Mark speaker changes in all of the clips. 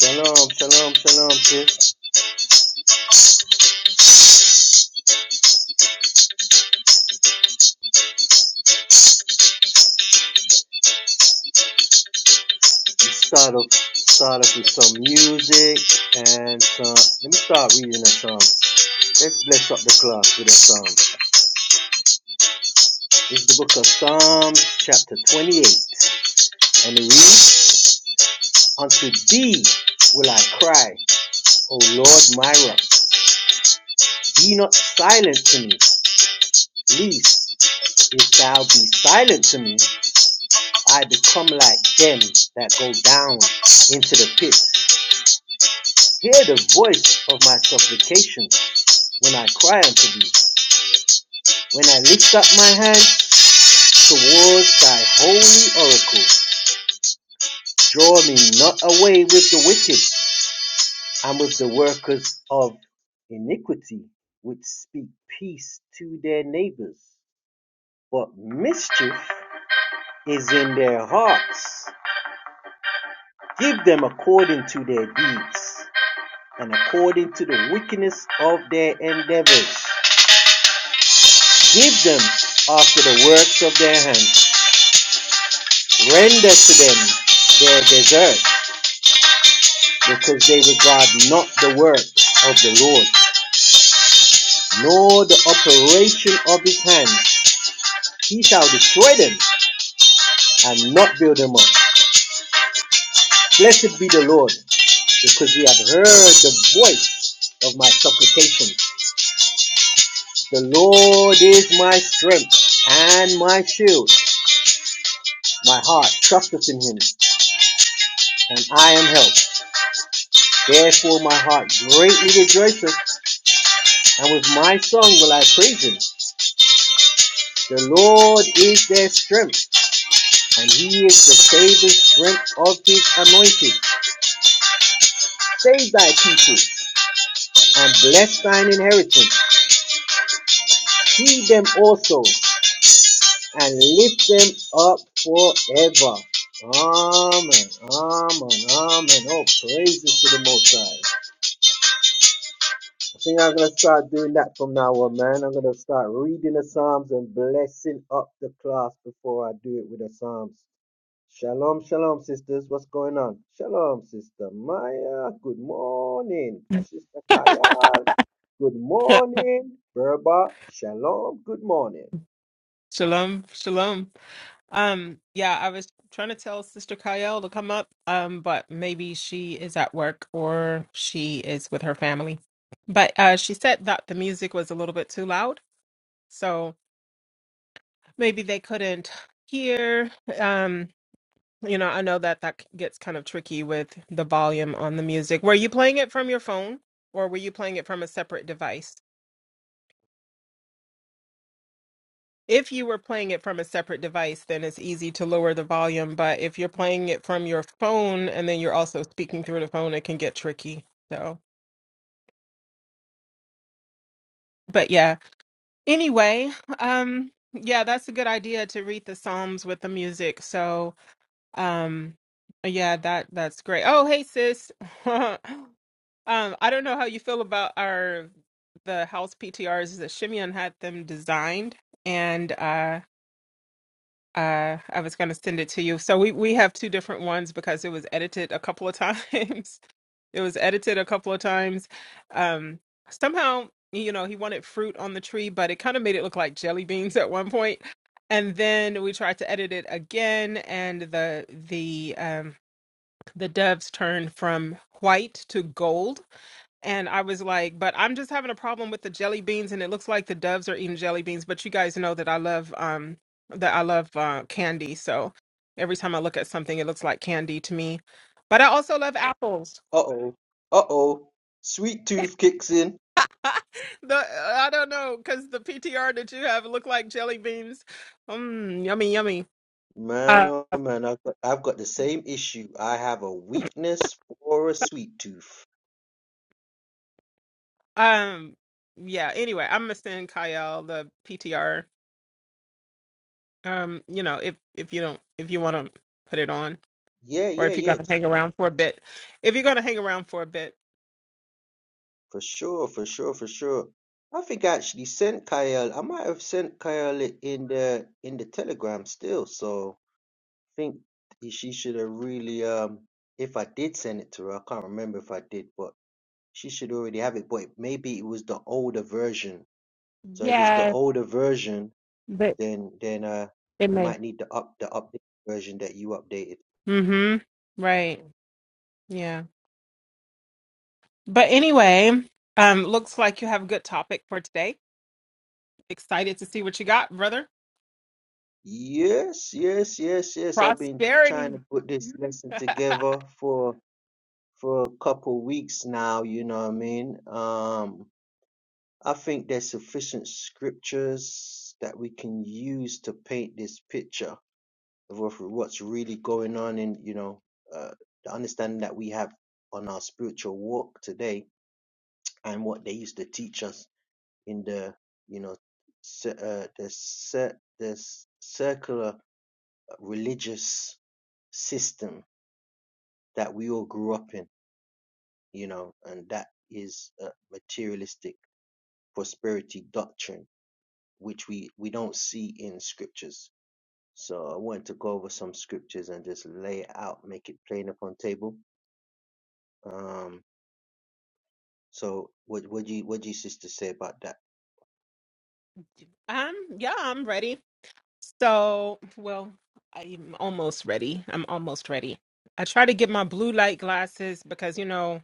Speaker 1: Shalom, shalom, shalom, sis. Let's start off, start off with some music and some, let me start reading a psalm. Let's bless up the class with a psalm. It's the book of Psalms, chapter 28, and it reads, Unto thee will I cry, O Lord my rock. Be not silent to me, least if thou be silent to me, I become like them that go down into the pit. Hear the voice of my supplication when I cry unto thee, when I lift up my hands towards thy holy oracle. Draw me not away with the wicked and with the workers of iniquity, which speak peace to their neighbors, but mischief is in their hearts. Give them according to their deeds and according to the wickedness of their endeavors. Give them after the works of their hands Render to them their desert, because they regard not the work of the Lord, nor the operation of his hands. He shall destroy them and not build them up. Blessed be the Lord, because he hath heard the voice of my supplication. The Lord is my strength and my shield. My heart trusteth in him, and I am helped. Therefore my heart greatly rejoiceth, and with my song will I praise him. The Lord is their strength, and he is the saving strength of his anointed. Save thy people, and bless thine inheritance. Heed them also, and lift them up forever. Amen, amen, amen. Oh, praises to the Most High. I think I'm going to start doing that from now on, man. I'm going to start reading the Psalms and blessing up the class before I do it with the Psalms. Shalom, shalom, sisters. What's going on? Shalom, Sister Maya. Good morning. Sister Kayal. Good morning. Berba. Shalom. Good morning.
Speaker 2: Shalom, shalom. Um, yeah, I was trying to tell Sister Kyle to come up, um, but maybe she is at work or she is with her family. But uh, she said that the music was a little bit too loud, so maybe they couldn't hear. Um, you know, I know that that gets kind of tricky with the volume on the music. Were you playing it from your phone, or were you playing it from a separate device? If you were playing it from a separate device, then it's easy to lower the volume. But if you're playing it from your phone and then you're also speaking through the phone, it can get tricky. So, but yeah. Anyway, um, yeah, that's a good idea to read the Psalms with the music. So, um, yeah, that that's great. Oh, hey, sis. um, I don't know how you feel about our the house PTRs that Shimeon had them designed, and uh. Uh, I was going to send it to you. So we we have two different ones because it was edited a couple of times. It was edited a couple of times. Um, somehow, you know, he wanted fruit on the tree, but it kind of made it look like jelly beans at one point. And then we tried to edit it again, and the the um, the doves turned from white to gold and I was like, but I'm just having a problem with the jelly beans, and it looks like the doves are eating jelly beans. But you guys know that I love um that I love uh, candy, so every time I look at something, it looks like candy to me. But I also love apples.
Speaker 1: Uh oh. Uh oh. Sweet tooth kicks in.
Speaker 2: the I don't know because the PTR that you have look like jelly beans. Mm, yummy, yummy.
Speaker 1: Man,
Speaker 2: Uh,
Speaker 1: oh man, I've got, I've got the same issue. I have a weakness for a sweet tooth.
Speaker 2: um, yeah. Anyway, I'm gonna send Kyle the PTR. Um, you know, if if you don't if you want to put it on.
Speaker 1: Yeah,
Speaker 2: or
Speaker 1: yeah,
Speaker 2: if you're going to
Speaker 1: yes.
Speaker 2: hang around for a bit. If you're going to hang around for a bit.
Speaker 1: For sure, for sure, for sure. I think I actually sent Kyle. I might have sent Kyle it in the in the telegram still. So think she should have really um if I did send it to her, I can't remember if I did, but she should already have it. But maybe it was the older version. So if it's the
Speaker 2: Yeah,
Speaker 1: older version,
Speaker 2: but
Speaker 1: then then uh
Speaker 2: it
Speaker 1: you
Speaker 2: may.
Speaker 1: might need the up the updated version that you updated.
Speaker 2: Mhm. Right. Yeah. But anyway, um looks like you have a good topic for today. Excited to see what you got, brother.
Speaker 1: Yes, yes, yes, yes. I've been trying
Speaker 2: Prosperity.
Speaker 1: to put this Mhm. lesson together for for a couple weeks now, you know what I mean? Um I think there's sufficient scriptures that we can use to paint this picture. of what- what's really going on in you know uh, the understanding that we have on our spiritual walk today and what they used to teach us in the you know cir- uh, the cir- the s- circular uh, religious system that we all grew up in you know and that is a materialistic prosperity doctrine which we we don't see in scriptures so i wanted to go over some scriptures and just lay it out make it plain upon table Um, so what what do you what do you sister say about that?
Speaker 2: um yeah, I'm ready. So, well, I'm almost ready. I'm almost ready. I try to get my blue light glasses because you know,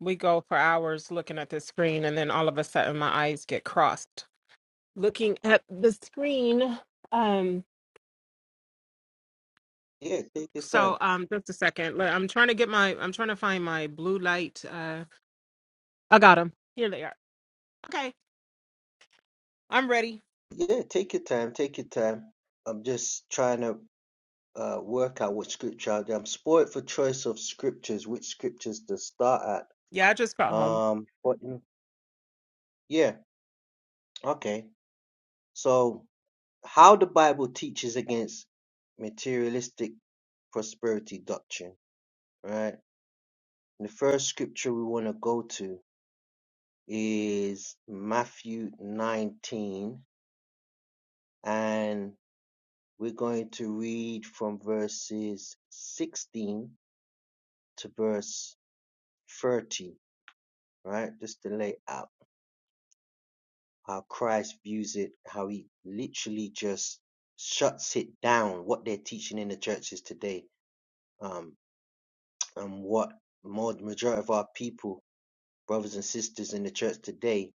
Speaker 2: we go for hours looking at the screen and then all of a sudden my eyes get crossed looking at the screen. Um,
Speaker 1: Yeah, take your time.
Speaker 2: so um, just a second. Let- I'm trying to get my. I'm trying to find my blue light. Uh, I got them. Here they are. Okay, I'm ready.
Speaker 1: Yeah, take your time, take your time. I'm just trying to uh work out what scripture I'm spoiled for choice of scriptures, which scriptures to start at.
Speaker 2: Yeah, I just got home.
Speaker 1: Um, but mm, yeah, okay. So how the Bible teaches against materialistic prosperity doctrine, right? The first scripture we want to go to is Matthew 19 and we're going to read from verses 16 to verse 30, right? Just to lay out how Christ views it, how he literally just shuts it down, what they're teaching in the churches today, um, and what more the majority of our people, brothers and sisters in the church today,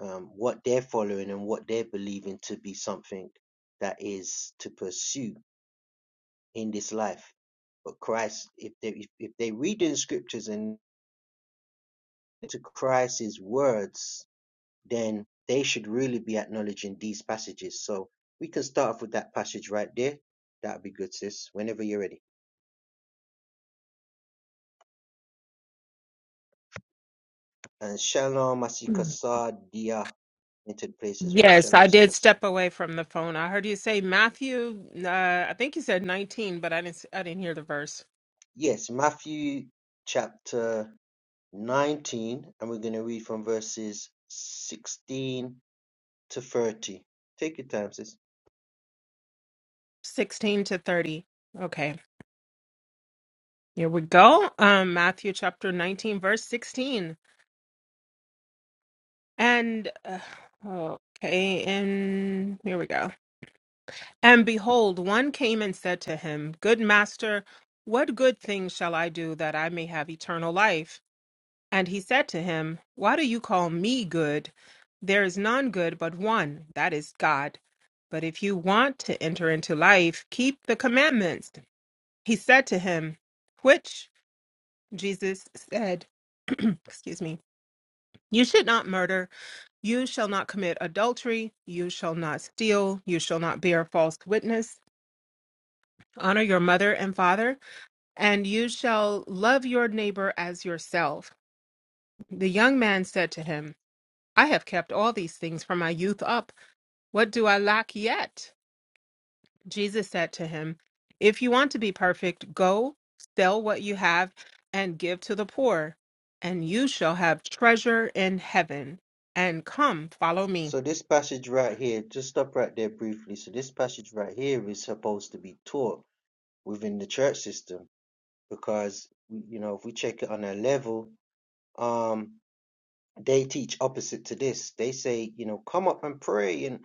Speaker 1: um, what they're following and what they're believing to be something that is to pursue in this life. But Christ, if they if, if they read in scriptures and to Christ's words, then they should really be acknowledging these passages. So we can start off with that passage right there. That'd be good, sis. Whenever you're ready. And Shalom
Speaker 2: Mm.
Speaker 1: Asikasadia into the place as well.
Speaker 2: Yes,
Speaker 1: Shalom
Speaker 2: I did step
Speaker 1: Asikasadia.
Speaker 2: away from the phone. I heard you say Matthew. Uh, I think you said 19, but I didn't. s- I didn't hear the verse.
Speaker 1: Yes, Matthew chapter 19, and we're going to read from verses 16 to 30. Take your time, sis.
Speaker 2: 16 to 30. Okay, here we go. Um, Matthew chapter 19, verse 16. And uh, okay, and here we go. And behold, one came and said to him, Good master, what good thing shall I do that I may have eternal life? And he said to him, Why do you call me good? There is none good but one, that is God. But if you want to enter into life, keep the commandments. He said to him, Which? Jesus said, Excuse me. You should not murder. You shall not commit adultery. You shall not steal. You shall not bear false witness honor your mother and father, and you shall love your neighbor as yourself. The young man said to him, I have kept all these things from my youth up. What do I lack yet? Jesus said to him, If you want to be perfect, go sell what you have and give to the poor, and you shall have treasure in heaven. And come, follow me.
Speaker 1: So this passage right here, just stop right there briefly. So this passage right here is supposed to be taught within the church system because you know if we check it on a level, um, they teach opposite to this. They say, you know, come up and pray and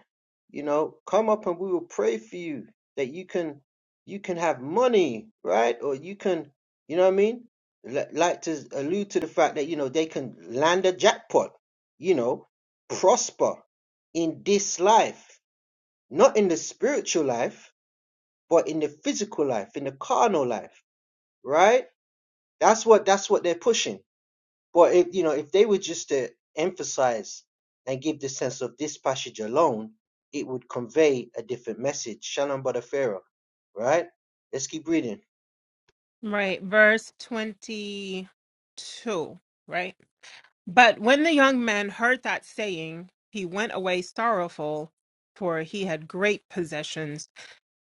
Speaker 1: you know, come up and we will pray for you that you can you can have money, right? Or you can, you know what I mean? Li- Like to allude to the fact that you know they can land a jackpot, you know, prosper in this life, not in the spiritual life, but in the physical life, in the carnal life, right? That's what that's what they're pushing. But if you know, if they were just to emphasize and give the sense of this passage alone, it would convey a different message. Shalom Barafera, right? Let's keep reading.
Speaker 2: Right, verse 22, right? But when the young man heard that saying, he went away sorrowful, for he had great possessions.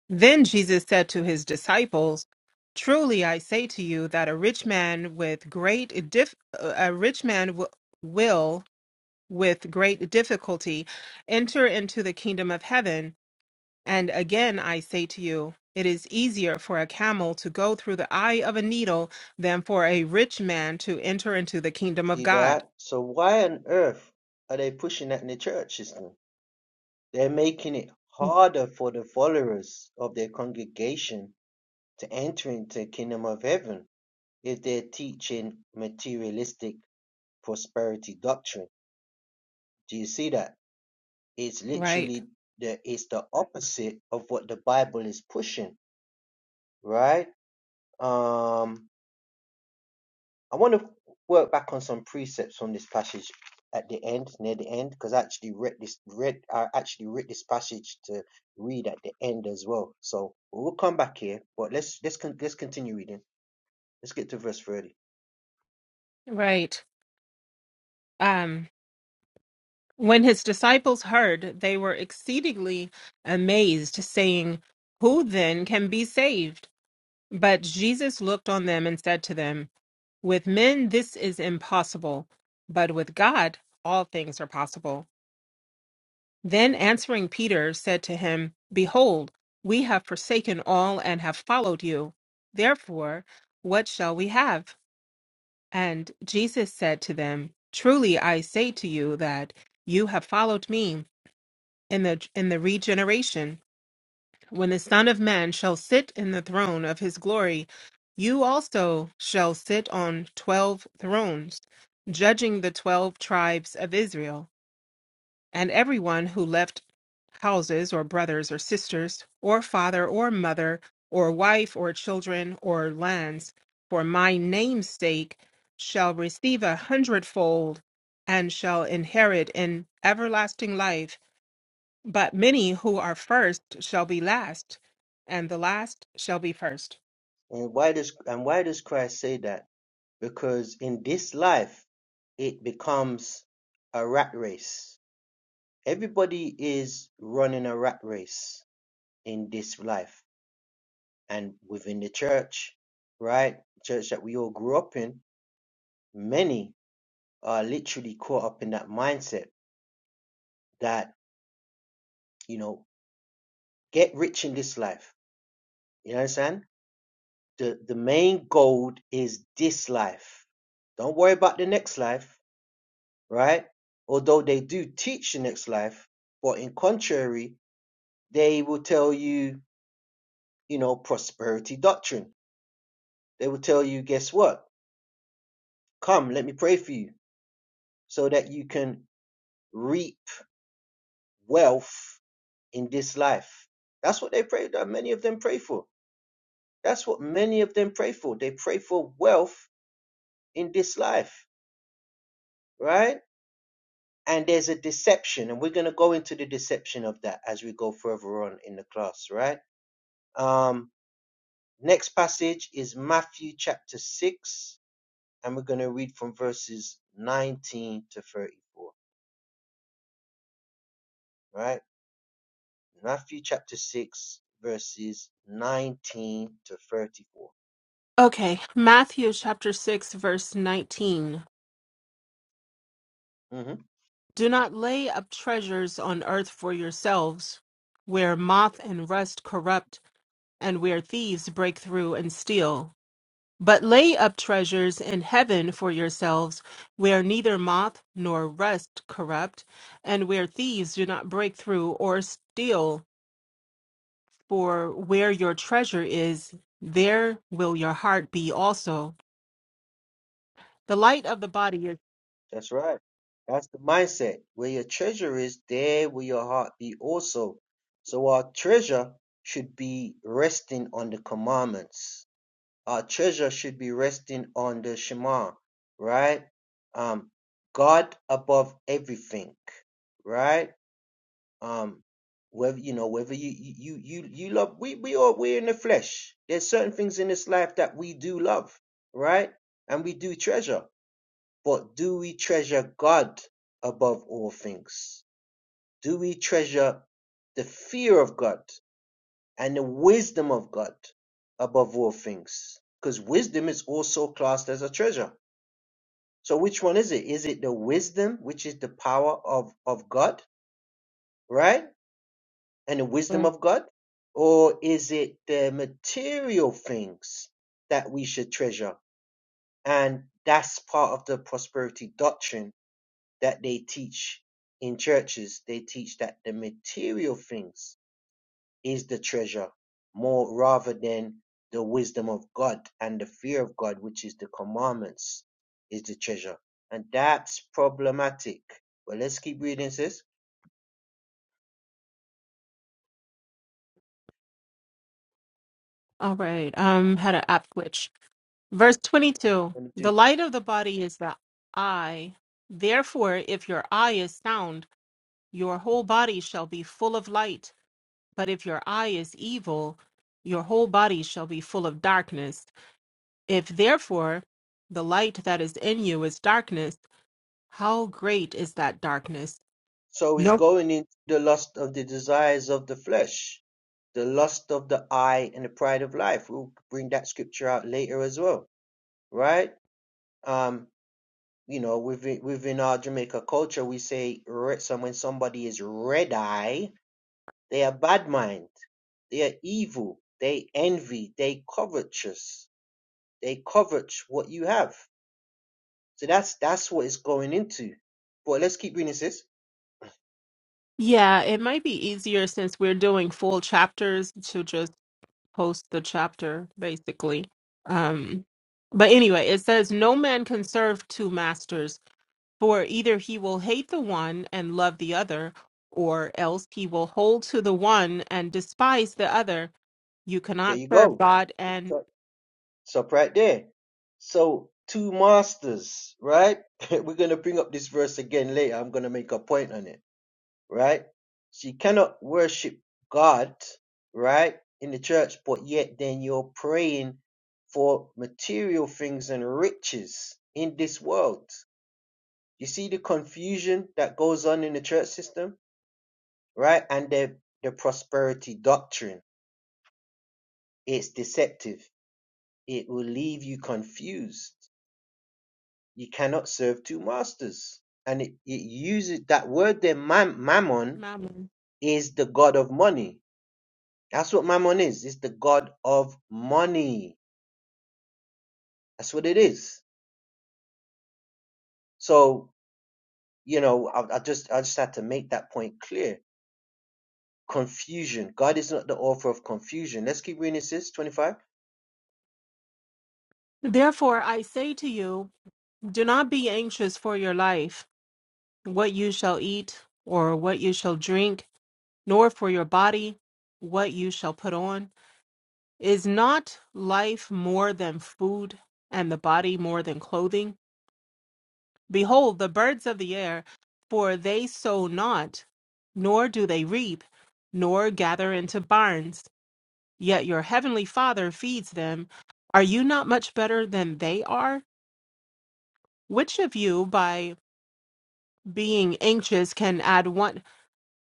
Speaker 2: Then Jesus said to his disciples, Truly I say to you that a rich man with great dif- a rich man w- will with great difficulty enter into the kingdom of heaven. And again I say to you, it is easier for a camel to go through the eye of a needle than for a rich man to enter into the kingdom of
Speaker 1: See
Speaker 2: God.
Speaker 1: that? So why on earth are they pushing that in the church system? They're making it harder for the followers of their congregation to enter into the kingdom of heaven if they're teaching materialistic prosperity doctrine. Do you see that? Is
Speaker 2: Right.
Speaker 1: literally the it's the opposite of what the Bible is pushing, right? Um, I want to work back on some precepts from this passage at the end, near the end, because I actually read this read I actually read this passage to read at the end as well. So we'll come back here, but let's let's con- let's continue reading. Let's get to verse thirty.
Speaker 2: Right. Um, when his disciples heard, they were exceedingly amazed, saying, Who then can be saved? But Jesus looked on them and said to them, With men this is impossible, but with God all things are possible. Then answering Peter said to him, Behold, we have forsaken all and have followed you. Therefore, what shall we have? And Jesus said to them, Truly I say to you that you have followed me in the in the regeneration, when the Son of Man shall sit in the throne of his glory, you also shall sit on twelve thrones, judging the twelve tribes of Israel and everyone who left houses or brothers or sisters or father or mother or wife or children or lands for my name's sake shall receive a hundredfold and shall inherit in everlasting life but many who are first shall be last and the last shall be first
Speaker 1: And why does and why does Christ say that? Because in this life it becomes a rat race Everybody is running a rat race in this life and within the church, right? Church that we all grew up in, many are literally caught up in that mindset that, you know, get rich in this life. You understand? The the main goal is this life. Don't worry about the next life, right? Although they do teach the next life, but in contrary, they will tell you, you know, prosperity doctrine They will tell you, guess what? Come, let me pray for you so that you can reap wealth in this life. That's what they pray that many of them pray for. That's what many of them pray for. They pray for wealth in this life, right? And there's a deception, and we're going to go into the deception of that as we go further on in the class, right? Um, next passage is Matthew chapter 6, and we're going to read from verses 19 to 34, right? Matthew chapter 6, verses 19 to 34.
Speaker 2: okay matthew chapter 6 verse 19
Speaker 1: hmm
Speaker 2: Do not lay up treasures on earth for yourselves, where moth and rust corrupt, and where thieves break through and steal. But lay up treasures in heaven for yourselves, where neither moth nor rust corrupt, and where thieves do not break through or steal. For where your treasure is, there will your heart be also. The light of the body is.
Speaker 1: That's right. That's the mindset. Where your treasure is, there will your heart be also. So our treasure should be resting on the commandments. Our treasure should be resting on the Shema, right? Um, God above everything, right? um whether you know whether you you you you you love we we are we're in the flesh there's certain things in this life that we do love right and we do treasure but do we treasure god above all things do we treasure the fear of god and the wisdom of god above all things because wisdom is also classed as a treasure so which one is it is it the wisdom which is the power of of god right and the wisdom
Speaker 2: Right.
Speaker 1: of God? Or is it the material things that we should treasure? And that's part of the prosperity doctrine that they teach in churches. They teach that the material things is the treasure more rather than the wisdom of God and the fear of God, which is the commandments, is the treasure. And that's problematic. But let's keep reading, sis.
Speaker 2: All right. Um, had an app glitch. Verse 22 The light of the body is the eye. Therefore, if your eye is sound, your whole body shall be full of light. But if your eye is evil, your whole body shall be full of darkness. If therefore the light that is in you is darkness, how great is that darkness?
Speaker 1: So he's
Speaker 2: Nope.
Speaker 1: going into the lust of the desires of the flesh, the lust of the eye, and the pride of life. We'll bring that scripture out later as well, right? Um, you know, within within our Jamaica culture, we say red, so when somebody is red eye, they are bad mind, they are evil, they envy, they covetous, they covet what you have. So that's that's what it's going into. But let's keep reading this.
Speaker 2: Yeah, it might be easier since we're doing full chapters to just post the chapter basically um but anyway it says no man can serve two masters for either he will hate the one and love the other or else he will hold to the one and despise the other you
Speaker 1: There
Speaker 2: cannot
Speaker 1: you
Speaker 2: serve
Speaker 1: go.
Speaker 2: god and
Speaker 1: Stop right there. So, two masters, right? We're going to bring up this verse again later. I'm going to make a point on it, right? So, you cannot worship God, right, in the church, but yet then you're praying for material things and riches in this world. You see the confusion that goes on in the church system, right? And the, the prosperity doctrine. It's deceptive, it will leave you confused you cannot serve two masters. And it, it uses that word there, mam, mammon,
Speaker 2: mammon
Speaker 1: is the god of money. That's what mammon is. It's the god of money. That's what it is. So, you know, I, I just I just had to make that point clear. Confusion. God is not the author of confusion. Let's keep reading this, 25.
Speaker 2: therefore i say to you do not be anxious for your life what you shall eat or what you shall drink nor for your body what you shall put on Is not life more than food, and the body more than clothing? Behold, the birds of the air, for they sow not, nor do they reap, nor gather into barns, yet your heavenly Father feeds them. Are you not much better than they are? Which of you, by being anxious, can add one,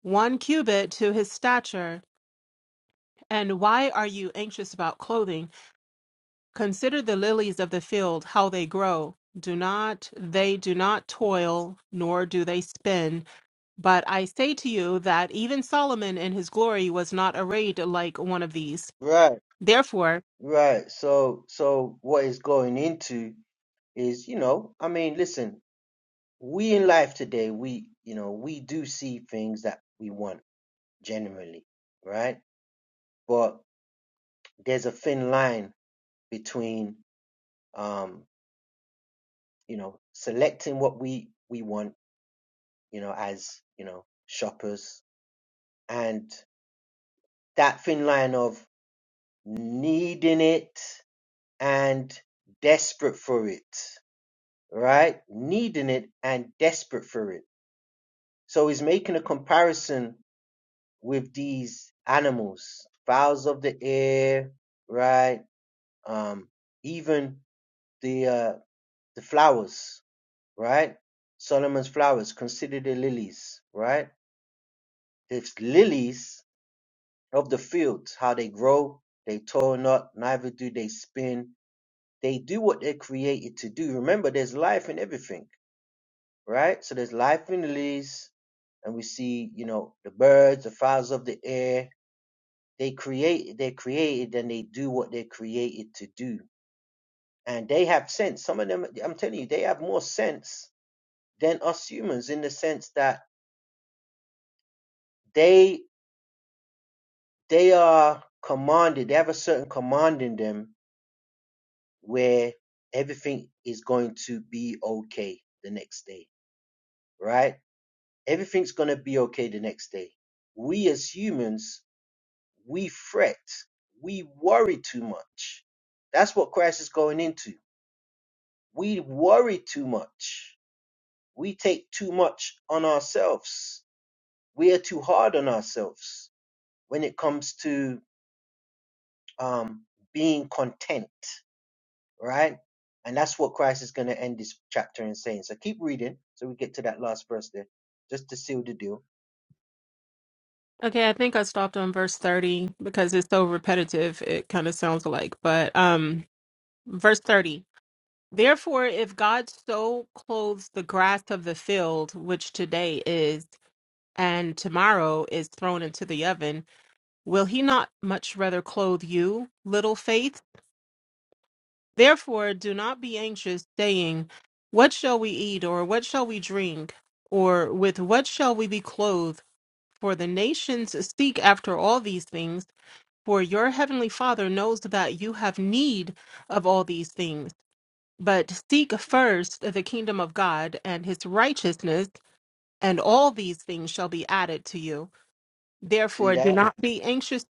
Speaker 2: one cubit to his stature? And why are you anxious about clothing? Consider the lilies of the field, how they grow. Do not they do not toil, nor do they spin. But I say to you that even Solomon in his glory was not arrayed like one of these.
Speaker 1: Right,
Speaker 2: Therefore,
Speaker 1: right. So so what is going into is you know i mean listen we in life today we you know we do see things that we want generally, right? But there's a thin line between, um, you know, selecting what we we want, you know, as you know, shoppers, and that thin line of needing it and desperate for it, right? Needing it and desperate for it. So he's making a comparison with these animals, fowls of the air, right? Um, even the uh, the flowers, right? Solomon's flowers, consider the lilies, right? The lilies of the fields, how they grow, they toil not, neither do they spin. They do what they're created to do. Remember, there's life in everything, right? So there's life in the lilies, and we see, you know, the birds, the fowls of the air. They create, they're created, and they do what they're created to do. And they have sense. Some of them, I'm telling you, they have more sense than us humans in the sense that they they are commanded they have a certain command in them where everything is going to be okay the next day right everything's going to be okay the next day we as humans we fret we worry too much that's what christ is going into we worry too much we take too much on ourselves we are too hard on ourselves when it comes to um, being content All right? And that's what Christ is going to end this chapter in saying. So keep reading so we get to that last verse there, just to seal the deal.
Speaker 2: okay, I think I stopped on verse 30 because it's so repetitive, it kind of sounds alike. But um verse 30. Therefore, if God so clothes the grass of the field, which today is and tomorrow is thrown into the oven, Will he not much rather clothe you, little faith? Therefore, do not be anxious, saying, What shall we eat, or what shall we drink, or with what shall we be clothed? For the nations seek after all these things, for your heavenly Father knows that you have need of all these things. But seek first the kingdom of God and his righteousness, and all these things shall be added to you.
Speaker 1: See
Speaker 2: Therefore, do
Speaker 1: that?
Speaker 2: not be anxious.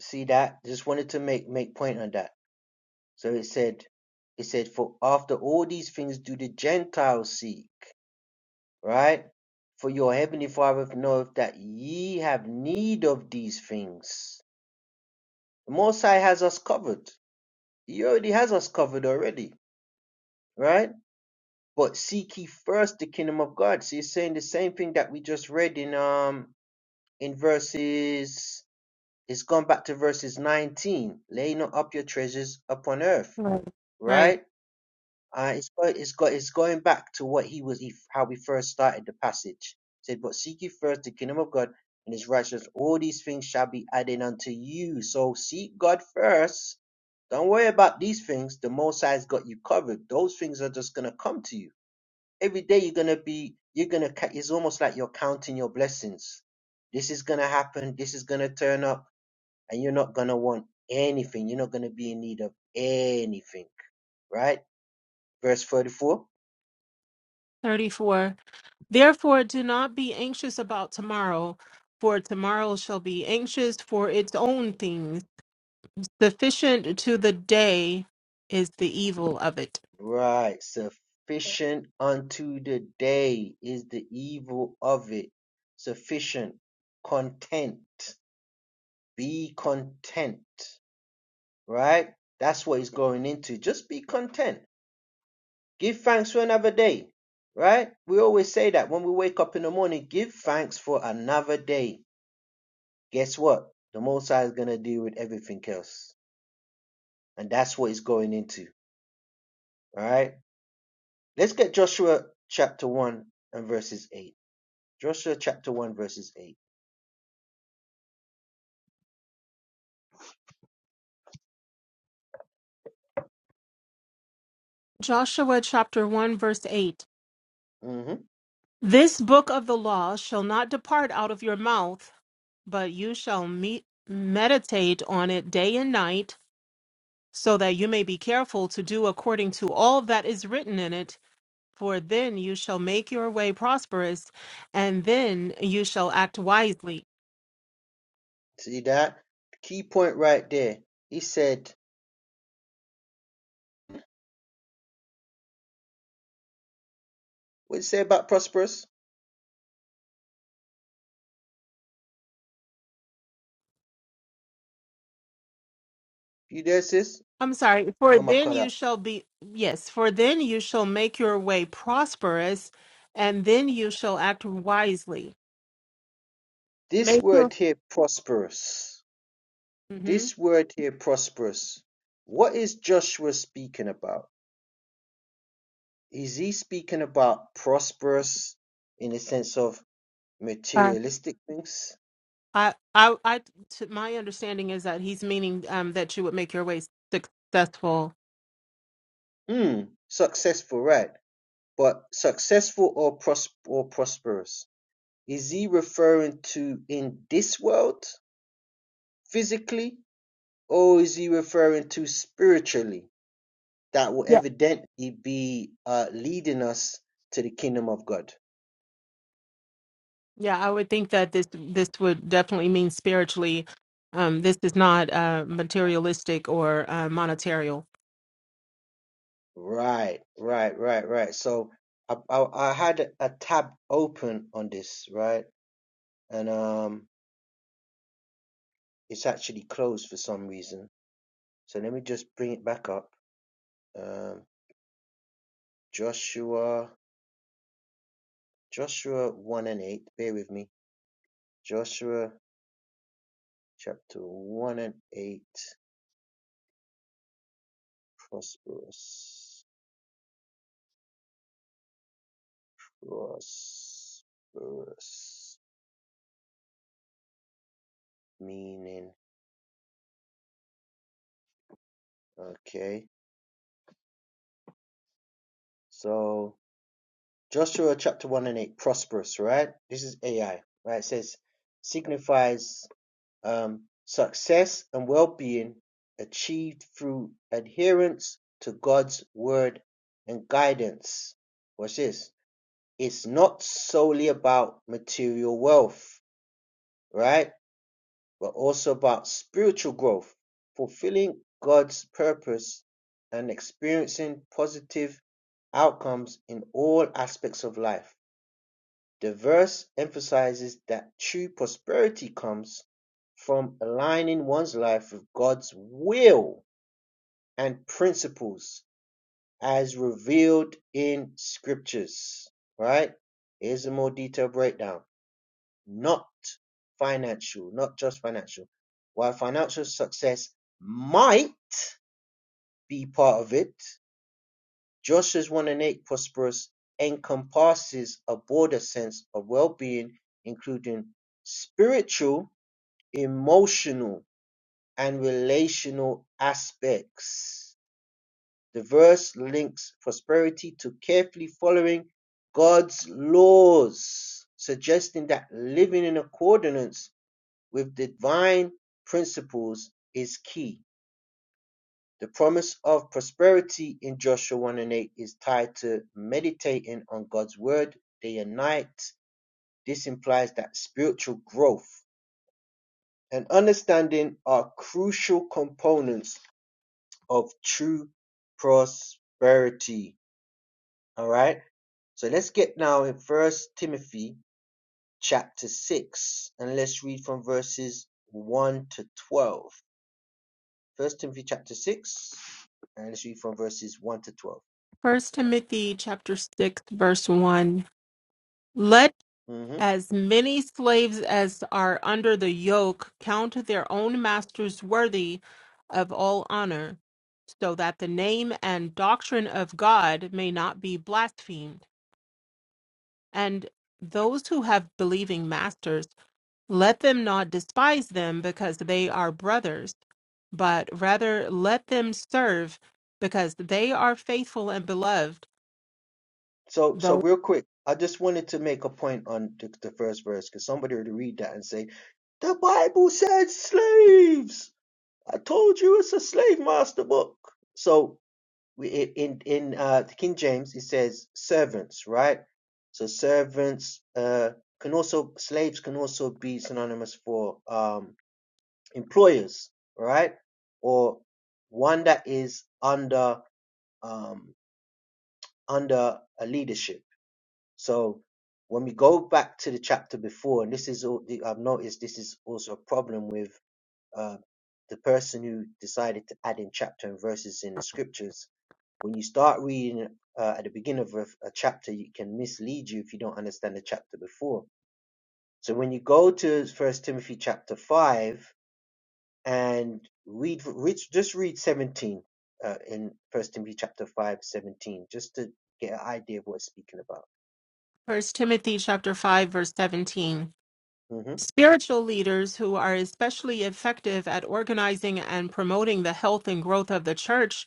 Speaker 1: See that? Just wanted to make make point on that. So it said, it said, for after all these things do the Gentiles seek, right? For your heavenly Father knoweth that ye have need of these things. The Most High has us covered. He already has us covered already, right? But seek ye first the kingdom of God. So he's saying the same thing that we just read in um in verses it's gone back to verses 19. Lay not up your treasures upon earth,
Speaker 2: Right. Right.
Speaker 1: right? Uh, it's got, it's got it's going back to what he was he, how we first started the passage. It said, but seek ye first the kingdom of God and his righteousness. All these things shall be added unto you. So seek God first. Don't worry about these things. The Most High's got you covered. Those things are just gonna come to you every day you're gonna be you're gonna ca- it's almost like you're counting your blessings this is gonna happen this is gonna turn up and you're not gonna want anything you're not gonna be in need of anything right verse 34
Speaker 2: 34. Therefore, do not be anxious about tomorrow, for tomorrow shall be anxious for its own things. Sufficient to the day is the evil of it.
Speaker 1: right sufficient unto the day is the evil of it sufficient content be content right that's what he's going into just be content Give thanks for another day, right? We always say that when we wake up in the morning, give thanks for another day. Guess what? The Most High is going to deal with everything else. And that's what he's going into, all right? Let's get Joshua chapter 1 and verses 8. Joshua chapter 1, verses 8.
Speaker 2: Joshua chapter 1, verse 8.
Speaker 1: hmm
Speaker 2: This book of the law shall not depart out of your mouth, but you shall meet, meditate on it day and night, so that you may be careful to do according to all that is written in it. For then you shall make your way prosperous, and then you shall act wisely.
Speaker 1: See that? Key point right there. He said, what did he say about prosperous? You there, sis?
Speaker 2: I'm sorry, for
Speaker 1: Oh, my
Speaker 2: then
Speaker 1: God. uh,
Speaker 2: you shall be, yes, for then you shall make your way prosperous, and then you shall act wisely.
Speaker 1: This
Speaker 2: Make your,
Speaker 1: word here, prosperous.
Speaker 2: hmm
Speaker 1: This word here prosperous, what is Joshua speaking about? Is he speaking about prosperous in the sense of
Speaker 2: I,
Speaker 1: materialistic things?
Speaker 2: I, I, I- to my understanding is that he's meaning um, that you would make your way successful.
Speaker 1: Hmm, successful, right? But successful or pros- or prosperous? Is he referring to in this world physically, or is he referring to spiritually? That will
Speaker 2: Yeah.
Speaker 1: evidently be uh, leading us to the kingdom of God.
Speaker 2: Yeah, I would think that this this would definitely mean spiritually. Um, this is not uh, materialistic or uh, monetarial.
Speaker 1: Right, right, right, right. So I, I I had a tab open on this, right? And um it's actually closed for some reason. So let me just bring it back up. Um Joshua Joshua 1 and 8. Bear with me. Joshua chapter 1 and 8. Prosperous. Prosperous meaning. Okay. So Joshua chapter 1 and 8, prosperous, right? This is AI, right? It says, signifies um, success and well being achieved through adherence to God's word and guidance. What's this? It's not solely about material wealth, right? But also about spiritual growth, fulfilling God's purpose and experiencing positive outcomes in all aspects of life the verse emphasizes that true prosperity comes from aligning one's life with God's will and principles as revealed in scriptures. Right? Here's a more detailed breakdown. Not financial, not just financial. While financial success might be part of it, Joshua's one and eight prosperous encompasses a broader sense of well-being, including spiritual, emotional, and relational aspects. The verse links prosperity to carefully following God's laws, suggesting that living in accordance with divine principles is key. The promise of prosperity in Joshua 1 and 8 is tied to meditating on God's word day and night. This implies that spiritual growth and understanding are crucial components of true prosperity. All right. So let's get now in First Timothy chapter 6 and let's read from verses 1 to 12. First Timothy chapter 6 and let's read from verses 1 to 12.
Speaker 2: First Timothy chapter six verse one. Let
Speaker 1: Mm-hmm.
Speaker 2: as many slaves as are under the yoke count their own masters worthy of all honor, so that the name and doctrine of God may not be blasphemed. And those who have believing masters, let them not despise them because they are brothers, but rather let them serve because they are faithful and beloved
Speaker 1: So, so real quick, I just wanted to make a point on the, the first verse because somebody would read that and say, "The Bible said slaves." I told you it's a slave master book. So, we, i- in in uh, the King James, it says servants, right? So servants uh, can also slaves can also be synonymous for um, employers, right? Or one that is under um, under a leadership so when we go back to the chapter before, and this is all the- I've noticed this is also a problem with uh, the person who decided to add in chapter and verses in the scriptures. When you start reading uh, at the beginning of a, a chapter, it can mislead you if you don't understand the chapter before. So when you go to First Timothy chapter five and read, read just read seventeen uh, in First Timothy chapter five seventeen, just to get an idea of what it's speaking about.
Speaker 2: First Timothy chapter 5 verse 17.
Speaker 1: hmm
Speaker 2: Spiritual leaders who are especially effective at organizing and promoting the health and growth of the church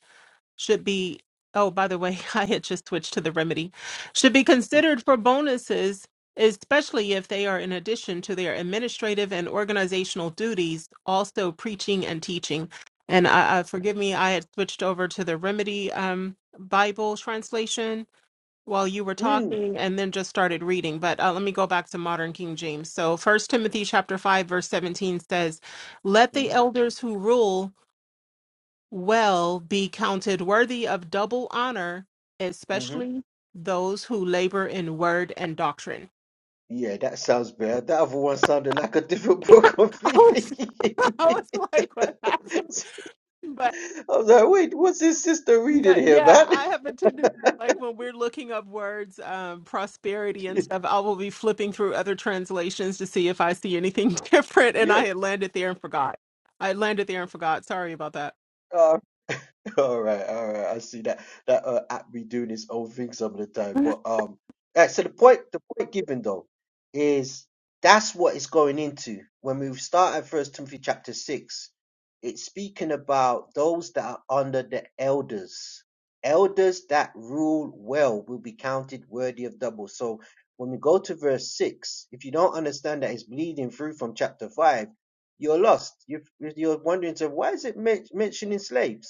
Speaker 2: should be Oh, by the way, I had just switched to the remedy. Should be considered for bonuses, especially if they are in addition to their administrative and organizational duties, also preaching and teaching. And uh, uh, forgive me, I had switched over to the remedy um, Bible translation while you were
Speaker 1: Mm-hmm.
Speaker 2: talking and then just started reading but uh, let me go back to modern king james so first timothy chapter 5 verse 17 says let the elders who rule well be counted worthy of double honor
Speaker 1: hmm
Speaker 2: especially those who labor in word and doctrine
Speaker 1: Yeah, that sounds better. That other one sounded like a different book
Speaker 2: i was,
Speaker 1: completely.
Speaker 2: I was like what happened
Speaker 1: I was like, wait, what's his sister reading
Speaker 2: No,
Speaker 1: here,
Speaker 2: yeah,
Speaker 1: man?
Speaker 2: I have a tendency like when we're looking up words, um, prosperity and stuff, I will be flipping through other translations to see if I see anything different, and
Speaker 1: yeah.
Speaker 2: I had landed there and forgot. I landed there and forgot. Sorry about that.
Speaker 1: All right, all right. I see that that uh, app be doing its own thing some of the time. But um, yeah, so the point the point given though is that's what it's going into. When we start at First Timothy chapter six, it's speaking about those that are under the elders. Elders that rule well will be counted worthy of double. So when we go to verse six, if you don't understand that it's bleeding through from chapter five, you're lost. You're you're wondering, so why is it men- mentioning slaves?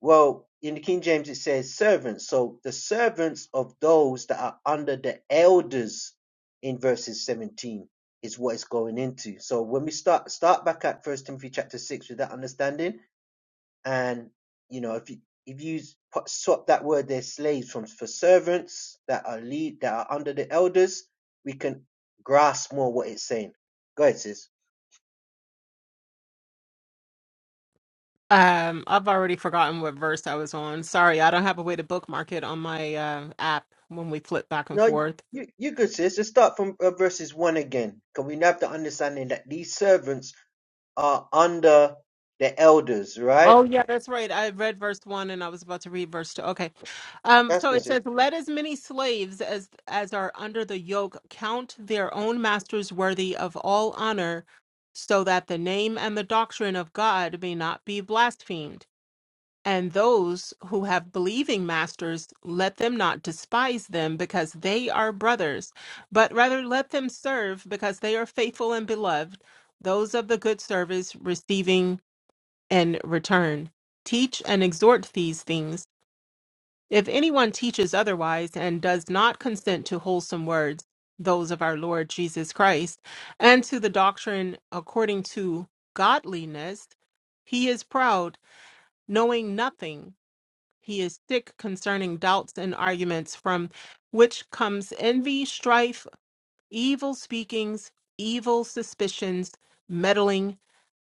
Speaker 1: Well, in the King James it says servants. So the servants of those that are under the elders in verses 17 is what it's going into. So when we start start back at First Timothy chapter six with that understanding, and you know if you if you put- swap that word there slaves from for servants that are lead that are under the elders, we can grasp more what it's saying. Go ahead, sis.
Speaker 2: Um, I've already forgotten what verse I was on. Sorry, I don't have a way to bookmark it on my uh, app when we flip back and
Speaker 1: No,
Speaker 2: forth.
Speaker 1: you you good sis. Let's start from uh, verses one again. Can we have the understanding that these servants are under the elders, right?
Speaker 2: Oh yeah, that's right. I read verse one and I was about to read verse two. Okay. Um,
Speaker 1: That's
Speaker 2: so it
Speaker 1: considered.
Speaker 2: says, Let as many slaves as as are under the yoke count their own masters worthy of all honor, so that the name and the doctrine of God may not be blasphemed. And those who have believing masters, let them not despise them because they are brothers, but rather let them serve because they are faithful and beloved, those of the good service receiving and return. Teach and exhort these things. If anyone teaches otherwise and does not consent to wholesome words, those of our Lord Jesus Christ, and to the doctrine according to godliness, he is proud, knowing nothing. He is sick concerning doubts and arguments, from which comes envy, strife, evil speakings, evil suspicions, meddling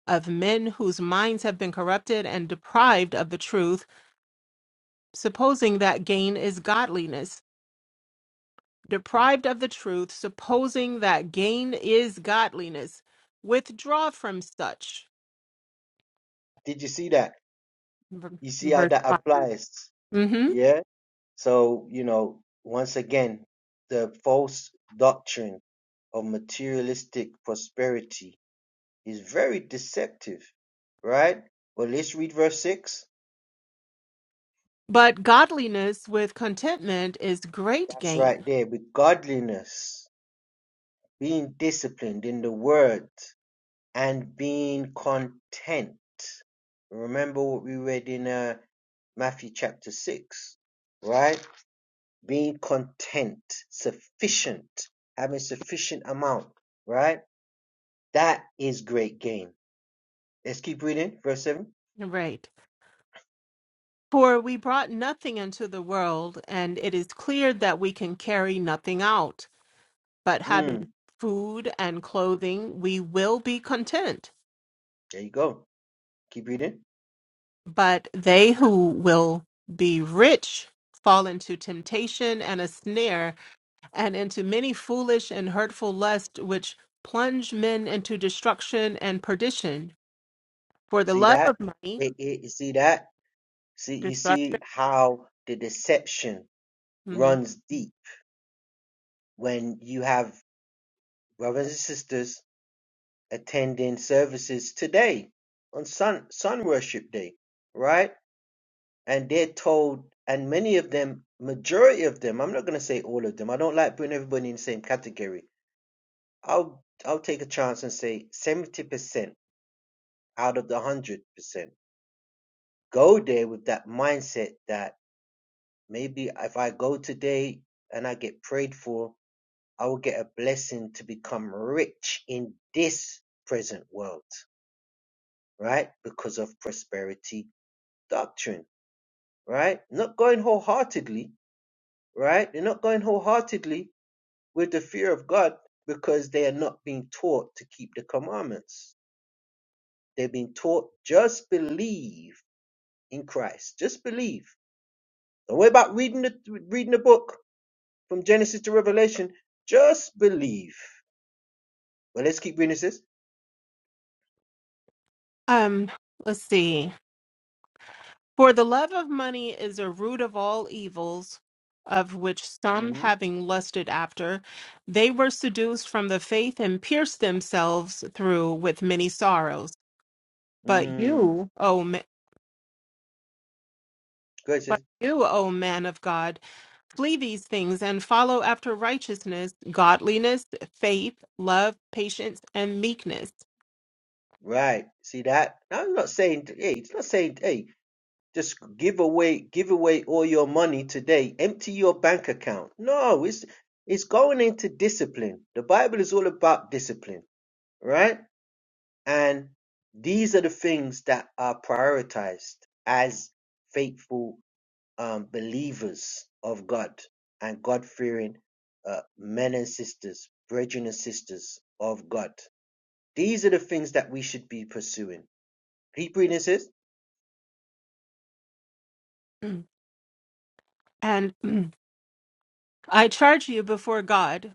Speaker 2: of men whose minds have been corrupted and deprived of the truth, supposing that gain is godliness. Deprived of the truth, supposing that gain is godliness. Withdraw from such.
Speaker 1: Did you see that?
Speaker 2: V-
Speaker 1: You see how
Speaker 2: Verse
Speaker 1: that
Speaker 2: 5.
Speaker 1: applies?
Speaker 2: hmm
Speaker 1: Yeah. So, you know, once again, the false doctrine of materialistic prosperity is very deceptive, right? Well, let's read verse 6.
Speaker 2: But godliness with contentment is great
Speaker 1: That's right
Speaker 2: gain.
Speaker 1: there. With godliness, being disciplined in the word. and being content. Remember what we read in uh, Matthew chapter 6, right? Being content, sufficient, having sufficient amount, right? That is great gain. Let's keep reading, verse 7.
Speaker 2: Right. For we brought nothing into the world, and it is clear that we can carry nothing out. But
Speaker 1: Mm,
Speaker 2: having food and clothing, we will be content.
Speaker 1: there you go. Keep reading.
Speaker 2: But they who will be rich fall into temptation and a snare, and into many foolish and hurtful lusts, which plunge men into destruction and perdition. For the
Speaker 1: See
Speaker 2: love
Speaker 1: that?
Speaker 2: of money,
Speaker 1: It- it- you see that? See, you see
Speaker 2: destruction.
Speaker 1: how the deception
Speaker 2: hmm
Speaker 1: runs deep when you have brothers and sisters attending services today on Sun Sun Worship Day, right? And they're told, and many of them, majority of them, I'm not gonna say all of them. I don't like putting everybody in the same category. I'll I'll take a chance and say 70% out of the 100% go there with that mindset that maybe if I go today and I get prayed for, I will get a blessing to become rich in this present world, right? Because of prosperity doctrine, right? Not going wholeheartedly, right? They're not going wholeheartedly with the fear of God because they are not being taught to keep the commandments. they have been taught just believe in Christ. Just believe. Don't worry about reading the reading the book from Genesis to Revelation. Just believe. Well, let's keep reading this.
Speaker 2: Um, let's see. For the love of money is a root of all evils, of which some,
Speaker 1: Mm-hmm.
Speaker 2: having lusted after, they were seduced from the faith and pierced themselves through with many sorrows. But
Speaker 1: Mm.
Speaker 2: you, O But
Speaker 1: Gracious.
Speaker 2: you, O man of God, flee these things and follow after righteousness, godliness, faith, love, patience, and meekness.
Speaker 1: Right. See that? Now I'm not saying hey, it's not saying hey. Just give away give away all your money today. Empty your bank account. No, it's it's going into discipline. The Bible is all about discipline, right? And these are the things that are prioritized as faithful um, believers of God and God-fearing uh, men and sisters, brethren and sisters of God. These are the things that we should be pursuing. Keep reading, sis.
Speaker 2: Mm. And mm, I charge you before God,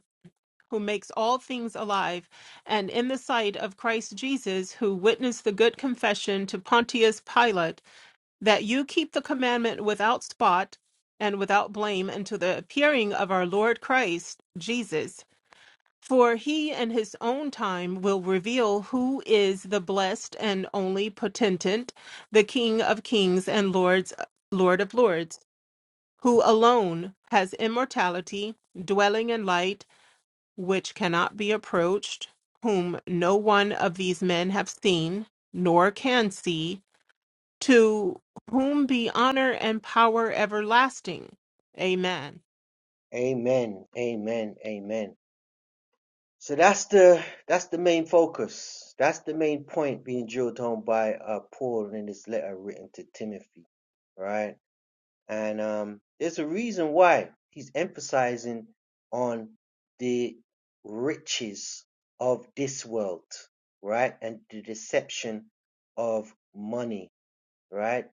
Speaker 2: who makes all things alive, and in the sight of Christ Jesus, who witnessed the good confession to Pontius Pilate, that you keep the commandment without spot and without blame until the appearing of our Lord Christ Jesus For he and his own time will reveal who is the blessed and only potentate, the King of kings and Lords, Lord of lords, who alone has immortality, dwelling in light, which cannot be approached, whom no one of these men have seen, nor can see, to whom be honor and power everlasting. Amen.
Speaker 1: Amen. Amen. Amen. So that's the that's the main focus. That's the main point being drilled home by uh, Paul in his letter written to Timothy, right? And um, there's a reason why he's emphasizing on the riches of this world, right, and the deception of money, right?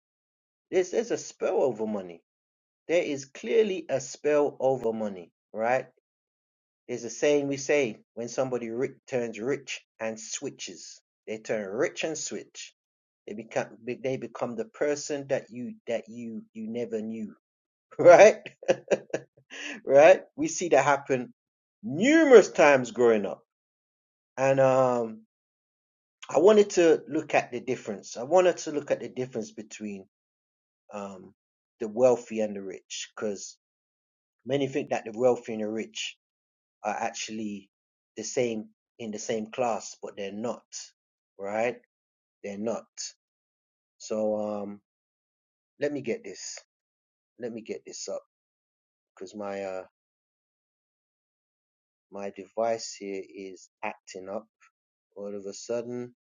Speaker 1: There's there's a spell over money. There is clearly a spell over money, right? There's a saying we say when somebody ri- turns rich and switches, they turn rich and switch. They become they become the person that you that you you never knew, right? right? We see that happen numerous times growing up, and um, I wanted to look at the difference. I wanted to look at the difference between um, the wealthy and the rich, because many think that the wealthy and the rich are actually the same in the same class, but they're not, right? They're not. So um, let me get this. Let me get this up because my uh, my device here is acting up. All of a sudden,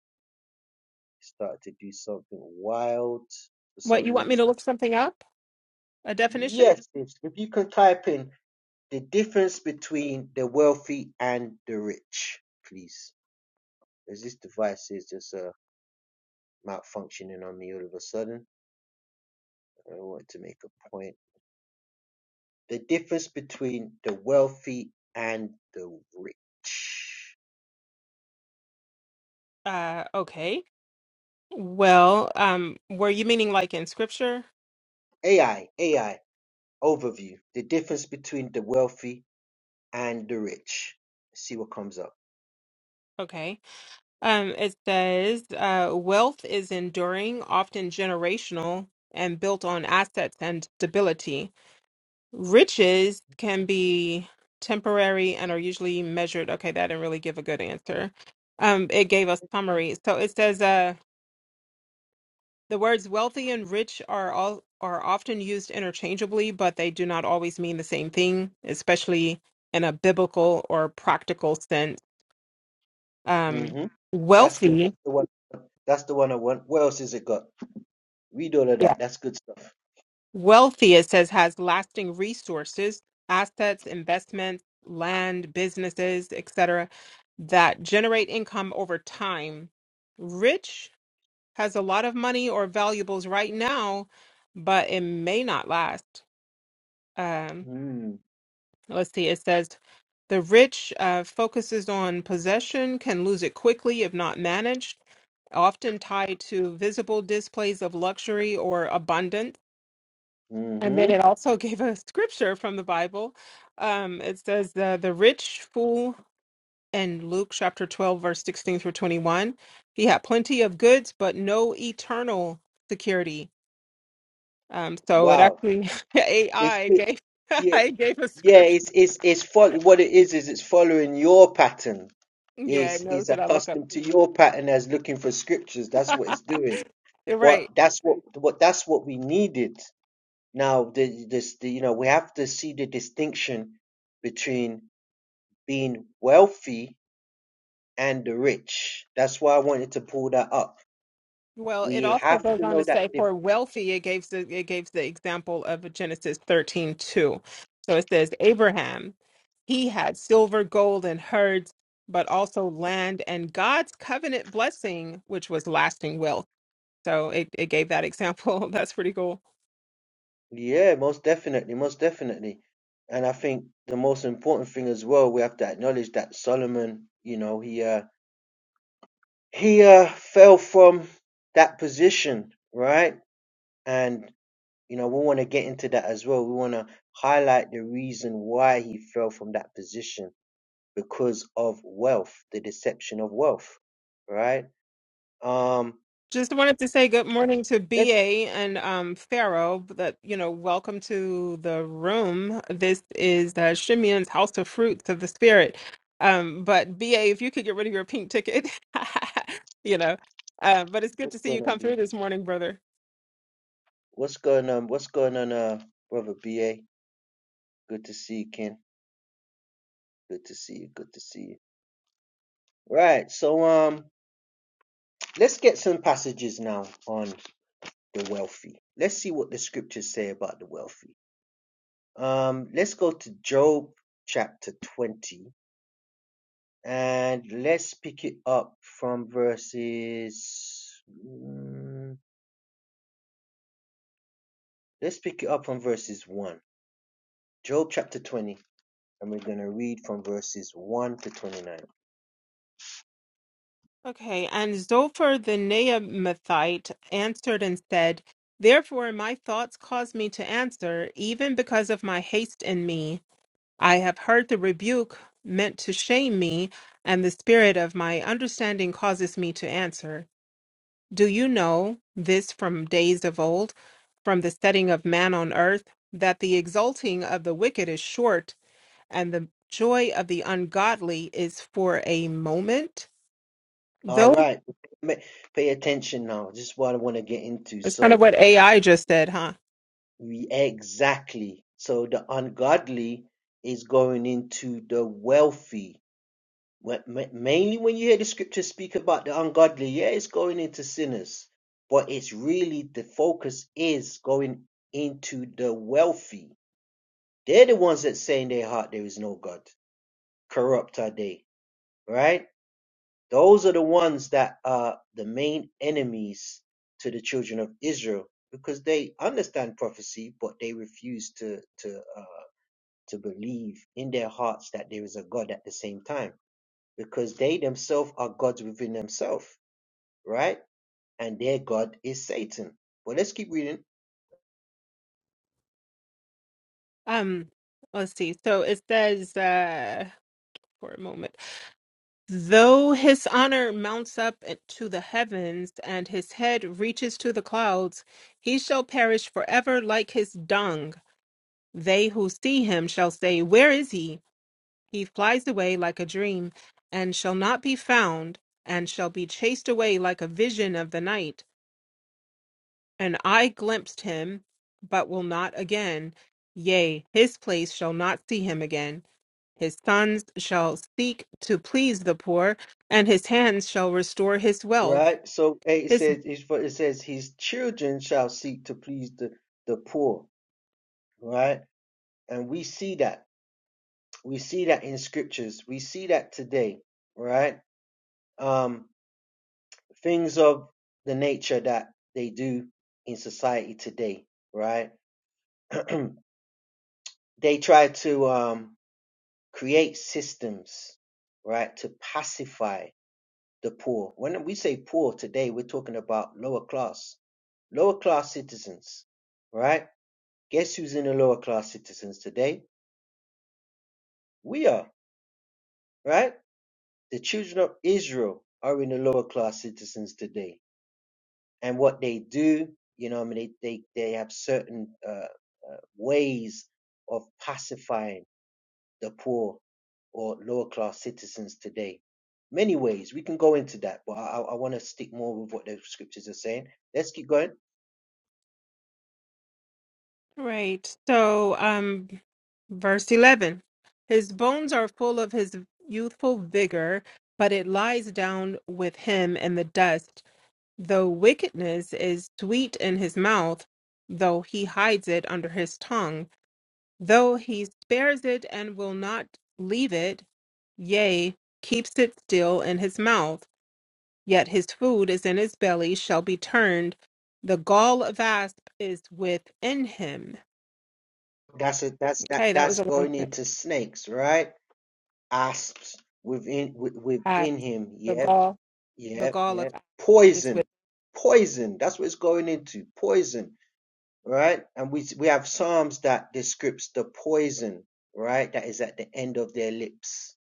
Speaker 1: it started to do something wild for
Speaker 2: What,
Speaker 1: some
Speaker 2: you want me
Speaker 1: reason.
Speaker 2: to look something up? A definition?
Speaker 1: Yes, if if you can type in the difference between the wealthy and the rich, please, because this device is just uh, malfunctioning on me all of a sudden. I want to make a point. The difference between the wealthy and the rich.
Speaker 2: Uh, okay. Well, um, were you meaning like in scripture?
Speaker 1: AI, AI, overview. The difference between the wealthy and the rich. See what comes up.
Speaker 2: Okay. Um, it says, uh, wealth is enduring, often generational, and built on assets and stability. Riches can be temporary and are usually measured. Okay, that didn't really give a good answer. Um, it gave a summary. So it says, uh, the words wealthy and rich are all are often used interchangeably, but they do not always mean the same thing, especially in a biblical or practical sense um,
Speaker 1: hmm That's good.
Speaker 2: wealthy,
Speaker 1: That's the one. That's the one I want. What else has it got? Read all of
Speaker 2: yeah,
Speaker 1: that. That's good stuff.
Speaker 2: wealthy, it says, has lasting resources, assets, investments, land, businesses, etc., that generate income over time. Rich has a lot of money or valuables right now, but it may not last. Um,
Speaker 1: Mm.
Speaker 2: let's see, it says, the rich uh, focuses on possession, can lose it quickly if not managed, often tied to visible displays of luxury or abundance And then
Speaker 1: hmm
Speaker 2: it also gave a scripture from the Bible. Um, it says the the rich fool in Luke chapter twelve, verse sixteen through twenty one. He had plenty of goods, but no eternal security. Um, so it
Speaker 1: Wow.
Speaker 2: actually
Speaker 1: It's
Speaker 2: AI gave
Speaker 1: Yeah,
Speaker 2: I gave a
Speaker 1: yeah,
Speaker 2: scripture.
Speaker 1: it's it's it's follow what it is is it's following your pattern.
Speaker 2: Yeah, it
Speaker 1: It's
Speaker 2: knows
Speaker 1: it's
Speaker 2: that I look up.
Speaker 1: accustomed to your pattern as looking for scriptures. That's what it's doing.
Speaker 2: You're right.
Speaker 1: What that's what what that's what we needed. Now the this the, you know we have to see the distinction between being wealthy and the rich. That's why I wanted to pull that up.
Speaker 2: Well, it
Speaker 1: We
Speaker 2: also
Speaker 1: have
Speaker 2: goes
Speaker 1: to
Speaker 2: on to
Speaker 1: know
Speaker 2: say
Speaker 1: that
Speaker 2: for wealthy, it gives the it gives the example of Genesis thirteen two. So it says Abraham, he had silver, gold, and herds, but also land and God's covenant blessing, which was lasting wealth. So it, it gave that example. That's pretty cool.
Speaker 1: Yeah, most definitely, most definitely. And I think the most important thing as well, we have to acknowledge that Solomon, you know, he uh he uh fell from that position, right? And you know, we want to get into that as well. We want to highlight the reason why he fell from that position because of wealth, the deception of wealth, right? Um,
Speaker 2: Just wanted to say good morning to
Speaker 1: that's
Speaker 2: BA and um, Pharaoh. That you know, welcome to the room. This is uh, Shimeon's House of Fruits of the Spirit. Um, but BA, if you could get rid of your pink ticket, you know. Uh, but it's good
Speaker 1: what's
Speaker 2: to see
Speaker 1: going
Speaker 2: you
Speaker 1: on,
Speaker 2: come
Speaker 1: B. A?
Speaker 2: through this morning, brother.
Speaker 1: What's going on? What's going on, uh, brother BA? Good to see you, Ken. Good to see you. Good to see you. Right. So um let's get some passages now on the wealthy. Let's see what the scriptures say about the wealthy. Um let's go to Job chapter 20 and let's pick it up from verses mm, let's pick it up from verses 1. Job chapter 20 and we're going to read from verses 1 to 29.
Speaker 2: Okay, and Zophar the Naamathite answered and said, Therefore my thoughts caused me to answer, even because of my haste in me. I have heard the rebuke meant to shame me, and the spirit of my understanding causes me to answer. Do you know this from days of old, from the setting of man on earth, that the exulting of the wicked is short, and the joy of the ungodly is for a moment?
Speaker 1: All
Speaker 2: Though
Speaker 1: right. Pay attention now. This is what I want to get into.
Speaker 2: it's kind of
Speaker 1: So
Speaker 2: what AI just said, huh?
Speaker 1: We exactly. So the ungodly is going into the wealthy. When- ma- Mainly when you hear the scriptures speak about the ungodly, yeah, it's going into sinners, but it's really the focus is going into the wealthy. They're the ones that say in their heart there is no God. Corrupt are they, right? Those are the ones that are the main enemies to the children of Israel because they understand prophecy, but they refuse to to. uh, to believe in their hearts that there is a God at the same time because they themselves are gods within themselves, right? And their God is Satan. But let's keep reading,
Speaker 2: Um, let's see. So it says uh, for a moment. Though his honor mounts up to the heavens, and his head reaches to the clouds, he shall perish forever like his dung. They who see him shall say, Where is he? He flies away like a dream, and shall not be found, and shall be chased away like a vision of the night. And I glimpsed him, but will not again. Yea, his place shall not see him again. His sons shall seek to please the poor, and his hands shall restore his wealth.
Speaker 1: right? So eh, it
Speaker 2: His
Speaker 1: says, it's for- it says, his children shall seek to please the, the poor, right? And we see that. We see that in scriptures. We see that today, right? Um, things of the nature that they do in society today, right? They try to, um create systems, right, to pacify the poor. When we say poor today, we're talking about lower class, lower class citizens, right? Guess who's in the lower class citizens today? We are, right? The children of Israel are in the lower class citizens today. And what they do, you know, I mean, they, they, they have certain uh, uh, ways of pacifying the poor or lower class citizens today. Many ways we can go into that, but I, I want to stick more with what the scriptures are saying. Let's keep going.
Speaker 2: right. So, um, verse eleven. His bones are full of his youthful vigor, but it lies down with him in the dust. Though wickedness is sweet in his mouth, though he hides it under his tongue, though he spares it and will not leave it, yea, keeps it still in his mouth. Yet his food is in his belly shall be turned. The gall of asp is within him.
Speaker 1: That's a, that's that
Speaker 2: Okay, that was
Speaker 1: that's
Speaker 2: a long
Speaker 1: going
Speaker 2: sentence.
Speaker 1: into snakes, right? Asps within wi-
Speaker 2: Asp,
Speaker 1: within him.
Speaker 2: the
Speaker 1: Yep,
Speaker 2: gall, the
Speaker 1: yep,
Speaker 2: gall of
Speaker 1: yep.
Speaker 2: asp is within.
Speaker 1: Poison, poison. That's what it's going into. Poison, right? And we we have psalms that describes the poison, right? That is at the end of their lips.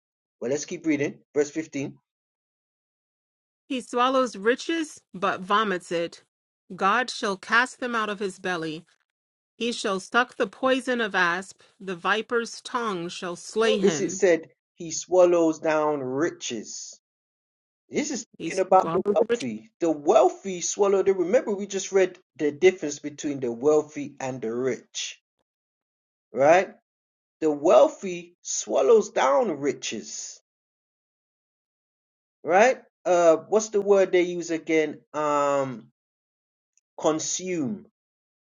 Speaker 1: Well, let's keep reading. Verse fifteen.
Speaker 2: He swallows riches, but vomits it. God shall cast them out of his belly. He shall suck the poison of asp. The viper's tongue shall slay
Speaker 1: Notice it
Speaker 2: him.
Speaker 1: said he swallows down riches. This is
Speaker 2: He
Speaker 1: speaking about the
Speaker 2: swallows riches.
Speaker 1: wealthy. The wealthy swallow the. Remember, we just read the difference between the wealthy and the rich, right? The wealthy swallows down riches, right? Uh, what's the word they use again? Um, consume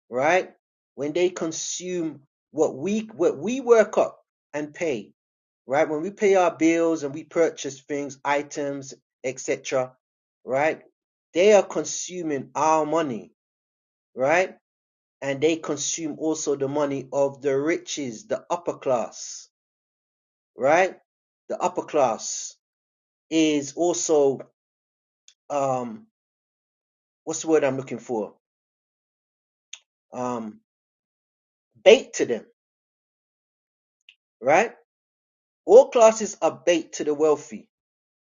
Speaker 1: right? When they consume what we what we work up and pay, right? When we pay our bills and we purchase things, items, etc., right? They are consuming our money, right? And they consume also the money of the riches, the upper class, right? The upper class is also um what's the word I'm looking for? Um bait to them, right? All classes are bait to the wealthy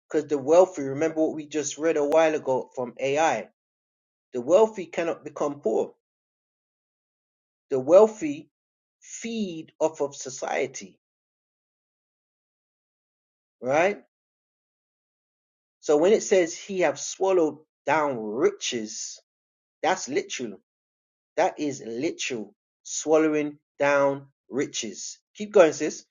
Speaker 1: Because the wealthy, remember what we just read a while ago from AI, the wealthy cannot become poor. The wealthy feed off of society, right? So when it says he have swallowed down riches, that's literal. That is literal. Swallowing down riches. Keep going, sis.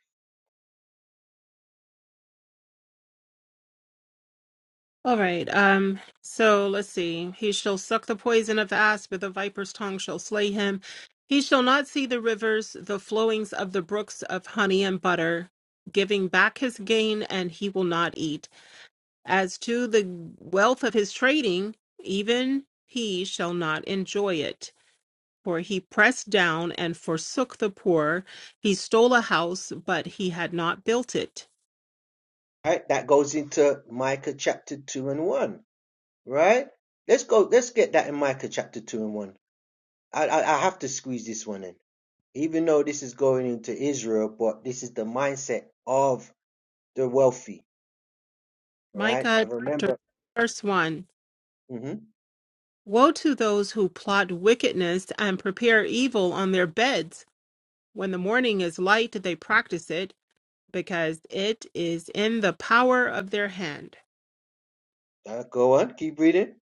Speaker 2: All right. Um, so let's see. He shall suck the poison of the asp, but the viper's tongue shall slay him. He shall not see the rivers, the flowings of the brooks of honey and butter, giving back his gain, and he will not eat. As to the wealth of his trading, even he shall not enjoy it. For he pressed down and forsook the poor. He stole a house, but he had not built it.
Speaker 1: Right? That goes into Micah chapter two and one, right? Let's go, let's get that in Micah chapter two and one. I, I, I have to squeeze this one in. even though this is going into Israel, but this is the mindset of the wealthy, right? I
Speaker 2: Micah chapter
Speaker 1: remember.
Speaker 2: verse 1.
Speaker 1: hmm
Speaker 2: Woe to those who plot wickedness and prepare evil on their beds. When the morning is light, they practice it, because it is in the power of their hand.
Speaker 1: Uh, go on, keep reading.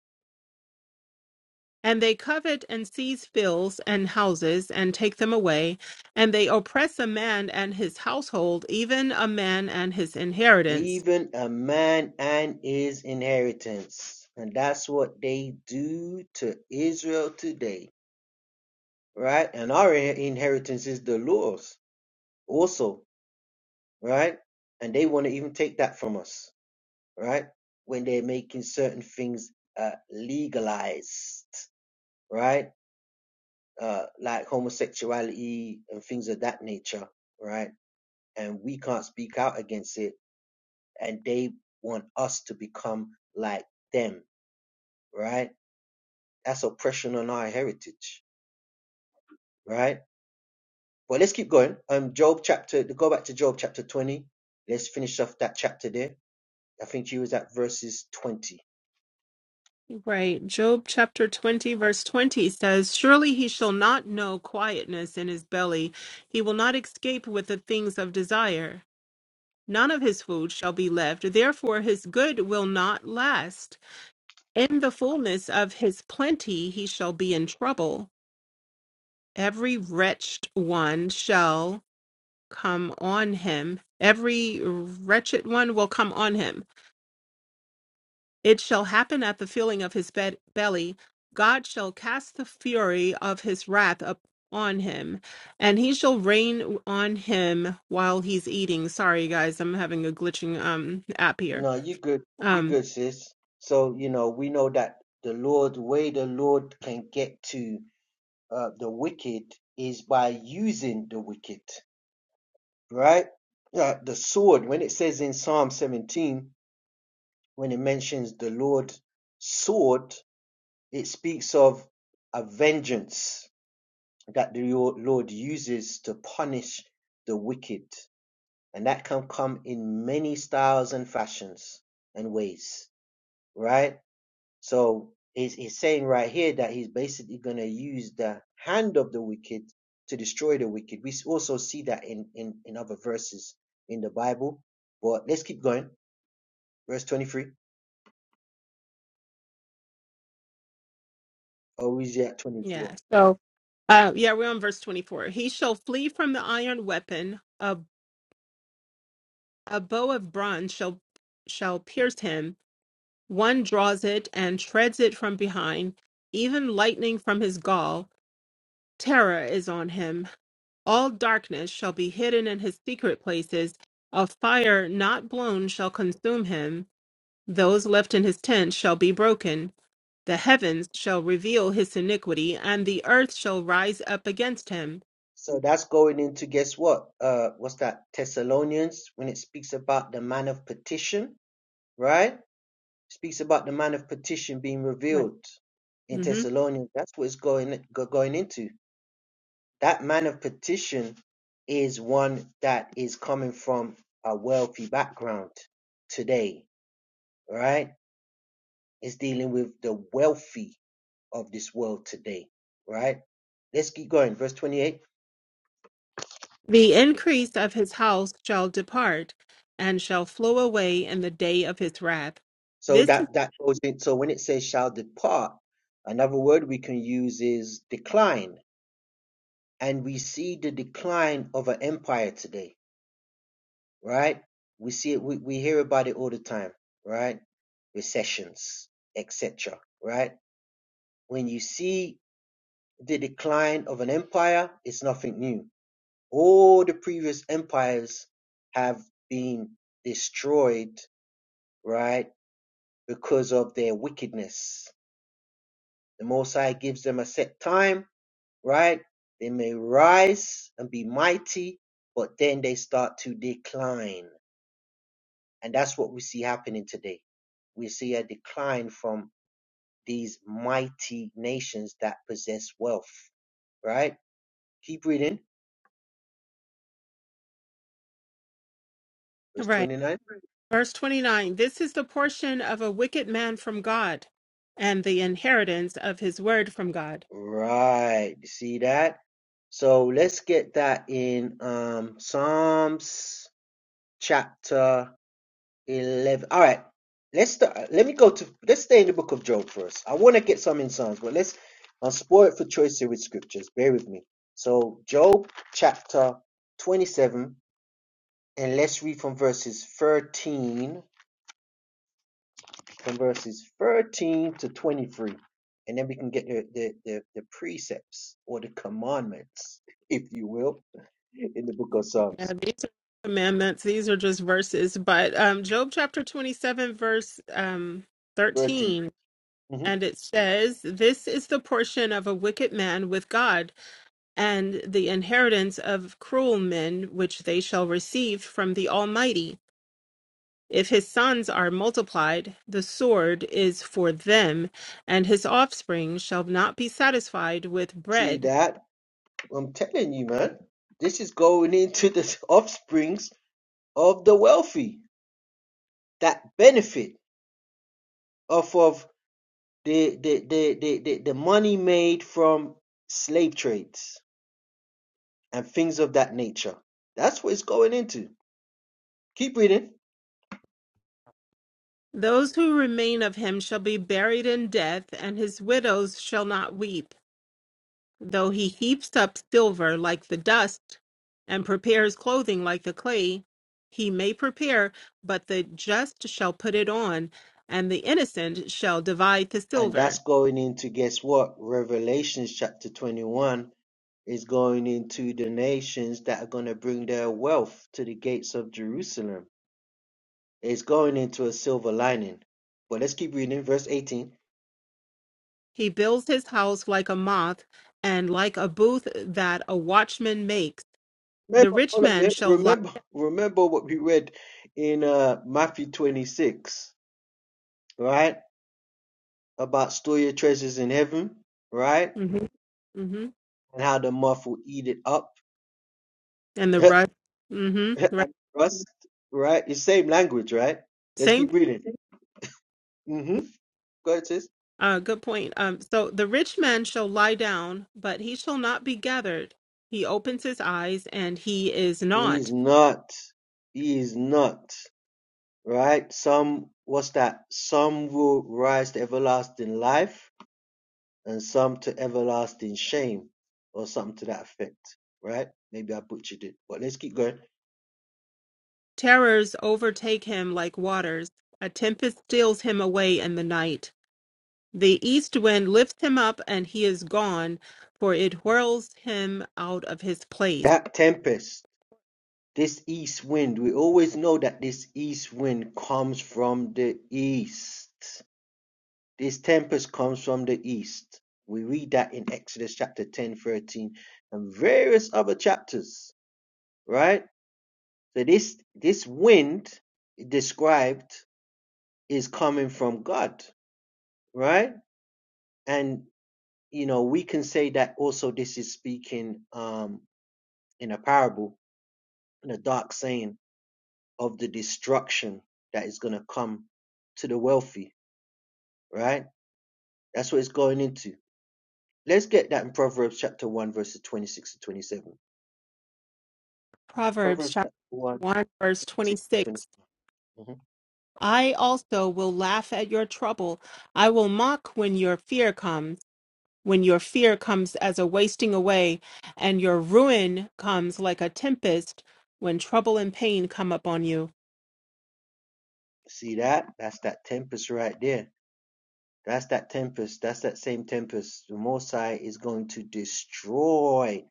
Speaker 2: And they covet and seize fields and houses and take them away. And they oppress a man and his household, even a man and his inheritance.
Speaker 1: Even a man and his inheritance, and that's what they do to Israel today, right? And our in- inheritance is the laws, also, right? And they want to even take that from us, right? When they're making certain things uh, legalized, right? uh, like homosexuality and things of that nature, right? And we can't speak out against it, and they want us to become like them, right? That's oppression on our heritage, right? But let's keep going. Um, Job chapter, go back to Job chapter 20. Let's finish off that chapter there. I think you was at verses 20.
Speaker 2: Right. Job chapter 20, verse 20 says, Surely he shall not know quietness in his belly. He will not escape with the things of desire. None of his food shall be left, therefore his good will not last. In the fullness of his plenty he shall be in trouble. Every wretched one shall come on him, every wretched one will come on him. It shall happen at the filling of his bed- belly. God shall cast the fury of his wrath upon him, and he shall rain on him while he's eating. Sorry, guys, I'm having a glitching um app here.
Speaker 1: No, you good. You
Speaker 2: Um.
Speaker 1: good, sis. So, you know, we know that the Lord, way the Lord can get to uh, the wicked is by using the wicked, right? Uh, the sword, when it says in Psalm 17, when it mentions the Lord's sword, it speaks of a vengeance that the Lord uses to punish the wicked. And that can come in many styles and fashions and ways, right? So he's, he's saying right here that he's basically going to use the hand of the wicked to destroy the wicked. We also see that in, in, in other verses in the Bible. But let's keep going. Verse 23. Or is it at 24?
Speaker 2: Yeah. So, uh, yeah, we're on verse 24. He shall flee from the iron weapon. A, a bow of bronze shall, shall pierce him. One draws it and treads it from behind, even lightning from his gall. Terror is on him. All darkness shall be hidden in his secret places. A fire not blown shall consume him. Those left in his tent shall be broken. The heavens shall reveal his iniquity, and the earth shall rise up against him.
Speaker 1: So that's going into guess what? Uh, what's that? Thessalonians when it speaks about the man of petition, right? Speaks about the man of petition being revealed in
Speaker 2: hmm
Speaker 1: Thessalonians. That's what it's going going into. That man of petition is one that is coming from a wealthy background today, right? Is dealing with the wealthy of this world today, right? Let's keep going. Verse 28.
Speaker 2: The increase of his house shall depart and shall flow away in the day of his wrath.
Speaker 1: So
Speaker 2: This is
Speaker 1: that that goes in. So when it says shall depart, another word we can use is decline, and we see the decline of an empire today, right? We see it. We, we hear about it all the time, right? Recessions, etc. Right? When you see the decline of an empire, it's nothing new. All the previous empires have been destroyed, right, because of their wickedness. The Most High gives them a set time, right? They may rise and be mighty, but then they start to decline. And that's what we see happening today. We see a decline from these mighty nations that possess wealth, right? Keep reading. Verse
Speaker 2: right.
Speaker 1: 29.
Speaker 2: Verse 29 This is the portion of a wicked man from God and the inheritance of his word from God.
Speaker 1: Right. You see that? So let's get that in um Psalms chapter 11. All right. Let's start, let me go to let's stay in the book of Job first. I want to get some in Psalms, but let's I'll spoil it for choice here with scriptures. Bear with me. So Job chapter 27 and let's read from verses 13 from verses 13 to 23 and then we can get the, the, the, the precepts or the commandments if you will in the book of
Speaker 2: Now,
Speaker 1: psalms
Speaker 2: these are commandments, these are just verses, but um, Job chapter 27, verse um,
Speaker 1: 13
Speaker 2: 13,
Speaker 1: Mhm.
Speaker 2: and it says, This is the portion of a wicked man with God and the inheritance of cruel men which they shall receive from the Almighty. If his sons are multiplied, the sword is for them, and his offspring shall not be satisfied with
Speaker 1: see
Speaker 2: bread.
Speaker 1: that i'm telling you man this is going into the offsprings of the wealthy that benefit off of the the the, the, the, the money made from slave trades and things of that nature that's what it's going into keep reading
Speaker 2: Those who remain of him shall be buried in death, and his widows shall not weep. Though he heaps up silver like the dust and prepares clothing like the clay, he may prepare, but the just shall put it on, and the innocent shall divide the
Speaker 1: And that's
Speaker 2: silver.
Speaker 1: going into, guess what? Revelation chapter 21 is going into the nations that are going to bring their wealth to the gates of Jerusalem. It's going into a silver lining. But let's keep reading, verse 18.
Speaker 2: He builds his house like a moth, and like a booth that a watchman makes. The
Speaker 1: Remember,
Speaker 2: rich
Speaker 1: hold up
Speaker 2: man
Speaker 1: there.
Speaker 2: shall lie.
Speaker 1: remember, remember what we read in uh, Matthew 26, right? About store your treasures in heaven, right?
Speaker 2: hmm hmm
Speaker 1: And how the moth will eat it up
Speaker 2: And the rust. hmm Right.
Speaker 1: and rust, right? It's same language, right? Let's
Speaker 2: Same
Speaker 1: keep reading. Mm-hmm. Go ahead, sis.
Speaker 2: Uh, good point. Um, so the rich man shall lie down, but he shall not be gathered. He opens his eyes, and he is
Speaker 1: He's
Speaker 2: not.
Speaker 1: not. He is not. Right? Some, what's that? Some will rise to everlasting life and some to everlasting shame or something to that effect. Right? Maybe I butchered it, but let's keep going.
Speaker 2: Terrors overtake him like waters. A tempest steals him away in the night. The east wind lifts him up, and he is gone, for it whirls him out of his place.
Speaker 1: That tempest, this east wind, we always know that this east wind comes from the east. This tempest comes from the east. We read that in Exodus chapter 10, 13, and various other chapters, right? So this this wind described is coming from God, right? And you know, we can say that also this is speaking um in a parable, in a dark saying of the destruction that is gonna come to the wealthy, right? That's what it's going into. Let's get that in Proverbs chapter 1, verses 26 to 27.
Speaker 2: Proverbs
Speaker 1: Proverbs
Speaker 2: chapter
Speaker 1: one
Speaker 2: 1, verse
Speaker 1: six
Speaker 2: 26.
Speaker 1: twenty-seven. Mhm.
Speaker 2: I also will laugh at your trouble. I will mock when your fear comes. when your fear comes as a wasting away, and your ruin comes like a tempest when trouble and pain come upon you.
Speaker 1: See that? That's that tempest right there. That's that tempest. That's that same tempest. The Most High is going to destroy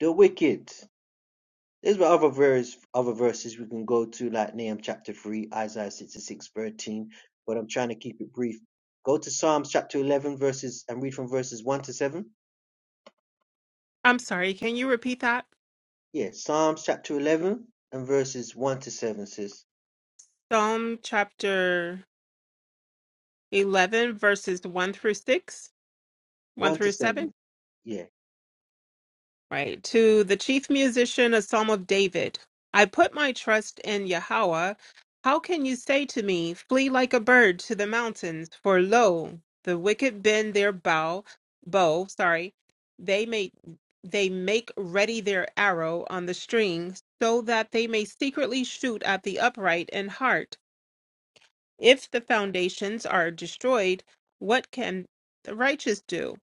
Speaker 1: the wicked. There's other verse, other verses we can go to, like Nahum chapter three, Isaiah 66, 13, but I'm trying to keep it brief. Go to Psalms chapter 11 verses and read from verses 1 to 7.
Speaker 2: I'm sorry, can you repeat that?
Speaker 1: Yeah, Psalms chapter 11 and verses 1 to 7, sis.
Speaker 2: Psalm chapter 11, verses 1 through 6, 1
Speaker 1: 1 to
Speaker 2: through 7.
Speaker 1: 7. Yeah.
Speaker 2: Right. To the chief musician, a psalm of David. I put my trust in Yahweh. How can you say to me, Flee like a bird to the mountains? For lo, the wicked bend their bow, bow, sorry. They make they make ready their arrow on the string, so that they may secretly shoot at the upright in heart. If the foundations are destroyed, what can the righteous do?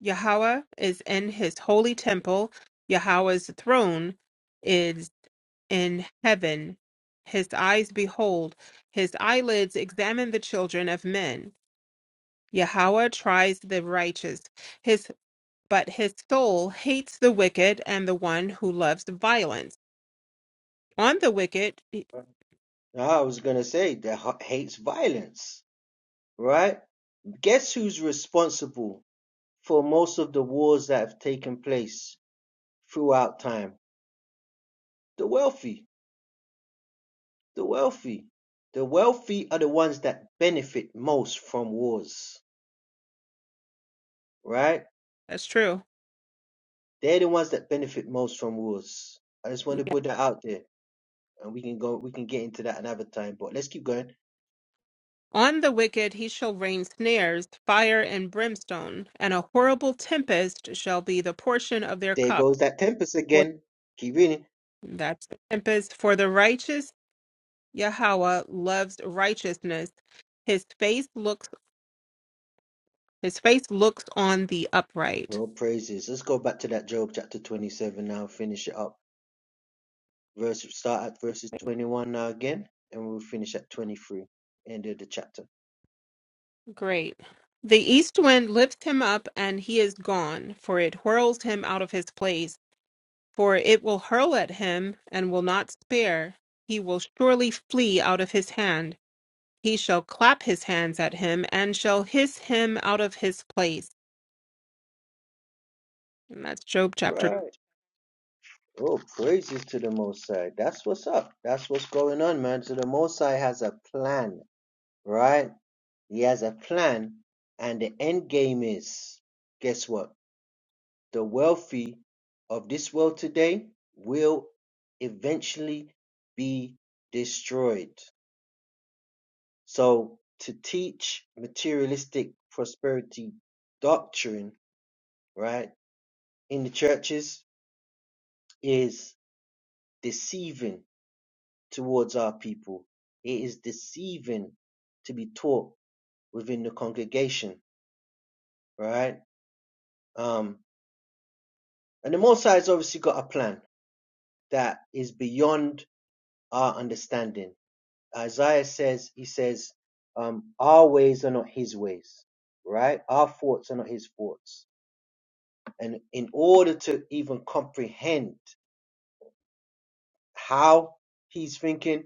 Speaker 2: Yahweh is in his holy temple. Yahweh's throne is in heaven. His eyes behold, his eyelids examine the children of men. Yahweh tries the righteous, his but his soul hates the wicked and the one who loves violence. On the wicked,
Speaker 1: I was gonna say that hates violence, right? Guess who's responsible for most of the wars that have taken place throughout time? The wealthy, the wealthy, the wealthy are the ones that benefit most from wars, right?
Speaker 2: that's true.
Speaker 1: They're the ones that benefit most from wars. I just want to put that out there, and we can go, we can get into that another time. But let's keep going.
Speaker 2: On the wicked he shall rain snares, fire and brimstone, and a horrible tempest shall be the portion of their
Speaker 1: There
Speaker 2: cup
Speaker 1: goes that tempest again. Keep reading.
Speaker 2: That's the tempest. For the righteous Yahweh loves righteousness. His face looks his face looks on the upright.
Speaker 1: No praises. Let's go back to that Job chapter 27 now, finish it up. Verse start at verses 21 now again, and we'll finish at 23. End of the chapter.
Speaker 2: Great. The east wind lifts him up and he is gone, for it whirls him out of his place, for it will hurl at him and will not spare. He will surely flee out of his hand. He shall clap his hands at him and shall hiss him out of his place. And that's Job chapter.
Speaker 1: Right. Oh, praises to the Most High. That's what's up. That's what's going on, man. So the Most High has a plan, right? He has a plan, and the end game is guess what? The wealthy of this world today will eventually be destroyed. So to teach materialistic prosperity doctrine right, in the churches is deceiving towards our people. It is deceiving to be taught within the congregation, right? Um, and the Most High has obviously got a plan that is beyond our understanding. Isaiah says, he says, um, our ways are not his ways, right? Our thoughts are not his thoughts. And in order to even comprehend how he's thinking,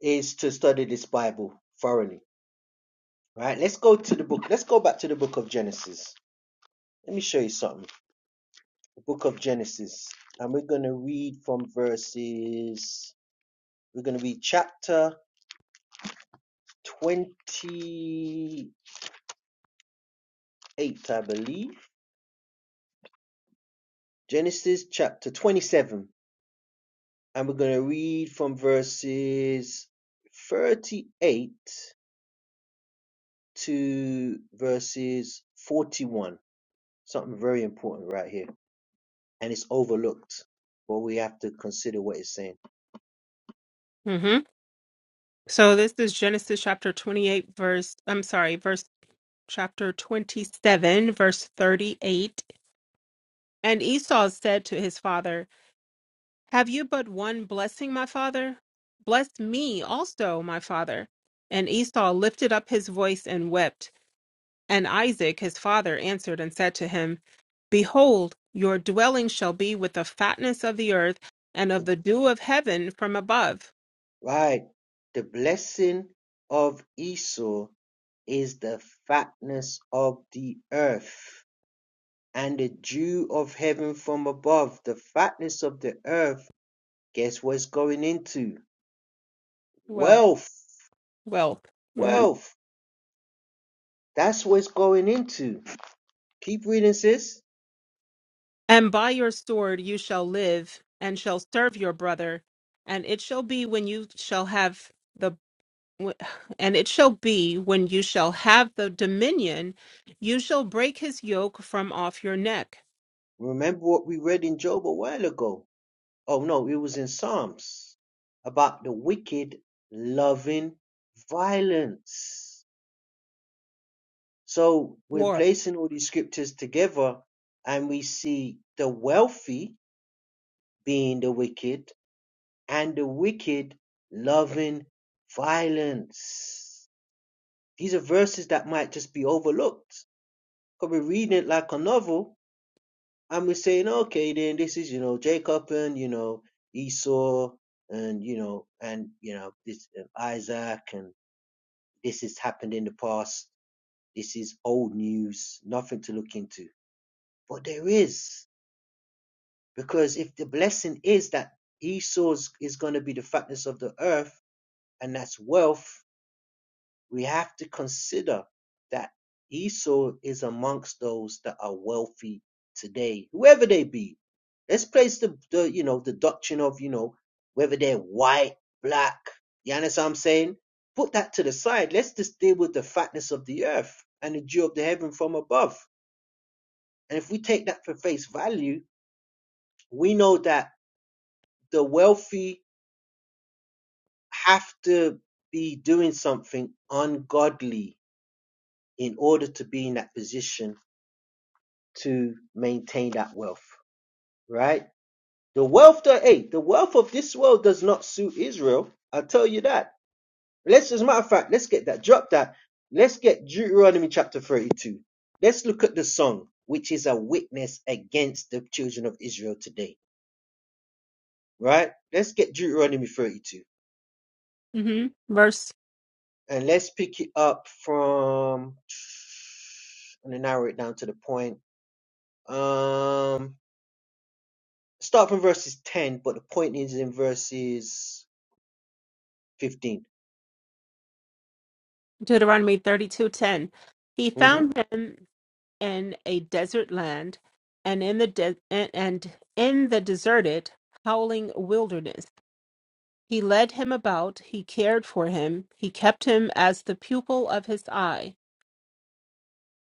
Speaker 1: is to study this Bible thoroughly. Right? Let's go to the book. Let's go back to the book of Genesis. Let me show you something. The book of Genesis. And we're going to read from verses, we're going to read chapter 28, I believe. Genesis chapter 27. And we're going to read from verses 38 to verses 41. Something very important right here. and it's overlooked. But we have to consider what it's saying.
Speaker 2: Mhm. So this is Genesis chapter 28, verse, I'm sorry, verse chapter 27, verse 38. And Esau said to his father, Have you but one blessing, my father? Bless me also, my father. And Esau lifted up his voice and wept. And Isaac, his father, answered and said to him, Behold, your dwelling shall be with the fatness of the earth and of the dew of heaven from above.
Speaker 1: Right. The blessing of Esau is the fatness of the earth and the dew of heaven from above. The fatness of the earth, guess what's going into?
Speaker 2: Well,
Speaker 1: Wealth.
Speaker 2: well. mm-hmm.
Speaker 1: Wealth. That's what it's going into. Keep reading, sis.
Speaker 2: And by your sword you shall live, and shall serve your brother. And it shall be when you shall have the, and it shall be when you shall have the dominion, you shall break his yoke from off your neck.
Speaker 1: Remember what we read in Job a while ago. Oh no, it was in Psalms about the wicked loving violence. So we're
Speaker 2: War.
Speaker 1: placing all these scriptures together and we see the wealthy being the wicked and the wicked loving violence. These are verses that might just be overlooked. Because we're reading it like a novel, And we're saying, okay, then this is, you know, Jacob and, you know, Esau and, you know, and, you know, this uh, Isaac and this has happened in the past. This is old news, nothing to look into. But there is, because if the blessing is that Esau's is going to be the fatness of the earth and that's wealth, we have to consider that Esau is amongst those that are wealthy today, whoever they be. Let's place the, the you know the doctrine of you know whether they're white, black. You understand what I'm saying? Put that to the side. Let's just deal with the fatness of the earth and the dew of the heaven from above. And if we take that for face value, we know that the wealthy have to be doing something ungodly in order to be in that position to maintain that wealth, right? The wealth that, hey, the wealth of this world does not suit Israel. I'll tell you that. Let's, as a matter of fact, let's get that, drop that. Let's get Deuteronomy chapter 32. Let's look at the song, which is a witness against the children of Israel today, right? Let's get Deuteronomy 32
Speaker 2: hmm Verse
Speaker 1: and let's pick it up from, and then narrow it down to the point. Um, start from verses 10, but the point is in verses 15.
Speaker 2: Deuteronomy thirty-two ten. He
Speaker 1: hmm
Speaker 2: found him in a desert land, and in the de- and and in the deserted, howling wilderness He led him about, he cared for him, he kept him as the pupil of his eye.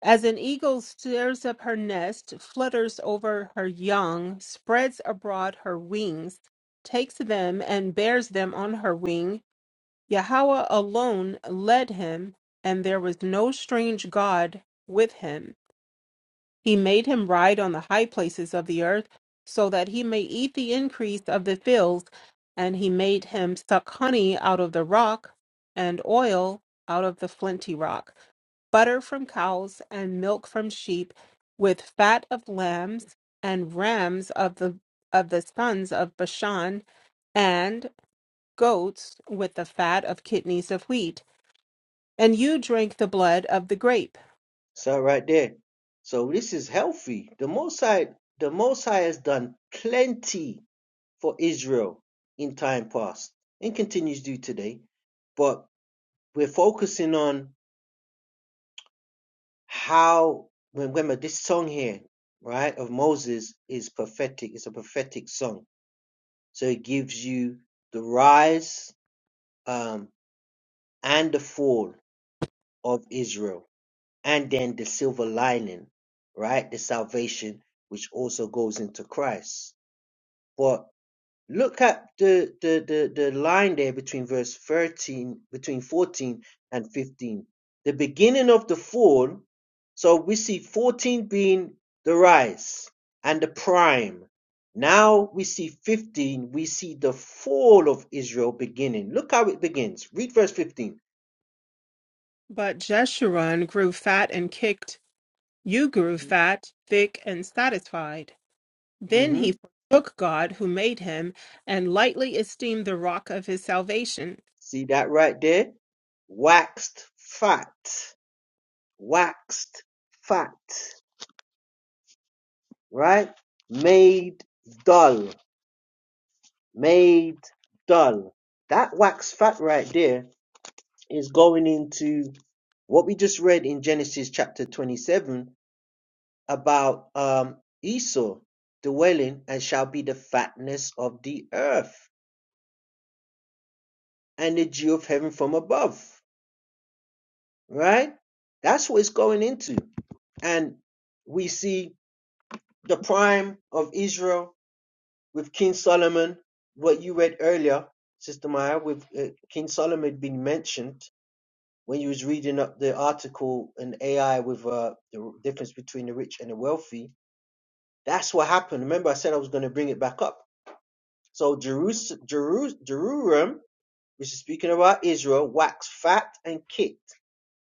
Speaker 2: As an eagle stirs up her nest, flutters over her young, spreads abroad her wings, takes them and bears them on her wing, Yahweh alone led him, and there was no strange God with him. He made him ride on the high places of the earth, so that he may eat the increase of the fields, and he made him suck honey out of the rock, and oil out of the flinty rock, butter from cows, and milk from sheep, with fat of lambs and rams of the of the sons of Bashan, and goats with the fat of kidneys of wheat. And you drank the blood of the grape.
Speaker 1: So right there. So this is healthy. The Most High, the Most High has done plenty for Israel in time past and continues to do today. But we're focusing on how, when remember this song here, right, of Moses is prophetic. It's a prophetic song. So it gives you the rise um, and the fall of Israel And then the silver lining, right? The salvation which also goes into Christ. But look at the the the, the line there between verse 13, between 14 and 15. The beginning of the fall. So we see 14 being the rise and the prime. Now we see 15, we see the fall of Israel beginning. Look how it begins. Read verse 15.
Speaker 2: But Jeshurun grew fat and kicked You grew fat, thick, and satisfied. Then
Speaker 1: Mhm.
Speaker 2: he forsook God who made him and lightly esteemed the rock of his salvation.
Speaker 1: See that right there? Waxed fat. Waxed fat. Right? Made dull. Made dull. That waxed fat right there is going into what we just read in Genesis chapter 27 about um, Esau dwelling and shall be the fatness of the earth and the dew of heaven from above. Right? That's what it's going into. And we see the prime of Israel with King Solomon, what you read earlier, Sister Maya, with uh, King Solomon being mentioned when you was reading up the article in AI with uh, the difference between the rich and the wealthy. That's what happened. Remember, I said I was going to bring it back up. So Jerus- Jeru- Jerusalem, which is speaking about Israel, waxed fat and kicked.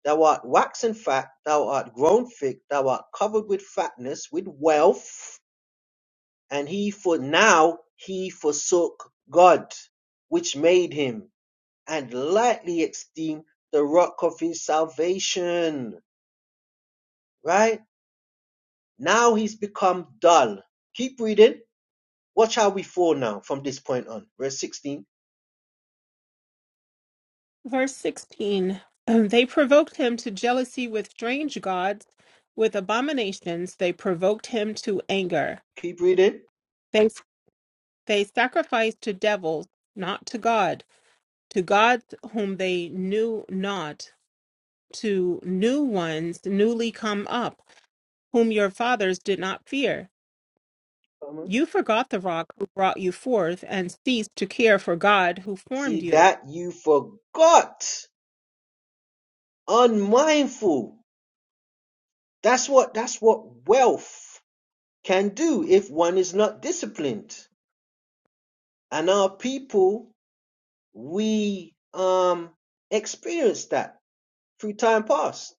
Speaker 1: Thou art waxen fat, thou art grown thick, thou art covered with fatness, with wealth And he for now he forsook God, which made him, and lightly esteemed the rock of his salvation. Right? Now he's become dull. Keep reading. Watch how we fall now from this point on. Verse 16.
Speaker 2: Verse 16 "And They provoked him to jealousy with strange gods, with abominations they provoked him to anger.
Speaker 1: Keep reading.
Speaker 2: They, they sacrificed to devils, not to God, to gods whom they knew not, to new ones newly come up, whom your fathers did not fear. You forgot the rock who brought you forth, and ceased to care for God who formed
Speaker 1: See
Speaker 2: you.
Speaker 1: that you forgot, unmindful. That's what that's what wealth can do if one is not disciplined. And our people, we um experienced that through time past.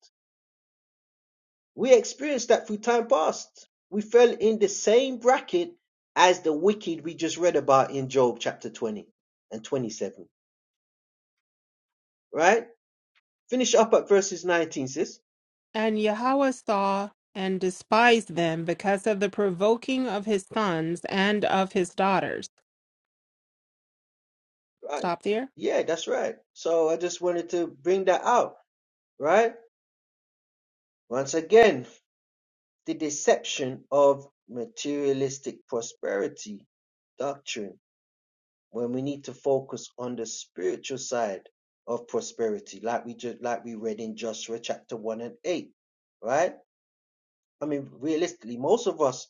Speaker 1: We experienced that through time past. We fell in the same bracket as the wicked we just read about in Job chapter 20 and 27. Right? Finish up at verses 19, sis.
Speaker 2: And Yahweh saw and despised them because of the provoking of his sons and of his daughters.
Speaker 1: Right.
Speaker 2: Stop there.
Speaker 1: Yeah, that's right. So I just wanted to bring that out, right? Once again, The deception of materialistic prosperity doctrine when we need to focus on the spiritual side of prosperity, like we just like we read in Joshua chapter one and eight, right? I mean, realistically, most of us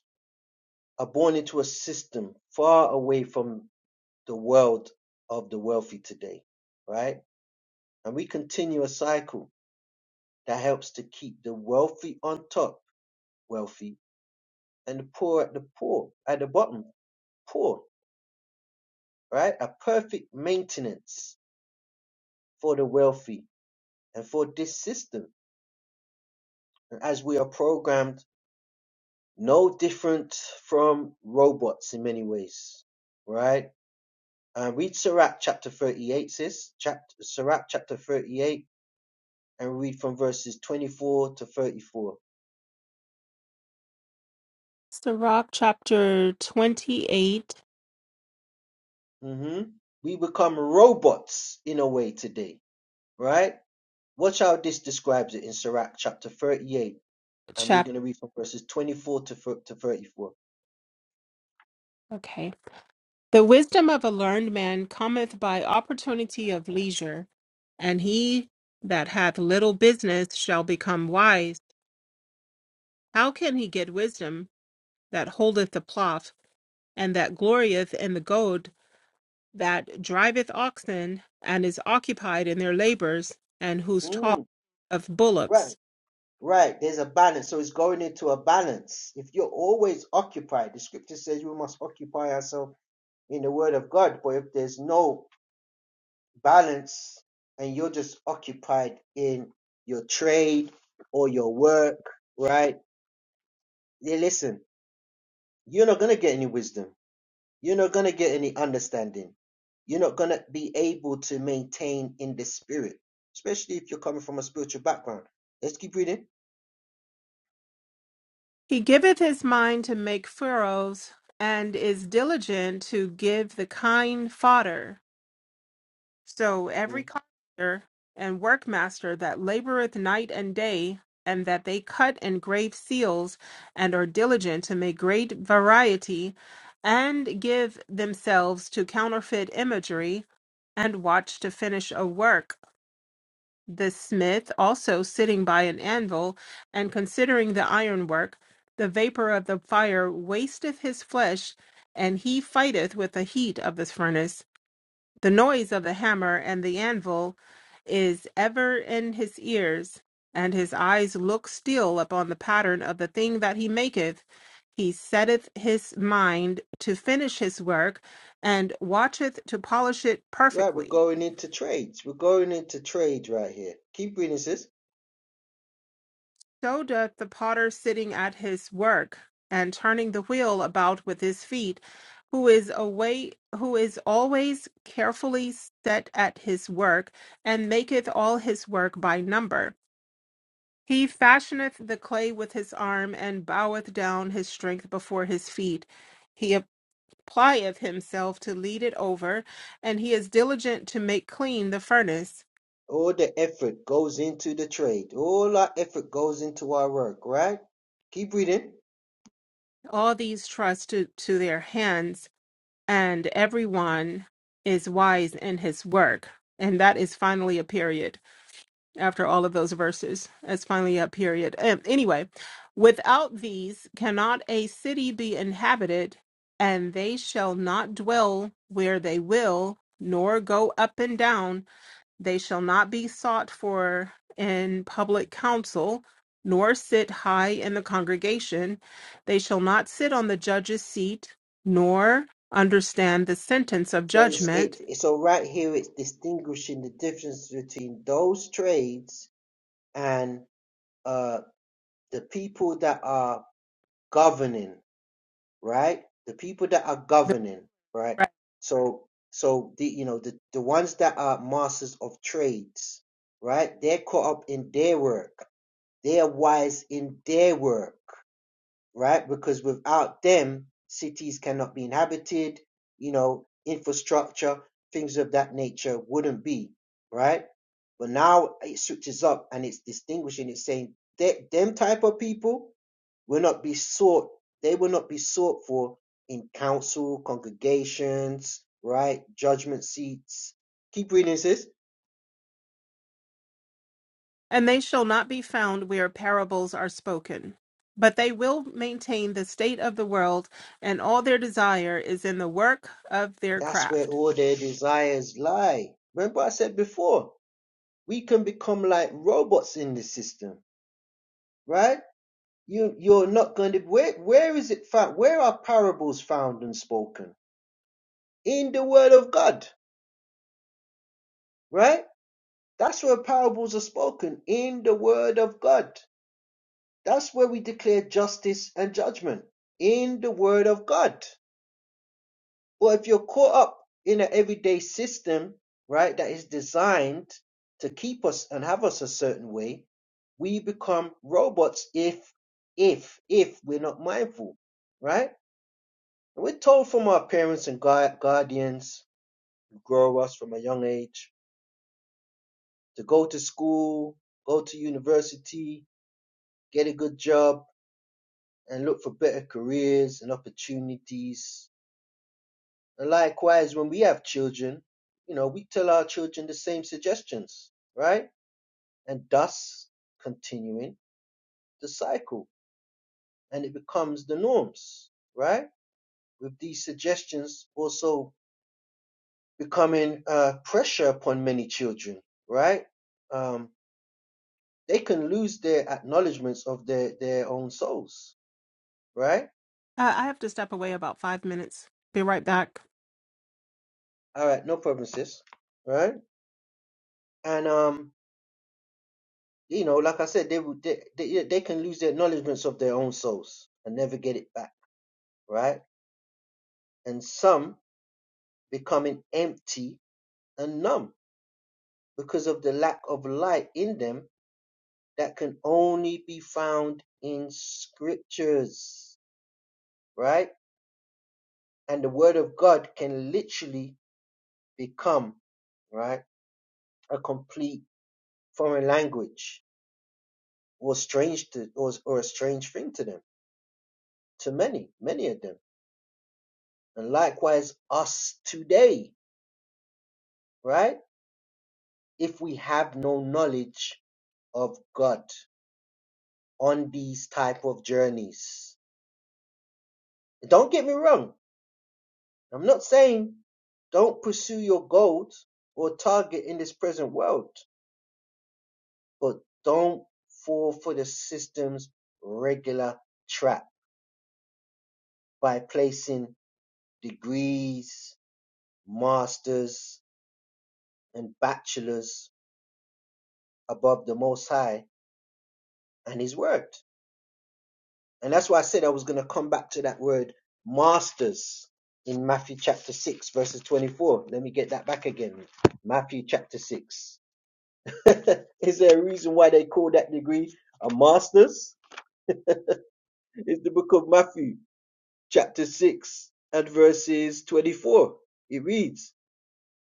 Speaker 1: are born into a system far away from the world of the wealthy today, right? And we continue a cycle that helps to keep the wealthy on top, wealthy, and the poor at the poor at the bottom, poor right? A perfect maintenance for the wealthy and for this system. And as we are programmed, no different from robots in many ways, right? Uh, read Sirach chapter 38, sis. Chapter, Sirach chapter 38, and read from verses 24 to 34.
Speaker 2: Sirach chapter 28,
Speaker 1: hmm We become robots in a way today, right? Watch how this describes it in Sirach chapter 38, and we're going
Speaker 2: chapter.
Speaker 1: to read from verses 24 to, thir- to 34.
Speaker 2: Okay. The wisdom of a learned man cometh by opportunity of leisure, and he that hath little business shall become wise. How can he get wisdom that holdeth the plough? and that glorieth in the goad that driveth oxen, and is occupied in their labors, and whose
Speaker 1: Mm.
Speaker 2: talk of
Speaker 1: Right,
Speaker 2: bullocks.
Speaker 1: right. There's a balance. So it's going into a balance. If you're always occupied, the scripture says we must occupy ourselves in the word of God. But if there's no balance and you're just occupied in your trade or your work, right? Yeah, listen, you're not going to get any wisdom. You're not going to get any understanding. You're not going to be able to maintain in the spirit, especially if you're coming from a spiritual background. Let's keep reading.
Speaker 2: He giveth his mind to make furrows, and is diligent to give the kine fodder. So
Speaker 1: Mm-hmm.
Speaker 2: every carpenter and workmaster that laboreth night and day, and that they cut and grave seals, and are diligent to make great variety, and give themselves to counterfeit imagery, and watch to finish a work. The smith also sitting by an anvil, and considering the ironwork, the vapor of the fire wasteth his flesh, and he fighteth with the heat of the furnace. The noise of the hammer and the anvil is ever in his ears, and his eyes look still upon the pattern of the thing that he maketh. He setteth his mind to finish his work, and watcheth to polish it
Speaker 1: Right, we're
Speaker 2: perfectly.
Speaker 1: going into trades. We're going into trades right here. Keep reading, sis.
Speaker 2: So doth the potter sitting at his work, and turning the wheel about with his feet, who is away who is always carefully set at his work, and maketh all his work by number. He fashioneth the clay with his arm, and boweth down his strength before his feet. He applieth himself to lead it over, and he is diligent to make clean the furnace.
Speaker 1: All the effort goes into the trade. All our effort goes into our work, right? Keep reading.
Speaker 2: All these trust to, to their hands, and everyone is wise in his work. And that is finally a period. after all of those verses. It's finally a period. Um, anyway, without these cannot a city be inhabited, and they shall not dwell where they will, nor go up and down. They shall not be sought for in public council, nor sit high in the congregation. They shall not sit on the judge's seat, nor understand the sentence of
Speaker 1: So it's
Speaker 2: judgment
Speaker 1: it so right here it's distinguishing the difference between those trades and uh the people that are governing right? The people that are governing, right? So, so the you know the the ones that are masters of trades, right? They're caught up in their work. They are wise in their work, right? Because without them, cities cannot be inhabited, you know, infrastructure, things of that nature wouldn't be, right? But now it switches up and it's distinguishing, it's saying that them type of people will not be sought, they will not be sought for in council, congregations, right? Judgment seats. Keep reading, sis.
Speaker 2: And they shall not be found where parables are spoken. But they will maintain the state of the world, and all their desire is in the work of their
Speaker 1: That's where
Speaker 2: craft.
Speaker 1: all their desires lie. Remember I said before, we can become like robots in this system right? You you're not going to where where is it found? Where are parables found and spoken? In the word of God, right? That's where parables are spoken in the word of God. That's where we declare justice and judgment in the word of God. Or if you're caught up in an everyday system, right, that is designed to keep us and have us a certain way, we become robots if if if we're not mindful, right? And We're told from our parents and guardians who grow us from a young age to go to school, go to university, get a good job, and look for better careers and opportunities. And likewise, when we have children, you know, we tell our children the same suggestions, right? And thus continuing the cycle and it becomes the norms, right? With these suggestions also becoming a pressure upon many children, right? Um, they can lose their acknowledgments of their, their own souls, right?
Speaker 2: Uh, I have to step away about five minutes. Be right back.
Speaker 1: All right, no problem, sis, right? And, um, you know, like I said, they, would- they, they, yeah, they can lose their acknowledgments of their own souls and never get it back, right? And some becoming empty and numb because of the lack of light in them that can only be found in scriptures, right? and the word of God can literally become right a complete foreign language or strange to or, or a strange thing to them to many many of them and likewise us today right if we have no knowledge of God on these type of journeys don't get me wrong I'm not saying don't pursue your goals or target in this present world But don't fall for the system's regular trap by placing degrees, masters, and bachelors above the Most High and His Word. And that's why I said I was going to come back to that word masters in Matthew chapter 6, verses 24. Let me get that back again. Matthew chapter 6. Is there a reason why they call that degree a master's? It's the book of Matthew chapter 6 at verses 24. It reads,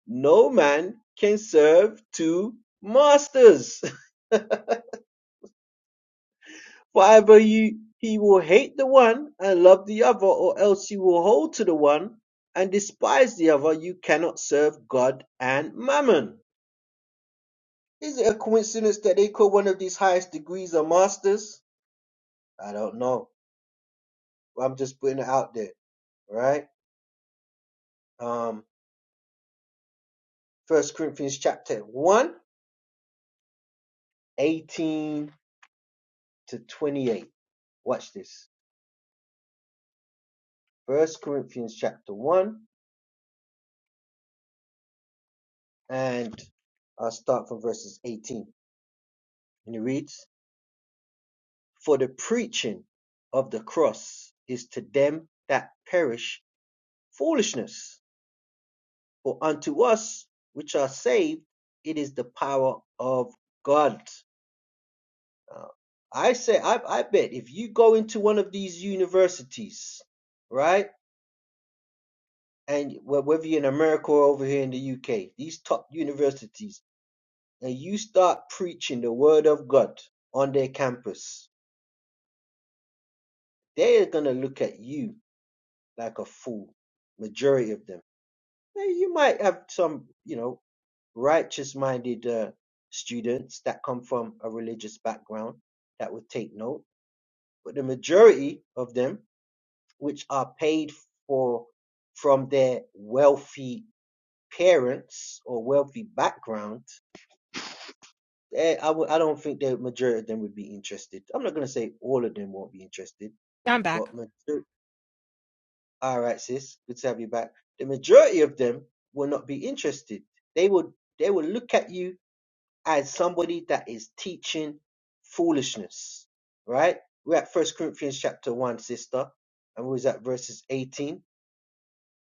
Speaker 1: No man can serve two masters, for either he, he will hate the one and love the other, or else he will hold to the one and despise the other. You cannot serve God and mammon. Is it a coincidence that they call one of these highest degrees a master's? I don't know. I'm just putting it out there, right? Um, First Corinthians chapter one 18. to 28. Watch this. First Corinthians chapter 1 and I'll start from verses 18. And it reads, For the preaching of the cross is to them that perish foolishness, but unto us which are saved, it is the power of God. Uh, I say, I, I bet if you go into one of these universities, right? And whether you're in America or over here in the UK, these top universities, and you start preaching the word of God on their campus, they're gonna look at you like a fool. Majority of them. Now, you might have some, you know, righteous-minded uh, students that come from a religious background that would take note, but the majority of them, which are paid for from their wealthy parents or wealthy background, eh, I w- I don't think the majority of them would be interested. I'm not going to say all of them won't be interested,
Speaker 2: I'm back.
Speaker 1: but major- all right, sis, good to have you back. The majority of them will not be interested. They would they would look at you as somebody that is teaching foolishness, right? We're at First Corinthians chapter one, sister, and we was at verses 18.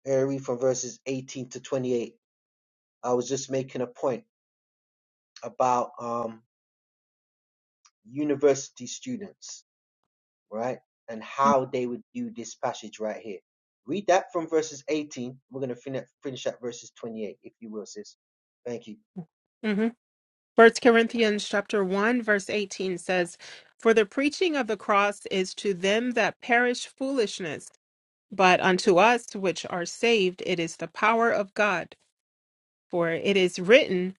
Speaker 1: I read from verses 18 to 28. I was just making a point about um university students right? And how they would view this passage right here. Read that from verses 18. We're going to finish finish at verses 28, if you will, sis. Thank you.
Speaker 2: Mm-hmm. First Corinthians chapter one verse eighteen says, "For the preaching of the cross is to them that perish foolishness, but unto us which are saved it is the power of God. For it is written."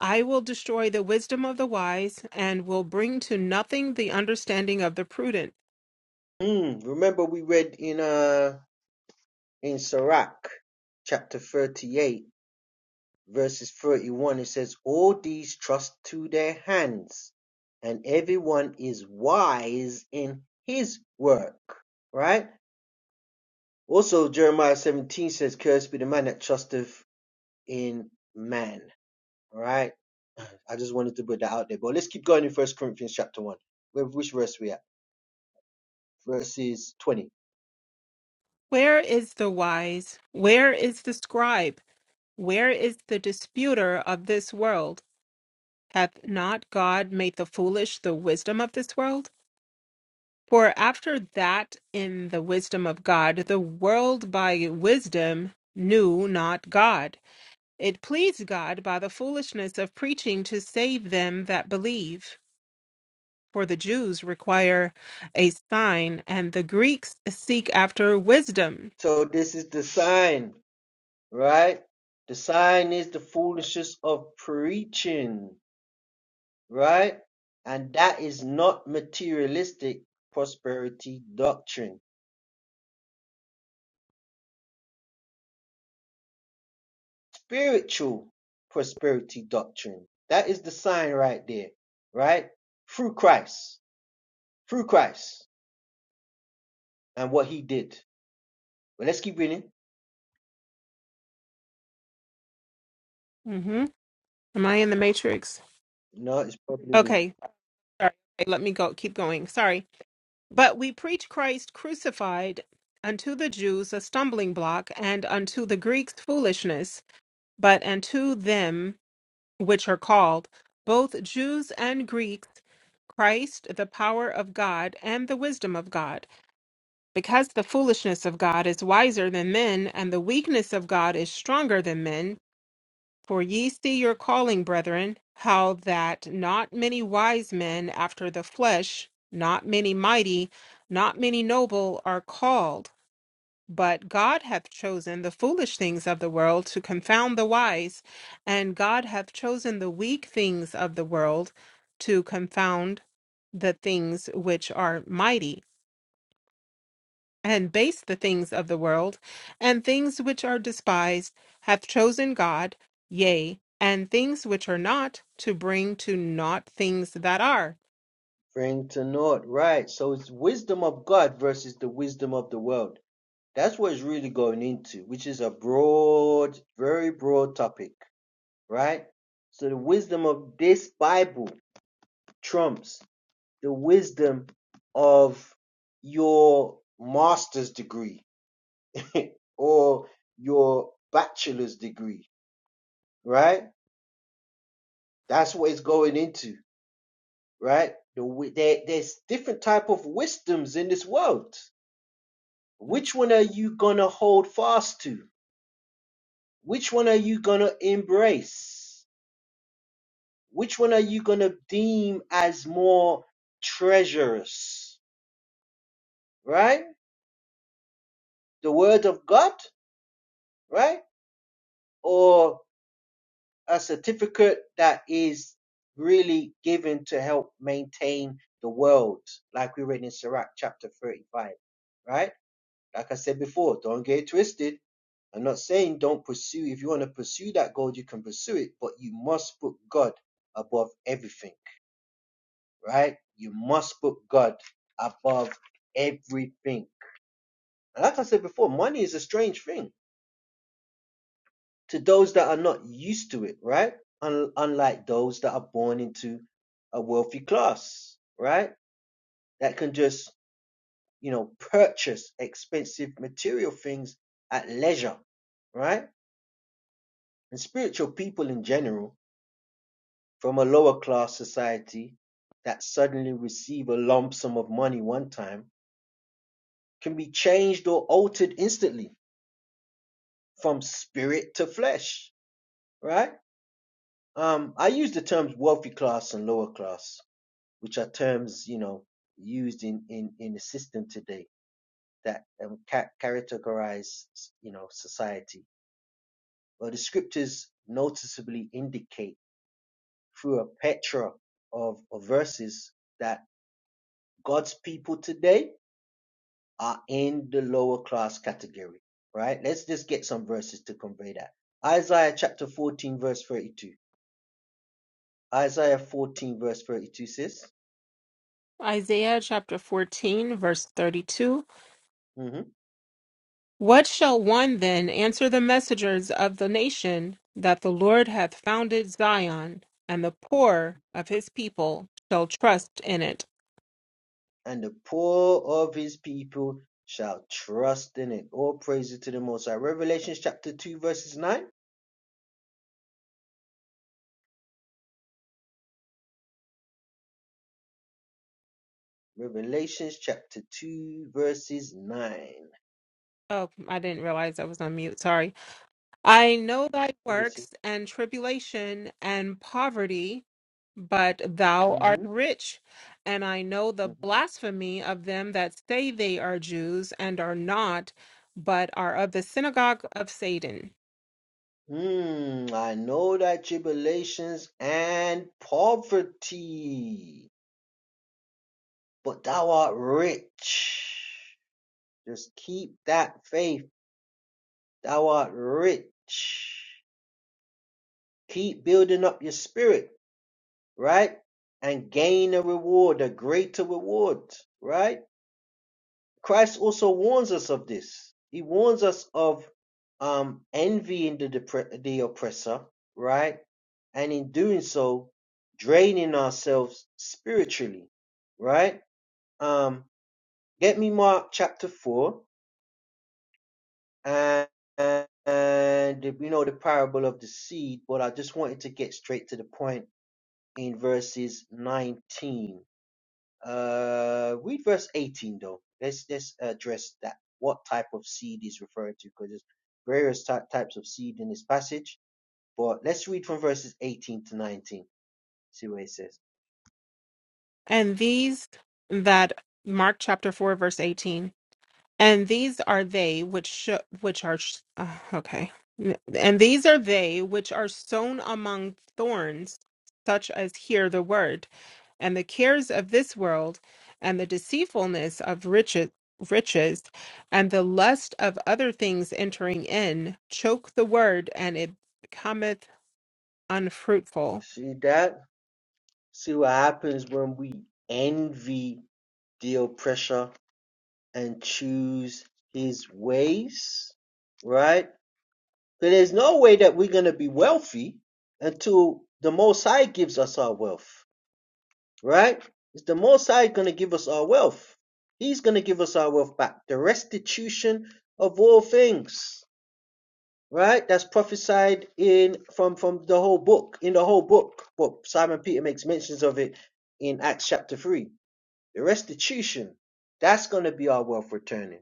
Speaker 2: I will destroy the wisdom of the wise and will bring to nothing the understanding of the prudent.
Speaker 1: Mm, remember we read in uh in Sirach chapter 38 verses 31 it says all these trust to their hands and everyone is wise in his work right also jeremiah 17 says cursed be the man that trusteth in man All right. I just wanted to put that out there. But let's keep going in First Corinthians chapter one. Where which verse we at? Verses twenty.
Speaker 2: Where is the wise? Where is the scribe? Where is the disputer of this world? Hath not God made the foolish the wisdom of this world? For after that, in the wisdom of God, the world by wisdom knew not God. It pleased God by the foolishness of preaching to save them that believe. for the Jews require a sign, and the Greeks seek after wisdom.
Speaker 1: So this is the sign, right? The sign is the foolishness of preaching, right? And that is not materialistic prosperity doctrine, spiritual prosperity doctrine. That is the sign right there, right? Through Christ, through Christ, and what He did. But let's keep reading.
Speaker 2: hmm Am I in the matrix?
Speaker 1: No, it's probably me.
Speaker 2: Okay, sorry. Okay, Let me go. Keep going. Sorry. But we preach Christ crucified unto the Jews a stumbling block, and unto the Greeks foolishness. But unto them which are called, both Jews and Greeks, Christ the power of God and the wisdom of God. Because the foolishness of God is wiser than men, and the weakness of God is stronger than men. For ye see your calling, brethren, how that not many wise men after the flesh, not many mighty, not many noble are called. But God hath chosen the foolish things of the world to confound the wise, and God hath chosen the weak things of the world to confound the things which are mighty and base the things of the world, and things which are despised, hath chosen God, yea, and things which are not, to bring to naught things that are.
Speaker 1: Bring to naught. Right. So it's wisdom of God versus the wisdom of the world. That's what it's really going into, which is a broad, very broad topic, right? So the wisdom of this Bible trumps the wisdom of your master's degree or your bachelor's degree, right? That's what it's going into, right? The, there, there's different type of wisdoms in this world Which
Speaker 2: That's
Speaker 1: one are you going to hold fast to? Which one are you going to embrace? Which one are you going to deem as more treacherous? Right? The word of God, right? Or a certificate that is really given to help maintain the world, like we read in Sirach chapter 35, right? Like I said before, don't get it twisted. I'm not saying don't pursue. If you want to pursue that goal, you can pursue it, but you must put God above everything, right? You must put God above everything. And like I said before, money is a strange thing to those that are not used to it, right? Un- unlike those that are born into a wealthy class, right? That can just, you know, purchase expensive material things at leisure, right? and spiritual people in general from a lower class society that suddenly receive a lump sum of money one time can be changed or altered instantly from spirit to flesh, right? Um, I use the terms wealthy class and lower class, which are terms, you know, used in, in, in the system today that um, ca- characterize, you know, society. Well, the scriptures noticeably indicate through a plethora of, of verses that God's people today are in the lower class category, right? Let's just get some verses to convey that. Isaiah chapter 14, verse 32. Isaiah 14, verse 32 says,
Speaker 2: Isaiah chapter 14, verse 32.
Speaker 1: mhm,
Speaker 2: What shall one then answer the messengers of the nation that the Lord hath founded Zion, and the poor of his people shall trust in it?
Speaker 1: And the poor of his people shall trust in it. All praises to the Most High. Revelation chapter 2, verses 9. Revelation chapter 2, verses 9.
Speaker 2: Oh, I didn't realize I was on mute. Sorry. I know thy
Speaker 1: You can see.
Speaker 2: works and tribulation and poverty, but thou
Speaker 1: Mm-hmm,
Speaker 2: art rich. And I know the
Speaker 1: mm-hmm.
Speaker 2: blasphemy of them that say they are Jews and are not, but are of the synagogue of Satan.
Speaker 1: Hmm, I know thy tribulations and poverty, but thou art rich. Just keep that faith. Thou art rich. Keep building up your spirit, right? And gain a reward, a greater reward, right? Christ also warns us of this. He warns us of um, envying the, depre- the oppressor, right? And in doing so, draining ourselves spiritually, right? Um, get me Mark chapter 4 and, and, and you know, the parable of the seed, but I just wanted to get straight to the point in verses 19. Uh, read verse 18 though. Let's let's address that. What type of seed is referred to? Because there's various ty- types of seed in this passage. But let's read from verses 18 to 19. See what it says.
Speaker 2: And these that, Mark chapter 4, verse 18. And these are they which sho which are sh- uh, okay. N- And these are they which are sown among thorns, such as hear the word, and the cares of this world, and the deceitfulness of riches, riches, and the lust of other things entering in, choke the word, and it becometh unfruitful.
Speaker 1: See that? See what happens when we envy the oppressor and choose his ways, right? But there's no way that we're gonna be wealthy until the Most High gives us our wealth right? It's the Most High going to give us our wealth. He's going to give us our wealth back. The restitution of all things, right? That's prophesied in from from the whole book, in the whole book. But Simon Peter makes mentions of it in Acts chapter three. The restitution, that's going to be our wealth returning.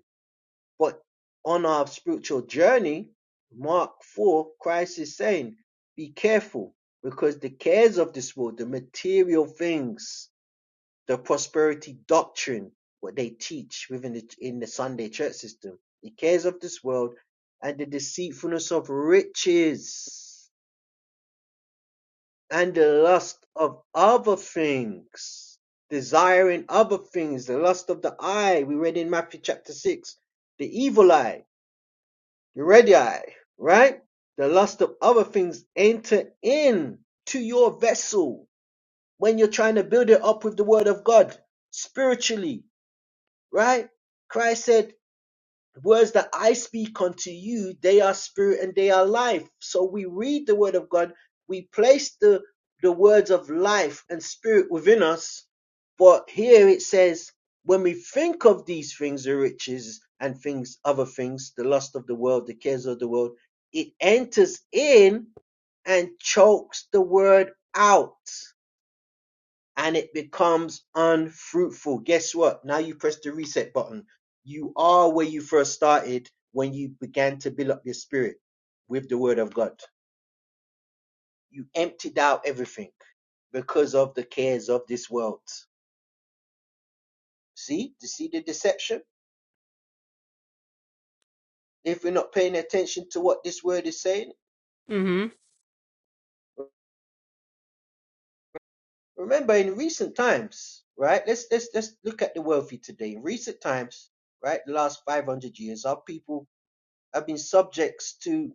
Speaker 1: But on our spiritual journey, Mark four, Christ is saying, "Be careful, because the cares of this world, the material things." the prosperity doctrine, what they teach within the, in the Sunday church system, the cares of this world and the deceitfulness of riches and the lust of other things, desiring other things, the lust of the eye. We read in Matthew chapter 6, the evil eye, the red eye, right? The lust of other things enter in to your vessel when you're trying to build it up with the word of God spiritually right? Christ said, Words that I speak unto you, they are spirit and they are life. So we read the word of God, we place the, the words of life and spirit within us. But here it says, when we think of these things, the riches and things, other things, the lust of the world, the cares of the world, it enters in and chokes the word out and it becomes unfruitful. Guess what? Now you press the reset button. You are where you first started when you began to build up your spirit with the word of God. You emptied out everything because of the cares of this world. See? You see the deception? If we're not paying attention to what this word is saying,
Speaker 2: hmm
Speaker 1: remember in recent times, right? Let's let's let's look at the wealthy today. In recent times, right, the last 500 years, our people have been subjects to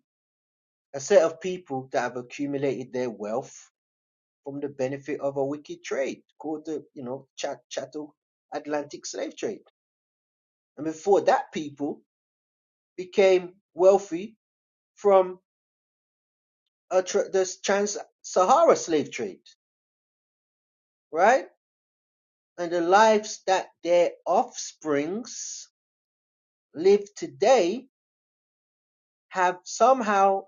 Speaker 1: a set of people that have accumulated their wealth from the benefit of a wicked trade called the, you know, Chat- Chattel Atlantic slave trade. And before that, people became wealthy from a tr- this trans-Sahara slave trade, right? And the lives that their offsprings live today have somehow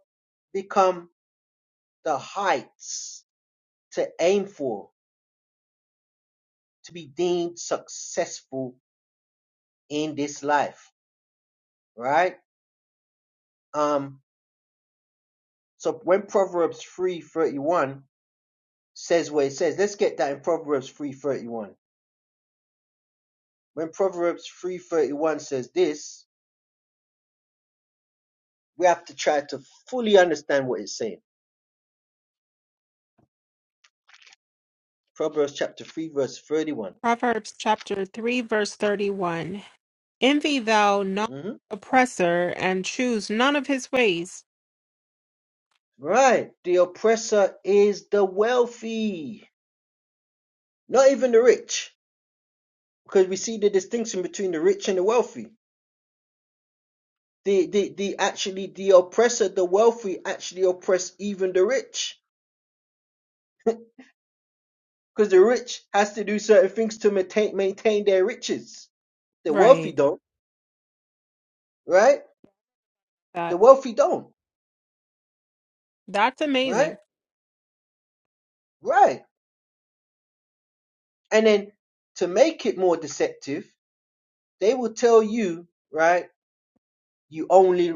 Speaker 1: become the heights to aim for, to be deemed successful in this life right? Um, so when Proverbs three thirty one says what it says, let's get that in Proverbs three thirty one. When Proverbs three thirty one says this, we have to try to fully understand what it's saying. Proverbs chapter three verse thirty one.
Speaker 2: Proverbs chapter three, verse thirty-one. Envy thou not
Speaker 1: mm Mm-hmm.
Speaker 2: oppressor and choose none of his ways.
Speaker 1: Right, the oppressor is the wealthy, not even the rich, because we see the distinction between the rich and the wealthy. The the the actually the oppressor, the wealthy actually oppress even the rich Because the rich has to do certain things to maintain maintain their riches. The wealthy
Speaker 2: Right.
Speaker 1: don't, right? The
Speaker 2: That
Speaker 1: wealthy don't,
Speaker 2: that's
Speaker 1: right?
Speaker 2: amazing.
Speaker 1: Right. And then to make it more deceptive, they will tell you, right, you only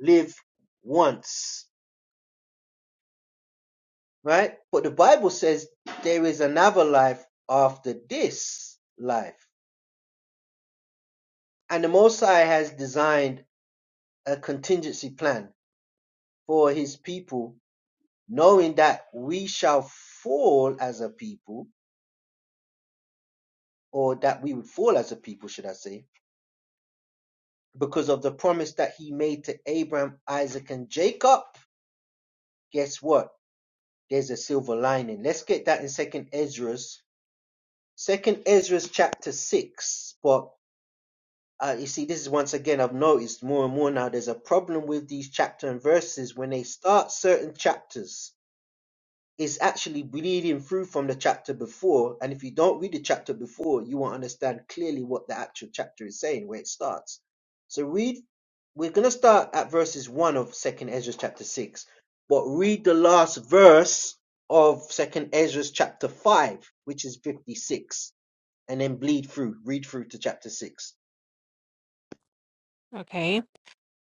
Speaker 1: live once, right? But the Bible says there is another life after this life. And the Most High has designed a contingency plan for his people, knowing that we shall fall as a people or that we would fall as a people, should I say, because of the promise that he made to Abraham, Isaac, and Jacob. Guess what? There's a silver lining. Let's get that in Second Ezra's, Second Ezra's chapter six. But uh, you see, this is once again I've noticed more and more now. There's a problem with these chapter and verses when they start certain chapters is actually bleeding through from the chapter before. And if you don't read the chapter before, you won't understand clearly what the actual chapter is saying, where it starts. So read, we're going to start at verses 1 of 2nd Ezra chapter 6, but read the last verse of 2nd Ezra chapter 5, which is 56, and then bleed through, read through to chapter 6.
Speaker 2: Okay.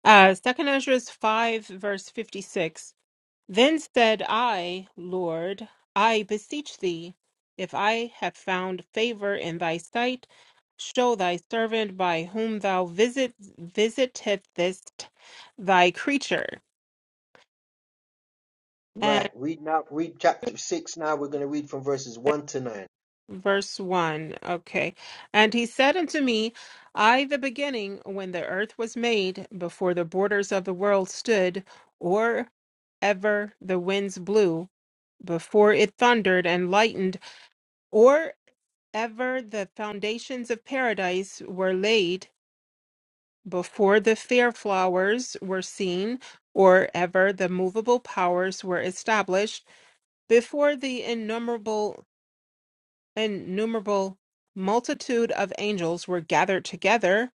Speaker 2: Uh second Ezra five verse fifty six. Then said I, Lord, I beseech thee, if I have found favor in thy sight, show thy servant by whom thou visit visiteth this thy creature.
Speaker 1: Right, read now, read chapter 6 now. We're going to read from verses 1 to 9.
Speaker 2: Verse 1. Okay. And he said unto me, I, the beginning, when the earth was made, before the borders of the world stood, or ever the winds blew, before it thundered and lightened, or ever the foundations of paradise were laid, before the fair flowers were seen, or ever the movable powers were established, before the innumerable an innumerable multitude of angels were gathered together,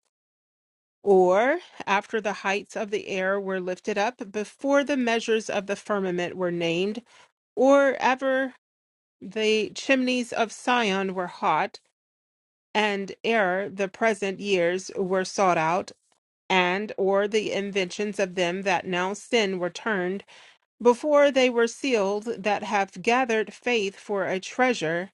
Speaker 2: or after the heights of the air were lifted up, before the measures of the firmament were named, or ever the chimneys of Sion were hot, and ere the present years were sought out, and or the inventions of them that now sin were turned, before they were sealed that have gathered faith for a treasure,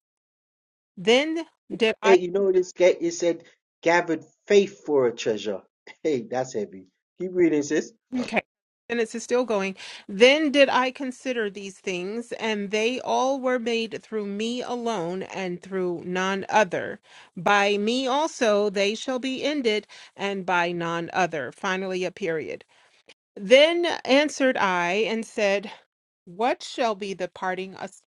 Speaker 2: then did I.
Speaker 1: Hey, you know this ga- it said gathered faith for a treasure. Hey, that's heavy. Keep reading, sis.
Speaker 2: Okay. and it is still going. Then did I consider these things, and they all were made through me alone and through none other. By me also they shall be ended, and by none other. Finally, a period. Then answered I and said, What shall be the parting as-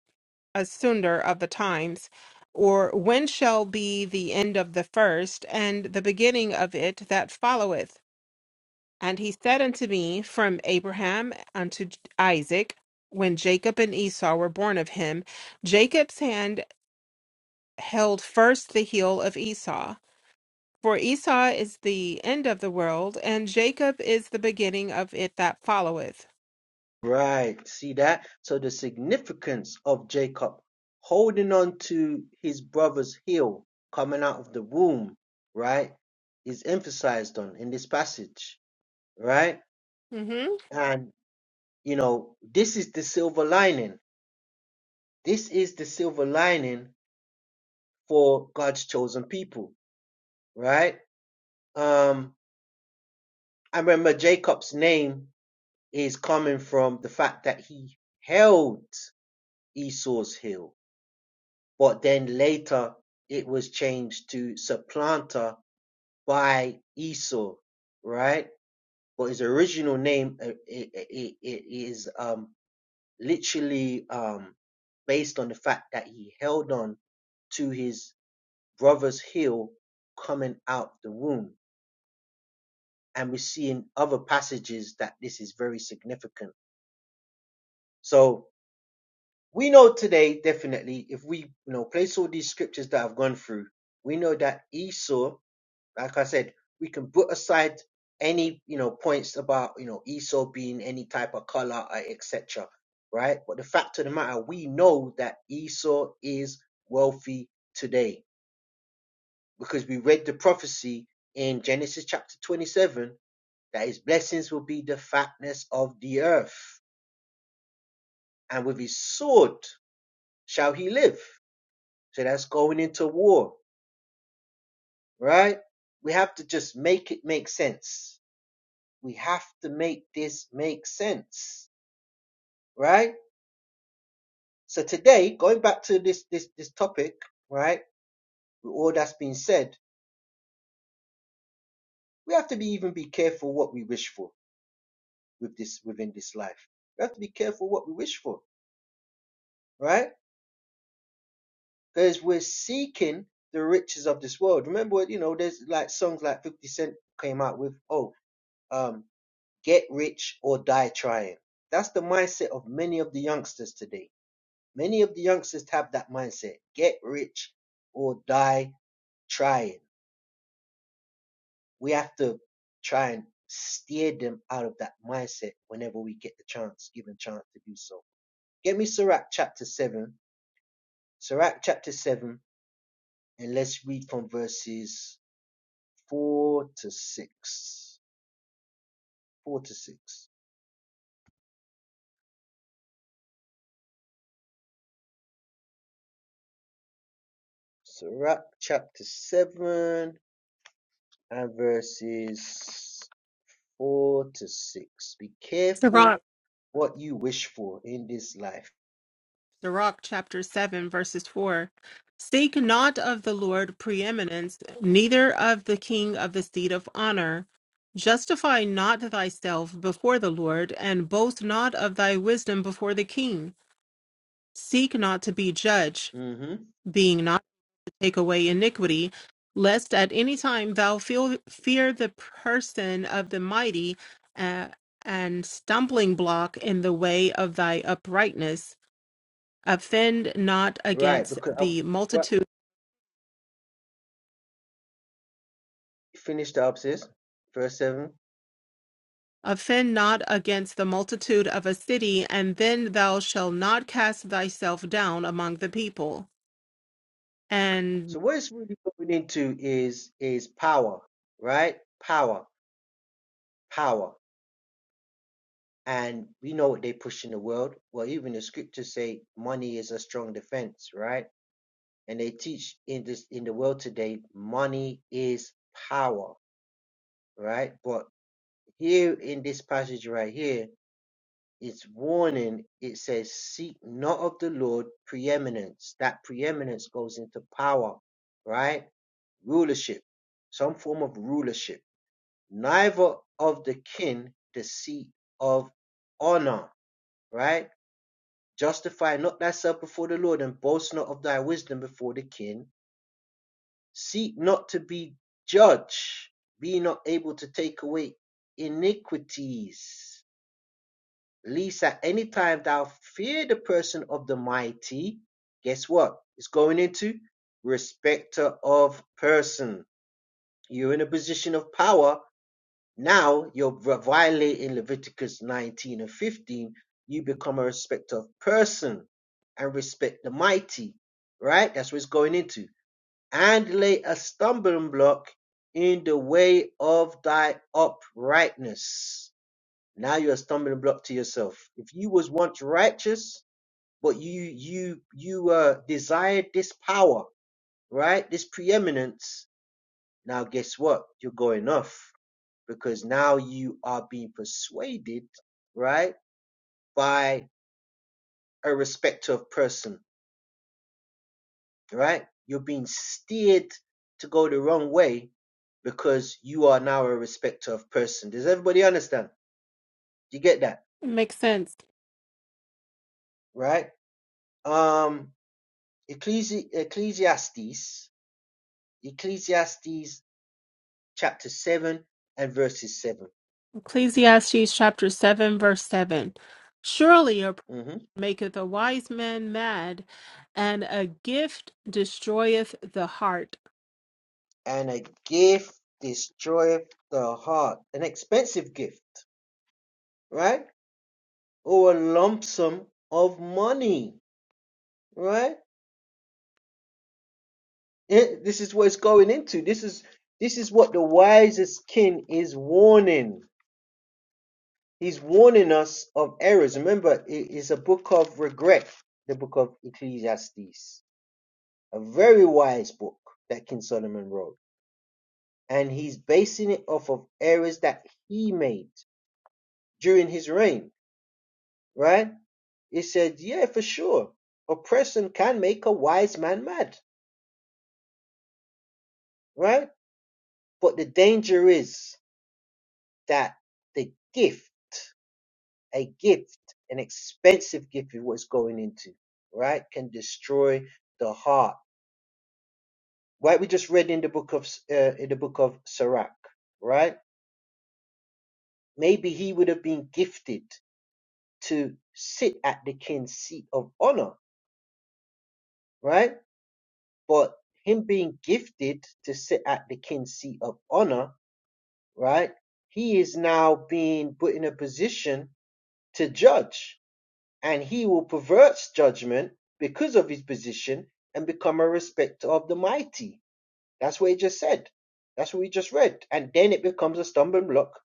Speaker 2: asunder of the times? Or when shall be the end of the first and the beginning of it that followeth? And he said unto me, From Abraham unto J- Isaac, when Jacob and Esau were born of him, Jacob's hand held first the heel of Esau. For Esau is the end of the world, and Jacob is the beginning of it that followeth.
Speaker 1: Right. See that? So the significance of Jacob holding on to his brother's heel coming out of the womb, right, is emphasized on in this passage, right?
Speaker 2: hmm
Speaker 1: And you know, this is the silver lining. This is the silver lining for God's chosen people, right? Um, I remember Jacob's name is coming from the fact that he held Esau's heel, but then later it was changed to supplanter by Esau, right? But his original name uh, i- i- is um, literally um, based on the fact that he held on to his brother's heel coming out the womb. And we see in other passages that this is very significant. So we know today definitely if we you know place all these scriptures that I've gone through, we know that Esau, like I said, we can put aside any you know points about you know Esau being any type of color or etc. Right, but the fact of the matter, we know that Esau is wealthy today because we read the prophecy in Genesis chapter 27 that his blessings will be the fatness of the earth, and with his sword shall he live So that's going into war, right? We have to just make it make sense. We have to make this make sense, right? So today, going back to this this this topic, right? With all that's been said, we have to be even be careful what we wish for with this within this life. We have to be careful what we wish for, right? Because we're seeking the riches of this world. Remember, you know, there's like songs like 50 Cent came out with, oh, um, get rich or die trying. That's the mindset of many of the youngsters today. Many of the youngsters have that mindset get rich or die trying. We have to try and steer them out of that mindset whenever we get the chance, given chance to do so. Get me Sirach chapter 7, Sirach chapter 7, and let's read from verses 4 to 6. 4 to 6. Sirach chapter 7 and verses four to six. Be careful what you wish for in this life.
Speaker 2: Sirach chapter 7, verses 4. Seek not of the Lord preeminence, neither of the king of the seat of honor. Justify not thyself before the Lord, and boast not of thy wisdom before the king. Seek not to be judged,
Speaker 1: hmm
Speaker 2: being not to take away iniquity, lest at any time thou feel, fear the person of the mighty uh, and stumbling block in the way of thy uprightness offend not
Speaker 1: Right,
Speaker 2: against
Speaker 1: because I,
Speaker 2: the
Speaker 1: what
Speaker 2: multitude
Speaker 1: finished up says verse seven.
Speaker 2: offend not against the multitude of a city and then thou shalt not cast thyself down among the people and
Speaker 1: So what it's really going into is is power, right? Power, power, and we know what they push in the world. Well, even the scriptures say money is a strong defense, right? And they teach in this in the world today, money is power, right? But here in this passage right here, its warning, it says, Seek not of the Lord preeminence. That preeminence goes into power, right? Rulership, some form of rulership. Neither of the kin the seat of honor, right? Justify not thyself before the Lord and boast not of thy wisdom before the kin. Seek not to be judged, be not able to take away iniquities. least at any time thou fear the person of the mighty, guess what? It's going into respecter of person. You're in a position of power. Now you're violating Leviticus 19 and 15. You become a respecter of person and respect the mighty, right? That's what it's going into. And lay a stumbling block in the way of thy uprightness now you're a stumbling block to yourself. If you was once righteous, but you you you uh desired this power, right? This preeminence. Now guess what? You're going off because now you are being persuaded, right, by a respecter of person, right? You're being steered to go the wrong way because you are now a respecter of person. Does everybody understand? You get that,
Speaker 2: makes sense
Speaker 1: right? Um, Ecclesi- Ecclesiastes Ecclesiastes chapter 7 and verses 7.
Speaker 2: ecclesiastes chapter 7 verse 7 surely a pride
Speaker 1: hmm
Speaker 2: maketh a wise man mad and a gift destroyeth the heart
Speaker 1: And a gift destroyeth the heart, an expensive gift, right? Or a lump sum of money, right? It- this is what it's going into. This is this is what the wisest king is warning. He's warning us of errors. Remember, it is a book of regret, the book of Ecclesiastes, a very wise book that King Solomon wrote. and he's basing it off of errors that he made during his reign, right? He said, yeah, for sure. Oppression can make a wise man mad, right? But the danger is that the gift, a gift, an expensive gift is what's going into, right? Can destroy the heart. Right? We just read in the book of, uh, in the book of Sirach, right? Maybe he would have been gifted to sit at the king's seat of honor right? But him being gifted to sit at the king's seat of honor, right? He is now being put in a position to judge, and he will pervert judgment because of his position and become a respecter of the mighty. That's what he just said. That's what we just read. And then it becomes a stumbling block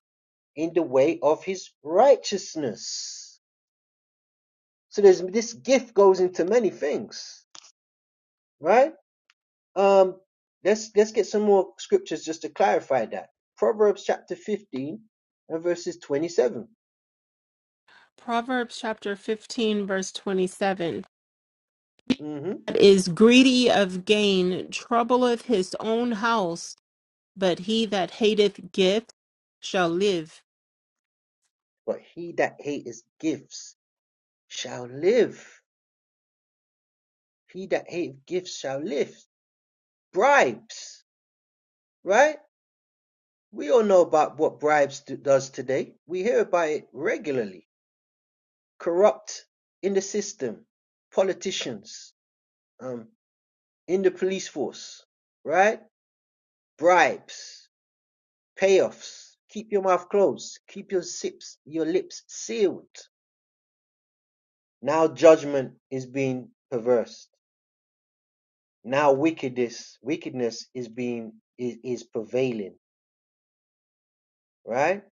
Speaker 1: in the way of his righteousness. So there's this gift goes into many things, right? Um, let's let's get some more scriptures just to clarify that. Proverbs chapter fifteen and verses twenty-seven.
Speaker 2: proverbs chapter 15 verse 27
Speaker 1: Mm-hmm.
Speaker 2: that is greedy of gain troubleth his own house but he that hateth gift shall live.
Speaker 1: But he that hateth gifts shall live. He that hateth gifts shall live. Bribes, right? We all know about what bribes do, does today. We hear about it regularly. Corrupt in the system, politicians, um, in the police force, right? Bribes. Payoffs: Keep your mouth closed, keep your lips, your lips sealed. Now judgment is being perversed. Now wickedness, wickedness is being is, is prevailing. Right?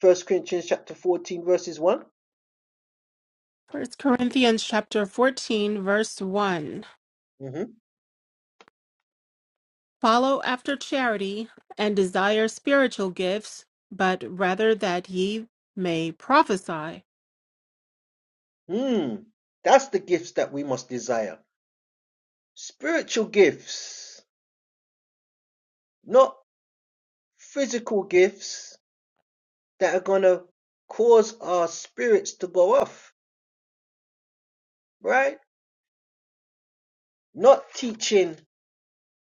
Speaker 1: First Corinthians chapter 14, verses one
Speaker 2: First Corinthians chapter 14 verse 1.
Speaker 1: Mm-hmm.
Speaker 2: Follow after charity and desire spiritual gifts, but rather that ye may prophesy.
Speaker 1: Hmm. That's the gifts that we must desire. Spiritual gifts, not physical gifts that are gonna cause our spirits to go off, right? Not teaching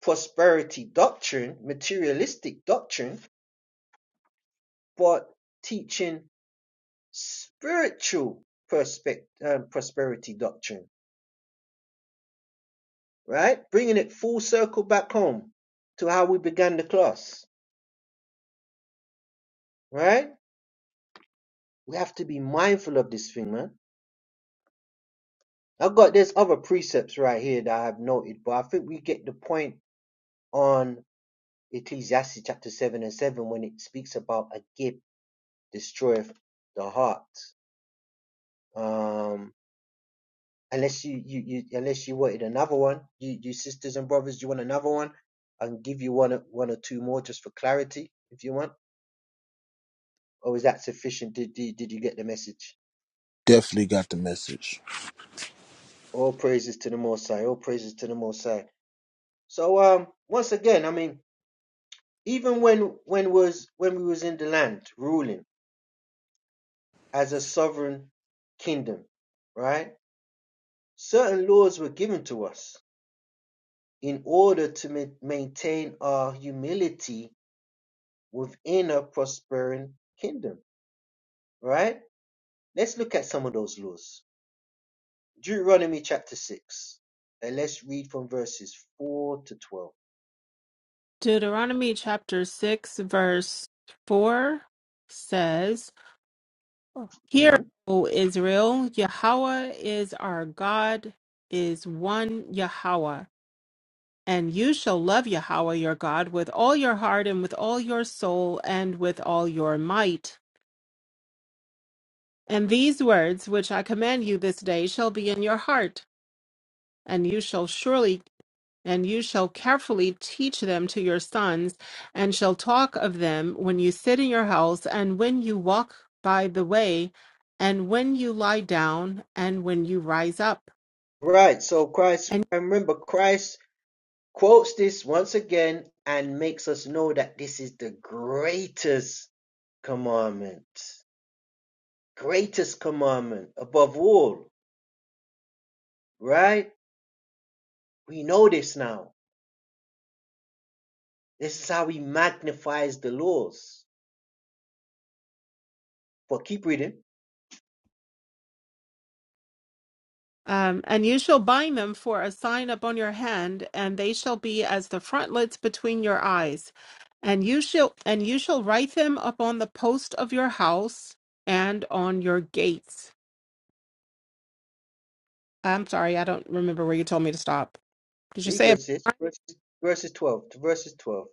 Speaker 1: Prosperity doctrine, materialistic doctrine, but teaching spiritual perspective, um, prosperity doctrine, right? Bringing it full circle back home to how we began the class, right? We have to be mindful of this thing, man. I've got there's other precepts right here that I have noted, but I think we get the point on Ecclesiastes chapter seven and seven when it speaks about a gift destroyeth the heart. Um, unless you, you, you unless you wanted another one, you, you sisters and brothers, you want another one? I can give you one, one or two more just for clarity, if you want. Or is that sufficient? Did did, did you get the message?
Speaker 3: Definitely got the message.
Speaker 1: All praises to the Most High. All praises to the Most High. So um, once again, I mean, even when when was when we was in the land ruling as a sovereign kingdom, right? Certain laws were given to us in order to ma- maintain our humility within a prospering kingdom, right? Let's look at some of those laws. Deuteronomy chapter 6, and let's read from verses 4 to 12.
Speaker 2: Deuteronomy chapter 6 verse 4 says, Hear,
Speaker 1: Mhm.
Speaker 2: O Israel, Yahweh is our God, is one Yahweh. And you shall love Yahweh your God with all your heart and with all your soul and with all your might. And these words which I command you this day shall be in your heart, and you shall surely and you shall carefully teach them to your sons, and shall talk of them when you sit in your house, and when you walk by the way, and when you lie down, and when you rise up.
Speaker 1: Right, so Christ, remember, Christ quotes this once again and makes us know that this is the greatest commandment, greatest commandment above all, right? We know this now. This is how he magnifies the laws. But keep reading.
Speaker 2: Um, and you shall bind them for a sign upon your hand, and they shall be as the frontlets between your eyes. And you shall and you shall write them upon the post of your house and on your gates. I'm sorry, I don't remember where you told me to stop. Did you say
Speaker 1: Eagles says verses verses twelve to verses twelve.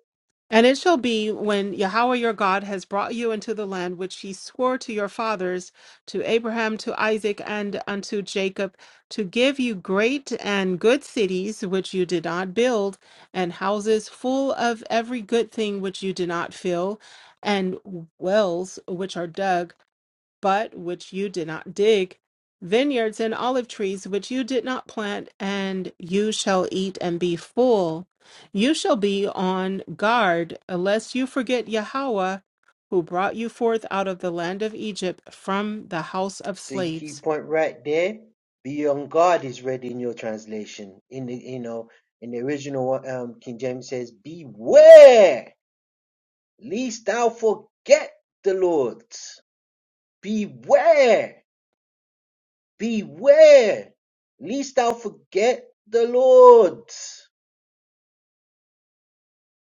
Speaker 2: And it shall be when Yahweh your God has brought you into the land which he swore to your fathers, to Abraham, to Isaac, and unto Jacob, to give you great and good cities which you did not build, and houses full of every good thing which you did not fill, and wells which are dug but which you did not dig, vineyards and olive trees which you did not plant, and you shall eat and be full. You shall be on guard, lest you forget Yahweh, who brought you forth out of the land of Egypt from the house of
Speaker 1: See key
Speaker 2: slaves.
Speaker 1: point right there. Be on guard is read in your translation. In the you know in the original one, um, King James says, "Beware, lest thou forget the Lord. Beware, beware, lest thou forget the Lord."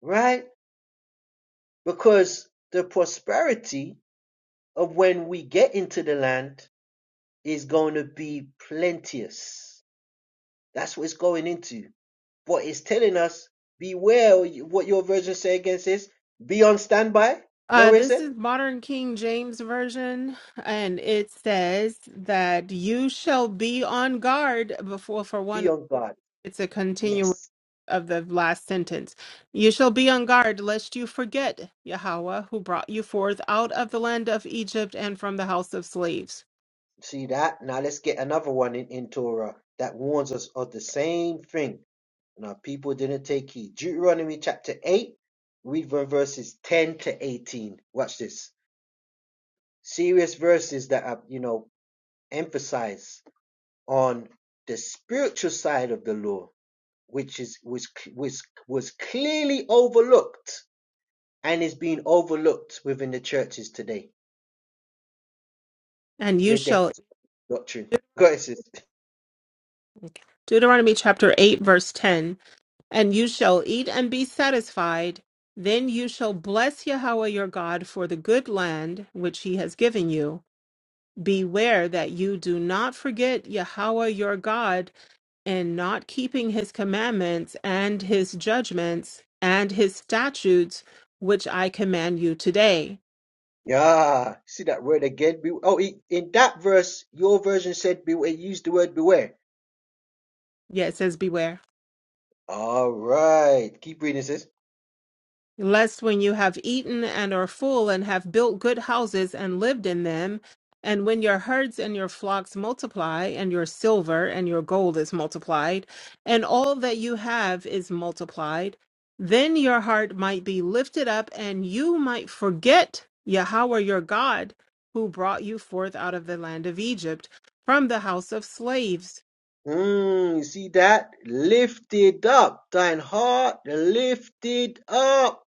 Speaker 1: Right? Because the prosperity of when we get into the land is going to be plenteous That's what it's going into. But it's telling us, beware what your version say against this. Be on standby. Is that
Speaker 2: Uh,
Speaker 1: what it
Speaker 2: this
Speaker 1: said?
Speaker 2: is modern King James Version, and it says that you shall be on guard before for one.
Speaker 1: Be on guard.
Speaker 2: It's a continual.
Speaker 1: Yes.
Speaker 2: of the last sentence. You shall be on guard lest you forget Yahweh, who brought you forth out of the land of Egypt and from the house of slaves.
Speaker 1: See that? Now let's get another one in, in Torah that warns us of the same thing. Now people didn't take heed. Deuteronomy chapter 8, read from verses 10 to 18. Watch this. Serious verses that are, you know, emphasize on the spiritual side of the law which is was was was clearly overlooked and is being overlooked within the churches today
Speaker 2: And you
Speaker 1: with their
Speaker 2: shall,
Speaker 1: doctrine. God says,
Speaker 2: Deuteronomy chapter 8, verse 10, and you shall eat and be satisfied. Then you shall bless Yahweh your God for the good land which he has given you. Beware that you do not forget Yahweh your God in not keeping his commandments and his judgments and his statutes, which I command you today.
Speaker 1: yeah, see that word again? oh, in that verse, your version said beware, use the word beware.
Speaker 2: Yes, yeah, it says, Beware.
Speaker 1: All right, keep reading, sis.
Speaker 2: lest when you have eaten and are full and have built good houses and lived in them, and when your herds and your flocks multiply, and your silver and your gold is multiplied, and all that you have is multiplied, then your heart might be lifted up, and you might forget Yahweh your God, who brought you forth out of the land of Egypt from the house of slaves
Speaker 1: Mm, you see that? Lifted up, thine heart lifted up.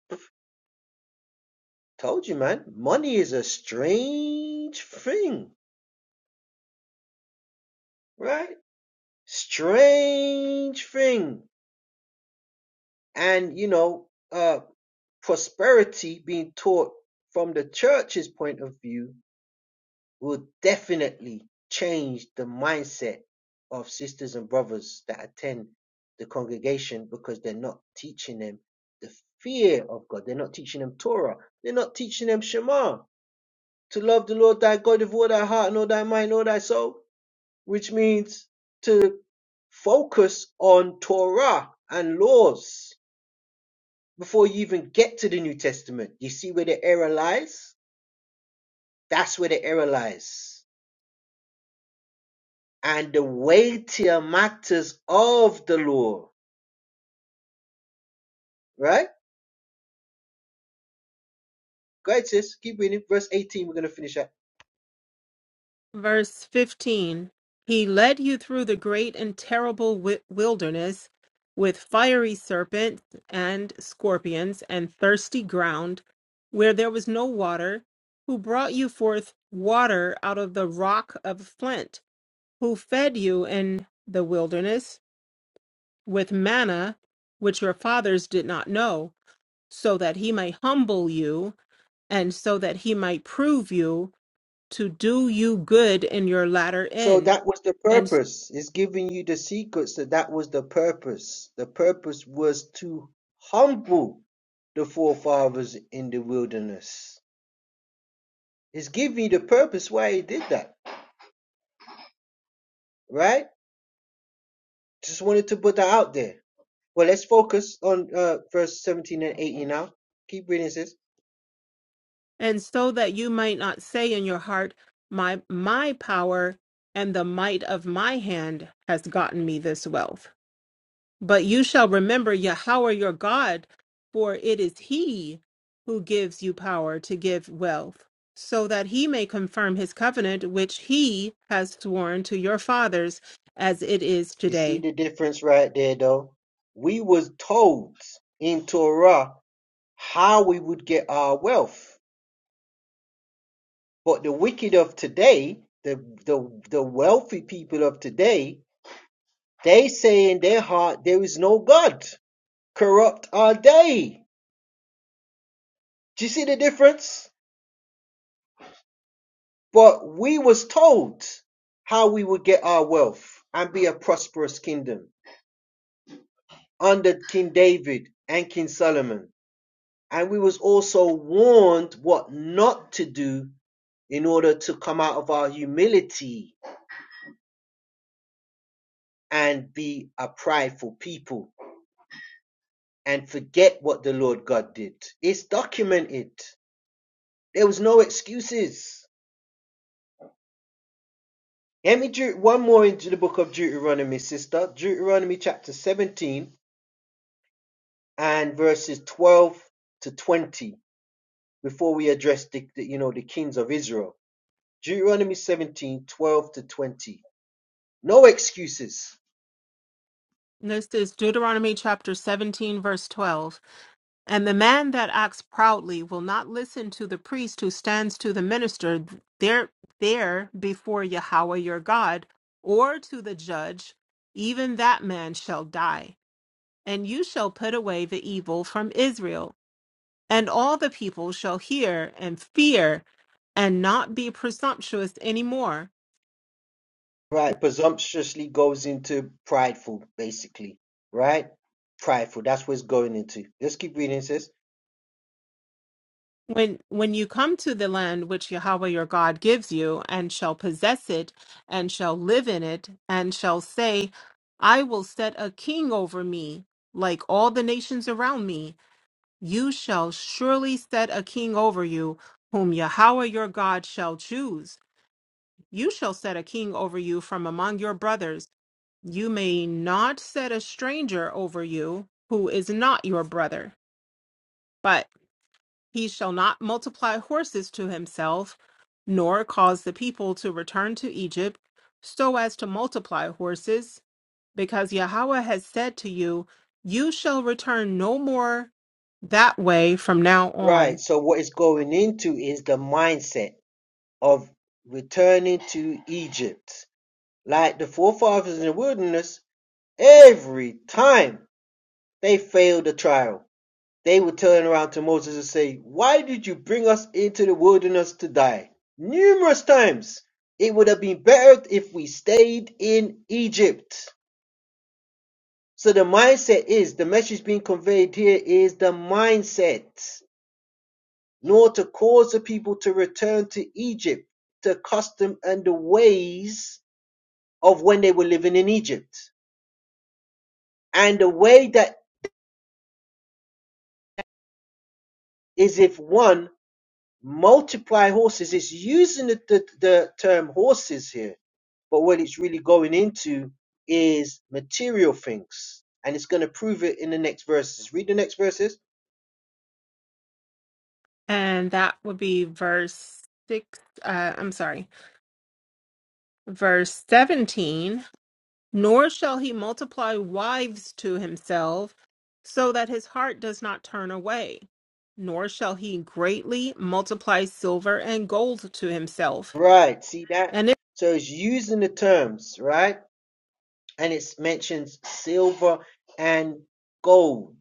Speaker 1: Told you, man, money is a strange thing, right? strange thing and you know uh prosperity being taught from the church's point of view will definitely change the mindset of sisters and brothers that attend the congregation because they're not teaching them the fear of God. They're not teaching them Torah. They're not teaching them Shema to love the Lord thy God with all thy heart and all thy mind, and all thy soul. which means to focus on Torah and laws before you even get to the New Testament. You see where the error lies? That's where the error lies. And the weightier matters of the law, right? Great, sis. Keep reading. Verse 18, we're going to finish up.
Speaker 2: Verse 15 He led you through the great and terrible wi- wilderness with fiery serpents and scorpions and thirsty ground where there was no water, who brought you forth water out of the rock of flint, who fed you in the wilderness with manna, which your fathers did not know, so that he might humble you and so that he might prove you to do you good in your latter
Speaker 1: So
Speaker 2: end,
Speaker 1: that was the
Speaker 2: and
Speaker 1: purpose. It's giving you the secrets that that was the purpose. The purpose was to humble the forefathers in the wilderness Is give me the purpose why he did that, right? Just wanted to put that out there. Well, let's focus on uh, verse 17 and 18 now. Keep reading, this.
Speaker 2: and so that you might not say in your heart, my my power and the might of my hand has gotten me this wealth. But you shall remember Yahweh your God, for it is He who gives you power to give wealth, so that He may confirm His covenant which He has sworn to your fathers, as it is
Speaker 1: You see
Speaker 2: today.
Speaker 1: the difference right there, though. We was told in Torah how we would get our wealth, but the wicked of today, the the the wealthy people of today, they say in their heart there is no God. Corrupt are they. Do you see the difference? But we was told how we would get our wealth and be a prosperous kingdom under King David and King Solomon. And we was also warned what not to do in order to come out of our humility and be a prideful people and forget what the Lord God did. It's documented. There was no excuses. Let me do one more into the book of Deuteronomy, sister. Deuteronomy chapter 17 and verses 12 to 20 before we address the, the, you know the kings of Israel. Deuteronomy 17 12 to 20. No excuses.
Speaker 2: And This is Deuteronomy chapter 17, verse 12. And the man that acts proudly will not listen to the priest who stands to the minister there, there before Yahweh your God, or to the judge, even that man shall die. And you shall put away the evil from Israel. And all the people shall hear and fear and not be presumptuous any more
Speaker 1: Right, presumptuously goes into prideful, basically. Right? Prideful. That's what it's going into. Let's keep reading, it says.
Speaker 2: When when you come to the land which Yahweh your God gives you, and shall possess it, and shall live in it, and shall say, I will set a king over me, like all the nations around me, you shall surely set a king over you, whom Yahweh your God shall choose. You shall set a king over you from among your brothers. You may not set a stranger over you who is not your brother. but. He shall not multiply horses to himself, nor cause the people to return to Egypt, so as to multiply horses, because Yahweh has said to you, You shall return no more that way from now
Speaker 1: Right.
Speaker 2: on.
Speaker 1: So what it's going into is the mindset of returning to Egypt. Like the forefathers in the wilderness, every time they failed the trial They would turn around to Moses and say, Why did you bring us into the wilderness to die? Numerous times. It would have been better if we stayed in Egypt. So the mindset is the message being conveyed here is the mindset, nor to cause the people to return to Egypt, the custom and the ways of when they were living in Egypt. And the way that is if one multiply horses, is using the, the, the term horses here but what it's really going into is material things. And it's going to prove it in the next verses. Read the next verses.
Speaker 2: And that would be verse 6, uh, I'm sorry, verse 17. Nor shall he multiply wives to himself, so that his heart does not turn away. Nor shall he greatly multiply silver and gold to himself.
Speaker 1: Right, see that?
Speaker 2: And it,
Speaker 1: So it's using the terms, right? And it mentions silver and gold.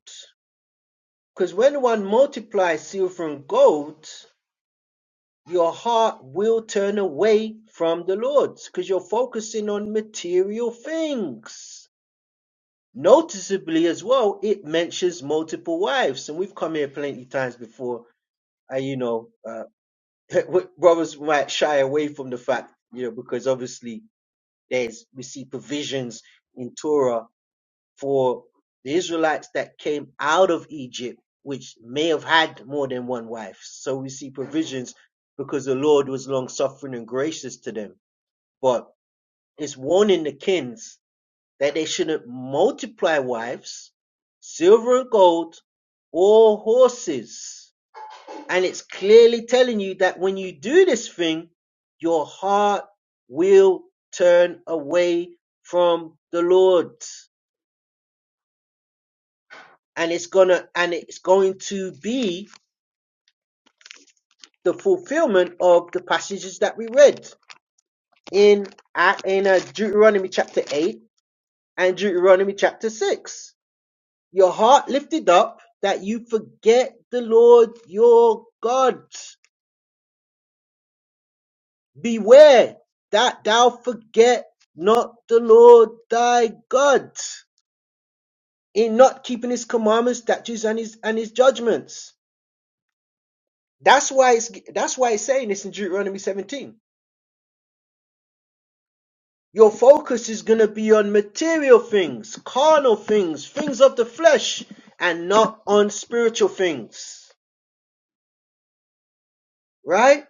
Speaker 1: Because when one multiplies silver and gold, your heart will turn away from the Lord because you're focusing on material things. Noticeably as well, it mentions multiple wives, and we've come here plenty times before. And you know, uh, brothers might shy away from the fact, you know, because obviously there's we see provisions in Torah for the Israelites that came out of Egypt, which may have had more than one wife. So we see provisions because the Lord was long suffering and gracious to them. But it's warning the kins that they shouldn't multiply wives, silver and gold, or horses. And it's clearly telling you that when you do this thing, your heart will turn away from the Lord. And it's gonna and it's going to be the fulfillment of the passages that we read in in uh, Deuteronomy chapter 8 and Deuteronomy chapter 6. your heart lifted up that you forget the Lord your God. Beware that thou forget not the Lord thy God in not keeping his commandments, statutes, and his and his judgments. That's why it's that's why it's saying this in Deuteronomy 17. Your focus is gonna be on material things, carnal things, things of the flesh, and not on spiritual things. Right?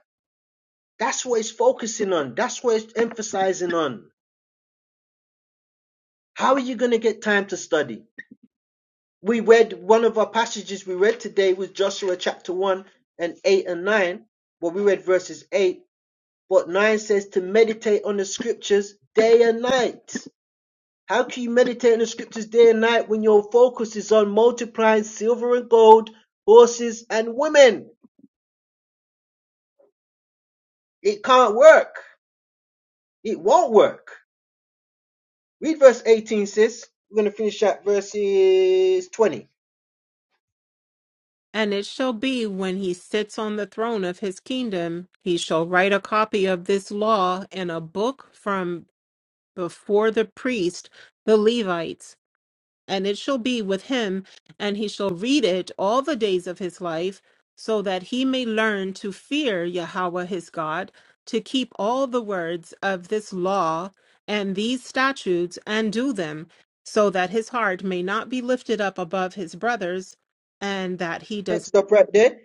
Speaker 1: That's what it's focusing on. That's what it's emphasizing on. How are you going to get time to study? We read one of our passages we read today was Joshua chapter 1 and 8 and 9. Well, we read verses 8, but 9 says to meditate on the scriptures day and night. How can you meditate on the scriptures day and night when your focus is on multiplying silver and gold, horses and women? It can't work. It won't work. Read verse 18, sis. We're going to finish at verses 20.
Speaker 2: and it shall be when he sits on the throne of his kingdom, he shall write a copy of this law in a book from before the priest, the Levites and it shall be with him, and he shall read it all the days of his life, so that he may learn to fear Yahweh his God, to keep all the words of this law and these statutes, and do them, so that his heart may not be lifted up above his brothers, and that he does
Speaker 1: Next up, right there.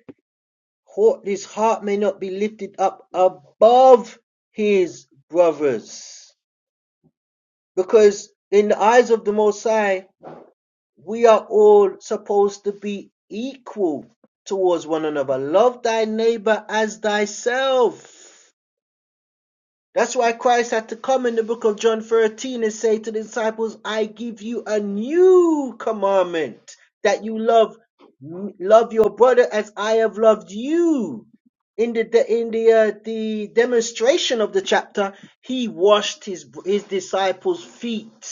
Speaker 1: His heart may not be lifted up above his brothers. Because in the eyes of the Most High, we are all supposed to be equal towards one another. Love thy neighbor as thyself. That's why Christ had to come in the book of John 13 and say to the disciples, I give you a new commandment that you love love your brother as I have loved you. In the the- in the uh, the demonstration of the chapter, he washed his his disciples' feet.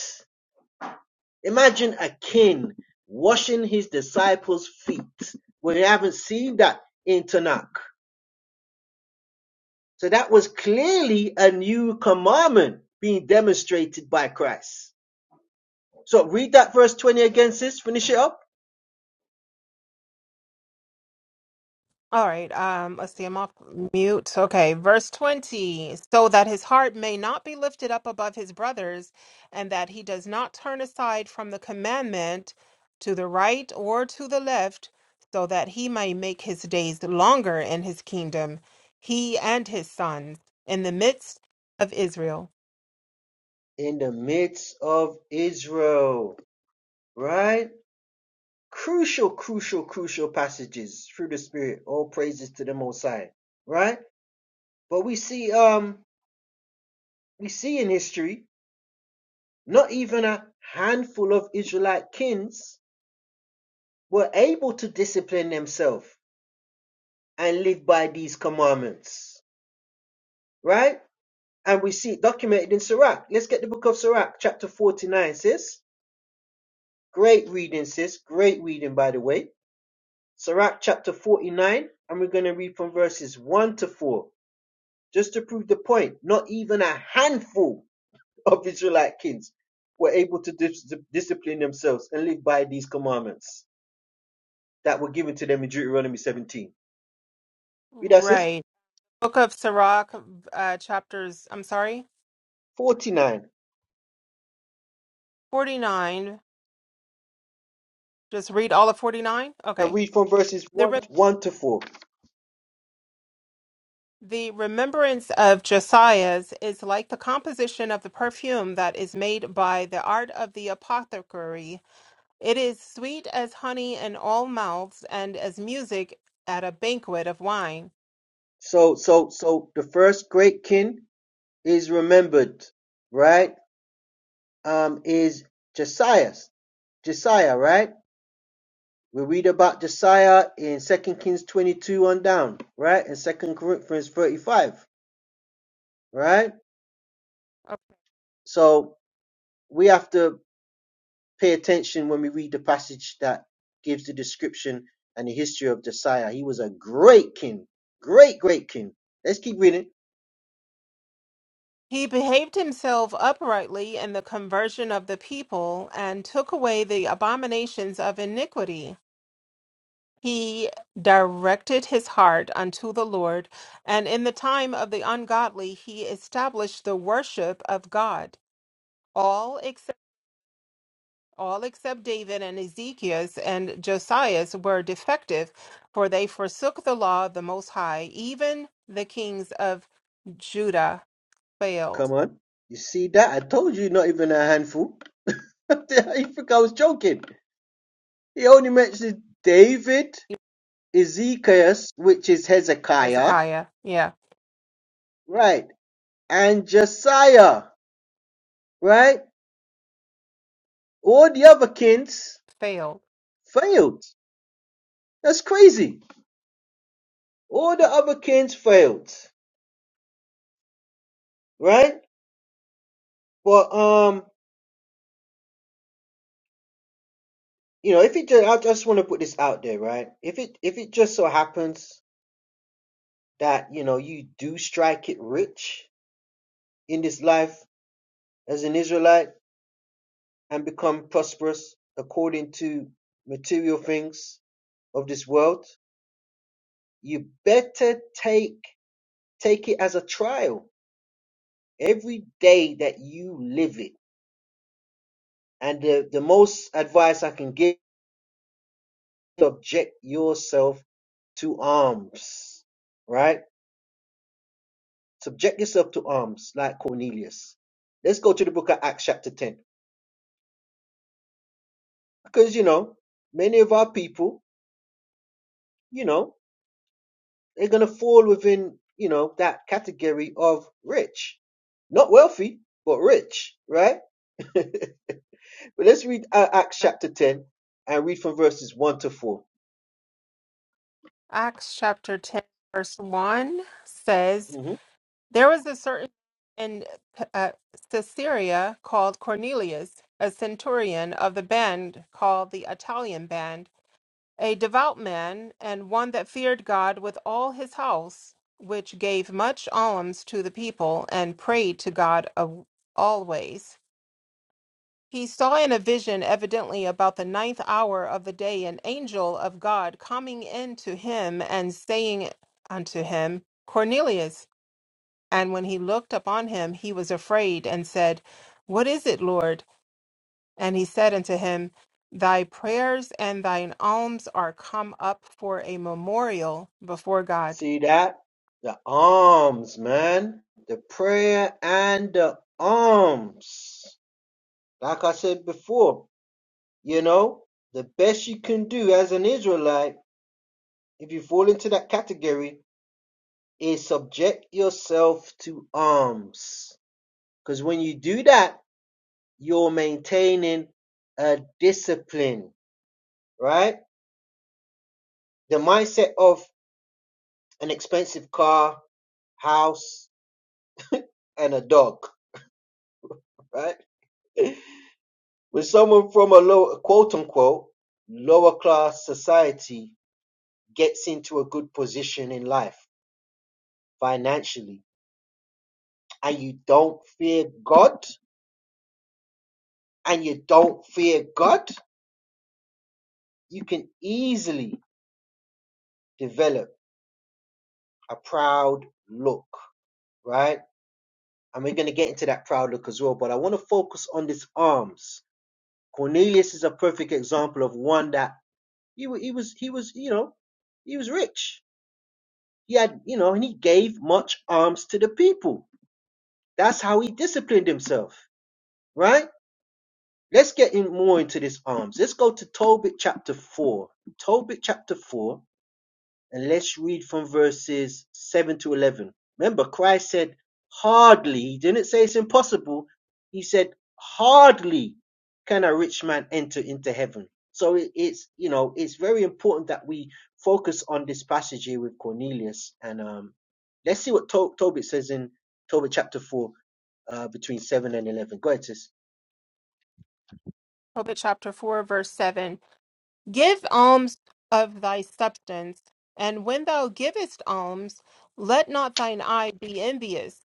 Speaker 1: Imagine a king washing his disciples' feet. We haven't seen that in Tanakh. So that was clearly a new commandment being demonstrated by Christ. So read that verse 20 again, sis. Finish it up.
Speaker 2: All right, um, let's see, I'm off mute. Okay, verse 20. So that his heart may not be lifted up above his brothers, and that he does not turn aside from the commandment to the right or to the left, so that he may make his days longer in his kingdom, he and his sons, in the midst of Israel.
Speaker 1: In the midst of Israel, right? Crucial, crucial, crucial passages through the Spirit. All praises to the Most High, right? But we see, um, we see in history, not even a handful of Israelite kings were able to discipline themselves and live by these commandments, right? and we see it documented in Sirach. Let's get the book of Sirach, chapter 49, sis. Great reading, sis. Great reading, by the way. Sirach, chapter 49, and we're going to read from verses 1 to 4, just to prove the point. Not even a handful of Israelite kids were able to dis- discipline themselves and live by these commandments that were given to them in Deuteronomy 17. Read that, sis.
Speaker 2: Right. Book of Sirach, uh, chapters, I'm sorry,
Speaker 1: 49.
Speaker 2: 49. Just read all of 49?
Speaker 1: I
Speaker 2: Okay.
Speaker 1: read from verses 1, 1 to 4.
Speaker 2: The remembrance of Josias is like the composition of the perfume that is made by the art of the apothecary. It is sweet as honey in all mouths and as music at a banquet of wine.
Speaker 1: So, so, so the first great king is remembered, right? Um, is Josiah. Josiah, right? We read about Josiah in 2 Kings 22 on down, right? And 2 Corinthians 35, right? So we have to pay attention when we read the passage that gives the description and the history of Josiah. He was a great king, great, great king. Let's keep reading.
Speaker 2: He behaved himself uprightly in the conversion of the people and took away the abominations of iniquity. He directed his heart unto the Lord, and in the time of the ungodly he established the worship of God. all except all except David and Ezekias and Josias were defective, for they forsook the law of the Most High. Even the kings of Judah
Speaker 1: Come
Speaker 2: failed.
Speaker 1: on. You see that? I told you not even a handful. you think I was joking? He only mentions David, Ezekiel, which is Hezekiah,
Speaker 2: Hezekiah, yeah,
Speaker 1: right, and Josiah, right? All the other kings
Speaker 2: failed.
Speaker 1: failed. That's crazy. All the other kings failed, right? But um, you know, if it just, I just want to put this out there, right? If it if it just so happens that you know you do strike it rich in this life as an Israelite and become prosperous according to material things of this world, you better take take it as a trial every day that you live it. And the, the most advice I can give subject yourself to arms. Right? Subject yourself to arms like Cornelius. Let's go to the book of Acts chapter 10. Because you know, many of our people, you know, they're gonna fall within you know that category of rich, not wealthy but rich, right? but let's read uh, Acts chapter ten and read from verses one to 4
Speaker 2: Acts chapter 10, verse 1 says,
Speaker 1: Mm-hmm.
Speaker 2: There was a certain in uh, Caesarea called Cornelius, a centurion of the band called the Italian band a devout man, and one that feared God with all his house, which gave much alms to the people, and prayed to God of- always. He saw in a vision, evidently about the ninth hour of the day, an angel of God coming in to him and saying unto him, Cornelius. And when he looked upon him, he was afraid and said, What is it, Lord? And he said unto him, Thy prayers and thine alms are come up for a memorial before God.
Speaker 1: See that the alms, man, the prayer and the alms. Like I said before, you know the best you can do as an Israelite if you fall into that category is subject yourself to alms Because when you do that, you're maintaining a discipline, right? The mindset of an expensive car, house, and a dog, right? when someone from a low, quote unquote, lower class society gets into a good position in life financially, and you don't fear God, and you don't fear God, you can easily develop a proud look, right? and we're going to get into that proud look as well. But I want to focus on this arms. Cornelius is a perfect example of one that he, wa- he was he was you know he was rich. He had you know and he gave much alms to the people. That's how he disciplined himself, right? Let's get in more into this alms. Let's go to Tobit chapter four. Tobit chapter four And let's read from verses 7 to 11. Remember, Christ said, hardly, he didn't say it's impossible. He said, hardly can a rich man enter into heaven. So it's, you know, it's very important that we focus on this passage here with Cornelius. And um, let's see what to- Tobit says in Tobit chapter 4, uh, between 7 and 11. Go ahead, sis.
Speaker 2: Hobart chapter 4, verse 7. Give alms of thy substance, and when thou givest alms, let not thine eye be envious,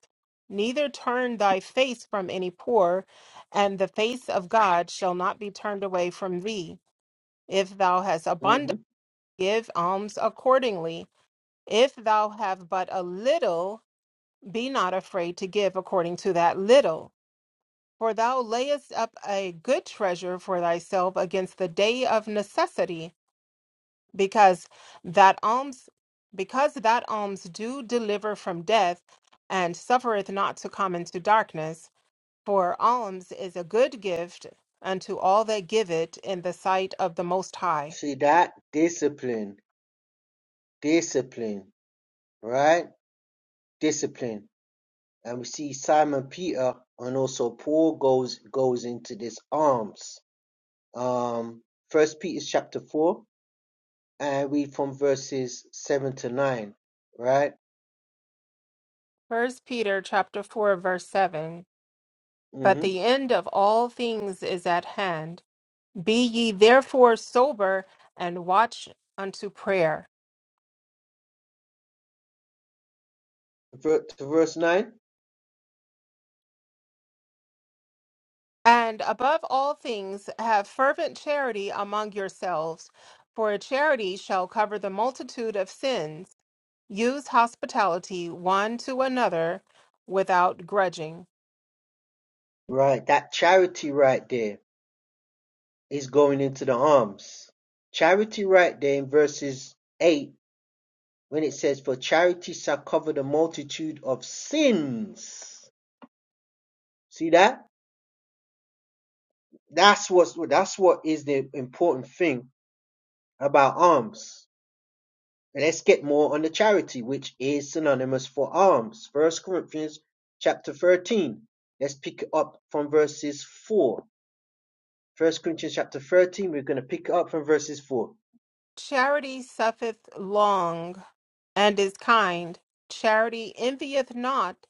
Speaker 2: neither turn thy face from any poor, and the face of God shall not be turned away from thee. If thou hast
Speaker 1: hmm
Speaker 2: abundant, give alms accordingly. If thou have but a little, Be not afraid to give according to that little, for thou layest up a good treasure for thyself against the day of necessity, because that alms because that alms do deliver from death, and suffereth not to come into darkness, for alms is a good gift unto all that give it in the sight of the most high.
Speaker 1: See that? Discipline. Discipline. Right? Discipline And we see Simon Peter and also Paul goes goes into this alms. Um first Peter chapter four and read from verses seven to nine, right?
Speaker 2: First Peter chapter four verse seven. But
Speaker 1: Mm-hmm.
Speaker 2: the end of all things is at hand. Be ye therefore sober and watch unto prayer.
Speaker 1: to verse nine.
Speaker 2: And above all things, have fervent charity among yourselves, for charity shall cover the multitude of sins. Use hospitality one to another without grudging.
Speaker 1: Right, that charity right there is going into the alms. Charity right there in verses eight, when it says, For charity shall cover the multitude of sins. See that? That's what's that's what is the important thing about alms. Let's get more on the charity, which is synonymous for alms. First Corinthians chapter 13. Let's pick it up from verses 4. First Corinthians chapter 13, we're going to pick it up from verses 4.
Speaker 2: Charity suffeth long and is kind. Charity envieth not.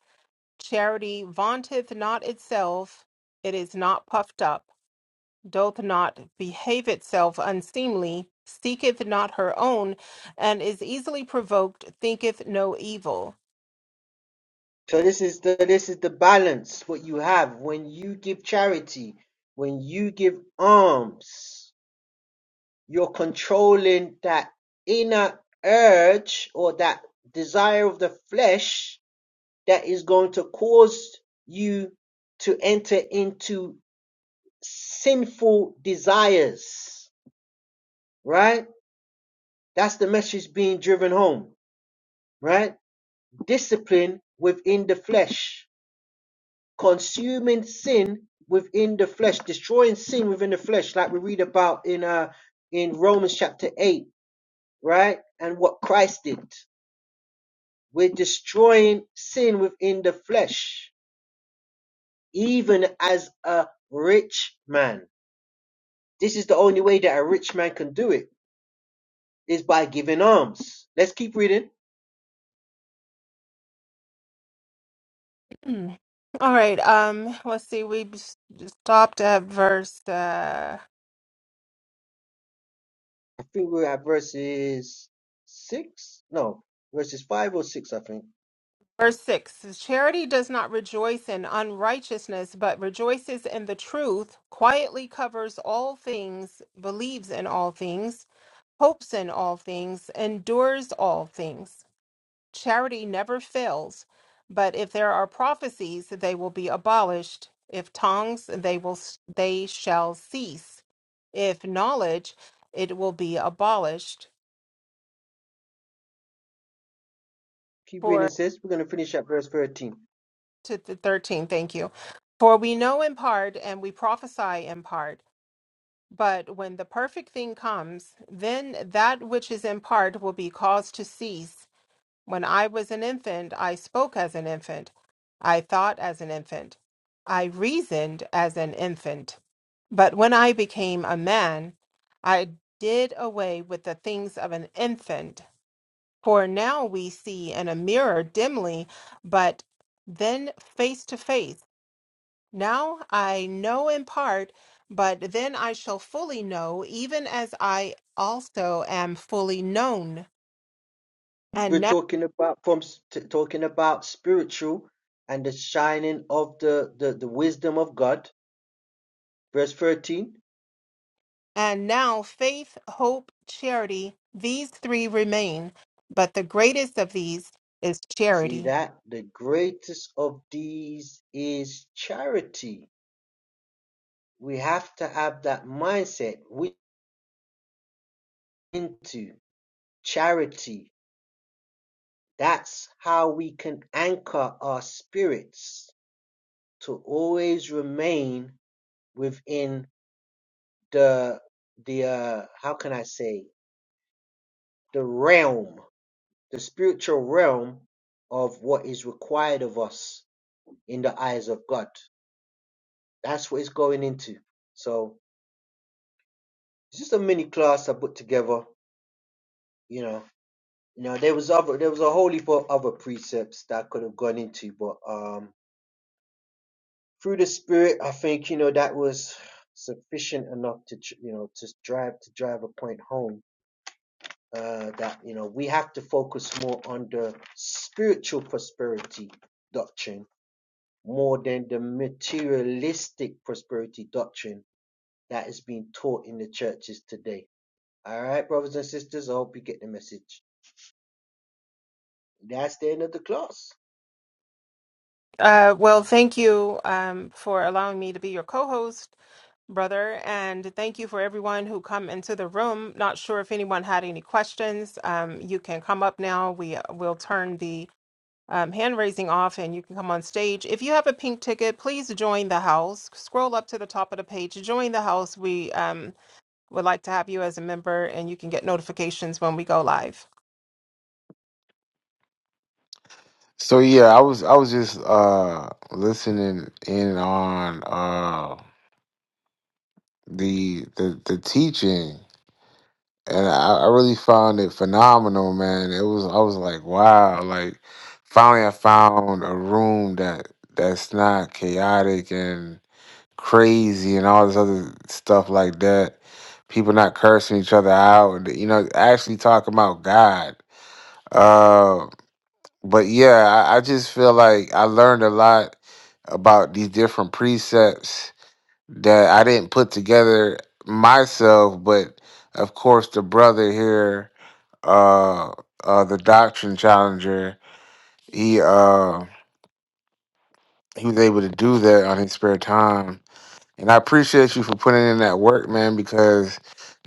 Speaker 2: Charity vaunteth not itself. It is not puffed up doth not behave itself unseemly, seeketh not her own, and is easily provoked, thinketh no evil.
Speaker 1: So this is the this is the balance what you have when you give charity, when you give alms, you're controlling that inner urge or that desire of the flesh that is going to cause you to enter into sinful desires, right? That's the message being driven home, right? Discipline within the flesh, consuming sin within the flesh, destroying sin within the flesh, like we read about in uh in Romans chapter 8, right? And what Christ did. We're destroying sin within the flesh, even as a rich man This is the only way that a rich man can do it is by giving alms. Let's keep reading.
Speaker 2: All right, um, let's see, we s- stopped at verse uh
Speaker 1: I think we're at verses six. No, verses five or six. I think.
Speaker 2: verse six. Charity does not rejoice in unrighteousness, but rejoices in the truth, quietly covers all things, believes in all things, hopes in all things, endures all things. Charity never fails, but if there are prophecies, they will be abolished. If tongues, they will they shall cease. If knowledge, it will be abolished.
Speaker 1: Keep reading.
Speaker 2: For
Speaker 1: It says we're going to finish at verse thirteen.
Speaker 2: to the thirteen, thank you. For we know in part and we prophesy in part. But when the perfect thing comes, then that which is in part will be caused to cease When I was an infant, I spoke as an infant. I thought as an infant. I reasoned as an infant. But when I became a man, I did away with the things of an infant. For now we see in a mirror dimly, but then face to face. Now I know in part, but then I shall fully know, even as I also am fully known.
Speaker 1: We're talking about from s- t- talking about spiritual and the shining of the, the the wisdom of God. Verse thirteen.
Speaker 2: And now faith, hope, charity, these three remain, but the greatest of these is
Speaker 1: See
Speaker 2: charity.
Speaker 1: that the greatest of these is charity. We have to have that mindset. We into. Charity, that's how we can anchor our spirits to always remain within the the uh, how can I say the realm, the spiritual realm of what is required of us in the eyes of God. That's what it's going into. So it's just a mini class I put together. You know, you know there was other there was a whole heap of other precepts that I could have gone into, but um through the spirit, I think you know that was sufficient enough to you know to drive to drive a point home uh, that you know we have to focus more on the spiritual prosperity doctrine more than the materialistic prosperity doctrine that is being taught in the churches today. All right, brothers and sisters, I hope you get the message. That's the end of the class.
Speaker 2: Uh, well, thank you um, for allowing me to be your co host, brother, and thank you for everyone who come into the room. Not sure if anyone had any questions. Um, you can come up now. We will turn the um, hand raising off and you can come on stage. If you have a pink ticket, please join the house. Scroll up to the top of the page, join the house. We um, would like to have you as a member and you can get notifications when we go live.
Speaker 4: So yeah, I was I was just uh listening in on uh the the the teaching and I, I really found it phenomenal, man. It was I was like, wow, like finally I found a room that that's not chaotic and crazy and all this other stuff like that. People not cursing each other out, and, you know, actually talking about God. Uh, but yeah, I, I just feel like I learned a lot about these different precepts that I didn't put together myself, but of course the brother here, uh, uh the doctrine challenger, he uh he was able to do that on his spare time. And I appreciate you for putting in that work, man, because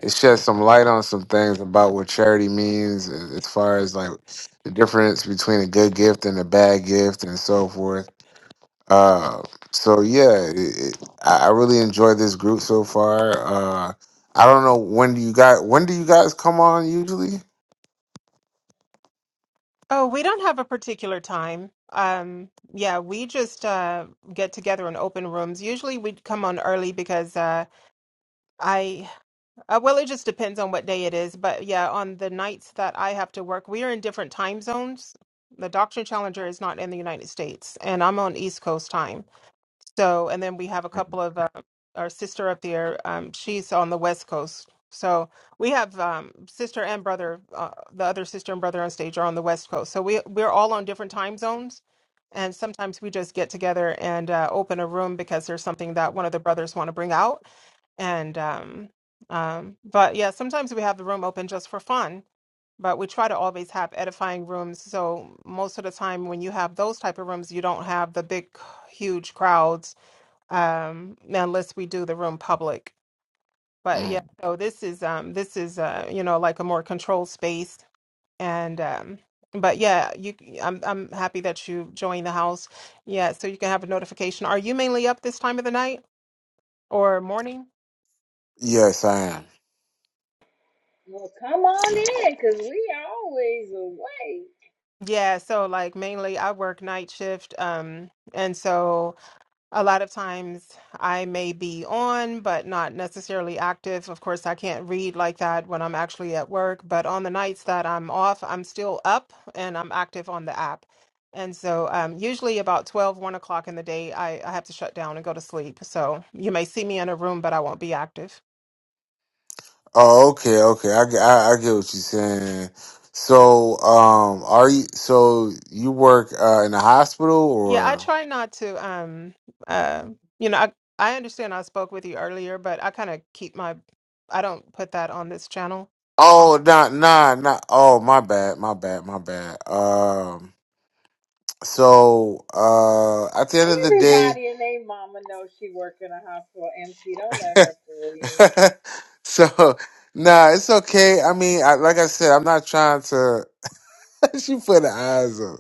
Speaker 4: it sheds some light on some things about what charity means as as far as like the difference between a good gift and a bad gift and so forth Uh, so yeah, it, it, I I really enjoy this group so far. Uh, I don't know when do you guys when do you guys come on usually?
Speaker 2: Oh, we don't have a particular time. Um, yeah, we just uh, get together in open rooms. Usually we would come on early because uh, I, uh, well, it just depends on what day it is. But yeah, on the nights that I have to work, we are in different time zones. The Doctrine Challenger is not in the United States, and I'm on East Coast time. So, and then we have a couple of uh, our sister up there. Um, she's on the West Coast. So we have um, sister and brother. Uh, the other sister and brother on stage are on the West Coast. So we we're all on different time zones, and sometimes we just get together and uh, open a room because there's something that one of the brothers want to bring out. And um, um, but yeah, sometimes we have the room open just for fun. But we try to always have edifying rooms. So most of the time, when you have those type of rooms, you don't have the big, huge crowds um unless we do the room public but yeah
Speaker 4: Mm.
Speaker 2: so this is um this is uh you know like a more controlled space and um but yeah you i'm i'm happy that you joined the house yeah so you can have a notification are you mainly up this time of the night or morning
Speaker 4: Yes, I am.
Speaker 5: Well, come
Speaker 4: So-
Speaker 5: on in, cause we always away.
Speaker 2: yeah so like mainly i work night shift um and so a lot of times I may be on, but not necessarily active. Of course, I can't read like that when I'm actually at work, but on the nights that I'm off, I'm still up and I'm active on the app. And so, um, usually about 12, 1 o'clock in the day, I, I have to shut down and go to sleep. So you may see me in a room, but I won't be active.
Speaker 4: oh, okay, okay. I, get- I I get what you're saying. So, um, are you so you work uh in a hospital
Speaker 2: Yeah, I
Speaker 4: or?
Speaker 2: try not to, um, uh, you know, I, I understand I spoke with you earlier, but I kind of keep my, I don't put that on this channel.
Speaker 4: Oh, not nah, nah. Oh, my bad, my bad, my bad. Um, so uh, at the end of the day.
Speaker 5: Everybody and they mama knows she work in a hospital, MC. Don't let her fool you.
Speaker 4: so nah, it's okay. I mean, I, like I said, I'm not trying to. she put her eyes on.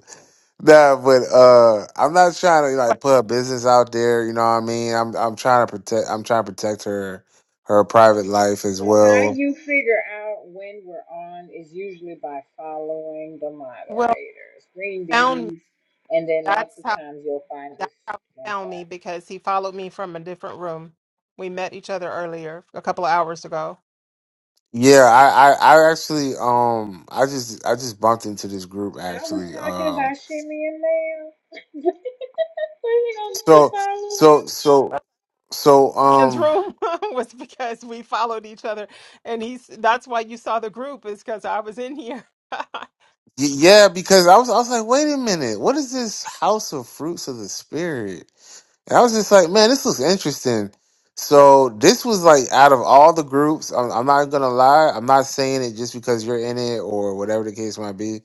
Speaker 4: Nah, but uh, I'm not trying to
Speaker 2: But-
Speaker 4: like put her business out there. You know what I mean? I'm I'm trying to protect. I'm trying to protect her her private life as
Speaker 5: So how
Speaker 4: well.
Speaker 5: you figure out when we're on is usually by following the
Speaker 2: Well,
Speaker 5: moderators, green
Speaker 2: found me.
Speaker 5: beans, and then lots
Speaker 2: That's
Speaker 5: of
Speaker 2: how
Speaker 5: times you'll find us
Speaker 2: That's how he
Speaker 5: like
Speaker 2: found me
Speaker 5: that.
Speaker 2: because he followed me from a different room. We met each other earlier, a couple of hours ago.
Speaker 4: Yeah, I, I I actually um I just I just bumped into this group
Speaker 5: I was
Speaker 4: actually.
Speaker 5: talking
Speaker 4: Um,
Speaker 5: about Shimmy and Ma'am. When we on to
Speaker 4: so
Speaker 5: follow her.
Speaker 4: so so
Speaker 2: Well,
Speaker 4: so
Speaker 2: Ian's
Speaker 4: um.
Speaker 2: room was because we followed each other, and he's that's why you saw the group is because I was in here.
Speaker 4: Y- Yeah, because I was I was like, wait a minute, what is this House of Fruits of the Spirit? And I was just like, man, this looks interesting. So this was like out of all the groups, I'm, I'm not gonna lie, I'm not saying it just because you're in it or whatever the case might be.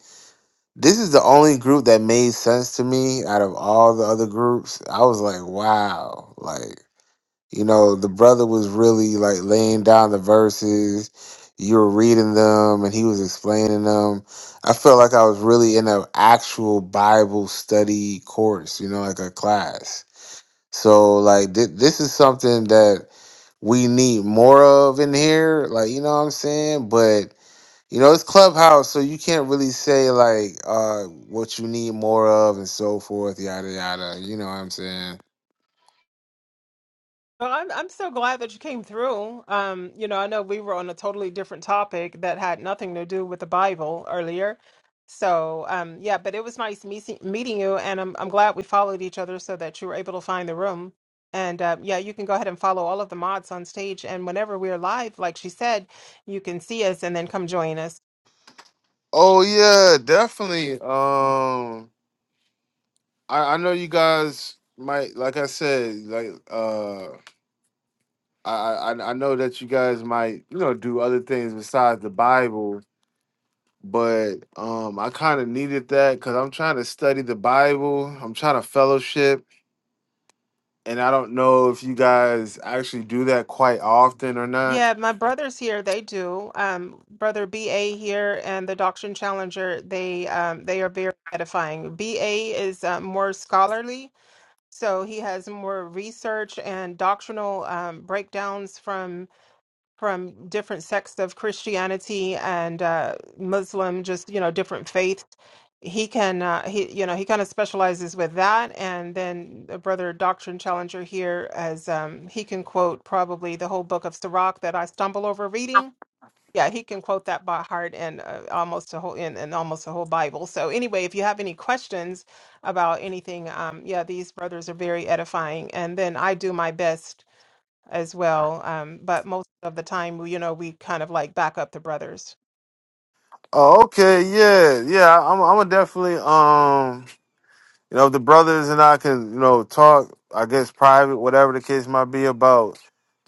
Speaker 4: This is the only group that made sense to me out of all the other groups. I was like, wow, like. You know, the brother was really like laying down the verses. You were reading them and he was explaining them. I felt like I was really in an actual Bible study course, you know, like a class. So, like, thi- this is something that we need more of in here. Like, you know what I'm saying? But, you know, it's Clubhouse, so you can't really say, like, uh, what you need more of and so forth, yada, yada. You know what I'm saying?
Speaker 2: Well, I'm I'm so glad that you came through. Um, you know, I know we were on a totally different topic that had nothing to do with the Bible earlier. So, um, yeah, but it was nice meeting meeting you, and I'm I'm glad we followed each other so that you were able to find the room. And uh, yeah, you can go ahead and follow all of the mods on stage, and whenever we're live, like she said, you can see us and then come join us.
Speaker 4: Oh yeah, definitely. Um, I I know you guys might, like I said, like uh, I I I I know that you guys might you know do other things besides the Bible, but um, I kind of needed that because I'm trying to study the Bible. I'm trying to fellowship, and I don't know if you guys actually do that quite often or not.
Speaker 2: Yeah, my brothers here, they do. Um, brother BA here and the Doctrine Challenger, they um they are very edifying. BA is um, more scholarly, so he has more research and doctrinal um breakdowns from from different sects of Christianity and uh, Muslim, just you know, different faiths. He can, uh, he you know, he kind of specializes with that. And then the brother Doctrine Challenger here, as um, he can quote probably the whole book of Sirach that I stumble over reading. Yeah, he can quote that by heart and uh, almost a whole and, and almost a whole Bible. So anyway, if you have any questions about anything, um, yeah, these brothers are very edifying. And then I do my best as well. Um, but most of the time, we- you know, we kind of like back up the brothers.
Speaker 4: Oh, okay, yeah, yeah. I'm I'm gonna definitely um You know, if the brothers and I can, you know, talk, I guess, private, whatever the case might be, about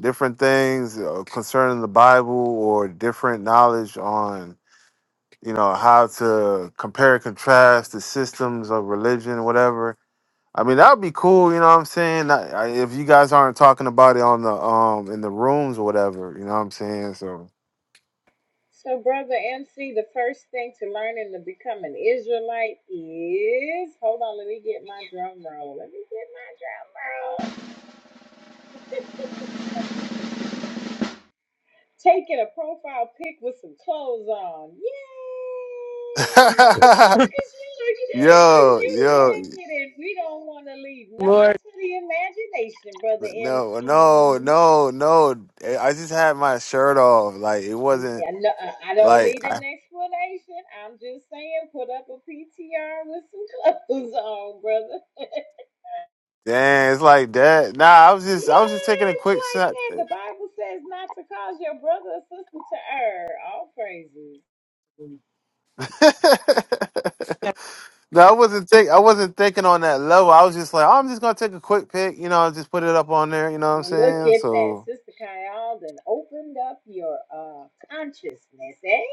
Speaker 4: different things uh, concerning the Bible or different knowledge on, you know, how to compare and contrast the systems of religion, whatever. I mean, that would be cool. You know what I'm saying? I, I, if you guys aren't talking about it on the um in the rooms or whatever, you know what I'm saying? So,
Speaker 5: So, Brother MC, the first thing to learn and to become an Israelite is hold on, let me get my drum roll. Let me get my drum roll. Taking a profile pic with some clothes on. Yay! Because you, look, cause
Speaker 4: yo,
Speaker 5: you look
Speaker 4: yo,
Speaker 5: naked and we don't want to leave nothing
Speaker 2: Lord,
Speaker 5: to the imagination, Brother
Speaker 4: No, no,
Speaker 5: MC.
Speaker 4: no, no. I just had my shirt off. Like it wasn't
Speaker 5: I no- I- I don't
Speaker 4: like
Speaker 5: need an
Speaker 4: I,
Speaker 5: explanation. I'm just saying, put up a PTR with some clothes on, brother.
Speaker 4: damn, it's like that. Nah, I was just I was just taking a
Speaker 5: Yes,
Speaker 4: quick
Speaker 5: like
Speaker 4: snap.
Speaker 5: that. The
Speaker 4: no,
Speaker 5: Bible says not to cause your brother or sister to err. All praises.
Speaker 2: Yeah.
Speaker 4: I wasn't think I wasn't thinking on that level. I was just like, "Oh, I'm just gonna take a quick pic, you know, just put it up on there, you know what I'm
Speaker 5: Well, look
Speaker 4: saying?
Speaker 5: at that.
Speaker 4: So
Speaker 5: Sister Kyle then opened up your uh consciousness, eh?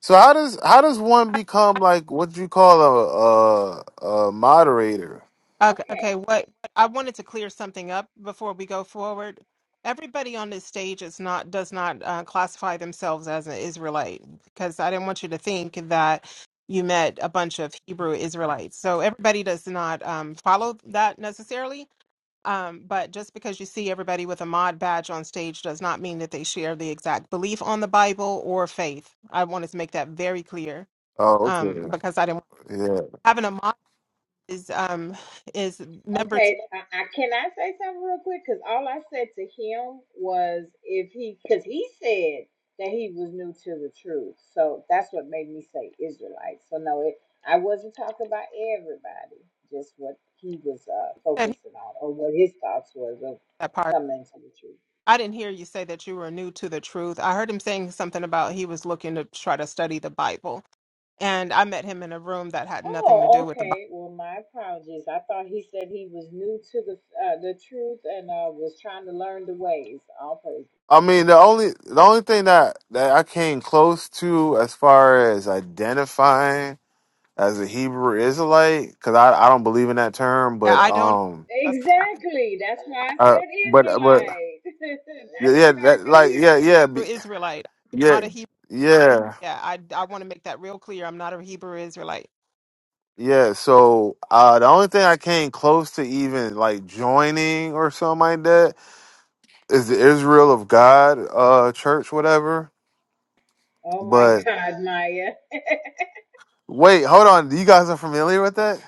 Speaker 4: so how does how does one become like what you call a a, a moderator?
Speaker 2: Okay,
Speaker 5: Okay.
Speaker 2: okay. What what- I wanted to clear something up before we go forward. Everybody on this stage is not does not uh, classify themselves as an Israelite because I didn't want you to think that you met a bunch of Hebrew Israelites. So everybody does not um, follow that necessarily. Um, but just because you see everybody with a mod badge on stage does not mean that they share the exact belief on the Bible or faith. I wanted to make that very clear
Speaker 4: Oh, okay.
Speaker 2: um, because I didn't
Speaker 4: Yeah.
Speaker 2: having a mod is um, is members he
Speaker 5: Okay, I, I can I say something real quick? Because all I said to him was if he, because he said that he was new to the truth, so that's what made me say Israelite. So no, it I wasn't talking about everybody, just what he was uh,
Speaker 2: said he-
Speaker 5: focusing on or what his thoughts was of
Speaker 2: that part.
Speaker 5: coming to the truth.
Speaker 2: I didn't hear you say that you were new to the truth. I heard him saying something about he was looking to try to study the Bible, and I met him in a room that had nothing to do
Speaker 5: Oh,
Speaker 2: with the Bible.
Speaker 5: okay. Well, my apologies. I thought he said he was new to the uh, the truth and uh, was trying to learn the ways. All praise.
Speaker 4: I mean, the only the only thing that that I came close to as far as identifying as a Hebrew Israelite, because I I don't believe in that term,
Speaker 2: Yeah,
Speaker 4: but
Speaker 2: I don't.
Speaker 4: um,
Speaker 2: That's why
Speaker 5: Exactly. That's why I
Speaker 4: uh,
Speaker 5: said
Speaker 4: but but
Speaker 5: Israelite. I
Speaker 4: yeah,
Speaker 5: took off
Speaker 4: that,
Speaker 5: the
Speaker 4: like yeah
Speaker 5: Hebrew.
Speaker 4: yeah
Speaker 2: I'm
Speaker 4: be-
Speaker 2: Israelite. I'm
Speaker 4: yeah
Speaker 2: not a Hebrew.
Speaker 4: yeah
Speaker 2: Yeah, I I want to make that real clear. I'm not a Hebrew Israelite.
Speaker 4: yeah. So uh, the only thing I came close to even like joining or something like that is the Israel of God uh church, whatever.
Speaker 5: Oh my
Speaker 4: But
Speaker 5: God, Maya.
Speaker 4: wait, hold on, you guys are familiar with that?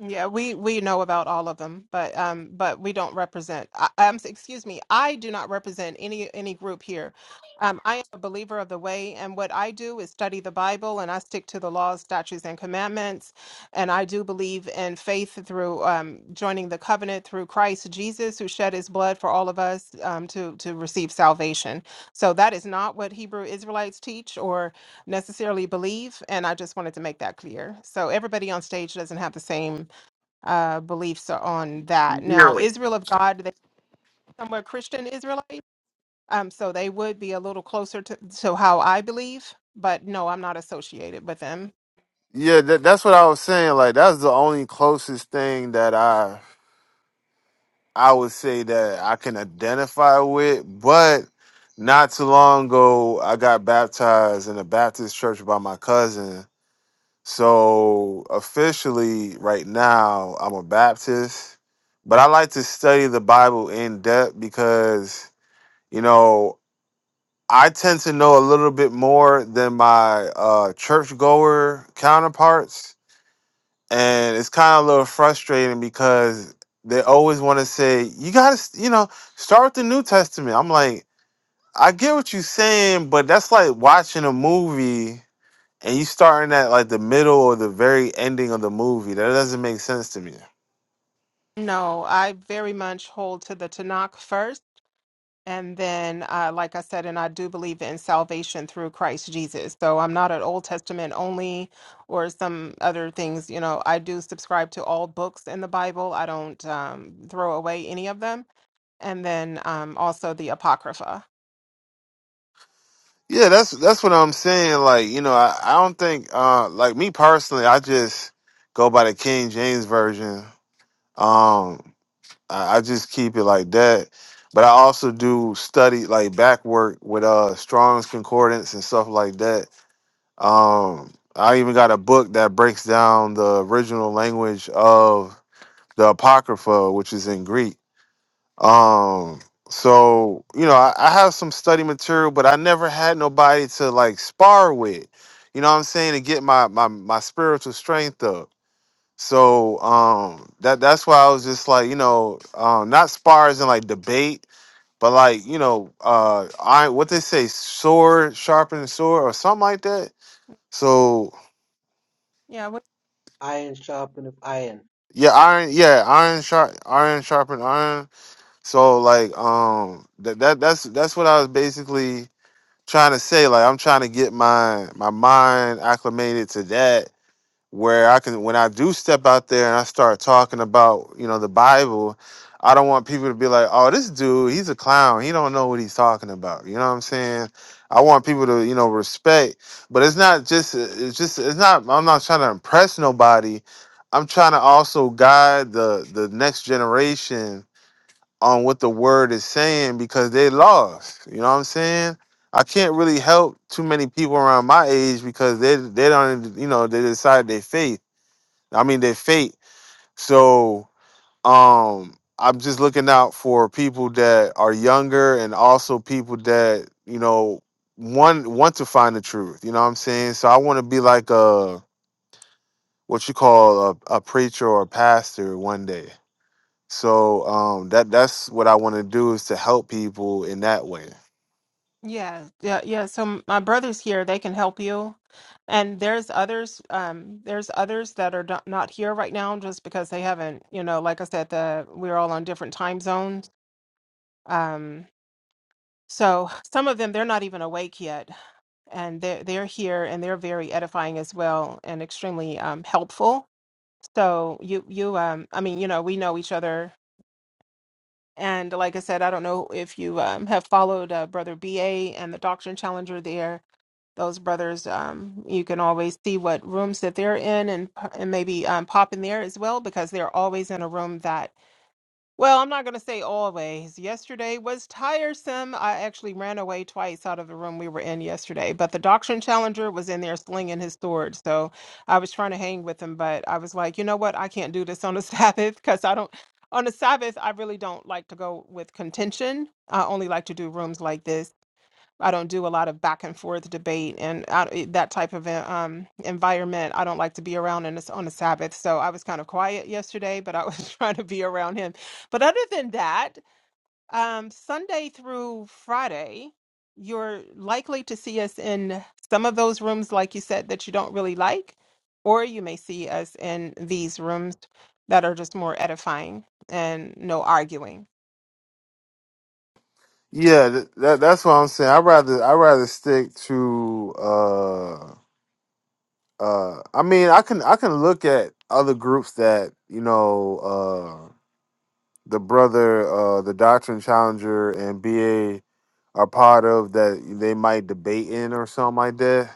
Speaker 2: Yeah, we we know about all of them, but um, but we don't represent. I, um, excuse me, I do not represent any any group here. Um, I am a believer of the way, and what I do is study the Bible, and I stick to the laws, statutes, and commandments. And I do believe in faith through um, joining the covenant through Christ Jesus, who shed His blood for all of us um, to to receive salvation. So that is not what Hebrew Israelites teach or necessarily believe, and I just wanted to make that clear. So everybody on stage doesn't have the same uh, beliefs on that. Now, Israel of God, they somewhat Christian Israelite, um, so they would be a little closer to, to how I believe, but no, I'm not associated with them.
Speaker 4: Yeah, that, that's what I was saying. Like that's the only closest thing that I I would say that I can identify with. But not too long ago, I got baptized in a Baptist church by my cousin. So officially, right now, I'm a Baptist. But I like to study the Bible in depth because you know I tend to know a little bit more than my uh, churchgoer counterparts and it's kind of a little frustrating because they always want to say you gotta you know start with the new testament i'm like i get what you're saying but that's like watching a movie and you starting at like the middle or the very ending of the movie that doesn't make sense to me
Speaker 2: No, I very much hold to the Tanakh first. And then, uh, like I said, and I do believe in salvation through Christ Jesus. So I'm not an Old Testament only or some other things. You know, I do subscribe to all books in the Bible, I don't um, throw away any of them. And then um, also the Apocrypha.
Speaker 4: yeah that's that's what i'm saying like you know i, I don't think uh like me personally i just go by the king james version um I, I just keep it like that. But I also do study like back work with uh Strong's Concordance and stuff like that. Um I even got a book that breaks down the original language of the Apocrypha, which is in Greek. Um so, you know, I, I have some study material, but I never had nobody to like spar with. You know what I'm saying? To get my my my spiritual strength up. So um that that's why I was just like, you know, um not spars and like debate, but like, you know, uh iron what they say, sword, sharpen sword or something like that. So
Speaker 2: Yeah, what,
Speaker 1: Iron sharpeneth iron.
Speaker 4: yeah, iron yeah, iron sharp iron sharpen iron. So like um that, that that's that's what I was basically trying to say. Like I'm trying to get my my mind acclimated to that where I can when I do step out there and I start talking about, you know, the Bible, I don't want people to be like, "Oh, this dude, he's a clown. He don't know what he's talking about." You know what I'm saying? I want people to, you know, respect, but it's not just it's just it's not I'm not trying to impress nobody. I'm trying to also guide the the next generation on what the word is saying because they lost. You know what I'm saying? I can't really help too many people around my age because they they don't you know they decide their faith I mean their fate. So um I'm just looking out for people that are younger and also people that, you know, one want to find the truth. You know what I'm saying? So I want to be like a what you call a, a preacher or a pastor one day. So um that that's what I want to do is to help people in that way.
Speaker 2: yeah, yeah, yeah. So m- my brothers here, they can help you. And there's others, um, there's others that are not not here right now just because they haven't, you know, like I said, the we're all on different time zones. Um, so some of them they're not even awake yet, and they're they're here and they're very edifying as well and extremely um helpful. So you you um I mean, you know, we know each other. And like I said, I don't know if you um, have followed uh, Brother BA and the Doctrine Challenger there those brothers. Um, you can always see what rooms that they're in and, and maybe um, pop in there as well because they're always in a room that, well, I'm not going to say always. Yesterday was tiresome. I actually ran away twice out of the room we were in yesterday, but the Doctrine Challenger was in there slinging his sword. So I was trying to hang with him, but I was like, you know what? I can't do this on a Sabbath because I don't. On a Sabbath, I really don't like to go with contention. I only like to do rooms like this. I don't do a lot of back and forth debate and I, it- that type of en- um, environment. I don't like to be around in a, on a Sabbath. So I was kind of quiet yesterday, but I was trying to be around him. But other than that, um, Sunday through Friday, you're likely to see us in some of those rooms, like you said, that you don't really like, or you may see us in these rooms that are just more edifying and no arguing.
Speaker 4: Yeah, th- that that's what I'm saying. I rather I rather stick to Uh, uh i mean i can i can look at other groups that you know uh the brother uh the doctrine challenger and ba are part of that they might debate in or something like that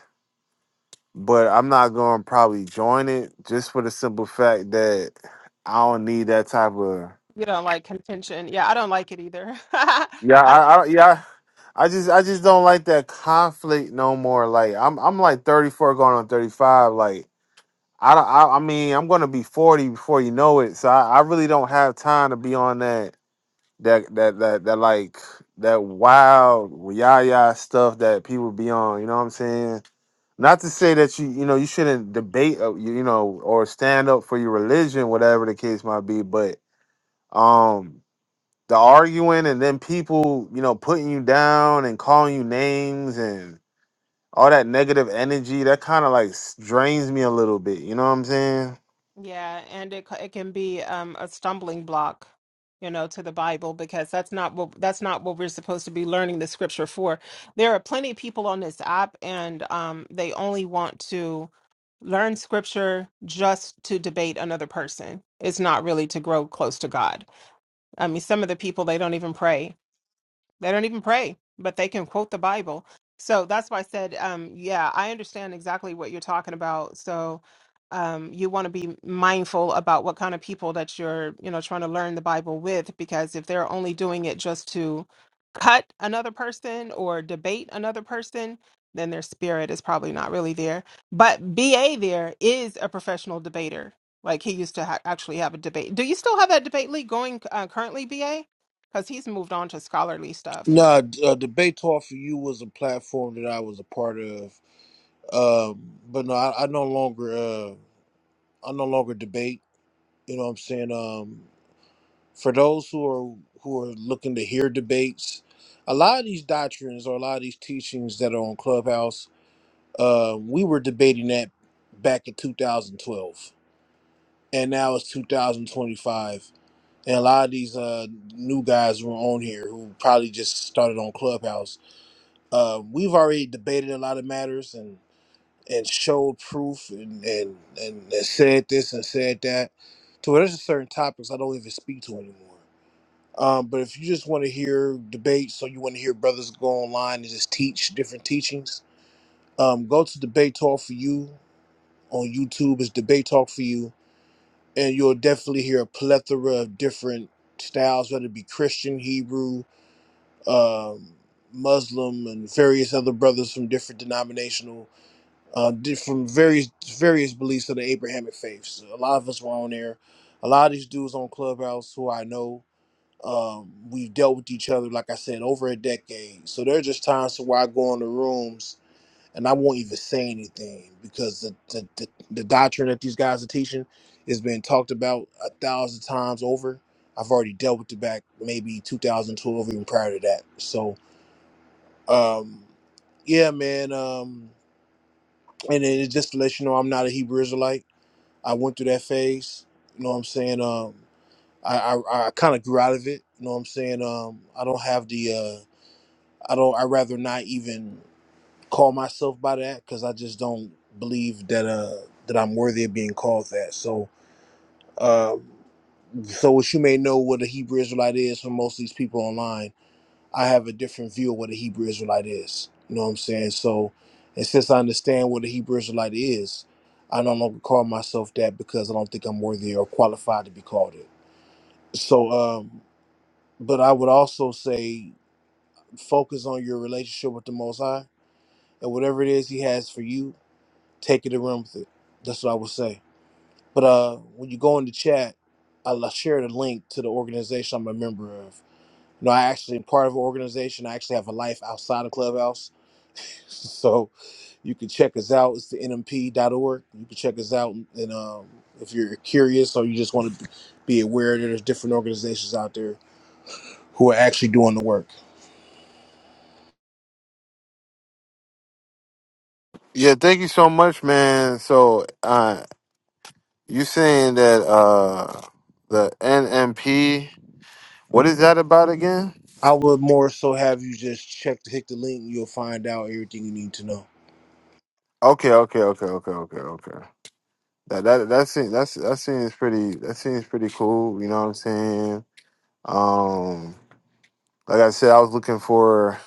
Speaker 4: but i'm not gonna probably join it just for the simple fact that i don't need that type of
Speaker 2: You don't like contention. Yeah, I don't like it either.
Speaker 4: yeah
Speaker 2: I
Speaker 4: i, I yeah I just I just don't like that conflict no more. Like I'm I'm like 34 going on 35. Like I don't. I, I mean, I'm gonna be 40 before you know it, so I, I really don't have time to be on that that that that that like that wild yaya stuff that people be on. You know what I'm saying? Not to say that you you know you shouldn't debate uh, you, you know or stand up for your religion, whatever the case might be, but um the arguing and then people you know putting you down and calling you names and all that negative energy that kind of like s- drains me a little bit. You know what I'm saying?
Speaker 2: Yeah, and it c- it can be um, a stumbling block, you know, to the Bible because that's not what that's not what we're supposed to be learning the scripture for. There are plenty of people on this app, and um, they only want to learn scripture just to debate another person. It's not really to grow close to God. I mean, some of the people they don't even pray they don't even pray, but they can quote the Bible. So that's why I said, um, yeah, I understand exactly what you're talking about. So um, you want to be mindful about what kind of people that you're, you know, trying to learn the Bible with, because if they're only doing it just to cut another person or debate another person, then their spirit is probably not really there. But BA there is a professional debater. Like he used to ha- actually have a debate. Do you still have that debate league going uh, currently, BA? because he's moved on to scholarly stuff.
Speaker 3: Nah, d- uh, debate talk for you was a platform that I was a part of, um, but no, I, I no longer uh, I no longer debate. You know what I'm saying? Um, for those who are who are looking to hear debates, a lot of these doctrines or a lot of these teachings that are on Clubhouse, uh, we were debating that back in 2012, and now it's 2025, and a lot of these uh, new guys who are on here who probably just started on Clubhouse Um, we've already debated a lot of matters and and showed proof and and and, and said this and said that. To where there's just certain topics I don't even speak to anymore. Um, but if you just want to hear debates, or you want to hear brothers go online and just teach different teachings, um, go to Debate Talk for You on YouTube. It's Debate Talk for You, and you'll definitely hear a plethora of different styles, whether it be Christian, Hebrew, um, Muslim, and various other brothers from different denominational uh, di- from various various beliefs of the Abrahamic faiths. A lot of us were on there. A lot of these dudes on Clubhouse who I know, um, we've dealt with each other, like I said, over a decade. So there are just times to where I go in the rooms and I won't even say anything because the, the, the, the doctrine that these guys are teaching has been talked about a thousand times over. I've already dealt with it back maybe 2012, even prior to that. So, um, yeah, man. Um, and it, just to let you know, I'm not a Hebrew Israelite. I went through that phase. You know what I'm saying? Um, I I, I kind of grew out of it. You know what I'm saying? Um, I don't have the uh, I don't. I rather not even call myself by that because I just don't believe that uh that I'm worthy of being called that. So um, so what you may know what a Hebrew Israelite is for most of these people online I have a different view of what a Hebrew Israelite is. You know what I'm saying? So, and since I understand what a Hebrew Israelite is, I no longer call myself that because I don't think I'm worthy or qualified to be called it. So, um, but I would also say focus on your relationship with the Most High and whatever it is He has for you, take it and run with it. That's what I would say. But uh, when you go in the chat, I'll share the link to the organization I'm a member of. You know, I actually am part of an organization. I actually have a life outside of Clubhouse So you can check us out. It's the nmp dot org. You can check us out. And um, if you're curious or you just want to be aware that there's different organizations out there who are actually doing the work.
Speaker 4: Yeah, thank you so much, man. So, uh, you saying that uh, the NMP? What is that about again?
Speaker 3: I would more so have you just check to hit the link. You'll find out everything you need to know.
Speaker 4: Okay, okay, okay, okay, okay, okay. That that that seems that's that seems pretty that seems pretty cool. You know what I'm saying? Um, like I said, I was looking for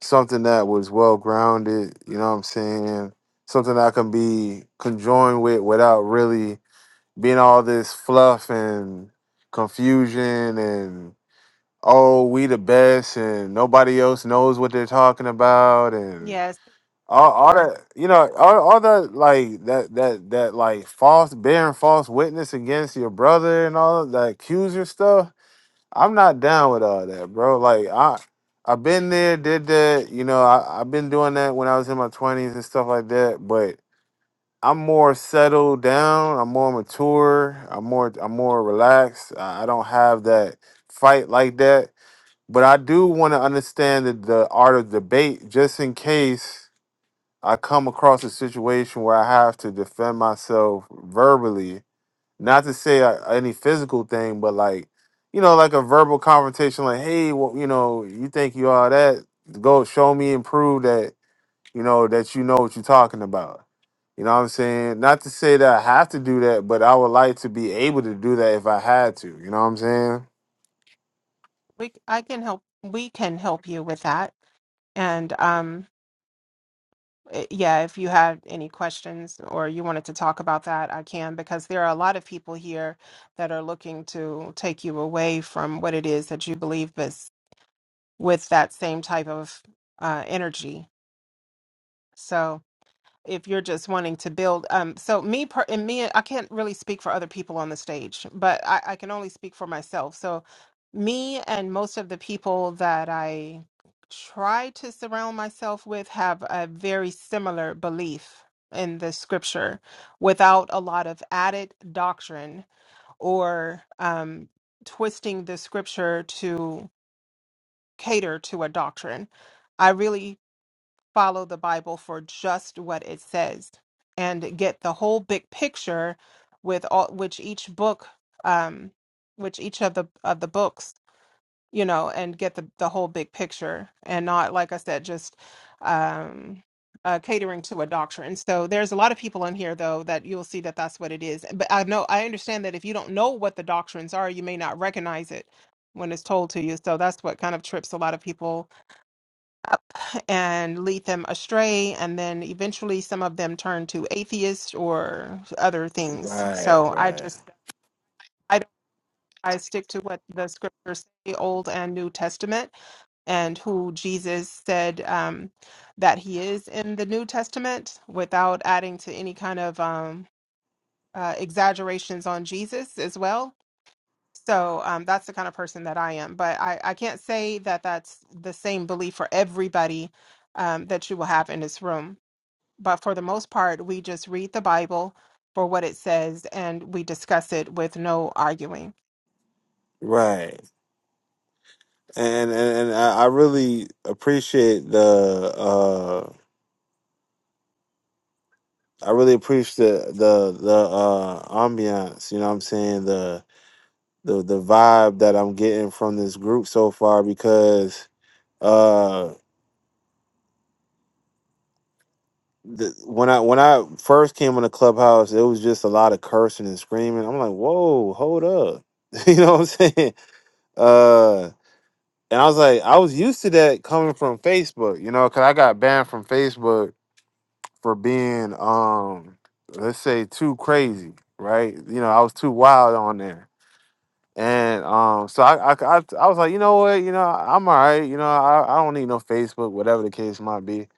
Speaker 4: something that was well grounded. You know what I'm saying? Something I can be conjoined with without really being all this fluff and confusion and oh, we the best and nobody else knows what they're talking about and
Speaker 2: Yes,
Speaker 4: all, all that you know, all, all that like that that that like false bearing false witness against your brother and all that accuser stuff. I'm not down with all that, bro. Like I I've been there, did that, you know, I, I've been doing that when I was in my twenties and stuff like that, but I'm more settled down, I'm more mature, I'm more I'm more relaxed. I I don't have that fight like that but I do want to understand the, the art of debate just in case I come across a situation where I have to defend myself verbally. Not to say uh, any physical thing, but like, you know, like a verbal confrontation, like, hey, well, you know, you think you are that? Go show me and prove that, you know, that you know what you're talking about. You know what I'm saying? Not to say that I have to do that, but I would like to be able to do that if I had to. You know what I'm saying?
Speaker 2: we I can help we can help you with that. And um i- yeah, if you had any questions or you wanted to talk about that, I can because there are a lot of people here that are looking to take you away from what it is that you believe is with that same type of uh energy. So if you're just wanting to build um so me per- and me i can't really speak for other people on the stage but I, I can only speak for myself so me and most of the people that i try to surround myself with have a very similar belief in the scripture without a lot of added doctrine or um twisting the scripture to cater to a doctrine i really follow the Bible for just what it says and get the whole big picture with all which each book um which each of the of the books you know and get the the whole big picture and not like I said just um uh, catering to a doctrine. So there's a lot of people in here though that you'll see that that's what it is. But I know I understand that if you don't know what the doctrines are, you may not recognize it when it's told to you. So that's what kind of trips a lot of people and lead them astray. And then eventually some of them turn to atheists or other things.
Speaker 4: Right,
Speaker 2: So I
Speaker 4: right,
Speaker 2: just, I don't. I stick to what the scriptures say, Old and New Testament, and who Jesus said um, that he is in the New Testament without adding to any kind of um, uh, exaggerations on Jesus as well. So um, that's the kind of person that I am. But I, I can't say that that's the same belief for everybody um, that you will have in this room. but for the most part, we just read the Bible for what it says and we discuss it with no arguing.
Speaker 4: right. and and, and I, I really appreciate the uh I really appreciate the the the uh ambiance, you know what I'm saying? The the the vibe that I'm getting from this group so far because uh the, when I when I first came on the clubhouse, it was just a lot of cursing and screaming. I'm like, "Whoa, hold up." you know what I'm saying? Uh and I was like, I was used to that coming from Facebook, you know, cuz I got banned from Facebook for being um let's say too crazy right you know i was too wild on there and um so i i, I, I was like you know what you know i'm all right you know I, I don't need no facebook whatever the case might be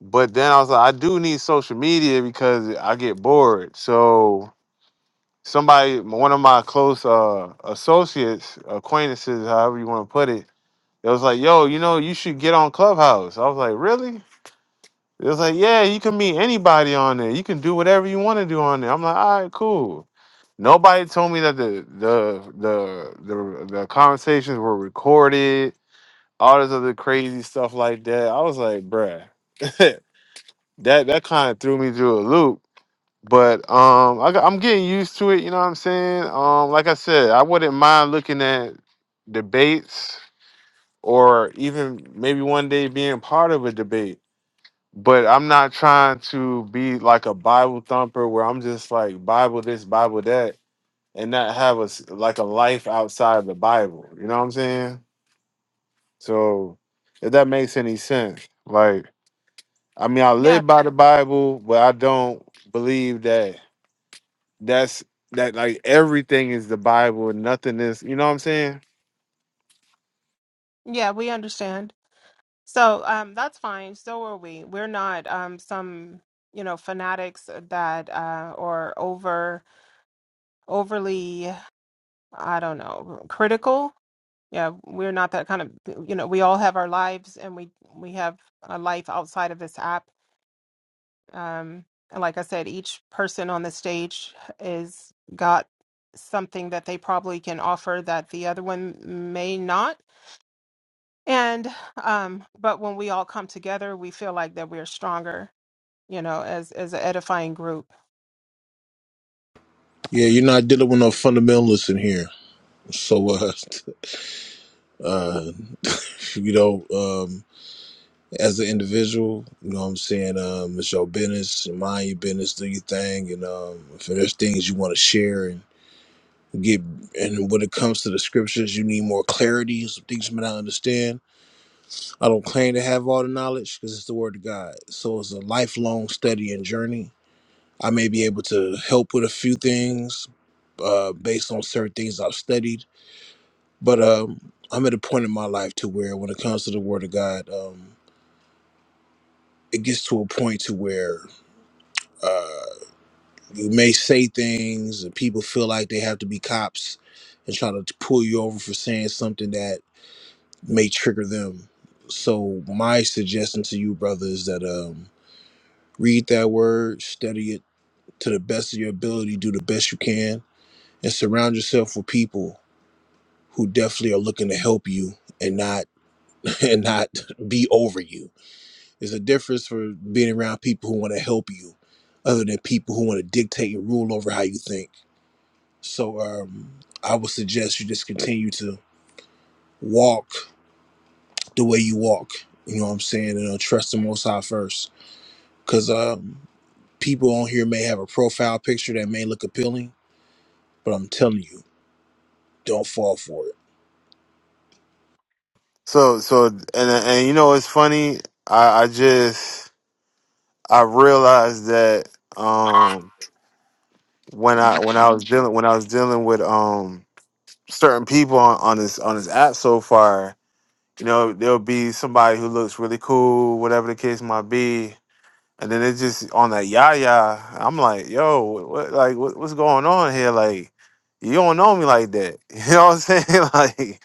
Speaker 4: but then i was like i do need social media because i get bored so somebody one of my close uh associates acquaintances however you want to put it it was like yo you know you should get on clubhouse i was like really it was like, yeah, you can meet anybody on there. You can do whatever you want to do on there. I'm like, all right, cool. Nobody told me that the the the the, the conversations were recorded. All this other crazy stuff like that. I was like, bruh, that that kind of threw me through a loop. But um, I, got- I'm getting used to it. You know what I'm saying? Um, like I said, I wouldn't mind looking at debates or even maybe one day being part of a debate but I'm not trying to be like a Bible thumper where I'm just like Bible this, Bible that, and not have a s- like a life outside the Bible. You know what I'm saying? So if that makes any sense, like I mean, I
Speaker 2: Yeah,
Speaker 4: live by the Bible, but I don't believe that that's that like everything is the Bible and nothing is. You know what I'm saying?
Speaker 2: yeah, we understand. So um, that's fine. So are we. We're not um, some you know fanatics that uh, or over overly I don't know critical. Yeah, we're not that kind of you know. We all have our lives and we we have a life outside of this app Um, and like I said, each person on the stage is got something that they probably can offer that the other one may not. And um, but when we all come together, we feel like that we're stronger, you know, as as an edifying group.
Speaker 3: Yeah, you're not dealing with no fundamentalists in here. So, uh, uh, you know, um, as an individual, you know what I'm saying? Um, it's your business, mind your business, do your thing. And um, if there's things you want to share and get and when it comes to the scriptures you need more clarity some things you may not understand i don't claim to have all the knowledge because it's the word of god so it's a lifelong study and journey i may be able to help with a few things uh, based on certain things i've studied but um, i'm at a point in my life to where when it comes to the word of god um, it gets to a point to where uh, you may say things and people feel like they have to be cops and try to pull you over for saying something that may trigger them. So my suggestion to you, brother, is that um, read that word, study it to the best of your ability, do the best you can, and surround yourself with people who definitely are looking to help you and not and not be over you. There's a difference for being around people who want to help you, other than people who want to dictate and rule over how you think. So um, I would suggest you just continue to walk the way you walk. You know what I'm saying, and uh, trust the Most High first. because um, people on here may have a profile picture that may look appealing, but I'm telling you, don't fall for it.
Speaker 4: So so and and you know it's funny. I I just I realized that Um, when I when I was dealing when I was dealing with um certain people on, on this on this app so far, you know, there'll be somebody who looks really cool, whatever the case might be, and then it's just on that yah yah. I'm like, yo, what, what like what, what's going on here? Like, you don't know me like that. You know what I'm saying? like,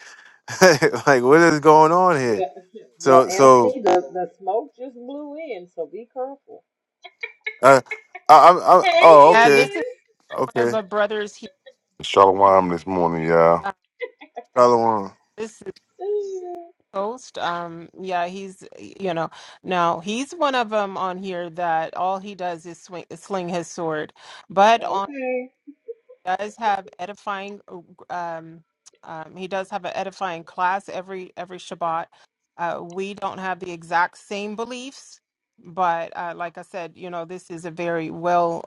Speaker 4: like what is going on here?
Speaker 5: What- Well,
Speaker 4: So so
Speaker 5: MC, the, the smoke just blew in, so be careful.
Speaker 4: uh, I, I, I
Speaker 5: Hey,
Speaker 4: oh
Speaker 2: Uh,
Speaker 4: okay
Speaker 2: this is
Speaker 5: is.
Speaker 2: one of
Speaker 4: okay
Speaker 2: a brothers. He,
Speaker 6: Shalom this morning, y'all.
Speaker 2: uh,
Speaker 4: follow on.
Speaker 2: this is Ghost. Um, yeah, he's you know now he's one of them on here that all he does is swing, sling his sword, but on
Speaker 5: Okay.
Speaker 2: does have edifying um, um, he does have an edifying class every every shabbat uh, we don't have the exact same beliefs but uh, like i said you know this is a very well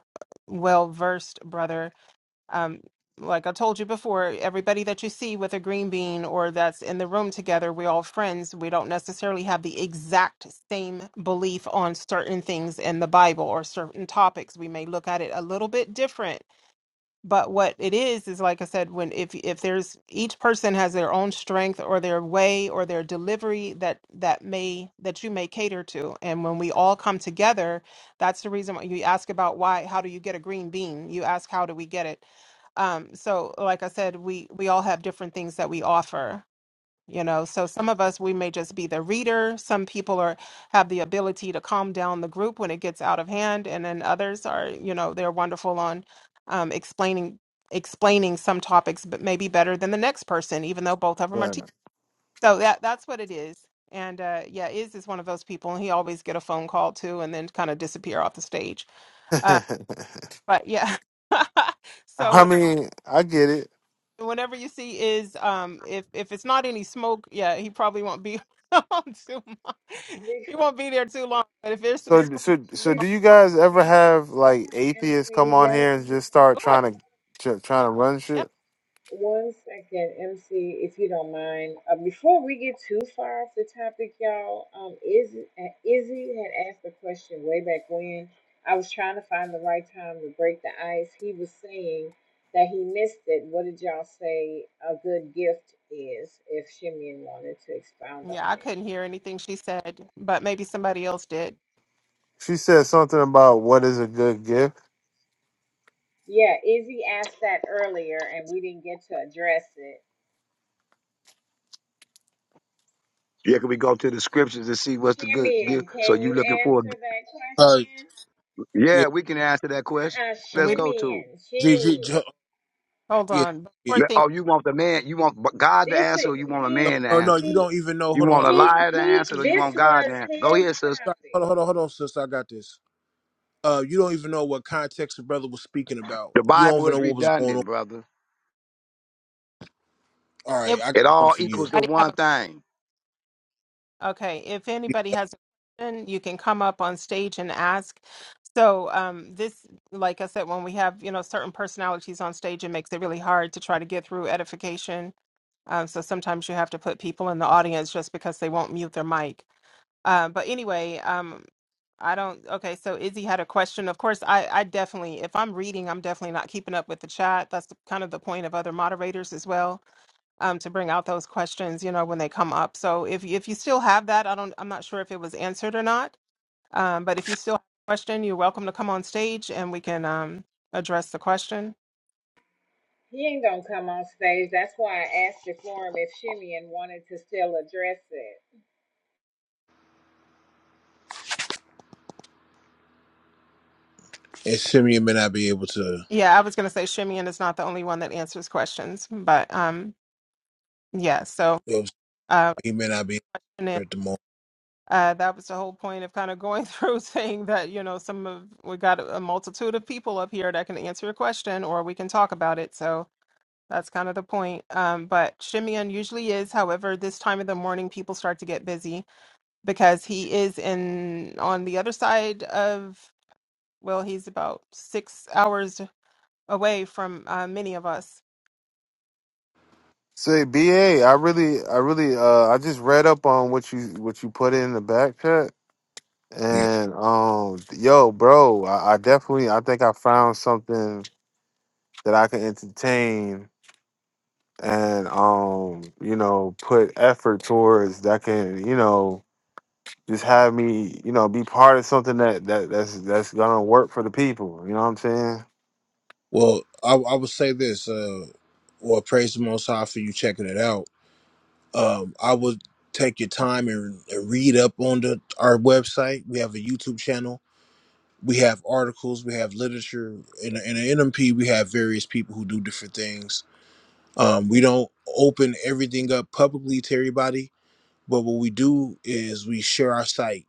Speaker 2: well versed brother um, like i told you before everybody that you see with a green bean or that's in the room together we're all friends we don't necessarily have the exact same belief on certain things in the bible or certain topics we may look at it a little bit different but what it is is like I said, when if if there's each person has their own strength or their way or their delivery that that may that you may cater to, and when we all come together, that's the reason why you ask about why how do you get a green bean? You ask how do we get it? Um, so like I said, we we all have different things that we offer, you know so some of us we may just be the reader some people are have the ability to calm down the group when it gets out of hand and then others are you know they're wonderful on um, explaining explaining some topics but maybe better than the next person even though both of them are
Speaker 4: Yeah.
Speaker 2: teachers so that that's what it is and uh, yeah Iz is one of those people and he always get a phone call too and then kind of disappear off the stage uh, but yeah so
Speaker 4: I mean, I get it.
Speaker 2: whatever you see is um if if it's not any smoke yeah he probably won't be on too long
Speaker 5: Be,
Speaker 2: he won't be there too long but if there's some
Speaker 4: So,
Speaker 2: smoke
Speaker 4: so, so,
Speaker 5: be,
Speaker 2: on
Speaker 4: do you guys ever have
Speaker 5: hold
Speaker 4: like
Speaker 5: on,
Speaker 4: atheists come
Speaker 5: MC.
Speaker 4: on
Speaker 5: One.
Speaker 4: here and just start
Speaker 5: one,
Speaker 2: sure.
Speaker 4: trying to tr- trying to run
Speaker 2: yeah
Speaker 4: shit?
Speaker 5: One second, MC, if you don't mind. Uh, before we get too far off the topic, y'all, um, Izzy, uh, Izzy had asked a question way back when. I was trying to find the right time to break the ice. He was saying that he missed it. What did y'all say a good gift is? If Shimeon wanted to expound on
Speaker 2: yeah i
Speaker 5: it,
Speaker 2: couldn't hear anything she said but maybe somebody else did
Speaker 4: She said something about what is a good gift.
Speaker 5: yeah, Izzy asked that earlier, and we didn't get to address it.
Speaker 7: Yeah, can we go to the scriptures and see what's the good gift?
Speaker 5: Shimeon,
Speaker 7: So
Speaker 5: can
Speaker 7: you
Speaker 5: you
Speaker 7: looking for?
Speaker 5: answer that
Speaker 3: Uh,
Speaker 5: question?
Speaker 3: yeah,
Speaker 7: Yeah, we can answer that question.
Speaker 5: Uh-uh,
Speaker 2: and
Speaker 7: Let's
Speaker 2: we didn't
Speaker 7: go to it.
Speaker 5: Shimeon,
Speaker 3: GG,
Speaker 5: Shimeon.
Speaker 2: hold
Speaker 3: yeah,
Speaker 2: on before
Speaker 3: yeah.
Speaker 7: Le-
Speaker 2: thing
Speaker 7: Oh, you want the man? You want God to
Speaker 5: This
Speaker 7: answer, or you
Speaker 5: is
Speaker 7: want a
Speaker 3: No,
Speaker 7: man
Speaker 5: he
Speaker 7: to
Speaker 3: no, no,
Speaker 7: answer
Speaker 3: you
Speaker 7: it?
Speaker 5: he
Speaker 3: don't even know.
Speaker 7: You
Speaker 3: Hold on,
Speaker 7: want
Speaker 3: hold
Speaker 7: a
Speaker 3: on, hold
Speaker 5: he
Speaker 7: liar to answer, it,
Speaker 5: he.
Speaker 7: or you
Speaker 5: This
Speaker 7: want God to
Speaker 5: was
Speaker 7: answer? Go
Speaker 5: his
Speaker 7: here, sis.
Speaker 3: on,
Speaker 5: topic.
Speaker 3: hold on, hold on, sister. I got this. Uh, you don't even know what context the brother was speaking about.
Speaker 7: The
Speaker 3: You don't
Speaker 7: Bible
Speaker 3: even
Speaker 7: is
Speaker 3: know what was going on.
Speaker 7: redundant, brother.
Speaker 3: All right,
Speaker 2: if
Speaker 3: I got
Speaker 7: It
Speaker 3: something
Speaker 7: all
Speaker 3: for you.
Speaker 7: equals to
Speaker 2: anybody have
Speaker 7: one
Speaker 2: a
Speaker 7: thing.
Speaker 2: Okay, if anybody has a question, you can come up on stage and ask. So, um, this, like I said, when we have, you know, certain personalities on stage, it makes it really hard to try to get through edification. Um, so sometimes you have to put people in the audience just because they won't mute their mic. Uh, but anyway, um, I don't, okay, so Izzy had a question. Of course, I, I definitely, if I'm reading, I'm definitely not keeping up with the chat. That's the, kind of the point of other moderators as well um, to bring out those questions, you know, when they come up. So if if you still have that, I don't, I'm not sure if it was answered or not. Um, but if you still have a question, you're welcome to come on stage and we can um, address the question.
Speaker 5: He ain't gonna come on stage. That's why I asked it for him if Shimeon wanted to still address it.
Speaker 3: And Simeon may not be able to.
Speaker 2: Yeah, I was going to say Shimeon is not the only one that answers questions, but um, yeah. So uh,
Speaker 3: He may not be able
Speaker 2: and then,
Speaker 3: to at the moment.
Speaker 2: uh, that was the whole point of kind of going through, saying that you know some of we got a multitude of people up here that can answer your question or we can talk about it. So That's kind of the point. Um, but Shimeon usually is. However, this time of the morning, people start to get busy because he is in on the other side of, well, he's about six hours away from uh, many of us.
Speaker 4: Say, BA, I really, I really, uh, I just read up on what you what you put in the back chat,
Speaker 3: Yeah.
Speaker 4: and um, yo, bro, I, I definitely, I think I found something that I can entertain and um, you know, put effort towards that can, you know just have me, you know, be part of something that, that that's that's gonna work for the people. You know what I'm saying?
Speaker 3: Well, I, I would say this. Uh, well, praise the Most High for you checking it out. um, I would take your time and, and read up on the our website. We have a YouTube channel. We have articles. We have literature. In, in the NMP, we have various people who do different things. Um, we don't open everything up publicly to everybody, but what we do is we share our site.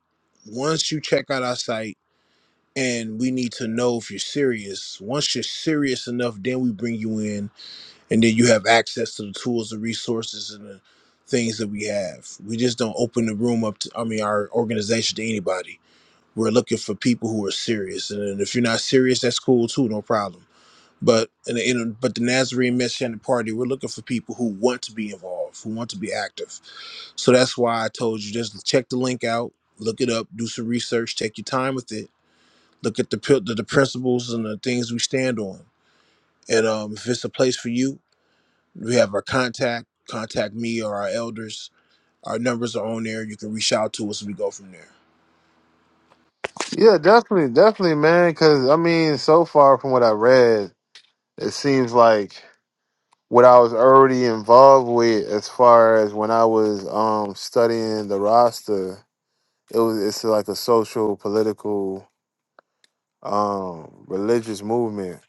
Speaker 3: Once you check out our site, and we need to know if you're serious. Once you're serious enough, then we bring you in and then you have access to the tools, the resources, and the things that we have. We just don't open the room up to, I mean, our organization to anybody. We're looking for people who are serious, and then if you're not serious, that's cool too, no problem. But in the, in the, but the Nazarene Messianic Party, we're looking for people who want to be involved, who want to be active. So that's why I told you just check the link out, look it up, do some research, take your time with it, look at the pil- the, the principles and the things we stand on. And um, if it's a place for you, we have our contact. Contact me or our elders. Our numbers are on there. You can reach out to us and we go from there.
Speaker 4: Yeah, definitely, definitely, man. Because I mean, so far from what I read, it seems like what I was already involved with, as far as when I was um studying the roster, it was it's like a social, political, um, religious movement.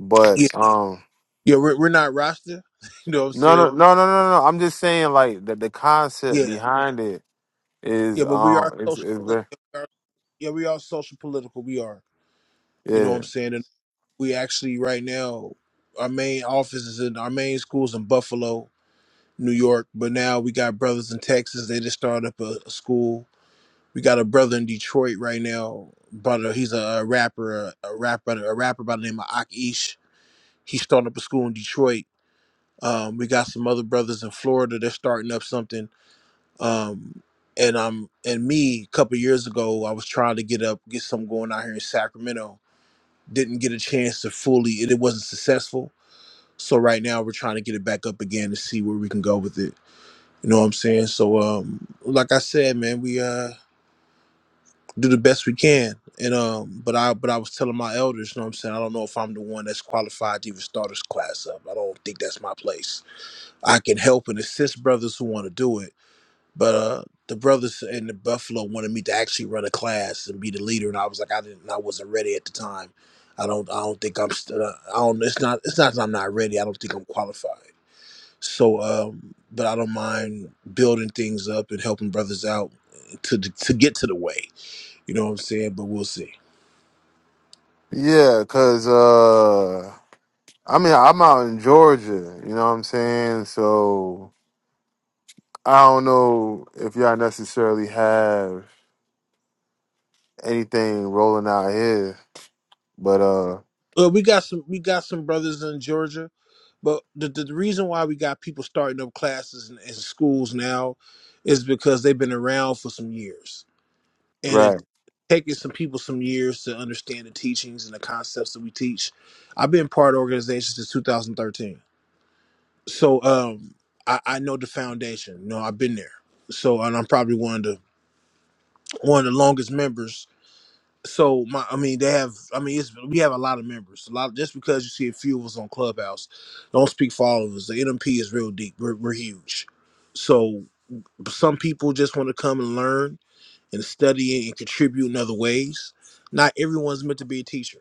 Speaker 4: But
Speaker 3: Yeah,
Speaker 4: um,
Speaker 3: yeah, we're, we're not Rasta. You know what I'm
Speaker 4: no, no,
Speaker 3: saying?
Speaker 4: no, no, no, no. I'm just saying, like the the concept
Speaker 3: Yeah,
Speaker 4: behind it
Speaker 3: yeah,
Speaker 4: is
Speaker 3: but we are
Speaker 4: um, it's
Speaker 3: social.
Speaker 4: it's
Speaker 3: political. We are- Yeah, we are social political. We are. You know what I'm
Speaker 4: Yeah.
Speaker 3: saying? And we actually right now, our main office is in our main schools in Buffalo, New York. But now we got brothers in Texas. They just started up a, a school. We got a brother in Detroit right now. Brother, he's a, uh rapper, a, a rapper, a rapper by the name of Akish. He's starting up a school in Detroit. Um, we got some other brothers in Florida. They're starting up something. Um, and um, and me a couple years ago, I was trying to get up, get something going out here in Sacramento. Didn't get a chance to fully. It, it wasn't successful. So right now we're trying to get it back up again to see where we can go with it. You know what I'm saying? So um, like I said, man, we uh do the best we can. And um, but I but I was telling my elders, you know what I'm saying? I don't know if I'm the one that's qualified to even start this class up. I don't think that's my place I can help and assist brothers who want to do it. But uh, the brothers in the Buffalo wanted me to actually run a class and be the leader, and I was like, I didn't, I wasn't ready at the time. I don't, I don't think I'm, st- uh, I don't. It's not, it's not that I'm not ready. I don't think I'm qualified. So, um, but I don't mind building things up and helping brothers out to to get to the way. You know what I'm saying? But we'll see.
Speaker 4: Yeah, cause uh I mean I'm out in Georgia, you know what I'm saying? So I don't know if y'all necessarily have anything rolling out here, but uh
Speaker 3: Well, we got some we got some brothers in Georgia, but the, the, the reason why we got people starting up classes in, in schools now is because they've been around for some years, and it
Speaker 4: right.
Speaker 3: taking some people some years to understand the teachings and the concepts that we teach. I've been part of organizations since 2013. So um, I, I know the foundation. You know, I've been there. So and I'm probably one of the one of the longest members. So my, I mean, they have. I mean, it's, we have a lot of members. A lot just because you see a few of us on Clubhouse, don't speak for all of us. The NMP is real deep. We're, we're huge. So some people just want to come and learn and study and contribute in other ways. Not everyone's meant to be a teacher.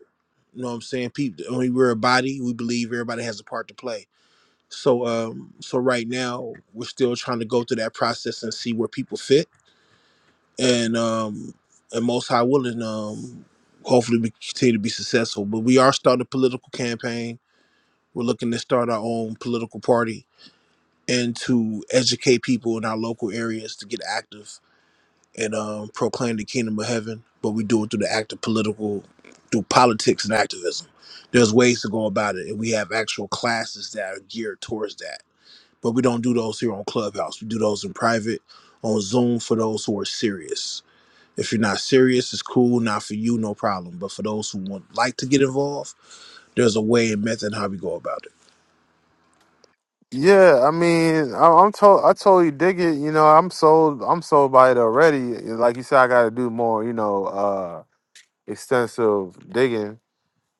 Speaker 3: You know what I'm saying? People, I mean, we're a body. We believe everybody has a part to play so um so right now we're still trying to go through that process and see where people fit and um and most high willing um hopefully we continue to be successful. But we are starting a political campaign. We're looking to start our own political party and to educate people in our local areas to get active and um proclaim the kingdom of heaven. But we do it through the act of political through politics and activism. There's ways to go about it and we have actual classes that are geared towards that but we don't do those here on Clubhouse. We do those in private on Zoom for those who are serious. If you're not serious, it's cool, not for you, no problem. But for those who would like to get involved, there's a way and method how we go about it.
Speaker 4: Yeah, I mean, I, I'm to- I totally dig it. You know, I'm sold. I'm sold by it already. Like you said, I got to do more. You know, uh extensive digging.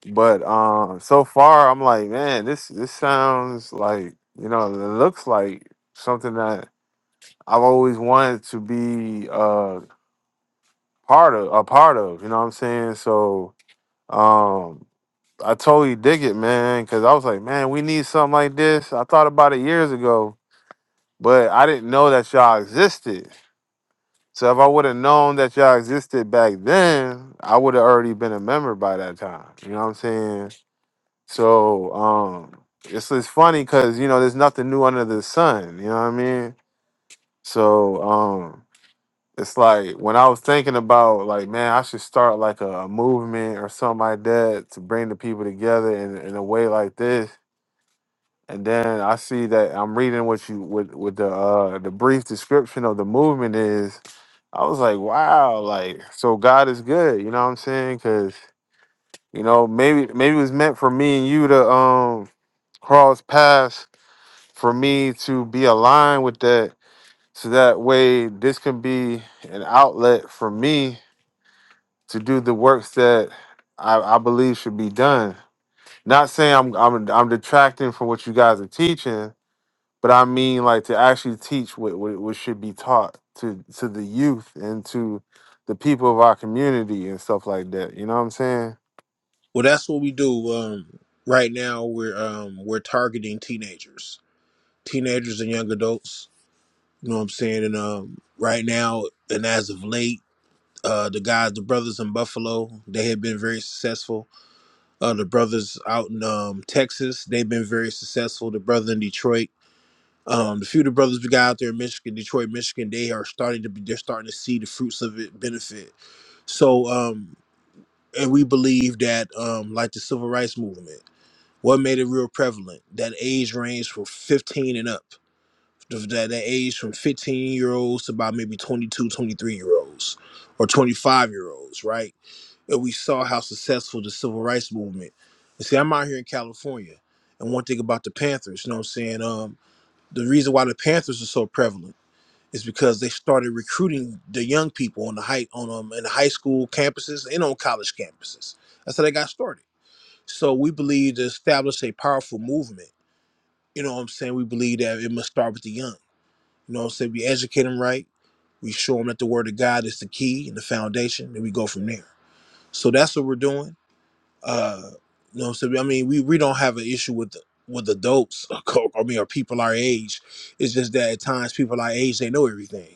Speaker 4: But um, so far, I'm like, man, this this sounds like you know, it looks like something that I've always wanted to be uh part of, a part of. You know what I'm saying? So um, I totally dig it, man, because I was like, man, we need something like this. I thought about it years ago, but I didn't know that y'all existed. So if I would have known that y'all existed back then, I would have already been a member by that time. You know what I'm saying? So um, it's it's funny because you know there's nothing new under the sun. You know what I mean? So um, it's like when I was thinking about like, man, I should start like a, a movement or something like that to bring the people together in, in a way like this. And then I see that I'm reading what you with with what the uh the brief description of the movement is. I was like, wow, like so God is good. You know what I'm saying? Because you know maybe maybe it was meant for me and you to um cross paths for me to be aligned with that so that way this can be an outlet for me to do the works that I, I believe should be done. Not saying I'm I'm I'm detracting from what you guys are teaching, but I mean like to actually teach what, what, what should be taught to to the youth and to the people of our community and stuff like that. You know what I'm saying?
Speaker 3: Well, that's what we do. Um, right now, we're um, we're targeting teenagers, teenagers and young adults. You know what I'm saying? And um, right now, and as of late, uh, the guys, the brothers in Buffalo, they have been very successful Uh, the brothers out in um, Texas, they've been very successful. The brother in Detroit, um, the few of the brothers we got out there in Michigan, Detroit, Michigan, they are starting to be. They're starting to see the fruits of it benefit. So, um, and we believe that, um, like the civil rights movement, what made it real prevalent that age range from 15 and up. the- That, that age from 15 year olds to about maybe 22, 23 year olds or 25 year olds, right? and we saw how successful the civil rights movement. And see, I'm out here in California, and one thing about the Panthers, you know what I'm saying? Um, the reason why the Panthers are so prevalent is because they started recruiting the young people on the high on um in the high school campuses and on college campuses. That's how they got started. So we believe to establish a powerful movement. You know what I'm saying? We believe that it must start with the young. You know what I'm saying? We educate them right. We show them that the word of God is the key and the foundation, and we go from there. So that's what we're doing. Uh, you know what I'm saying? I mean, we, we don't have an issue with with adults. Or co- I mean, or people our age. It's just that at times people our age they know everything,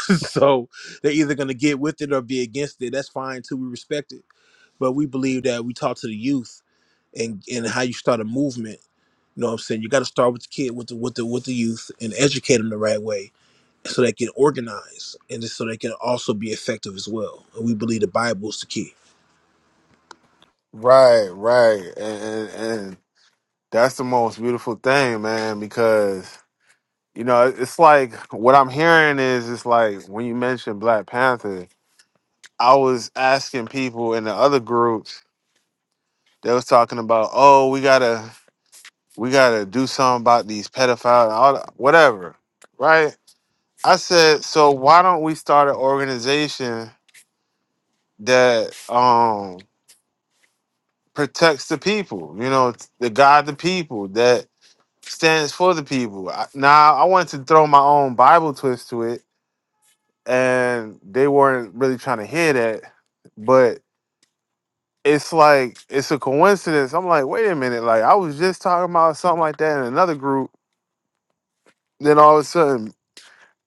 Speaker 3: so they're either gonna get with it or be against it. That's fine too. We respect it, but we believe that we talk to the youth and and how you start a movement. You know what I'm saying? You got to start with the kid, with the with the with the youth, and educate them the right way so they can organize and just so they can also be effective as well. And we believe the Bible is the key.
Speaker 4: Right, right. And and, and that's the most beautiful thing, man, because you know, it's like what I'm hearing is it's like when you mentioned Black Panther, I was asking people in the other groups, they was talking about, oh, we gotta we gotta do something about these pedophiles, and all that, whatever. Right? I said, so why don't we start an organization that um protects the people, you know, the God the people that stands for the people. I- Now I wanted to throw my own Bible twist to it and they weren't really trying to hear that. But it's like it's a coincidence. I'm like, wait a minute, like I was just talking about something like that in another group. Then all of a sudden,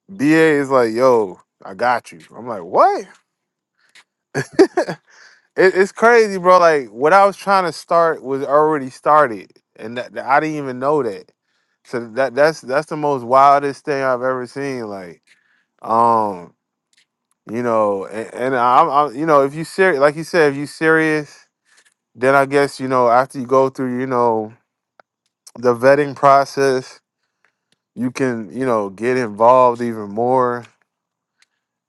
Speaker 4: BA is like, yo, I got you. I'm like, what? It, it's crazy, bro. Like what I was trying to start was already started, and that, that- I didn't even know that. So that that's that's the most wildest thing I've ever seen. Like, um, you know, and, and I'm, I'm, you know, if you serious, like you said, if you serious then I guess you know after you go through you know the vetting process, you can you know get involved even more.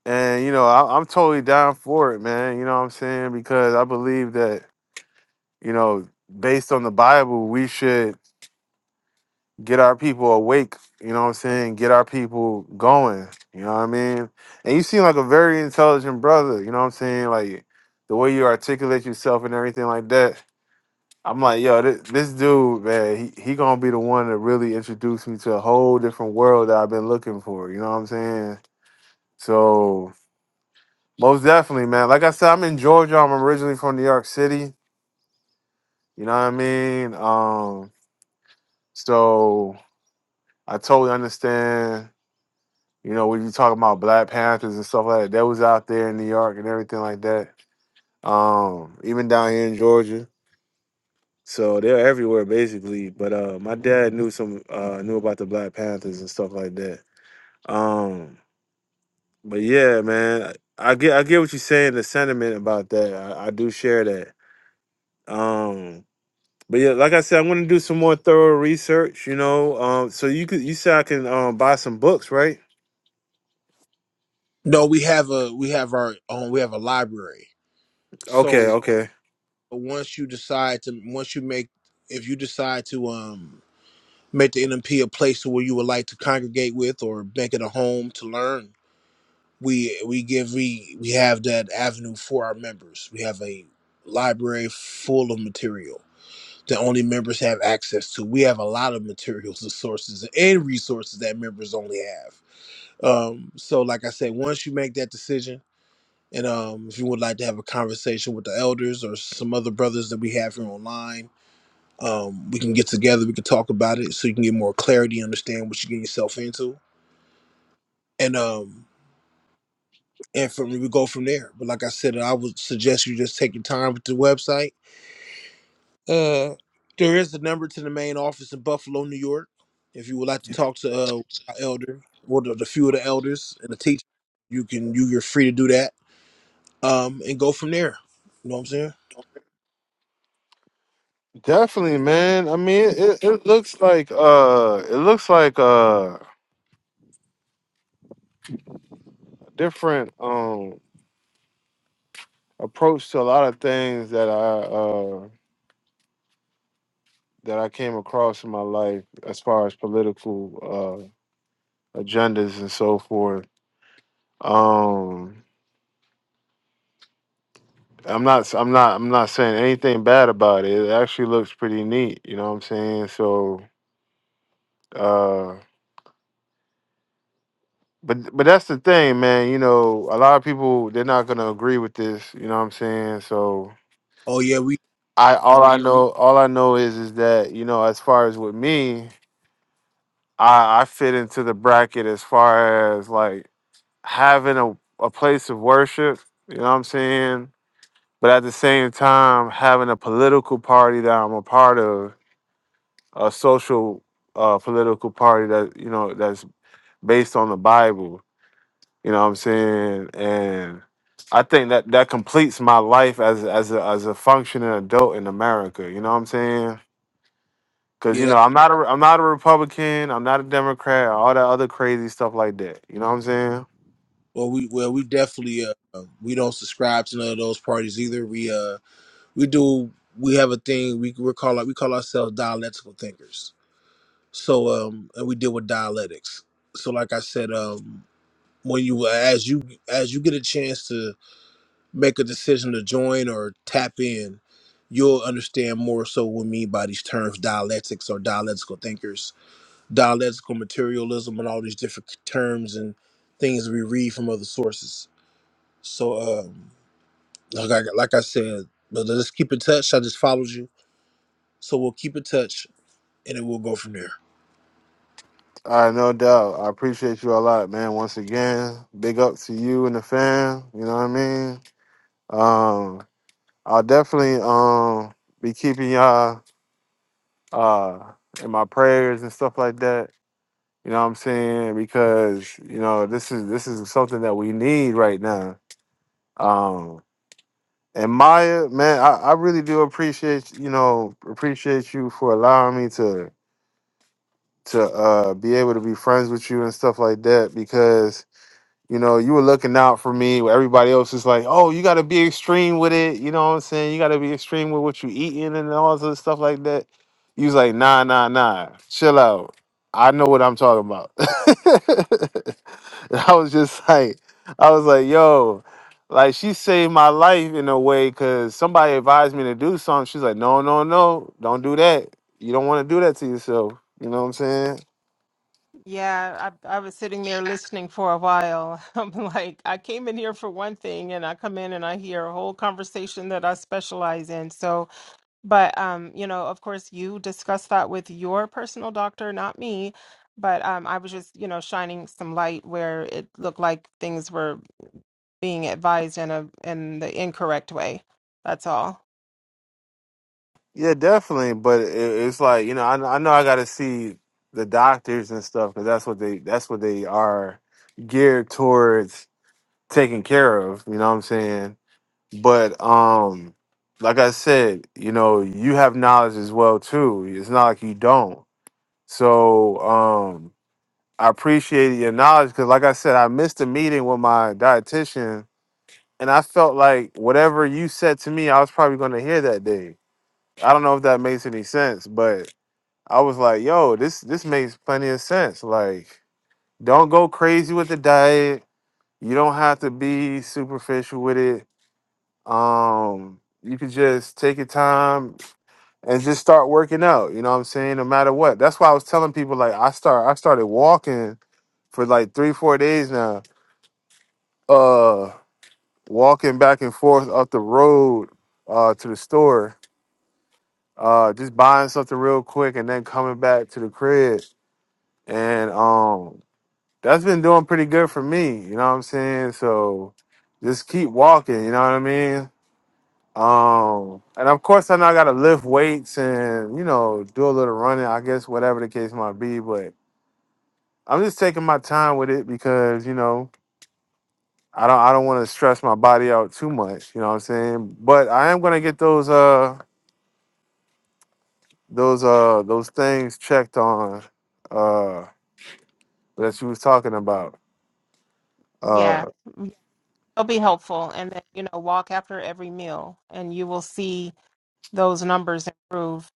Speaker 4: And you know I, I'm totally down for it, man. You know what I'm saying because I believe that you know based on the Bible, we should get our people awake. You know what I'm saying? Get our people going. You know what I mean? And you seem like a very intelligent brother. You know what I'm saying? Like the way you articulate yourself and everything like that I'm like, yo, this, this dude, man, he, he gonna be the one that really introduced me to a whole different world that I've been looking for. You know what I'm saying? So most definitely, man. Like I said, I'm in Georgia. I'm originally from New York City. You know what I mean? Um, so I totally understand. You know, when you talk about Black Panthers and stuff like that, that was out there in New York and everything like that. Um, even down here in Georgia. So they're everywhere basically. But uh my dad knew some uh knew about the Black Panthers and stuff like that. Um but yeah, man, I, I get I get what you're saying, the sentiment about that. I, I do share that. Um but yeah, like I said, I'm gonna do some more thorough research, you know. Um so you could you said I can um buy some books, right?
Speaker 3: No, we have a we have our own we have a library so
Speaker 4: Okay, okay.
Speaker 3: once you decide to once you make if you decide to um make the NMP a place where you would like to congregate with or make it a home to learn we we give we we have that avenue for our members we have a library full of material that only members have access to we have a lot of materials and sources and resources that members only have um so like i said once you make that decision And um, if you would like to have a conversation with the elders or some other brothers that we have here online, um, we can get together. We can talk about it so you can get more clarity, understand what you get yourself into, and um, and from we go from there. But like I said, I would suggest you just take your time with the website. Uh, there is a number to the main office in Buffalo, New York. If you would like to talk to uh, our elder or the, the few of the elders and the teacher, you can you you're free to do that. Um, and go from there. You know what I'm saying?
Speaker 4: Definitely, man. I mean it, it looks like uh it looks like uh different um approach to a lot of things that I that I came across in my life as far as political uh, agendas and so forth. Um, I'm not I'm not I'm not saying anything bad about it. It actually looks pretty neat, you know what I'm saying? So uh but but that's the thing, man, you know, a lot of people they're not going to agree with this, you know what I'm saying? So
Speaker 3: Oh yeah, we
Speaker 4: I all I Mhm. know all I know is is that, you know, as far as with me, I I fit into the bracket as far as like having a, a place of worship, you know what I'm saying? But at the same time, having a political party that I'm a part of, a social uh, political party that, you know, that's based on the Bible, you know what I'm saying? And I think that that completes my life as as a, as a functioning adult in America, you know what I'm saying? Cause
Speaker 3: yeah.
Speaker 4: you know I'm not a I'm not a Republican, I'm not a Democrat, all that other crazy stuff like that. You know what I'm saying?
Speaker 3: Well, we well we definitely uh, um, we don't subscribe to none of those parties either. We uh we do we have a thing we we call we call ourselves dialectical thinkers. So um and we deal with dialectics. So like I said um when you as you as you get a chance to make a decision to join or tap in, you'll understand more so what we mean by these terms dialectics or dialectical thinkers, dialectical materialism, and all these different terms and things we read from other sources. So. Um, Like I, like I said, but let's keep in touch. I just followed you, so we'll keep in touch, and it will go from there.
Speaker 4: Uh, no doubt. I appreciate you a lot, man. Once again, big up to you and the fam. You know what I mean? Um, I'll definitely um be keeping y'all uh in my prayers and stuff like that. You know what I'm saying? Because, you know, this is this is something that we need right now. Um and Maya, man, I, I really do appreciate you know, appreciate you for allowing me to to uh be able to be friends with you and stuff like that because You know, you were looking out for me. where Everybody else is like, oh, you got to be extreme with it. You know what I'm saying? You got to be extreme with what you eating and all this other stuff like that. You was like, nah, nah, nah. Chill out. I know what I'm talking about. And I was just like, I was like, yo, like she saved my life in a way because somebody advised me to do something. She's like, no, no, no, don't do that. You don't want to do that to yourself. You know what I'm saying?
Speaker 2: Yeah, I, I was sitting there listening for a while. I'm like, I came in here for one thing, and I come in and I hear a whole conversation that I specialize in. So But um, you know, of course, you discuss that with your personal doctor, not me. But um, I was just, you know, shining some light where it looked like things were being advised in a in the incorrect way. That's all.
Speaker 4: Yeah, definitely. But it, it's like you know, I, I know I got to see the doctors and stuff because that's what they that's what they are geared towards taking care of. You know what I'm saying? But um, like I said, you know, you have knowledge as well too. It's not like you don't. So um, I appreciate your knowledge because, like I said, I missed a meeting with my dietitian, and I felt like whatever you said to me, I was probably going to hear that day. I don't know if that makes any sense, but I was like, yo, this this makes plenty of sense. Like, don't go crazy with the diet. You don't have to be superficial with it. Um, you could just take your time and just start working out. You know what I'm saying? No matter what. That's why I was telling people like I start I started walking for like three, four days now. Uh walking back and forth up the road uh to the store. Uh just buying something real quick and then coming back to the crib and um that's been doing pretty good for me. You know what I'm saying? So just keep walking. You know what I mean? Um, and of course, I know I got to lift weights and you know do a little running. I guess whatever the case might be, but I'm just taking my time with it because you know I don't I don't want to stress my body out too much. You know what I'm saying? But I am gonna get those uh those uh those things checked on uh that you was talking about uh,
Speaker 2: Yeah, Mm, it'll be helpful. And then, you know, walk after every meal, and you will see those numbers improve.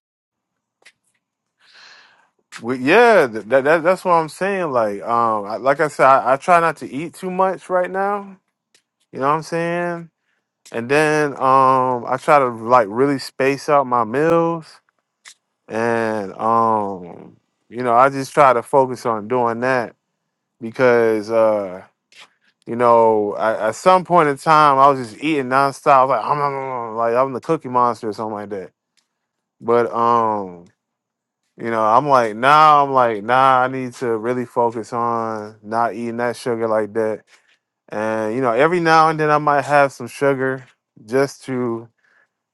Speaker 4: Well, yeah, th- that, that that's what I'm saying. Like, um, I, like I said, I, I try not to eat too much right now. You know what I'm saying? And then, um, I try to like really space out my meals, and um, you know, I just try to focus on doing that because, uh, you know, I, at some point in time, I was just eating nonstop. I was like, I'm like I'm the Cookie Monster or something like that. But um. You know, I'm like, nah, I'm like, nah, I need to really focus on not eating that sugar like that. And, you know, every now and then I might have some sugar just to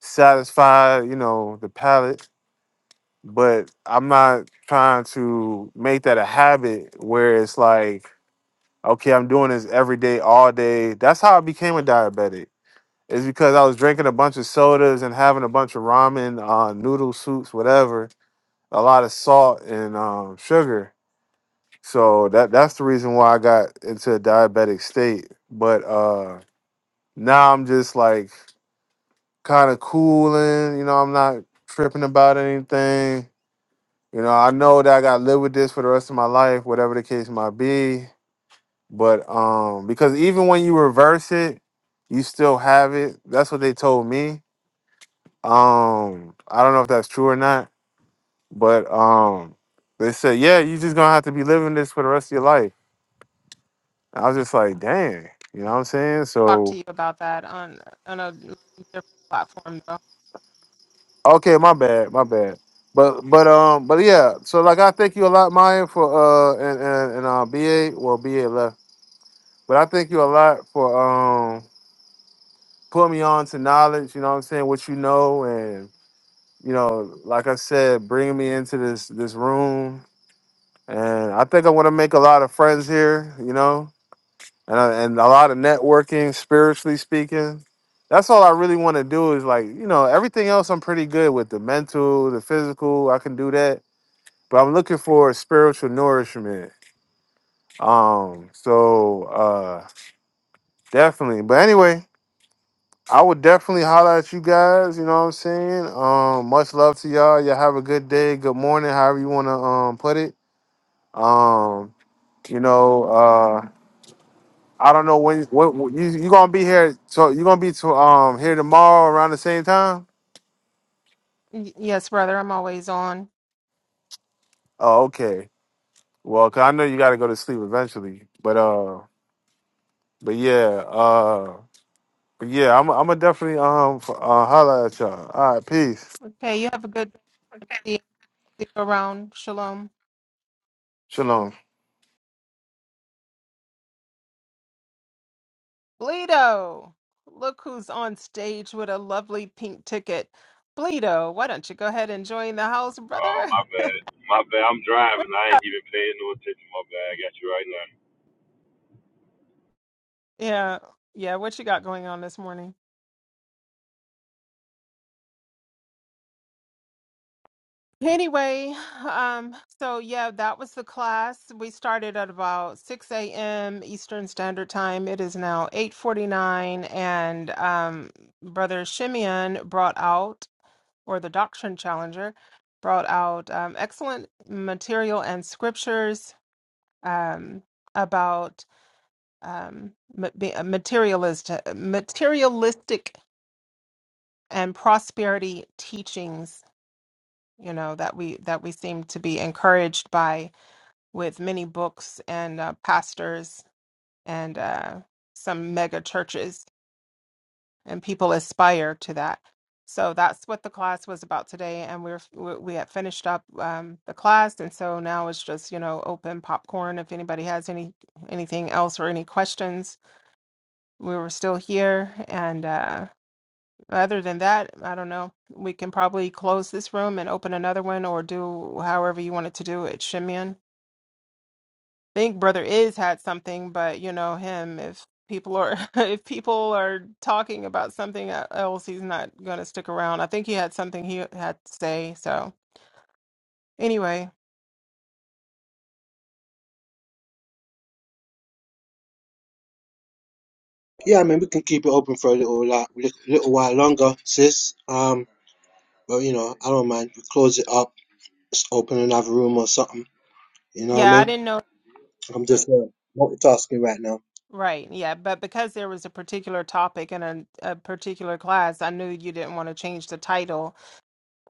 Speaker 4: satisfy, you know, the palate. But I'm not trying to make that a habit where it's like, okay, I'm doing this every day, all day. That's how I became a diabetic. It's because I was drinking a bunch of sodas and having a bunch of ramen, uh, noodle soups, whatever, a lot of salt and um, sugar So that that's the reason why I got into a diabetic state. But uh now I'm just like kind of cooling, you know, I'm not tripping about anything. You know, I know that I gotta live with this for the rest of my life, whatever the case might be. But um because even when you reverse it, you still have it. That's what they told me. Um, I don't know if that's true or not, but um they said, Yeah, you're just gonna have to be living this for the rest of your life I was just like, dang, you know what I'm saying?
Speaker 2: Talk
Speaker 4: So
Speaker 2: to you about that on on a different platform, though.
Speaker 4: okay, my bad, my bad. But but um but yeah, so like I thank you a lot, Maya, for uh and and, and uh BA well BA left. But I thank you a lot for um putting me on to knowledge, you know what I'm saying, what you know and you know, like I said, bringing me into this this room. And I think I'm gonna make a lot of friends here, you know. and I, and a lot of networking, spiritually speaking. That's all I really want to do is like you know everything else I'm pretty good with the mental, the physical. I can do that, but I'm looking for spiritual nourishment. Um, so uh, definitely. But anyway, I would definitely holler at you guys. You know what I'm saying? Um, much love to y'all. Y'all have a good day, good morning, however you want to um put it. Um, you know. uh. I don't know when. What, what you you gonna be here? So you gonna be to um here tomorrow around the same time?
Speaker 2: Y- Yes, brother, I'm always on.
Speaker 4: Oh, okay. Well, cause I know you gotta go to sleep eventually. But uh, but yeah, uh, but yeah, I'm I'm gonna definitely um f- uh, holla at y'all. All right, peace,
Speaker 2: Okay, you have a good day. See you around. Shalom.
Speaker 4: shalom.
Speaker 2: Bleedo, look who's on stage with a lovely pink ticket. Bleedo, why don't you go ahead and join the house,
Speaker 8: Oh,
Speaker 2: brother?
Speaker 8: my bad. My bad. I'm driving.
Speaker 2: What-
Speaker 8: I ain't even paying no attention. My bad. I got you right now.
Speaker 2: yeah, yeah, what you got going on this morning? Anyway, um, so yeah, that was the class. We started at about 6 a.m. Eastern Standard Time. It is now 8:49, and um, Brother Shimeon brought out, or the Doctrine Challenger, brought out um, excellent material and scriptures um, about um, ma- be- uh, materialist, uh, materialistic and prosperity teachings. You know that we that we seem to be encouraged by with many books and uh, pastors and uh, some mega churches, and people aspire to that. So that's what the class was about today, and we're we we had finished up um, the class, and so now it's just you know open popcorn if anybody has any anything else or any questions we were still here. And uh, other than that, I don't know. We can probably close this room and open another one or do however you wanted to do it, Shimeon. I think Brother Is had something, but you know him. If people are if people are talking about something e, else, he's not going to stick around. I think he had something he had to say. So anyway,
Speaker 9: Yeah, I mean, we can keep it open for a little, lot, little while longer, sis. Um, but you know, I don't mind. We close it up, just open another room or something. You know what I
Speaker 2: yeah, I
Speaker 9: mean?
Speaker 2: didn't know.
Speaker 9: I'm just uh, multitasking right now.
Speaker 2: Right, yeah, but because there was a particular topic in a, a particular class, I knew you didn't want to change the title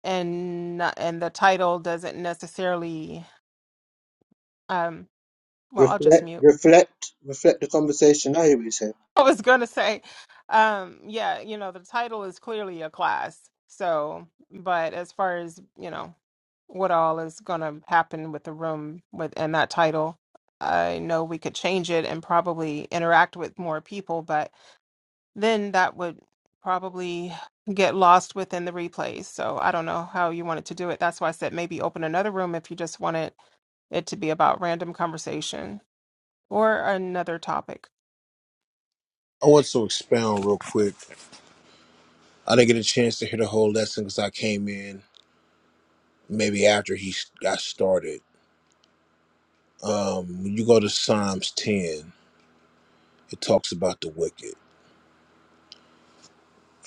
Speaker 2: and not- and the title doesn't necessarily um well I'll just
Speaker 9: Reflect,
Speaker 2: mute.
Speaker 9: reflect, reflect the conversation. I hear what you say.
Speaker 2: I was going to say um yeah, you know, the title is clearly a class. So, but as far as, you know, what all is going to happen with the room with and that title, I know we could change it and probably interact with more people, but then that would probably get lost within the replays. So I don't know how you wanted to do it. That's why I said maybe open another room if you just wanted it to be about random conversation or another topic.
Speaker 3: I want to expound real quick. I didn't get a chance to hear the whole lesson because I came in maybe after he s- got started. Um, when you go to Psalms ten, it talks about the wicked.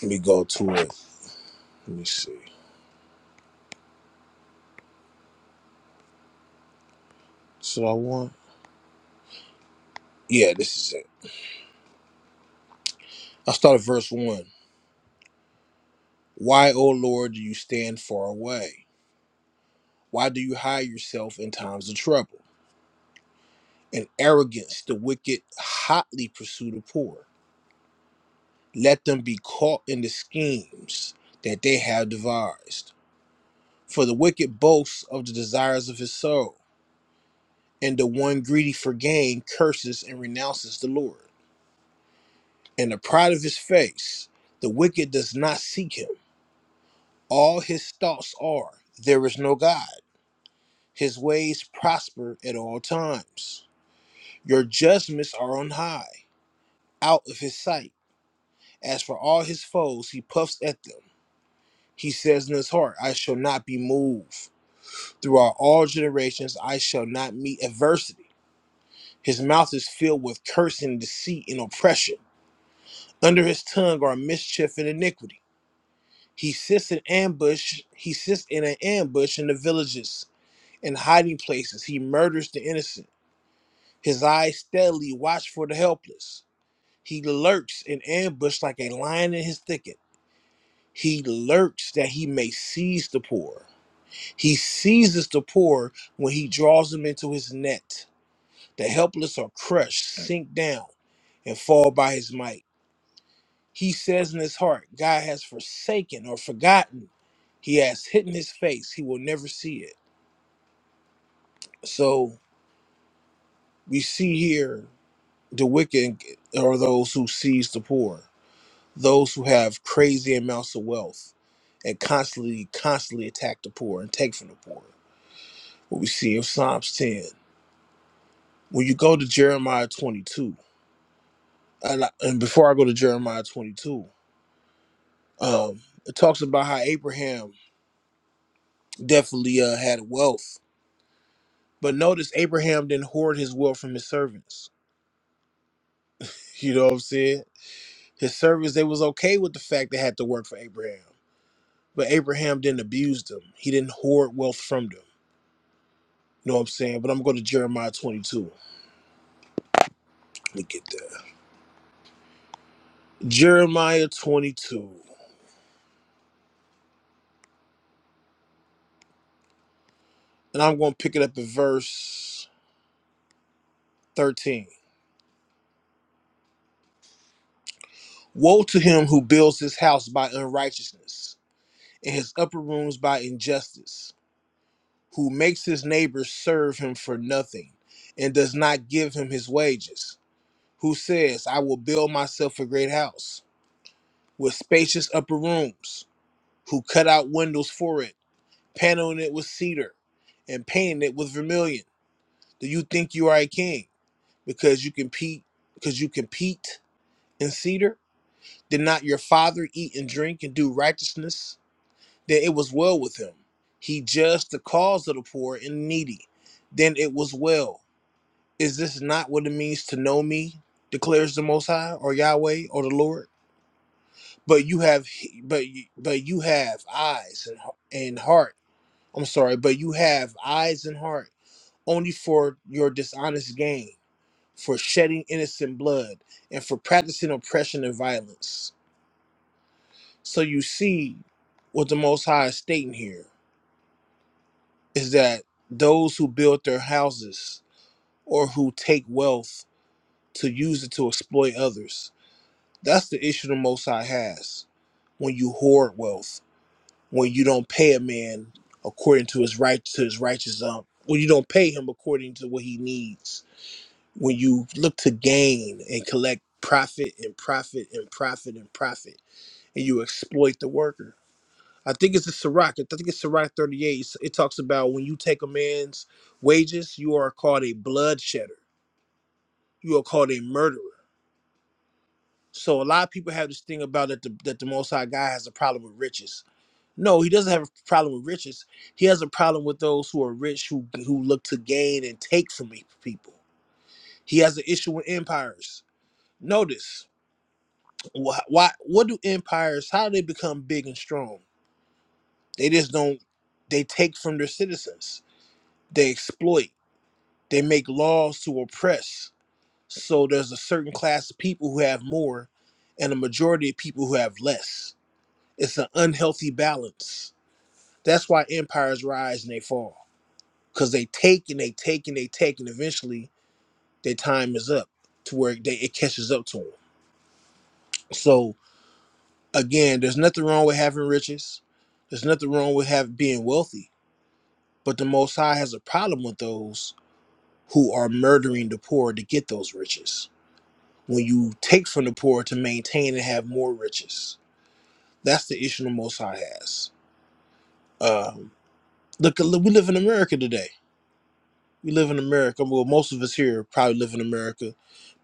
Speaker 3: Let me go to it. Let me see. So I want. Yeah, this is it. I start at verse one. Why, O Lord, do you stand far away? Why do you hide yourself in times of trouble? and arrogance the wicked hotly pursue the poor. Let them be caught in the schemes that they have devised. For the wicked boasts of the desires of his soul, and the one greedy for gain curses and renounces the Lord. In the pride of his face, the wicked does not seek him. All his thoughts are, There is no God. His ways prosper at all times. Your judgments are on high, out of his sight. As for all his foes, he puffs at them. He says in his heart, I shall not be moved. Throughout all generations, I shall not meet adversity. His mouth is filled with cursing, deceit, and oppression. Under his tongue are mischief and iniquity. He sits in ambush. He sits in an ambush in the villages and hiding places. He murders the innocent. His eyes steadily watch for the helpless. He lurks in ambush like a lion in his thicket. He lurks that he may seize the poor. He seizes the poor when he draws them into his net. The helpless are crushed, sink down, and fall by his might. He says in his heart, God has forsaken or forgotten. He has hidden his face. He will never see it. So we see here the wicked are those who seize the poor, those who have crazy amounts of wealth and constantly, constantly attack the poor and take from the poor. What we see in Psalms 10. When you go to Jeremiah 22, and, I- and before I go to Jeremiah 22, um, it talks about how Abraham definitely uh, had wealth. But notice Abraham didn't hoard his wealth from his servants. You know what I'm saying? His servants, they was okay with the fact they had to work for Abraham. But Abraham didn't abuse them. He didn't hoard wealth from them. You know what I'm saying? But I'm going to go to Jeremiah 22. Let me get that. Jeremiah 22. And I'm going to pick it up at verse 13. Woe to him who builds his house by unrighteousness and his upper rooms by injustice, who makes his neighbors serve him for nothing and does not give him his wages, who says, I will build myself a great house with spacious upper rooms, who cut out windows for it, paneling it with cedar and painting it with vermilion. Do you think you are a king because you compete because you compete in cedar? Did not your father eat and drink and do righteousness Then it was well with him. He judged the cause of the poor and needy. Then it was well. Is this not what it means to know me? Declares the Most High, or Yahweh, or the Lord. But you have, but you- but you have eyes and and heart. I'm sorry, but you have eyes and heart only for your dishonest gain, for shedding innocent blood, and for practicing oppression and violence. So you see what the Most High is stating here is that those who build their houses or who take wealth to use it to exploit others. That's the issue the Most High has when you hoard wealth, when you don't pay a man according to his right to his righteous um, when you don't pay him according to what he needs, when you look to gain and collect profit and profit and profit and profit, and you exploit the worker. I think it's a Sirach. I think it's Sirach 38. It's- It talks about when you take a man's wages, you are called a bloodshedder. You are called a murderer. So a lot of people have this thing about that the, that the Most High God has a problem with riches. No, he doesn't have a problem with riches. He has a problem with those who are rich who who look to gain and take from pe- people. He has an issue with empires. Notice why, why what do empires how do they become big and strong? They just don't they take from their citizens. They exploit They make laws to oppress. So there's a certain class of people who have more and a majority of people who have less. It's an unhealthy balance. That's why empires rise and they fall. Because they take and they take and they take, and eventually their time is up to where they, it catches up to them. So, again, there's nothing wrong with having riches, there's nothing wrong with have, being wealthy. But the Most High has a problem with those who are murdering the poor to get those riches when you take from the poor to maintain and have more riches. That's the issue the Most High has. Um, look, look, we live in America today. We live in America. Well, most of us here probably live in America,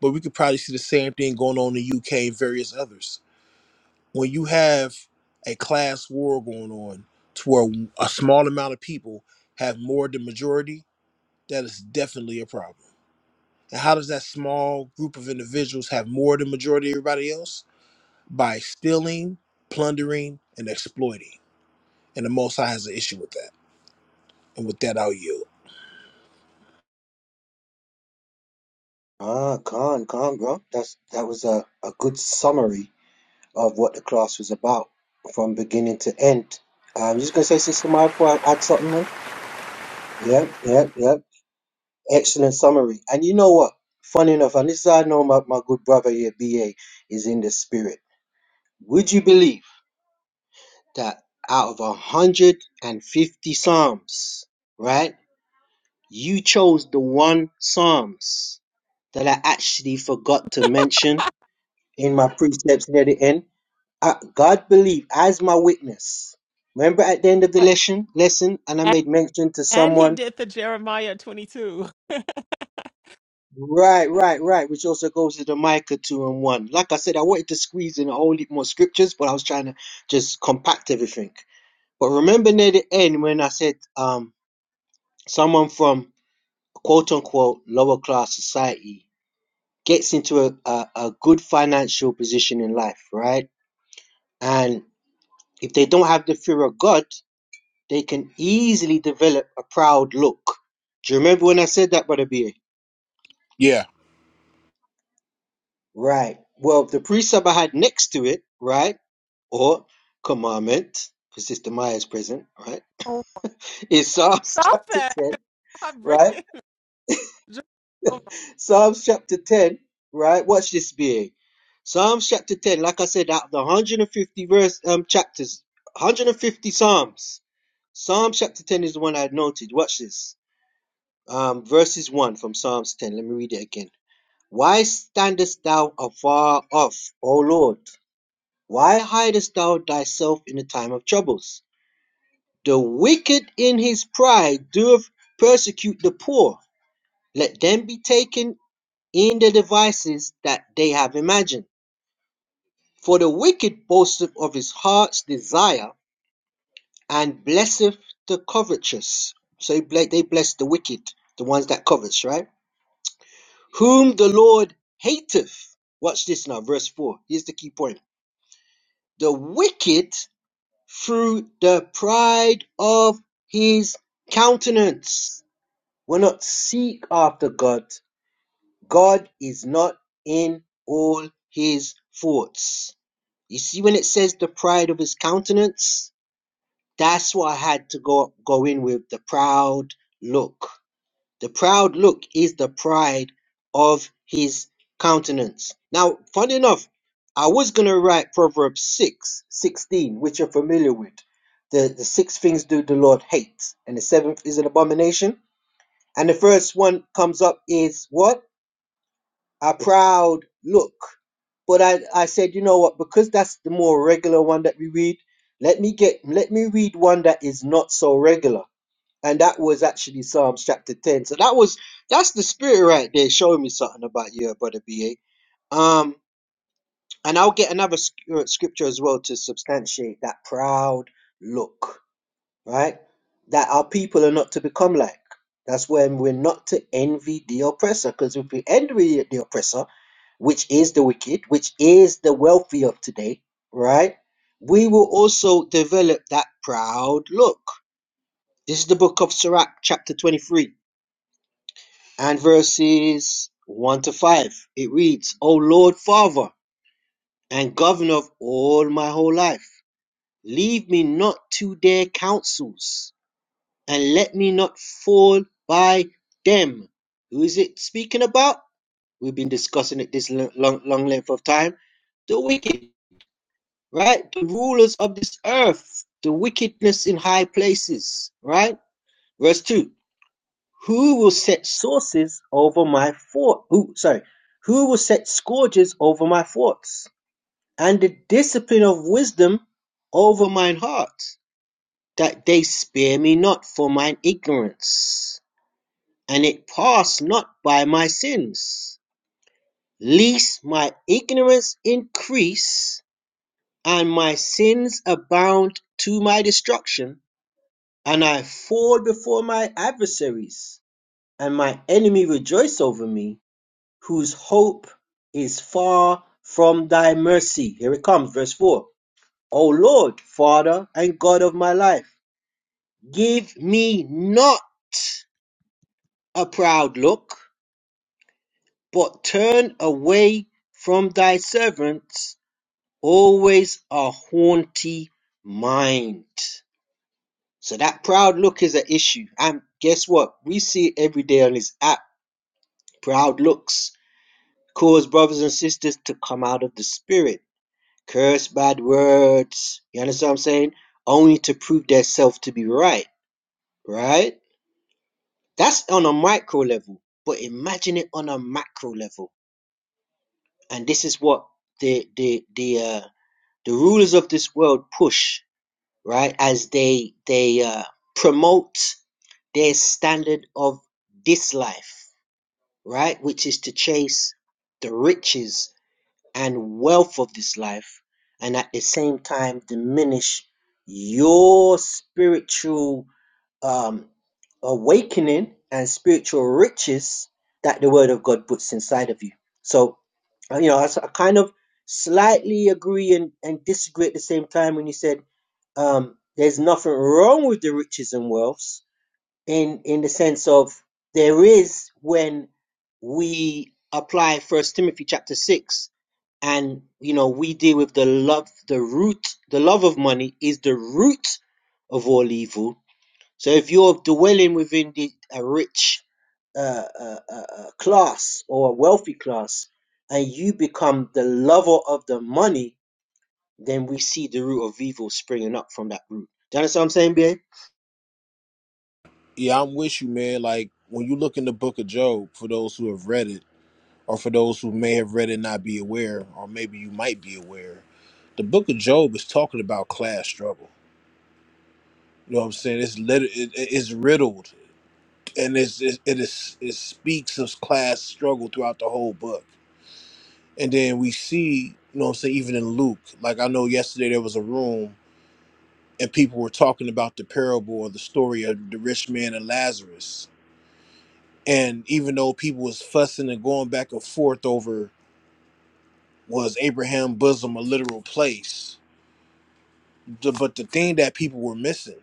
Speaker 3: but we could probably see the same thing going on in the UK and various others. When you have a class war going on to where a small amount of people have more than majority, that is definitely a problem. And how does that small group of individuals have more than majority of everybody else? by stealing, plundering, and exploiting. And the Most High has an issue with that. And with that, I'll yield.
Speaker 9: Ah, Khan, Khan, bro. That's that was a, a good summary of what the class was about from beginning to end. Um, you just gonna say, Sister Maya, before I add something on? Yeah, yeah, yeah. Excellent summary. And you know what? Funny enough, and this is how I know my, my good brother here, BA, is in the spirit. Would you believe that out of 150 Psalms, right, you chose the one Psalms that I actually forgot to mention in my precepts near the end? I, God believe as my witness. Remember at the end of the
Speaker 2: A-
Speaker 9: lesson, lesson, and I
Speaker 2: a-
Speaker 9: made mention to
Speaker 2: And he
Speaker 9: someone
Speaker 2: did the Jeremiah 22.
Speaker 9: Right, right, right. Which also goes to the Micah two and one. Like I said, I wanted to squeeze in a whole heap more scriptures, but I was trying to just compact everything. But remember near the end when I said um someone from quote unquote lower class society gets into a, a, a good financial position in life, right? And if they don't have the fear of God, they can easily develop a proud look. Do you remember when I said that, Brother B? A?
Speaker 3: Yeah,
Speaker 9: Right. Well, the precept I had next to it, right? or commandment, because Sister Maya is present, right? In Psalms
Speaker 2: Stop
Speaker 9: chapter
Speaker 2: that.
Speaker 9: 10,
Speaker 2: I'm
Speaker 9: right?
Speaker 2: bringing. Just, Oh
Speaker 9: Psalms chapter 10, right? Watch this being. Psalms chapter 10, like I said, out of the 150 verse um chapters, 150 Psalms. Psalm chapter 10 is the one I had noted. Watch this. Um, verses 1 from Psalms 10. Let me read it again. Why standest thou afar off, O Lord? Why hidest thou thyself in the time of troubles? The wicked in his pride doeth persecute the poor; let them be taken in the devices that they have imagined. For the wicked boasteth of his heart's desire, and blesseth the covetous. So they bless the wicked, the ones that covets, right? Whom the Lord hateth. Watch this now, verse 4. Here's the key point. The wicked through the pride of his countenance Why not seek after God? God is not in all his thoughts. You see, when it says the pride of his countenance, that's what I had to go go in with the proud look. The proud look is the pride of his countenance. Now, funny enough, I was gonna write Proverbs 6 16, which you're familiar with. The the six things do the Lord hate, and the seventh is an abomination. And the first one comes up is what? A proud look. But I, I said, you know what, because that's the more regular one that we read, let me get let me read one that is not so regular. And that was actually Psalms chapter 10. So that was that's the spirit right there showing me something about you, brother BA. Um, and I'll get another sc- uh, scripture as well to substantiate that proud look right? That our people are not to become like. That's when we're not to envy the oppressor, because if we envy the oppressor, which is the wicked, which is the wealthy of today, right? We will also develop that proud look. This is the book of Sirach, chapter 23, and verses 1 to 5. It reads, O Lord Father and governor of all my whole life, leave me not to their counsels and let me not fall by them. Who is it speaking about? We've been discussing it this long, long length of time. The wicked, right? The rulers of this earth, the wickedness in high places, right? Verse 2 Who will set sources over my thought? Who, sorry, who will set scourges over my thoughts and the discipline of wisdom over mine heart, that they spare me not for mine ignorance? and it pass not by my sins, lest my ignorance increase and my sins abound to my destruction, and I fall before my adversaries, and my enemy rejoice over me, whose hope is far from thy mercy. Here it comes, verse 4. O Lord, Father and God of my life, give me not a proud look But turn away from thy servants always a haughty mind. So that proud look is an issue. And guess what? We see it every day on this app. Proud looks cause brothers and sisters to come out of the spirit. Curse bad words. You understand what I'm saying? Only to prove themselves to be right. Right? That's on a micro level. But imagine it on a macro level. And this is what the the the uh the rulers of this world push right as they they uh, promote their standard of this life right which is to chase the riches and wealth of this life and at the same time diminish your spiritual um, awakening and spiritual riches that the Word of God puts inside of you. So, uh, you know, I kind of slightly agree and, and disagree at the same time when you said um, there's nothing wrong with the riches and wealths in in the sense of there is when we apply First Timothy chapter six and you know we deal with the love the root the love of money is the root of all evil so if you're dwelling within the, a rich uh, uh, uh, uh, class or a wealthy class, and you become the lover of the money, then we see the root of evil springing up from that root. Do you understand what I'm saying, BA?
Speaker 3: yeah, I'm with you, man. Like when you look in the Book of Job, for those who have read it, or for those who may have read it and not be aware, or maybe you might be aware, the Book of Job is talking about class struggle. You know what I'm saying? It's lit- it, it's riddled, and it's it, it is it speaks of class struggle throughout the whole book. And then we see, you know what I'm saying, even in Luke. Like I know yesterday there was a room and people were talking about the parable or the story of the rich man and Lazarus. And even though people was fussing and going back and forth over was Abraham bosom a literal place, the, but the thing that people were missing,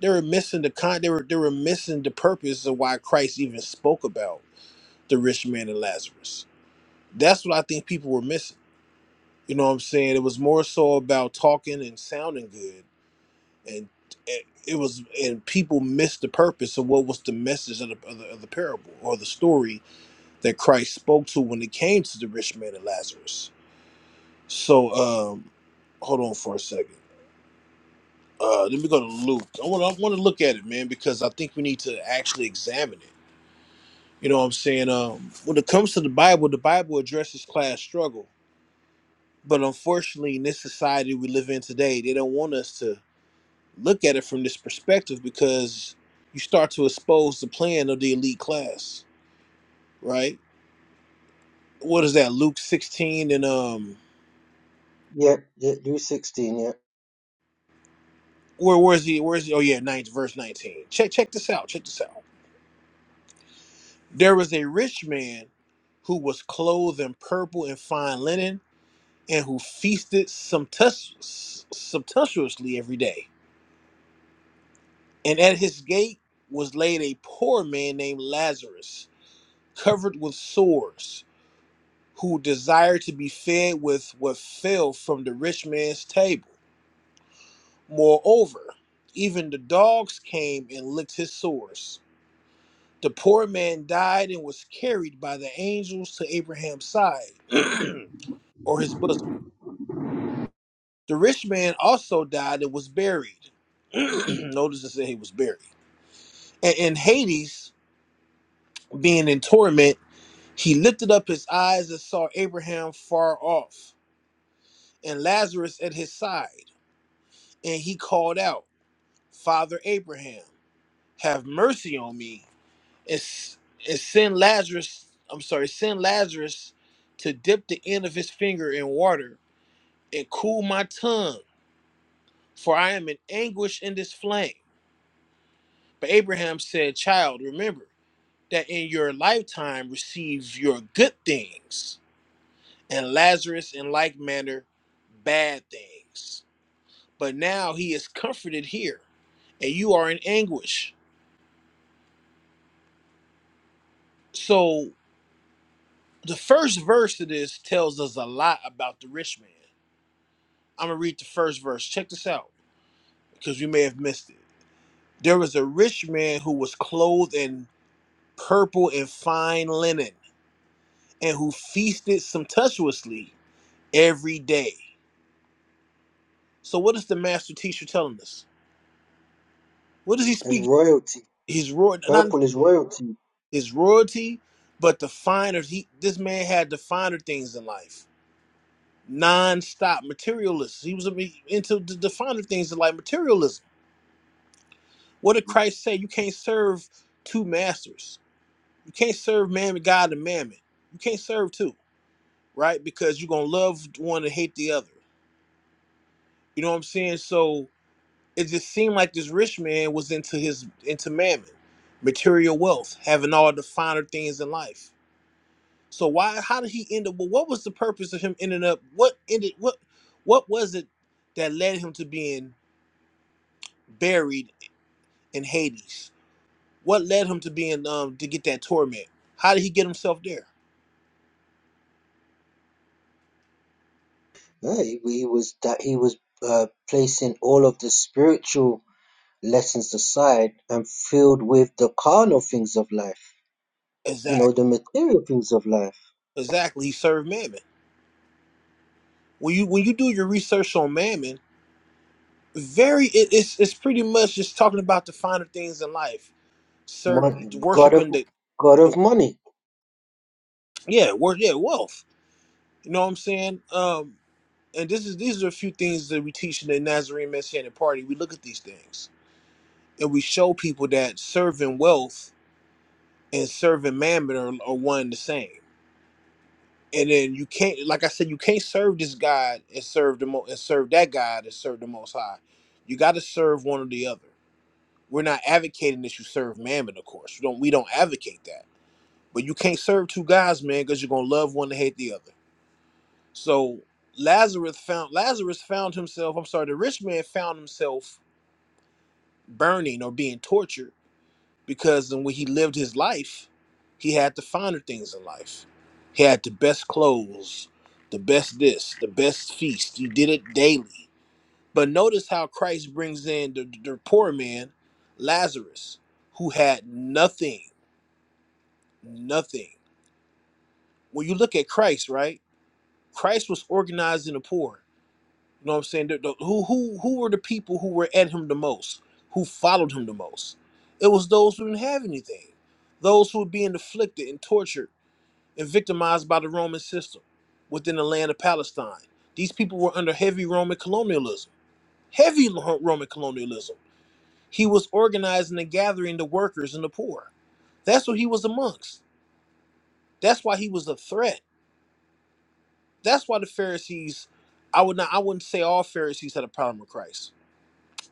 Speaker 3: they were missing the con, they were they were missing the purpose of why Christ even spoke about the rich man and Lazarus. That's what I think people were missing. You know what I'm saying? It was more so about talking and sounding good and and it was and people missed the purpose of what was the message of the, of the, of the parable or the story that christ spoke to when it came to the rich man and lazarus so um hold on for a second uh let me go to luke i want to I want to look at it man because i think we need to actually examine it you know what i'm saying um when it comes to the bible the bible addresses class struggle but unfortunately in this society we live in today they don't want us to look at it from this perspective because you start to expose the plan of the elite class, right? What is that? Luke sixteen and um,
Speaker 9: Yeah, yeah, Rule sixteen. Yeah,
Speaker 3: where where's he? Where's he? Oh yeah, ninth verse nineteen. Check check this out. Check this out. There was a rich man who was clothed in purple and fine linen, and who feasted sumptuous- sumptuously every day. And at his gate was laid a poor man named Lazarus, covered with sores who desire to be fed with what fell from the rich man's table. Moreover, even the dogs came and licked his sores. The poor man died and was carried by the angels to Abraham's side or his bosom. The rich man also died and was buried. Notice it said he was buried. And in Hades, being in torment, he lifted up his eyes and saw Abraham far off and Lazarus at his side. And he called out. Father Abraham, have mercy on me, and, s- and send Lazarus, I'm sorry, send Lazarus to dip the end of his finger in water and cool my tongue, for I am in anguish in this flame. But Abraham said, Child, remember that in your lifetime receive your good things, and Lazarus in like manner bad things. But now he is comforted here, and you are in anguish. So the first verse of this tells us a lot about the rich man. I'm gonna read the first verse. Check this out, because you may have missed it. There was a rich man who was clothed in purple and fine linen, and who feasted sumptuously every day. So, what is the master teacher telling us? What does he
Speaker 9: as
Speaker 3: speak?
Speaker 9: royalty,
Speaker 3: His royal, not
Speaker 9: purple is royalty.
Speaker 3: his royalty, but the finer. He this man had the finer things in life. Non-stop materialist. He was into the, the finer things in life, materialism What did Christ say? You can't serve two masters. You can't serve man, God and mammon. You can't serve two, right? Because you're gonna love one and hate the other. You know what I'm saying? So it just seemed like this rich man was into his into mammon, material wealth, having all the finer things in life. So why? How did he end up? Well, what was the purpose of him ending up? What ended? What? What was it that led him to being buried in Hades? What led him to being um to get that torment? How did he get himself there?
Speaker 9: Yeah, he, he was that he was uh, placing all of the spiritual lessons aside and filled with the carnal things of life. You know,
Speaker 3: Exactly.
Speaker 9: the material things of life.
Speaker 3: Exactly. He served Mammon. When you when you do your research on Mammon, very it, it's it's pretty much just talking about the finer things in life. Serve
Speaker 9: Mon- God of
Speaker 3: worshiping the
Speaker 9: God of money.
Speaker 3: yeah, wor- yeah, wealth. You know what I'm saying? Um and this is these are a few things that we teach in the Nazarene Messianic Party. We look at these things and we show people that serving wealth and serving mammon are, are one and the same. and then you can't like i said you can't serve this god and serve the mo and serve that god and serve the most high you got to serve one or the other we're not advocating that you serve mammon of course we don't we don't advocate that but you can't serve two gods man because you're gonna love one and hate the other so lazarus found lazarus found himself i'm sorry the rich man found himself burning or being tortured because when he lived his life, he had the finer things in life. He had the best clothes, the best this, the best feast. He did it daily. But notice how Christ brings in the, the poor man, Lazarus, who had nothing, nothing. When you look at Christ, right? Christ was organizing the poor. You know what I'm saying? The- the- who, who, who were the people who were at him the most, who followed him the most? It was those who didn't have anything those who were being afflicted and tortured and victimized by the Roman system within the land of Palestine. These people were under heavy Roman colonialism, heavy Roman colonialism. He was organizing and gathering the workers and the poor. That's what he was amongst. That's why he was a threat. That's why the Pharisees, I would not, I wouldn't say all Pharisees had a problem with Christ,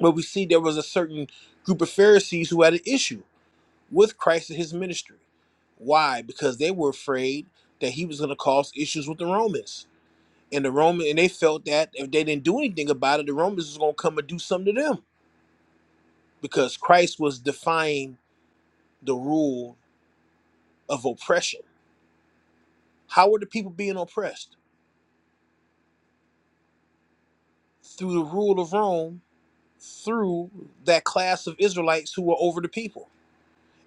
Speaker 3: but we see there was a certain group of Pharisees who had an issue with Christ and his ministry. Why? Because they were afraid that he was going to cause issues with the Romans and the Roman and they felt that if they didn't do anything about it, the Romans was gonna come and do something to them because Christ was defying the rule of oppression. How were the people being oppressed? Through the rule of Rome, through that class of Israelites who were over the people.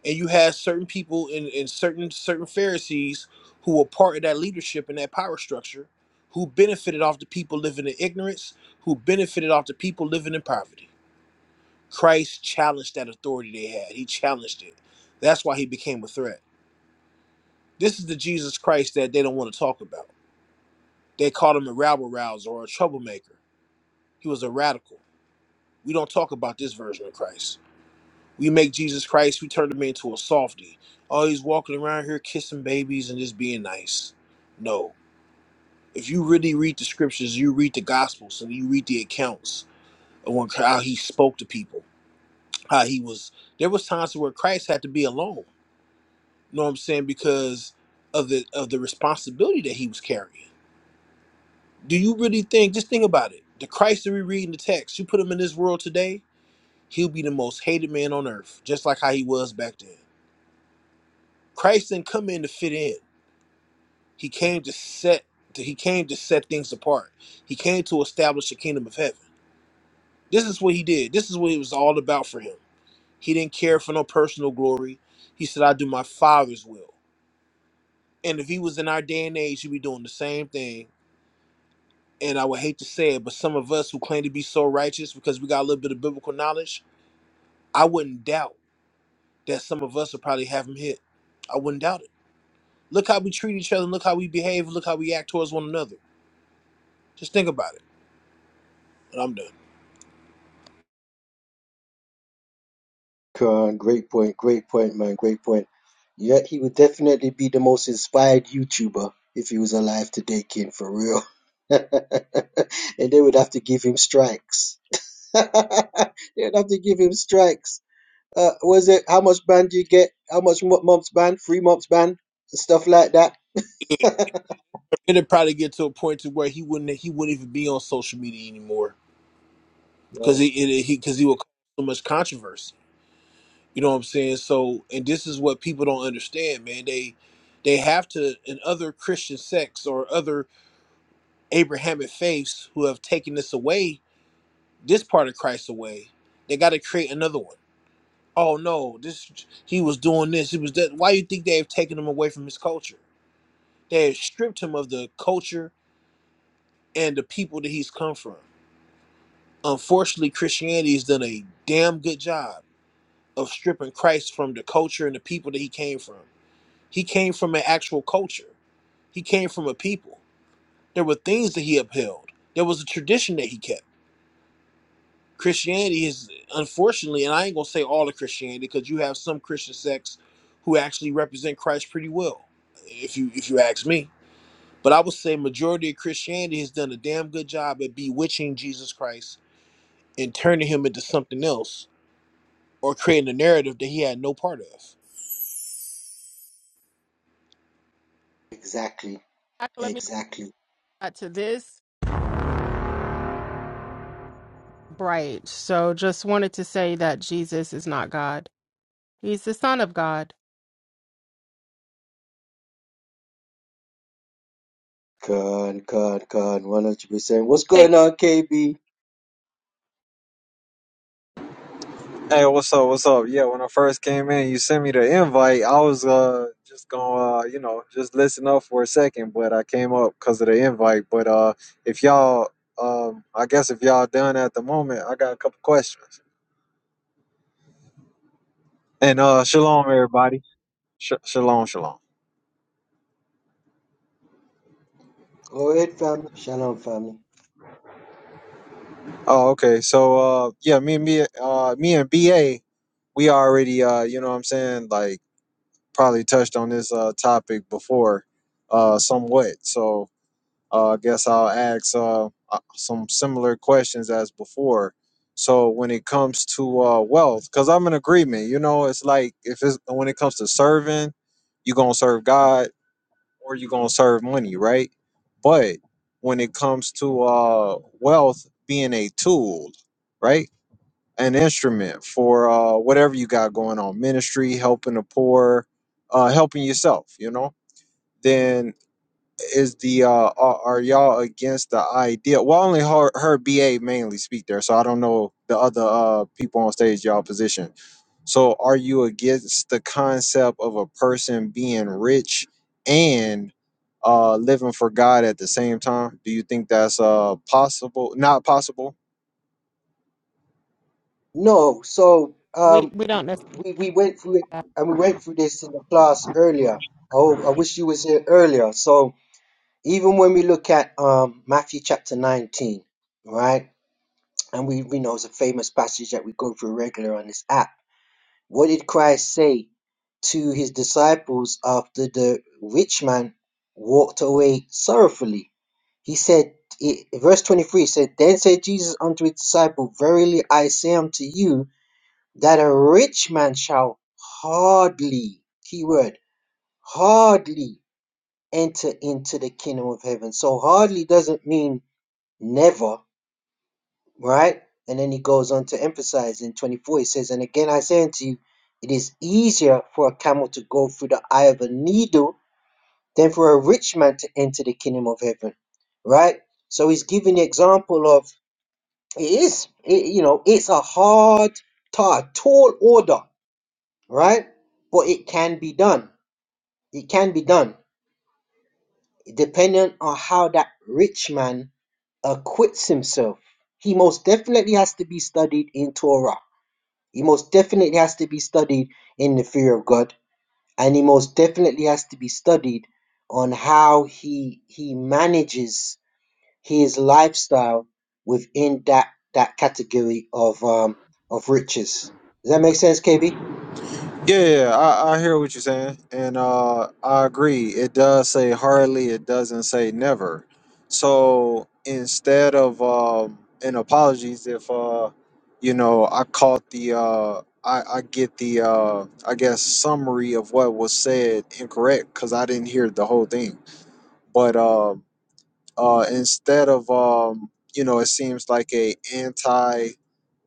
Speaker 3: And you had certain people in, in certain certain Pharisees who were part of that leadership and that power structure who benefited off the people living in ignorance, who benefited off the people living in poverty Christ challenged that authority they had. He challenged it. That's why he became a threat. This is the Jesus Christ that they don't want to talk about. They called him a rabble rouser or a troublemaker. He was a radical. We don't talk about this version of Christ. We make Jesus Christ, we turn him into a softy. Oh, he's walking around here kissing babies and just being nice. No. If you really read the scriptures, you read the gospels and you read the accounts of when, how he spoke to people, how he was. There was times where Christ had to be alone know what I'm saying? Because of the of the responsibility that he was carrying. Do you really think? Just think about it. The Christ that we read in the text, you put him in this world today, he'll be the most hated man on earth, just like how he was back then. Christ didn't come in to fit in. He came to set. to- He came to set things apart. He came to establish the kingdom of heaven. This is what he did. This is what it was all about for him. He didn't care for no personal glory. He said, "I do my Father's will." And if he was in our day and age, he'd be doing the same thing and I would hate to say it, but some of us who claim to be so righteous because we got a little bit of biblical knowledge, I wouldn't doubt that some of us will probably have them hit. I wouldn't doubt it. Look how we treat each other, and look how we behave, and look how we act towards one another. Just think about it. And I'm done.
Speaker 9: Uh, great point, great point, man, great point. Yet he would definitely be the most inspired YouTuber if he was alive today, King, for real. and they would have to give him strikes. They'd have to give him strikes. Uh, was it how much ban do you get? How much mo- months ban? Three months ban? Stuff like that.
Speaker 3: It'd probably get to a point to where he wouldn't he wouldn't even be on social media anymore because
Speaker 9: Right.
Speaker 3: he it, he because he would cause so much controversy. You know what I'm saying? So, and this is what people don't understand, man. They they have to in other Christian sects or other Abrahamic faiths who have taken this away, this part of Christ away. They got to create another one. Oh no, this he was doing this. He was that. Why you think they have taken him away from his culture? They have stripped him of the culture and the people that he's come from. Unfortunately, Christianity has done a damn good job of stripping Christ from the culture and the people that he came from. He came from an actual culture. He came from a people. There were things that he upheld. There was a tradition that he kept Christianity is unfortunately, and I ain't gonna say all of Christianity because you have some Christian sects who actually represent Christ pretty well, if you if you ask me. But I would say majority of Christianity has done a damn good job at bewitching Jesus Christ and turning him into something else or creating a narrative that he had no part of.
Speaker 9: Exactly,
Speaker 2: my God. Let me go
Speaker 9: exactly.
Speaker 2: back to this. Right. So just wanted to say that Jesus is not God. He's the Son of God.
Speaker 9: Con, con, con, 100%. What's
Speaker 2: Hey.
Speaker 9: going on, KB?
Speaker 10: Hey, what's up? What's up? Yeah, when I first came in, you sent me the invite. I was uh just gonna uh, you know just listen up for a second, but I came up because of the invite. But uh, if y'all um, I guess if y'all done at the moment, I got a couple questions. And uh, shalom everybody. Sh- shalom, shalom.
Speaker 9: Go ahead, family. Shalom, family.
Speaker 10: Oh, okay. So uh, yeah, me and me uh me and BA, we already uh you know what I'm saying like probably touched on this uh topic before uh somewhat. So Uh, I guess I'll ask uh, uh, some similar questions as before. So when it comes to uh, wealth, because I'm in agreement, you know, it's like if it's when it comes to serving, you're gonna serve God or you're gonna serve money, right? But when it comes to uh, wealth being a tool, right, an instrument for uh, whatever you got going on, ministry, helping the poor, uh, helping yourself, you know, then is the uh are, are y'all against the idea well I only heard, heard ba mainly speak there so i don't know the other uh people on stage y'all position so are you against the concept of a person being rich and uh living for god at the same time do you think that's uh possible not possible
Speaker 9: No, so
Speaker 2: We
Speaker 9: um,
Speaker 2: we don't necessarily.
Speaker 9: we we went through it and we went through this in the class earlier. Oh, I wish you was here earlier. So even when we look at um Matthew chapter nineteen, right, and we we know it's a famous passage that we go through regular on this app. What did Christ say to his disciples after the rich man walked away sorrowfully? He said, it, verse 23 said, Then said Jesus unto his disciple, Verily I say unto you, that a rich man shall hardly, key word, hardly enter into the kingdom of heaven. So hardly doesn't mean never right? And then he goes on to emphasize in 24, he says, And again I say unto you, it is easier for a camel to go through the eye of a needle than for a rich man to enter the kingdom of heaven, right? So he's giving the example of it is, it, you know, it's a hard, ta- tall order, right? But it can be done. It can be done, depending on how that rich man acquits himself. He most definitely has to be studied in Torah He most definitely has to be studied in the fear of God, and he most definitely has to be studied on how he he manages his lifestyle within that that category of um of riches. Does that make sense, KB?
Speaker 10: Yeah, yeah, yeah. I, I hear what you're saying, and uh, I agree. It does say hardly, it doesn't say never. So instead of um, and apologies if uh, you know I caught the uh, I, I get the uh, I guess summary of what was said incorrect because I didn't hear the whole thing. But um, uh, instead of um, you know, it seems like a anti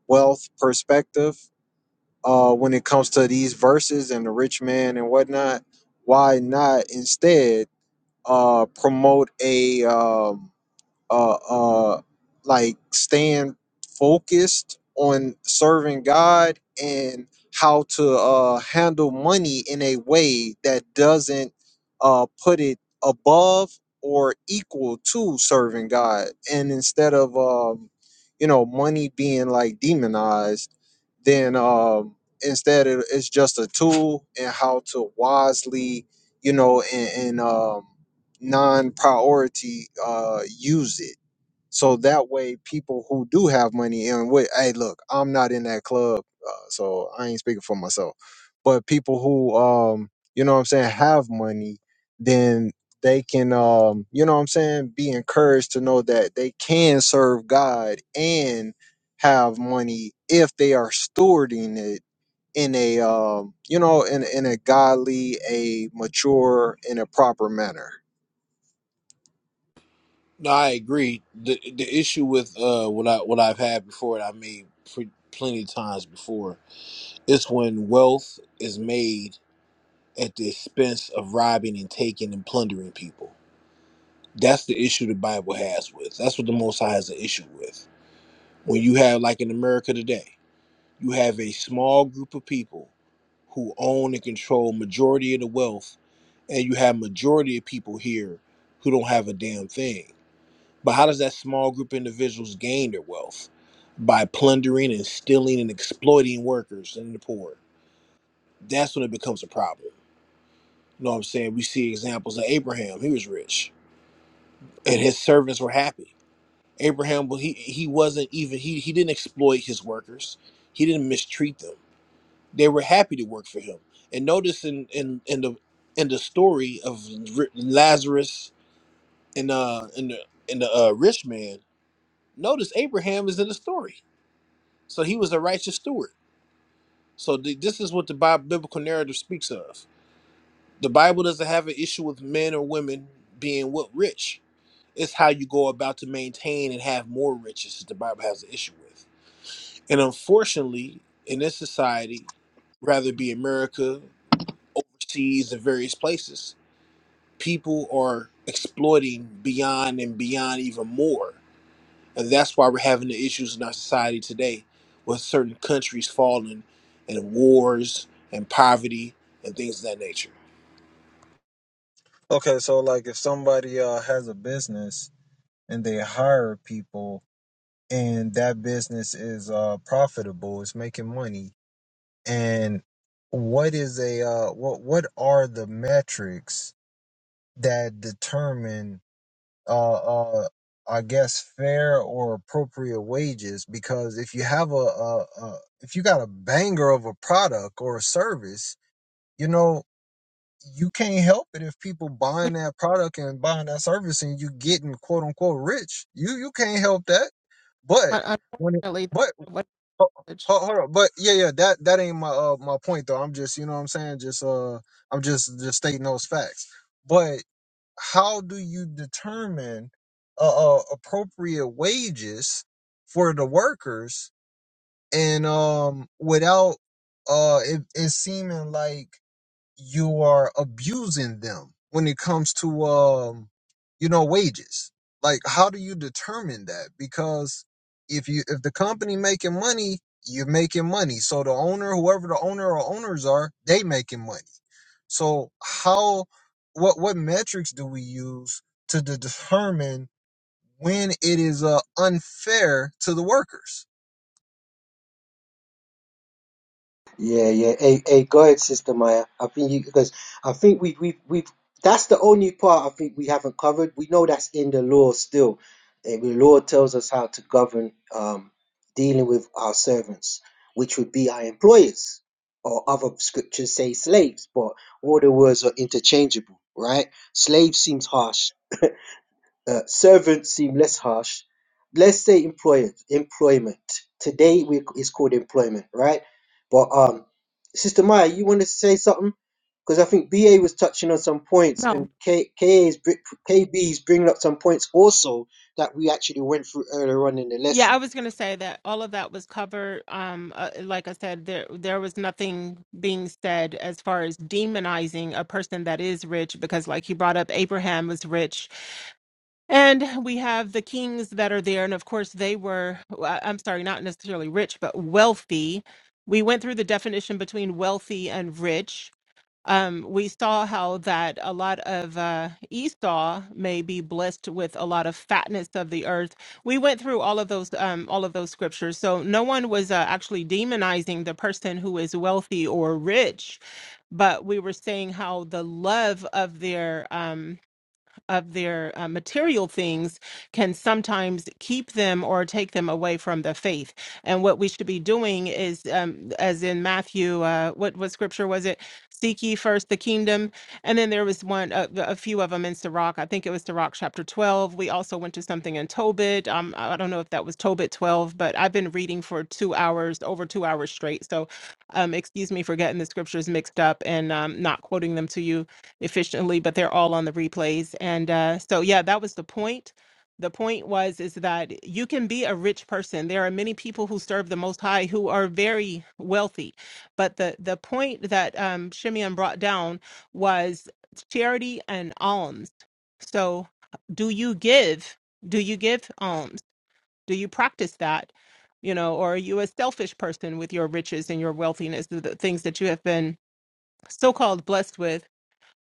Speaker 10: wealth perspective uh, when it comes to these verses and the rich man and whatnot, why not instead uh, promote a um, uh, uh, like staying focused on serving God and how to uh, handle money in a way that doesn't uh, put it above or equal to serving God. And instead of, um, you know, money being like demonized, then um, instead it, it's just a tool and how to wisely, you know, and, and um, non-priority uh use it so that way people who do have money and with hey look i'm not in that club uh, so i ain't speaking for myself but people who um you know what i'm saying have money then they can um you know what i'm saying be encouraged to know that they can serve god and have money if they are stewarding it in a um, you know in in a godly, a mature, in a proper manner.
Speaker 3: No, I agree. The the issue with uh what I what I've had before and I made pre- plenty of times before is when wealth is made at the expense of robbing and taking and plundering people. That's the issue the Bible has with. That's what the Most High has an issue with. When you have, like in America today, you have a small group of people who own and control majority of the wealth, and you have majority of people here who don't have a damn thing. But how does that small group of individuals gain their wealth? By plundering and stealing and exploiting workers and the poor. That's when it becomes a problem You know what I'm saying? We see examples of Abraham. He was rich and his servants were happy. Abraham, well, he, he wasn't even, he, he didn't exploit his workers. He didn't mistreat them. They were happy to work for him. And notice in, in, in the, in the story of R- Lazarus and, uh, and the, and the uh, rich man, notice Abraham is in the story. So he was a righteous steward. So th- this is what the Bi- biblical narrative speaks of. The Bible doesn't have an issue with men or women being what rich It's how you go about to maintain and have more riches that the Bible has an issue with. And unfortunately, in this society, rather it be America, overseas, and various places, people are exploiting beyond and beyond even more. And that's why we're having the issues in our society today with certain countries falling and wars and poverty and things of that nature.
Speaker 10: Okay, so like if somebody uh has a business and they hire people and that business is uh profitable, it's making money, and what is a uh what what are the metrics that determine uh uh I guess fair or appropriate wages because if you have a, a, a if you got a banger of a product or a service, you know, you can't help it if people buying that product and buying that service and you getting quote unquote rich. You you can't help that. But
Speaker 2: Un-
Speaker 10: when it,
Speaker 2: Unfortunately, that's
Speaker 10: but
Speaker 2: what
Speaker 10: Ho-
Speaker 2: privilege.
Speaker 10: ho- Hold on, but yeah, yeah, that that ain't my uh my point though. I'm just you know what I'm saying. Just uh, I'm just just stating those facts. But how do you determine uh, uh appropriate wages for the workers and um without uh it, it seeming like you are abusing them when it comes to um you know wages like how do you determine that because if you if the company making money you're making money so the owner whoever the owner or owners are they making money so how what what metrics do we use to de- determine when it is uh, unfair to the workers
Speaker 9: Yeah, yeah. Hey, hey, go ahead, Sister Maya. I think you because I think we we we that's the only part I think we haven't covered. We know that's in the law still. Eh, The law tells us how to govern um, dealing with our servants, which would be our employers, or other scriptures say slaves, but all the words are interchangeable, right? Slave seems harsh uh, servants seem less harsh. Let's say employment. Employment today we, it's called employment, right? But um, Sister Maya, you wanted to say something because I think BA was touching on some points,
Speaker 2: No.
Speaker 9: and K, KA's br- KB's bringing up some points also that we actually went through earlier on in the
Speaker 2: Yeah,
Speaker 9: lesson.
Speaker 2: I was going to say that all of that was covered. Um, uh, like I said, there there was nothing being said as far as demonizing a person that is rich, because like you brought up, Abraham was rich, and we have the kings that are there, and of course they were. I- I'm sorry, not necessarily rich, but wealthy. We went through the definition between wealthy and rich um, we saw how that a lot of uh, Esau may be blessed with a lot of fatness of the earth. We went through all of those um, all of those scriptures, so no one was uh, actually demonizing the person who is wealthy or rich, but we were saying how the love of their um, of their uh, material things can sometimes keep them or take them away from the faith. And what we should be doing is, um, as in Matthew, uh, what what scripture was it? Seek ye first the kingdom, and then there was one, a, a few of them in Sirach. I think it was Sirach chapter twelve. We also went to something in Tobit. Um, I don't know if that was Tobit twelve, but I've been reading for two hours, over two hours straight. So, um, excuse me for getting the scriptures mixed up and um, not quoting them to you efficiently, but they're all on the replays. And uh, so, yeah, that was the point. The point was is that you can be a rich person. There are many people who serve the Most High who are very wealthy, but the the point that um, Shimeon brought down was charity and alms. So, do you give? Do you give alms? Do you practice that? You know, or are you a selfish person with your riches and your wealthiness, the the things that you have been so called blessed with?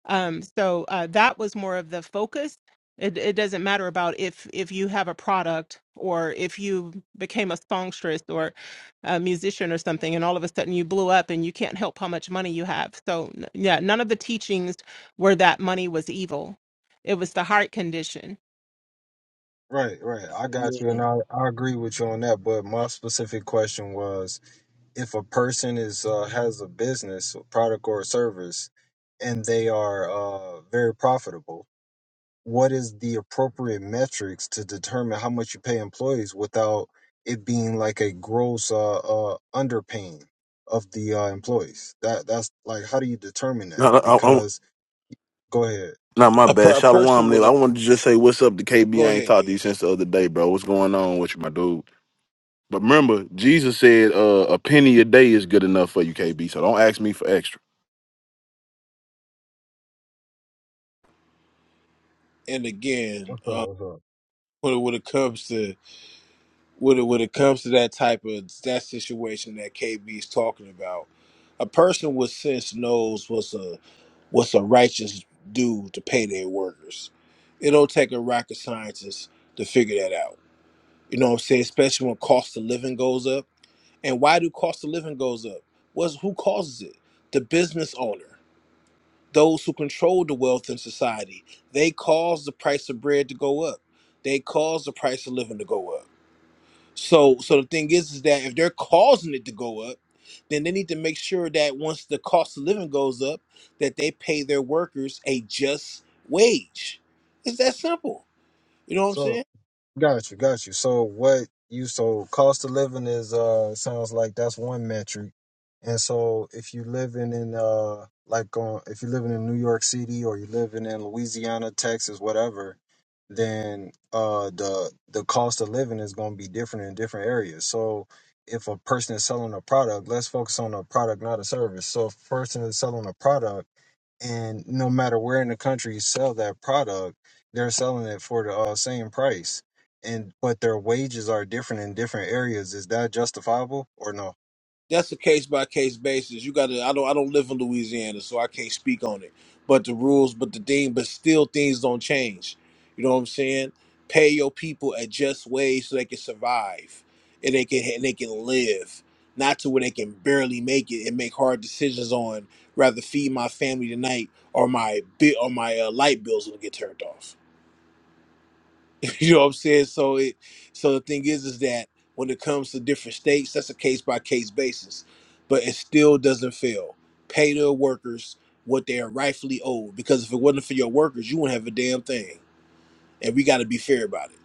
Speaker 2: Um, so uh, that was more of the focus. It, it doesn't matter about if if you have a product or if you became a songstress or a musician or something, and all of a sudden you blew up and you can't help how much money you have. So n- yeah, none of the teachings were that money was evil. It was the heart condition.
Speaker 10: Right, right. I got you,
Speaker 9: Yeah.
Speaker 10: and I, I agree with you on that. But my specific question was if a person is uh, has a business, a product or a service, and they are uh, very profitable, what is the appropriate metrics to determine how much you pay employees without it being like a gross uh, uh, underpaying of the uh, employees? That that's like how do you determine that?
Speaker 6: No, no, I, I,
Speaker 10: Because go ahead.
Speaker 6: not my
Speaker 3: A,
Speaker 6: bad.
Speaker 3: per- a
Speaker 6: Shalom,
Speaker 3: person
Speaker 6: Liv.
Speaker 3: with
Speaker 6: I
Speaker 3: a,
Speaker 6: wanted to just say what's up to KB.
Speaker 3: go
Speaker 6: I ain't
Speaker 3: ahead,
Speaker 6: talked to you
Speaker 3: is.
Speaker 6: since the other day, bro. What's going on with you, my dude? But remember, Jesus said uh, a penny a day is good enough for you, KB. So don't ask me for extra.
Speaker 3: And again,
Speaker 10: What's up?
Speaker 3: uh,
Speaker 10: What's up?
Speaker 3: when, when it comes to when it, when it comes to that type of that situation that KB is talking about, a person with sense knows what's a what's a righteous due to pay their workers. It don't take a rocket scientist to figure that out. You know what I'm saying? Especially when cost of living goes up. And why do cost of living goes up? What's who causes it? The business owner, those who control the wealth in society. They cause the price of bread to go up. They cause the price of living to go up so so the thing is is that if they're causing it to go up, then they need to make sure that once the cost of living goes up, that they pay their workers a just wage. It's that simple. You know what I'm
Speaker 10: So
Speaker 3: saying?
Speaker 10: Got you, got you. So what you so cost of living is uh sounds like that's one metric. And so if you living in uh like on if you're living in New York City or you're living in Louisiana, Texas, whatever, then uh the the cost of living is gonna be different in different areas. So if a person is selling a product, let's focus on a product, not a service. So if a person is selling a product and no matter where in the country you sell that product, they're selling it for the uh, same price, and but their wages are different in different areas. Is that justifiable or no?
Speaker 3: that's a case by case basis. You got to. I don't. I don't live in Louisiana, so I can't speak on it. But the rules, but the thing, but still, things don't change. You know what I'm saying? Pay your people at just wage so they can survive and they can and they can live, not to where they can barely make it and make hard decisions on rather feed my family tonight or my bit or my uh, light bills will get turned off. You know what I'm saying? So it so the thing is is that when it comes to different states, that's a case by case basis. But it still doesn't fail. Pay the workers what they are rightfully owed. Because if it wasn't for your workers, you wouldn't have a damn thing. And we gotta be fair about it.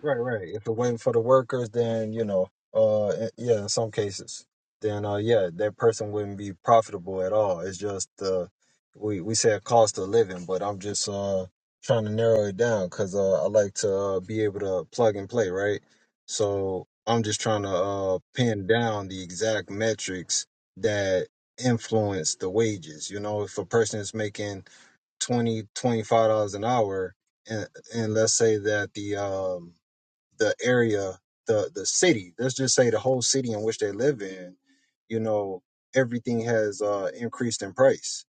Speaker 10: Right, right. If it wasn't for the workers, then you know, uh, in- yeah, in some cases, then uh, yeah, that person wouldn't be profitable at all. It's just uh, we we said cost of living, but I'm just uh trying to narrow it down because uh, I like to uh, be able to plug and play, right? So I'm just trying to uh pin down the exact metrics that influence the wages. You know, if a person is making 20 25 dollars an hour and and let's say that the um the area, the the city. Let's just say the whole city in which they live in. You know, everything has uh, increased in price,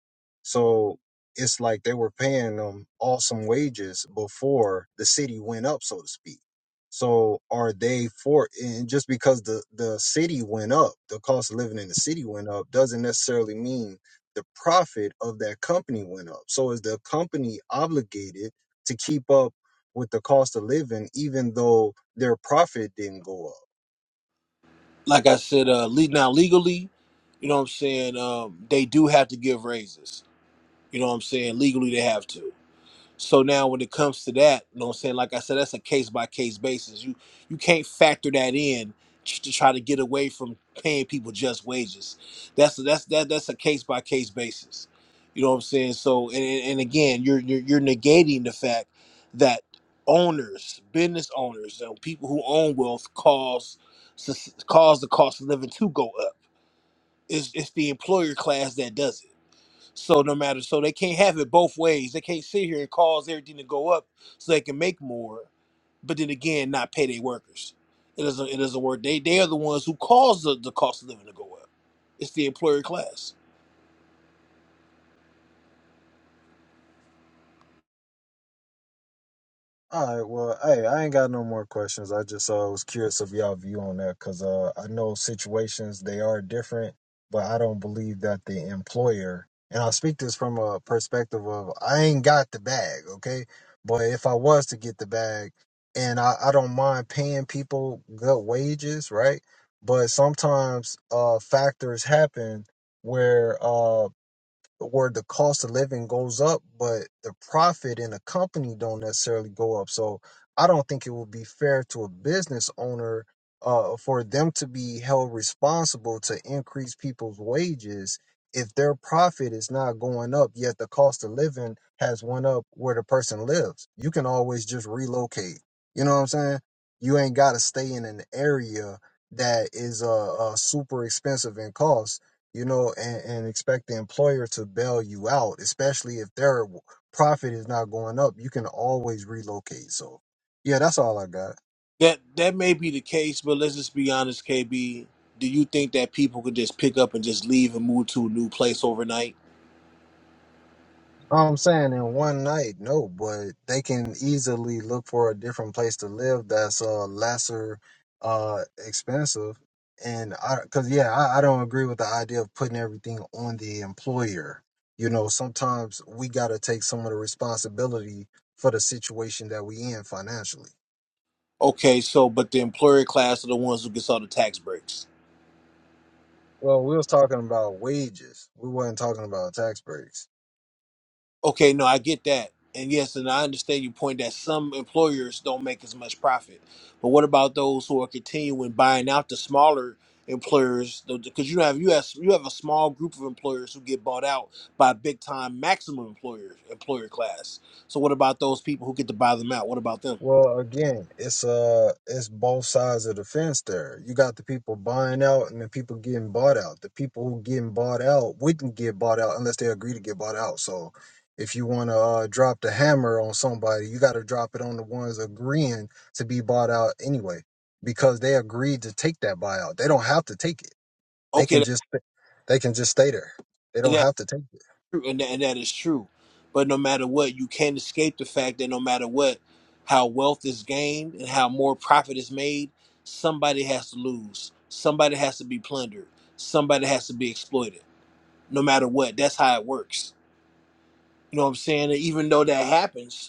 Speaker 10: so it's like they were paying them awesome wages before the city went up, so to speak. So are they for and just because the the city went up, the cost of living in the city went up, doesn't necessarily mean the profit of that company went up. So is the company obligated to keep up with the cost of living, even though their profit didn't go up.
Speaker 3: Like I said, uh le- now legally, you know what I'm saying, um, they do have to give raises. You know what I'm saying? Legally they have to. So now when it comes to that, you know what I'm saying? Like I said, that's a case by case basis. You you can't factor that in t- to try to get away from paying people just wages. That's that's that that's a case by case basis. You know what I'm saying? So and, and and again, you're, you're you're negating the fact that owners, business owners, and people who own wealth cause sus- cause the cost of living to go up. It's it's the employer class that does it so no matter, so they can't have it both ways. They can't sit here and cause everything to go up so they can make more, but then again, not pay their workers. It doesn't. It doesn't work. They they are the ones who cause the, the cost of living to go up. It's the employer class.
Speaker 10: All right, well, hey, I ain't got no more questions. I just uh, was curious of y'all view on that because uh, I know situations they are different, but I don't believe that the employer and I'll speak this from a perspective of I ain't got the bag, okay? But if I was to get the bag, and I, I don't mind paying people good wages, right? But sometimes uh, factors happen where uh, where the cost of living goes up, but the profit in a company don't necessarily go up. So I don't think it would be fair to a business owner uh, for them to be held responsible to increase people's wages if their profit is not going up, yet the cost of living has went up where the person lives. You can always just relocate. You know what I'm saying? You ain't got to stay in an area that is uh, uh super expensive in cost you know, and, and expect the employer to bail you out, especially if their profit is not going up. You can always relocate. So, yeah, that's all I got.
Speaker 3: That that may be the case, but let's just be honest, KB. Do you think that people could just pick up and just leave and move to a new place overnight?
Speaker 10: I'm saying in one night, no, but they can easily look for a different place to live that's uh lesser uh expensive. And I, cause yeah, I, I don't agree with the idea of putting everything on the employer. You know, sometimes we got to take some of the responsibility for the situation that we in financially.
Speaker 3: Okay, so but the employer class are the ones who gets all the tax breaks
Speaker 10: Well, we was talking about wages. We wasn't talking about tax breaks.
Speaker 3: Okay, no, I get that. And yes, and I understand your point that some employers don't make as much profit. But what about those who are continuing buying out the smaller employers? Because you have you have you have a small group of employers who get bought out by big time maximum employer employer class. So what about those people who get to buy them out? What about them?
Speaker 10: Well, again, it's uh it's both sides of the fence there. You got the people buying out and the people getting bought out. The people who getting bought out wouldn't get bought out unless they agree to get bought out. So if you want to uh, drop the hammer on somebody, you got to drop it on the ones agreeing to be bought out anyway because they agreed to take that buyout. They don't have to take it. They can
Speaker 3: Okay,
Speaker 10: just they can just stay there. They don't have to take it.
Speaker 3: and that, and that is true. But no matter what, you can't escape the fact that no matter what, how wealth is gained and how more profit is made, somebody has to lose. Somebody has to be plundered. Somebody has to be exploited. No matter what, that's how it works. You know what I'm saying? And even though that happens,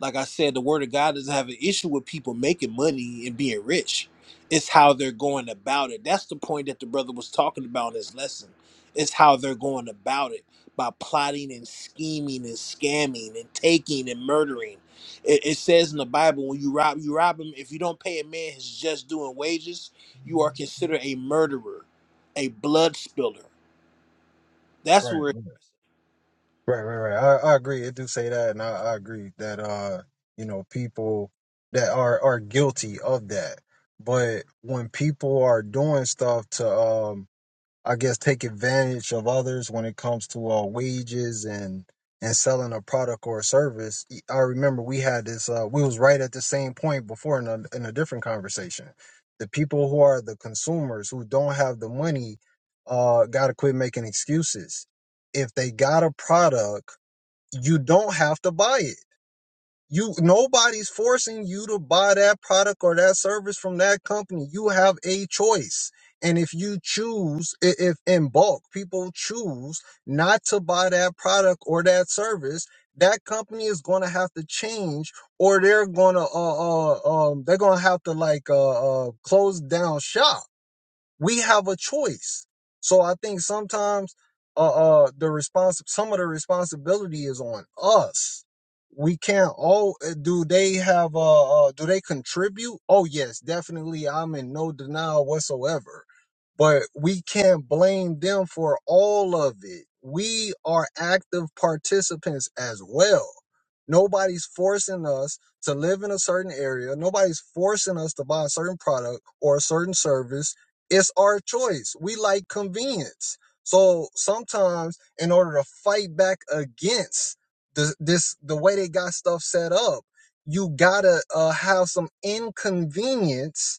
Speaker 3: like I said, the word of God doesn't have an issue with people making money and being rich. It's how they're going about it. That's the point that the brother was talking about in his lesson. It's how they're going about it by plotting and scheming and scamming and taking and murdering. It, it says in the Bible, when you rob, you rob him. If you don't pay a man his just due and wages, you are considered a murderer, a blood spiller. That's where,
Speaker 10: Right. Right, right, right. I, I agree. It do say that, and I, I agree that uh, you know, people that are are guilty of that. But when people are doing stuff to um I guess take advantage of others when it comes to uh, wages and and selling a product or a service. E, I remember we had this. Uh, we was right at the same point before in a, in a different conversation. The people who are the consumers who don't have the money uh, got to quit making excuses. If they got a product, you don't have to buy it you nobody's forcing you to buy that product or that service from that company. You have a choice. And if you choose, i- if in bulk people choose not to buy that product or that service, that company is going to have to change, or they're going to uh, uh um they're going to have to like uh, uh close down shop we have a choice. So I think sometimes uh, uh the response some of the responsibility is on us. We can't all uh, do they have uh, uh do they contribute? Oh yes, definitely I'm in no denial whatsoever but we can't blame them for all of it. We are active participants as well. Nobody's forcing us to live in a certain area. Nobody's forcing us to buy a certain product or a certain service. It's our choice. We like convenience. So sometimes, in order to fight back against the, this, the way they got stuff set up, you gotta uh, have some inconvenience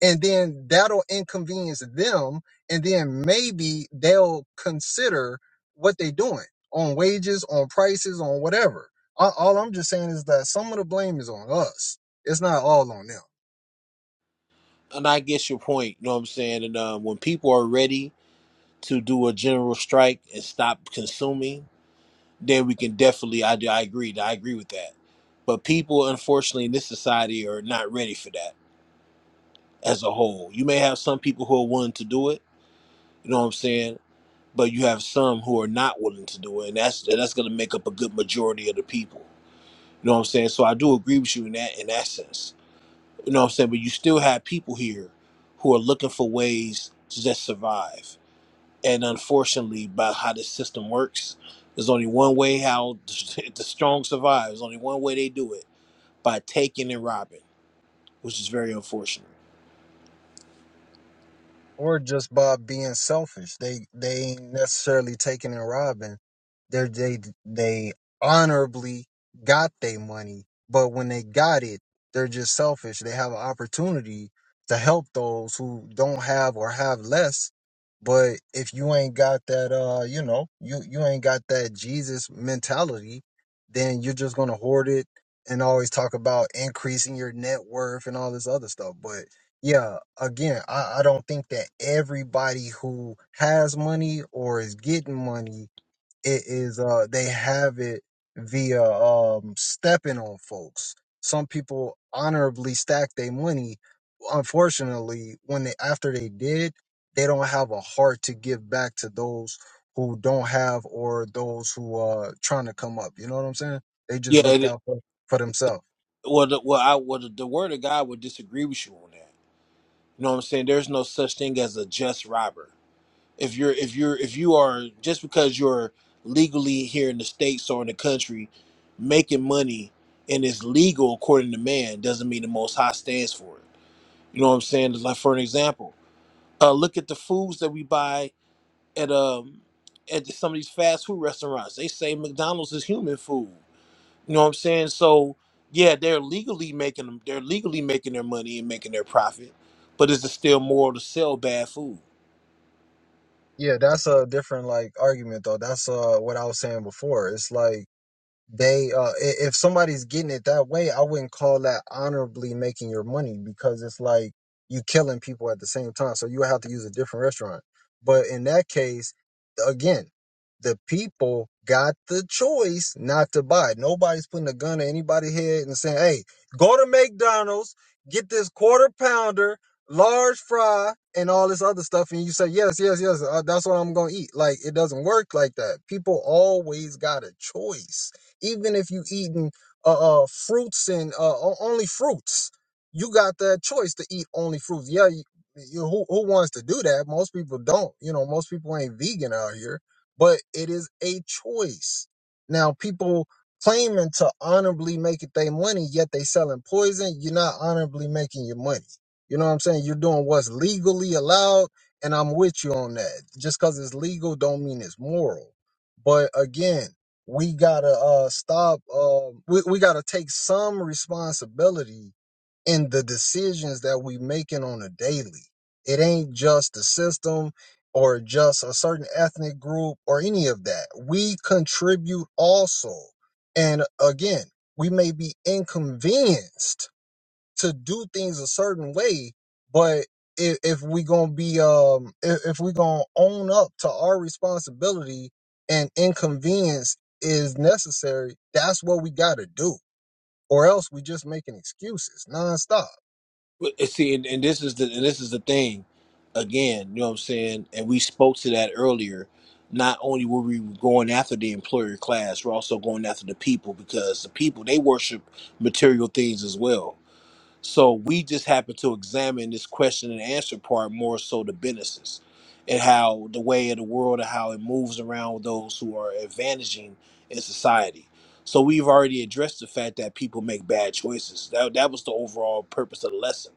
Speaker 10: and then that'll inconvenience them and then maybe they'll consider what they're doing on wages on prices on whatever all, all i'm just saying is that some of the blame is on us it's not all on them
Speaker 3: and I get your point. You know what I'm saying? And um, when people are ready to do a general strike and stop consuming, then we can definitely. I do. I agree. I agree with that. But people, unfortunately, in this society, are not ready for that as a whole. You may have some people who are willing to do it. You know what I'm saying? But you have some who are not willing to do it, and that's and that's going to make up a good majority of the people. You know what I'm saying? So I do agree with you in that in that sense. You know what I'm saying? But you still have people here who are looking for ways to just survive and unfortunately by how this system works there's only one way how the strong survive there's only one way they do it by taking and robbing which is very unfortunate
Speaker 10: or just by being selfish. They they ain't necessarily taking and robbing. They they they honorably got their money, but when they got it, they're just selfish. They have an opportunity to help those who don't have or have less. But if you ain't got that, uh, you know, you you ain't got that Jesus mentality, then you're just gonna hoard it and always talk about increasing your net worth and all this other stuff. But yeah again I, I don't think that everybody who has money or is getting money it is uh they have it via um stepping on folks some people honorably stack their money unfortunately when they after they did they don't have a heart to give back to those who don't have or those who are trying to come up you know what i'm saying they
Speaker 3: yeah
Speaker 10: just looked
Speaker 3: it,
Speaker 10: out for, for themselves
Speaker 3: well, the, well, I, well the, the word of god would disagree with you on that you know what i'm saying there's no such thing as a just robber if you're if you're if you are just because you're legally here in the states or in the country making money and it's legal according to man doesn't mean the most high stands for it you know what i'm saying like for an example Uh, look at the foods that we buy at um at some of these fast food restaurants. They say McDonald's is human food. You know what I'm saying? So yeah, they're legally making them. They're legally making their money and making their profit, but is it still moral to sell bad food?
Speaker 10: Yeah, that's a different like argument though. That's uh what I was saying before. It's like they uh i- if somebody's getting it that way i wouldn't call that honorably making your money because it's like you killing people at the same time so you would have to use a different restaurant but in that case again the people got the choice not to buy nobody's putting a gun to anybody's head and saying hey go to mcdonald's get this quarter pounder large fry and all this other stuff and you say yes yes yes uh, that's what i'm gonna eat like it doesn't work like that people always got a choice even if you eating uh, uh fruits and uh only fruits, you got that choice to eat only fruits. Yeah, you, you, who who wants to do that? Most people don't. You know, most people ain't vegan out here, but it is a choice. Now, people claiming to honorably make it their money, yet they selling poison. You're not honorably making your money. You know what I'm saying? You're doing what's legally allowed, and I'm with you on that. Just because it's legal, don't mean it's moral. But again we gotta uh stop um we, we gotta take some responsibility in the decisions that we making on a daily it ain't just the system or just a certain ethnic group or any of that we contribute also and again we may be inconvenienced to do things a certain way. But if, if we gonna be um if, if we gonna own up to our responsibility and inconvenience is necessary, that's what we gotta do. Or else we just making excuses nonstop.
Speaker 3: But, and See, and, and this is the and this is the thing. Again, you know what I'm saying, and we spoke to that earlier. Not only were we going after the employer class, we're also going after the people because the people they worship material things as well. So we just happen to examine this question and answer part more so the businesses and how the way of the world and how it moves around with those who are advantaging in society. So we've already addressed the fact that people make bad choices. That, that was the overall purpose of the lesson.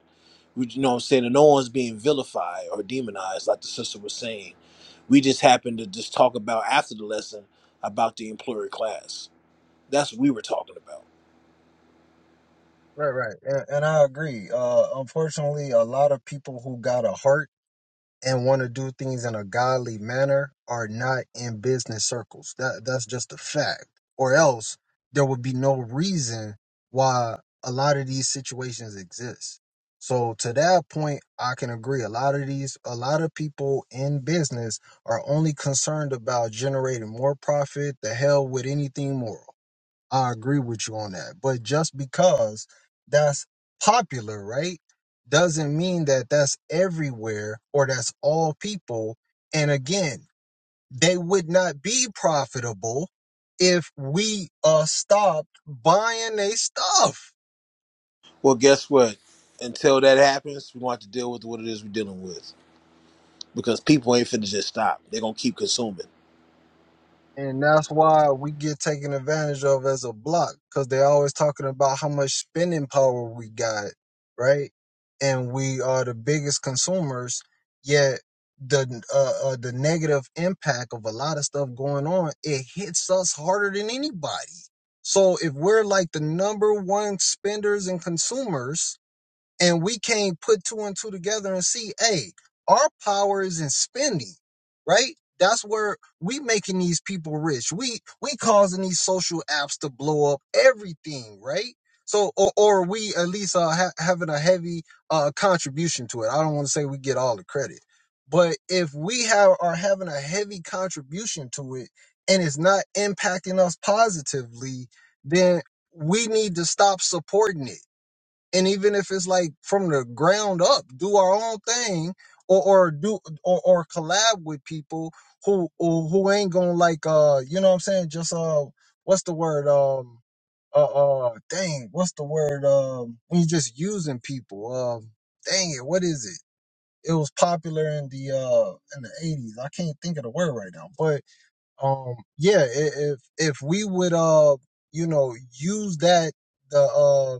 Speaker 3: We, you know what I'm saying? And no one's being vilified or demonized, like the sister was saying. We just happened to just talk about after the lesson about the employer class. That's what we were talking about.
Speaker 10: Right, right. And, and I agree. Uh unfortunately a lot of people who got a heart and want to do things in a godly manner are not in business circles. That that's just a fact. Or else there would be no reason why a lot of these situations exist. So to that point, I can agree. A lot of these, a lot of people in business are only concerned about generating more profit. The hell with anything moral. I agree with you on that. But just because that's popular, right, doesn't mean that that's everywhere or that's all people. And again, they would not be profitable if we uh stopped buying their stuff.
Speaker 3: Well, guess what? Until that happens, we want to deal with what it is we're dealing with because people ain't finna just stop. They're gonna keep consuming.
Speaker 10: and that's why we get taken advantage of as a block because they're always talking about how much spending power we got, right? And we are the biggest consumers, yet the uh, uh, the negative impact of a lot of stuff going on it hits us harder than anybody. So if we're like the number one spenders and consumers, and we can't put two and two together and see, hey, our power is in spending, right? That's where we making these people rich. We we causing these social apps to blow up everything, right? So or, or we at least are ha- having a heavy uh, contribution to it. I don't want to say we get all the credit, but if we have are having a heavy contribution to it and it's not impacting us positively, then we need to stop supporting it and even if it's like from the ground up do our own thing or or do or, or collab with people who, who ain't gonna like uh you know what i'm saying just uh what's the word um uh uh dang what's the word um when you just using people um dang it what is it it was popular in the uh in the 80s i can't think of the word right now but um yeah i- if if we would uh you know use that the uh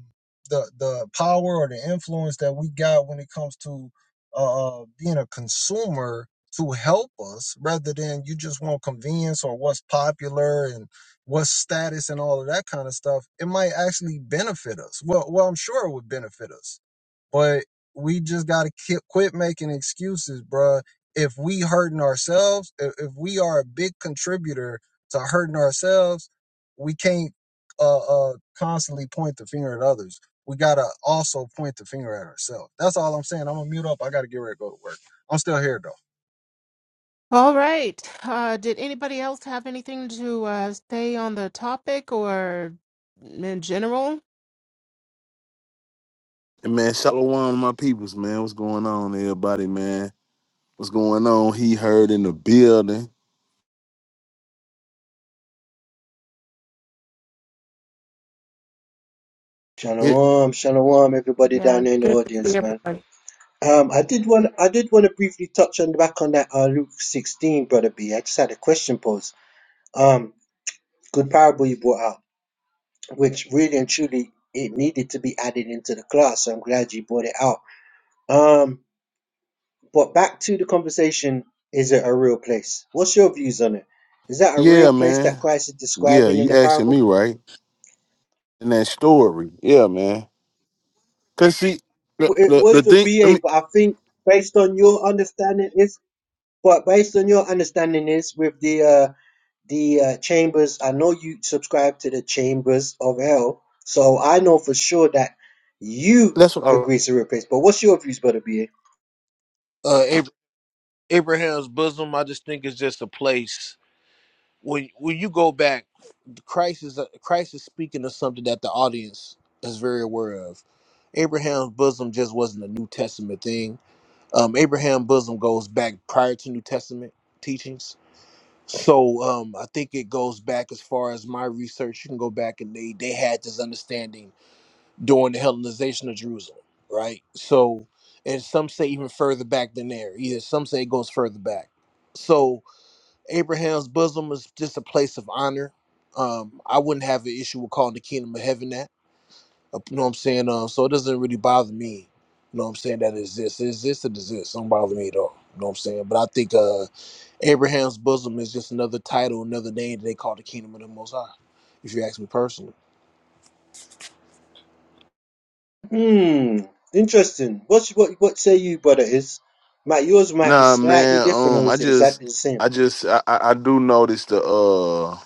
Speaker 10: the the power or the influence that we got when it comes to uh uh, being a consumer to help us rather than you just want convenience or what's popular and what's status and all of that kind of stuff it might actually benefit us well well i'm sure it would benefit us but we just gotta quit making excuses, bruh. If we hurting ourselves, if, if we are a big contributor to hurting ourselves, we can't uh, uh constantly point the finger at others. We gotta also point the finger at ourselves. That's all I'm saying. I'm gonna mute up. I gotta get ready to go to work. I'm still here though.
Speaker 2: All right. Uh, did anybody else have anything to uh, say on the topic or in general?
Speaker 6: And man, shalom, my peoples, man. What's going on, everybody, man? What's going on? He heard in the building. It,
Speaker 9: Shalom, shalom, everybody down
Speaker 2: Yeah,
Speaker 9: there in the
Speaker 2: good to see
Speaker 9: audience, man.
Speaker 2: everybody.
Speaker 9: Um, I did want I did want to briefly touch on back on that uh, Luke sixteen, brother B. I just had a question posed. Um, good parable you brought out, which really and truly it needed to be added into the class. So I'm glad you brought it out. Um, but back to the conversation: Is it a real place? What's your views on it? Is that a real
Speaker 6: yeah,
Speaker 9: place
Speaker 6: man.
Speaker 9: that Christ is
Speaker 6: Yeah,
Speaker 9: describing in
Speaker 6: you
Speaker 9: the
Speaker 6: asking
Speaker 9: parable?
Speaker 6: me right in that story. Yeah, man. Cause see, the
Speaker 9: Well, It
Speaker 6: the,
Speaker 9: was
Speaker 6: the
Speaker 9: for
Speaker 6: thing. I
Speaker 9: BA,
Speaker 6: mean,
Speaker 9: but I think based on your understanding is, but based on your understanding is with the uh, the uh, chambers. I know you subscribe to the chambers of hell, so I know for sure that you
Speaker 6: that's what I
Speaker 9: agree to replace. But what's your views, brother? Ba?
Speaker 3: Uh, Ab- Abraham's bosom, I just think is just a place when when you go back. Christ is Christ is speaking of something that the audience is very aware of. Abraham's bosom just wasn't a New Testament thing. Um, Abraham's bosom goes back prior to New Testament teachings. So um, I think it goes back as far as my research. You can go back and they they had this understanding during the Hellenization of Jerusalem, right? So, and some say even further back than there. Either some say it goes further back. So, Abraham's bosom is just a place of honor. Um, I wouldn't have an issue with calling the kingdom of heaven that. Uh, You know what I'm saying? Uh, so it doesn't really bother me. You know what I'm saying? That it exists. It exists. It exists. Don't bother me at all. You know what I'm saying? But I think uh, Abraham's bosom is just another title, another name that they call the kingdom of the Most High. If you ask me personally,
Speaker 9: Hmm, interesting. What's what? What say you, brother? Is might yours might be
Speaker 6: Nah,
Speaker 9: slightly
Speaker 6: man.
Speaker 9: different,
Speaker 6: Um,
Speaker 9: or
Speaker 6: I
Speaker 9: is it
Speaker 6: just,
Speaker 9: exactly the same?
Speaker 6: I just, I, I I do notice the uh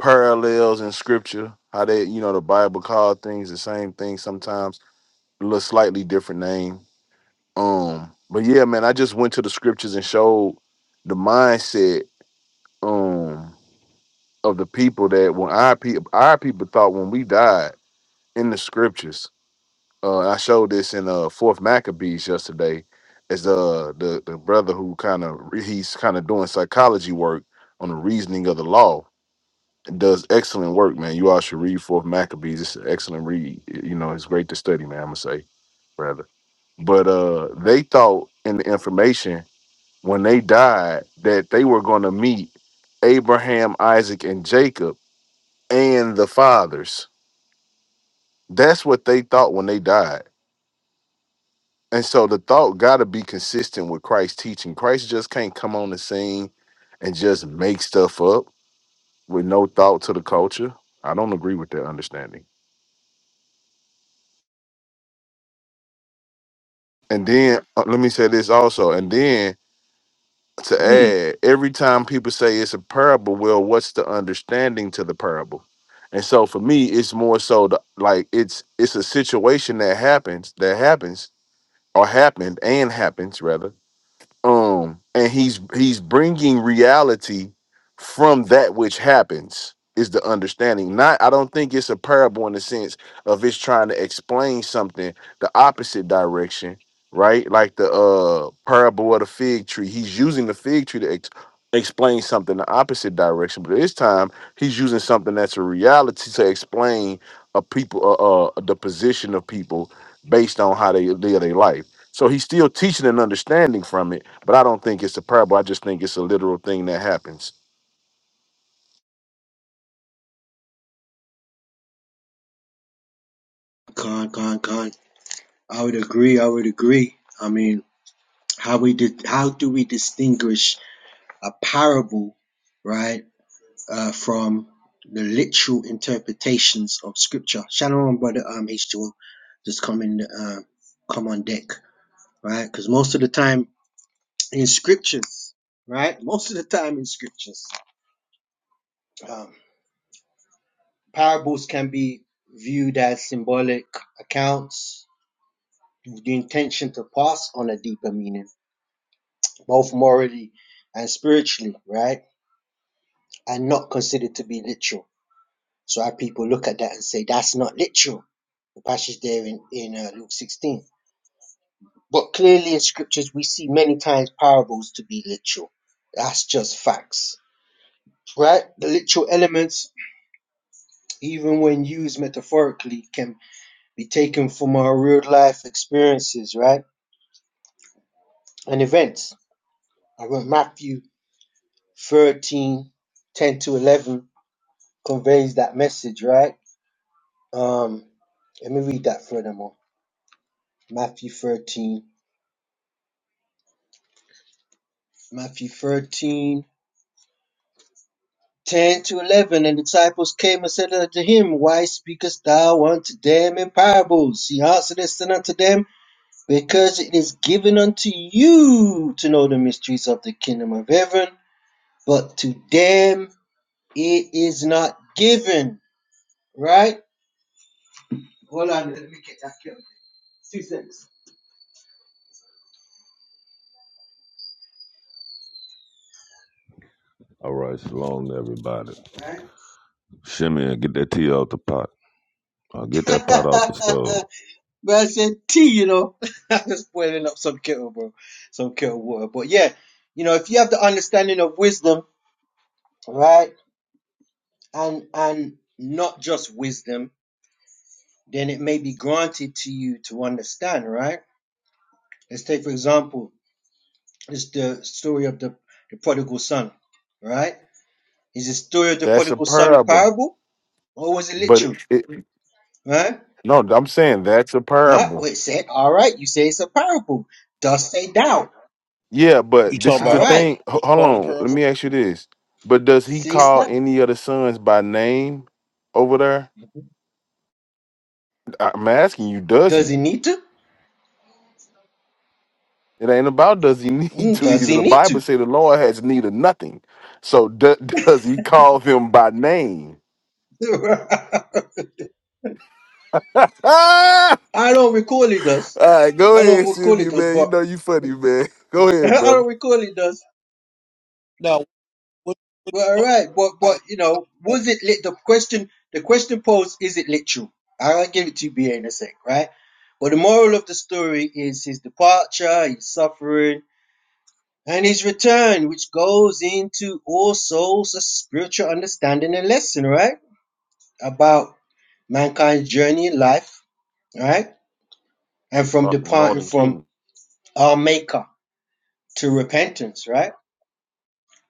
Speaker 6: parallels in scripture. How they, you know, the Bible called things the same thing sometimes, a little slightly different name. Um, but yeah, man, I just went to the scriptures and showed the mindset um of the people that when our people, our people thought when we died in the scriptures. uh, I showed this in uh fourth Maccabees yesterday. Is uh the the brother who kind of he's kind of doing psychology work on the reasoning of the law and does excellent work, man. You all should read fourth Maccabees. It's an excellent read. You know, it's great to study, man. I'm gonna say rather, but uh, they thought in the information when they died that they were gonna meet Abraham, Isaac, and Jacob and the fathers. That's what they thought when they died And so the thought got to be consistent with Christ's teaching. Christ just can't come on the scene and just make stuff up with no thought to the culture. I don't agree with that understanding. And then uh, let me say this also. And then to
Speaker 9: Hmm.
Speaker 6: add, every time people say it's a parable, well, what's the understanding to the parable? And so for me, it's more so the, like it's it's a situation that happens that happens or happened and happens rather um and he's he's bringing reality from that which happens is the understanding not i don't think it's a parable in the sense of it's trying to explain something the opposite direction right like the uh parable of the fig tree he's using the fig tree to ex- explain something the opposite direction but this time he's using something that's a reality to explain a people uh, uh the position of people based on how they live their life so he's still teaching and understanding from it but I don't think it's a parable. I just think it's a literal thing that happens.
Speaker 9: Con, con, con. I would agree. I would agree. I mean, how we did? How do we distinguish a parable, right? uh, from the literal interpretations of scripture. Shalom, and brother um, H2O, just come in, uh, come on deck, right? Because most of the time in scriptures, right? Most of the time in scriptures, um, parables can be viewed as symbolic accounts with the intention to pass on a deeper meaning, both morally and spiritually, right? And not considered to be literal So our people look at that and say that's not literal. The passage there in, in uh, Luke 16. But clearly in scriptures, we see many times parables to be literal. That's just facts, right? The literal elements, even when used metaphorically, can be taken from our real life experiences, right? And events. I wrote Matthew 13, 10 to 11 conveys that message, right? Um, let me read that furthermore. Matthew 13, Matthew 13 10 to 11. And the disciples came and said unto him, Why speakest thou unto them in parables? He answered and said unto them, Because it is given unto you to know the mysteries of the kingdom of heaven, but to them it is not given. Right? Hold on, let me get that. Two cents
Speaker 11: All right, shalom to everybody.
Speaker 9: Right?
Speaker 11: Shimmy, get that tea out the pot. Uh, get that pot off the stove.
Speaker 9: But I said tea, you know. I am just boiling up some kettle, bro. Some kettle water. But yeah, you know, if you have the understanding of wisdom, right, and and not just wisdom, then it may be granted to you to understand, right? Let's take for example, it's the story of the, the prodigal son, right? Is the story of the
Speaker 6: That's a
Speaker 9: prodigal son a
Speaker 6: parable.
Speaker 9: parable? Or was it
Speaker 6: But
Speaker 9: literal?
Speaker 6: it, it-
Speaker 9: Right?
Speaker 6: no, I'm saying that's a
Speaker 9: Right?
Speaker 6: parable.
Speaker 9: Well, it said, all right, you say it's a parable. Dost say thou?
Speaker 6: Yeah,
Speaker 3: you
Speaker 6: but
Speaker 3: talking
Speaker 6: this is
Speaker 9: All
Speaker 3: about
Speaker 6: the
Speaker 3: hold on,
Speaker 9: right.
Speaker 6: thing. Ho-
Speaker 3: what you
Speaker 6: Hold
Speaker 3: calling the
Speaker 6: on. Let me
Speaker 3: parable?
Speaker 6: ask you this. But does he
Speaker 9: Say it's
Speaker 6: call
Speaker 9: that.
Speaker 6: any of the sons by name over there? I'm asking you, does
Speaker 9: Does
Speaker 6: he?
Speaker 9: he need to?
Speaker 6: It ain't about does he need
Speaker 9: Mm, Does
Speaker 6: to.
Speaker 9: he
Speaker 6: The
Speaker 9: need to?
Speaker 6: Bible say the Lord has need of nothing. So do, does he call them by name? Ah!
Speaker 9: I don't recall he does.
Speaker 6: All right, go
Speaker 9: I don't
Speaker 6: ahead,
Speaker 9: recall he
Speaker 6: Sylvia,
Speaker 9: does,
Speaker 6: man. You
Speaker 9: but
Speaker 6: know you funny, man. Go
Speaker 9: I
Speaker 6: ahead, brother.
Speaker 9: don't recall he does.
Speaker 3: No, What, what
Speaker 9: But all
Speaker 3: you talking
Speaker 9: right, but
Speaker 3: about?
Speaker 9: but
Speaker 3: I-
Speaker 9: you
Speaker 3: i
Speaker 9: know, was it lit? The question, the question posed, is it literal? I'll give it to you, BA, in a sec, right? But the moral of the story is his departure, his suffering, and his return, which goes into all souls a spiritual understanding and lesson, right? About mankind's journey in life, right? and from
Speaker 6: Fucking
Speaker 9: departing
Speaker 6: Northern
Speaker 9: from
Speaker 6: Kingdom.
Speaker 9: our Maker to repentance, right?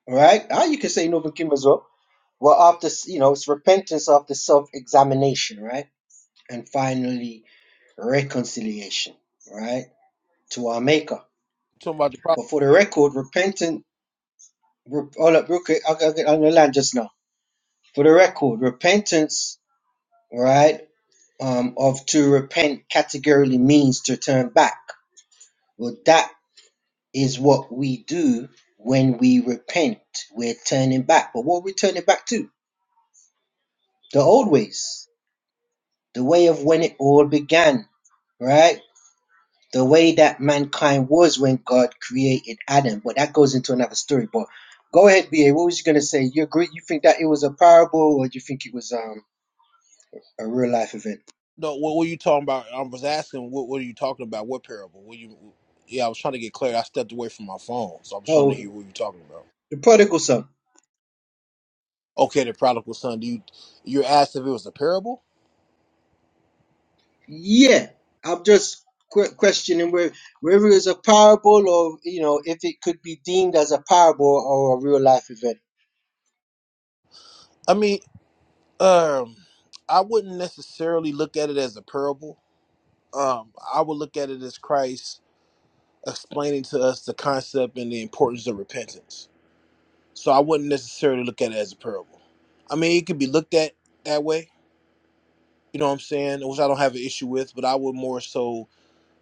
Speaker 9: All Right? Ah, you can say Novum Kim as well. Well, after, you know, it's repentance after self examination, right? And finally, reconciliation, right? To our Maker.
Speaker 3: talking about the problem.
Speaker 9: But for the record, repentant, re- hold up, real quick, I'll, I'll get on the land just now. For the record, repentance, right? Um, of to repent categorically means to turn back. Well, that is what we do when we repent. We're turning back. But what are we turning back to? The old ways, the way of when it all began, right? The way that mankind was when God created Adam. But that goes into another story. But go ahead, BA. What was you going to say? You agree? You think that it was a parable or do you think it was um, a real life event?
Speaker 3: No, what were you talking about? I was asking, what what are you talking about? What parable? What you? Yeah, I was trying to get clear. I stepped away from my phone, so I was trying to
Speaker 9: Oh,
Speaker 3: hear what you were talking about.
Speaker 9: the prodigal son.
Speaker 3: Okay, the prodigal son. Do you you asked if it was a parable?
Speaker 9: Yeah, I'm just que- questioning where whether it's a parable or you know if it could be deemed as a parable or a real life event.
Speaker 3: I mean, um, I wouldn't necessarily look at it as a parable. Um, I would look at it as Christ explaining to us the concept and the importance of repentance. So I wouldn't necessarily look at it as a parable. I mean, it could be looked at that way, you know what I'm saying, which I don't have an issue with, but I would more so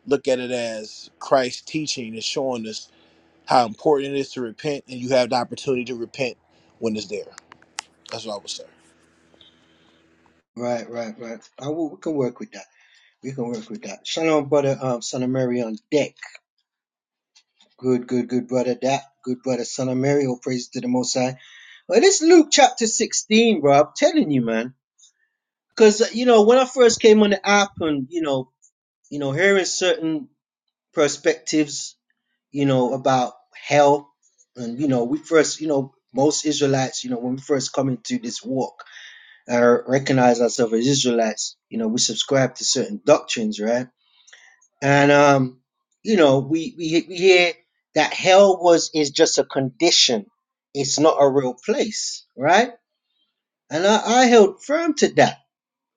Speaker 3: look at it as Christ teaching and showing us how important it is to repent, and you have the opportunity to repent when it's there. That's what I would say.
Speaker 9: Right, right, right. I will, we can work with that. We can work with that. Shalom, brother, um, son of Mary on deck. Good, good, good, brother. That good, brother, son of Mary. All praise to the Most High. Well, this Luke chapter sixteen, bro. I'm telling you, man. Because you know when I first came on the app and you know you know hearing certain perspectives you know, about hell. And, you know, we first, you know, most Israelites, you know, when we first come into this walk, uh, recognize ourselves as Israelites, you know, we subscribe to certain doctrines, right? And, um, you know, we, we, we hear that hell was, is just a condition. It's not a real place, right? And I, I held firm to that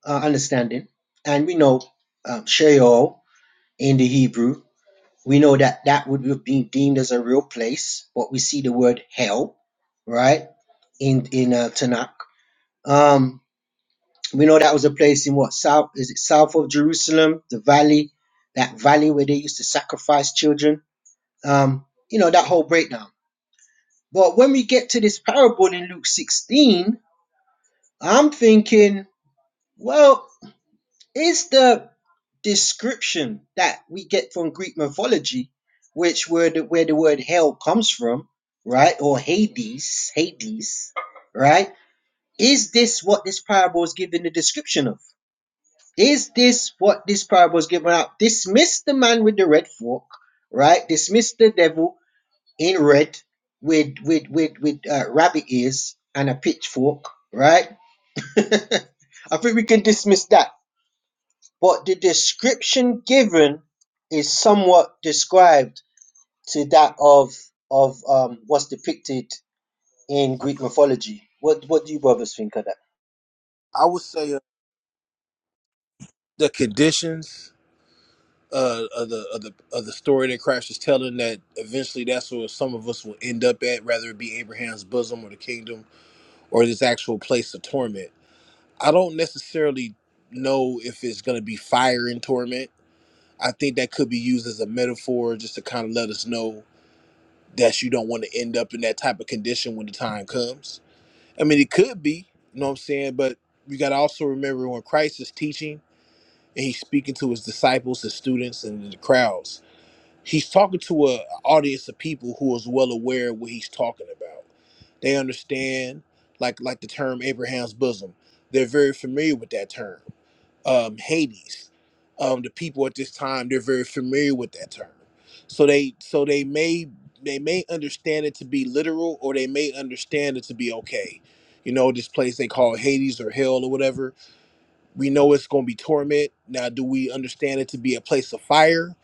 Speaker 9: uh, understanding. And we know um, Sheol in the Hebrew we know that that would be deemed as a real place, but we see the word hell, right, in in uh, Tanakh. Um, we know that was a place in what south is it south of Jerusalem, the valley, that valley where they used to sacrifice children. Um, you know that whole breakdown. But when we get to this parable in Luke 16, I'm thinking, well. is the description that we get from Greek mythology, which where the, where the word hell comes from, right, or Hades, Hades, right? Is this what this parable is giving the description of? Is this what this parable is giving out? Dismiss the man with the red fork, right? Dismiss the devil in red with with with with uh, rabbit ears and a pitchfork, right? I think we can dismiss that but the description given is somewhat described to that of of um, what's depicted in
Speaker 6: Okay.
Speaker 9: Greek mythology. What what do you brothers think of that?
Speaker 3: I would say uh, the conditions uh, of the of the of the story that Christ is telling that eventually that's where some of us will end up at, whether it be Abraham's bosom or the kingdom or this actual place of torment. I don't necessarily know if it's going to be fire in torment I think that could be used as a metaphor just to kind of let us know that you don't want to end up in that type of condition when the time comes. I mean, it could be, you know what I'm saying? But we got to also remember when Christ is teaching and he's speaking to his disciples, his students, and the crowds, he's talking to a audience of people who is well aware of what he's talking about. They understand, like like the term Abraham's bosom. They're very familiar with that term um, Hades. Um, the people at this time they're very familiar with that term, so they so they may they may understand it to be literal, or they may understand it to be okay. You know, this place they call Hades or hell or whatever. We know it's going to be torment. Now, do we understand it to be a place of fire?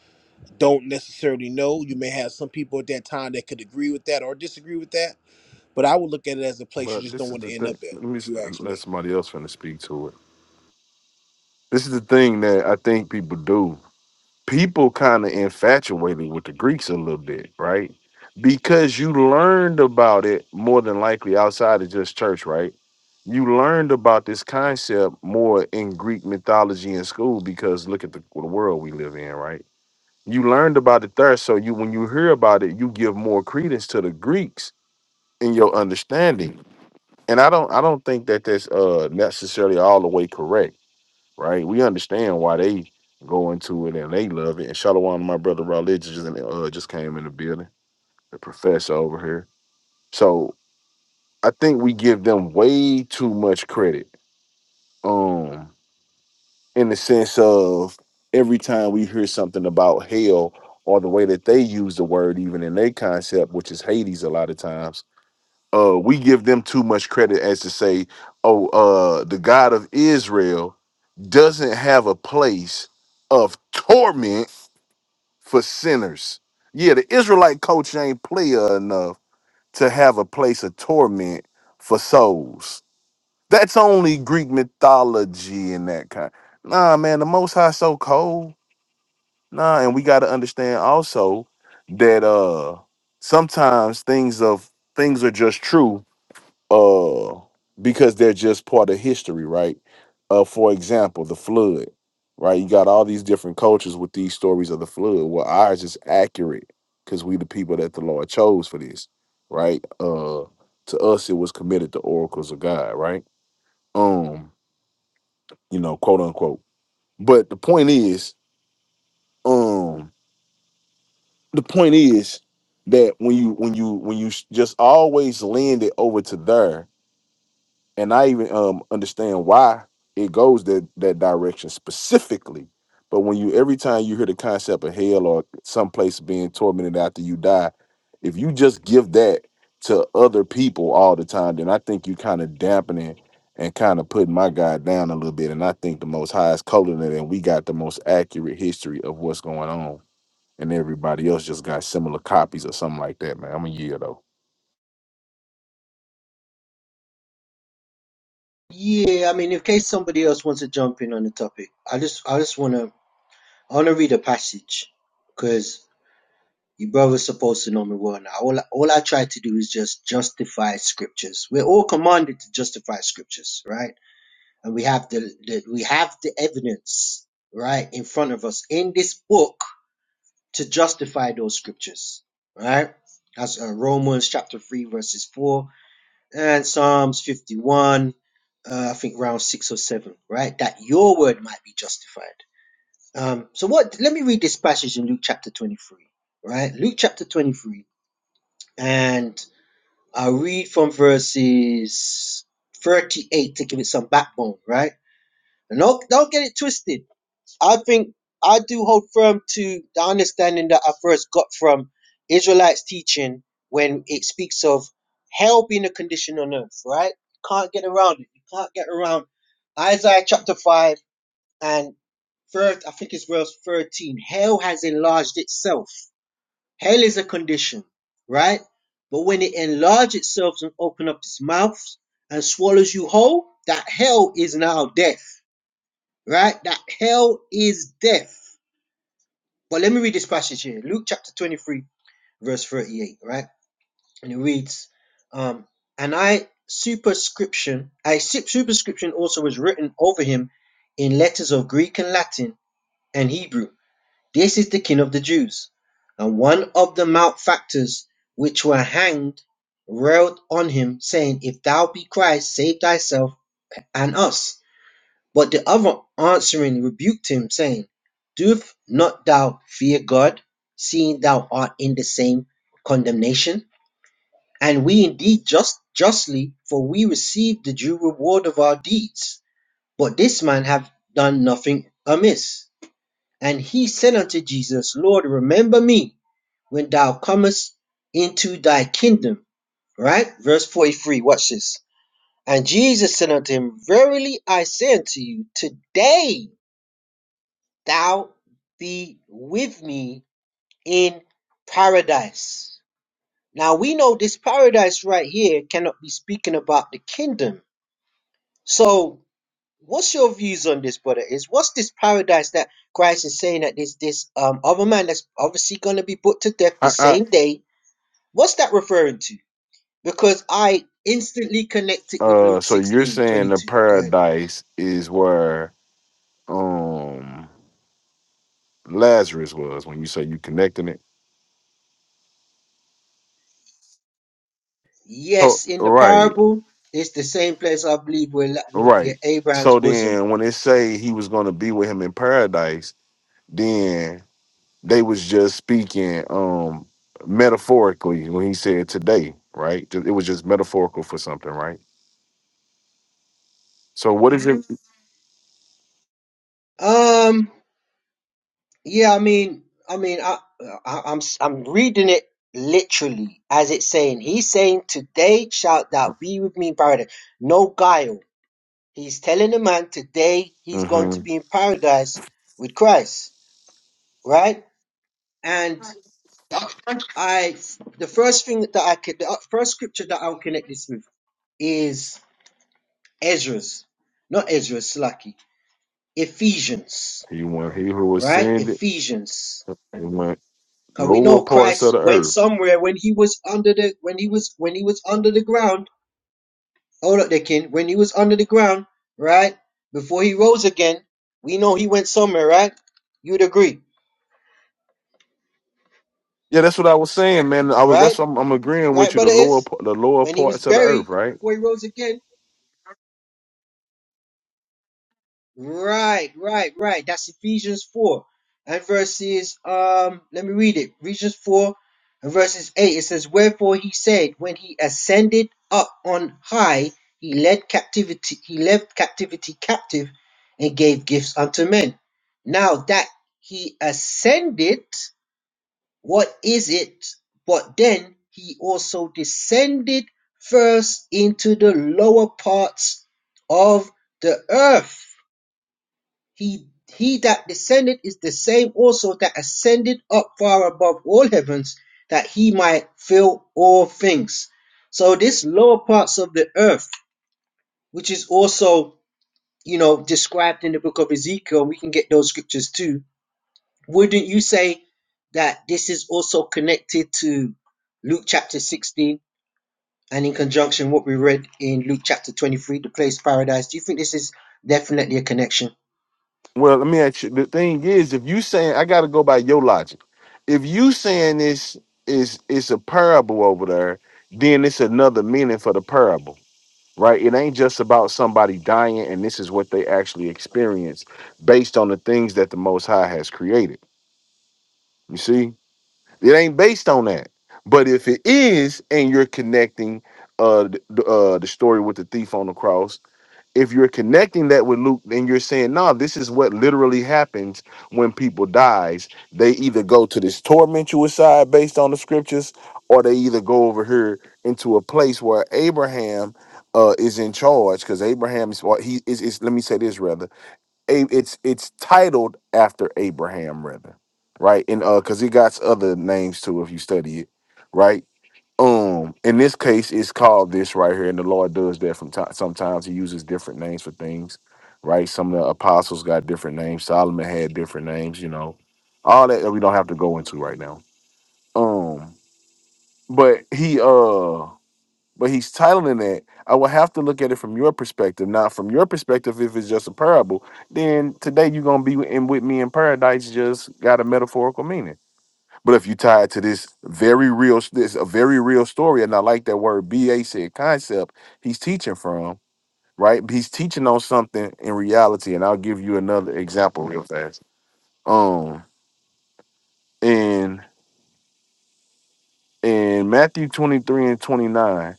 Speaker 3: Don't necessarily know. You may have some people at that time that could agree with that or disagree with that. But I would look at it as a place you
Speaker 6: But
Speaker 3: just don't
Speaker 6: this is
Speaker 3: want to
Speaker 6: the
Speaker 3: end
Speaker 6: thing.
Speaker 3: up at,
Speaker 6: Let me
Speaker 3: if
Speaker 6: s-
Speaker 3: you ask
Speaker 6: let
Speaker 3: me.
Speaker 6: somebody else finna speak to it. This is the thing that I think people do. People kind of infatuated with the Greeks a little bit, right? Because you learned about it more than likely outside of just church, right? You learned about this concept more in Greek mythology in school because look at the, the world we live in, right? You learned about it there, so you when you hear about it, you give more credence to the Greeks in your understanding and I don't I don't think that that's uh necessarily all the way correct, right? We understand why they go into it and they love it. And Shalom, my brother Raleigh just uh, just came in the building, the professor over here. So I think we give them way too much credit, um, in the sense of every time we hear something about hell or the way that they use the word, even in their concept, which is Hades, a lot of times uh we give them too much credit as to say oh uh the god of israel doesn't have a place of torment for sinners yeah the israelite culture ain't player enough to have a place of torment for souls that's only greek mythology and that kind nah man the most high so cold nah and we got to understand also that uh sometimes things of things are just true uh because they're just part of history right uh for example the flood right you got all these different cultures with these stories of the flood well ours is accurate because we the people that the lord chose for this right uh to us it was committed to oracles of god right um you know quote unquote but the point is um the point is that when you when you when you just always lend it over to there and I even um understand why it goes that that direction specifically. But when you every time you hear the concept of hell or someplace being tormented after you die, if you just give that to other people all the time, then I think you kind of dampening and kind of putting my guy down a little bit. And I think the most highest coding it, and we got the most accurate history of what's going on. And everybody else just got similar copies or something like that, man. I'm a year though.
Speaker 9: Yeah, I mean, in case somebody else wants to jump in on the topic, I just I just wanna I wanna read a passage because you brothers supposed to know me well now. All all I try to do is just justify scriptures. We're all commanded to justify scriptures, right? and we have the, the we have the evidence right in front of us in this book to justify those scriptures right that's uh, romans chapter 3 verses 4 and psalms 51 uh, i think round 6 or 7 right that your word might be justified um so what let me read this passage in luke chapter 23 right luke chapter 23 and i'll read from verses 38 to give it some backbone right and don't, don't get it twisted I think I do hold firm to the understanding that I first got from Israelites teaching when it speaks of hell being a condition on earth, right? You can't get around it. You can't get around Isaiah chapter 5 and first, I think it's verse 13. Hell has enlarged itself. Hell is a condition, right? But when it enlarges itself and opens up its mouth and swallows you whole, that hell is now death, right? That hell is death but let me read this passage here Luke chapter 23, verse 38, right? And it reads, um, And I superscription, I su- superscription also was written over him in letters of Greek and Latin and Hebrew. This is the king of the Jews. And one of the malefactors which were hanged railed on him, saying, If thou be Christ, save thyself and us. But the other answering rebuked him, saying, Doth not thou fear God, seeing thou art in the same condemnation? And we indeed just justly, for we receive the due reward of our deeds. But this man hath done nothing amiss. And he said unto Jesus, Lord, remember me when thou comest into thy kingdom. Right? Verse 43, watch this. And Jesus said unto him, Verily I say unto you, today thou be with me in paradise. Now we know this paradise right here cannot be speaking about the kingdom. So what's your views on this, brother? Is what's this paradise that Christ is saying that this this um other man that's obviously gonna be put to death the
Speaker 6: I. I
Speaker 9: same day? What's that referring to? Because I instantly connect it with
Speaker 6: Uh,
Speaker 9: Luke
Speaker 6: so you're
Speaker 9: 16
Speaker 6: saying
Speaker 9: twenty
Speaker 6: the
Speaker 9: two. Go ahead.
Speaker 6: paradise is where um Lazarus was when you say you connecting it. So
Speaker 9: Yes, in the
Speaker 6: right,
Speaker 9: parable, it's the same place I believe we're, la- we're
Speaker 6: right.
Speaker 9: near Abraham's
Speaker 6: So
Speaker 9: bosom
Speaker 6: then when they say he was gonna be with him in paradise, then they was just speaking um metaphorically when he said today, right? Ju- It was just metaphorical for something, right? So what is it?
Speaker 9: Um, yeah, I mean, I mean, I, I I'm I'm reading it literally as it's saying. He's saying, "Today shalt thou be with me in paradise." No guile. He's telling the man today he's going to
Speaker 6: Mm-hmm.
Speaker 9: be in paradise with Christ, right? And I, the first thing that I could, the uh, first scripture that I'll connect this with is Ezra's, not Ezra's, Slacky, Ephesians,
Speaker 6: He went. He who
Speaker 9: right?
Speaker 6: ascended,
Speaker 9: Ephesians.
Speaker 6: he went
Speaker 9: Cause we
Speaker 6: lower
Speaker 9: know
Speaker 6: parts of
Speaker 9: Christ
Speaker 6: the
Speaker 9: went
Speaker 6: earth.
Speaker 9: somewhere when he was under the when he was when he was under the ground. Hold up there, Ken. When he was under the ground, right? Before he rose again, we know he went somewhere, right? You'd agree,
Speaker 6: Yeah, that's what I was saying, man. I was that's
Speaker 9: right?
Speaker 6: what I'm, I'm agreeing with
Speaker 9: Right,
Speaker 6: you. The
Speaker 9: brother
Speaker 6: lower
Speaker 9: is?
Speaker 6: p- the lower
Speaker 9: When he was
Speaker 6: parts of the
Speaker 9: buried,
Speaker 6: earth, right?
Speaker 9: before he rose again, Right, right, right. That's Ephesians 4 and verses, um, let me read it. Ephesians 4 and verses 8. It says, Wherefore he said, when he ascended up on high, he led captivity, he led captivity captive and gave gifts unto men. Now that he ascended, what is it? But then he also descended first into the lower parts of the earth he, he that descended is the same also that ascended up far above all heavens, that he might fill all things. So this lower parts of the earth, which is also, you know, described in the book of Ezekiel, we can get those scriptures too. Wouldn't you say that this is also connected to Luke chapter 16 and in conjunction what we read in Luke chapter 23, the place paradise? Do you think this is definitely a connection?
Speaker 6: Well, let me ask you. The thing is, if you saying I got to go by your logic, if you saying this is it's a parable over there, then it's another meaning for the parable, right? It ain't just about somebody dying and this is what they actually experience based on the things that the Most High has created. You see, it ain't based on that. But if it is, and you're connecting uh the, uh the story with the thief on the cross if you're connecting that with Luke, then you're saying, no, this is what literally happens when people dies. They either go to this tormentuous side based on the scriptures, or they either go over here into a place where Abraham uh, is in charge because Abraham is. Or he is, is. Let me say this rather. A, it's it's titled after Abraham rather, right? And uh, because he got other names too if you study it, right? Um, in this case, it's called this right here, and the Lord does that from time. Sometimes He uses different names for things, right? Some of the apostles got different names. Solomon had different names, you know. All that we don't have to go into right now. Um, but he uh, but he's titling it. I will have to look at it from your perspective, not from your perspective. If it's just a parable, then today you're gonna be in with me in paradise. Just got a metaphorical meaning. But if you tie it to this very real, this a very real story, and I like that word BA said concept, he's teaching from, right? He's teaching on something in reality. And I'll give you another example real fast. Um in in Matthew 23 and 29.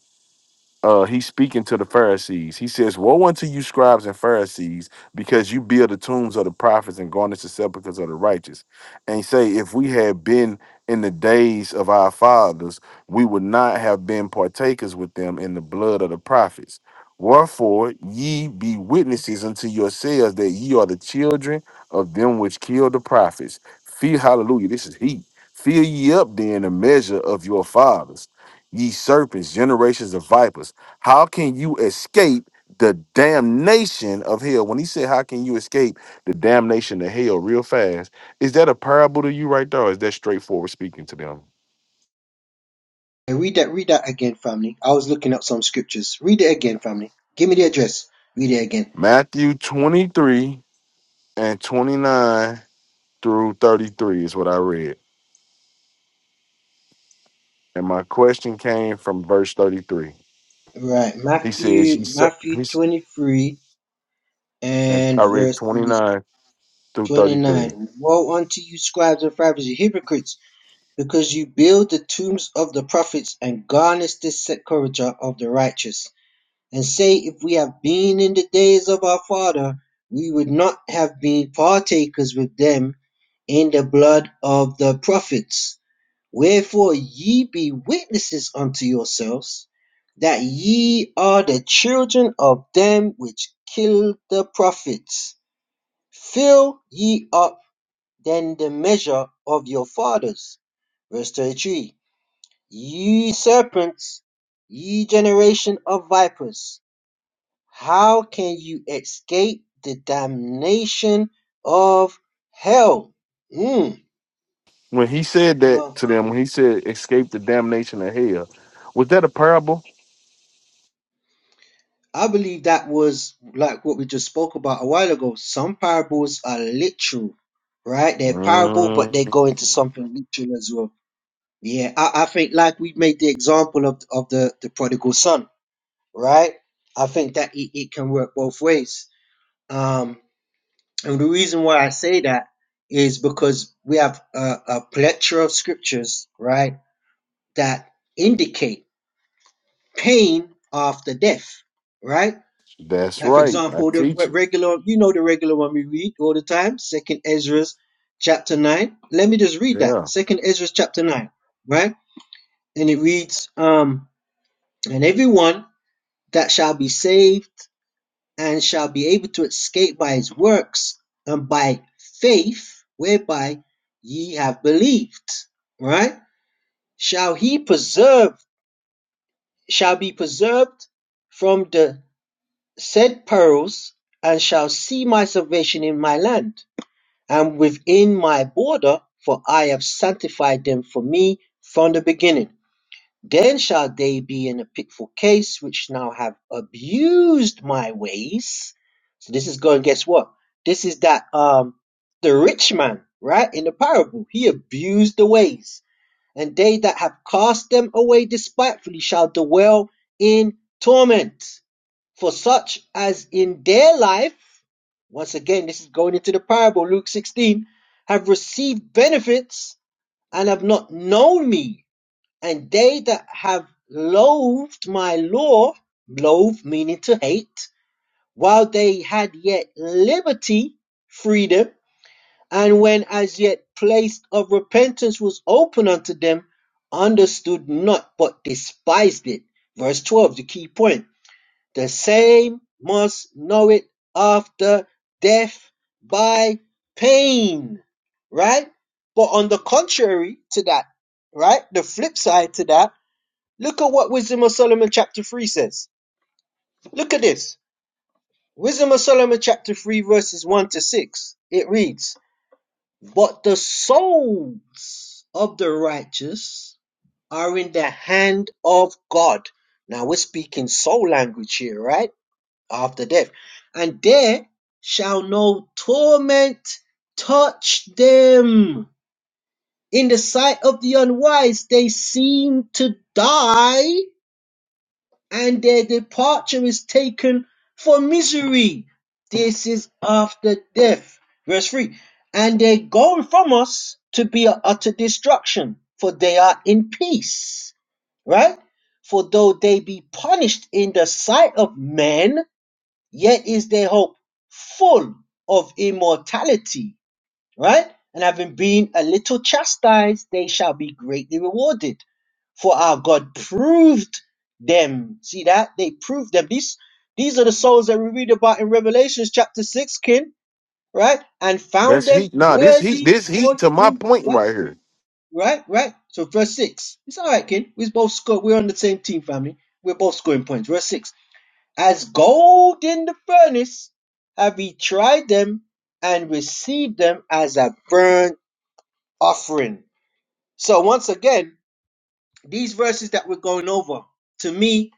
Speaker 6: uh, he's speaking to the Pharisees. He says, Woe unto you, scribes and Pharisees, because you build the tombs of the prophets and garnish the sepulchres of the righteous. And he say, If we had been in the days of our fathers, we would not have been partakers with them in the blood of the prophets. Wherefore, ye be witnesses unto yourselves that ye are the children of them which killed the prophets. Fear, hallelujah, this is heat. Fill ye up then the measure of your fathers ye serpents, generations of vipers. How can you escape the damnation of hell? When he said, How can you escape the damnation of hell real fast? Is that a parable to you right there? Or is that straightforward speaking to them?
Speaker 9: Hey, read that, read that again, family. I was looking up some scriptures. Read it again, family. Give me the address. Read it again.
Speaker 6: Matthew 23 and 29 through 33 is what I read. And my question came from verse 33.
Speaker 9: Right,
Speaker 6: He says,
Speaker 9: Matthew,
Speaker 6: Ye ser-"
Speaker 9: Matthew
Speaker 6: he's,
Speaker 9: twenty-three
Speaker 6: and
Speaker 9: and
Speaker 6: I read
Speaker 9: verses
Speaker 6: 29 through 33.
Speaker 9: twenty-nine. Woe unto you, scribes and Pharisees, you hypocrites, because you build the tombs of the prophets and garnish the sepulchre of the righteous. and say, If we have been in the days of our father, we would not have been partakers with them in the blood of the prophets. Wherefore ye be witnesses unto yourselves that ye are the children of them which killed the prophets. Fill ye up then the measure of your fathers. Verse 33 Ye serpents, ye generation of vipers how can you escape the damnation of hell? Mm.
Speaker 6: When he said that
Speaker 9: Uh,
Speaker 6: to them, when he said, Escape the damnation of hell, was that a parable?
Speaker 9: I believe that was like what we just spoke about a while ago. Some parables are literal, right? They're parable, but they
Speaker 6: Mm,
Speaker 9: go into something literal as well. Yeah, I, I think like we made the example of of the the prodigal son, right? I think that it, it can work both ways. Um, And the reason why I say that is because we have a, a plethora of scriptures, right, that indicate pain after death, right?
Speaker 6: that's
Speaker 9: Like, for
Speaker 6: right. I
Speaker 9: example, the
Speaker 6: teach it.
Speaker 9: regular, you know, the regular one we read all the time, Second Ezra's chapter 9. Let me just read
Speaker 6: Yeah.
Speaker 9: that. Second Ezra's chapter 9, right? And it reads, um, and everyone that shall be saved and shall be able to escape by his works and by faith whereby ye have believed. Right? Shall he preserve, shall be preserved from the said perils, and shall see my salvation in my land and within my border, for I have sanctified them for me from the beginning. Then shall they be in a pitiful case which now have abused my ways. So this is going, guess what? This is that um the rich man, right? In the parable, he abused the ways, and they that have cast them away despitefully shall dwell in torment. For such as in their life, once again, this is going into the parable, Luke 16, have received benefits and have not known me and they that have loathed my law, loathe meaning to hate, while they had yet liberty, freedom, and when as yet place of repentance was open unto them, understood not, but despised it. Verse 12, the key point. The same must know it after death by pain, right? But on the contrary to that, right? The flip side to that Look at what Wisdom of Solomon chapter 3 says. Look at this. Wisdom of Solomon chapter 3 verses 1 to 6. It reads, But the souls of the righteous are in the hand of God. Now we're speaking soul language here, right? After death. And there shall no torment touch them. In the sight of the unwise, they seem to die and their departure is taken for misery. This is after death. Verse 3 And they are go from us to be a utter destruction, for they are in peace. Right? For though they be punished in the sight of men, yet is their hope full of immortality right? And having been a little chastised, they shall be greatly rewarded. For our God proved them. See that? They proved them. These these are the souls that we read about in Revelations chapter 6, kin, right? And found
Speaker 6: That's
Speaker 9: them
Speaker 6: heat. Nah, this heat,
Speaker 9: worthy
Speaker 6: this heat
Speaker 9: of
Speaker 6: to my point right
Speaker 9: himself.
Speaker 6: here.
Speaker 9: Right? Right? So verse 6. It's alright, kin. We both score. We're on the same team, family. We're both scoring points. Verse 6. As gold in the furnace have he tried them and received them as a burnt offering. So once again, these verses that we're going over, to me,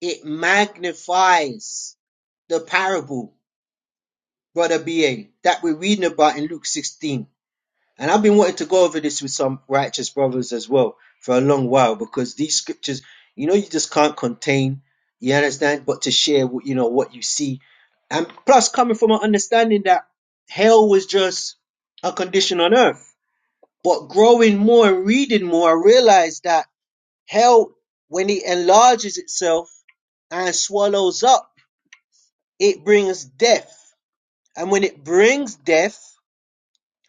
Speaker 9: it magnifies the parable, brother BA, that we're reading about in Luke 16. And I've been wanting to go over this with some righteous brothers as well for a long while because these scriptures, you know, you just can't contain, you understand, but to share what you know what you see. And plus coming from an understanding that hell was just a condition on earth But growing more and reading more, I realized that hell, when it enlarges itself and swallows up, it brings death. And when it brings death,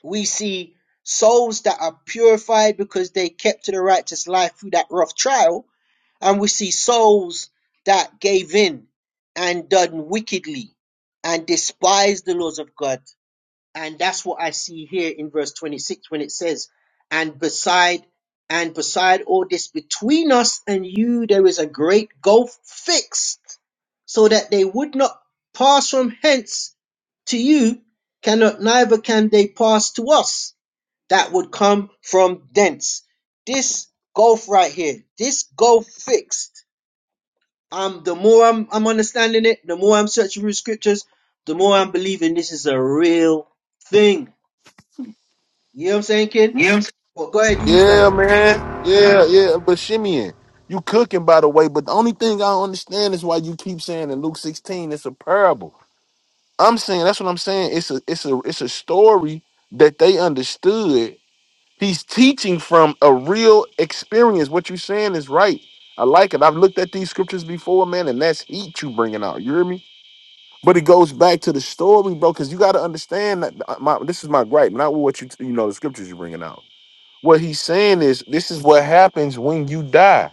Speaker 9: we see souls that are purified because they kept to the righteous life through that rough trial. And we see souls that gave in and done wickedly and despised the laws of God and that's what I see here in verse 26 when it says, and beside, and beside all this between us and you, there is a great gulf fixed so that they would not pass from hence to you cannot neither can they pass to us that would come from thence this gulf right here this gulf fixed um the more i'm i'm understanding it the more i'm searching through scriptures the more i'm believing this is a real thing you know what I'm saying, kid?
Speaker 6: Yeah.
Speaker 9: Well, go ahead. Who's got
Speaker 6: Yeah,
Speaker 9: it?
Speaker 6: man. Yeah, yeah. But Shimeon, you cooking by the way, but the only thing I don't understand is why you keep saying in Luke 16 it's a parable. I'm saying that's what I'm saying. It's a it's a it's a story that they understood. He's teaching from a real experience. What you're saying is right. I like it. I've looked at these scriptures before, man, and that's heat you bringing out. You hear me? But it goes back to the story, bro, because you got to understand that uh, my, this is my gripe, not what you you know the scriptures you're bringing out. What he's saying is this is what happens when you die,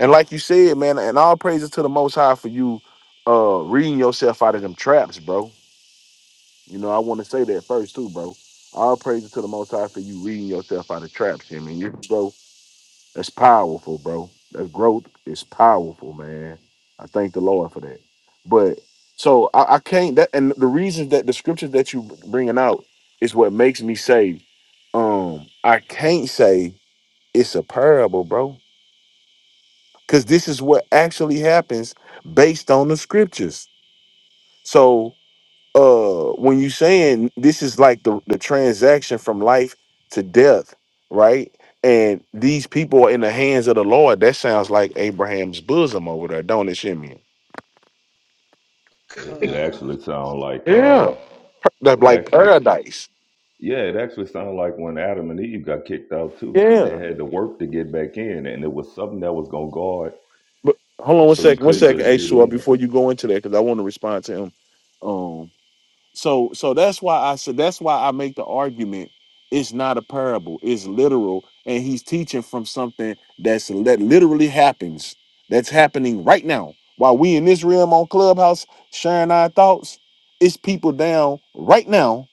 Speaker 6: and like you said, man, and all praises to the Most High for you uh reading yourself out of them traps, bro. You know I want to say that first too, bro. All praises to the Most High for you reading yourself out of traps, I mean, you bro. That's powerful, bro. That growth is powerful, man. I thank the Lord for that. But so I, I can't that and the reasons that the scriptures that you bringing out is what makes me say, um, I can't say it's a parable, bro, because this is what actually happens based on the scriptures. So uh when you saying this is like the, the transaction from life to death right and these people are in the hands of the lord that sounds like abraham's bosom over there don't it shimmy
Speaker 11: It, it
Speaker 9: God.
Speaker 11: actually sound like uh,
Speaker 6: yeah that's
Speaker 11: it
Speaker 6: like
Speaker 11: actually,
Speaker 6: paradise
Speaker 11: yeah, it actually sounded like when Adam and Eve got kicked out too. They
Speaker 6: yeah
Speaker 11: had to work to get back in, and it was something that was gonna guard,
Speaker 6: but hold on one
Speaker 11: so you
Speaker 6: second one
Speaker 11: couldn't
Speaker 6: second
Speaker 11: just
Speaker 6: hey
Speaker 11: get
Speaker 6: Suar,
Speaker 11: in.
Speaker 6: before you go into that because i want to respond to him Um, So so that's why I said that's why I make the argument. It's not a parable. It's literal, and he's teaching from something that's that literally happens. That's happening right now. While we in this realm on Clubhouse sharing our thoughts, it's people down right now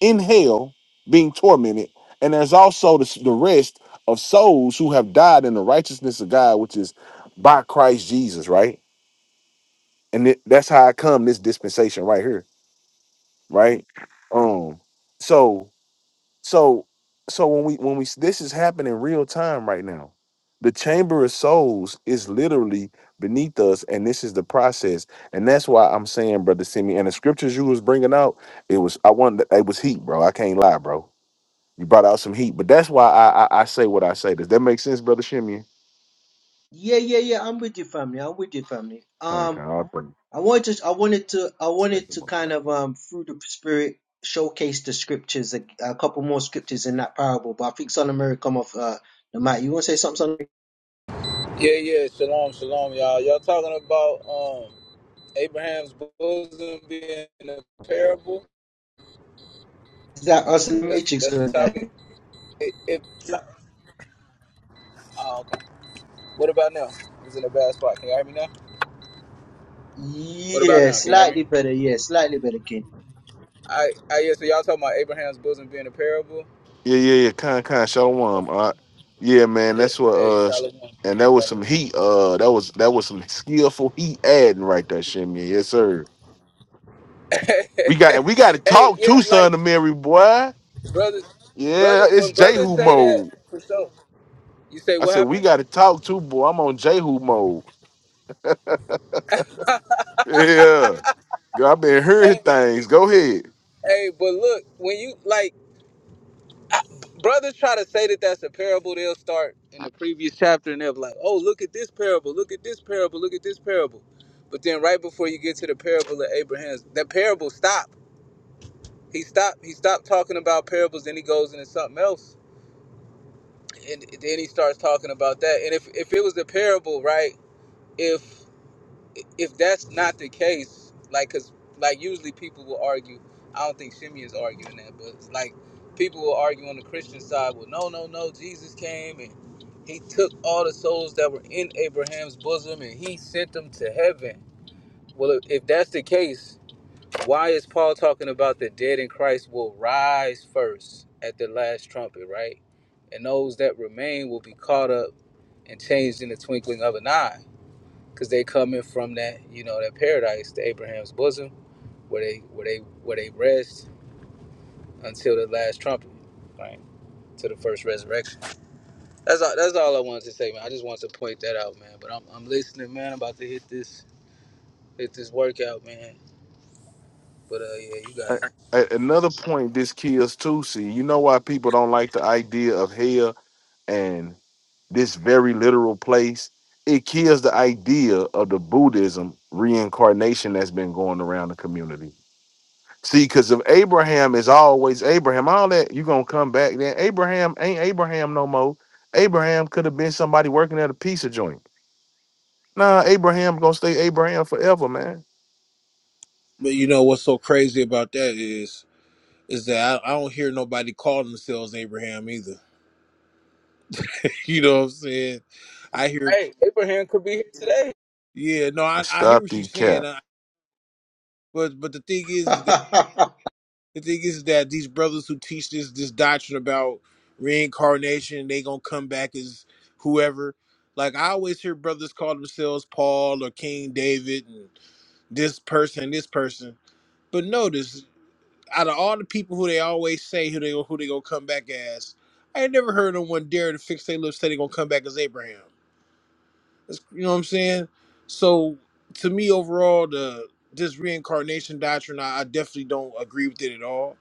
Speaker 6: in hell being tormented, and there's also the, the rest of souls who have died in the righteousness of God, which is by Christ Jesus, right? And it, that's how I come this dispensation right here right? Um, so so so when we when we this is happening real time right now. The chamber of souls is literally beneath us, and this is the process, and that's why I'm saying, brother Simi, and the scriptures you was bringing out, it was I wanted it was heat, bro. I can't lie, bro. You brought out some heat, but that's why I I, I say what I say. Does that make sense, brother Shimmy?
Speaker 9: Yeah, yeah, yeah. I'm with your family. I'm with your family.
Speaker 6: Kind of,
Speaker 9: Um,
Speaker 6: kind
Speaker 9: I wanted to, I wanted to, I wanted to
Speaker 6: of.
Speaker 9: kind of um through the spirit showcase the scriptures, a, a couple more scriptures in that parable. But I think Son of Mary come off. Uh, the mic. You want to say something? Son of Mary?
Speaker 12: Yeah, yeah. Shalom, shalom, y'all. Y'all talking about um Abraham's bosom being a parable?
Speaker 9: Is that us in the
Speaker 12: That's
Speaker 9: Matrix
Speaker 12: that's
Speaker 9: or
Speaker 12: the
Speaker 9: is
Speaker 12: topic.
Speaker 9: that?
Speaker 12: It, it, no. oh, okay. What about now? It's in a bad spot. Can you hear me now? What about
Speaker 9: Yeah,
Speaker 12: now? Can you hear me?
Speaker 9: slightly better. Yeah, slightly better, kid.
Speaker 12: I, I yeah. So y'all talking about Abraham's bosom being a parable?
Speaker 6: Yeah, yeah, yeah. Kind, kind. Shalom. All right. Yeah, man.
Speaker 12: Yeah,
Speaker 6: That's what.
Speaker 12: Hey,
Speaker 6: Uh, sh-
Speaker 12: Shalom.
Speaker 6: and that was some
Speaker 12: Shalom.
Speaker 6: heat. Uh, that was that was some skillful heat adding right there, Shimmy. Yes, sir. We got and we got to
Speaker 12: hey,
Speaker 6: talk
Speaker 12: yeah,
Speaker 6: to
Speaker 12: like
Speaker 6: son of Mary, boy.
Speaker 12: brothers,
Speaker 6: Yeah,
Speaker 12: brothers.
Speaker 6: it's
Speaker 12: When brothers
Speaker 6: Jehu
Speaker 12: say that,
Speaker 6: mode.
Speaker 12: for sure, you say
Speaker 6: I
Speaker 12: what
Speaker 6: said we
Speaker 12: happened?
Speaker 6: got to talk to boy. I'm on Jehu mode. Yeah, girl, I've been hearing
Speaker 12: Hey,
Speaker 6: things. Go ahead.
Speaker 12: hey, but look, when you like. brothers try to say that that's a parable they'll start in the previous chapter and they'll be like oh look at this parable look at this parable look at this parable but then right before you get to the parable of abraham's that parable stop he stopped he stopped talking about parables then he goes into something else and then he starts talking about that and if if it was a parable right if. if that's not the case, like, cause like usually people will argue. I don't think Shimmy is arguing that, but it's like people will argue on the Christian side. Well, no, no, no. Jesus came and he took all the souls that were in Abraham's bosom and he sent them to heaven. Well, if, if that's the case, why is Paul talking about the dead in Christ will rise first at the last trumpet, right? And those that remain will be caught up and changed in the twinkling of an eye because they coming from that you know that paradise, the Abraham's bosom, where they where they where they rest until the last trumpet, right? To the first resurrection. That's all. That's all I wanted to say, man. I just wanted to point that out, man. But I'm, I'm listening, man. I'm about to hit this hit this workout, man. But uh, yeah, you got
Speaker 6: A-
Speaker 12: it.
Speaker 6: a- another point this kills too. See, you know why people don't like the idea of hell and this very literal place, it kills the idea of the Buddhism reincarnation that's been going around the community. See, because if Abraham is always Abraham, all that you're gonna come back then. Abraham ain't Abraham no more. Abraham could have been somebody working at a pizza joint. Nah, Abraham gonna stay Abraham forever, man.
Speaker 3: But you know what's so crazy about that is is that I, I don't hear nobody call themselves Abraham either. You know what I'm saying? I hear,
Speaker 12: Hey, Abraham could be here today.
Speaker 3: yeah, no,
Speaker 6: And
Speaker 3: I, I hear
Speaker 6: stop
Speaker 3: what
Speaker 6: the
Speaker 3: you're saying,
Speaker 6: cap.
Speaker 3: I, but but the thing is, is that the thing is that these brothers who teach this this doctrine about reincarnation, they gonna come back as whoever. Like I always hear brothers call themselves Paul or King David and this person, this person. But notice out of all the people who they always say who they who they gonna come back as, I ain't never heard no one dare to fix their lips say they gonna come back as Abraham. That's, you know what I'm saying? So to me, overall, the this reincarnation doctrine, I, I definitely don't agree with it at all.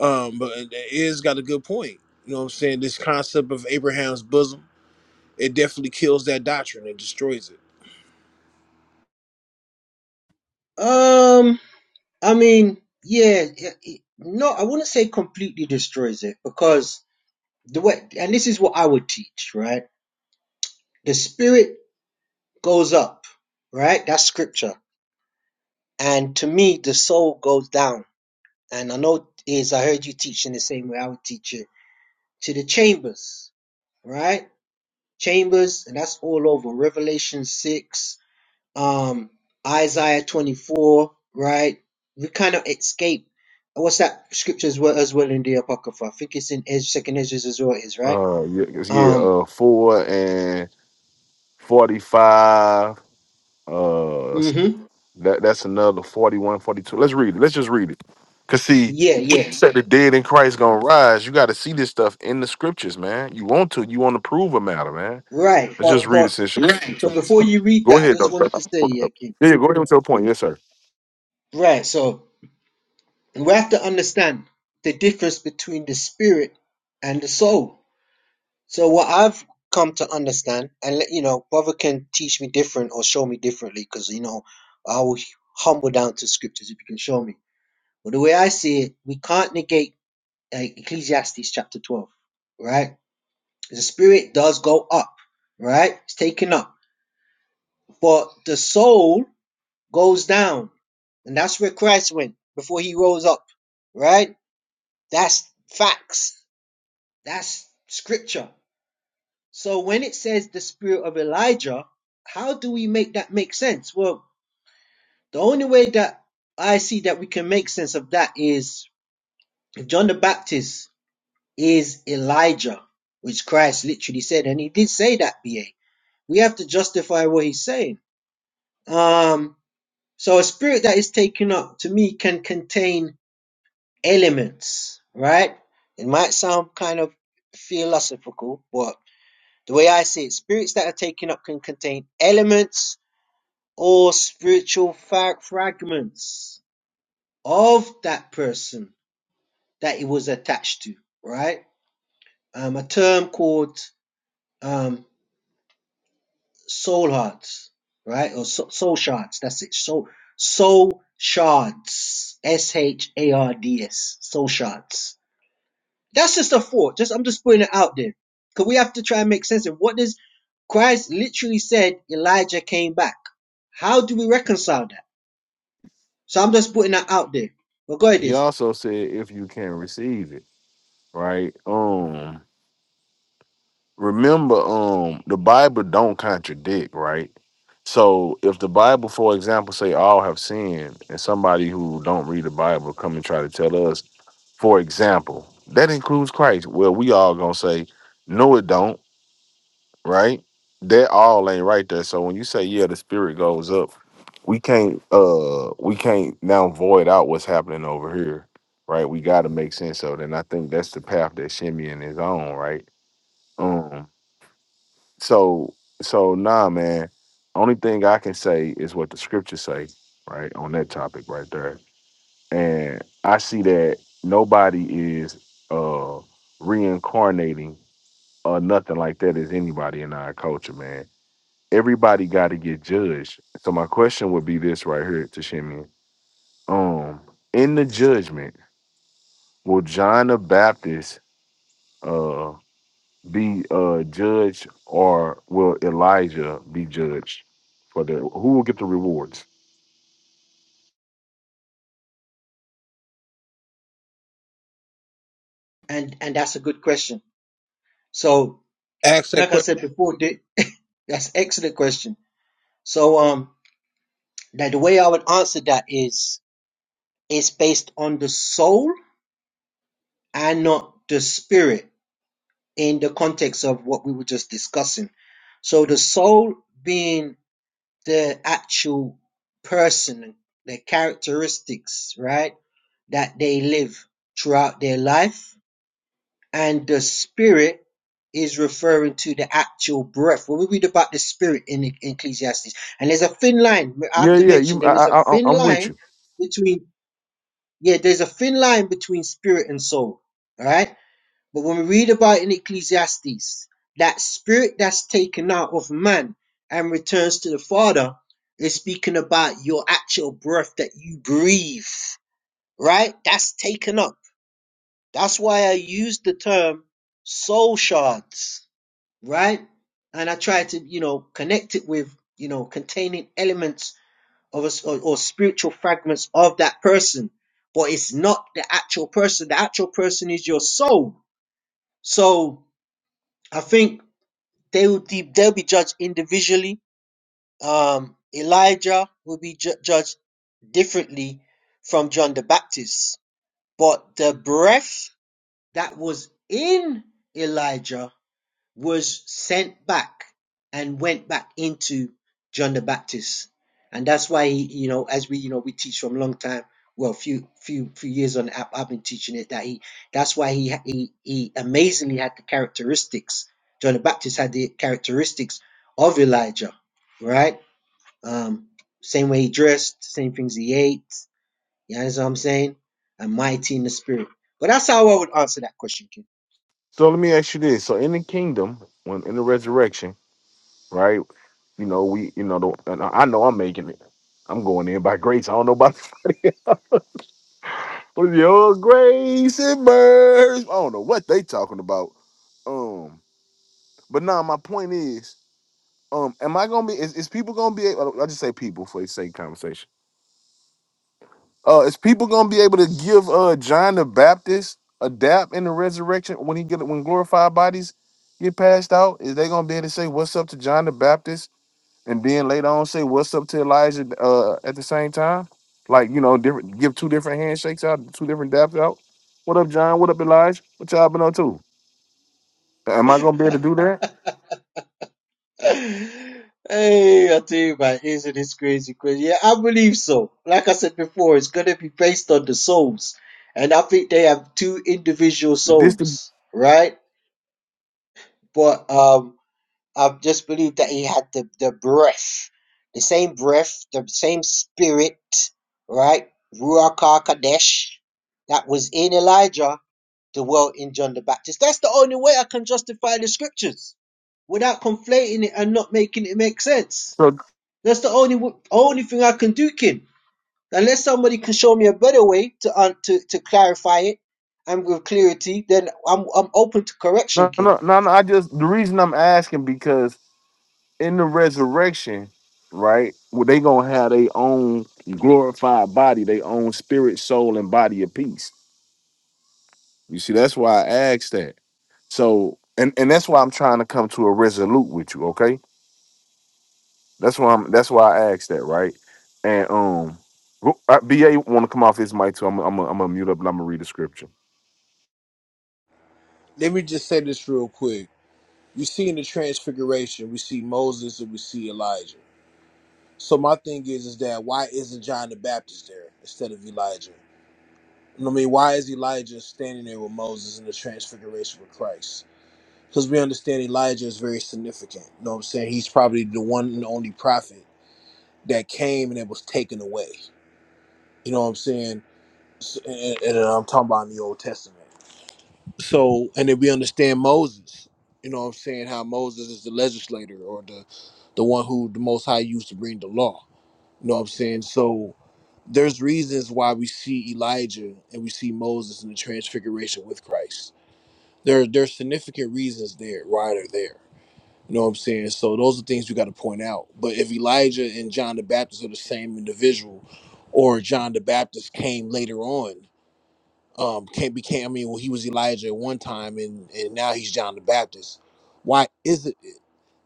Speaker 3: Um, but it it is got a good point. You know what I'm saying? This concept of Abraham's bosom, it definitely kills that doctrine. It destroys it.
Speaker 9: um, I mean, yeah, it, it, no, I wouldn't say completely destroys it because. the way and this is what I would teach, right? The spirit goes up, right? That's scripture. And to me, the soul goes down. And I know is I heard you teach in the same way I would teach it to the chambers, right? Chambers, and that's all over Revelation six, um, Isaiah twenty four, right? We kind of escape. What's that scripture as well as well in the Apocrypha? I think it's in Ez- Second Ezra as well. Is right.
Speaker 6: Uh yeah, yeah,
Speaker 9: Um.
Speaker 6: uh four and forty-five. Uh
Speaker 9: Mm-hmm.
Speaker 6: That that's another forty Let's read it. Let's just read it. Cause see
Speaker 9: Yeah. Yeah.
Speaker 6: that the dead in Christ gonna rise. You got to see this stuff in the scriptures, man. You want to. You want to prove a matter, man.
Speaker 9: Right.
Speaker 6: Let's just
Speaker 9: But,
Speaker 6: read it.
Speaker 9: but,
Speaker 6: Since
Speaker 9: so before you read
Speaker 6: go
Speaker 9: that, I
Speaker 6: ahead, though.
Speaker 9: just
Speaker 6: sir.
Speaker 9: wanted to say, yeah, King.
Speaker 6: Yeah, yeah, go ahead with your point. Yes, sir.
Speaker 9: Right. So we have to understand the difference between the spirit and the soul. So what I've come to understand, and let you know, brother can teach me different or show me differently, because you know, I will humble down to scriptures if you can show me. But the way I see it, we can't negate uh, Ecclesiastes chapter twelve, right? The spirit does go up, right? It's taken up, but the soul goes down. And that's where Christ went before he rose up, right? That's facts. That's scripture. So when it says the spirit of Elijah, how do we make that make sense? Well, the only way that I see that we can make sense of that is if John the Baptist is Elijah, which Christ literally said, and he did say that, BA. We have to justify what he's saying. Um, so a spirit that is taken up to me can contain elements, right? It might sound kind of philosophical, but the way I see it, spirits that are taken up can contain elements or spiritual fa- fragments of that person that it was attached to, right? Um, a term called um, soul hearts, right? Or so- soul shards. That's it. Soul soul shards. S H A R D S. Soul shards That's just a thought. Just I'm just putting it out there. Because we have to try and make sense of what does Christ literally said Elijah came back. How do we reconcile that? So I'm just putting that out there. But go ahead,
Speaker 6: He
Speaker 9: is
Speaker 6: also said, if you can receive it, right? Um, remember, um, the Bible don't contradict, right? So if the Bible, for example, say all have sinned, and somebody who don't read the Bible come and try to tell us For example, that includes Christ. Well, we all gonna say, no, it don't, right? That all ain't right there. So when you say, yeah, the spirit goes up, we can't uh we can't now void out what's happening over here, right? We gotta make sense of it. And I think that's the path that Shimeon is on, right? Um so so nah man, only thing I can say is what the scriptures say, right? On that topic right there and I see that nobody is uh reincarnating or nothing like that is anybody in our culture, man. Everybody got to get judged. So my question would be this right here to Shimmy. Um, in the judgment, will John the Baptist uh be uh judged or will Elijah be judged for the who will get the rewards?
Speaker 9: and and that's a good question. So
Speaker 3: Ask that
Speaker 9: like I
Speaker 3: question.
Speaker 9: said before, Dick, that's an excellent question. So um, that the way I would answer that is it's based on the soul and not the spirit in the context of what we were just discussing. So the soul being the actual person, the characteristics, right, that they live throughout their life. And the spirit is referring to the actual breath. When we read about the spirit in E- Ecclesiastes, and there's a thin line, I have
Speaker 6: Yeah,
Speaker 9: to
Speaker 6: yeah,
Speaker 9: mention
Speaker 6: you
Speaker 9: there
Speaker 6: I,
Speaker 9: is a
Speaker 6: I I-
Speaker 9: thin
Speaker 6: I'm with
Speaker 9: line
Speaker 6: you.
Speaker 9: between, yeah, there's a thin line between spirit and soul, all right? But when we read about in Ecclesiastes, that spirit that's taken out of man and returns to the Father is speaking about your actual breath that you breathe, right? That's taken up. That's why I use the term soul shards, right? And I try to, you know, connect it with, you know, containing elements of us or, or spiritual fragments of that person. But it's not the actual person. The actual person is your soul. So I think They will be, they'll be judged individually. Um, Elijah will be ju- judged differently from John the Baptist. But the breath that was in Elijah was sent back and went back into John the Baptist. And that's why he, you know, as we, you know, we teach from a long time, well, few, few, few years on the app, I've been teaching it that he, that's why he, he, he amazingly had the characteristics. John the Baptist had the characteristics of Elijah, right? Um, same way he dressed, same things he ate. You understand what I'm saying? And mighty in the spirit. But that's how I would answer that question, King.
Speaker 6: So let me ask you this. So in the kingdom, when in the resurrection, right? You know, we, you know, the, and I I know I'm making it. I'm going in by grace. I don't know about what is your grace and mercy. I don't know what they talking about. Um, but nah, my point is, um, am I gonna be? Is, is people gonna be? Able, I just say people for the sake of conversation. Uh, is people gonna be able to give uh John the Baptist a dap in the resurrection when he get when glorified bodies get passed out? Is they gonna be able to say what's up to John the Baptist and then later on say what's up to Elijah uh, at the same time, like you know, different give two different handshakes out, two different daps out. What up, John? What up, Elijah? What y'all been up to? Am I gonna be able to do that?
Speaker 9: Hey, I tell you, man, isn't this crazy, crazy? Yeah, I believe so. Like I said before, it's gonna be based on the souls, and I think they have two individual
Speaker 6: But this the
Speaker 9: souls, right? But um, I just believe that he had the the breath, the same breath, the same spirit, right? Ruach Hakodesh that was in Elijah, the well in John the Baptist. That's the only way I can justify the scriptures without conflating it and not making it make sense.
Speaker 6: so
Speaker 9: That's the only only thing I can do, kid. Unless somebody can show me a better way to un to, to clarify it and with clarity, then I'm I'm open to correction,
Speaker 6: no
Speaker 9: kid.
Speaker 6: no no no. I just the reason I'm asking because in the resurrection, right? Well, they gonna have their own glorified body, their own spirit, soul, and body of peace. You see, that's why I asked that. So and and that's why I'm trying to come to a resolute with you, okay? That's why I'm. That's why I asked that, right? And um, who, uh, Ba want to come off his mic too. I'm. I'm. I'm gonna mute up and I'm gonna read the scripture.
Speaker 3: Let me just say this real quick. You see in the transfiguration, we see Moses and we see Elijah. So my thing is, is that why isn't John the Baptist there instead of Elijah? You know what I mean, why is Elijah standing there with Moses in the transfiguration with Christ? Because we understand Elijah is very significant. You know what I'm saying? He's probably the one and only prophet that came and it was taken away. You know what I'm saying? S- And, and uh, I'm talking about in the Old Testament. So, and then we understand Moses. You know what I'm saying? How Moses is the legislator or the the one who the Most High used to bring the law. You know what I'm saying? So there's reasons why we see Elijah and we see Moses in the transfiguration with Christ. There there's significant reasons there, why they're there. You know what I'm saying? So those are things we gotta point out. But if Elijah and John the Baptist are the same individual, or John the Baptist came later on, um, can became I mean, well, he was Elijah at one time and and now he's John the Baptist. Why is it?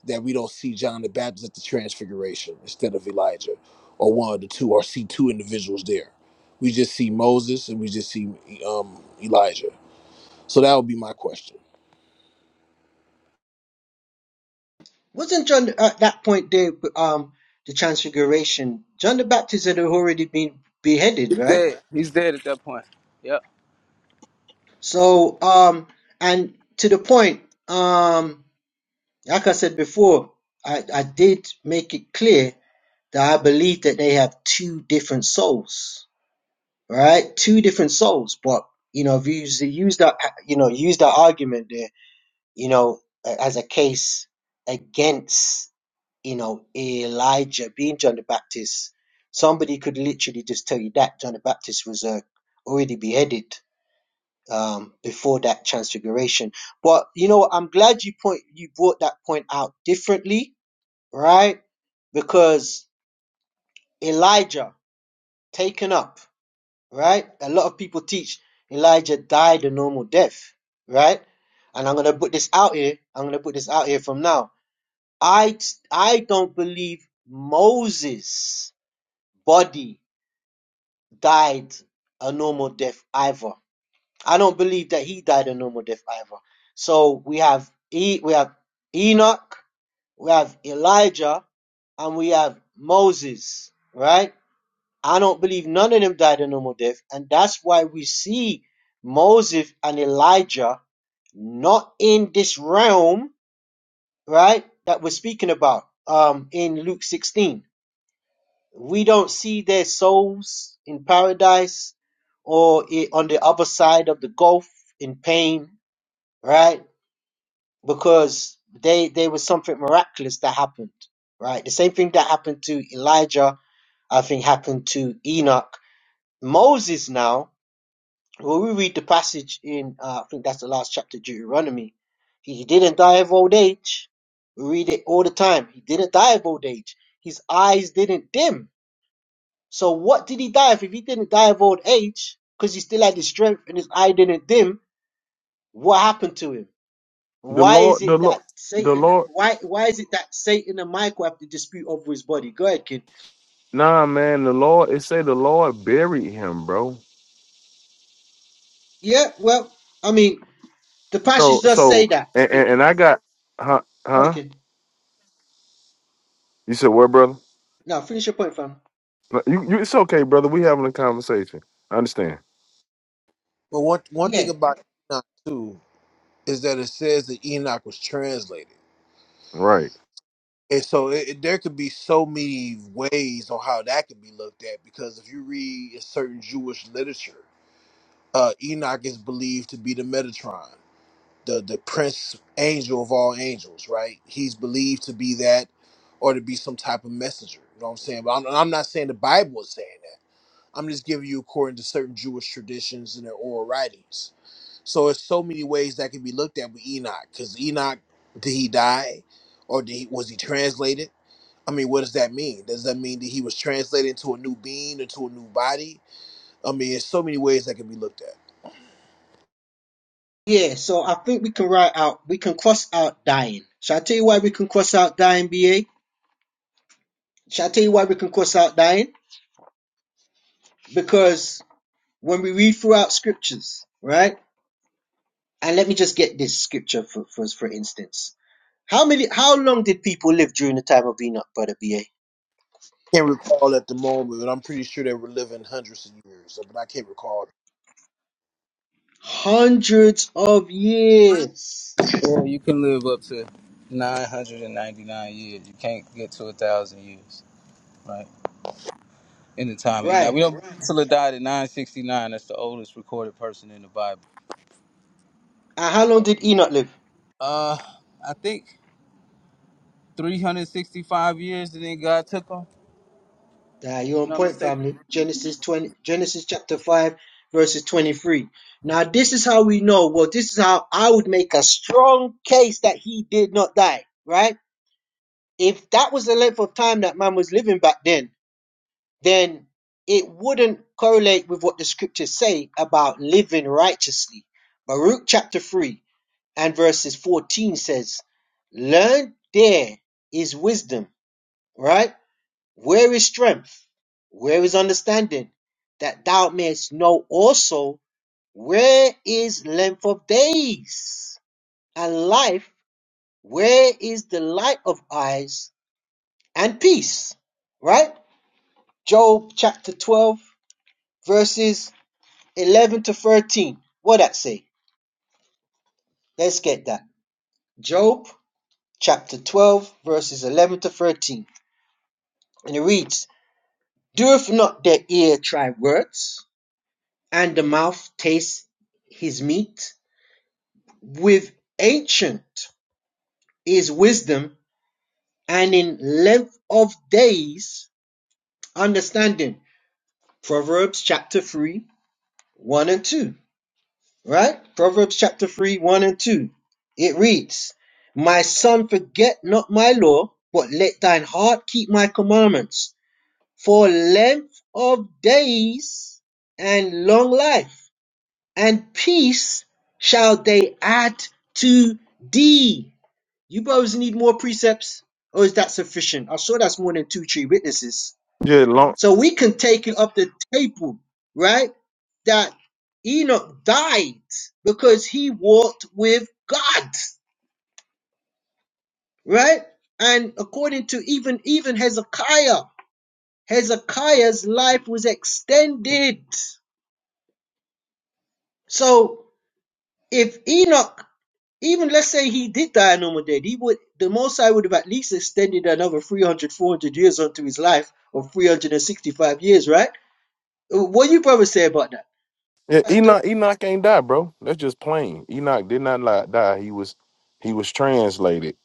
Speaker 3: that we don't see John the Baptist at the Transfiguration instead of Elijah or one of the two, or see two individuals there. We just see Moses and we just see um, Elijah. So that would be my question.
Speaker 9: Wasn't John at that point there? Um, the Transfiguration. John the Baptist had already been beheaded,
Speaker 12: He's
Speaker 9: right?
Speaker 12: dead. He's dead at that point. Yep.
Speaker 9: So, um, and to the point, um, like I said before, I I did make it clear that I believe that they have two different souls right? Two different souls. But you know, if you use, use that, you know, use that argument there, you know, as a case against, you know, Elijah being John the Baptist, somebody could literally just tell you that John the Baptist was uh, already beheaded um, before that transfiguration. But you know, I'm glad you point you brought that point out differently, right? Because Elijah taken up right? A lot of people teach Elijah died a normal death, right? And I'm gonna put this out here. I'm gonna put this out here from now. I I don't believe Moses' body died a normal death either. I don't believe that he died a normal death either. So we have e, we have Enoch, we have Elijah, and we have Moses, right? I don't believe none of them died a normal death. And that's why we see Moses and Elijah not in this realm, right? That we're speaking about um, in Luke 16. We don't see their souls in paradise or i- on the other side of the gulf in pain, right? Because they there was something miraculous that happened, right? The same thing that happened to Elijah, I think, happened to Enoch. Moses now When we read the passage in, uh, I think that's the last chapter, of Deuteronomy, he didn't die of old age. We read it all the time. He didn't die of old age. His eyes didn't dim. So what did he die of? If he didn't die of old age, because he still had his strength and his eye didn't dim, what happened to him?
Speaker 6: The
Speaker 9: Why is
Speaker 6: Lord. The
Speaker 9: it that
Speaker 6: Lord. The
Speaker 9: Satan?
Speaker 6: Lord.
Speaker 9: Why why is it that Satan and Michael have the dispute over his body? Go ahead, kid.
Speaker 6: Nah, man. The Lord. It say the Lord buried him, bro.
Speaker 9: Yeah, well, I mean, the passage
Speaker 6: So.
Speaker 9: does say
Speaker 6: So.
Speaker 9: that.
Speaker 6: And.
Speaker 9: Yeah,
Speaker 6: And, and I got. Huh.
Speaker 9: go ahead,
Speaker 6: Huh.
Speaker 9: kid.
Speaker 6: You said what, brother?
Speaker 9: Now finish your point, fam.
Speaker 6: No, You. You. It's okay, brother. We having a conversation. I understand.
Speaker 3: But one one thing
Speaker 9: Yeah,
Speaker 3: about Enoch too is that it says that Enoch was translated,
Speaker 6: Right.
Speaker 3: and so it, it- there could be so many ways on how that could be looked at. Because if you read a certain Jewish literature, uh, Enoch is believed to be the Metatron. the the prince angel of all angels, right? He's believed to be that or to be some type of messenger. You know what I'm saying? But I'm, I'm not saying the Bible is saying that. I'm just giving you according to certain Jewish traditions and their oral writings. So it's so many ways that can be looked at with Enoch. Because Enoch, did he die, or did he, was he translated? I mean, what does that mean? Does that mean that he was translated into a new being, into a new body? I mean, it's so many ways that can be looked at.
Speaker 9: Yeah, so I think we can write out, we can cross out dying. Shall I tell you why we can cross out dying, BA? Shall I tell you why we can cross out dying? Because when we read throughout scriptures, right? And let me just get this scripture for, for, for instance. How many, how long did people live during the time of Enoch, brother BA?
Speaker 3: can't recall at the moment, but I'm pretty sure they were living hundreds of years, but I can't recall.
Speaker 9: Hundreds of years.
Speaker 12: Yeah, you can live up to 999 years. You can't get to a thousand years, right? in the time of Enoch.
Speaker 9: Right.
Speaker 12: We don't Methuselah died at 969. That's the oldest recorded person in the Bible.
Speaker 9: And how long did Enoch live?
Speaker 12: Uh, I think 365 years, and then God took him. If
Speaker 9: Uh, you're
Speaker 12: I'm
Speaker 9: on
Speaker 12: not
Speaker 9: point,
Speaker 12: mistaken.
Speaker 9: family. Genesis 20, Genesis chapter 5, verses 23. Now, this is how we know. Well, this is how I would make a strong case that he did not die, right? If that was the length of time that man was living back then, then it wouldn't correlate with what the scriptures say about living righteously. Baruch chapter 3 and verses 14 says, Learn there is wisdom, right? Where is strength? Where is understanding? That thou mayest know also where is length of days and life, where is the light of eyes and peace. Right? Job chapter 12, verses 11 to 13. What that say? Let's get that. Job chapter 12, verses 11 to 13. And it reads, Doeth not their ear try words? And the mouth tastes his meat with ancient is wisdom, and in length of days understanding. Proverbs chapter 3, 1 and 2. Right? Proverbs chapter 3, 1 and 2. It reads, My son, forget not my law, but let thine heart keep my commandments. For length of days and long life and peace shall they add to thee. You brothers need more precepts, or is that sufficient? I'm sure that's more than two, three witnesses.
Speaker 6: Yeah. long.
Speaker 9: So we can take it up the table, right? That Enoch died because he walked with God, right? And according to even even Hezekiah, Hezekiah's life was extended. So if Enoch Even let's say he did die a normal death, he would the Most High would have at least extended another 300, 400 years onto his life, or 365 years, right? What do you brothers say about that?
Speaker 6: Yeah, Enoch, Enoch ain't die, bro. That's just plain. Enoch did not li- die. He was he was translated.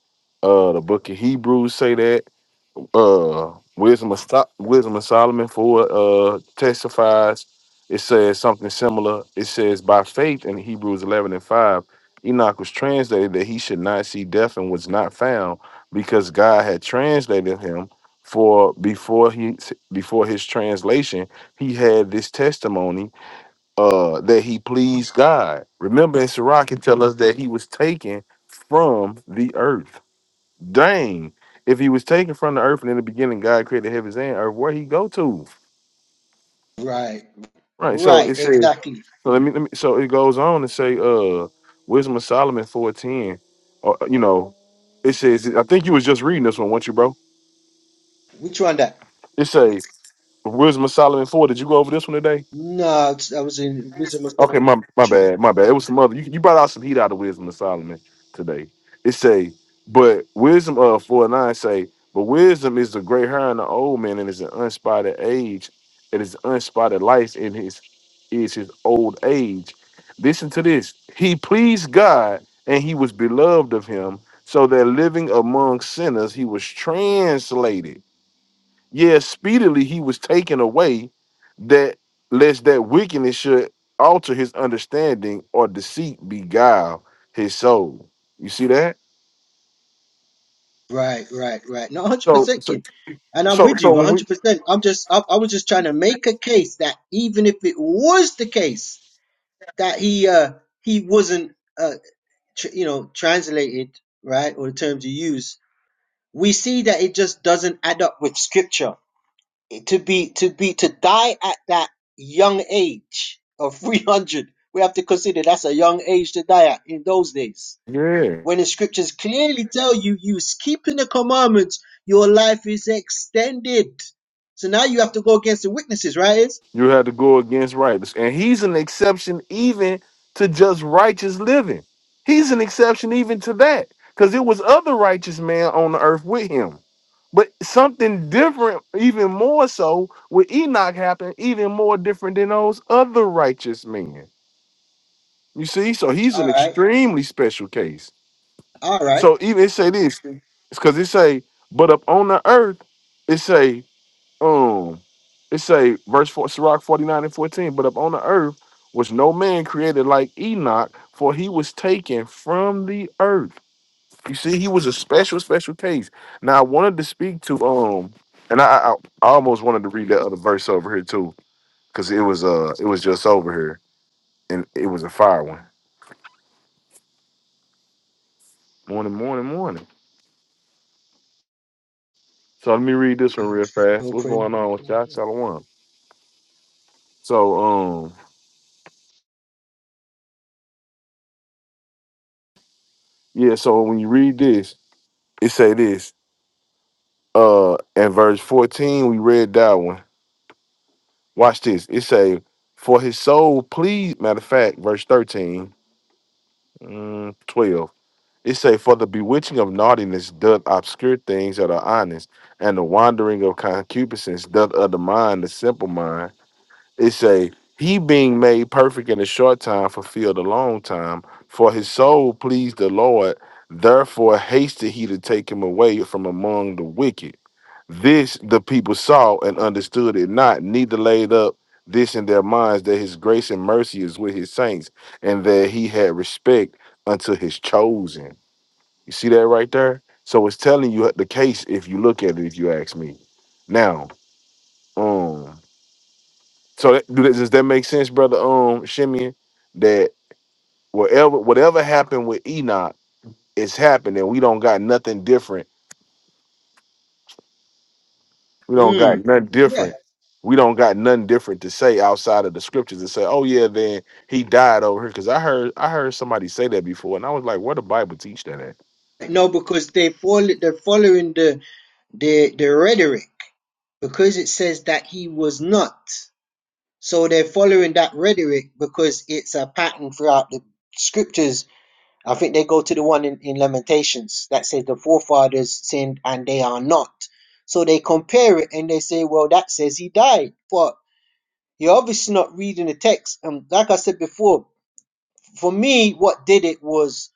Speaker 6: Uh, the book of Hebrews say that. Uh, wisdom of Sto- wisdom of Solomon for uh testifies. It says something similar. It says by faith in Hebrews eleven and five, Enoch was translated that he should not see death and was not found because God had translated him. For before he before his translation, he had this testimony uh that he pleased God. Remember in Sirach it tell us that he was taken from the earth. Dang. If he was taken from the earth and in the beginning God created heavens and earth, where he go to?
Speaker 9: Right,
Speaker 6: Right. So
Speaker 9: right,
Speaker 6: it says
Speaker 9: exactly.
Speaker 6: so let me, let me so it goes on to say uh Wisdom of Solomon 410 or you know it says I think you was just reading this one, weren't you, bro?
Speaker 9: Which one that?
Speaker 6: It says Wisdom of Solomon 4. Did you go over this one today?
Speaker 9: No, it's- I was in Wisdom of
Speaker 6: Okay,
Speaker 9: Solomon.
Speaker 6: my my bad, my bad. It was some other. You, you brought out some heat out of wisdom of Solomon today. It say, but wisdom of four and nine say, but wisdom is the great hair in the old man, and is an unspotted age, and is unspotted life in his is his old age. Listen to this. He pleased God, and he was beloved of him, so that living among sinners, he was translated. Yea, speedily he was taken away, that lest that wickedness should alter his understanding or deceit beguile his soul. You see that?
Speaker 9: Right, right, right. No,
Speaker 6: So,
Speaker 9: 100%
Speaker 6: so,
Speaker 9: King. And I'm
Speaker 6: so,
Speaker 9: with you
Speaker 6: so when we,
Speaker 9: 100%. I'm just, I, I was just trying to make a case that even if it was the case that he, uh, he wasn't. uh, tr- you know translated right or the terms you use we see that it just doesn't add up with scripture It- to be to be to die at that young age of 300 we have to consider that's a young age to die at in those days
Speaker 6: yeah.
Speaker 9: when the scriptures clearly tell you you keeping the commandments your life is extended so now you have to go against the witnesses right is
Speaker 6: You had to go against righteous. And he's an exception even to just righteous living. He's an exception even to that. Because it was other righteous men on the earth with him. But something different, even more so, with Enoch happened, even more different than those other righteous men. You see? So he's an
Speaker 9: all right
Speaker 6: extremely special case.
Speaker 9: all right
Speaker 6: So even it say this, it's because it say, but up on the earth, it say um it say verse four Sirach 49 and 14, but upon the earth was no man created like Enoch, for he was taken from the earth. You see, he was a special, special case. Now I wanted to speak to um and I I, I almost wanted to read that other verse over here too, because it was uh it was just over here and it was a fire one. Morning, morning, morning. So let me read this one real fast. What's going
Speaker 9: open
Speaker 6: on with y'all? Shalom. So um yeah, so when you read this, it say this. uh in verse 14 we read that one watch this it say for his soul please matter of fact verse 13 mm, 12 it say for the bewitching of naughtiness doth obscure things that are honest and the wandering of concupiscence doth undermine the simple mind it say he being made perfect in a short time fulfilled a long time for his soul pleased the lord therefore hasted he to take him away from among the wicked this the people saw and understood it not, neither laid up this in their minds that his grace and mercy is with his saints, and that he had respect unto his chosen. You see that right there? So it's telling you the case if you look at it, if you ask me. Now, um, so that, do that, does that make sense, brother? Um, Shimeon, that whatever whatever happened with Enoch, it's happened, and we don't got nothing different We don't
Speaker 9: mm,
Speaker 6: got nothing
Speaker 9: yeah
Speaker 6: different. We don't got nothing different to say outside of the scriptures and say, "Oh yeah, then he died over here." Because I heard I heard somebody say that before, and I was like, "Where the Bible teach that at?"
Speaker 9: no because they follow they're following the the the rhetoric because it says that he was not so they're following that rhetoric because it's a pattern throughout the scriptures i think they go to the one in, in lamentations that says the forefathers sinned and they are not so they compare it and they say well that says he died but you're obviously not reading the text and like i said before for me what did it was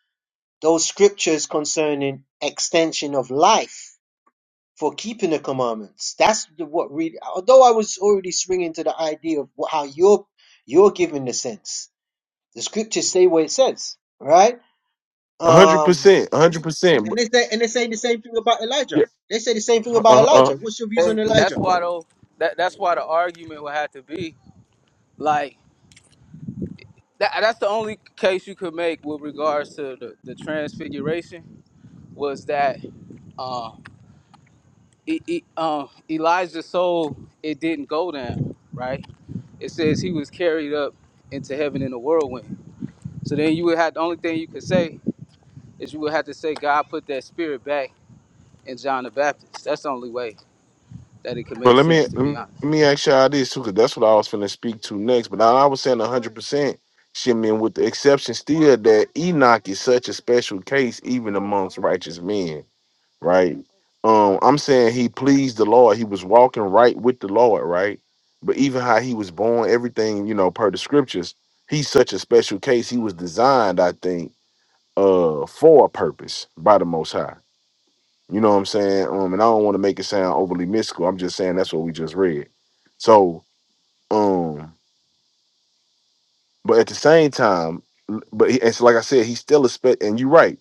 Speaker 9: those scriptures concerning extension of life for keeping the commandments. That's the, what really. Although I was already swinging to the idea of what, how you're you're giving the sense. The scriptures say what it says, right?
Speaker 6: A hundred
Speaker 9: Um,
Speaker 6: percent, a hundred percent.
Speaker 9: and
Speaker 6: But
Speaker 9: they say and they say the same thing about
Speaker 6: yeah,
Speaker 9: Elijah. They say the same thing
Speaker 6: uh,
Speaker 9: about
Speaker 6: uh, uh,
Speaker 9: Elijah. What's your views
Speaker 12: Hey,
Speaker 9: on
Speaker 12: That's
Speaker 9: Elijah?
Speaker 12: why though. That that's why the argument would have to be like that. That's the only case you could make with regards to the, the transfiguration was that uh, e- e- um, Elijah's soul it didn't go down. Right. It says he was carried up into heaven in a whirlwind. So then you would have the only thing you could say is you would have to say God put that spirit back in John the Baptist. That's the only way that it could
Speaker 6: but
Speaker 12: make
Speaker 6: let me
Speaker 12: sense, to be
Speaker 6: let
Speaker 12: honest.
Speaker 6: me ask y'all this too, because that's what I was finna speak to next. But now I was saying a hundred percent. Shit, man, with the exception still that Enoch is such a special case, even amongst righteous men right? Um, I'm saying he pleased the Lord. He was walking right with the Lord, right? But even how he was born, everything, you know, per the scriptures, he's such a special case. He was designed, I think, uh, for a purpose by the Most High. You know what I'm saying? Um, and I don't want to make it sound overly mystical. I'm just saying that's what we just read. So, um, but at the same time, l- but he- it's like I said, he's still a spe- and you're right.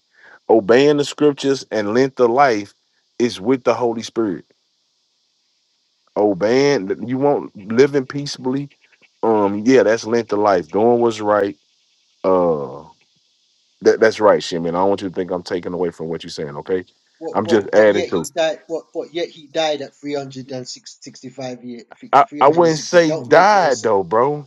Speaker 6: Obeying the scriptures and length of life is with the Holy Spirit obeying th- you want living peaceably um yeah that's length of life doing what's right uh that, that's right Shimon. i don't want you to think i'm taking away from what you're saying okay
Speaker 9: But
Speaker 6: i'm just
Speaker 9: but but
Speaker 6: adding
Speaker 9: yet
Speaker 6: to
Speaker 9: he died. But but yet he died at three hundred and sixty-five years.
Speaker 6: i
Speaker 9: Three
Speaker 6: i
Speaker 9: hundred and
Speaker 6: wouldn't
Speaker 9: sixty.
Speaker 6: say
Speaker 9: Don't make no
Speaker 6: died
Speaker 9: sense.
Speaker 6: though bro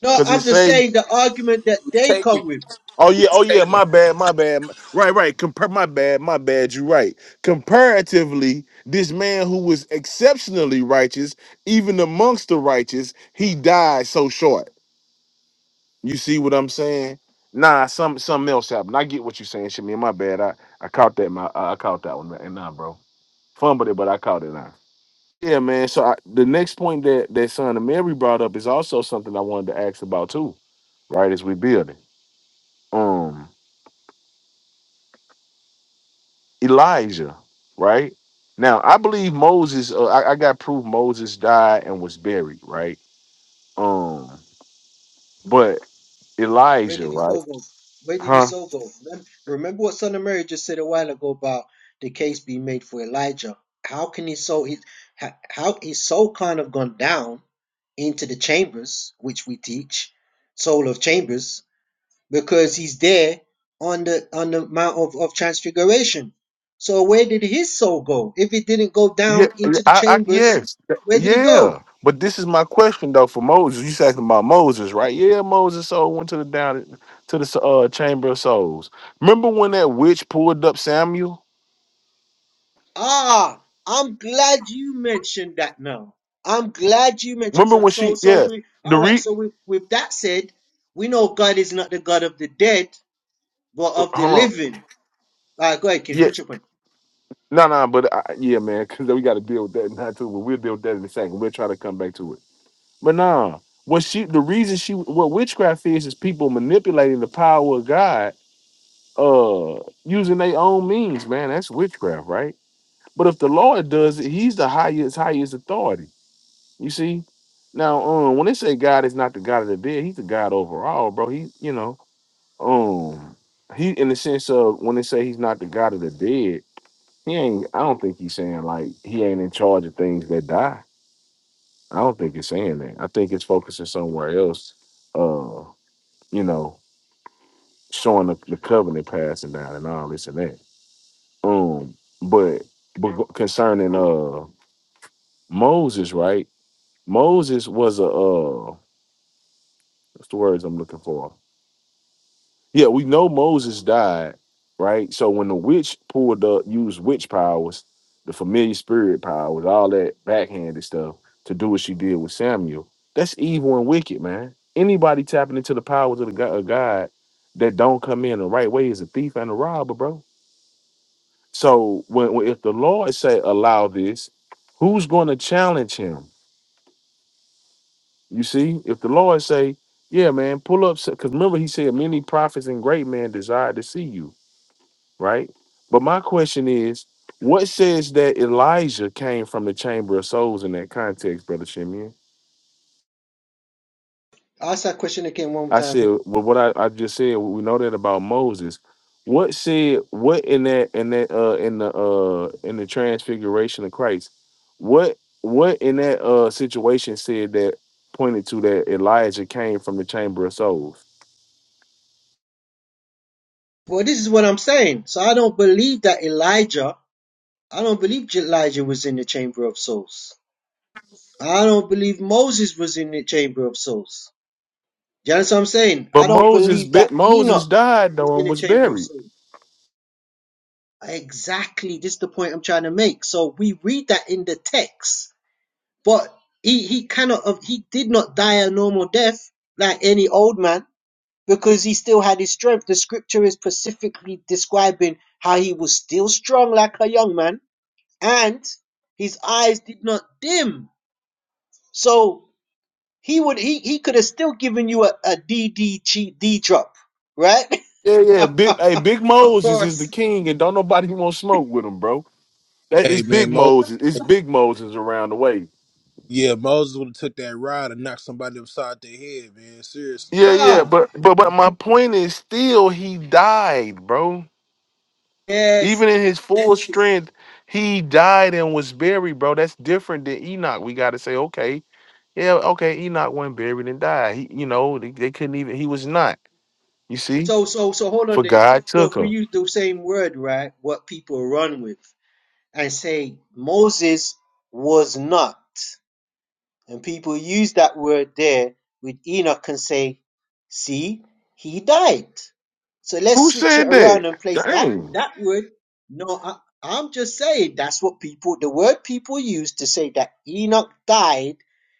Speaker 9: No,
Speaker 6: because it
Speaker 9: I'm just
Speaker 6: say
Speaker 9: saying the argument that
Speaker 12: It's
Speaker 9: they
Speaker 12: taken.
Speaker 9: come with.
Speaker 6: oh yeah oh
Speaker 12: It's
Speaker 6: yeah
Speaker 12: taken.
Speaker 6: my bad my bad m- right right compare my bad my bad you're right comparatively this man who was exceptionally righteous even amongst the righteous he died so short You see what I'm saying? Nah, some something else happened. I get what you're saying, Shimmy. My bad. I, I caught that. My I caught that one. And nah, bro, fumbled it, but I caught it now. Yeah, man. So I, the next point that that son of Mary brought up is also something I wanted to ask about too. Right as we build it, um, Elijah. Right now, I believe Moses. Uh, I, I got proof Moses died and was buried. Right. Um, but
Speaker 9: Where
Speaker 6: Elijah.
Speaker 9: did his
Speaker 6: Right.
Speaker 9: soul go? Where did
Speaker 6: Huh.
Speaker 9: his soul go? Remember, remember what Son of Mary just said a while ago about the case being made for Elijah. How can his soul? His, how how his soul kind of gone down into the chambers, which we teach, soul of chambers, because he's there on the on the mount of, of transfiguration. So where did his soul go? If it didn't go
Speaker 6: Yeah,
Speaker 9: down
Speaker 6: yeah,
Speaker 9: into the
Speaker 6: I, I,
Speaker 9: chambers,
Speaker 6: yes,
Speaker 9: where did it
Speaker 6: yeah.
Speaker 9: go?
Speaker 6: But this is my question though for Moses. You said about Moses, right? Yeah, Moses' soul went to the down to the uh, chamber of souls. Remember when that witch pulled up Samuel?
Speaker 9: Ah, I'm glad you mentioned that now. I'm glad you mentioned
Speaker 6: Remember
Speaker 9: that.
Speaker 6: when
Speaker 9: So,
Speaker 6: she?
Speaker 9: so
Speaker 6: Yeah,
Speaker 9: we,
Speaker 6: the
Speaker 9: all right.
Speaker 6: re.
Speaker 9: So we, with that said, we know God is not the God of the dead, but of the
Speaker 6: Hold on.
Speaker 9: living. All right, go ahead, King.
Speaker 6: Yeah,
Speaker 9: Finish your point.
Speaker 6: no, no, but I, yeah, man, because we got to deal with that now too. But we'll deal with that in a second. We'll try to come back to it. But nah, when she, the reason she, what witchcraft is, is people manipulating the power of God, uh, using their own means, man. That's witchcraft, right? But if the Lord does it, He's the highest, highest authority. You see, now um, when they say God is not the God of the dead, He's the God overall, bro. He, you know, um, he in the sense of when they say He's not the God of the dead, He ain't. I don't think He's saying like He ain't in charge of things that die. I don't think it's saying that. I think it's focusing somewhere else. Uh, you know, showing the, the covenant passing down and all this and that. Um, but concerning uh Moses, right? Moses was a uh what's the words I'm looking for? Yeah, we know Moses died, right? So when the witch pulled up, used witch powers, the familiar spirit powers, all that backhanded stuff to do what she did with Samuel, that's evil and wicked, man. Anybody tapping into the powers of the God, of God that don't come in the right way is a thief and a robber, bro. So when, when if the Lord say allow this, who's going to challenge him? You see, if the Lord say, "Yeah, man, pull up," because remember He said, "Many prophets and great men desire to see you." Right. But my question is, what says that Elijah came from the chamber of souls in that context, brother Shimeon?
Speaker 9: Ask that question again one more
Speaker 6: I
Speaker 9: time. please.
Speaker 6: said, well, what I, I just said, we know that about Moses. What said what in that in that uh in the uh in the transfiguration of Christ? What what in that uh situation said that pointed to that Elijah came from the chamber of souls?
Speaker 9: Well, this is what I'm saying. So I don't believe that Elijah. I don't believe Elijah was in the chamber of souls. I don't believe Moses was in the chamber of souls. Do you understand what I'm saying?
Speaker 6: But
Speaker 9: I don't
Speaker 6: Moses,
Speaker 9: believe that
Speaker 6: bi- Moses
Speaker 9: Enoch
Speaker 6: died
Speaker 9: was
Speaker 6: though
Speaker 9: in
Speaker 6: and
Speaker 9: the
Speaker 6: was
Speaker 9: chamber of
Speaker 6: buried.
Speaker 9: souls. Exactly. This is the point I'm trying to make. So we read that in the text, but he, he cannot have, he did not die a normal death like any old man because he still had his strength. The scripture is specifically describing how he was still strong like a young man and his eyes did not dim. So he would he, he could have still given you a, a D D G D drop, right?
Speaker 6: Yeah, yeah. Big, hey, Big
Speaker 9: Of
Speaker 6: Moses is the
Speaker 9: course,
Speaker 6: king, and don't nobody want to smoke with him, bro. That is
Speaker 3: Hey man,
Speaker 6: Big
Speaker 3: Moses.
Speaker 6: Moses. It's Big Moses around the way.
Speaker 3: Yeah, Moses would have took that rod and knocked somebody upside their head, man. Seriously.
Speaker 6: Yeah, yeah.
Speaker 9: Khan.
Speaker 6: But but but my point is still he died, bro.
Speaker 9: Yes,
Speaker 6: Even in his full strength, he died and was buried, bro. That's different than Enoch. We got to say, okay, yeah, okay. Enoch wasn't buried and died. He, you know, they, they couldn't even. He was not. You see,
Speaker 9: So so so hold on
Speaker 6: for
Speaker 9: there.
Speaker 6: God
Speaker 9: So
Speaker 6: took
Speaker 9: if we
Speaker 6: him.
Speaker 9: use the same word, right? What people run with and say Moses was not, and people use that word there with Enoch and say, see, he died. So
Speaker 6: Who
Speaker 9: let's switch it
Speaker 6: said that?
Speaker 9: around and place that
Speaker 6: Dang.
Speaker 9: that word. No, I, I'm just saying that's what people the word people use to say that Enoch died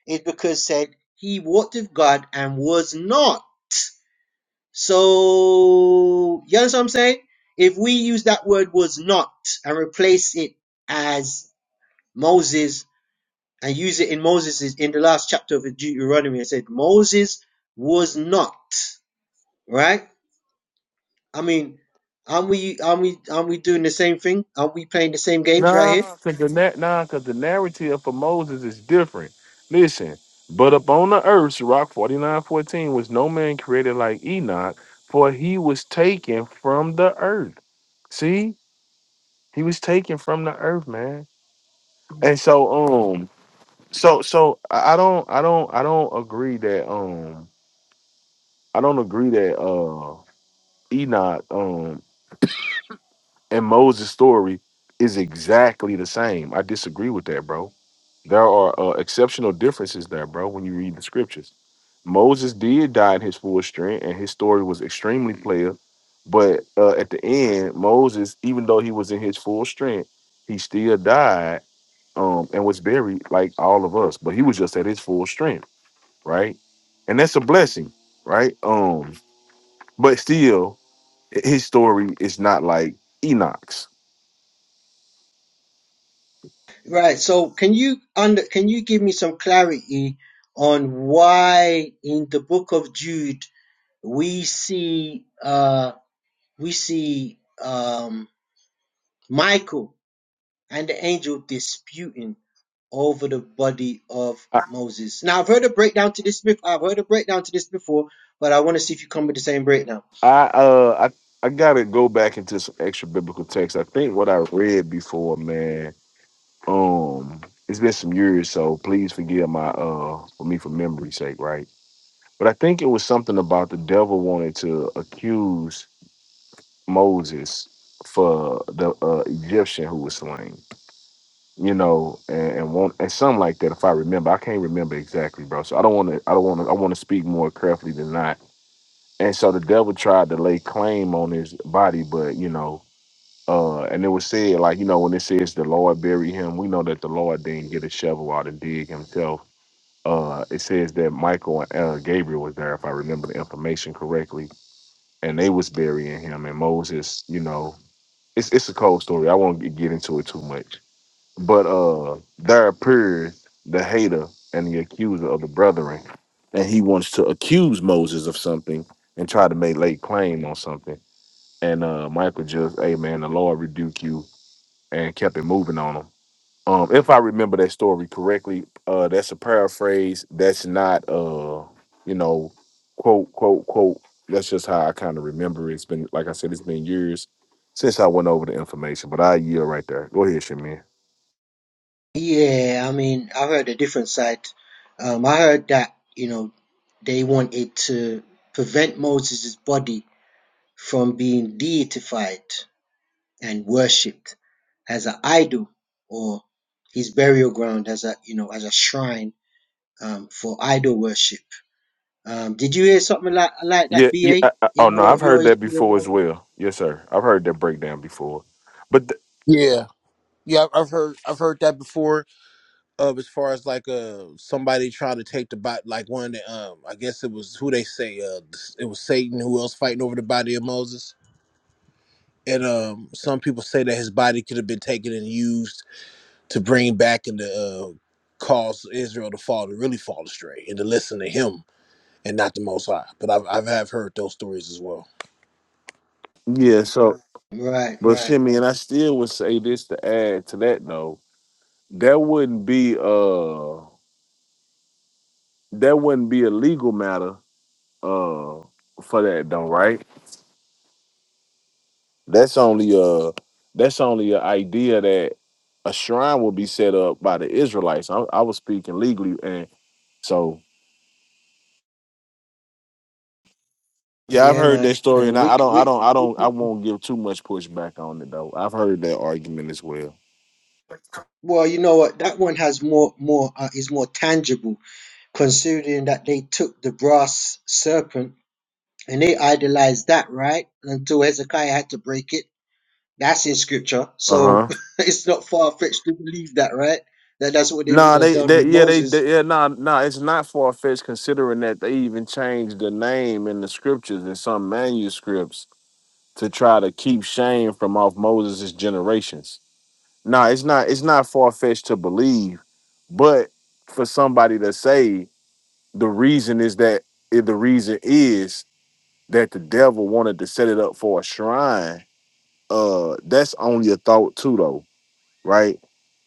Speaker 9: is because said he walked with God and was not. So, you understand what I'm saying? If we use that word was not and replace it as Moses and use it in Moses in the last chapter of Deuteronomy, it said Moses was not, right? I mean, aren't we, aren't we, aren't we doing the same thing? Aren't we playing the same games
Speaker 6: Nah,
Speaker 9: right here?
Speaker 6: cause the na- nah, 'cause the narrative for Moses is different. Listen, but upon the earth, Rock forty nine fourteen was no man created like Enoch, for he was taken from the earth. See, he was taken from the earth, man. And so, um, so so I I don't, I don't, I don't agree that, um, I don't agree that, uh, Enoch, um, And Moses' story is exactly the same. I disagree with that, bro. There are uh, exceptional differences there, bro, when you read the scriptures. Moses did die in his full strength, and his story was extremely player. But uh, at the end, Moses, even though he was in his full strength, he still died um, and was buried like all of us. But he was just at his full strength, right? And that's a blessing, right? Um, but still, his story is not like Enoch's.
Speaker 9: Right. So can you under, can you give me some clarity on why in the book of Jude we see, uh, we see um, Michael and the angel disputing over the body of Moses. Now, I've heard a breakdown to this. bef- I've heard a breakdown to this before, but I want to see if you come with the same breakdown.
Speaker 6: I uh I I gotta go back into some extra biblical text. I think what I read before, man. Um, it's been some years, so please forgive my uh for me for memory's sake, right? But I think it was something about the devil wanted to accuse Moses for the uh, Egyptian who was slain, you know, and, and want and something like that. If I remember, I can't remember exactly, bro. So I don't want to. I don't want to. I want to speak more carefully than not. And so the devil tried to lay claim on his body, but you know Uh, and it was said, like, you know, when it says the Lord buried him, we know that the Lord didn't get a shovel out and dig himself. Uh, it says that Michael and uh, Gabriel was there, if I remember the information correctly, and they was burying him. And Moses, you know, it's it's a cold story. I won't get into it too much. But uh, there appeared the hater and the accuser of the brethren, and he wants to accuse Moses of something and try to make lay claim on something. And uh, Michael just, hey man, the Lord rebuke you and kept it moving on them. Um, if I remember that story correctly, uh, that's a paraphrase. That's not uh, you know, quote quote quote. That's just how I kind of remember. it. It's been like I said, it's been years since I went over the information, but I yield right there. Go ahead, Shamin.
Speaker 9: Yeah, I mean, I heard a different side. Um, I heard that you know they wanted to prevent Moses' body from being deified and worshipped as an idol or his burial ground as a you know as a shrine um, for idol worship. Um, did you hear something like like
Speaker 6: Yeah,
Speaker 9: that,
Speaker 6: yeah.
Speaker 9: BA,
Speaker 6: I, I, oh
Speaker 9: in
Speaker 6: no,
Speaker 9: your
Speaker 6: I've
Speaker 9: your
Speaker 6: heard that
Speaker 9: your
Speaker 6: before as
Speaker 9: Muslim?
Speaker 6: well. Yes, sir. I've heard that breakdown before, but th-
Speaker 3: Yeah, yeah, I've I've heard I've heard that before. Of as far as like uh somebody trying to take the body, like one of the um, I guess it was who they say uh it was Satan who else fighting over the body of Moses, and um some people say that his body could have been taken and used to bring back and to uh, cause Israel to fall to really fall astray and to listen to him and not the Most High. But I've I've have heard those stories as well.
Speaker 6: yeah. So,
Speaker 9: Right,
Speaker 6: but
Speaker 9: right,
Speaker 6: Shimmy,
Speaker 9: right.
Speaker 6: and I still would say this to add to that though. That wouldn't be uh, that wouldn't be a legal matter uh for that though, right? That's only a that's only an idea that a shrine will be set up by the Israelites. I, I was speaking legally, and so yeah, I've
Speaker 9: Yeah,
Speaker 6: heard that
Speaker 9: man.
Speaker 6: story,
Speaker 9: Uh,
Speaker 6: and I,
Speaker 9: we,
Speaker 6: I don't, I
Speaker 9: we,
Speaker 6: don't, I don't, I
Speaker 9: we-
Speaker 6: won't give too much pushback on it though. I've heard that argument as well.
Speaker 9: well, you know what? That one has more more uh, is more tangible, considering that they took the brass serpent and they idolized that, right? Until Hezekiah had to break it. That's in scripture,
Speaker 6: Uh
Speaker 9: so
Speaker 6: huh.
Speaker 9: it's not far fetched to believe that, right? That that's what they would
Speaker 6: Nah,
Speaker 9: have
Speaker 6: they,
Speaker 9: done
Speaker 6: they,
Speaker 9: with
Speaker 6: yeah, they,
Speaker 9: Moses.
Speaker 6: they yeah, nah, nah. It's not far fetched considering that they even changed the name in the scriptures in some manuscripts to try to keep shame from off Moses' generations. Nah, it's not it's not far fetched to believe, but for somebody to say the reason is that eh, the reason is that the devil wanted to set it up for a shrine, uh, that's only a thought too, though, right?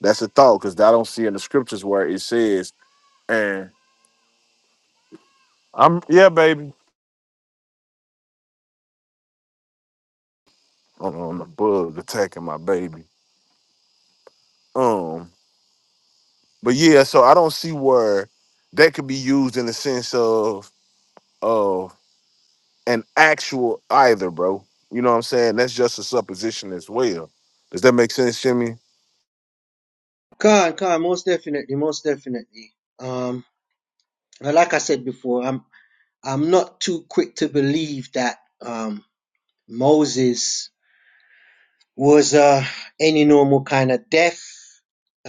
Speaker 6: That's a thought because I don't see in the scriptures where it says, and I'm yeah, baby. Hold on, the bug attacking my baby. Um, but yeah, so I don't see where that could be used in the sense of of an actual either, bro. You know what I'm saying? That's just a supposition as well. Does that make sense, Jimmy?
Speaker 9: Khan, Khan, most definitely, most definitely. Um. But like I said before, I'm I'm not too quick to believe that um, Moses was uh, any normal kind of death,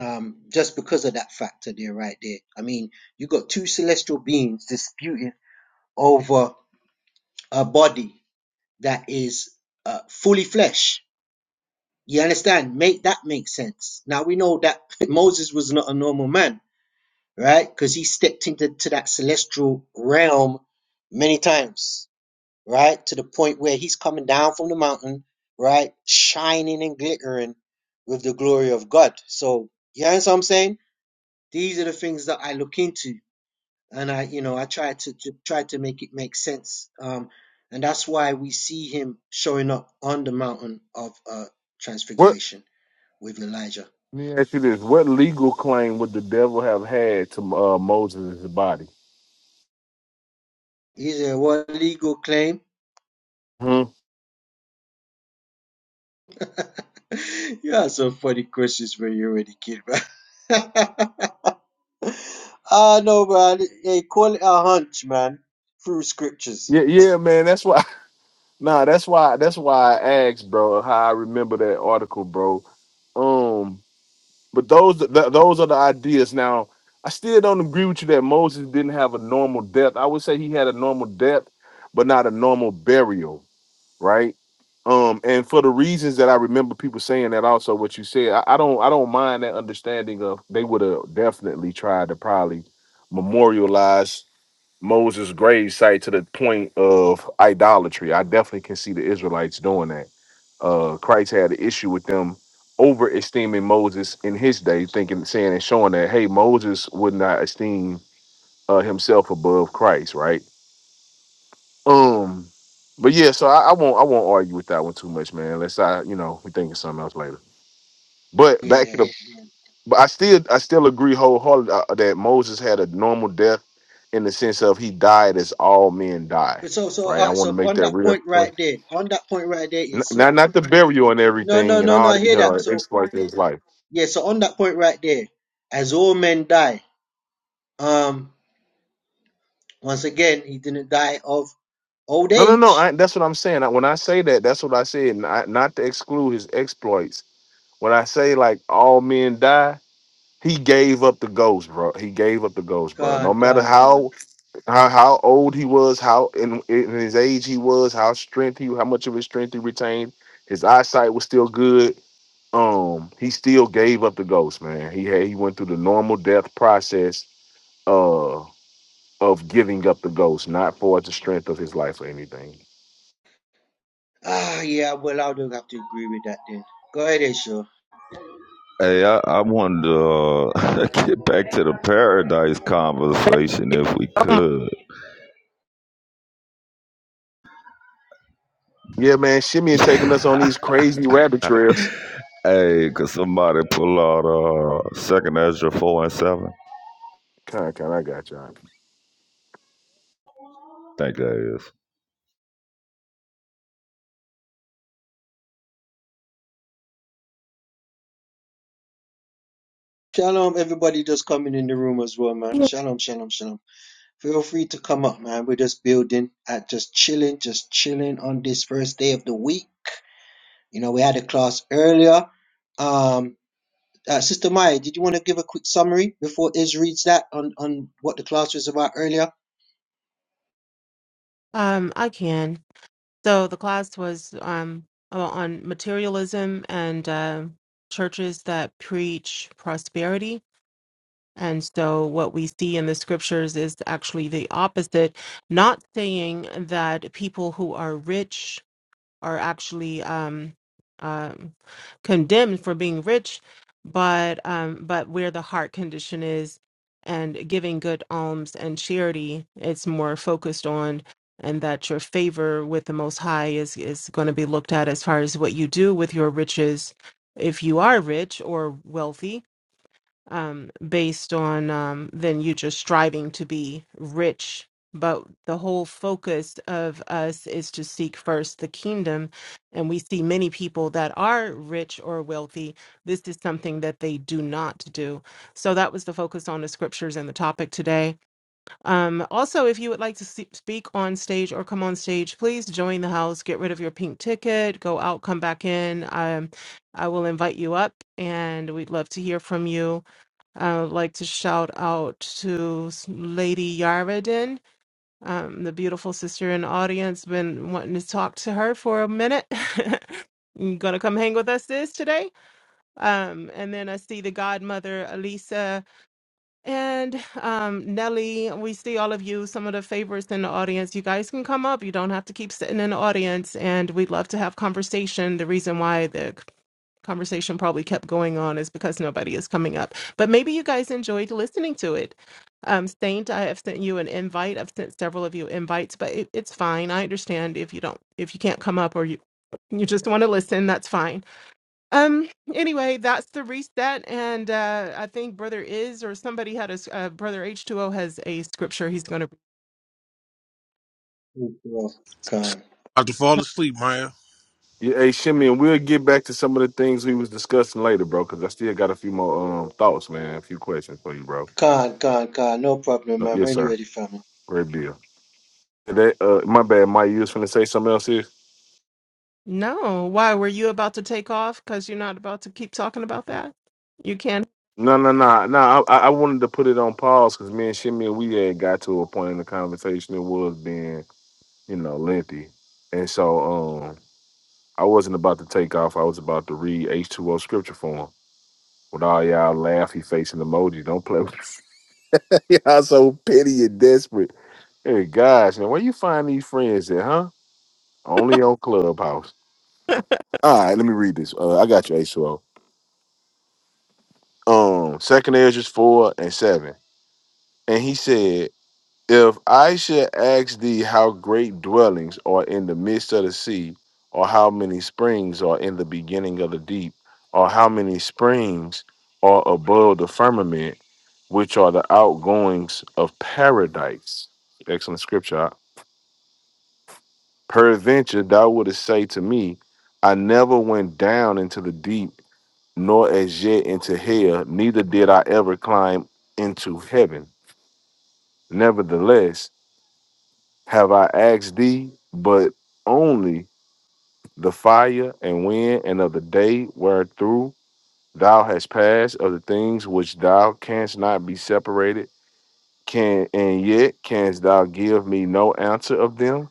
Speaker 9: um, just because of that factor there, right there. I mean, you got two celestial beings disputing over a body that is uh, fully flesh. You understand? Make that make sense. Now we know that Moses was not a normal man, right? Because he stepped into to that celestial realm many times right? To the point where he's coming down from the mountain, right? Shining and glittering with the glory of God. So, you know what I'm saying? These are the things that I look into. And I, you know, I try to, to try to make it make sense. Um, and that's why we see him showing up on the mountain of uh,
Speaker 6: What?
Speaker 9: transfiguration with Elijah.
Speaker 6: Let me ask you this: What legal claim would the devil have had to uh, Moses' body?
Speaker 9: Is it a what legal claim?
Speaker 6: Hmm?
Speaker 9: You have some funny questions when you're a kid, bro. Ah, no, man. They call it a hunch, man. Through scriptures.
Speaker 6: Yeah, yeah, man. That's why. Nah, that's why. That's why I asked, bro. How I remember that article, bro. Um, but those th- those are the ideas. Now, I still don't agree with you that Moses didn't have a normal death. I would say he had a normal death, but not a normal burial. right? Um, and for the reasons that I remember people saying that also what you said, I, I don't I don't mind that understanding of they would have definitely tried to probably memorialize Moses' grave site to the point of idolatry. I definitely can see the Israelites doing that. Uh Christ had an issue with them over esteeming Moses in his day, thinking saying and showing that hey, Moses would not esteem uh, himself above Christ, right? Um, but yeah, so I, I won't I won't argue with that one too much, man. Unless I, you know, we think of something else later. But back
Speaker 9: Yeah.
Speaker 6: to the, but I still I still agree wholeheartedly uh, that Moses had a normal death in the sense of he died as all men die,
Speaker 9: But so so
Speaker 6: right?
Speaker 9: all
Speaker 6: I
Speaker 9: right,
Speaker 6: want to
Speaker 9: so
Speaker 6: make
Speaker 9: on
Speaker 6: that
Speaker 9: that
Speaker 6: real
Speaker 9: point
Speaker 6: point.
Speaker 9: right there, on that point right there
Speaker 6: N-
Speaker 9: is
Speaker 6: Not
Speaker 9: so
Speaker 6: not the burial and
Speaker 9: no no
Speaker 6: everything and
Speaker 9: no no
Speaker 6: all
Speaker 9: I
Speaker 6: you
Speaker 9: hear
Speaker 6: know
Speaker 9: that. So
Speaker 6: exploit his life.
Speaker 9: yeah, so on that point right there, as all men die, um once again he didn't die of old
Speaker 6: No, no, no. I,
Speaker 9: age.
Speaker 6: that's what I'm saying. I- When I say that, that's what I said. Not, not to exclude his exploits. When I say like all men die, He gave up the ghost, bro. He gave up the ghost, bro. No
Speaker 9: Gone,
Speaker 6: matter
Speaker 9: gone, gone.
Speaker 6: how how, how old he was, how in, in his age he was, how strength he, how much of his strength he retained, his eyesight was still good. Um, he still gave up the ghost, man. He had he went through the normal death process, uh, of giving up the ghost, not for the strength of his life or anything.
Speaker 9: Ah yeah, well I'll have to agree with that then. Go ahead, Aisha.
Speaker 11: Hey, I, I wanted to uh, get back to the paradise
Speaker 2: Thank
Speaker 11: conversation
Speaker 2: you
Speaker 11: if we
Speaker 2: so much.
Speaker 11: could.
Speaker 6: Yeah, man. Shimmy and taking us
Speaker 11: hey,
Speaker 6: on these crazy rabbit trails.
Speaker 11: could somebody pull out uh, Second Ezra four and seven?
Speaker 6: Kind, kind. I got y'all.
Speaker 11: think that is.
Speaker 9: Shalom, everybody just coming in the room as well, man. Shalom, shalom, shalom. Feel free to come up, man. We're just building at just chilling, just chilling on this first day of the week. You know, we had a class earlier. Um, uh, Sister Maya, did you want to give a quick summary before Iz reads that on, on what the class was about earlier?
Speaker 2: Um, I can. So the class was um o- on materialism and uh, churches that preach prosperity. And so what we see in the scriptures is actually the opposite, not saying that people who are rich are actually um, um, condemned for being rich, but um, but where the heart condition is and giving good alms and charity, it's more focused on, and that your favor with the Most High is is going to be looked at as far as what you do with your riches, if you are rich or wealthy um, based on um, than you just striving to be rich. But the whole focus of us is to seek first the kingdom. And we see many people that are rich or wealthy. This is something that they do not do. So that was the focus on the scriptures and the topic today. Um, also, if you would like to see, speak on stage or come on stage, please join the house, get rid of your pink ticket, go out, come back in. Um, I will invite you up and we'd love to hear from you. I would like to shout out to s- Lady Yarvadin, um, the beautiful sister in the audience. Been wanting to talk to her for a minute. You gonna come hang with us, sis, today? Um, and then I see the godmother, Elisa, and um, Nelly. We see all of you, some of the favorites in the audience. You guys can come up. You don't have to keep sitting in the audience, and we'd love to have conversation. The reason why the conversation probably kept going on is because nobody is coming up. But maybe you guys enjoyed listening to it. Um, Saint, I have sent you an invite. I've sent several of you invites, but it, it's fine. I understand if you don't, if you can't come up or you you just want to listen, that's fine. Um, anyway, that's the reset, and uh, I think Brother Is or somebody had a s- uh, Brother H two O has a scripture he's going to.
Speaker 9: Sure. Con,
Speaker 3: I to fall asleep, Maya.
Speaker 6: Yeah, hey Shimmy, and we'll get back to some of the things we was discussing later, bro. Because I still got a few more um thoughts, man. A few questions for you, bro.
Speaker 9: con, con, con. No problem,
Speaker 6: No,
Speaker 9: man.
Speaker 6: yes,
Speaker 9: When you
Speaker 6: sir.
Speaker 9: ready, family.
Speaker 6: Great deal. That, uh, my bad, Mike. You was finna say something else here?
Speaker 2: No, why were you about to take off? Because you're not about to keep talking about that. You can.
Speaker 6: No, no, no, no. I, I I wanted to put it on pause because me and Shimmy, we had got to a point in the conversation that was being, you know, lengthy, and so um, I wasn't about to take off. I was about to read H two O scripture for him with all y'all laughy facing emoji. Don't play with y'all. So petty and desperate. Hey guys, now where you find these friends at, huh? Only on Clubhouse. All right, let me read this. Uh, I got you, H2O. Um, second Ezra's four and seven. And he said, If I should ask thee how great dwellings are in the midst of the sea, or how many springs are in the beginning of the deep, or how many springs are above the firmament, which are the outgoings of paradise. Excellent scripture. Peradventure thou wouldest say to me, I never went down into the deep, nor as yet into hell, neither did I ever climb into heaven. Nevertheless, have I asked thee, but only the fire and wind and of the day wherethrough thou hast passed of the things which thou canst not be separated, can and yet canst thou give me no answer of them?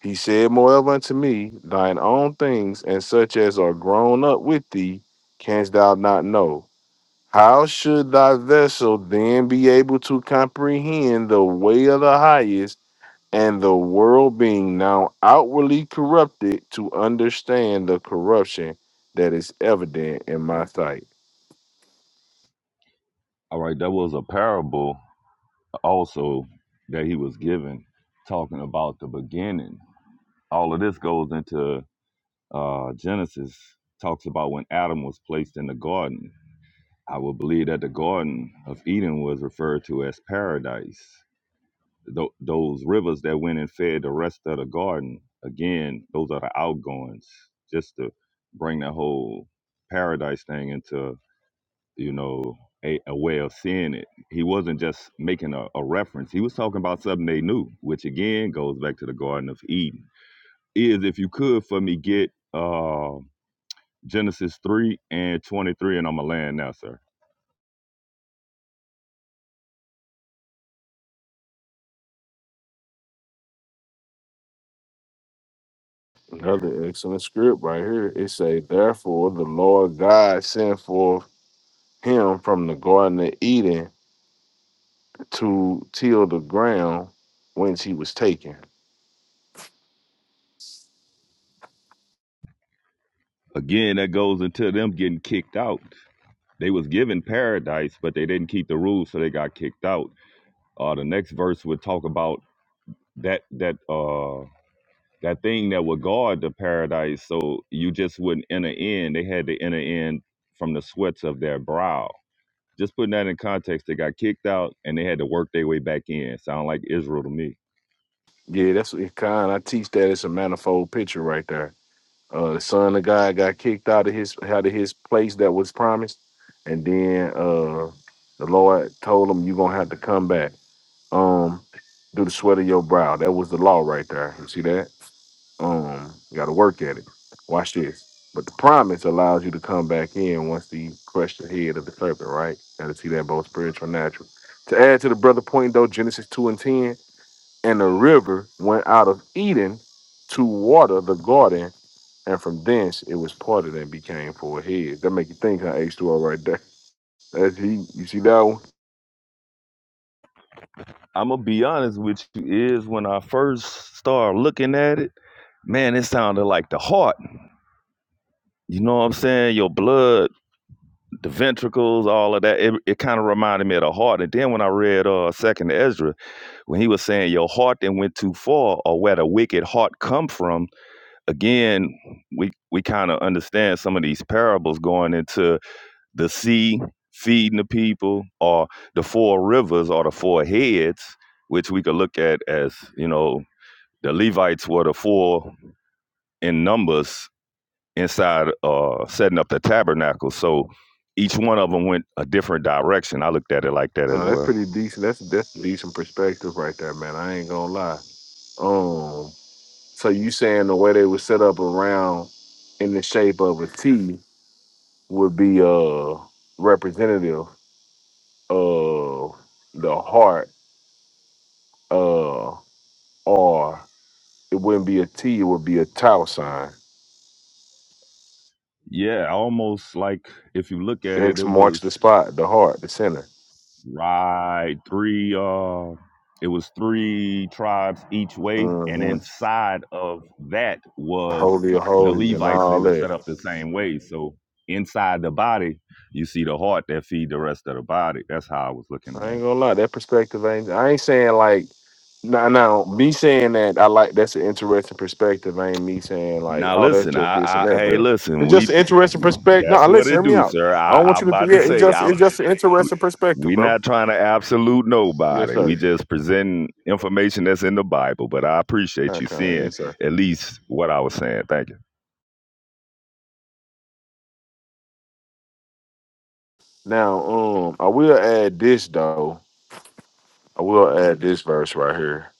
Speaker 6: He said, Moreover unto me, thine own things and such as are grown up with thee, canst thou not know. How should thy vessel then be able to comprehend the way of the highest, and the world being now outwardly corrupted, to understand the corruption that is evident in my sight?
Speaker 11: All right, that was a parable also that he was given, talking about the beginning. All of this goes into uh, Genesis, talks about when Adam was placed in the garden. I would believe that the Garden of Eden was referred to as paradise. Tho- those rivers that went and fed the rest of the garden, again, those are the outgoings, just to bring the whole paradise thing into you know, a, a way of seeing it. He wasn't just making a, a reference. He was talking about something they knew, which again goes back to the Garden of Eden. Is if you could for me get uh, Genesis 3 and 23, and I'm a land now, sir.
Speaker 6: Another excellent script right here. It say, Therefore the Lord God sent forth him from the Garden of Eden to till the ground whence he was taken.
Speaker 11: Again, that goes into them getting kicked out. They was given paradise, but they didn't keep the rules, so they got kicked out. Uh, the next verse would talk about that that uh, that thing that would guard the paradise so you just wouldn't enter in. They had to enter in from the sweats of their brow. Just putting that in context, they got kicked out and they had to work their way back in. Sound like Israel to me.
Speaker 6: Yeah, that's what kind. I teach that it's a manifold picture right there. Uh, the son of God got kicked out of his out of his place that was promised, and then uh, the Lord told him, "You're gonna have to come back." Um, do the sweat of your brow. That was the law right there. You see that? Um, you got to work at it. Watch this. But the promise allows you to come back in once the crushed the head of the serpent, right? Got to see that both spiritual and natural. To add to the brother point, though, Genesis 2 and 10, and the river went out of Eden to water the garden, and from thence it was parted and became four heads. That make you think, huh? H2O right there. That's he. You see that one?
Speaker 11: I'm gonna be honest with you, is when I first started looking at it, man, it sounded like the heart. You know what I'm saying? Your blood, the ventricles, all of that. It, it kind of reminded me of the heart. And then when I read uh Second Ezra, when he was saying your heart that went too far, or where the wicked heart come from, again, we we kind of understand some of these parables going into the sea feeding the people, or the four rivers, or the four heads, which we could look at as you know the Levites were the four in numbers inside uh setting up the tabernacle so each one of them went a different direction i looked at it like that as
Speaker 6: Uh, that's
Speaker 11: well
Speaker 6: pretty decent. That's that's a decent perspective right there, man. I ain't gonna lie. Um, so you saying the way they were set up around in the shape of a T would be uh representative of the heart, uh, or it wouldn't be a T, it would be a tau sign.
Speaker 11: yeah almost like if you look at it
Speaker 6: X
Speaker 11: it
Speaker 6: marks the
Speaker 11: was
Speaker 6: spot, the heart, the center.
Speaker 11: Right. Three uh it was three tribes each way, and
Speaker 6: Uh-huh.
Speaker 11: inside of that was
Speaker 6: Holy of
Speaker 11: the
Speaker 6: holies and
Speaker 11: Levites, they
Speaker 6: all
Speaker 11: were
Speaker 6: that.
Speaker 11: set up the same way. So inside the body, you see the heart that feed the rest of the body. That's how I was looking
Speaker 6: I
Speaker 11: at
Speaker 6: ain't
Speaker 11: it.
Speaker 6: gonna lie, that perspective ain't. I ain't saying like, no, no. Me saying that I like that's an interesting perspective. Ain't me saying like,
Speaker 11: Now
Speaker 6: oh, that's
Speaker 11: listen,
Speaker 6: just
Speaker 11: I,
Speaker 6: this and
Speaker 11: I
Speaker 6: that,
Speaker 11: hey
Speaker 6: bro.
Speaker 11: listen,
Speaker 6: It's just
Speaker 11: we
Speaker 6: an interesting perspective.
Speaker 11: that's
Speaker 6: No,
Speaker 11: what
Speaker 6: listen, hear
Speaker 11: it
Speaker 6: me
Speaker 11: do,
Speaker 6: out.
Speaker 11: sir.
Speaker 6: I
Speaker 11: I,
Speaker 6: don't want
Speaker 11: I'm
Speaker 6: you to. Th-
Speaker 11: about
Speaker 6: yeah,
Speaker 11: to
Speaker 6: it's
Speaker 11: say
Speaker 6: just
Speaker 11: I'm
Speaker 6: it's just an
Speaker 11: we
Speaker 6: interesting perspective,
Speaker 11: we
Speaker 6: bro.
Speaker 11: not trying to absolute
Speaker 6: Yes,
Speaker 11: nobody. We
Speaker 6: sir.
Speaker 11: just presenting information that's in the Bible. But I appreciate you
Speaker 6: Okay,
Speaker 11: seeing
Speaker 6: yes, sir.
Speaker 11: at least what I was saying. Thank you.
Speaker 6: Now, um, I will add this though. I will add this verse right here.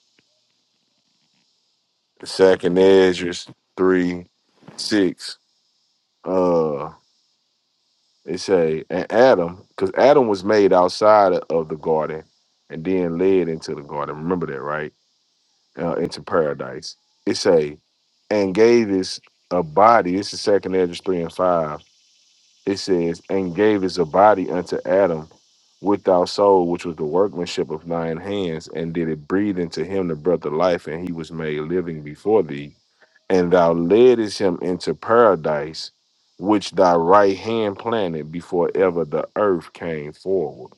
Speaker 6: Second Ezra three six. uh, It say, and Adam, because Adam was made outside of the garden and then led into the garden. Remember that, right? Uh, into paradise. It say, and gave his a body. This is second Edges 3 and 5. It says, and gave his body unto Adam without soul, which was the workmanship of thine hands, and did it breathe into him the breath of life, and he was made living before thee. And thou leddest him into paradise, which thy right hand planted before ever the earth came forward.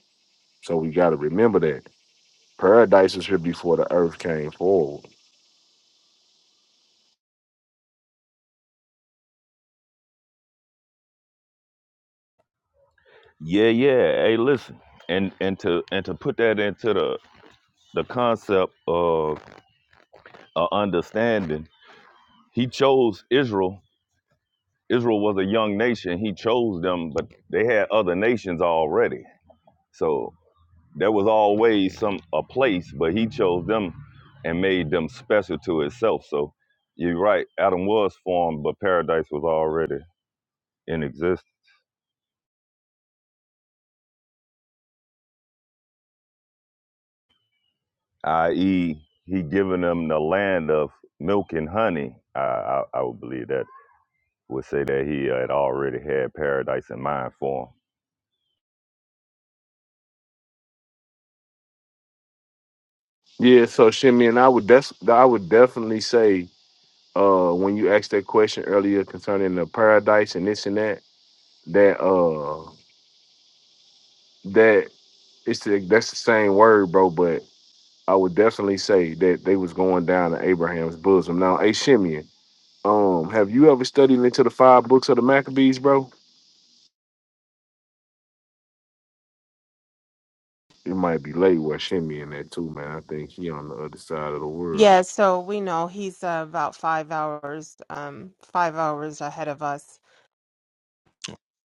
Speaker 6: So we got to remember that paradise was here before the earth came forward.
Speaker 11: Yeah, yeah. Hey, listen, and and to and to put that into the the concept of uh, understanding, he chose Israel. Israel was a young nation. He chose them, but they had other nations already. So. There was always some a place, but he chose them and made them special to itself. So you're right, Adam was formed, but paradise was already in existence. I.e., he given them the land of milk and honey. I, I, I would believe that would say that he had already had paradise in mind for
Speaker 6: Yeah, so Shimmy and I would def- I would definitely say uh when you asked that question earlier concerning the paradise and this and that that uh that it's the, that's the same word bro but i would definitely say that they was going down to abraham's bosom now hey Shimeon, um have you ever studied into the five books of the maccabees bro it might be late where Shimeon that too man i think he on the other side of the world
Speaker 2: Yeah, so we know he's uh, about five hours, um, five hours ahead of us.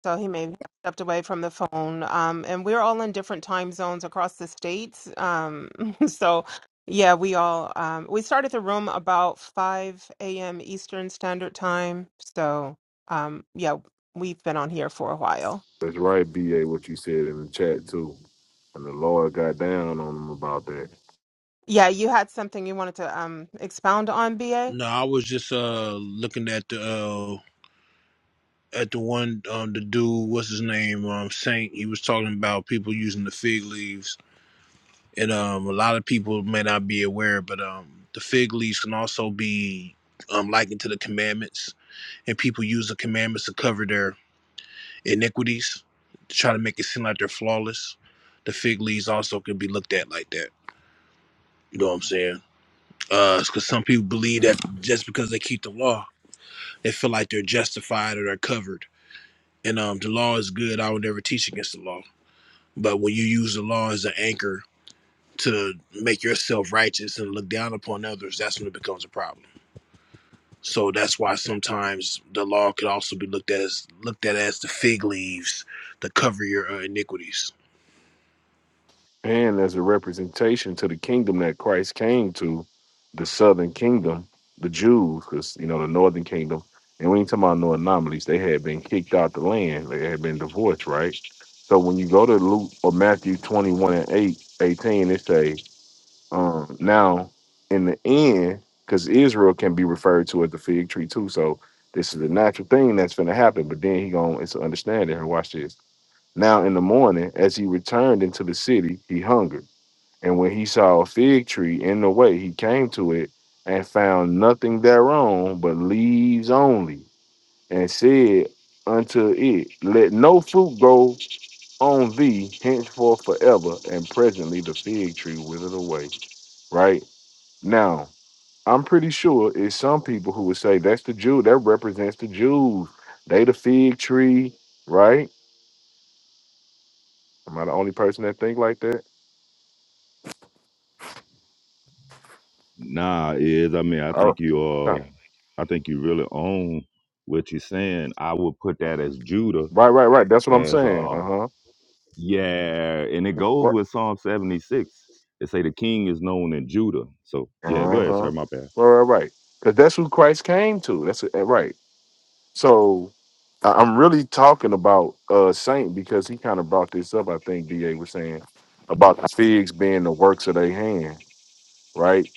Speaker 2: So he may have stepped away from the phone. Um, and we're all in different time zones across the states. Um, so yeah, we all um, we started the room about 5 a.m. Eastern Standard Time. So um, yeah, we've been on here for a while.
Speaker 6: that's right ba what you said in the chat too and the lord got down on him about that
Speaker 2: Yeah, you had something you wanted to um, expound on, BA?
Speaker 3: No, I was just uh looking at the uh at the one um the dude, what's his name? Um Saint. He was talking about people using the fig leaves. And um a lot of people may not be aware, but um the fig leaves can also be um likened to the commandments and people use the commandments to cover their iniquities to try to make it seem like they're flawless. The fig leaves also can be looked at like that. You know what I'm saying? Uh, because some people believe that just because they keep the law, they feel like they're justified or they're covered. And um, the law is good. I would never teach against the law. But when you use the law as an anchor to make yourself righteous and look down upon others, that's when it becomes a problem. So that's why sometimes the law could also be looked at as looked at as the fig leaves to cover your uh, iniquities.
Speaker 6: and as a representation to the kingdom that Christ came to, the southern kingdom, the Jews, because you know the northern kingdom, and we ain't talking about no anomalies. They had been kicked out the land. They had been divorced, right? So when you go to Luke or Matthew twenty one and 8, 18, it say, um, now in the end, because Israel can be referred to as the fig tree too. So this is a natural thing that's going to happen. But then he going, it's an understanding. Watch this. Now in the morning, as he returned into the city, he hungered. And when he saw a fig tree in the way, he came to it and found nothing thereon but leaves only, and said unto it, Let no fruit grow on thee henceforth forever. And presently the fig tree withered away. Right now, I'm pretty sure it's some people who would say that's the Jew that represents the Jews. They the fig tree, right? Am I the only person that think like that?
Speaker 11: him. Nah, is I mean I
Speaker 6: All
Speaker 11: think you
Speaker 6: right,
Speaker 11: uh I think you really own what you're saying. I would put that as Judah
Speaker 6: right, right. right. That's what I'm
Speaker 11: as
Speaker 6: saying.
Speaker 11: uh
Speaker 6: Uh
Speaker 11: Yeah, and it goes
Speaker 6: huh.
Speaker 11: with Psalm 76. It say the king is known in Judah. So yeah, go
Speaker 6: Uh
Speaker 11: ahead,
Speaker 6: huh.
Speaker 11: sir. My bad.
Speaker 6: Right, right, right. Because that's who Christ came to. That's uh, right. So I- I'm really talking about uh Saint because he kind of brought this up. I think Da was saying about the figs being the works of their hand, right?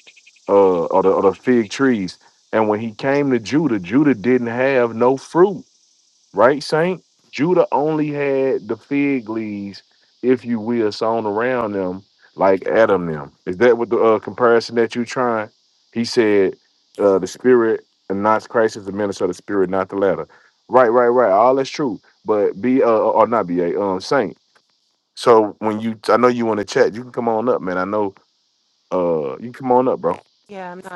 Speaker 6: Uh, or the, or the fig trees. And when he came to Judah, Judah didn't have no fruit right, Saint? Judah only had the fig leaves, if you will, sewn around them like Adam them. Is that what the uh, comparison that you trying? He said, uh, the spirit and not Christ is the minister of the spirit, not the latter. Right, right, right. All that's true. But be uh uh, or not be a um saint. So when you I know you want to chat, you can come on up, man. I know uh you can come on up, bro.
Speaker 2: Yeah, I'm not.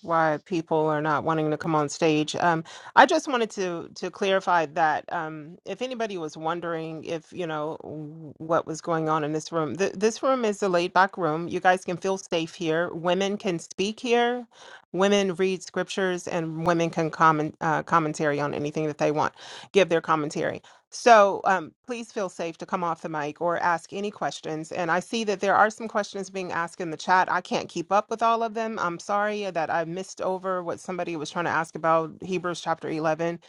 Speaker 2: why people are not wanting to come on stage. Um, I just wanted to to clarify that um, if anybody was wondering if you know w- what was going on in this room, th- this room is a laid back room. You guys can feel safe here. Women can speak here. Women read scriptures, and women can comment uh, commentary on anything that they want. Give their commentary. So um, please feel safe to come off the mic or ask any questions. And I see that there are some questions being asked in the chat. I can't keep up with all of them. I'm sorry that I missed over what somebody was trying to ask about Hebrews chapter 11.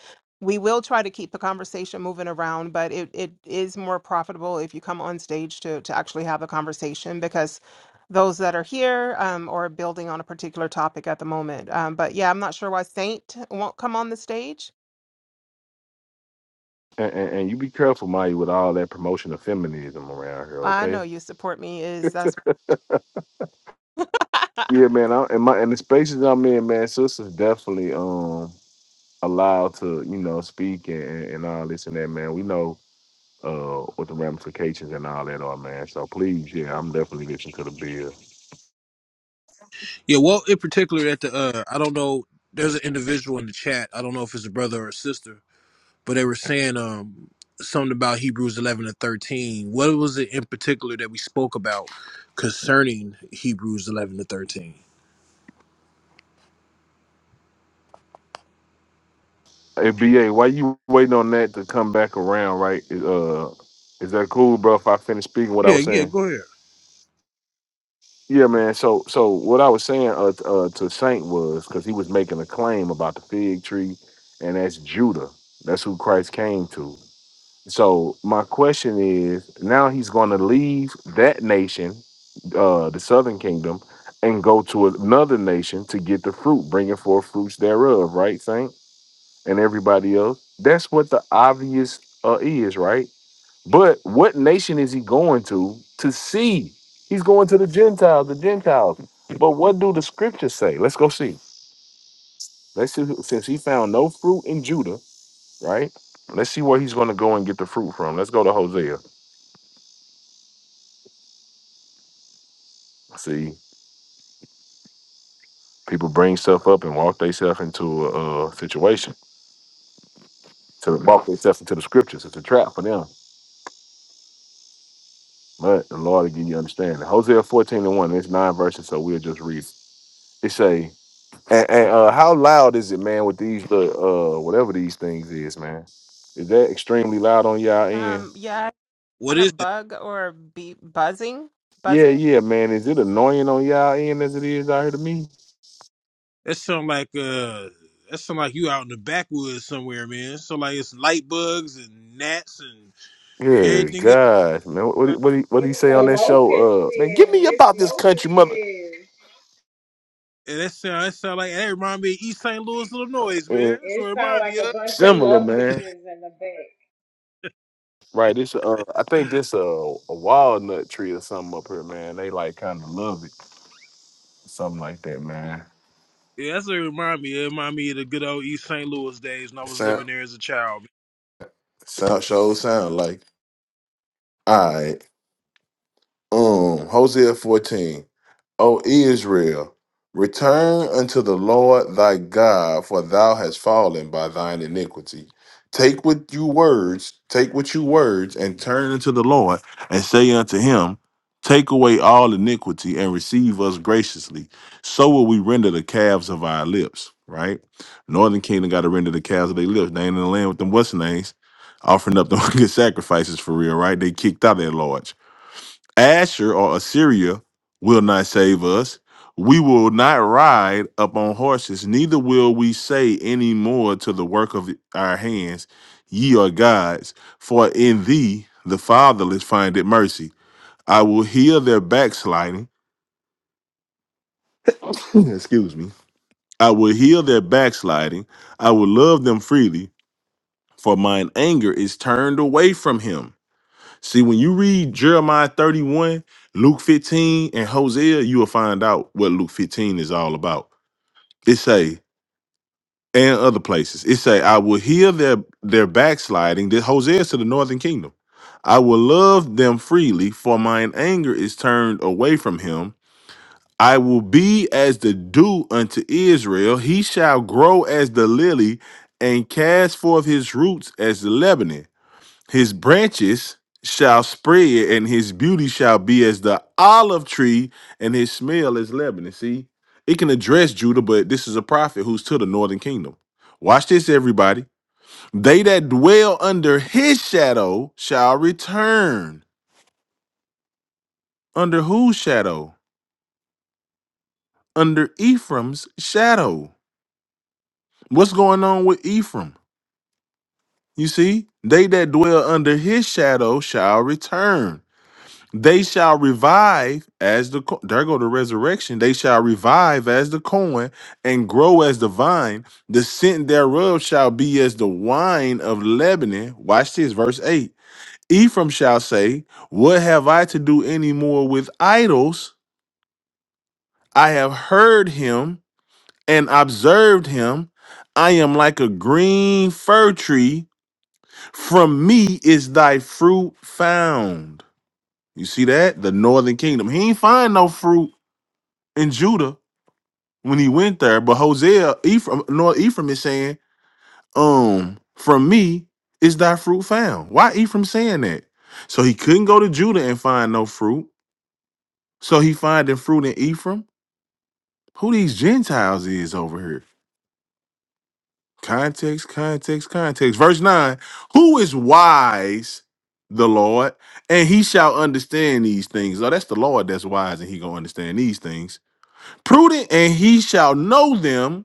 Speaker 2: We will try to keep the conversation moving around, but it, it is more profitable if you come on stage to, to actually have a conversation because those that are here um, are building on a particular topic at the moment. Um, but yeah, I'm not sure why Saint won't come on the stage.
Speaker 6: And, and, and you be careful, Maya, with all that promotion of feminism around here,
Speaker 2: I know
Speaker 6: okay?
Speaker 2: you support me is that's
Speaker 6: Yeah, man. I, in my in the spaces I'm in, man, sisters definitely um allowed to you know speak and, and all this and that, man. We know uh what the ramifications and all that are, man. So please, yeah, I'm definitely listening to the bill.
Speaker 3: Yeah, well, in particular, at the uh, I don't know. There's an individual in the chat. I don't know if it's a brother or a sister, but they were saying um something about Hebrews 11 and 13. What was it in particular that we spoke about concerning Hebrews 11 to 13?
Speaker 6: Hey, BA, why you waiting on that to come back around, right? Uh, is that cool, bro? If I finish speaking what I
Speaker 3: Yeah,
Speaker 6: was
Speaker 3: yeah,
Speaker 6: saying.
Speaker 3: go ahead.
Speaker 6: Yeah, man. So, so what I was saying uh, t- uh, to Saint was because he was making a claim about the fig tree, and that's Judah. That's who Christ came to. So my question is, now he's going to leave that nation, uh, the Southern Kingdom, and go to another nation to get the fruit, bringing forth fruits thereof, right, Saint, and everybody else. That's what the obvious uh, is, right? But what nation is he going to to see? He's going to the Gentiles, the Gentiles. But what do the scriptures say? Let's go see. Let's see. who- Since he found no fruit in Judah, right? Let's see where he's going to go and get the fruit from. Let's go to Hosea. See, people bring stuff up and walk themselves into a, uh situation, to walk themselves into the scriptures. It's a trap for them. But the Lord will give you understanding. Hosea 14 and 1, it's nine verses, so we'll just read. It, say, and, and uh, how loud is it, man, with these, little, uh, whatever these things is, man? Is that extremely loud on y'all end?
Speaker 2: Um, yeah,
Speaker 3: What
Speaker 2: kind
Speaker 3: is
Speaker 2: of
Speaker 3: that?
Speaker 2: bug or be buzzing,
Speaker 6: Yeah,
Speaker 2: buzzing.
Speaker 6: yeah, man. Is it annoying on y'all end as it is out here to me?
Speaker 3: That sound like uh, that sound like you out in the backwoods somewhere, man. So like it's light bugs and gnats and
Speaker 6: Yeah,
Speaker 3: everything else.
Speaker 6: gosh, man. What what he- what he, what he
Speaker 5: It's
Speaker 6: say on
Speaker 5: the
Speaker 6: that
Speaker 5: locusts.
Speaker 6: show? Uh, man, give me
Speaker 5: It's
Speaker 6: about this country
Speaker 5: locusts.
Speaker 6: mother.
Speaker 3: And that sound that sound like that remind me of East St. Louis, Illinois,
Speaker 6: Uh,
Speaker 3: man. That's what
Speaker 5: It
Speaker 3: it
Speaker 5: sound
Speaker 3: remind
Speaker 5: like
Speaker 3: me of.
Speaker 5: a bunch of
Speaker 6: similar,
Speaker 5: locusts
Speaker 6: man.
Speaker 5: in the back.
Speaker 6: Right, this uh, I think this uh, a walnut tree or something up here, man. They like kind of love it, something like that, man.
Speaker 3: Yeah, that's what it remind me. It remind me of the good old East St. Louis days when I was
Speaker 6: Sound,
Speaker 3: living there as a child.
Speaker 6: sound, show sound like all right. Um, Hosea 14. O Israel, return unto the Lord thy God, for thou hast fallen by thine iniquity. Take with you words, take with you words, and turn unto the Lord, and say unto him, Take away all iniquity and receive us graciously. So will we render the calves of our lips, right? Northern Kingdom got to render the calves of their lips. They ain't in the land with them what's names, offering up the good sacrifices for real, right? They kicked out their lords. Asher or Assyria will not save us. We will not ride upon horses, neither will we say any more to the work of our hands, ye are gods. For in thee the fatherless findeth mercy. I will heal their backsliding. Excuse me. I will heal their backsliding. I will love them freely, for mine anger is turned away from him. See, when you read Jeremiah 31, Luke 15, and Hosea, you will find out what Luke 15 is all about. It say, and other places. It say, I will heal their their backsliding. This Hosea is to the northern kingdom. I will love them freely, for mine anger is turned away from him. I will be as the dew unto Israel. He shall grow as the lily and cast forth his roots as the Lebanon. His branches shall spread, and his beauty shall be as the olive tree, and his smell as Lebanon. See, it can address Judah, but this is a prophet who's to the northern kingdom. Watch this, everybody. They that dwell under his shadow shall return. Under whose shadow? Under Ephraim's shadow. What's going on with Ephraim? You see, they that dwell under his shadow shall return. They shall revive as the co- there go the resurrection. They shall revive as the corn and grow as the vine. The scent thereof shall be as the wine of Lebanon. Watch this, verse eight. Ephraim shall say, "What have I to do any more with idols? I have heard him and observed him. I am like a green fir tree. From me is thy fruit found." You see that? The northern kingdom. He ain't find no fruit. in Judah when he went there. But Hosea, Ephraim, no, Ephraim is saying, um, from me is thy fruit found. Why Ephraim saying that? So he couldn't go to Judah and find no fruit. So he finding fruit in Ephraim. Who these Gentiles is over here? Context, context, context. Verse 9. Who is wise? The Lord, and he shall understand these things. Oh, that's the Lord that's wise, and he gonna understand these things. Prudent, and he shall know them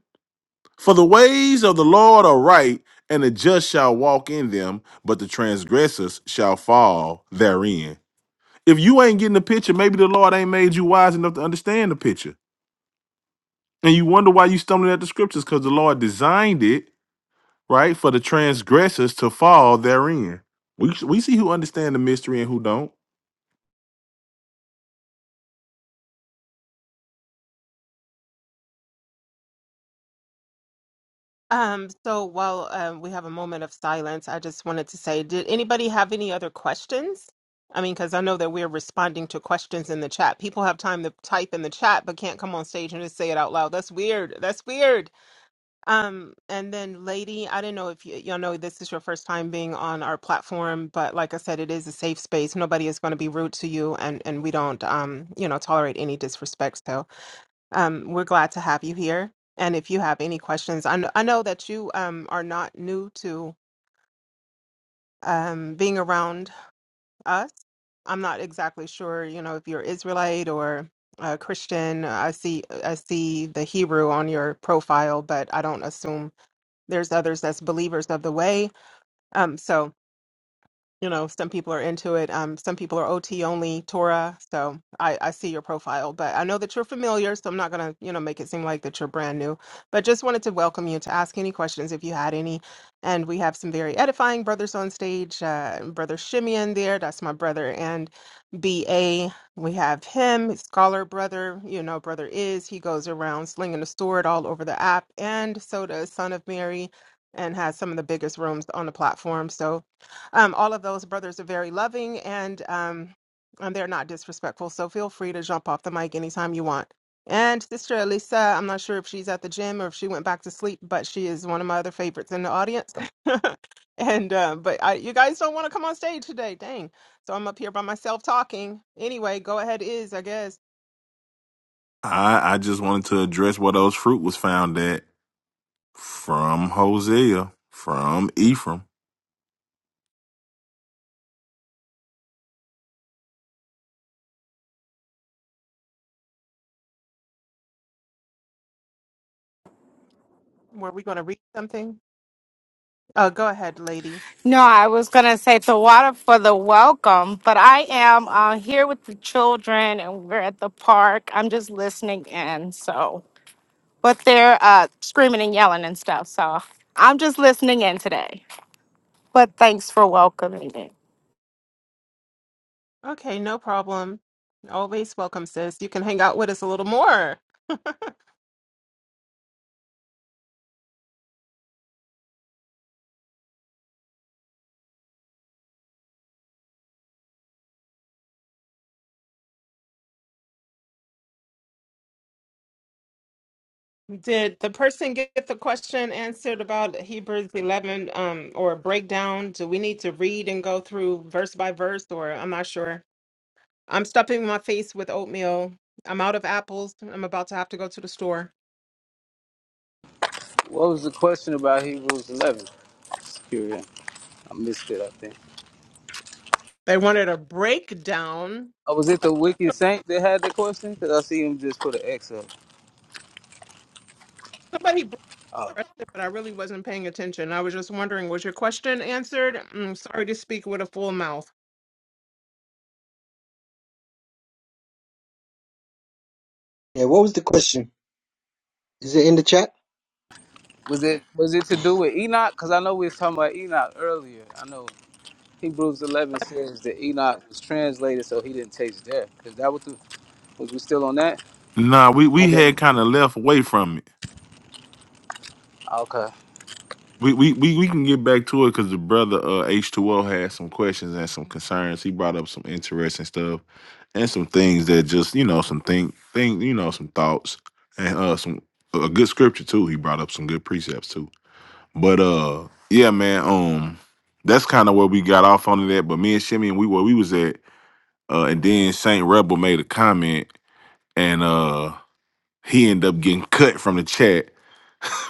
Speaker 6: For the ways of the Lord are right, and the just shall walk in them, but the transgressors shall fall therein. If you ain't getting the picture, maybe the Lord ain't made you wise enough to understand the picture. And you wonder why you stumbling at the scriptures, because the Lord designed it, right, for the transgressors to fall therein. We, we see who understand the mystery and who don't.
Speaker 2: Um, so while um, we have a moment of silence, I just wanted to say, did anybody have any other questions? I mean, because I know that we're responding to questions in the chat. People have time to type in the chat, but can't come on stage and just say it out loud. That's weird. That's weird. Um, and then, lady, I don't know if y- y'all know this is your first time being on our platform, but like I said, it is a safe space. Nobody is going to be rude to you, and and we don't, um, you know, tolerate any disrespect. So, Um, we're glad to have you here. And if you have any questions, I know, I know that you um, are not new to um, being around us. I'm not exactly sure, you know, if you're Israelite or uh, Christian. I see I see the Hebrew on your profile, but I don't assume there's others that's believers of the way. Um, so you know, some people are into it. Um, some people are OT only, Torah. So I, I see your profile, but I know that you're familiar, so I'm not gonna, you know, make it seem like that you're brand new. But just wanted to welcome you to ask any questions if you had any. And we have some very edifying brothers on stage. Uh, brother Shimeon there, that's my brother, and BA. We have him, scholar brother. You know, brother is he goes around slinging the sword all over the app, and so does Son of Mary, and has some of the biggest rooms on the platform. So um, all of those brothers are very loving and um, and they're not disrespectful. So feel free to jump off the mic anytime you want. And Sister Elisa, I'm not sure if she's at the gym or if she went back to sleep, but she is one of my other favorites in the audience. and uh, but I, you guys don't want to come on stage today, dang. So I'm up here by myself talking. Anyway, go ahead, is I guess.
Speaker 6: I, I just wanted to address where those fruit was found at from Hosea, from Ephraim.
Speaker 2: Were we going to read something? Uh, go ahead, lady.
Speaker 13: No, I was going to say the water for the welcome, but I am uh, here with the children and we're at the park. I'm just listening in. So, but they're uh, screaming and yelling and stuff. So I'm just listening in today. But thanks for welcoming me.
Speaker 2: Okay, no problem. Always welcome, sis. You can hang out with us a little more. Did the person get the question answered about Hebrews 11 um, or breakdown? Do we need to read and go through verse by verse, or I'm not sure? I'm stuffing my face with oatmeal. I'm out of apples. I'm about to have to go to the store.
Speaker 12: What was the question about Hebrews 11? Curious. I missed it, I think.
Speaker 2: They wanted a breakdown.
Speaker 12: Oh, was it the wicked saint that had the question? Because I see him just put an X up.
Speaker 2: Somebody broke
Speaker 12: Oh,
Speaker 2: it, but I really wasn't paying attention. I was just wondering, was your question answered? I'm sorry to speak with a full mouth.
Speaker 9: Yeah, what was the question? Is it in the chat?
Speaker 12: was it was it to do with Enoch? Because I know we was talking about Enoch earlier. I know Hebrews 11 says that Enoch was translated so he didn't taste death. Is that what the, was we still on that?
Speaker 6: Nah, we,
Speaker 9: I
Speaker 6: we
Speaker 9: don't.
Speaker 6: had kind of left away from it
Speaker 12: Okay.
Speaker 6: We we we, we can get back to it because the brother uh H two O had some questions and some concerns. He brought up some interesting stuff and some things that just you know some thing thing you know some thoughts and uh some a good scripture too. He brought up some good precepts too. But uh yeah man um that's kind of where we got off on that. But me and Shimmy and we where we was at uh and then Saint Rebel made a comment and uh he ended up getting cut from the chat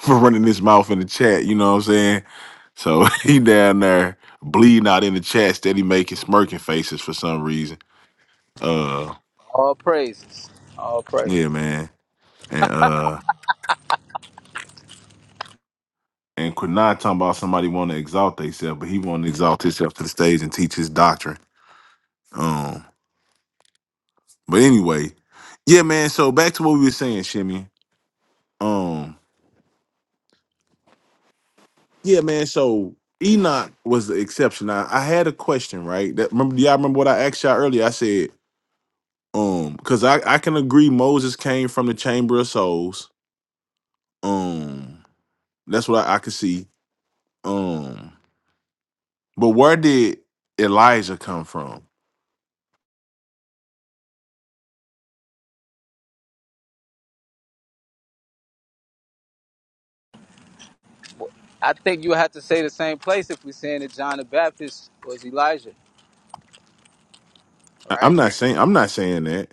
Speaker 6: for running his mouth in the chat. You know what I'm saying? So he down there bleeding out in the chat, steady making smirking faces for some reason. Uh,
Speaker 12: All praises. All praise.
Speaker 6: yeah, man. And uh, and Quinai talking about somebody want to exalt themselves, but he want to exalt himself to the stage and teach his doctrine. Um, but anyway, yeah, man. So back to what we were saying, Shimmy. Um, yeah, man. So Enoch was the exception. I, I had a question, right? That remember? Y'all remember what I asked y'all earlier? I said Um, because I I can agree Moses came from the chamber of souls. Um, that's what I, I could see. Um, but where did Elijah come from?
Speaker 12: I think you have to say the same place if we're saying that John the Baptist was Elijah,
Speaker 6: I, I'm
Speaker 12: right?
Speaker 6: not saying I'm not saying that.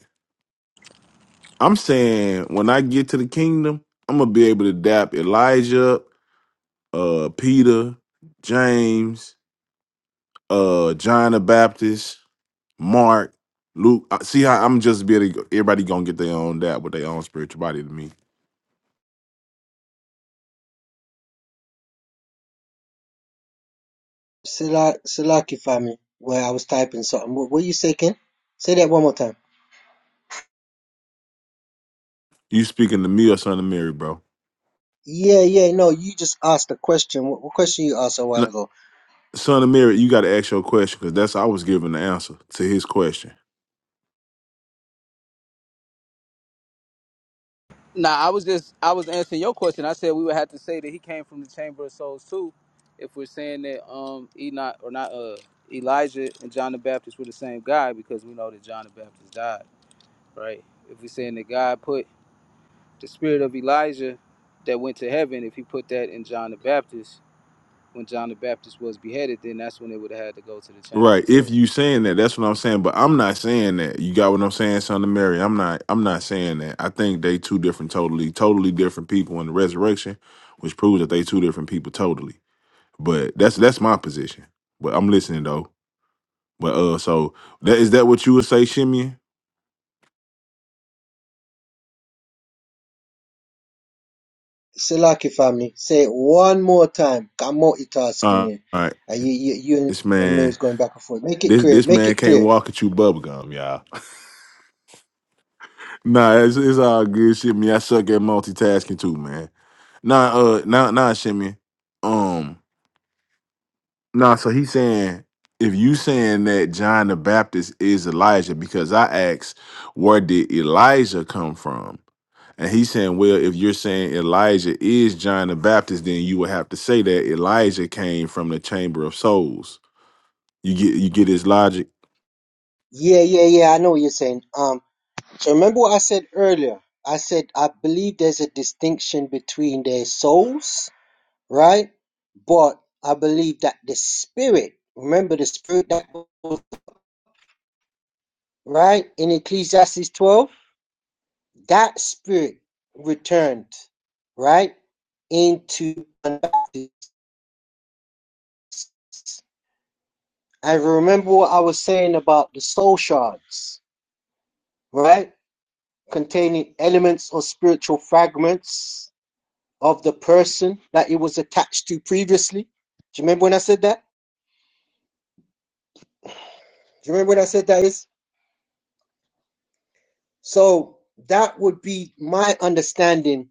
Speaker 6: I'm saying when I get to the kingdom, I'm gonna be able to dap Elijah, uh, Peter, James, uh, John the Baptist, Mark, Luke. I- See how I'm just be able to, everybody gonna get their own dap with their own spiritual body to me.
Speaker 9: Sala- Salakify me where I was typing something. What, what you say, Ken? Say that one more time.
Speaker 6: You speaking to me or son of Mary, bro?
Speaker 9: Yeah, yeah, no, you just asked a question. What, what question you asked a while ago?
Speaker 6: son of Mary, you got to ask your question because that's I was giving the answer to his question.
Speaker 12: Now, I was just I was answering your question. I said we would have to say that he came from the chamber of souls too, if we're saying that um Enoch or not uh Elijah and John the Baptist were the same guy because we know that John the Baptist died, right? If we're saying that God put the spirit of Elijah that went to heaven, if he put that in John the Baptist when John the Baptist was beheaded, then that's when they would have had to go to the chamber
Speaker 6: Right.
Speaker 12: of
Speaker 6: If
Speaker 12: souls.
Speaker 6: you saying that, that's what I'm saying. But I'm not saying that. You got what I'm saying, son of Mary. I'm not. I'm not saying that. I think they two different, totally, totally different people in the resurrection, which proves that they two different people, totally. But that's that's my position. But I'm listening though. But uh, so that is that what you would say, Shimeon?
Speaker 9: Salakify me. Say it one more time. I'm multitasking
Speaker 6: Uh,
Speaker 9: here.
Speaker 6: all right.
Speaker 9: Uh, you, you, you and
Speaker 6: This
Speaker 9: and
Speaker 6: man,
Speaker 9: Mary's going back and forth. Make it
Speaker 6: this
Speaker 9: clear.
Speaker 6: this
Speaker 9: Make
Speaker 6: man
Speaker 9: it
Speaker 6: can't
Speaker 9: clear.
Speaker 6: walk at you bubblegum, y'all. Nah, it's, it's all good shit. Me, I suck at multitasking too, man. Nah, uh, nah, nah, shimmy. Um, nah. So he's saying if you saying that John the Baptist is Elijah, because I asked where did Elijah come from, and he's saying, well, if you're saying Elijah is John the Baptist, then you would have to say that Elijah came from the chamber of souls. You get you get his logic.
Speaker 9: Yeah, yeah, yeah. I know what you're saying. Um, so remember what I said earlier. I said I believe there's a distinction between their souls right? But I believe that the spirit, remember the spirit that was right in Ecclesiastes 12, that spirit returned, right, into Anabaptists. And remember what I was saying about the soul shards, right? Containing elements or spiritual fragments of the person that it was attached to previously. Do you remember when I said that? Do you remember when I said that? So that would be my understanding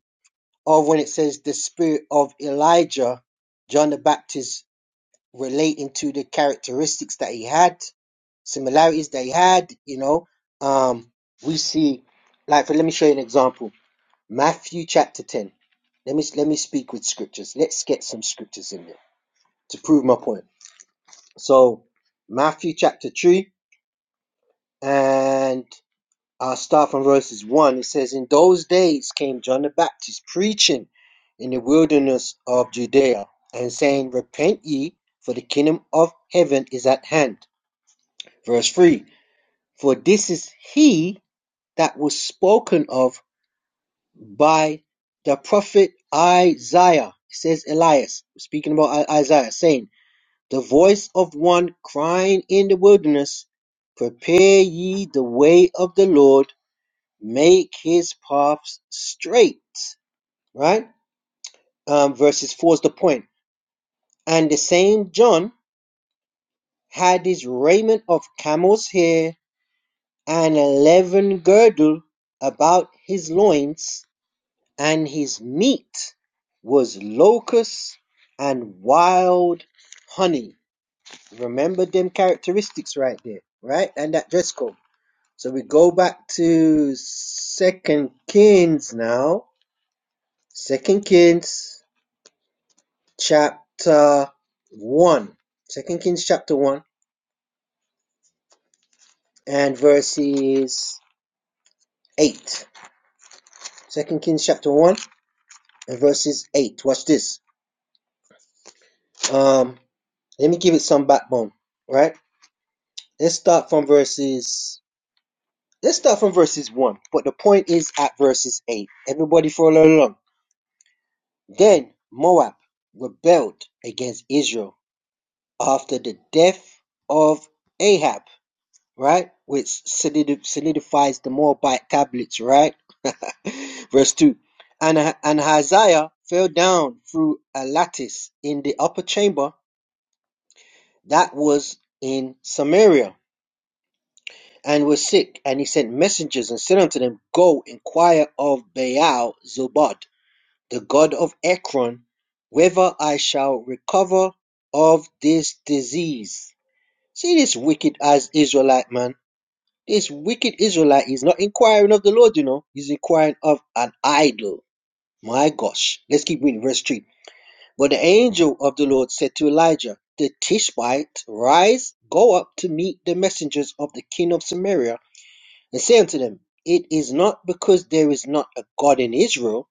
Speaker 9: of when it says the spirit of Elijah, John the Baptist, relating to the characteristics that he had, similarities that he had, you know. Um, we see, like, for, let me show you an example. Matthew chapter 10. Let me, let me speak with scriptures. Let's get some scriptures in there to prove my point. So, Matthew chapter 3 and I'll start from verses 1. It says, In those days came John the Baptist preaching in the wilderness of Judea and saying, Repent ye, for the kingdom of heaven is at hand. Verse 3 For this is he that was spoken of by the prophet Isaiah. It says, Elias, speaking about Isaiah, saying, The voice of one crying in the wilderness, Prepare ye the way of the Lord make his paths straight, right? Um, verses 4 is the point. And the same John had his raiment of camel's hair and a leathern girdle about his loins, and his meat was locusts and wild honey. Remember them characteristics right there, right? And that dress code. So we go back to Second Kings now. Second Kings chapter One, Second Kings chapter 1 and verses 8. Second Kings chapter 1 and verses 8. Watch this. Um, let me give it some backbone, right? Let's start from verses let's start from verses 1, but the point is at verses 8. Everybody follow along. Then Moab rebelled against Israel after the death of Ahab right? Which solidi- solidifies the Moabite tablets, right? Verse 2. And, and Hazael fell down through a lattice in the upper chamber that was in Samaria and was sick. And he sent messengers and said unto them, Go inquire of Baal Zobad, the god of Ekron, whether I shall recover of this disease. See this wicked as Israelite man This wicked Israelite is not inquiring of the Lord, you know. He's inquiring of an idol. My gosh. Let's keep reading verse 3. But the angel of the Lord said to Elijah, The Tishbite, rise, go up to meet the messengers of the king of Samaria, and say unto them, It is not because there is not a God in Israel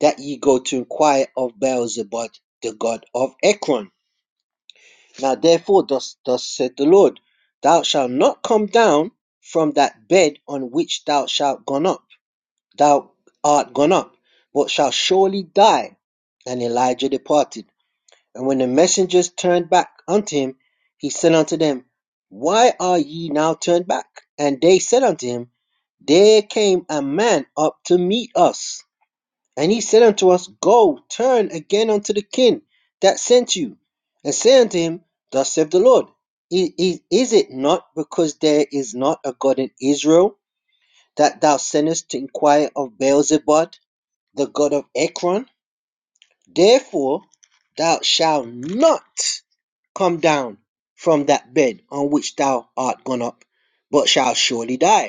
Speaker 9: that ye go to inquire of Beelzebub, the god of Ekron. Now therefore, thus, thus said the Lord, thou shalt not come down from that bed on which thou shalt gone up, thou art gone up, but shalt surely die. And Elijah departed. And when the messengers turned back unto him, he said unto them, Why are ye now turned back? And they said unto him, There came a man up to meet us, and he said unto us, Go, turn again unto the king that sent you, and say unto him, Thus saith the Lord, I- Is it not because there is not a God in Israel that thou sendest to inquire of Beelzebub, the god of Ekron? Therefore thou shalt not come down from that bed on which thou art gone up, but shalt surely die.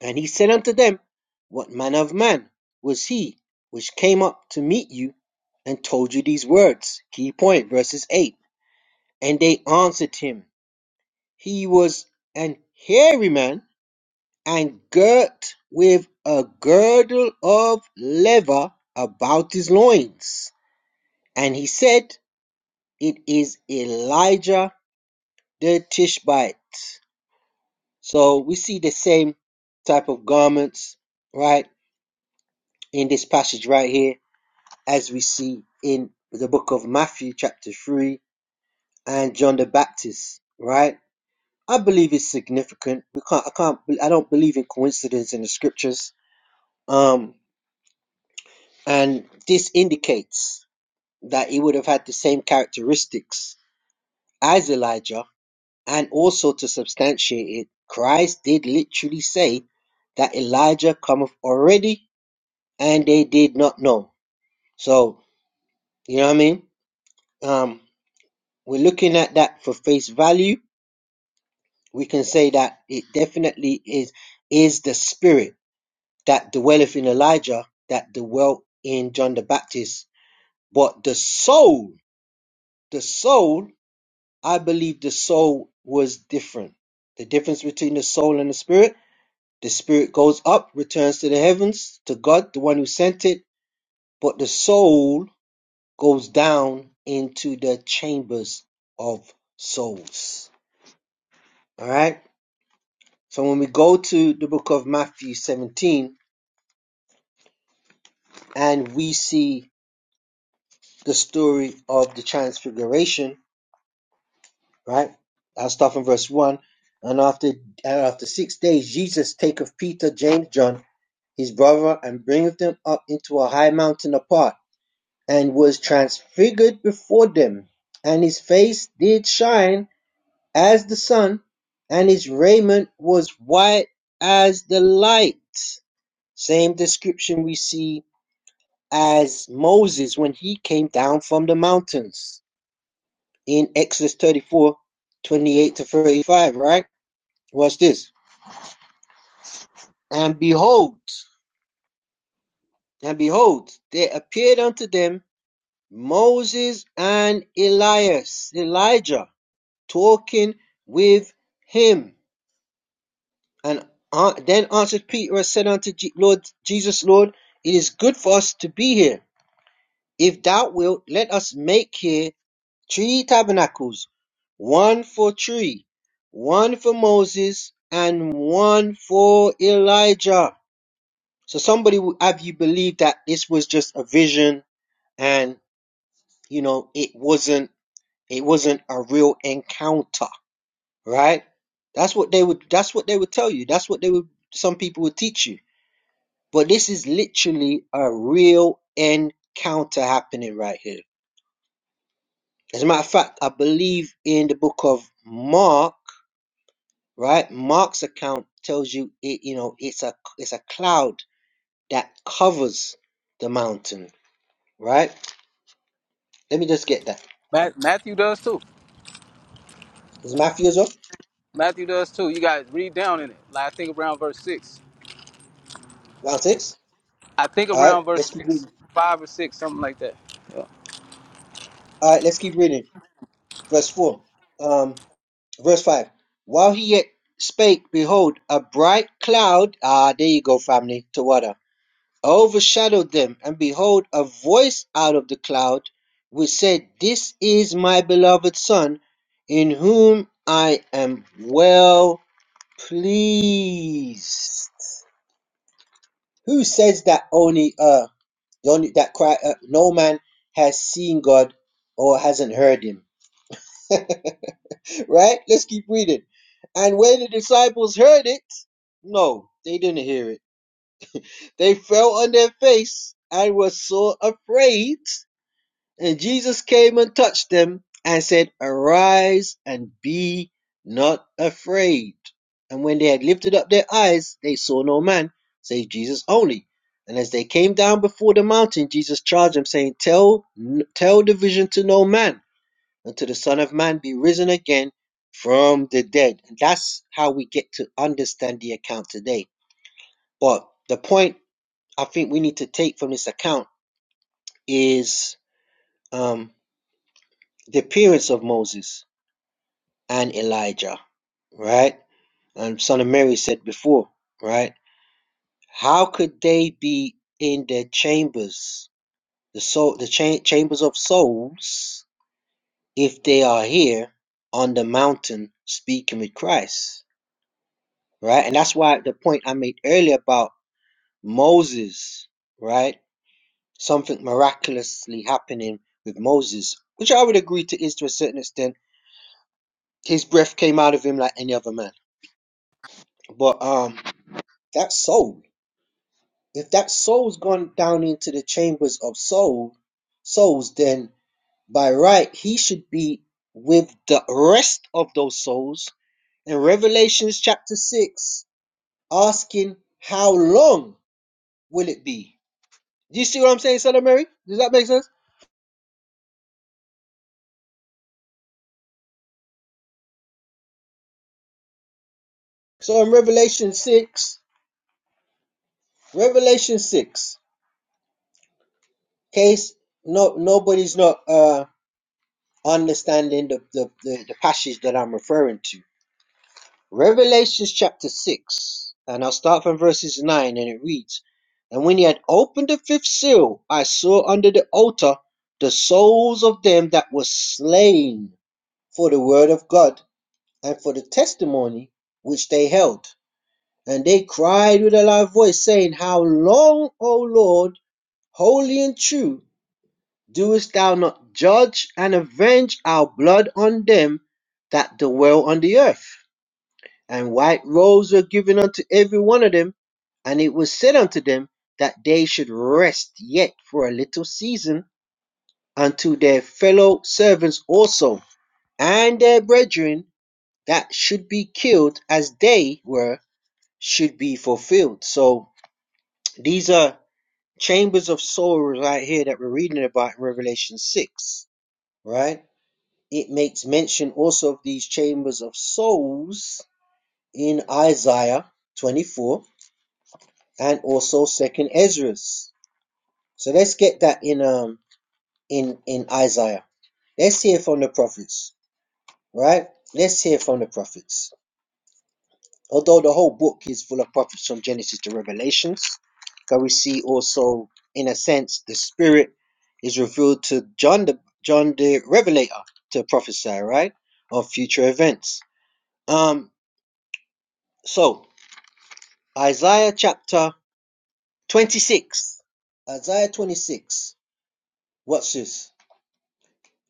Speaker 9: And he said unto them, What manner of man was he which came up to meet you and told you these words? Key point, verses 8. And they answered him, He was an hairy man and girt with a girdle of leather about his loins. And he said, It is Elijah the Tishbite. So we see the same type of garments, right, in this passage right here as we see in the book of Matthew, chapter 3, and John the Baptist, right? I believe it's significant. We can't, I can't, I don't believe in coincidence in the scriptures. Um, and this indicates that he would have had the same characteristics as Elijah. And also to substantiate it, Christ did literally say that Elijah cometh already and they did not know. So, you know what I mean? Um, we're looking at that for face value we can say that it definitely is is the spirit that dwelleth in Elijah that dwelt in John the Baptist. But the soul, the soul, I believe the soul was different. The difference between the soul and the spirit, the spirit goes up, returns to the heavens, to God, the one who sent it, but the soul goes down into the chambers of souls. All right? So when we go to the book of Matthew 17, and we see the story of the transfiguration, right? I'll start from verse one. And after after six days, Jesus taketh Peter, James, John, his brother, and bringeth them up into a high mountain apart, and was transfigured before them. And his face did shine as the sun, and his raiment was white as the light. Same description we see as Moses when he came down from the mountains in Exodus 34, 28 to 35, right? Watch this. And behold, and behold, there appeared unto them Moses and Elias, Elijah, talking with him. And uh, then answered Peter and said unto Je- Lord Jesus, Lord, it is good for us to be here. If thou wilt, let us make here three tabernacles, one for three, one for Moses, and one for Elijah. So somebody would have you believe that this was just a vision and you know it wasn't it wasn't a real encounter, right? That's what they would that's what they would tell you. That's what they would some people would teach you. But this is literally a real encounter happening right here. As a matter of fact, I believe in the book of Mark right? Mark's account tells you it, you know, it's a it's a cloud that covers the mountain, right? Let me just get that.
Speaker 12: Ma- Matthew does too.
Speaker 9: Is Matthew as well?
Speaker 12: Matthew does too. You guys read down in it. Like I think around verse six.
Speaker 9: Round six.
Speaker 12: I think
Speaker 9: All right,
Speaker 12: around verse
Speaker 9: let's keep
Speaker 12: six,
Speaker 9: reading.
Speaker 12: five or six, something like that. Yeah.
Speaker 9: All right, let's keep reading. Verse four. Um, verse five. While he yet spake, behold, a bright cloud. Ah, there you go, family. Tawada. overshadowed them, and behold, a voice out of the cloud, which said, This is my beloved Son, in whom I am well pleased. Who says that only uh the only that cry uh, no man has seen God or hasn't heard him? right? Let's keep reading. And when the disciples heard it, no, they didn't hear it. They fell on their face and were so afraid And Jesus came and touched them and said, Arise and be not afraid. And when they had lifted up their eyes, they saw no man, save Jesus only. And as they came down before the mountain, Jesus charged them, saying, Tell, tell the vision to no man until the Son of Man be risen again from the dead. And that's how we get to understand the account today. But the point I think we need to take from this account is um, the appearance of Moses and Elijah, right? And Son of Mary said before, right? How could they be in their chambers, the soul, the cha- chambers of souls, if they are here on the mountain speaking with Christ, right? And that's why the point I made earlier about Moses, right? Something miraculously happening with Moses, which I would agree to is to a certain extent. His breath came out of him like any other man, but um, that soul. If that soul's gone down into the chambers of soul, souls, then by right he should be with the rest of those souls. In Revelations chapter six, asking how long will it be? Do you see what I'm saying, Son of Mary? Does that make sense? So in Revelation six, Revelation six, case no nobody's not uh understanding the the, the, the passage that I'm referring to Revelations chapter 6, and I'll start from verses 9, and it reads And when he had opened the fifth seal, I saw under the altar the souls of them that were slain for the word of God and for the testimony which they held. And they cried with a loud voice, saying, How long, O Lord, holy and true, doest thou not judge and avenge our blood on them that dwell on the earth? And white robes were given unto every one of them. And it was said unto them that they should rest yet for a little season unto their fellow servants also, and their brethren that should be killed as they were should be fulfilled. So these are chambers of sorrow right here that we're reading about in Revelation 6, right? It makes mention also of these chambers of souls in Isaiah 24 and also second Esdras. So let's get that in um in in Isaiah. Let's hear from the prophets, right? Let's hear from the prophets. Although the whole book is full of prophets from Genesis to Revelations, because we see also, in a sense, the Spirit is revealed to John the John the Revelator to prophesy, right, of future events. Um, so Isaiah chapter twenty six, Isaiah twenty six. What's this?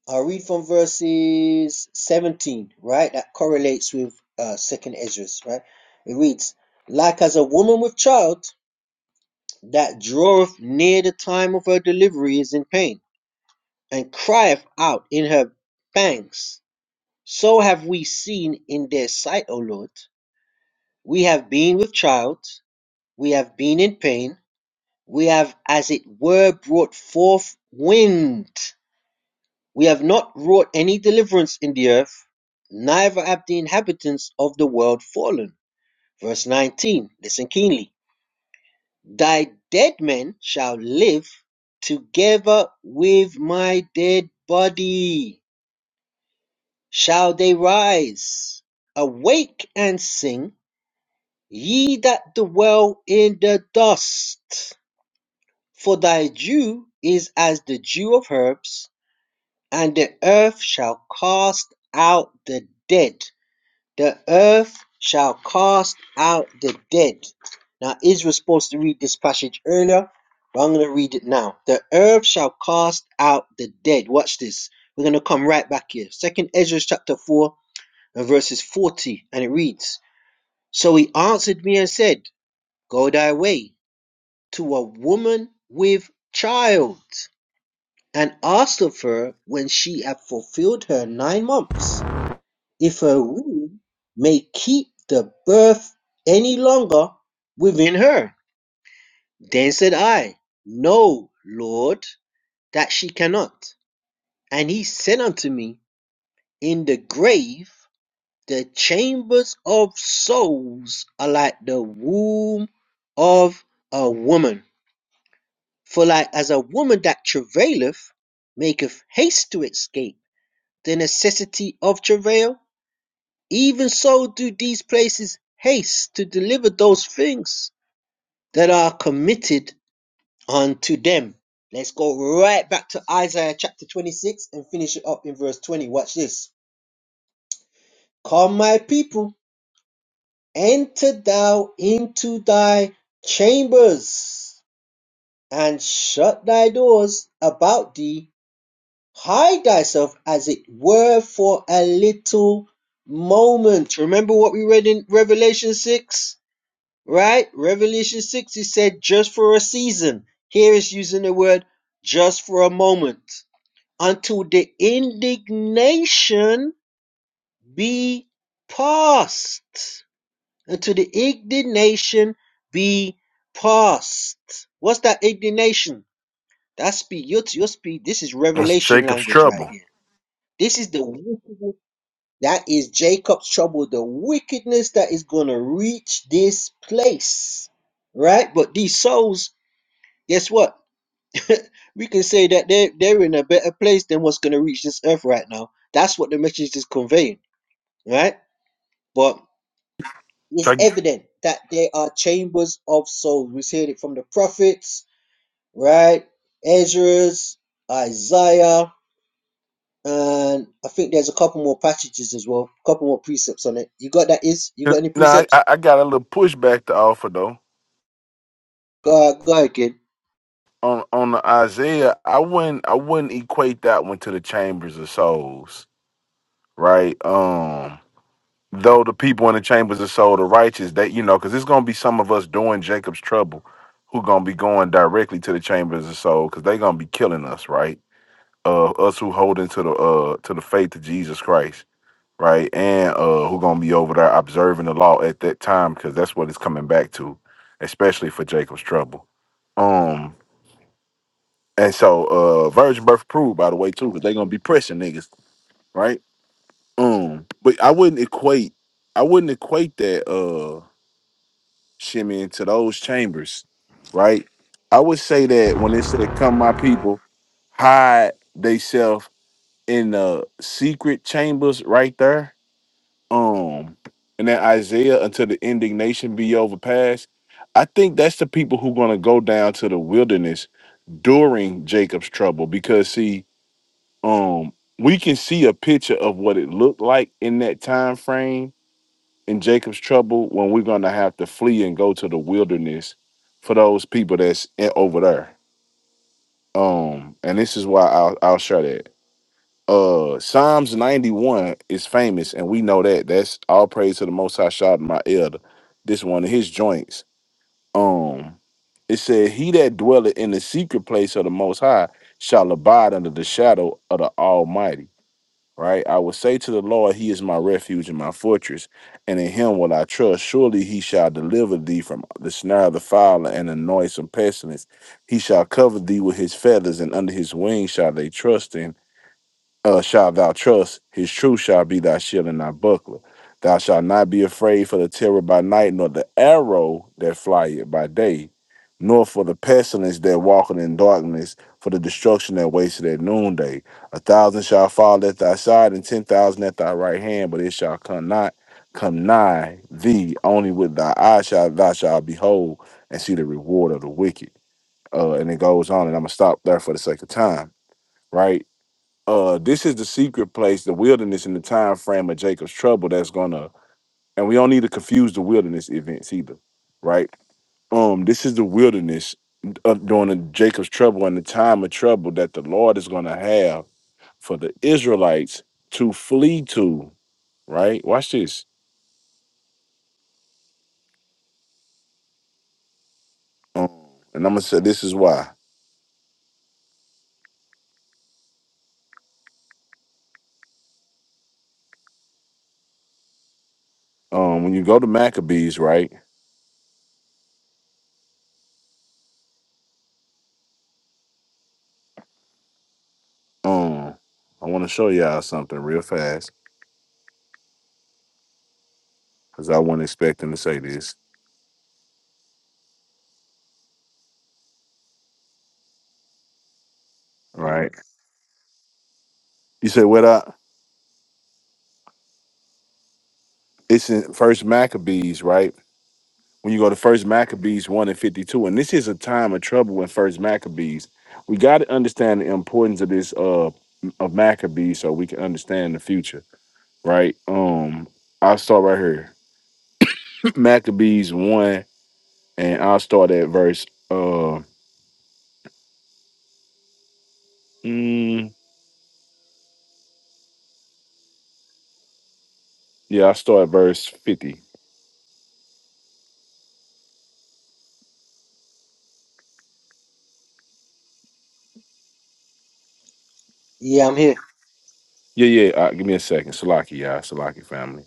Speaker 9: I'll read from verses 17, right? That correlates with uh, second Esdras, right? It reads, Like as a woman with child that draweth near the time of her delivery is in pain, and crieth out in her pangs, so have we seen in their sight, O Lord. We have been with child, we have been in pain, we have as it were brought forth wind We have not wrought any deliverance in the earth, neither have the inhabitants of the world fallen. Verse 19, listen keenly. Thy dead men shall live together with my dead body. Shall they rise? Awake and sing, ye that dwell in the dust. For thy dew is as the dew of herbs, and the earth shall cast out the dead The earth shall cast out the dead. Now, Israel was supposed to read this passage earlier, but I'm going to read it now. The earth shall cast out the dead. Watch this. We're going to come right back here. Second Ezra chapter 4 and verses 40, and it reads, So he answered me and said, Go thy way to a woman with child, and asked of her when she had fulfilled her nine months if her womb may keep the birth any longer within her. Then said I, No, Lord, that she cannot. And he said unto me, In the grave, the chambers of souls are like the womb of a woman. For like as a woman that travaileth, maketh haste to escape the necessity of travail, Even so do these places haste to deliver those things that are committed unto them. Let's go right back to Isaiah chapter 26 and finish it up in verse 20. Watch this. Come, my people, enter thou into thy chambers and shut thy doors about thee. Hide thyself as it were for a little moment. Remember what we read in Revelation 6? right? Revelation 6, he said, just for a season. Here is using the word just for a moment. Until the indignation be past. Until the indignation be past. What's that indignation? That's speed. Your, your speed. This is
Speaker 6: That's
Speaker 9: revelation
Speaker 6: Jacob's
Speaker 9: language right
Speaker 6: trouble.
Speaker 9: here. This is the wickedness. That is Jacob's trouble. The wickedness that is going to reach this place right? But these souls guess what? we can say that they're, they're in a better place than what's going to reach this earth right now. That's what the message is conveying, right? But
Speaker 6: So
Speaker 9: it's evident that there are chambers of souls. We see it from the prophets, right? Ezra's, Isaiah, and I think there's a couple more passages as well, a couple more precepts on it. You got that, Is? You got any
Speaker 6: now I,
Speaker 9: precepts?
Speaker 6: I I got a little pushback to offer though.
Speaker 9: Go, go ahead, kid.
Speaker 6: on on the Isaiah, I wouldn't I wouldn't equate that one to the chambers of souls, right? Um, though the people in the chambers of soul, the righteous, that you know, because it's gonna be some of us doing Jacob's trouble, who gonna be going directly to the chambers of soul, because they gonna be killing us, right? Uh, us who hold into the uh to the faith of Jesus Christ, right? And uh, who gonna be over there observing the law at that time, because that's what it's coming back to, especially for Jacob's trouble. um. And so uh Virgin Birth approved, by the way, too, because they're gonna be pressing niggas, right? Um, but I wouldn't equate I wouldn't equate that uh shimmy into those chambers, right? I would say that when it said come my people, hide theyself in the secret chambers right there. Um and then Isaiah until the indignation be overpassed. I think that's the people who gonna go down to the wilderness during Jacob's trouble because see um we can see a picture of what it looked like in that time frame in Jacob's trouble when we're gonna have to flee and go to the wilderness for those people that's in, over there. Um, and this is why I'll I'll share that. Uh Psalms 91 is famous, and we know that. That's all praise to the most high shot my elder. This one of his joints. Um it said, He that dwelleth in the secret place of the most high shall abide under the shadow of the Almighty right? I will say to the Lord, He is my refuge and my fortress, and in Him will I trust. Surely He shall deliver thee from the snare of the fowler and the noisome pestilence. He shall cover thee with His feathers, and under His wings shall they trust uh, shalt thou trust. His truth shall be thy shield and thy buckler. Thou shalt not be afraid for the terror by night, nor the arrow that flieth by day, nor for the pestilence that walketh in darkness, for the destruction that wasteth at noonday. A thousand shall fall at thy side, and ten thousand at thy right hand, but it shall come not come nigh thee. Only with thy eyes shall thou shalt behold and see the reward of the wicked. Uh, and it goes on, and I'm gonna stop there for the sake of time, right? uh this is the secret place the wilderness in the time frame of jacob's trouble that's gonna and we don't need to confuse the wilderness events either right um this is the wilderness of during the jacob's trouble and the time of trouble that the lord is gonna have for the israelites to flee to right watch this um and i'm gonna say this is why um when you go to maccabees right um i want to show y'all something real fast because i wasn't expecting to say this right you say what it's in first maccabees right when you go to first maccabees 1 and 52 and this is a time of trouble in first maccabees we got to understand the importance of this uh of maccabees so we can understand the future right um i'll start right here maccabees 1 and i'll start at verse uh mm, yeah i'll start at verse 50
Speaker 9: Yeah, I'm here.
Speaker 6: yeah yeah uh, give me a second salaki y'all salaki family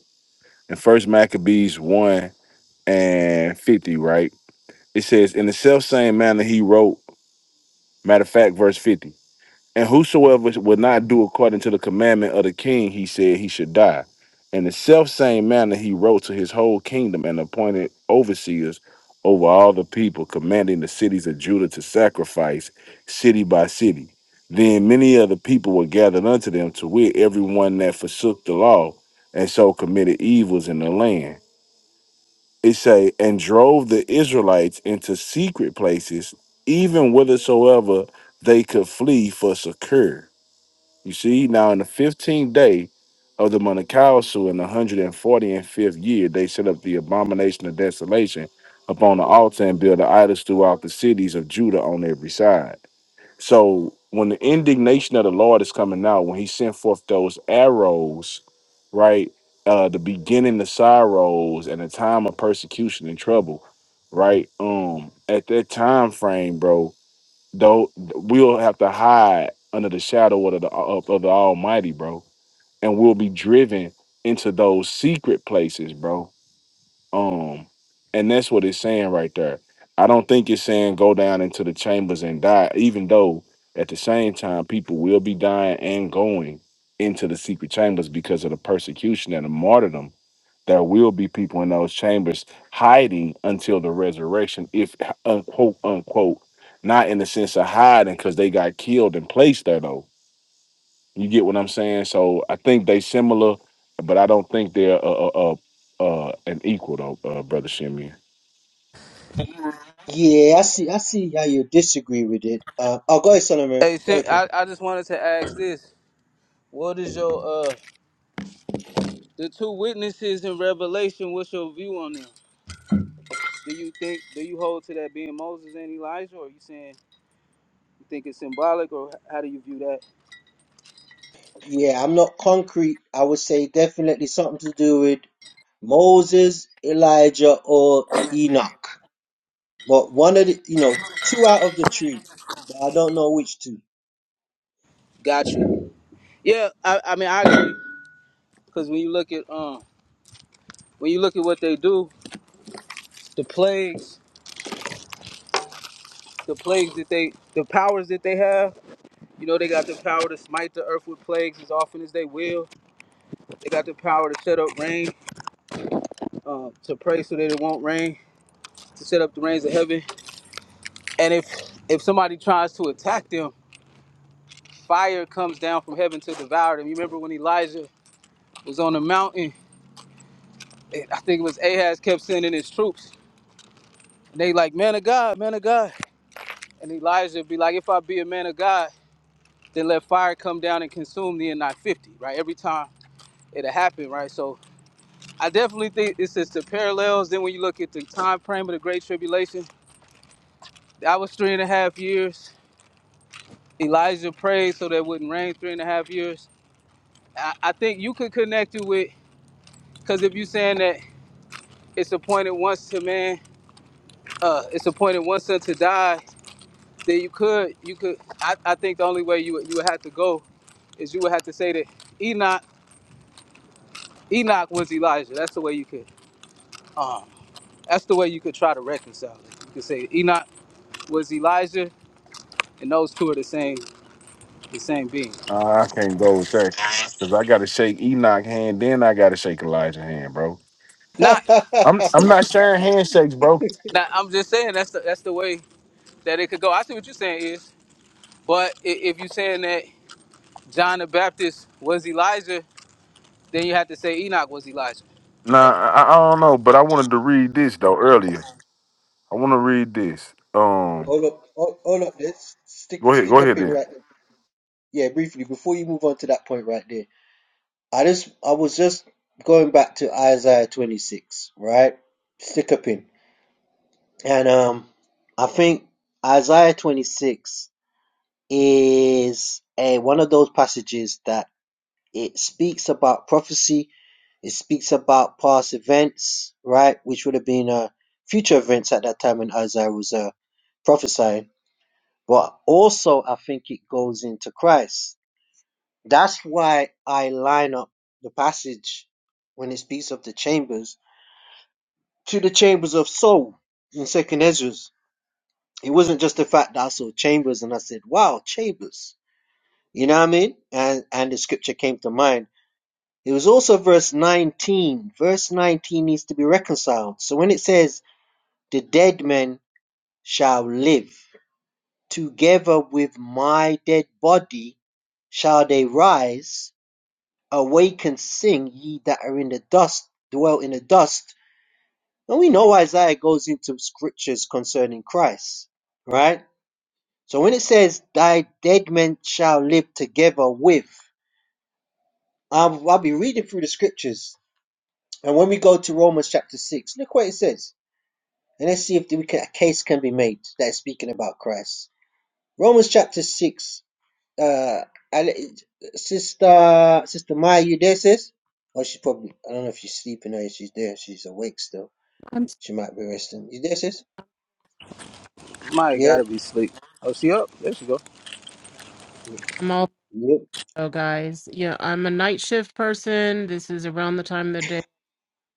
Speaker 6: and first maccabees 1 and 50 right It says, In the self same manner he wrote, matter of fact, verse 50. And whosoever would not do according to the commandment of the king, he said he should die. In the self same manner he wrote to his whole kingdom and appointed overseers over all the people, commanding the cities of Judah to sacrifice city by city. Then many of the people were gathered unto them, to wit, everyone that forsook the law and so committed evils in the land it say, and drove the Israelites into secret places, even whithersoever they could flee for secure. You see, now in the fifteenth day of the month of Council in the hundred and forty and fifth year, they set up the abomination of desolation upon the altar and built the idols throughout the cities of Judah on every side. So when the indignation of the Lord is coming out, when he sent forth those arrows, right? Uh the beginning of sorrows and the time of persecution and trouble, right? Um, at that time frame, bro, though we'll have to hide under the shadow of the of, of the Almighty, bro. And we'll be driven into those secret places, bro um, and that's what it's saying right there. I don't think it's saying go down into the chambers and die, even though at the same time people will be dying and going into the secret chambers because of the persecution and the martyrdom. There will be people in those chambers hiding until the resurrection, if unquote unquote, not in the sense of hiding because they got killed and placed there though you get what I'm saying? So I think they similar, but I don't think they're uh uh, uh, uh an equal though, uh, brother Shimmy.
Speaker 9: Yeah, I see. I see how you disagree with it. Uh, oh, go ahead, Solomon.
Speaker 12: Hey,
Speaker 9: Go
Speaker 12: Sher-
Speaker 9: ahead, kid.
Speaker 12: I, I just wanted to ask this. What is your uh the two witnesses in Revelation? What's your view on them? Do you think do you hold to that being Moses and Elijah, or are you saying you think it's symbolic, or how do you view that?
Speaker 9: Yeah, I'm not concrete. I would say definitely something to do with Moses, Elijah, or Enoch. But one of the, you know, two out of the three. But I don't know which two.
Speaker 12: Gotcha. Yeah, I, I mean I agree because when you look at um when you look at what they do, the plagues. the plagues that they, the powers that they have. You know, they got the power to smite the earth with plagues as often as they will. They got the power to shut up rain, um, to pray so that it won't rain, to set up the rains of heaven. And if if somebody tries to attack them, fire comes down from heaven to devour them. You remember when Elijah was on the mountain? And I think it was Ahaz kept sending his troops. And they like, man of God, man of God. And Elijah be like, if I be a man of God, then let fire come down and consume thee and not 50, right? Every time it'll happen, right? So I definitely think it's just the parallels. Then when you look at the time frame of the Great Tribulation, that was three and a half years. Elijah prayed so that it wouldn't rain three and a half years. I, I think you could connect it with because if you're saying that it's appointed once to man, uh, it's appointed once unto die, then you could you could. I, I think the only way you would- you would have to go is you would have to say that Enoch Enoch was Elijah. That's the way you could um that's the way you could try to reconcile it. You could say Enoch was Elijah and those two are the same the same being.
Speaker 6: Uh, I can't go with that because I got to shake Enoch hand, then I got to shake Elijah hand, bro.
Speaker 9: hold
Speaker 12: Not,
Speaker 6: I'm I'm not sharing handshakes, bro.
Speaker 12: not I'm just saying that's the, that's the way that it could go. I see what you're saying is, but i- if you're saying that John the Baptist was Elijah, then you have to say Enoch was Elijah,
Speaker 6: Nah,
Speaker 12: right?
Speaker 6: I, I don't know, but I wanted to read this though earlier. I want to read this. Um,
Speaker 9: up, hold, hold up. Let's stick
Speaker 6: go ahead, go
Speaker 9: stick a
Speaker 6: ahead
Speaker 9: pin
Speaker 6: then.
Speaker 9: right there. Yeah, briefly before you move on to that point right there. I just I was just going back to Isaiah 26, right? Stick a pin, and um, I think Isaiah 26. is a, one of those passages that it speaks about prophecy, it speaks about past events, right, which would have been uh, future events at that time when Isaiah was uh, prophesying. But also, I think it goes into Christ. That's why I line up the passage when it speaks of the chambers to the chambers of soul in Second Ezra's. It wasn't just the fact that I saw chambers and I said, "Wow, chambers." You know what I mean? And and the scripture came to mind. It was also verse 19. Verse 19 needs to be reconciled. So when it says, The dead men shall live, together with my dead body shall they rise, awake and sing, ye that are in the dust, dwell in the dust. And we know Isaiah goes into scriptures concerning Christ, right? So when it says, Thy dead men shall live together with, um, I'll be reading through the scriptures And when we go to Romans chapter 6, look what it says. And let's see if we can, a case can be made that is speaking about Christ. Romans chapter 6, uh, Ale- Sister, Sister Maya, you there, sis? Or she's probably, I don't know if she's sleeping or if she's there. She's awake still.
Speaker 2: I'm sorry,
Speaker 9: She might be resting. You there, sis?
Speaker 12: Might
Speaker 9: Yeah?
Speaker 12: gotta be asleep. Oh, she up? There she go.
Speaker 9: Yeah.
Speaker 2: I'm all
Speaker 9: yeah.
Speaker 2: Oh, guys. Yeah, I'm a night shift person. This is around the time of the day,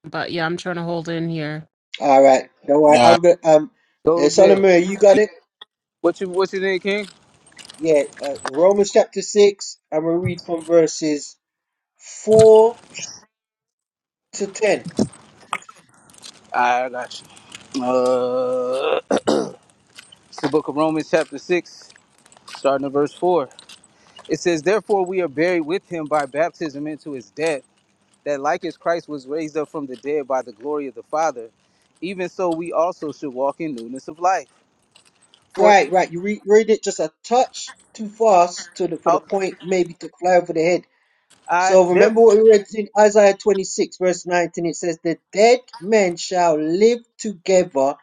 Speaker 2: but yeah, I'm trying to hold in here.
Speaker 9: All right. Don't worry.
Speaker 3: Nah.
Speaker 9: I'm going to, um,
Speaker 12: Go to
Speaker 9: it's on the
Speaker 12: bed.
Speaker 9: mirror. You got it?
Speaker 12: What you what you think, King?
Speaker 9: Yeah. Uh, Romans chapter 6, I'm going to read from verses 4 to 10.
Speaker 12: I got you. Uh, it's the book of Romans, chapter six, starting at verse four. It says, "Therefore we are buried with him by baptism into his death." that like as Christ was raised up from the dead by the glory of the Father, even so we also should walk in newness of life. For
Speaker 9: Right,
Speaker 12: if
Speaker 9: right. You read, read it just a touch too fast to the, for the
Speaker 12: okay,
Speaker 9: point maybe to fly over the head.
Speaker 12: I
Speaker 9: So
Speaker 12: there,
Speaker 9: remember what we read in Isaiah 26, verse 19. It says, The dead men shall live together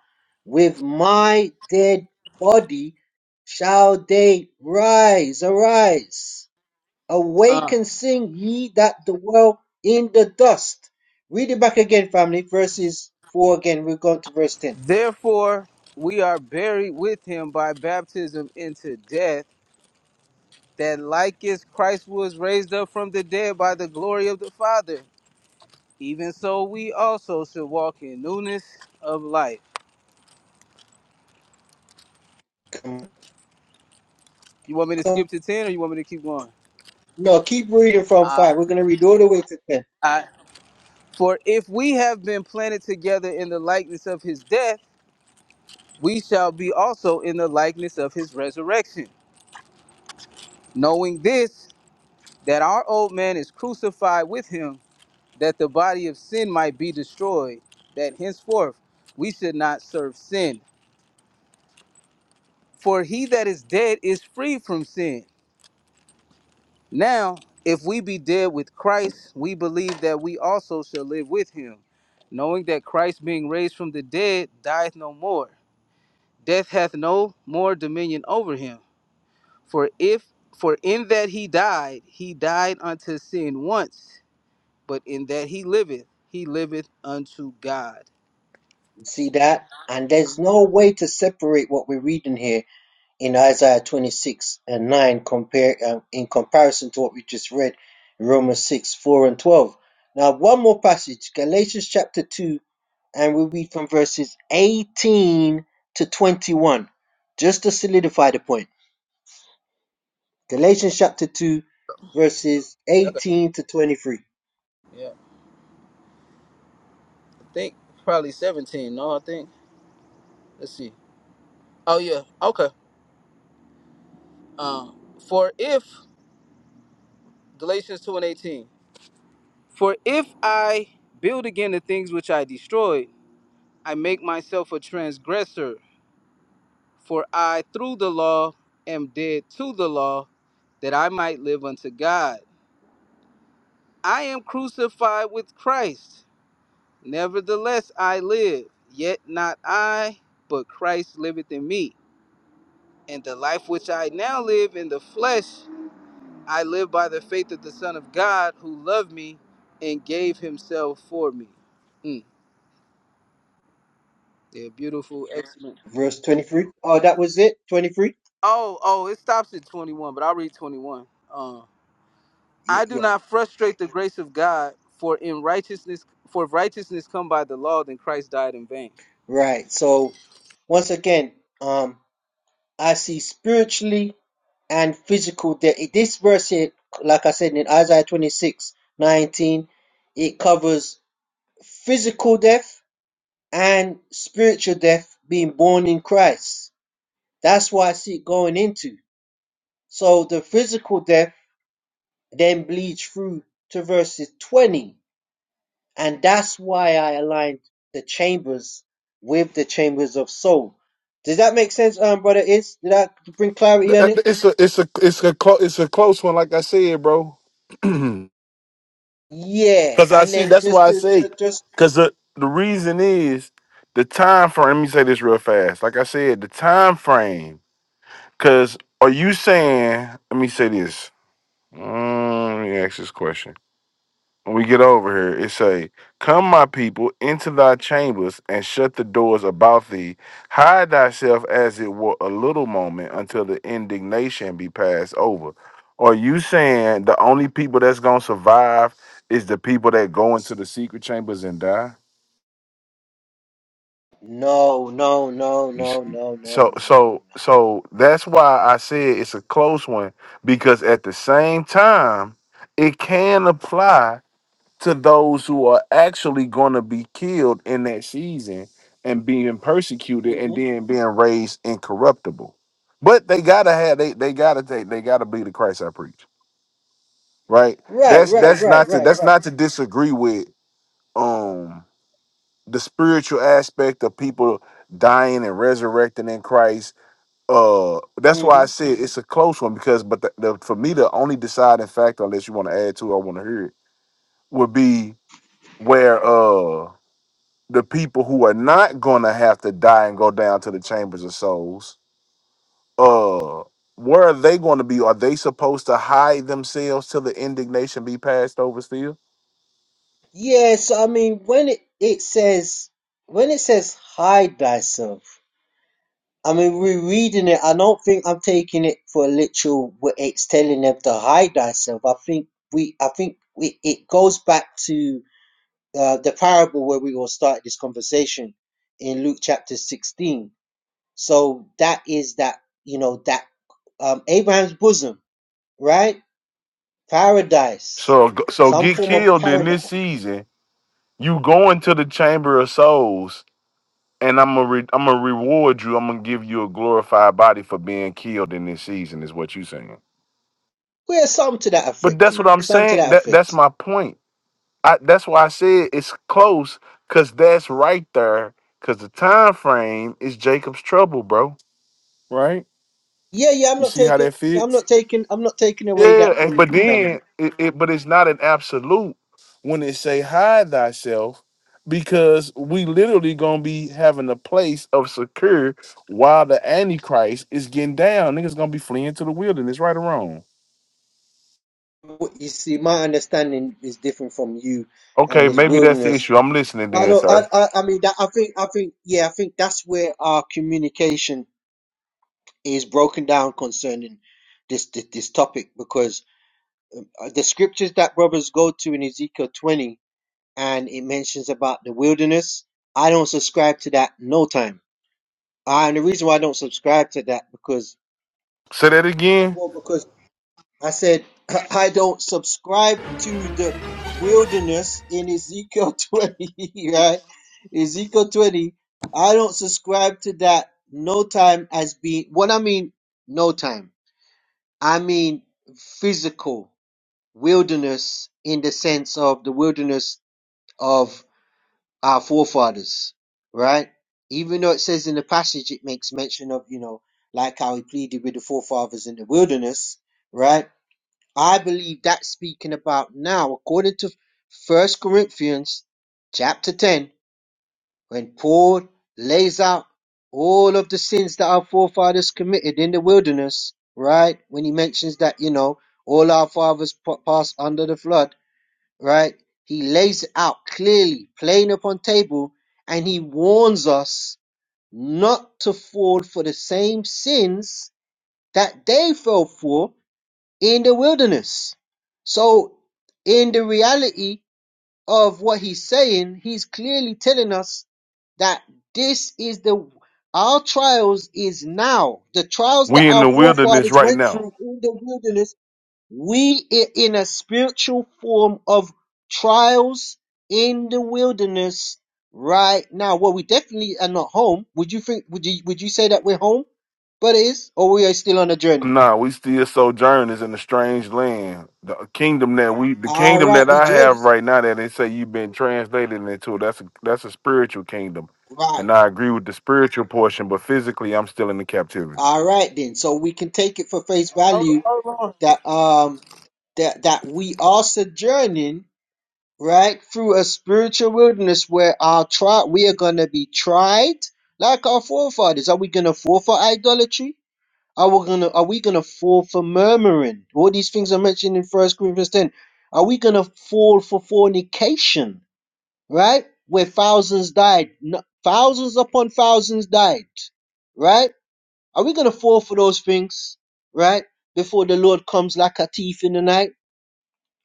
Speaker 9: with my dead body, shall they rise, arise. Awake
Speaker 12: uh,
Speaker 9: and sing, ye that dwell in the dust. Read it back again, family. Verses 4 again. We've gone to verse 10.
Speaker 12: therefore we are buried with him by baptism into death, that like as Christ was raised up from the dead by the glory of the Father, even so we also should walk in newness of life.
Speaker 9: Come-
Speaker 12: You want me to
Speaker 9: come.
Speaker 12: skip to ten, or you want me to keep going?
Speaker 9: No, keep reading from
Speaker 12: I,
Speaker 9: five. We're going to read all the way to ten.
Speaker 12: I, for if we have been planted together in the likeness of his death we shall be also in the likeness of his resurrection, knowing this, that our old man is crucified with him, that the body of sin might be destroyed, that henceforth we should not serve sin. For he that is dead is free from sin. Now, if we be dead with Christ, we believe that we also shall live with him, knowing that Christ, being raised from the dead, dieth no more. Death hath no more dominion over him. For if for in that he died, he died unto sin once, but in that he liveth, he liveth unto God.
Speaker 9: See that? And there's no way to separate what we're reading here in Isaiah 26 and 9 compare, um, in comparison to what we just read in Romans 6, 4 and 12. Now, one more passage, Galatians chapter 2, and we read from verses 18 to 21, just to solidify the point. Galatians chapter 2, verses
Speaker 12: Yeah, I, got-
Speaker 9: 18 to 23.
Speaker 12: yeah. I think probably seventeen. No, I think. Let's see. Oh yeah. Okay. Um. For if Galatians two and eighteen. For if I build again the things which I destroyed, I make myself a transgressor. For I through the law am dead to the law, that I might live unto God. I am crucified with Christ. Nevertheless, I live, yet not I, but Christ liveth in me. And the life which I now live in the flesh, I live by the faith of the Son of God who loved me and gave himself for me. Mm, yeah, beautiful, excellent.
Speaker 9: Verse 23. Oh, that was it? 23?
Speaker 12: Oh, oh, it stops at 21, but I'll read 21. Uh,
Speaker 9: Yeah,
Speaker 12: I do
Speaker 9: yeah.
Speaker 12: not frustrate the grace of God, for in righteousness, for if righteousness come by the law, then Christ died in vain.
Speaker 9: Right. So, once again, um, I see spiritually and physical. That this verse here, like I said in Isaiah 26 19, it covers physical death and spiritual death being born in Christ. That's why I see it going into. So, the physical death then bleeds through to verses 20 And that's why I aligned the chambers with the chambers of soul. Does that make sense, um, brother? Is did that bring clarity on it?
Speaker 6: It's a it's a it's a clo- it's a close one, like I said, bro.
Speaker 9: Yeah.
Speaker 6: Cause I
Speaker 9: And
Speaker 6: see
Speaker 9: then
Speaker 6: that's
Speaker 9: just
Speaker 6: why I
Speaker 9: to,
Speaker 6: say
Speaker 9: ju- just
Speaker 6: cause the, the reason is the time frame. Let me say this real fast. Like I said, the time frame. Cause are you saying let me say this. Mm, let me ask this question when we get over here, it say, Come, my people, into thy chambers and shut the doors about thee. Hide thyself as it were a little moment until the indignation be passed over. Are you saying the only people that's going to survive is the people that go into the secret chambers and die?
Speaker 9: no, no, no,
Speaker 6: You s-
Speaker 9: no, no, no, no,
Speaker 6: So,
Speaker 9: no,
Speaker 6: so,
Speaker 9: no,
Speaker 6: so that's why I said it's a close one because at the same time, it can apply to those who are actually going to be killed in that season and being persecuted
Speaker 9: no.
Speaker 6: and
Speaker 9: hmm
Speaker 6: then being raised incorruptible. But they gotta have they they gotta take they gotta be the Christ I preach, right?
Speaker 9: Right,
Speaker 6: That's
Speaker 9: right,
Speaker 6: that's
Speaker 9: right,
Speaker 6: not to
Speaker 9: right,
Speaker 6: that's
Speaker 9: right.
Speaker 6: not to disagree with um the spiritual aspect of people dying and resurrecting in Christ. Uh, that's why I
Speaker 9: hmm
Speaker 6: said it's a close one because but the, the for me the only deciding factor, unless you want to add to, it, I want to hear it, would be where uh the people who are not gonna have to die and go down to the chambers of souls, uh, where are they going to be? Are they supposed to hide themselves till the indignation be passed over? Still,
Speaker 9: Yeah. So I mean, when it, it says when it says hide thyself. I mean, rereading it, I don't think I'm taking it for literal. What it's telling them to hide thyself. I think we, I think we, it goes back to uh, the parable where we all started this conversation in Luke chapter 16. So that is that you know that um, Abraham's bosom, right? Paradise,
Speaker 6: so so
Speaker 9: some
Speaker 6: get
Speaker 9: form of
Speaker 6: killed in
Speaker 9: paradise.
Speaker 6: this season. You going to the chamber of souls, and I'm gonna re- I'm gonna reward you. I'm gonna give you a glorified body for being killed in this season. Is what you saying?
Speaker 9: Well, some to that
Speaker 6: But
Speaker 9: effect,
Speaker 6: that's
Speaker 9: King.
Speaker 6: what I'm
Speaker 9: Some to
Speaker 6: saying.
Speaker 9: that
Speaker 6: That that's
Speaker 9: effect.
Speaker 6: my point I, that's why I said it's close because that's right there. Because the time frame is Jacob's trouble, bro. Right?
Speaker 9: Yeah, yeah. I'm
Speaker 6: You
Speaker 9: not
Speaker 6: see how
Speaker 9: taking.
Speaker 6: that
Speaker 9: I'm
Speaker 6: fits?
Speaker 9: not taking. I'm not taking away
Speaker 6: Yeah,
Speaker 9: that
Speaker 6: and
Speaker 9: from.
Speaker 6: but
Speaker 9: from
Speaker 6: then it, it but it's not an absolute when it say hide thyself because we literally gonna be having a place of secure while the antichrist is getting down. Niggas gonna be fleeing to the wilderness, right or wrong.
Speaker 9: you see, my understanding is different from you and
Speaker 6: Okay,
Speaker 9: this
Speaker 6: maybe that's the
Speaker 9: wilderness.
Speaker 6: issue. I'm listening
Speaker 9: I
Speaker 6: then,
Speaker 9: don't.
Speaker 6: sir.
Speaker 9: I. I, I mean, that, I think. I think. Yeah, I think that's where our communication is broken down concerning this this, this topic because uh, the scriptures that brothers go to in Ezekiel twenty and it mentions about the wilderness. I don't subscribe to that. No time. Uh, and the reason why I don't subscribe to that because
Speaker 6: Say that again.
Speaker 9: I said, I don't subscribe to the wilderness in Ezekiel 20, right? Ezekiel 20, I don't subscribe to that no time as being, what I mean, no time, I mean physical wilderness in the sense of the wilderness of our forefathers, right? Even though it says in the passage, it makes mention of, you know, like how he pleaded with the forefathers in the wilderness, right? I believe that's speaking about now, according to First Corinthians chapter 10, when Paul lays out all of the sins that our forefathers committed in the wilderness, right? When he mentions that, you know, all our fathers pa- passed under the flood, right? He lays it out clearly, plain upon table, and he warns us not to fall for the same sins that they fell for in the wilderness. So, in the reality of what he's saying, he's clearly telling us that this is the our trials is now the trials that
Speaker 6: We in
Speaker 9: our
Speaker 6: the wilderness
Speaker 9: forefathers
Speaker 6: right
Speaker 9: went
Speaker 6: now.
Speaker 9: through in the wilderness. We are in a spiritual form of trials in the wilderness right now. Well, we definitely are not home. Would you think? Would you would you say that we're home, brothers, or we are still on a journey?
Speaker 6: Nah, we still sojourners in a strange land. The kingdom that we, the
Speaker 9: All
Speaker 6: kingdom
Speaker 9: right,
Speaker 6: that
Speaker 9: we
Speaker 6: I have
Speaker 9: journeys.
Speaker 6: right now, that they say you've been translated into, that's a, that's a spiritual kingdom,
Speaker 9: Right.
Speaker 6: and I agree with the spiritual portion. But physically, I'm still in the captivity.
Speaker 9: All right then. So we can take it for face
Speaker 12: Oh,
Speaker 9: value
Speaker 12: oh, Lord.
Speaker 9: that um that that we are sojourning right through a spiritual wilderness where our try we are gonna be tried like our forefathers. Are we gonna fall for idolatry? Are we gonna are we gonna fall for murmuring? All these things are mentioned in First Corinthians ten. Are we gonna fall for fornication? Right? Where thousands died, No- thousands upon thousands died. Right? Are we going to fall for those things, right? Before the Lord comes like a thief in the night,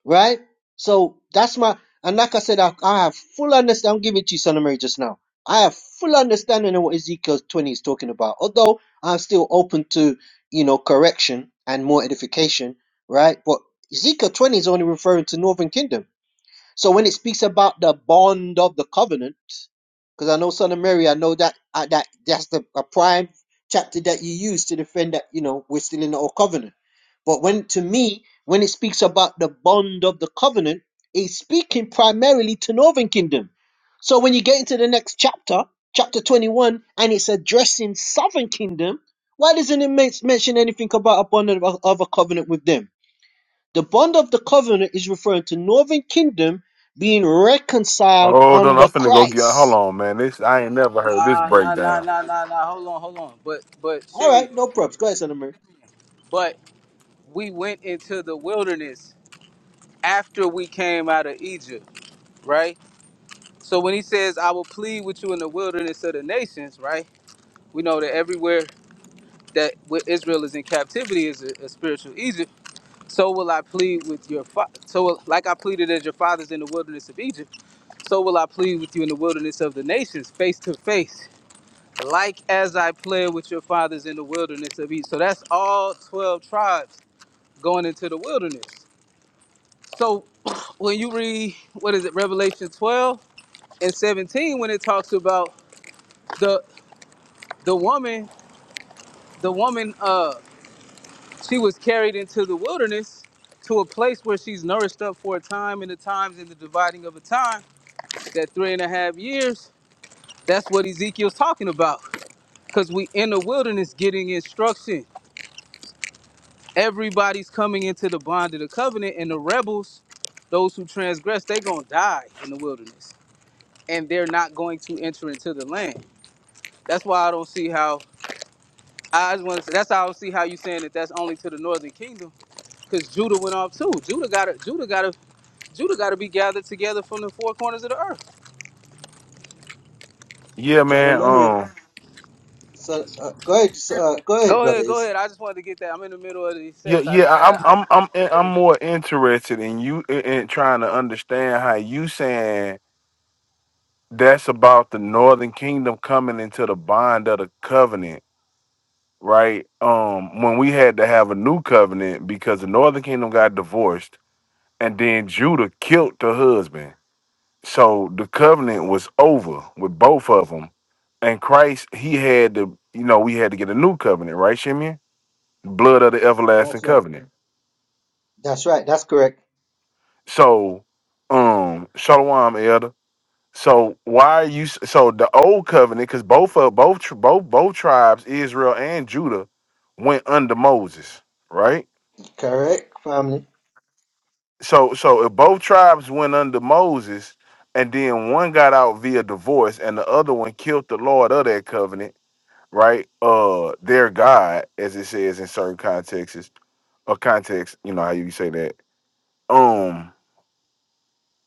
Speaker 9: right? So that's my, and like I said, I, I have full understanding. I'm giving it to you, Son of Mary, just now. I have full understanding of what Ezekiel 20 is talking about. Although I'm still open to, you know, correction and more edification, right? But Ezekiel 20 is only referring to Northern Kingdom so when it speaks about the bond of the covenant, because I know Son of Mary, I know that uh, that that's the a prime chapter that you use to defend that you know we're still in the old covenant. But when to me, when it speaks about the bond of the covenant, it's speaking primarily to Northern Kingdom. So when you get into the next chapter, chapter twenty-one, and it's addressing Southern Kingdom, why doesn't it men- mention anything about a bond of, of a covenant with them? The bond of the covenant is referring to northern kingdom being reconciled
Speaker 6: Hold on, I'm
Speaker 9: under
Speaker 6: finna go get. Hold
Speaker 9: Christ.
Speaker 6: on, man. This I ain't never heard this
Speaker 12: Nah, nah, nah,
Speaker 6: breakdown.
Speaker 12: nah, nah, nah. Hold on, hold on. But, but
Speaker 9: All
Speaker 12: Simeon,
Speaker 9: right, no problems. Go ahead, Son of Mary.
Speaker 12: but we went into the wilderness after we came out of Egypt, right? So when he says, "I will plead with you in the wilderness of the nations," right? We know that everywhere that where Israel is in captivity is a, a spiritual Egypt. So will I plead with your fa- so will- like I pleaded as your fathers in the wilderness of Egypt. So will I plead with you in the wilderness of the nations, face to face. like as I played with your fathers in the wilderness of Egypt. So that's all 12 tribes going into the wilderness. So when you read, what is it, Revelation 12 and 17, when it talks about the the woman, the woman, uh, she was carried into the wilderness to a place where she's nourished up for a time and the times and the dividing of a time, that three and a half years, that's what Ezekiel's talking about. Because we in the wilderness getting instruction everybody's coming into the bond of the covenant, and the rebels, those who transgress, they gonna die in the wilderness, and they're not going to enter into the land. That's why I don't see how. I just want to. That's how I don't see how you saying that. That's only to the northern kingdom, because Judah went off too. Judah got to. Judah got to. Judah got to be gathered together from the four corners of the earth.
Speaker 6: Yeah,
Speaker 9: Son of
Speaker 6: man.
Speaker 9: Mary.
Speaker 6: Um.
Speaker 9: Son, uh, go ahead, uh, go ahead,
Speaker 12: Go ahead, go
Speaker 9: brothers.
Speaker 12: ahead. I just wanted to get that. I'm in the middle of these
Speaker 6: Yeah,
Speaker 12: sets. I
Speaker 6: yeah.
Speaker 12: just
Speaker 6: I-
Speaker 12: had. I just
Speaker 6: I'm,
Speaker 12: wanted
Speaker 6: I'm,
Speaker 12: to
Speaker 6: I'm,
Speaker 12: put that
Speaker 6: I'm
Speaker 12: in.
Speaker 6: more interested in you in, in trying to understand how you saying that's about the northern kingdom coming into the bond of the covenant right? Um, when we had to have a new covenant because the northern kingdom got divorced, and then Judah killed the husband, so the covenant was over with both of them. And Christ, he had to, you know, we had to get a new covenant, right, Shimeon? Blood of the everlasting
Speaker 9: That's right.
Speaker 6: covenant.
Speaker 9: That's right. That's correct.
Speaker 6: So, um, Shalom, Elder. So why are you? So the old covenant, because both of both both both tribes, Israel and Judah, went under Moses, right?
Speaker 9: Correct, family.
Speaker 6: so so if both tribes went under Moses and then one got out via divorce and the other one killed the Lord of that covenant, right? Uh their God, as it says in certain contexts or context, you know how you say that. Um,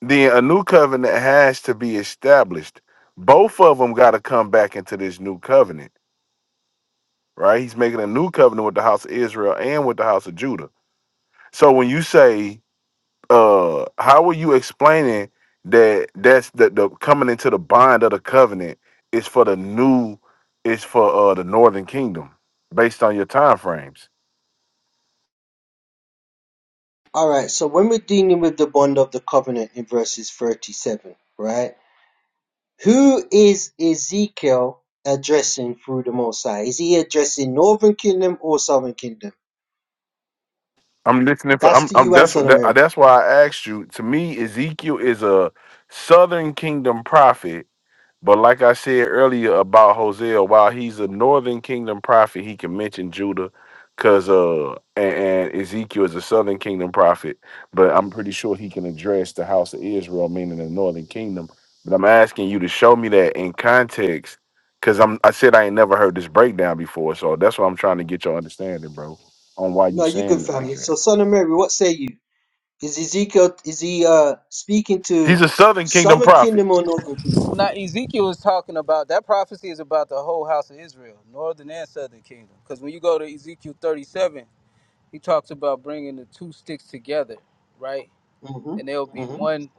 Speaker 6: then a new covenant has to be established. Both of them gotta come back into this new covenant, right? He's making a new covenant with the house of Israel and with the house of Judah. So when you say uh how are you explaining that that's the, the coming into the bond of the covenant is for the new is for uh the northern kingdom based on your time frames
Speaker 9: All right. So when we're dealing with the bond of the covenant in verses 37, right? Who is Ezekiel addressing through the Most High? Is he addressing Northern Kingdom or Southern Kingdom?
Speaker 6: i'm listening for
Speaker 9: That's
Speaker 6: i'm,
Speaker 9: to
Speaker 6: I'm
Speaker 9: you and
Speaker 6: that's what
Speaker 9: Son of
Speaker 6: that,
Speaker 9: Mary.
Speaker 6: that's why i asked you to me ezekiel is a southern kingdom prophet But like I said earlier about Hosea, while he's a northern kingdom prophet, he can mention Judah, cause uh and, and Ezekiel is a southern kingdom prophet. But I'm pretty sure he can address the house of Israel, meaning the northern kingdom. But I'm asking you to show me that in context, cause I'm I said I ain't never heard this breakdown before, so that's what I'm trying to get your understanding, bro, on why you
Speaker 9: No, you
Speaker 6: saying
Speaker 9: good
Speaker 6: it like
Speaker 9: family. So,
Speaker 6: that.
Speaker 9: son of Mary, what say you? Is Ezekiel is he uh speaking
Speaker 6: He's
Speaker 9: to
Speaker 6: a southern kingdom
Speaker 9: southern
Speaker 6: prophet.
Speaker 9: kingdom or northern kingdom?
Speaker 12: Now Ezekiel is talking about that prophecy is about the whole house of Israel, northern and southern kingdom. Because when you go to Ezekiel 37, he talks about bringing the two sticks together, right? And they'll
Speaker 9: Mm-hmm.
Speaker 12: be
Speaker 9: Mm-hmm.
Speaker 12: one.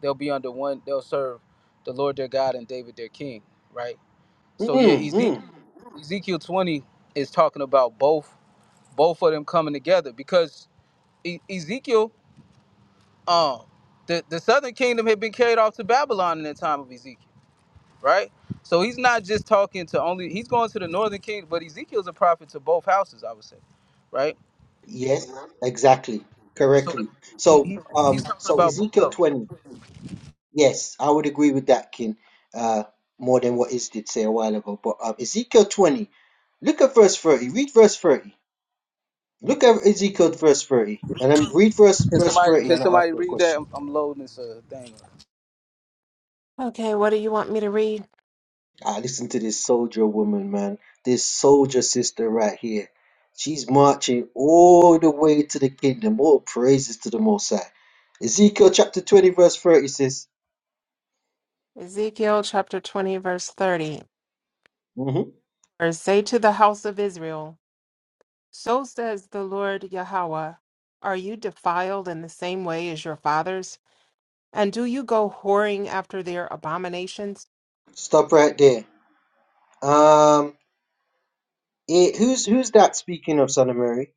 Speaker 12: They'll be under one. They'll serve the Lord their God and David their king, right? So yeah, Ezekiel
Speaker 9: Mm-hmm.
Speaker 12: Ezekiel 20 is talking about both both of them coming together because e- Ezekiel, um, the the southern kingdom had been carried off to Babylon in the time of Ezekiel right? So he's not just talking to only he's going to the northern kingdom, but Ezekiel's a prophet to both houses, I would say, right?
Speaker 9: Yes, exactly.
Speaker 12: So the,
Speaker 9: Correctly.
Speaker 12: he,
Speaker 9: So
Speaker 12: he he's
Speaker 9: um
Speaker 12: talking
Speaker 9: so
Speaker 12: about both of
Speaker 9: Ezekiel
Speaker 12: them.
Speaker 9: twenty. Yes, I would agree with that, King. Uh more than what Is did say a while ago. But um Ezekiel twenty. Look at verse thirty. Read verse thirty. Look at Ezekiel verse thirty. And then read verse
Speaker 12: Can
Speaker 9: verse
Speaker 12: somebody
Speaker 9: thirty
Speaker 12: can
Speaker 9: and I'll ask
Speaker 12: somebody
Speaker 9: you a
Speaker 12: read that?
Speaker 9: question.
Speaker 12: I'm, I'm loading this uh, thing.
Speaker 2: Okay, what do you want me to read?
Speaker 9: I listen to this soldier woman, man. This soldier sister right here. She's marching all the way to the kingdom. All praises to the Most High. Ezekiel chapter 20, verse 30 says,
Speaker 2: Ezekiel chapter 20, verse 30.
Speaker 9: hmm
Speaker 2: Or say to the house of Israel, So says the Lord Yahweh, Are you defiled in the same way as your fathers? And do you go whoring after their abominations?
Speaker 9: Stop right there. Um, it, who's who's that speaking of Son of Mary?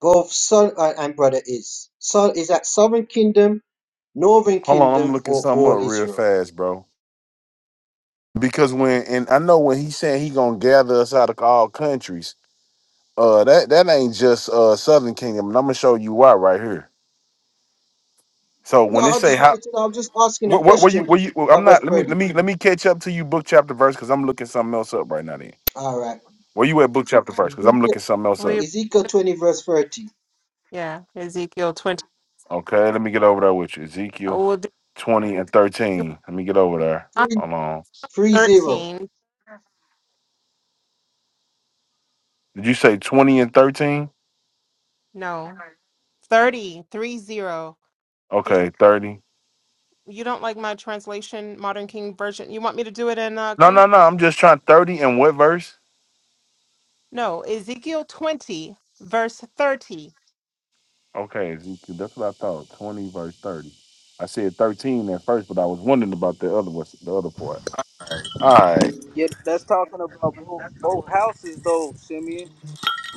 Speaker 9: Both son uh, and brother is. Son is that Southern Kingdom, Northern
Speaker 6: Hold on, I'm
Speaker 9: Kingdom,
Speaker 6: looking
Speaker 9: or
Speaker 6: something up
Speaker 9: all
Speaker 6: real
Speaker 9: Israel?
Speaker 6: fast, bro. Because when and I know when he saying he gonna gather us out of all countries, uh that that ain't just uh Southern Kingdom, and I'm gonna show you why right here. So
Speaker 9: No,
Speaker 6: when it
Speaker 9: I
Speaker 6: say
Speaker 9: just
Speaker 6: how
Speaker 9: wanted to know. I'm just asking a
Speaker 6: what what were you
Speaker 9: question
Speaker 6: were you I'm
Speaker 9: about verse
Speaker 6: not let me
Speaker 9: 30.
Speaker 6: let me let me catch up to you book chapter verse because I'm looking something else up right now then.
Speaker 9: All right.
Speaker 6: Where you at book chapter verse? Because I'm looking something else up.
Speaker 2: We,
Speaker 9: Ezekiel 20, verse 30.
Speaker 2: yeah, Ezekiel 20.
Speaker 6: Okay, let me get over there with you. Ezekiel
Speaker 2: Oh, well, th-
Speaker 6: twenty and thirteen. Let me get over there.
Speaker 2: not
Speaker 9: Three,
Speaker 6: Hold on.
Speaker 9: three zero.
Speaker 2: 13.
Speaker 6: Did you say twenty and thirteen?
Speaker 2: No, thirty three zero. 30. Did
Speaker 6: Okay, thirty.
Speaker 2: you you don't like my translation, Modern King Version? You want me to do it in uh,
Speaker 6: No,
Speaker 2: King? James?
Speaker 6: no, no. I'm just trying thirty and what verse?
Speaker 2: No, Ezekiel 20, verse 30.
Speaker 6: Okay, Ezekiel, that's what I thought. Twenty verse thirty. I said thirteen at first, but I was wondering about the other was the other part. All right,
Speaker 12: Yeah, that's talking about both both houses though, Simeon.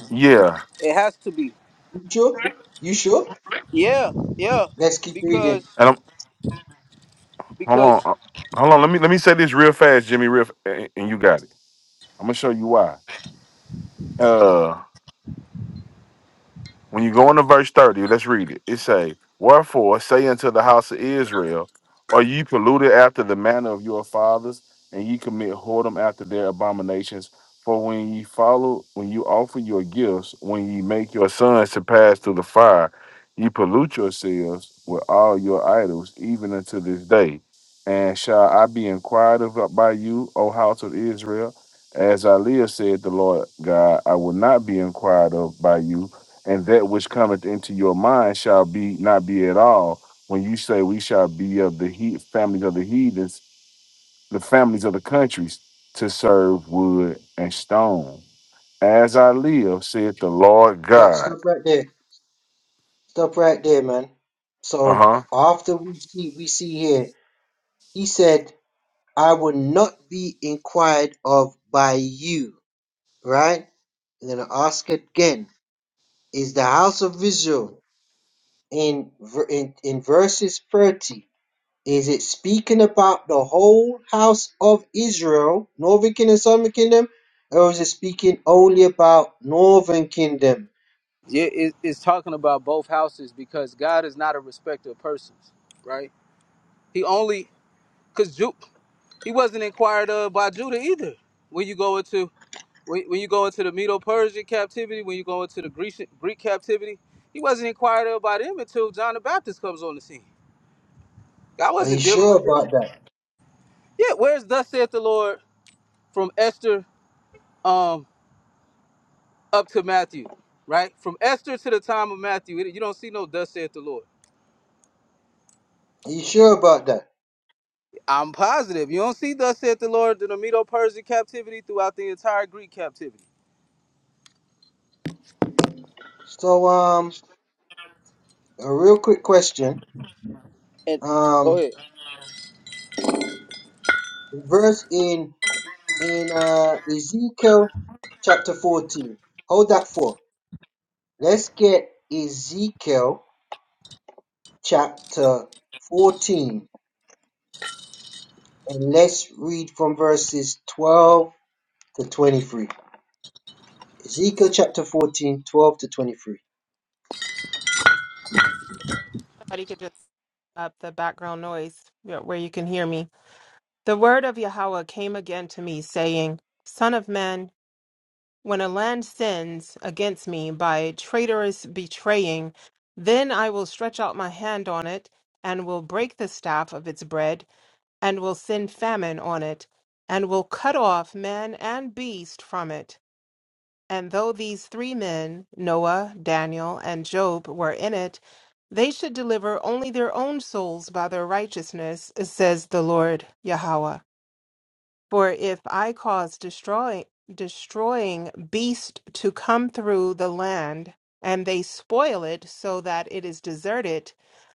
Speaker 6: yeah.
Speaker 12: It has to be.
Speaker 9: You sure? You sure?
Speaker 12: Yeah, yeah,
Speaker 9: Let's keep reading.
Speaker 12: because
Speaker 6: And I'm hold on,
Speaker 12: because
Speaker 6: uh, hold on. Let me let me say this real fast, Jimmy. Real, f- and and you got it. I'm gonna show you why. Uh, When you go into verse 30, let's read it. It say, Wherefore say unto the house of Israel, Are ye polluted after the manner of your fathers, and ye commit whoredom after their abominations? For when ye follow, when you offer your gifts, when ye make your sons to pass through the fire, ye pollute yourselves with all your idols, even unto this day. And shall I be inquired of by you, O house of Israel? As I live, said the Lord God, I will not be inquired of by you and that which cometh into your mind shall be not be at all. When you say we shall be of the he- families of the heathens, the families of the countries, to serve wood and stone. As I live, saith the Lord
Speaker 9: Uh,
Speaker 6: God.
Speaker 9: stop right there. Stop right there, man.
Speaker 6: Uh
Speaker 9: So
Speaker 6: huh.
Speaker 9: after we see, we see here, he said, I will not be inquired of by you, right? And then I ask again, is the house of Israel in, ver- in, in verses 30? Is it speaking about the whole house of Israel, northern kingdom, southern kingdom, or is it speaking only about northern kingdom?
Speaker 12: yeah, it, it's talking about both houses because God is not a respecter of persons, right? He only because Jew. He wasn't inquired of by Judah either. When you go into when, when you go into the Medo-Persian captivity, when you go into the Grecian, Greek captivity, he wasn't inquired of by them until John the Baptist comes on the scene. God
Speaker 9: Are you
Speaker 12: wasn't dealing
Speaker 9: sure
Speaker 12: with them.
Speaker 9: about that?
Speaker 12: Yeah, where's thus saith the Lord from Esther um, up to Matthew, right? From Esther to the time of Matthew, it- you don't see no thus saith the Lord.
Speaker 9: Are you sure about that?
Speaker 12: I'm positive you don't see thus saith the Lord in the Medo-Persian captivity throughout the entire Greek captivity.
Speaker 9: So, um, a real quick question.
Speaker 12: And go
Speaker 9: Um,
Speaker 12: ahead.
Speaker 9: verse in in uh, Ezekiel chapter fourteen. Hold that for. Let's get Ezekiel chapter fourteen, and let's read from verses twelve to twenty-three. Ezekiel chapter 14, 12 to 23.
Speaker 2: Somebody could just up the background noise yeah, where you can hear me. The word of Yahweh came again to me, saying, Son of man, when a land sins against me by traitorous betraying, then I will stretch out my hand on it, and will break the staff of its bread, and will send famine on it, and will cut off man and beast from it. And though these three men, Noah, Daniel, and Job, were in it, they should deliver only their own souls by their righteousness, says the Lord Yahweh. For if I cause destroying destroying beast to come through the land, and they spoil it so that it is deserted,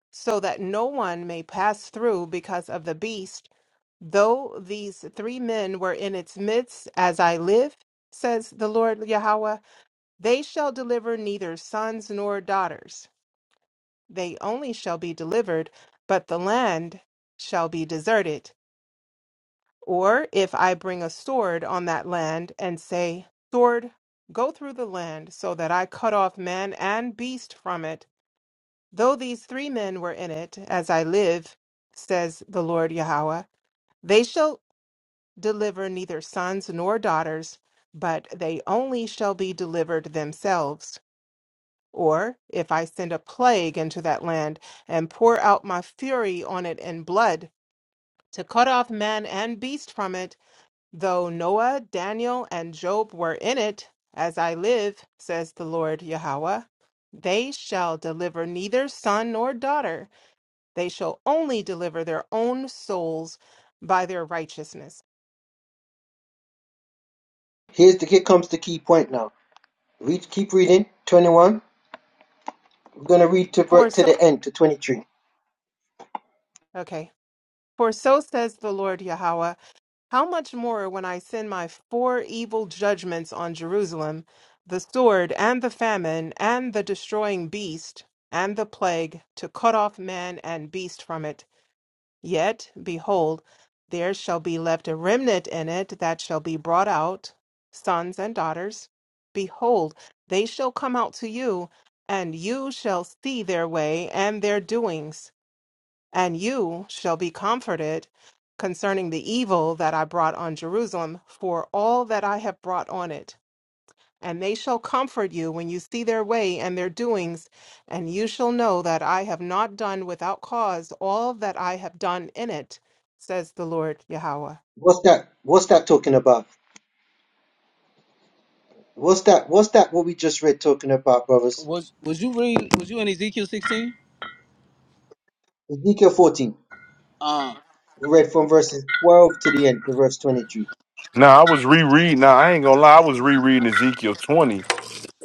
Speaker 2: so that no one may pass through because of the beast, though these three men were in its midst, as I live, says the Lord Yahweh they shall deliver neither sons nor daughters. They only shall be delivered, but the land shall be deserted. Or if I bring a sword on that land and say, Sword, go through the land, so that I cut off man and beast from it, though these three men were in it, as I live, says the Lord Yahweh, they shall deliver neither sons nor daughters, but they only shall be delivered themselves. Or if I send a plague into that land and pour out my fury on it in blood to cut off man and beast from it, though Noah, Daniel, and Job were in it, as I live, says the Lord Yahweh, they shall deliver neither son nor daughter. They shall only deliver their own souls by their righteousness.
Speaker 9: Here's the, here comes the key point now. Read, keep reading. 21. We're going to read to,
Speaker 2: For
Speaker 9: to the
Speaker 2: so,
Speaker 9: end, to 23.
Speaker 2: okay. For so says the Lord Yahweh. How much more when I send my four evil judgments on Jerusalem, the sword and the famine and the destroying beast and the plague to cut off man and beast from it? Yet, behold, there shall be left a remnant in it that shall be brought out, sons and daughters. Behold, they shall come out to you, and you shall see their way and their doings and you shall be comforted concerning the evil that I brought on Jerusalem for all that I have brought on it. And they shall comfort you when you see their way and their doings, and you shall know that I have not done without cause all that I have done in it, says the Lord Yahweh.
Speaker 9: What's that? What's that talking about? What's that? What's that what we just read talking about, brothers?
Speaker 12: Was was you reading? Was you in Ezekiel 16?
Speaker 9: Ezekiel 14.
Speaker 12: Um,
Speaker 9: We read from verses 12 to the end, to verse 23.
Speaker 6: Now I was rereading. Now I ain't gonna lie, I was rereading Ezekiel twenty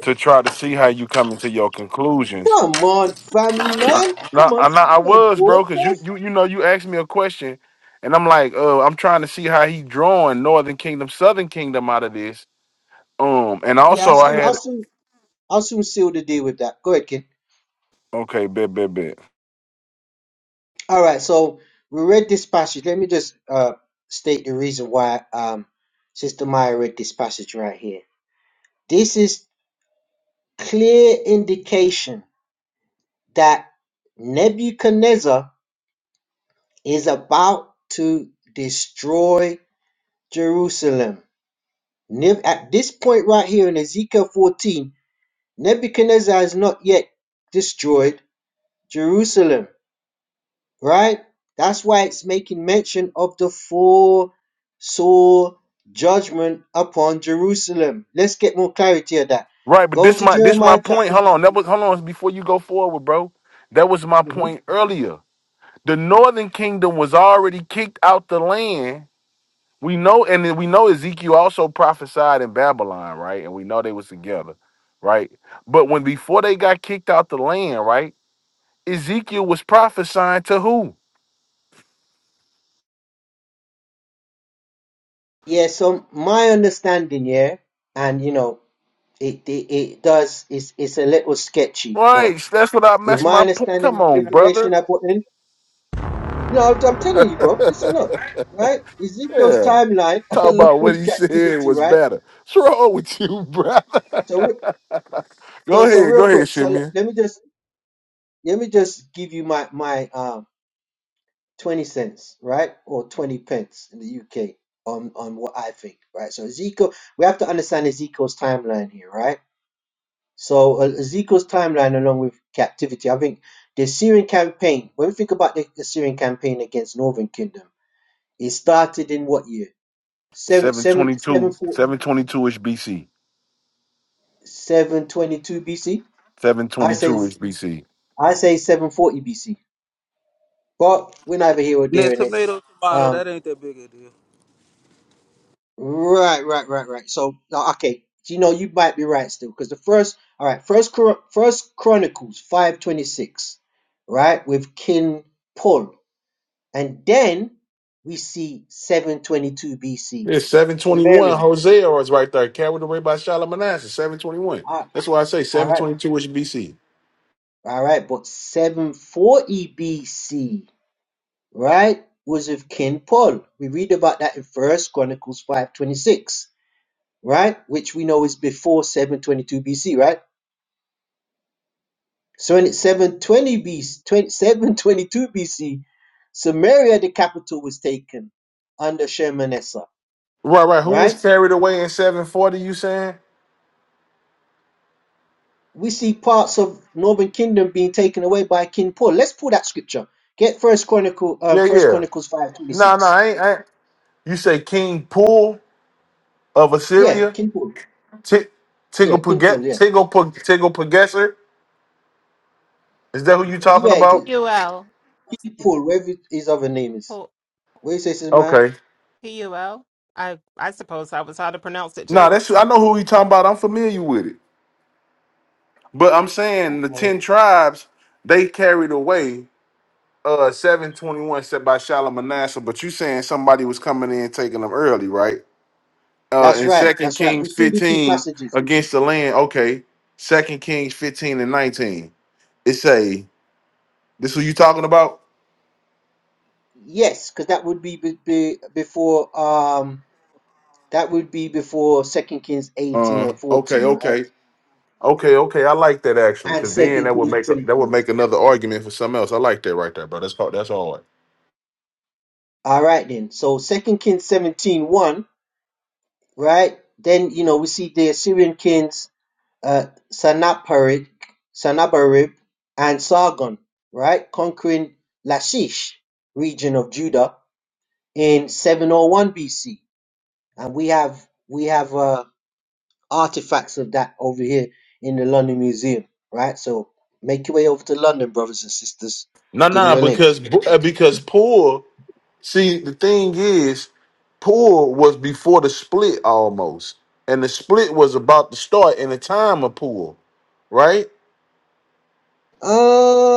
Speaker 6: to try to see how you come into your conclusions
Speaker 9: Come on, family
Speaker 6: I,
Speaker 9: man.
Speaker 6: no,
Speaker 9: Come on,
Speaker 6: I, no,
Speaker 9: stay
Speaker 6: I
Speaker 9: on
Speaker 6: was,
Speaker 9: board,
Speaker 6: bro, because you,
Speaker 9: guys.
Speaker 6: you, you know, you asked me a question, and I'm like, uh, I'm trying to see how he drawing Northern Kingdom, Southern Kingdom out of this. Um, and
Speaker 9: Yeah, I'll
Speaker 6: also I
Speaker 9: soon, I'll
Speaker 6: had,
Speaker 9: soon, I'll soon seal the deal with that. Go ahead, kid.
Speaker 6: okay, bet, bet, bet.
Speaker 9: All right, so we read this passage. Let me just uh, state the reason why um, Sister Maya read this passage right here. This is clear indication that Nebuchadnezzar is about to destroy Jerusalem. Neb- At this point right here in Ezekiel 14, Nebuchadnezzar has not yet destroyed Jerusalem. right? That's why it's making mention of the four sore judgment upon Jerusalem. Let's get more clarity of that.
Speaker 6: Right, but
Speaker 9: Go
Speaker 6: this
Speaker 9: to
Speaker 6: my this my
Speaker 9: Jeremiah
Speaker 6: point.
Speaker 9: chapter.
Speaker 6: Hold on, that was hold on before you go forward, bro. That was my
Speaker 9: Mhm.
Speaker 6: point earlier. The Northern Kingdom was already kicked out the land. We know, and then we know Ezekiel also prophesied in Babylon, right? And we know they was together, right? But when before they got kicked out the land, right? Ezekiel was prophesying to who?
Speaker 9: Yeah, so my understanding, yeah, and you know, it it, it does it's it's a little sketchy, but
Speaker 6: Right. That's what I
Speaker 9: with
Speaker 6: messed
Speaker 9: my
Speaker 6: my point.
Speaker 9: understanding
Speaker 6: Come
Speaker 9: of the
Speaker 6: on,
Speaker 9: information
Speaker 6: brother.
Speaker 9: I put in, no, I'm telling you, bro, listen up, right? Ezekiel's
Speaker 6: Yeah.
Speaker 9: timeline
Speaker 6: Talk
Speaker 9: along
Speaker 6: about what
Speaker 9: with
Speaker 6: he said
Speaker 9: captivity,
Speaker 6: was
Speaker 9: right?
Speaker 6: better. What's wrong with you, brother?
Speaker 9: So, re-
Speaker 6: Go
Speaker 9: so, so
Speaker 6: ahead. Go
Speaker 9: real
Speaker 6: ahead,
Speaker 9: quick, so le-
Speaker 6: Shimon.
Speaker 9: let me just let me just give you my my um 20 cents right or 20 pence in the uk on on what i think right so ezekiel we have to understand ezekiel's timeline here right so uh, ezekiel's timeline along with captivity i think the syrian campaign when we think about the syrian campaign against northern kingdom it started in what year Seven seven
Speaker 6: 722.
Speaker 9: seven four
Speaker 6: 722 ish BC.
Speaker 9: seven twenty two 7 bc i say
Speaker 6: 722 ish BC.
Speaker 9: i say 740 bc but we're neither here or
Speaker 12: now
Speaker 9: there in it
Speaker 12: tomato, tomato,
Speaker 9: um
Speaker 12: that ain't that big a deal.
Speaker 9: Right, right, right, right. So now, okay, So, you know you might be right still, because the first, all right, first, Chron- first Chronicles five twenty six, right, with King Paul, and then we see seven twenty two BC
Speaker 6: It's 721.
Speaker 9: Samaria.
Speaker 6: Hosea is right there. Carried away by Shalmaneser. 721.
Speaker 9: Ah,
Speaker 6: That's why I say
Speaker 9: all right,
Speaker 6: 722 ish BC.
Speaker 9: all right, but seven forty BC, right, was with King Paul. We read about that in First Chronicles five twenty six, right, which we know is before seven twenty two BC, right? 7- 720 BC, 722 BC, Samaria, the capital, was taken under Shalmaneser.
Speaker 6: Right, right. Who was
Speaker 9: Right?
Speaker 6: carried away in 740, you saying?
Speaker 9: We see parts of northern kingdom being taken away by King Paul. Let's pull that scripture. Get First Chronicle, um,
Speaker 6: Yeah,
Speaker 9: First
Speaker 6: yeah.
Speaker 9: Chronicles five twenty
Speaker 6: No, no,
Speaker 9: six.
Speaker 6: I ain't. You say King Pool of
Speaker 9: Yeah,
Speaker 6: Assyria,
Speaker 9: King Paul.
Speaker 6: Ti-
Speaker 9: Yeah, King
Speaker 6: Tigopage-
Speaker 9: Paul. Yeah,
Speaker 6: Tigopa- Tigopageser. Is that who you talking
Speaker 9: yeah, it
Speaker 6: about?
Speaker 9: is.
Speaker 2: P-U-L.
Speaker 9: King Paul. Whatever his other name is. What do you say, Sismaya?
Speaker 6: Okay.
Speaker 2: P-U-L. I, I suppose I was how to pronounce it
Speaker 6: Nah,
Speaker 2: too.
Speaker 6: that's I know who you talking about. I'm familiar with it. But I'm saying the ten tribes they carried away uh 721 set by Shalmaneser. But you saying somebody was coming in taking them early, right? Uh
Speaker 9: That's
Speaker 6: in
Speaker 9: right.
Speaker 6: Second
Speaker 9: That's right. We
Speaker 6: Kings
Speaker 9: see the two
Speaker 6: 15
Speaker 9: passages.
Speaker 6: against the land. Okay, Second Kings 15 and 19. It say this who you talking about?
Speaker 9: Yes, because that would be, be, be before. Um, That would be before Second Kings 18
Speaker 6: Uh,
Speaker 9: and
Speaker 6: okay,
Speaker 9: 14, right?
Speaker 6: okay, okay, okay. I like that actually,
Speaker 9: And
Speaker 6: because then
Speaker 9: Second
Speaker 6: that would
Speaker 9: Kings
Speaker 6: make that would
Speaker 9: 17.
Speaker 6: make another argument for something else. I like that right there, bro. That's called that's all right.
Speaker 9: All right then. So Second Kings seventeen one, right? Then you know we see the Assyrian kings uh Sanaparit, Sanabarib, and Sargon, right? Conquering Lachish region of Judah in 701 BC. And we have we have uh artifacts of that over here in the London Museum, right? So make your way over to London, brothers and sisters.
Speaker 6: No,
Speaker 9: Give me
Speaker 6: no,
Speaker 9: a link.
Speaker 6: because uh, because poor. See, the thing is, poor was before the split almost, and the split was about to start in the time of poor, right?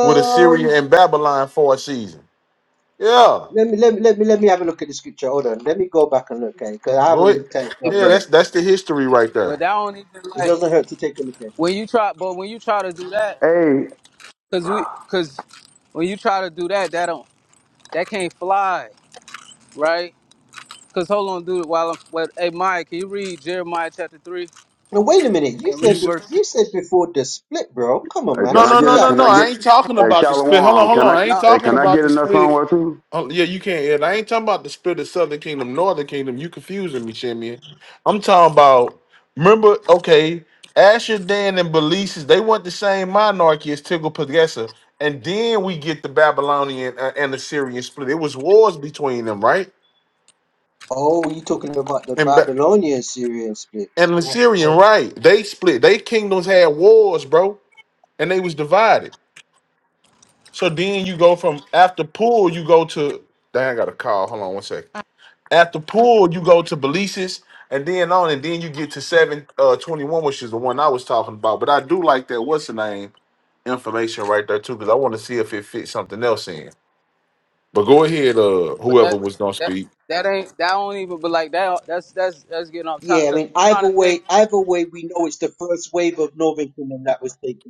Speaker 6: With Assyria and Babylon for a season. Yeah,
Speaker 9: let me let me let me let me have a look at the scripture. Hold on, let me go back and look at it because I
Speaker 6: go
Speaker 9: haven't
Speaker 6: ahead.
Speaker 9: looked at it
Speaker 12: Eh,
Speaker 9: for a
Speaker 6: Yeah,
Speaker 12: But
Speaker 9: minute.
Speaker 6: that's that's the history right
Speaker 12: but
Speaker 6: there.
Speaker 12: that don't even
Speaker 9: It
Speaker 12: like
Speaker 9: doesn't hurt to take a look at it.
Speaker 12: when you try. But when you try to do that,
Speaker 14: Hey,
Speaker 12: cause we, cause when you try to do that, that don't that can't fly, right? Cause hold on, dude. While I'm, well, hey Mike, can you read Jeremiah chapter three
Speaker 9: Now wait a minute, you
Speaker 12: and
Speaker 6: You
Speaker 9: said
Speaker 12: read
Speaker 6: s-
Speaker 9: bef-
Speaker 12: verse?
Speaker 9: you said before the split, bro. Come on,
Speaker 14: uh,
Speaker 9: man,
Speaker 14: can
Speaker 6: No,
Speaker 14: I
Speaker 9: that's
Speaker 6: no,
Speaker 9: way
Speaker 6: no,
Speaker 14: get
Speaker 6: no,
Speaker 14: can
Speaker 9: after
Speaker 6: no.
Speaker 14: I
Speaker 9: the
Speaker 6: I
Speaker 14: get
Speaker 6: ain't
Speaker 9: split.
Speaker 6: talking
Speaker 12: I
Speaker 14: hey
Speaker 12: don't-
Speaker 6: about the split. Hold on,
Speaker 14: Shalom?
Speaker 6: hold
Speaker 14: Can
Speaker 6: on.
Speaker 14: I
Speaker 6: I ain't
Speaker 12: No,
Speaker 14: hey,
Speaker 6: talking
Speaker 14: can I
Speaker 6: about
Speaker 14: get
Speaker 6: the
Speaker 14: in that
Speaker 6: split.
Speaker 14: somewhere too?
Speaker 6: Oh, yeah, you can't. Ed. I ain't talking about the split of Southern Kingdom, Northern Kingdom. You confusing me, Champion. I'm talking about. Remember, okay, Asher Dan and Belises, they want the same monarchy as Tiglath-Pileser, and then we get the Babylonian uh, and Assyrian split. It was wars between them, right?
Speaker 9: Oh, you talking about the
Speaker 6: And Ba-
Speaker 9: Babylonian Syrian split?
Speaker 6: and
Speaker 9: What-
Speaker 6: Assyrian,
Speaker 9: what-
Speaker 6: right? They split. They kingdoms had wars, bro, and they was divided. So then you go from after pool, you go to dang, I got a call. Hold on one sec. After pool, you go to Belices, and then on, and then you get to seven uh twenty one, which is the one I was talking about. But I do like that what's the name information right there too, because I want to see if it fits something else in. But go ahead, uh,
Speaker 12: but
Speaker 6: whoever
Speaker 12: that
Speaker 6: was gonna
Speaker 12: that
Speaker 6: speak.
Speaker 12: that ain't that don't even. But like that, that's that's that's getting off top.
Speaker 9: Yeah, I
Speaker 12: Cause
Speaker 9: mean,
Speaker 12: you trying
Speaker 9: either
Speaker 12: to say,
Speaker 9: way, either way, we know it's the first wave of Northern Kingdom that was taken.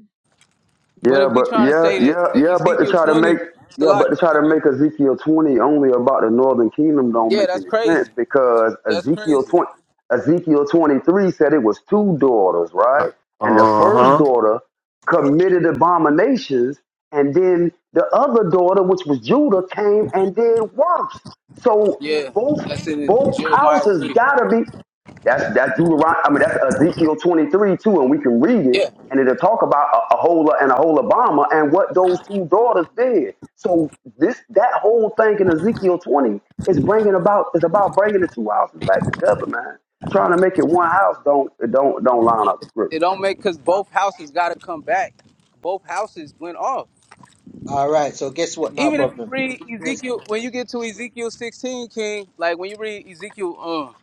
Speaker 12: but
Speaker 14: Yeah,
Speaker 12: if we
Speaker 14: but
Speaker 12: trying to
Speaker 14: yeah,
Speaker 12: say that,
Speaker 14: yeah,
Speaker 12: that
Speaker 14: yeah, but to
Speaker 12: Ezekiel
Speaker 14: try to make
Speaker 12: twenty,
Speaker 14: yeah, but to
Speaker 12: Salaki,
Speaker 14: try to
Speaker 12: can you?
Speaker 14: make Ezekiel twenty only about the northern kingdom don't
Speaker 12: Yeah,
Speaker 14: make
Speaker 12: that's
Speaker 14: any sense
Speaker 12: crazy.
Speaker 14: because
Speaker 12: That's
Speaker 14: Ezekiel
Speaker 12: crazy.
Speaker 14: twenty Ezekiel twenty three said it was two daughters, right?
Speaker 6: Uh
Speaker 14: And the first
Speaker 6: huh.
Speaker 14: daughter committed abominations, and then the other daughter, which was Judah, came and did worse. So
Speaker 12: Yeah,
Speaker 14: both
Speaker 12: that's in
Speaker 14: both
Speaker 12: Jeremiah
Speaker 14: houses
Speaker 12: three.
Speaker 14: gotta be. That's that's Deuteron- I mean that's Ezekiel 23 too, and we can read it,
Speaker 12: Yeah,
Speaker 14: and it'll talk about a Ahola and a Holabama and what those two daughters did. So this that whole thing in Ezekiel 20 is bringing about is about bringing the two houses back together, man. Trying to make it one house don't it don't don't line up with scripture,
Speaker 12: it don't
Speaker 14: brother.
Speaker 12: make because
Speaker 9: Uh,
Speaker 12: both houses got to come back. Both houses went off.
Speaker 9: all right. So guess what? Not a
Speaker 12: Even if you
Speaker 9: problem.
Speaker 12: read
Speaker 9: Is
Speaker 12: Ezekiel, when you get to Ezekiel sixteen, King, like when you read Ezekiel, um,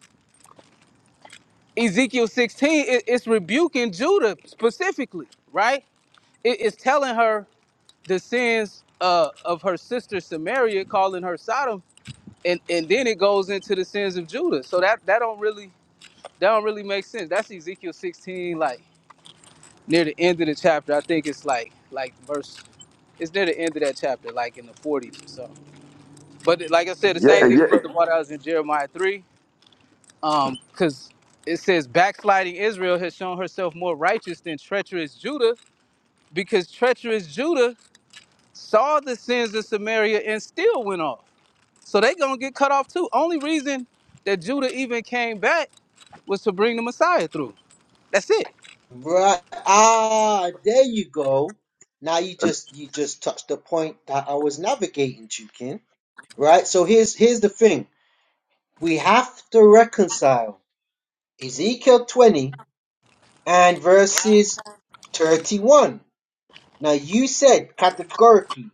Speaker 12: Ezekiel sixteen, it, it's rebuking Judah specifically, right? It- it's telling her the sins uh, of her sister Samaria, calling her Sodom, and and then it goes into the sins of Judah. So that that don't really that don't really make sense. That's Ezekiel sixteen, like. near the end of the chapter. I think it's like like verse. It's near the end of that chapter, like in the 40s or so. But like I said, the
Speaker 14: Yeah,
Speaker 12: same
Speaker 9: yeah,
Speaker 14: and
Speaker 12: thing
Speaker 14: yeah.
Speaker 12: about the one I was in Jeremiah 3, um, because it says backsliding Israel has shown herself more righteous than treacherous Judah, because treacherous Judah saw the sins of Samaria and still went off. So they gonna get cut off too. Only reason that Judah even came back was to bring the Messiah through. That's it.
Speaker 9: right. Ah, there you go. Now you just you just touched the point that I was navigating, Jukin. Right. So here's here's the thing. We have to reconcile Ezekiel 20 and verses 31. Now you said categorically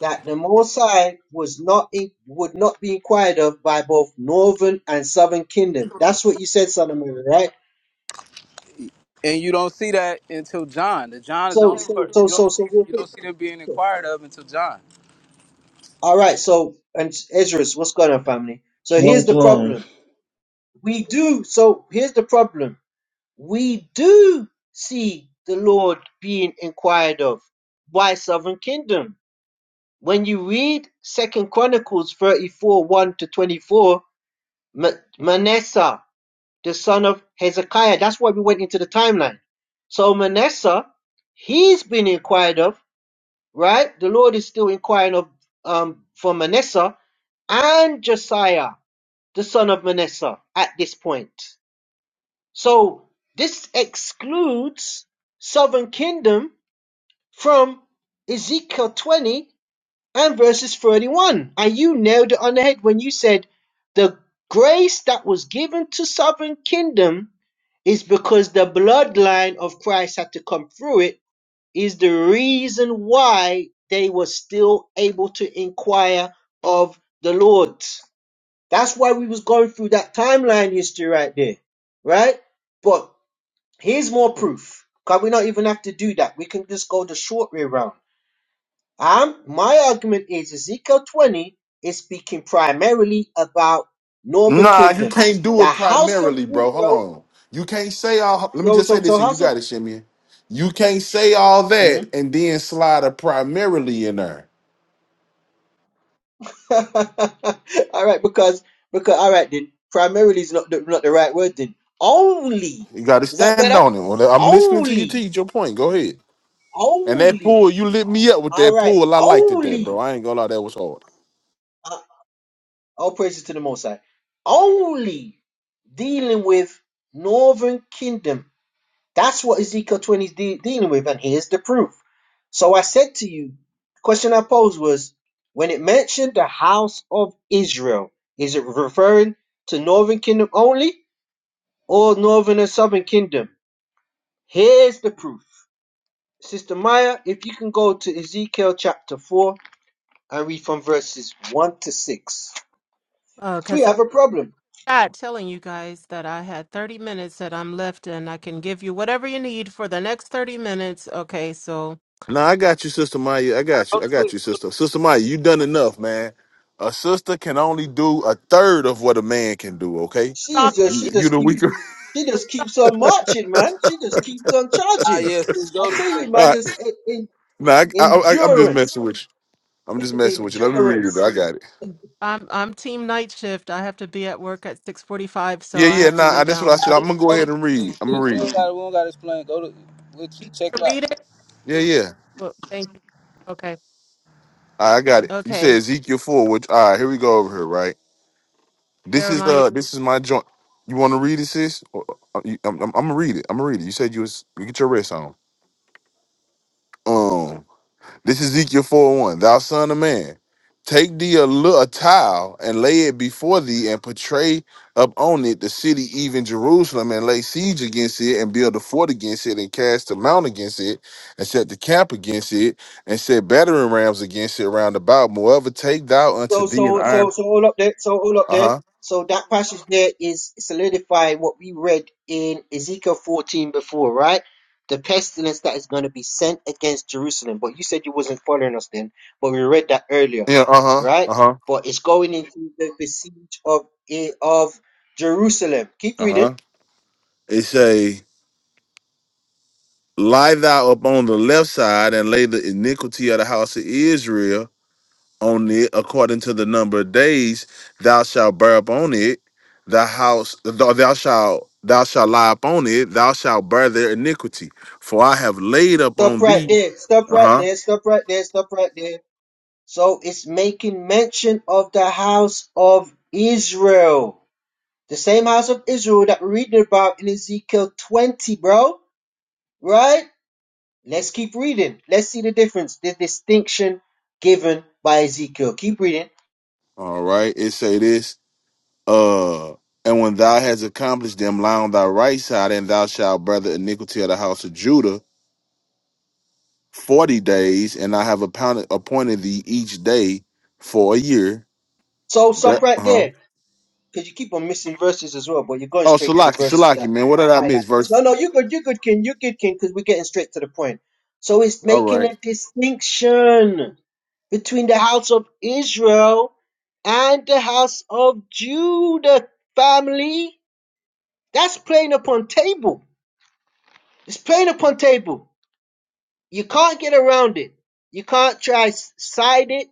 Speaker 9: that the Mosai was not in, would not be inquired of by both northern and southern kingdom. That's what you said, Son of Mary, right?
Speaker 12: and you don't see that until John. The John is the
Speaker 9: So,
Speaker 12: only
Speaker 9: so,
Speaker 12: person
Speaker 9: so,
Speaker 12: you don't
Speaker 9: so,
Speaker 12: see.
Speaker 9: so, real
Speaker 12: You
Speaker 9: quick.
Speaker 12: don't see them being inquired of until John.
Speaker 9: All right. So, and Ezra's. what's going on, family? So here's
Speaker 15: Shalom,
Speaker 9: the
Speaker 15: shalom.
Speaker 9: problem. We do. So here's the problem. We do see the Lord being inquired of by Southern Kingdom. When you read Second Chronicles 34, 1 to 24, Ma- Manasseh, the son of Hezekiah, that's why we went into the timeline. So Manasseh, he's been inquired of right? The Lord is still inquiring of um for Manasseh and Josiah, the son of Manasseh, at this point. So this excludes southern kingdom from Ezekiel 20 and verses 31. And you nailed it on the head when you said the grace that was given to southern kingdom is because the bloodline of Christ had to come through it is the reason why they were still able to inquire of the Lord. That's why we was going through that timeline history right there, right? But here's more proof. Cause we not even have to do that. We can just go the short way round. Um, my argument is Ezekiel 20 is speaking primarily about Northern
Speaker 6: Nah, you
Speaker 9: Kingdom.
Speaker 6: can't do
Speaker 9: The
Speaker 6: it
Speaker 9: house of
Speaker 6: primarily, bro. Hold
Speaker 9: Israel,
Speaker 6: on. You can't say all. Let me
Speaker 9: so
Speaker 6: just say
Speaker 9: so
Speaker 6: this,
Speaker 9: so
Speaker 6: and you
Speaker 9: house of
Speaker 6: got it, Shimmy. You can't say all
Speaker 9: Mhm.
Speaker 6: that and then slide a primarily in there.
Speaker 9: all right, because because all right then. Primarily is not the, not the right word then. Only
Speaker 6: You got to
Speaker 9: is that
Speaker 6: stand
Speaker 9: better?
Speaker 6: on it. Well, I'm listening to you
Speaker 9: Only,
Speaker 6: teach your point. Go ahead. And that
Speaker 9: only.
Speaker 6: pull, you lit me up with
Speaker 9: All
Speaker 6: that
Speaker 9: right,
Speaker 6: pull. I liked it there, bro.
Speaker 9: only.
Speaker 6: I ain't gonna lie, that was hard.
Speaker 9: Uh, all praises to the Most High. Only dealing with Northern Kingdom. That's what Ezekiel twenty is de- dealing with, and here's the proof. So I said to you, the question I posed was when it mentioned the house of Israel, is it referring to Northern Kingdom only? or northern and southern kingdom. Here's the proof. Sister Maya, if you can go to Ezekiel chapter 4 and read from verses 1 to 6. We
Speaker 2: Because
Speaker 9: have a problem.
Speaker 2: God telling you guys that I had 30 minutes that I'm left and I can give you whatever you need for the next 30 minutes. Okay, so
Speaker 6: Nah, I got you, Sister Maya. I got
Speaker 12: Go
Speaker 6: you. I
Speaker 12: to
Speaker 6: got
Speaker 12: sleep.
Speaker 6: you,
Speaker 12: Go to sleep.
Speaker 6: Sister. Sister Maya, you done enough, man. A sister can only do a third of what a man can do. Okay,
Speaker 9: She is
Speaker 2: stop it.
Speaker 9: just
Speaker 6: you,
Speaker 9: she
Speaker 2: It-
Speaker 6: you
Speaker 9: just
Speaker 6: the
Speaker 9: keep
Speaker 6: weaker.
Speaker 9: she just keeps on marching, man. She just keeps on
Speaker 12: Ah,
Speaker 9: charging.
Speaker 12: yes, sis,
Speaker 9: I
Speaker 12: go to
Speaker 9: tell
Speaker 12: sleep.
Speaker 9: you,
Speaker 12: Go
Speaker 6: All
Speaker 9: man,
Speaker 12: to
Speaker 6: right.
Speaker 9: this
Speaker 12: sleep.
Speaker 9: en-
Speaker 6: Nah,
Speaker 9: en-
Speaker 6: I, I, I, I'm just
Speaker 9: endurance.
Speaker 6: messing with you. I'm just messing with you. Let me read it.
Speaker 9: Endurance.
Speaker 6: I got it.
Speaker 2: I'm I'm team night shift. I have to be at work at 6:45, so
Speaker 6: Yeah,
Speaker 2: I
Speaker 6: yeah.
Speaker 2: have to
Speaker 6: Nah,
Speaker 2: lay
Speaker 6: I- that's what I
Speaker 2: down.
Speaker 6: said.
Speaker 2: But
Speaker 6: I'm gonna go
Speaker 12: Go to
Speaker 6: ahead and
Speaker 12: sleep.
Speaker 6: read. I'm gonna
Speaker 12: Sis. We
Speaker 6: read.
Speaker 12: don't gotta. We don't gotta explain. Go to. we'll
Speaker 2: you
Speaker 12: ch- Check
Speaker 2: wanna
Speaker 12: it
Speaker 2: read
Speaker 12: out.
Speaker 2: it?
Speaker 6: Yeah, yeah.
Speaker 2: Well, thank you. Okay.
Speaker 6: All right, I got it. You said
Speaker 2: Okay.
Speaker 6: Ezekiel four. Which all right, here we go over here, right? This is
Speaker 2: Jeremiah
Speaker 6: uh, this is my joint. You want to read it, sis? Or- uh, you- I'm, I'm, I'm gonna read it. I'm gonna read it. You said you was you get your rest on. Um, this is Ezekiel four one. Thou son of man, take thee a, li- a tile and lay it before thee, and portray upon it the city, even Jerusalem, and lay siege against it, and build a fort against it, and cast a mount against it, and set the camp against it, and set battering rams against it round about. Moreover, take thou unto
Speaker 9: So,
Speaker 6: thee an
Speaker 9: so, so,
Speaker 6: iron.
Speaker 9: so all up there, so all up
Speaker 6: Uh
Speaker 9: there.
Speaker 6: huh.
Speaker 9: So that passage there is solidifying what we read in Ezekiel 14 before, right? The pestilence that is going to be sent against Jerusalem. But you said you wasn't following us then, but we read that earlier,
Speaker 6: Yeah. Uh huh.
Speaker 9: right?
Speaker 6: Uh huh.
Speaker 9: But it's going into the besiege of eh, of Jerusalem. Keep
Speaker 6: Uh huh.
Speaker 9: reading.
Speaker 6: It say, Lie thou upon the left side and lay the iniquity of the house of Israel on it according to the number of days thou shalt bear upon it, the house thou thou shalt thou shalt lie upon it, thou shalt bear their iniquity. For I have laid
Speaker 9: Stop
Speaker 6: upon
Speaker 9: right
Speaker 6: thee.
Speaker 9: there. Stop right
Speaker 6: Uh-huh.
Speaker 9: there. Stop right there. Stop right there. So it's making mention of the house of Israel The same house of Israel that we're reading about in Ezekiel 20, bro. Right? Let's keep reading. Let's see the difference, the distinction given by Ezekiel. Keep reading.
Speaker 6: All right. It say this. Uh and when thou hast accomplished them, lie on thy right side, and thou shalt bear the iniquity of the house of Judah 40 days and I have appointed, appointed thee each day for a year.
Speaker 9: So stop
Speaker 6: That,
Speaker 9: right
Speaker 6: uh-huh.
Speaker 9: there. Because you keep on missing verses as well, but you're going
Speaker 6: Oh,
Speaker 9: straight to the
Speaker 6: Salaki,
Speaker 9: verses
Speaker 6: Salaki,
Speaker 9: that
Speaker 6: man, what did I miss?
Speaker 9: highlight.
Speaker 6: Verse.
Speaker 9: No, no, you good, you good, King, you good, King, because we're getting straight to the point. So it's
Speaker 6: All
Speaker 9: making
Speaker 6: right.
Speaker 9: a distinction between the house of Israel and the house of Judah family That's playing upon table. It's playing upon table. You can't get around it. You can't try side it.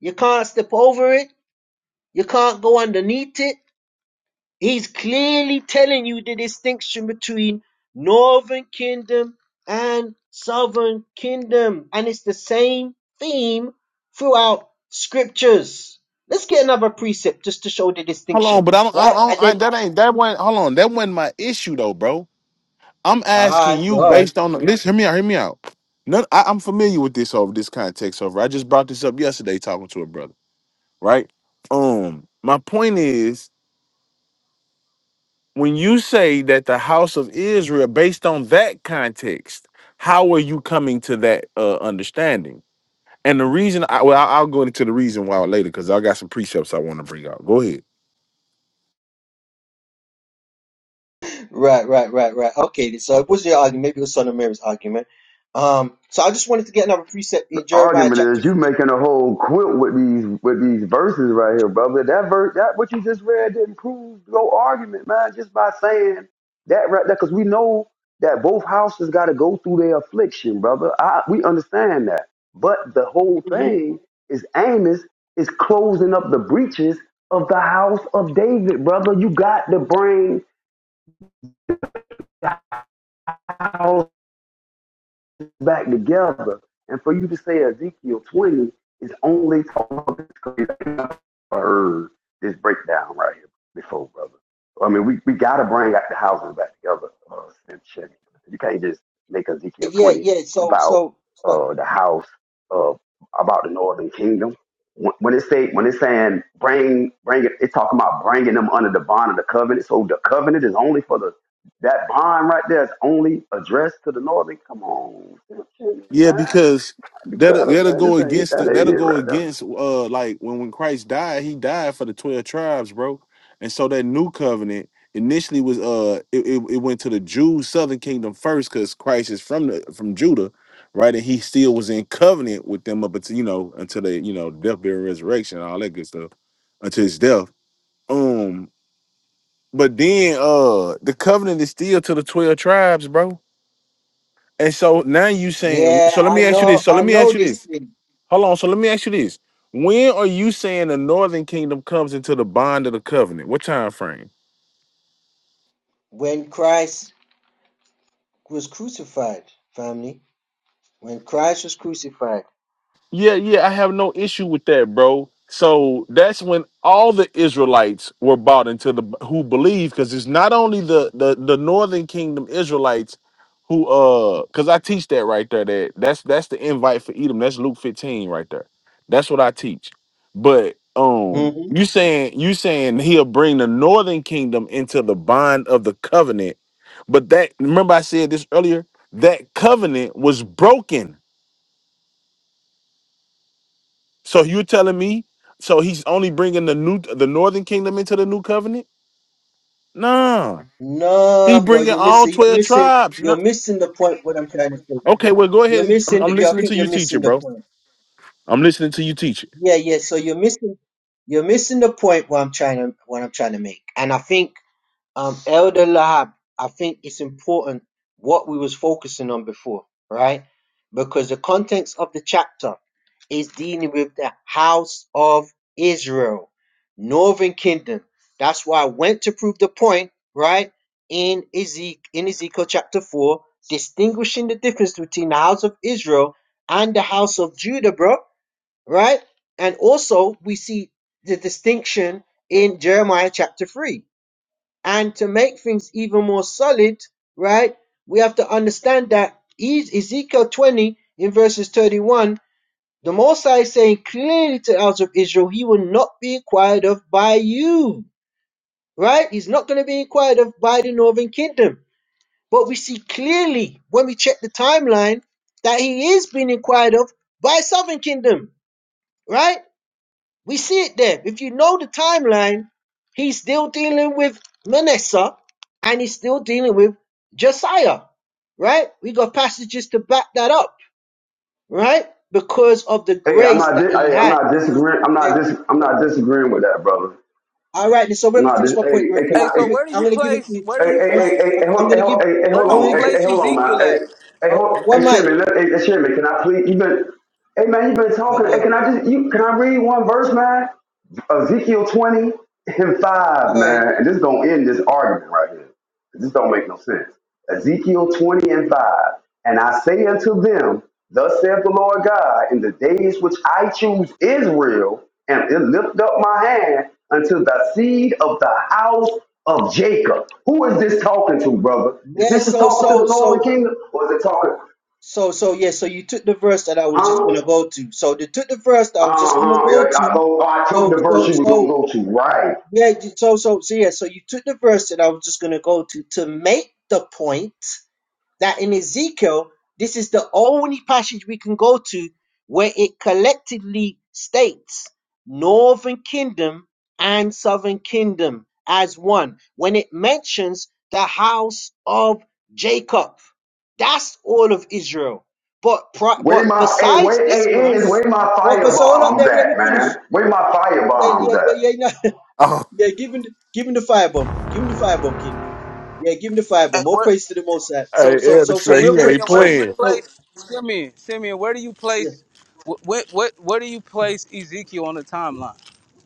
Speaker 9: You can't step over it. You can't go underneath it. He's clearly telling you the distinction between Northern Kingdom and Southern Kingdom. And it's the same theme throughout scriptures. Let's get another precept just to show the
Speaker 6: Hold on,
Speaker 9: distinction,
Speaker 6: but I'm, I,
Speaker 9: right?
Speaker 6: don't-
Speaker 9: And
Speaker 6: I,
Speaker 9: then,
Speaker 6: that ain't that wasn't. Hold on, that wasn't my issue though, bro. I'm asking
Speaker 9: ah,
Speaker 6: you
Speaker 9: God.
Speaker 6: based on. Listen, hear me out. Hear me out. None, I, I'm familiar with this over this context over. I just brought this up yesterday talking to a brother. Right. Um, my point is when you say that the house of Israel, based on that context, how are you coming to that uh, understanding? And the reason, I, well, I- I'll go into the reason why later because I got some precepts I want to bring out. Go ahead.
Speaker 9: Right, right, right, right. Okay, so it was your argument. Maybe it was Son of Mary's argument. Um, so I just wanted to get another precept in Jeremiah
Speaker 14: argument
Speaker 9: chapter
Speaker 14: is you
Speaker 9: 3
Speaker 14: making a whole quilt with these with these verses right here, brother. That verse, that what you just read didn't prove no argument, man. Just by saying that right there, because we know that both houses got to go through their affliction, brother. I, we understand that, but the whole
Speaker 9: Mm-hmm.
Speaker 14: thing is Amos is closing up the breaches of the house of David, brother. You got to bring house. back together. And for you to say Ezekiel 20 is only talking about this breakdown right here before, brother. I mean, we, we got to bring out the houses back together. Uh, you can't just make Ezekiel
Speaker 9: Yeah,
Speaker 14: 20
Speaker 9: yeah. So,
Speaker 14: about
Speaker 9: so, so-
Speaker 14: uh, the house, uh, about the northern kingdom. When when it say when it's saying bring bring it, it's talking about bringing them under the bond of the covenant. So the covenant is only for the that bond right there is only addressed to the northern. Come on, man.
Speaker 6: Yeah,
Speaker 14: I
Speaker 6: because
Speaker 14: do
Speaker 6: that'll
Speaker 14: better,
Speaker 6: that'll
Speaker 14: man.
Speaker 6: go
Speaker 14: This ain't
Speaker 6: against
Speaker 14: that
Speaker 6: the,
Speaker 14: ain't
Speaker 6: that'll
Speaker 14: it
Speaker 6: go
Speaker 14: right there.
Speaker 6: against uh like when when Christ died, he died for the twelve tribes, bro. And so that new covenant initially was uh it, it, it went to the Jews southern kingdom first because Christ is from the from Judah, right? And he still was in covenant with them up until you know until they you know death, burial, resurrection, all that good stuff until his death. Um, but then uh the covenant is still to the twelve tribes, bro. And so now you saying
Speaker 9: yeah,
Speaker 6: so let
Speaker 9: I
Speaker 6: me ask you
Speaker 9: know,
Speaker 6: this. So let
Speaker 9: I
Speaker 6: me
Speaker 9: know
Speaker 6: ask you
Speaker 9: this
Speaker 6: this.
Speaker 9: thing.
Speaker 6: Hold on. So let me ask you this: When are you saying the Northern Kingdom comes into the bond of the covenant? What time frame?
Speaker 9: When Christ was crucified, family. When Christ was crucified.
Speaker 6: Yeah, yeah, I have no issue with that, bro. So that's when all the Israelites were bought into the who believe, because it's not only the the the Northern Kingdom Israelites who uh, because I teach that right there. That that's that's the invite for Edom. That's Luke fifteen right there. That's what I teach. But um,
Speaker 9: Mm-hmm.
Speaker 6: you saying you saying he'll bring the Northern Kingdom into the bond of the covenant, but that remember I said this earlier. That covenant was broken so you telling me? So he's only bringing the new, the northern kingdom into the new covenant? Nah, he
Speaker 9: No, bro,
Speaker 6: bringing
Speaker 9: you're
Speaker 6: all
Speaker 9: missing. You're
Speaker 6: twelve
Speaker 9: missing.
Speaker 6: tribes.
Speaker 9: You're
Speaker 6: Not,
Speaker 9: missing the point. What I'm trying to say.
Speaker 6: okay, well go
Speaker 9: You're
Speaker 6: ahead. I'm,
Speaker 9: missing.
Speaker 6: I'm
Speaker 9: The, you I
Speaker 6: listening to
Speaker 9: think
Speaker 6: you,
Speaker 9: you're
Speaker 6: teacher,
Speaker 9: missing the
Speaker 6: bro.
Speaker 9: point.
Speaker 6: I'm listening to you, teacher.
Speaker 9: Yeah, yeah. So you're missing you're missing the point what I'm trying to what I'm trying to make. And I think um Elder Lahab, I think it's important what we was focusing on before, right? Because the context of the chapter is dealing with the house of Israel, northern kingdom. That's why I went to prove the point, right? In Ezekiel, in Ezekiel chapter 4, distinguishing the difference between the house of Israel and the house of Judah, bro right? And also, we see the distinction in Jeremiah chapter 3. And to make things even more solid, right, we have to understand that E- Ezekiel 20 in verses 31, the Most High is saying clearly to the house of Israel, he will not be inquired of by you, right? He's not going to be inquired of by the northern kingdom. But we see clearly when we check the timeline that he is being inquired of by southern kingdom, right? We see it there. If you know the timeline, he's still dealing with Manasseh and he's still dealing with Josiah, right? We got passages to back that up, right? Because of the
Speaker 14: Hey, I'm
Speaker 9: grace
Speaker 14: not.
Speaker 9: that
Speaker 14: Di-
Speaker 9: he
Speaker 14: hey, I'm
Speaker 9: had.
Speaker 14: not
Speaker 9: Because
Speaker 14: disagreeing. I'm not dis. I'm not disagreeing with that, brother.
Speaker 9: all right, so
Speaker 14: I'm
Speaker 9: let me
Speaker 14: not.
Speaker 9: finish
Speaker 14: Dis-
Speaker 9: my point
Speaker 14: hey,
Speaker 9: real
Speaker 14: hey, can
Speaker 9: quick.
Speaker 12: Hey,
Speaker 14: I?
Speaker 12: so
Speaker 9: Let
Speaker 14: Hey,
Speaker 9: me.
Speaker 12: where do
Speaker 9: I'm
Speaker 12: you
Speaker 9: gonna give it.
Speaker 12: place? Where do
Speaker 14: hey,
Speaker 12: you
Speaker 14: hey, hey,
Speaker 9: I'm.
Speaker 12: place?
Speaker 14: hey, hey,
Speaker 9: I'm
Speaker 14: hold, hey,
Speaker 9: gonna give.
Speaker 14: hold- hey, hey,
Speaker 12: Where
Speaker 14: hold
Speaker 12: do
Speaker 9: I'm
Speaker 12: you
Speaker 9: gonna
Speaker 14: on. Hey, hey,
Speaker 12: place
Speaker 14: hold on, man.
Speaker 12: Ezekiel at?
Speaker 14: Hey, hey,
Speaker 12: Oh,
Speaker 14: hold,
Speaker 9: one
Speaker 14: hey,
Speaker 9: mic.
Speaker 14: Sherman. Let, hey, hey, Sherman, can I please? You been. Hey, man, you been
Speaker 9: I
Speaker 14: talking. Hey,
Speaker 9: got. All
Speaker 14: can I just? You can I read one verse, man? Ezekiel 20 and 5, man.
Speaker 9: right.
Speaker 14: And this is gonna end this argument right here. This don't make no sense. Ezekiel 20 and 5. And I say unto them, Thus saith the Lord God, in the days which I choose Israel, and lift up my hand unto the seed of the house of Jacob. Who is this talking to, brother? Is
Speaker 9: Yeah.
Speaker 14: this is
Speaker 9: So
Speaker 14: talking to
Speaker 9: so
Speaker 14: the northern
Speaker 9: so
Speaker 14: kingdom? Or is it talking,
Speaker 9: So, so yeah, so you took the verse that I was just
Speaker 14: huh?
Speaker 9: gonna go to. So they took the verse that I was just gonna
Speaker 14: Uh-huh.
Speaker 9: go
Speaker 14: yeah, I,
Speaker 9: to.
Speaker 14: oh, I took the
Speaker 9: So,
Speaker 14: verse
Speaker 9: so,
Speaker 14: you was gonna
Speaker 9: so
Speaker 14: go to. Right.
Speaker 9: yeah, so, so, so yeah, so you took the verse that I was just gonna go to to make the point that in Ezekiel, this is the only passage we can go to where it collectively states northern kingdom and southern kingdom as one. When it mentions the house of Jacob, that's all of Israel. But pri-
Speaker 14: Where
Speaker 9: but
Speaker 14: my hey,
Speaker 9: besides
Speaker 14: where
Speaker 9: this
Speaker 14: hey, is where
Speaker 9: verse,
Speaker 14: my
Speaker 9: well, but so hold up
Speaker 14: firebombs
Speaker 9: there. Let me
Speaker 14: at,
Speaker 9: finish.
Speaker 14: man? Where my
Speaker 9: Yeah,
Speaker 14: firebombs
Speaker 9: yeah,
Speaker 14: at?
Speaker 9: yeah, yeah. No.
Speaker 6: Oh,
Speaker 9: Yeah, give him, the- give him the firebomb. Give him the firebomb, King. Yeah, give him the five,
Speaker 12: hey,
Speaker 9: more
Speaker 12: where?
Speaker 9: praise to the Most High. So,
Speaker 6: hey,
Speaker 9: so,
Speaker 6: Elder
Speaker 9: so, so,
Speaker 12: Hey,
Speaker 6: Trey,
Speaker 9: real
Speaker 6: he
Speaker 9: quick.
Speaker 6: ain't
Speaker 12: Simeon, where do
Speaker 9: So,
Speaker 12: you
Speaker 6: playing.
Speaker 9: so,
Speaker 12: place Simeon? Simeon, where do you
Speaker 9: yeah.
Speaker 12: place? What? What? Where do you place Ezekiel on the timeline?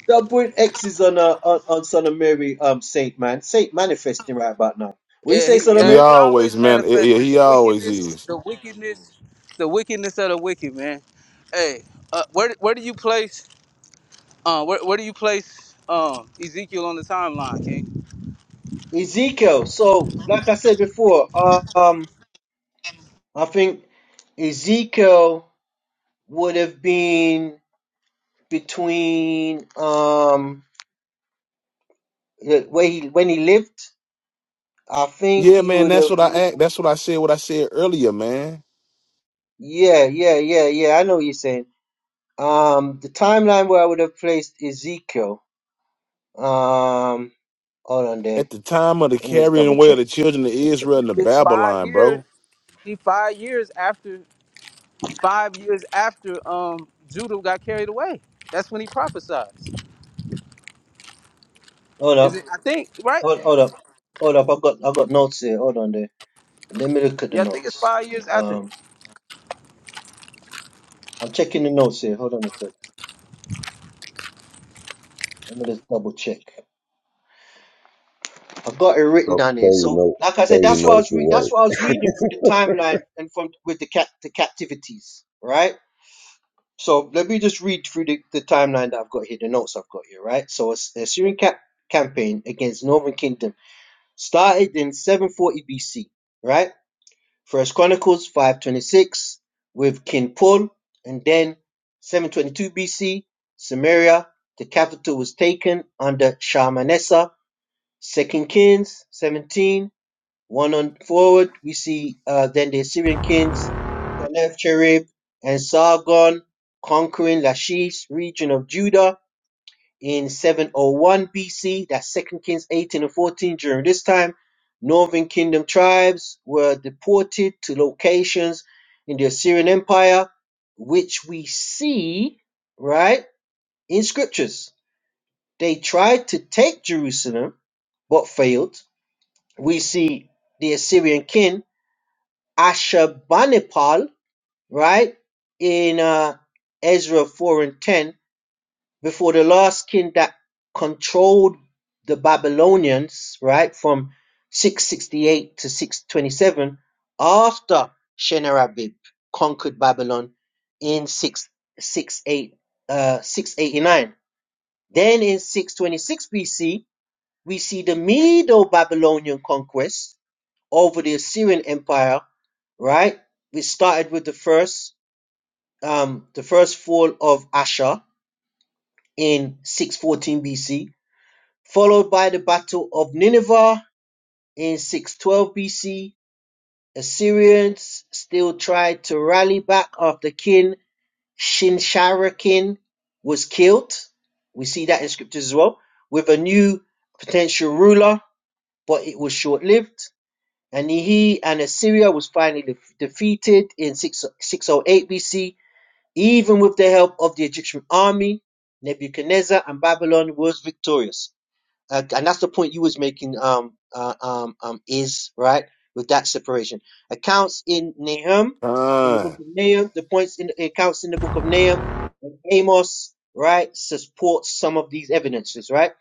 Speaker 9: Stubborn X is on, uh, on on Son of Mary, um, Saint man, Saint manifesting right about now. What you
Speaker 12: Yeah,
Speaker 9: say,
Speaker 12: he
Speaker 9: Son of
Speaker 6: He
Speaker 12: yeah,
Speaker 9: Mary?
Speaker 12: he
Speaker 6: always,
Speaker 12: always
Speaker 6: man. Yeah, yeah,
Speaker 12: manifested
Speaker 6: he
Speaker 12: the
Speaker 6: always
Speaker 12: wickedness,
Speaker 6: is.
Speaker 12: the wickedness, the wickedness of the wicked man. Hey, uh, where where do you place uh, where where do you place um, Ezekiel on the timeline, King?
Speaker 9: Ezekiel. So, like I said before, uh, um, I think Ezekiel would have been between um the- where he when he lived. I think
Speaker 6: Yeah,
Speaker 9: he
Speaker 6: man.
Speaker 9: would
Speaker 6: That's
Speaker 9: have.
Speaker 6: what I act. That's what I said. What I said earlier, man.
Speaker 9: Yeah, yeah, yeah, yeah. I know what you're saying. Um, the timeline where I would have placed Ezekiel. Um, hold on there.
Speaker 6: At the time of the
Speaker 9: Let me just
Speaker 6: carrying
Speaker 9: double
Speaker 6: away of
Speaker 9: check.
Speaker 6: the children of
Speaker 9: Let me check
Speaker 6: Israel
Speaker 9: double
Speaker 6: into
Speaker 9: check
Speaker 12: It's
Speaker 9: something.
Speaker 12: five
Speaker 6: Babylon,
Speaker 12: years.
Speaker 6: bro.
Speaker 12: He five years after five years after um, Judah got carried away. That's when he prophesies.
Speaker 9: Hold
Speaker 12: Is it?
Speaker 9: up.
Speaker 12: I think right.
Speaker 9: Hold, hold up. Hold up. I've got I've got notes here. Hold on there. Let me look at the
Speaker 12: Yeah, I think it's
Speaker 9: notes.
Speaker 12: five years after.
Speaker 9: Um, I'm checking the notes here. Hold on a sec. Let me just double check. I've got it
Speaker 16: So,
Speaker 9: written down
Speaker 16: so
Speaker 9: here.
Speaker 16: you
Speaker 9: So,
Speaker 16: know,
Speaker 9: like I
Speaker 16: so
Speaker 9: said,
Speaker 16: you
Speaker 9: that's what I
Speaker 16: know
Speaker 9: was
Speaker 16: for
Speaker 9: re- that's what I was reading
Speaker 16: what.
Speaker 9: through the timeline and from with the cat the captivities, right? So let me just read through the, the timeline that I've got here, the notes I've got here, right? So it's the Assyrian cap- campaign against Northern Kingdom started in 740 BC, right? First Chronicles 526 with King Paul, and then 722 BC, Samaria, the capital was taken under Shalmaneser. Second Kings 17, one on forward, we see uh, then the Assyrian kings, Sennacherib and Sargon conquering Lachish region of Judah in 701 BC. That's Second Kings 18 and 14. During this time, northern kingdom tribes were deported to locations in the Assyrian Empire, which we see, right, in scriptures. They tried to take Jerusalem, but failed. We see the Assyrian king Ashurbanipal, right? In uh, Ezra 4 and 10, before the last king that controlled the Babylonians, right, from 668 to 627, after Shenarabib conquered Babylon in 6, sixty-eight, uh, 689. Then in 626 BC, we see the Medo Babylonian conquest over the Assyrian Empire, right? We started with the first, um, the first fall of Asher in 614 BC, followed by the Battle of Nineveh in 612 BC. Assyrians still tried to rally back after King Shinsharakin was killed. We see that in scriptures as well, with a new potential ruler, but it was short lived. and he and Assyria was finally defeated in 6, 608 BC. Even with the help of the Egyptian army, Nebuchadnezzar and Babylon was victorious uh, and that's the point you was making um uh, um um is right with that separation accounts in nahum in the book
Speaker 6: Fine.
Speaker 9: of nahum the points in the accounts in the book of nahum and amos right supports some of these evidences right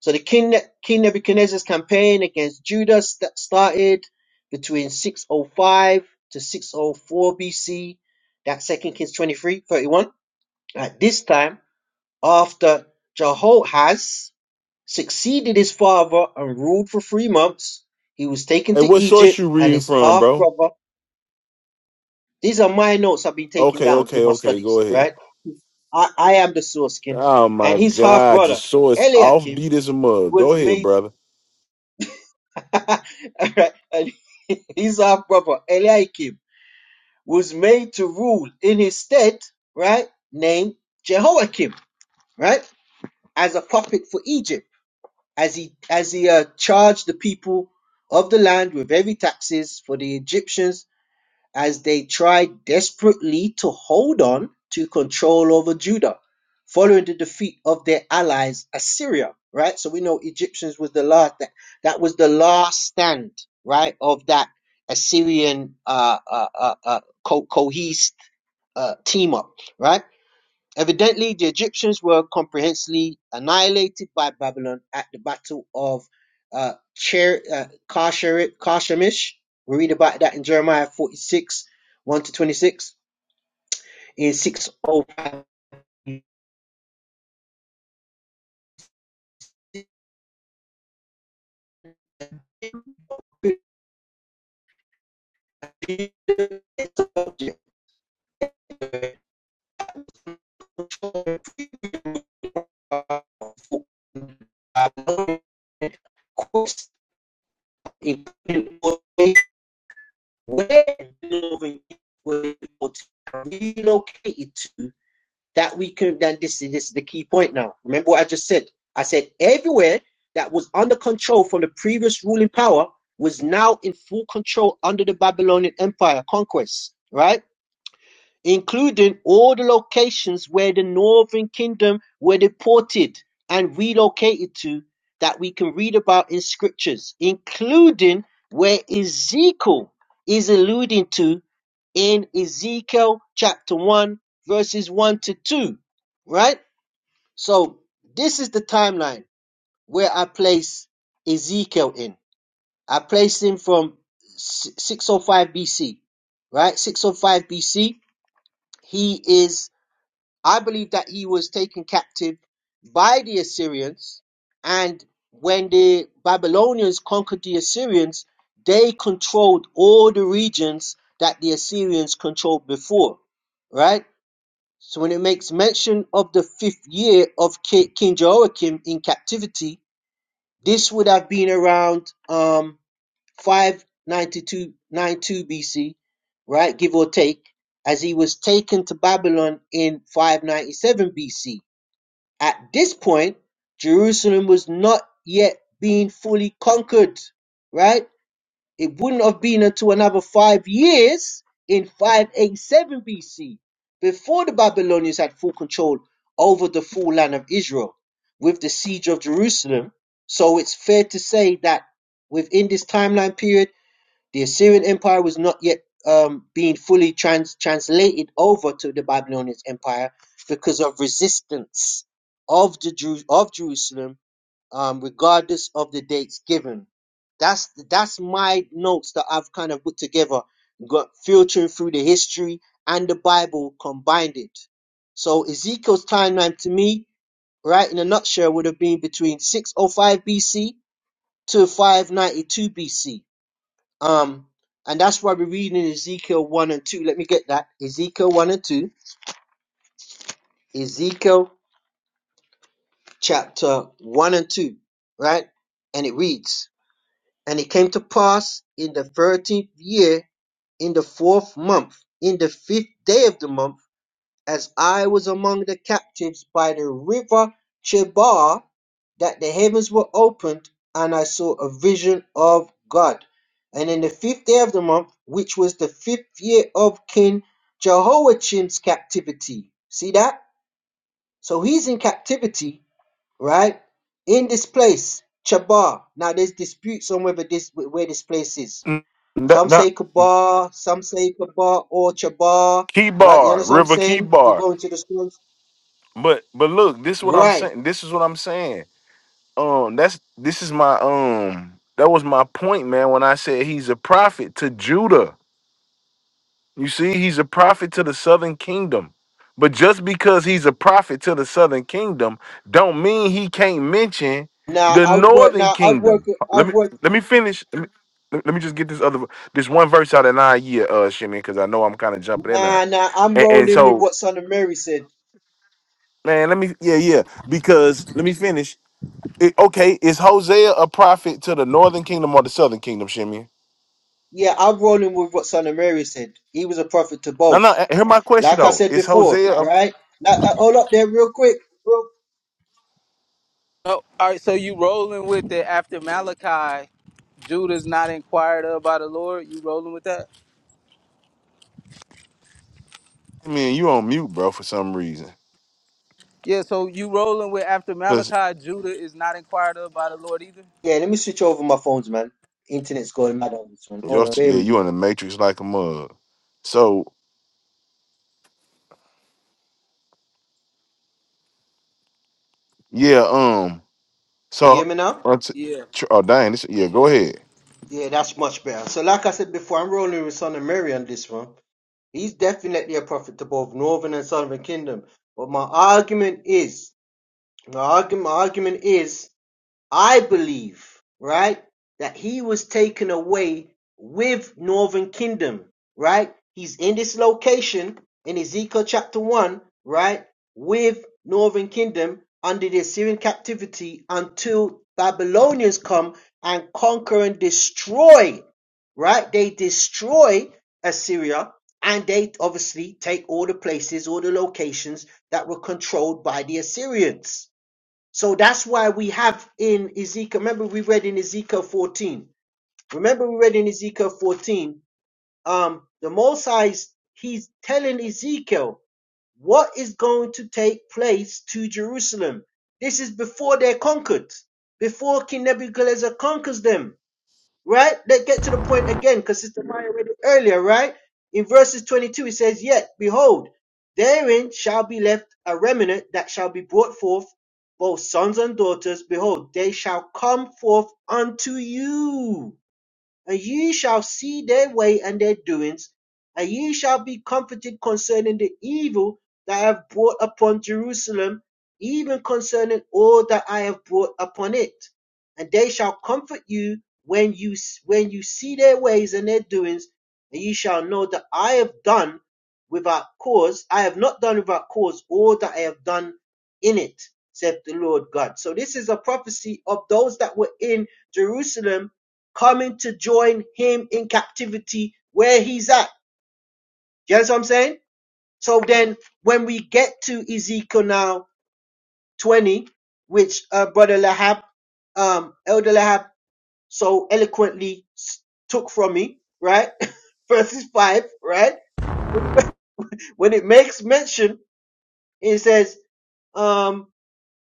Speaker 9: so the king Ne- king nebuchadnezzar's campaign against judah st- started between 605 to 604 bc that second kings 23:31. at this time after jehoahaz succeeded his father and ruled for three months. He was taken
Speaker 6: Hey,
Speaker 9: to
Speaker 6: what source
Speaker 9: Egypt
Speaker 6: you
Speaker 9: and
Speaker 6: reading
Speaker 9: his
Speaker 6: from,
Speaker 9: half
Speaker 6: bro?
Speaker 9: brother. These are my notes I've been taking
Speaker 6: Okay,
Speaker 9: down
Speaker 6: okay,
Speaker 9: with my
Speaker 6: okay. Go
Speaker 9: studies,
Speaker 6: ahead.
Speaker 9: right? I, I am the soreskin.
Speaker 6: Oh my
Speaker 9: And his half
Speaker 6: God,
Speaker 9: brother,
Speaker 6: just so it's
Speaker 9: Eliakim,
Speaker 6: offbeat as a mug. Go
Speaker 9: was
Speaker 6: ahead,
Speaker 9: made.
Speaker 6: brother.
Speaker 9: Alright, and his half brother, Eliakim, was made to rule in his stead, right? Named Jehoiakim, right? As a puppet for Egypt. as he as he uh, charged the people of the land with heavy taxes for the Egyptians as they tried desperately to hold on to control over Judah following the defeat of their allies Assyria right so we know Egyptians was the last that that was the last stand right of that Assyrian uh uh uh, uh co- cohesed uh, team up right Evidently, the Egyptians were comprehensively annihilated by Babylon at the Battle of uh, Cher, uh, Karsheri- Karshemish. We read about that in Jeremiah 46, 1 to 26. In 605, where the northern people were relocated to that we could Then this. This is the key point now. Remember what I just said? I said everywhere that was under control from the previous ruling power was now in full control under the Babylonian Empire conquest, right? including all the locations where the Northern Kingdom were deported and relocated to that we can read about in scriptures, including where Ezekiel is alluding to in Ezekiel chapter 1, verses 1 to 2, right? So this is the timeline where I place Ezekiel in. I place him from 605 BC, right? 605 BC. He is I believe that he was taken captive by the Assyrians, and when the Babylonians conquered the Assyrians, they controlled all the regions that the Assyrians controlled before, right? So when it makes mention of the fifth year of Ki- King Jehoiakim in captivity, this would have been around. Um, 592 BC, right, give or take, as he was taken to Babylon in 597 BC. At this point, Jerusalem was not yet being fully conquered, right? It wouldn't have been until another five years in 587 BC before the Babylonians had full control over the full land of Israel with the siege of Jerusalem. So it's fair to say that within this timeline period, the Assyrian Empire was not yet um, being fully trans- translated over to the Babylonian Empire because of resistance of the Jews of Jerusalem, um, regardless of the dates given. That's that's my notes that I've kind of put together, got filtering through the history and the Bible, combined it. So Ezekiel's timeline to me, right in a nutshell, would have been between 605 BC to 592 BC um, and that's why we read in Ezekiel 1 and 2. Let me get that. Ezekiel 1 and 2. Ezekiel chapter 1 and 2, right? And it reads, And it came to pass in the 13th year, in the fourth month, in the fifth day of the month, as I was among the captives by the river Chebar, that the heavens were opened, and I saw a vision of God. And in the fifth day of the month, which was the fifth year of King Jehoiakim's captivity. See that? So he's in captivity, right? In this place, Chebar. Now there's disputes on whether this where this place is.
Speaker 6: Mm, Not,
Speaker 9: Some
Speaker 6: not
Speaker 9: say Kabar, some say Kabar or Chebar,
Speaker 6: Key
Speaker 9: right? You
Speaker 6: Bar,
Speaker 9: understand what I'm
Speaker 6: River Key
Speaker 9: saying? If we
Speaker 6: Bar.
Speaker 9: go into the story.
Speaker 6: But but look, this is what I'm
Speaker 9: Right.
Speaker 6: saying. This is what I'm saying. Um, that's this is my um. That was my point, man. When I said he's a prophet to Judah. You see, he's a prophet to the southern kingdom. But just because he's a prophet to the southern kingdom, don't mean he can't mention
Speaker 9: Now
Speaker 6: the
Speaker 9: I'd work
Speaker 6: northern
Speaker 9: now I'd work
Speaker 6: kingdom. Let
Speaker 9: I'd
Speaker 6: me
Speaker 9: work
Speaker 6: let me finish. Let me, let me just get this other this one verse out of nine year, uh, Shimmy, because I know I'm kind of jumping in there.
Speaker 9: nah nah I'm
Speaker 6: And, and
Speaker 9: rolling with
Speaker 6: so,
Speaker 9: what Son of Mary said.
Speaker 6: man, let me yeah, yeah. Because let me finish. It- okay, is Hosea a prophet to the northern kingdom or the southern kingdom, Shimmy?
Speaker 9: Yeah, I'm rolling with what Son of Mary said. He was a prophet to
Speaker 6: No,
Speaker 9: both.
Speaker 6: no. Hear my question
Speaker 9: Like I
Speaker 6: though.
Speaker 9: said
Speaker 6: Is
Speaker 9: before,
Speaker 6: Hosea? a-
Speaker 9: right? Now uh, hold up there real quick. Real...
Speaker 12: Oh, all right. So you rolling with it after Malachi? Judah's not inquired of by the Lord. You rolling with that?
Speaker 6: I mean, you on mute, bro, for some reason.
Speaker 12: Yeah, so you rolling with after Malachi, Judah is not inquired of by the Lord either?
Speaker 9: Yeah, let me switch over my phones, man. Internet's going mad on this one. Hold
Speaker 6: Your,
Speaker 9: on, bear
Speaker 6: yeah,
Speaker 9: with me.
Speaker 6: you in the matrix like a mug. So yeah, um,
Speaker 1: You hear
Speaker 6: so
Speaker 1: me now?
Speaker 6: unt-
Speaker 12: Yeah,
Speaker 6: tr- oh dang, this, yeah, go
Speaker 12: yeah.
Speaker 6: ahead.
Speaker 1: Yeah, that's much better. So, like I said before, I'm rolling with Son of Mary on this one. He's definitely a prophet to both Northern and Southern Kingdom. But my argument is, my argument, my argument is I believe, right, that he was taken away with northern kingdom, right? He's in this location in Ezekiel chapter 1, right, with northern kingdom under the Assyrian captivity until Babylonians come and conquer and destroy, right? They destroy Assyria and they obviously take all the places, all the locations that were controlled by the Assyrians so that's why we have in Ezekiel, remember we read in Ezekiel 14. Remember we read in Ezekiel 14, um, the Most High's, he's telling Ezekiel what is going to take place to Jerusalem. This is before they're conquered, before King Nebuchadnezzar conquers them right? Let's get to the point again, because Sister Maya read it earlier, right? In verses 22, it says, Yet, behold, therein shall be left a remnant that shall be brought forth, both sons and daughters. Behold, they shall come forth unto you and ye shall see their way and their doings, and ye shall be comforted concerning the evil that I have brought upon Jerusalem, even concerning all that I have brought upon it. And they shall comfort you when you when you see their ways and their doings, and ye shall know that I have done without cause. I have not done without cause all that I have done in it, saith the Lord God. So this is a prophecy of those that were in Jerusalem coming to join him in captivity where he's at. You understand what I'm saying? So then when we get to Ezekiel now 20, which uh, Brother Lahab, um, Elder Lahab so eloquently s- took from me, right? Verses 5, right? When it, when it makes mention, it says, um,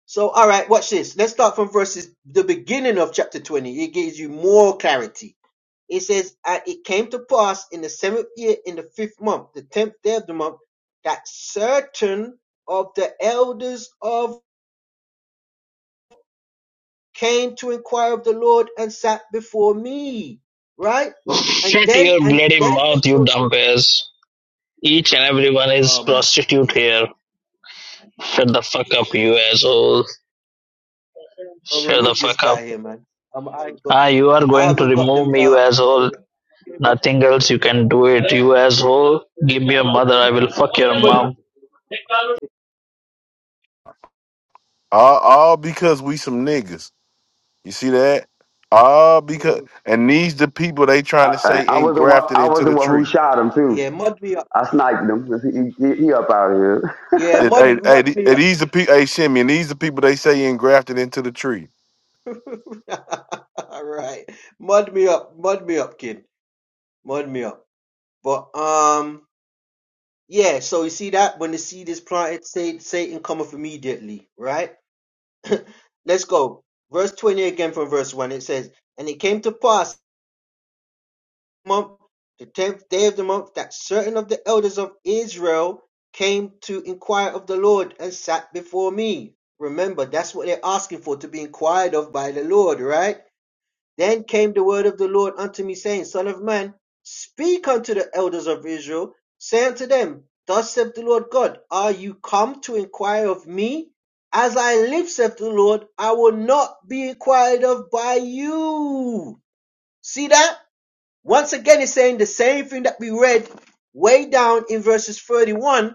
Speaker 1: so all right, watch this. Let's start from verses, the beginning of chapter 20. It gives you more clarity It says, "And it came to pass in the seventh year, in the fifth month, the tenth day of the month, that certain of the elders of came to inquire of the Lord and sat before me." Right? And
Speaker 17: Shut
Speaker 1: then,
Speaker 17: your
Speaker 1: and
Speaker 17: bloody
Speaker 1: then,
Speaker 17: mouth, you
Speaker 1: so, so
Speaker 17: dumb ass. Each and everyone is
Speaker 1: oh my,
Speaker 17: prostitute
Speaker 1: Jesus,
Speaker 17: here. Shut the fuck
Speaker 1: yeah,
Speaker 17: up, you
Speaker 1: yeah.
Speaker 17: asshole.
Speaker 1: I'll
Speaker 17: Shut the
Speaker 1: remove this
Speaker 17: fuck up.
Speaker 1: guy here, man. Um, I ain't got,
Speaker 17: Ah, you are
Speaker 1: I
Speaker 17: going to
Speaker 1: haven't got
Speaker 17: remove
Speaker 1: them.
Speaker 17: me, you
Speaker 1: Uh,
Speaker 17: asshole.
Speaker 1: Came up
Speaker 17: Nothing
Speaker 1: with
Speaker 17: else you can do it, you asshole. Give me your
Speaker 1: somebody,
Speaker 17: mother, I will fuck your
Speaker 1: somebody,
Speaker 17: mom.
Speaker 6: All, all because we some niggas. You see that? All because
Speaker 1: yeah,
Speaker 6: and these the people they trying to
Speaker 14: I,
Speaker 6: say
Speaker 14: I was the one.
Speaker 6: engrafted
Speaker 14: I was
Speaker 6: into
Speaker 14: the
Speaker 6: the
Speaker 14: one who
Speaker 6: tree.
Speaker 14: shot him too.
Speaker 1: yeah, mud me up.
Speaker 14: I sniped him. He, he, he up out of here.
Speaker 1: Yeah,
Speaker 6: It,
Speaker 1: mud,
Speaker 6: hey, hey,
Speaker 1: mud
Speaker 6: the-
Speaker 1: me
Speaker 6: hey,
Speaker 1: up.
Speaker 6: these the people. Hey, Shimmy, and these the people they say engrafted into the tree.
Speaker 1: All right. Mud me up. Mud me up, kid. Mud me up. But um yeah, so you see that when the seed is planted, Sa- Satan cometh immediately, right? Let's go. Verse 20 again from verse 1. It says, And it came to pass the month, the tenth day of the month, that certain of the elders of Israel came to inquire of the Lord and sat before me. Remember, that's what they're asking for to be inquired of by the Lord, right? Then came the word of the Lord unto me, saying, Son of man, speak unto the elders of Israel, say unto them, Thus saith the Lord God, Are you come to inquire of me? As I live, saith the Lord, I will not be inquired of by you. See that? Once again, he's saying the same thing that we read way down in verses 31,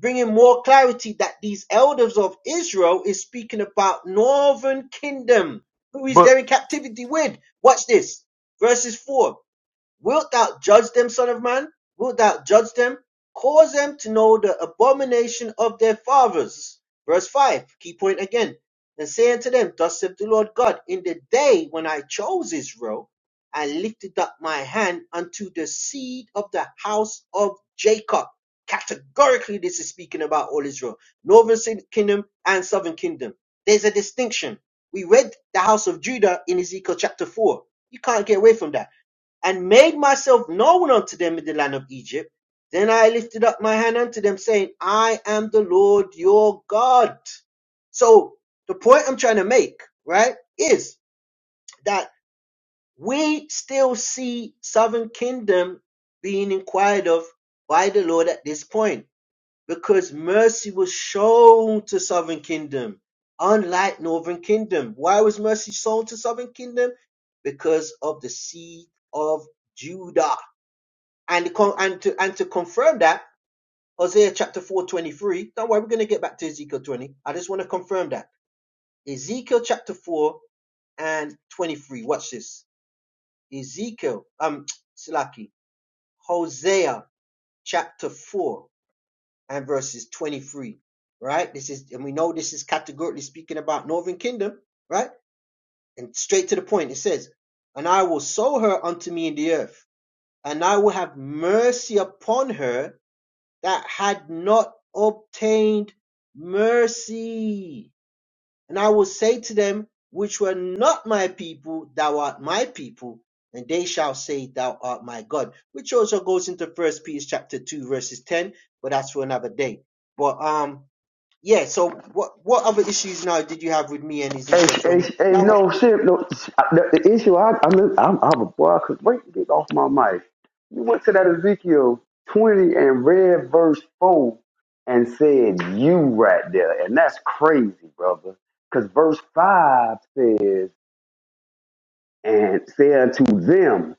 Speaker 1: bringing more clarity that these elders of Israel is speaking about northern kingdom, who is
Speaker 6: But
Speaker 1: there in captivity with. Watch this. Verses 4. Wilt thou judge them, Son of Man? Wilt thou judge them? Cause them to know the abomination of their fathers. Verse 5, key point again. And say unto them, Thus saith the Lord God, in the day when I chose Israel, I lifted up my hand unto the seed of the house of Jacob. Categorically, this is speaking about all Israel, northern kingdom and southern kingdom. There's a distinction. We read the house of Judah in Ezekiel chapter 4. You can't get away from that and made myself known unto them in the land of Egypt. Then I lifted up my hand unto them, saying, I am the Lord your God. So the point I'm trying to make, right, is that we still see Southern Kingdom being inquired of by the Lord at this point because mercy was shown to Southern Kingdom, unlike Northern Kingdom. Why was mercy shown to Southern Kingdom? Because of the seed of Judah. And con- and to and to confirm that, Hosea chapter 4:23. Don't worry, we're going to get back to Ezekiel 20. I just want to confirm that. Ezekiel chapter 4 and 23. Watch this. Ezekiel, um, Silaki, Hosea chapter 4 and verses 23. Right? This is, and we know this is categorically speaking about northern kingdom, right? And straight to the point, it says, And I will sow her unto me in the earth, and I will have mercy upon her that had not obtained mercy. And I will say to them, which were not my people, thou art my people, and they shall say, thou art my God. Which also goes into First Peter chapter two, verses ten, but that's for another day. But um, yeah. So what what other issues now did you have with me and
Speaker 14: Hey,
Speaker 1: Ezekiel
Speaker 14: sh- hey,
Speaker 1: twenty?
Speaker 14: hey,
Speaker 1: Now,
Speaker 14: no
Speaker 1: I-
Speaker 14: shit. No, the, the issue. I, I mean, I'm, I'm a boy. I could wait to get off my mic. You went to that Ezekiel 20 and read verse four and said you right there, and that's crazy, brother. Because verse five says and said unto them.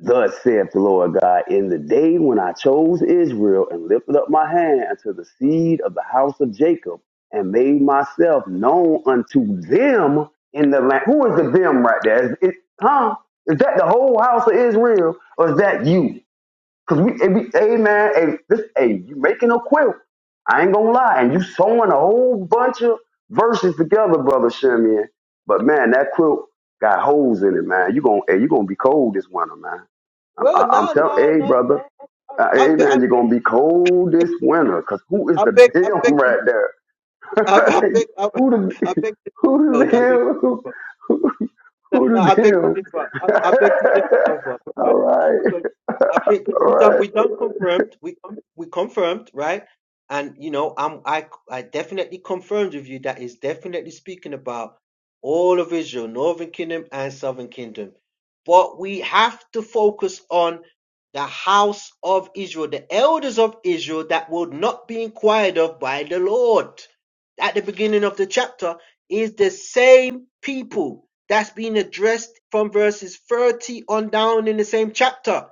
Speaker 14: Thus saith the Lord God, in the day when I chose Israel and lifted up my hand unto the seed of the house of Jacob and made myself known unto them in the land. Who is the them right there? Is, is, huh? Is that the whole house of Israel or is that you? Because we, it be, hey man, hey, this, hey, you making a quilt. I ain't gonna lie. And you sewing a whole bunch of verses together, brother Shimeon. But man, that quilt got holes in it, man. You gonna, hey, you gonna be cold this winter, man. I'm, I-
Speaker 1: well,
Speaker 14: I'm
Speaker 1: no,
Speaker 14: telling,
Speaker 1: no,
Speaker 14: hey,
Speaker 1: no,
Speaker 14: brother,
Speaker 1: no.
Speaker 14: uh,
Speaker 1: I,
Speaker 14: hey,
Speaker 1: beg, I,
Speaker 14: man, you're
Speaker 1: beg,
Speaker 14: going to be cold this winter because who is
Speaker 1: I
Speaker 14: the
Speaker 1: beg, I
Speaker 14: damn
Speaker 1: beg, I beg,
Speaker 14: right there?
Speaker 1: I beg, I beg, I beg,
Speaker 14: who
Speaker 1: I
Speaker 14: the
Speaker 1: beg.
Speaker 14: who
Speaker 1: Oh,
Speaker 14: the
Speaker 1: no, I beg.
Speaker 14: damn? Who, who,
Speaker 1: No, no,
Speaker 14: who the
Speaker 1: I beg to differ.
Speaker 14: damn?
Speaker 1: I, I beg to differ, Elva,
Speaker 14: all
Speaker 1: because
Speaker 14: right,
Speaker 1: because I think because
Speaker 14: all
Speaker 1: we done
Speaker 14: right.
Speaker 1: we done confirmed we con- we confirmed right, and you know I'm I I definitely confirmed with you that is definitely speaking about all of Israel, Northern Kingdom and Southern Kingdom, but we have to focus on the house of Israel, the elders of Israel that will not be inquired of by the Lord. At the beginning of the chapter is the same people that's being addressed from verses 30 on down in the same chapter.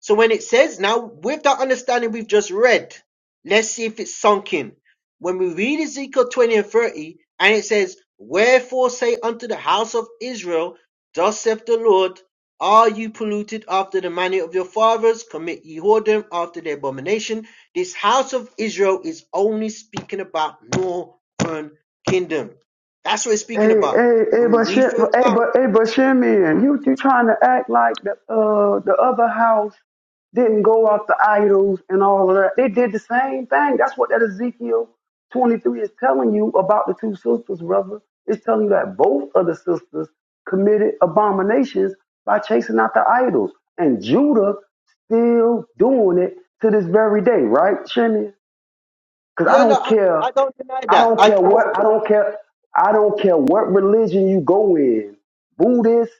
Speaker 1: So when it says now, with that understanding we've just read, let's see if it's sunk in. When we read Ezekiel 20 and 30, and it says, Wherefore say unto the house of Israel, Thus saith the Lord, Are you polluted after the manner of your fathers? Commit ye whoredom after their abomination. This house of Israel is only speaking about northern kingdom. That's what it's speaking
Speaker 14: Hey,
Speaker 1: about.
Speaker 14: hey, hey,
Speaker 1: When
Speaker 14: but
Speaker 1: we read further
Speaker 14: hey,
Speaker 1: down,
Speaker 14: but hey, but Shimon, you you trying to act like the uh the other house didn't go after idols and all of that. They did the same thing. That's what that Ezekiel 23 is telling you about the two sisters, brother. It's telling you that both of the sisters committed abominations by chasing after idols, and Judah still doing it to this very day, right, Shimon? Because I
Speaker 1: yeah, no,
Speaker 14: don't
Speaker 1: I,
Speaker 14: care.
Speaker 1: I don't deny
Speaker 14: I
Speaker 1: that.
Speaker 14: don't
Speaker 1: I,
Speaker 14: care what. I
Speaker 1: I-
Speaker 14: don't care. I don't care what religion you go in. Buddhist,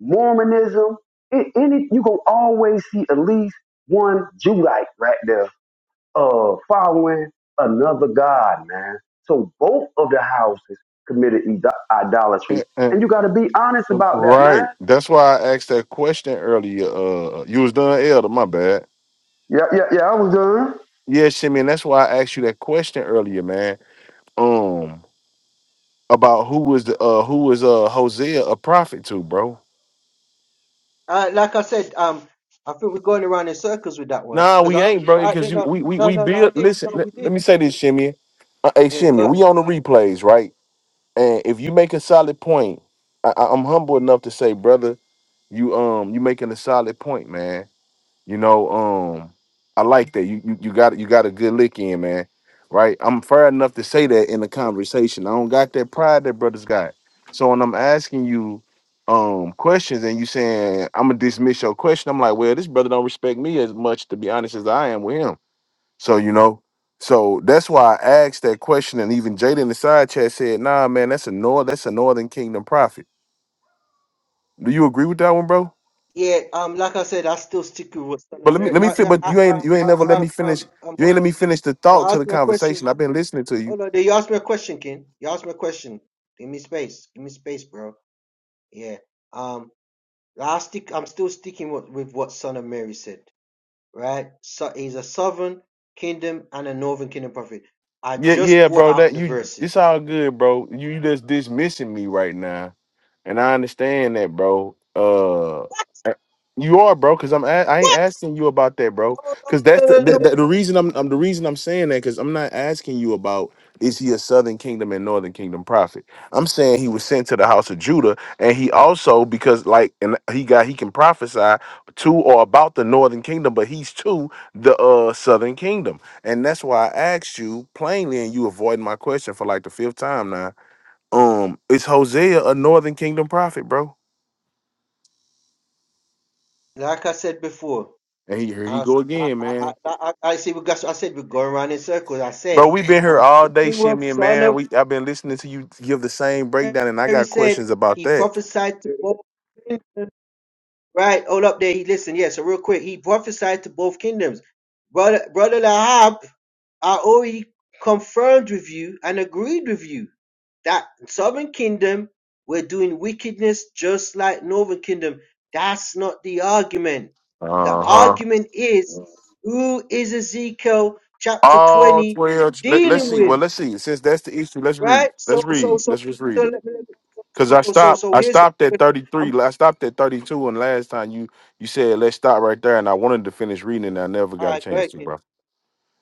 Speaker 14: Mormonism, a- any you gonna always see at least one Jewite right there, uh, following another god, man. So both of the houses committed ido-
Speaker 6: eh,
Speaker 14: idolatry,
Speaker 6: eh,
Speaker 14: and you got to be honest about that, man.
Speaker 6: right, that's why I asked that question earlier. Uh, you was done, Elder. My bad.
Speaker 14: Yeah, yeah, yeah. I was done.
Speaker 6: Yeah, Shimmy, and that's why I asked you that question earlier, man um about who was the uh who was uh Hosea a prophet to, bro.
Speaker 1: uh, like I said, um, I think we're going around in circles with that one
Speaker 6: Nah,
Speaker 1: because
Speaker 6: we
Speaker 1: I, don't-
Speaker 6: ain't, bro,
Speaker 1: I
Speaker 6: because
Speaker 1: didn't
Speaker 6: you
Speaker 1: know.
Speaker 6: we we
Speaker 1: No,
Speaker 6: we
Speaker 1: no, no, I
Speaker 6: build
Speaker 1: did.
Speaker 6: listen,
Speaker 1: No,
Speaker 6: let,
Speaker 1: we
Speaker 6: let
Speaker 1: did.
Speaker 6: me say this, Shimmy. Uh, hey
Speaker 1: Yeah,
Speaker 6: Shimmy,
Speaker 1: good.
Speaker 6: we on the replays, right? And if you make a solid point, I, I- I'm humble enough to say, brother, you um you making a solid point, man. You know, um, I like that. You you, you got you got a good lick in, man. Right? I'm fair enough to say that in the conversation. I don't got that pride that brothers got. So when I'm asking you um questions and you saying I'm gonna dismiss your question, I'm like, well, this brother don't respect me as much, to be honest, as I am with him. So you know, so that's why I asked that question. And even Jada in the side chat said, nah, man, that's a north that's a northern kingdom prophet. Do you agree with that one, bro?
Speaker 1: Yeah, um, like I said, I still stick with what's done.
Speaker 6: But let me
Speaker 1: Very-
Speaker 6: let me
Speaker 1: I,
Speaker 6: fit.
Speaker 1: I,
Speaker 6: But you
Speaker 1: I,
Speaker 6: ain't you ain't
Speaker 1: I,
Speaker 6: never
Speaker 1: I,
Speaker 6: let me
Speaker 1: um,
Speaker 6: finish.
Speaker 1: um, um,
Speaker 6: You ain't
Speaker 1: hold
Speaker 6: let
Speaker 1: on.
Speaker 6: me finish the
Speaker 1: You
Speaker 6: thought to the
Speaker 1: asked me a question.
Speaker 6: conversation. I've been listening to you.
Speaker 1: Hold on. Did You ask me a question, King. You asked me a question. Give me space. Give me space, bro. Yeah. Um, I stick. I'm still sticking with, with what Son of Mary said. right? So he's a southern kingdom and a northern kingdom prophet. I
Speaker 6: Yeah,
Speaker 1: just
Speaker 6: yeah,
Speaker 1: brought
Speaker 6: bro. That
Speaker 1: out the
Speaker 6: you.
Speaker 1: verses.
Speaker 6: It's all good, bro. You you just dismissing me right now. And I understand that, bro. Uh, you are, bro, because I'm a- I ain't asking you about that, bro. Because that's the,
Speaker 1: What?
Speaker 6: the the the reason I'm, I'm the reason I'm saying that because I'm not asking you about is he a Southern Kingdom and Northern Kingdom prophet. I'm saying he was sent to the house of Judah, and he also because like and he got he can prophesy to or about the Northern Kingdom, but he's to the uh Southern Kingdom, and that's why I asked you plainly, and you avoiding my question for like the fifth time now um, it's Hosea, a Northern Kingdom prophet, bro.
Speaker 1: Like I said before,
Speaker 6: And he, here he
Speaker 1: I,
Speaker 6: go
Speaker 1: I
Speaker 6: again,
Speaker 1: I I,
Speaker 6: man.
Speaker 1: I see we got. I said we're going around in circles. I
Speaker 6: Bro,
Speaker 1: said
Speaker 6: we've been here
Speaker 1: I'm
Speaker 6: all day,
Speaker 1: speaking what
Speaker 6: Shimmy, and
Speaker 1: son
Speaker 6: man.
Speaker 1: of
Speaker 6: We I've been listening to you give the same breakdown, and I
Speaker 1: Mary
Speaker 6: got
Speaker 1: said.
Speaker 6: questions about
Speaker 1: He
Speaker 6: that.
Speaker 1: prophesied to all. Right, hold up there. He listen, yeah. So real quick, he prophesied to both kingdoms. Brother brother Lahab, I already confirmed with you and agreed with you that southern kingdom were doing wickedness just like northern kingdom. That's not the argument. The
Speaker 6: Uh huh.
Speaker 1: argument is who is Ezekiel chapter
Speaker 6: All
Speaker 1: 20
Speaker 6: twelve. Let, let's
Speaker 1: dealing
Speaker 6: see.
Speaker 1: with?
Speaker 6: Well, let's see. Since that's the issue, let's read.
Speaker 1: Right?
Speaker 6: Let's
Speaker 1: So so
Speaker 6: read.
Speaker 1: so
Speaker 6: Let's just
Speaker 1: so
Speaker 6: read it.
Speaker 1: let me, let me
Speaker 6: Cause I
Speaker 1: so so
Speaker 6: stopped,
Speaker 1: so
Speaker 6: I
Speaker 1: here's
Speaker 6: stopped at thirty three.
Speaker 1: I'm
Speaker 6: I stopped at thirty two, and last time you you said let's stop right there, and I wanted to finish reading, and I never
Speaker 1: all
Speaker 6: got a
Speaker 1: right, go
Speaker 6: chance
Speaker 1: ahead,
Speaker 6: to, bro.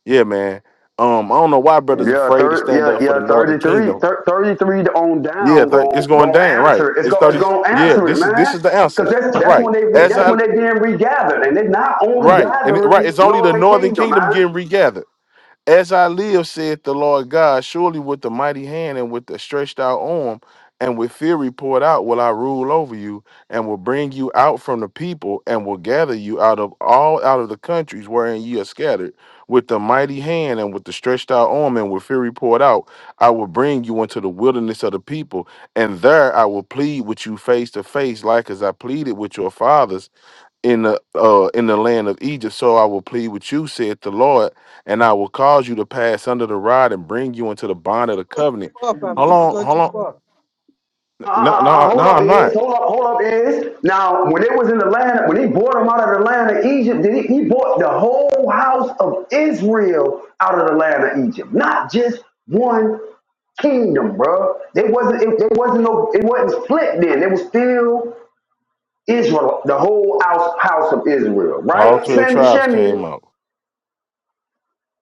Speaker 6: Yeah, man. Um, I don't know why brothers
Speaker 14: Yeah,
Speaker 6: afraid to
Speaker 14: thir-
Speaker 6: stand
Speaker 14: yeah,
Speaker 6: up for the
Speaker 14: yeah,
Speaker 6: Northern
Speaker 14: 33,
Speaker 6: Kingdom.
Speaker 14: thir- 33 on
Speaker 6: Yeah,
Speaker 14: down
Speaker 6: th- it's
Speaker 14: Go,
Speaker 6: going
Speaker 14: go.
Speaker 6: down, right?
Speaker 14: answer. it. It's
Speaker 6: It's
Speaker 14: go. it's
Speaker 6: thirty.
Speaker 14: gonna
Speaker 6: Yeah,
Speaker 14: answer it,
Speaker 6: this is this
Speaker 14: man.
Speaker 6: is the answer,
Speaker 14: Cause that's that's
Speaker 6: right?
Speaker 14: when they re-
Speaker 6: As
Speaker 14: that's
Speaker 6: I
Speaker 14: when they being regathered, and they're not only
Speaker 6: right and right,
Speaker 14: gathering
Speaker 6: it's only the
Speaker 14: northern
Speaker 6: Northern
Speaker 14: kingdom, man.
Speaker 6: Kingdom getting regathered. As I live, saith the Lord God, surely with the mighty hand and with the stretched out arm and with fury poured out will I rule over you and will bring you out from the people and will gather you out of all out of the countries wherein ye are scattered. With the mighty hand and with the stretched out arm and with fury poured out, I will bring you into the wilderness of the people, and there I will plead with you face to face, like as I pleaded with your fathers in the uh in the land of Egypt, so I will plead with you, saith the Lord, and I will cause you to pass under the rod and bring you into the bond of
Speaker 1: You're
Speaker 6: the
Speaker 1: going
Speaker 6: covenant.
Speaker 1: too far,
Speaker 6: Hold
Speaker 1: family. You're
Speaker 6: on,
Speaker 1: going
Speaker 6: hold
Speaker 1: too
Speaker 6: on.
Speaker 1: far.
Speaker 14: Uh, uh, uh,
Speaker 6: No,
Speaker 14: uh,
Speaker 6: no, no,
Speaker 14: hold up,
Speaker 6: I'm
Speaker 14: is
Speaker 6: not.
Speaker 14: hold up, hold up, is now when it was in the land when he brought them out of the land of Egypt, did he, he brought the whole house of Israel out of the land of Egypt, not just one kingdom, bro. They wasn't it, they wasn't no it wasn't split then. They was still Israel, the whole house, house of Israel,
Speaker 6: All
Speaker 14: right?
Speaker 6: twelve
Speaker 14: Sam,
Speaker 6: tribes
Speaker 14: Shemian,
Speaker 6: came up.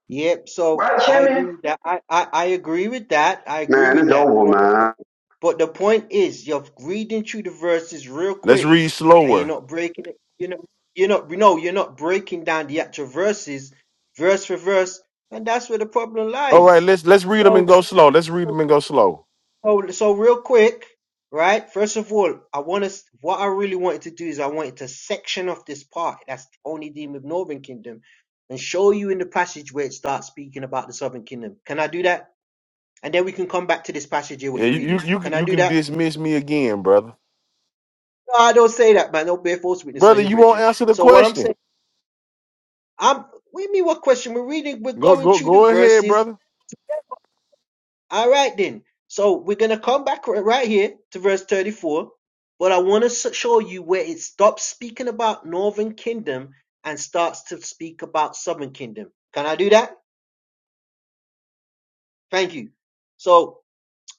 Speaker 1: Yep. So
Speaker 14: right,
Speaker 1: I agree
Speaker 14: Shemian?
Speaker 1: with that. I, I, I agree with that. I agree
Speaker 14: Man,
Speaker 1: with
Speaker 14: it's
Speaker 1: that.
Speaker 14: over,
Speaker 1: But the
Speaker 14: man.
Speaker 1: point, but the point is, you're reading through the verses real
Speaker 6: Let's
Speaker 1: quick,
Speaker 6: read
Speaker 1: and you're
Speaker 6: slower.
Speaker 1: not breaking it. You know, you're not. No, you're not breaking down the actual verses, verse for verse, and that's where the problem
Speaker 6: All right,
Speaker 1: lies.
Speaker 6: let's let's read them and
Speaker 1: So,
Speaker 6: go
Speaker 1: so,
Speaker 6: slow. Let's read them and go slow.
Speaker 1: So, so real quick, right? First of all, I want to. What I really wanted to do is I wanted to section off this part that's only dealing with Northern Kingdom, and show you in the passage where it starts speaking about the Southern Kingdom. Can I do that? And then we can come back to this passage here what
Speaker 6: Yeah,
Speaker 1: you're
Speaker 6: you you
Speaker 1: reading.
Speaker 6: you, can-
Speaker 1: Can I
Speaker 6: you
Speaker 1: do
Speaker 6: can
Speaker 1: that?
Speaker 6: dismiss me again, brother.
Speaker 1: No, I don't say that, man. Don't bear false witness on
Speaker 6: Brother,
Speaker 1: your
Speaker 6: you won't
Speaker 1: brethren.
Speaker 6: answer the
Speaker 1: So what I'm
Speaker 6: question.
Speaker 1: saying, I'm. What do you mean? What question we're reading? We're
Speaker 6: Go
Speaker 1: going
Speaker 6: go
Speaker 1: through the
Speaker 6: go ahead,
Speaker 1: verses
Speaker 6: brother.
Speaker 1: All right, then. So we're going to come back right here to verse 34, but I want to show you where it stops speaking about northern kingdom and starts to speak about southern kingdom. Can I do that? Thank you. So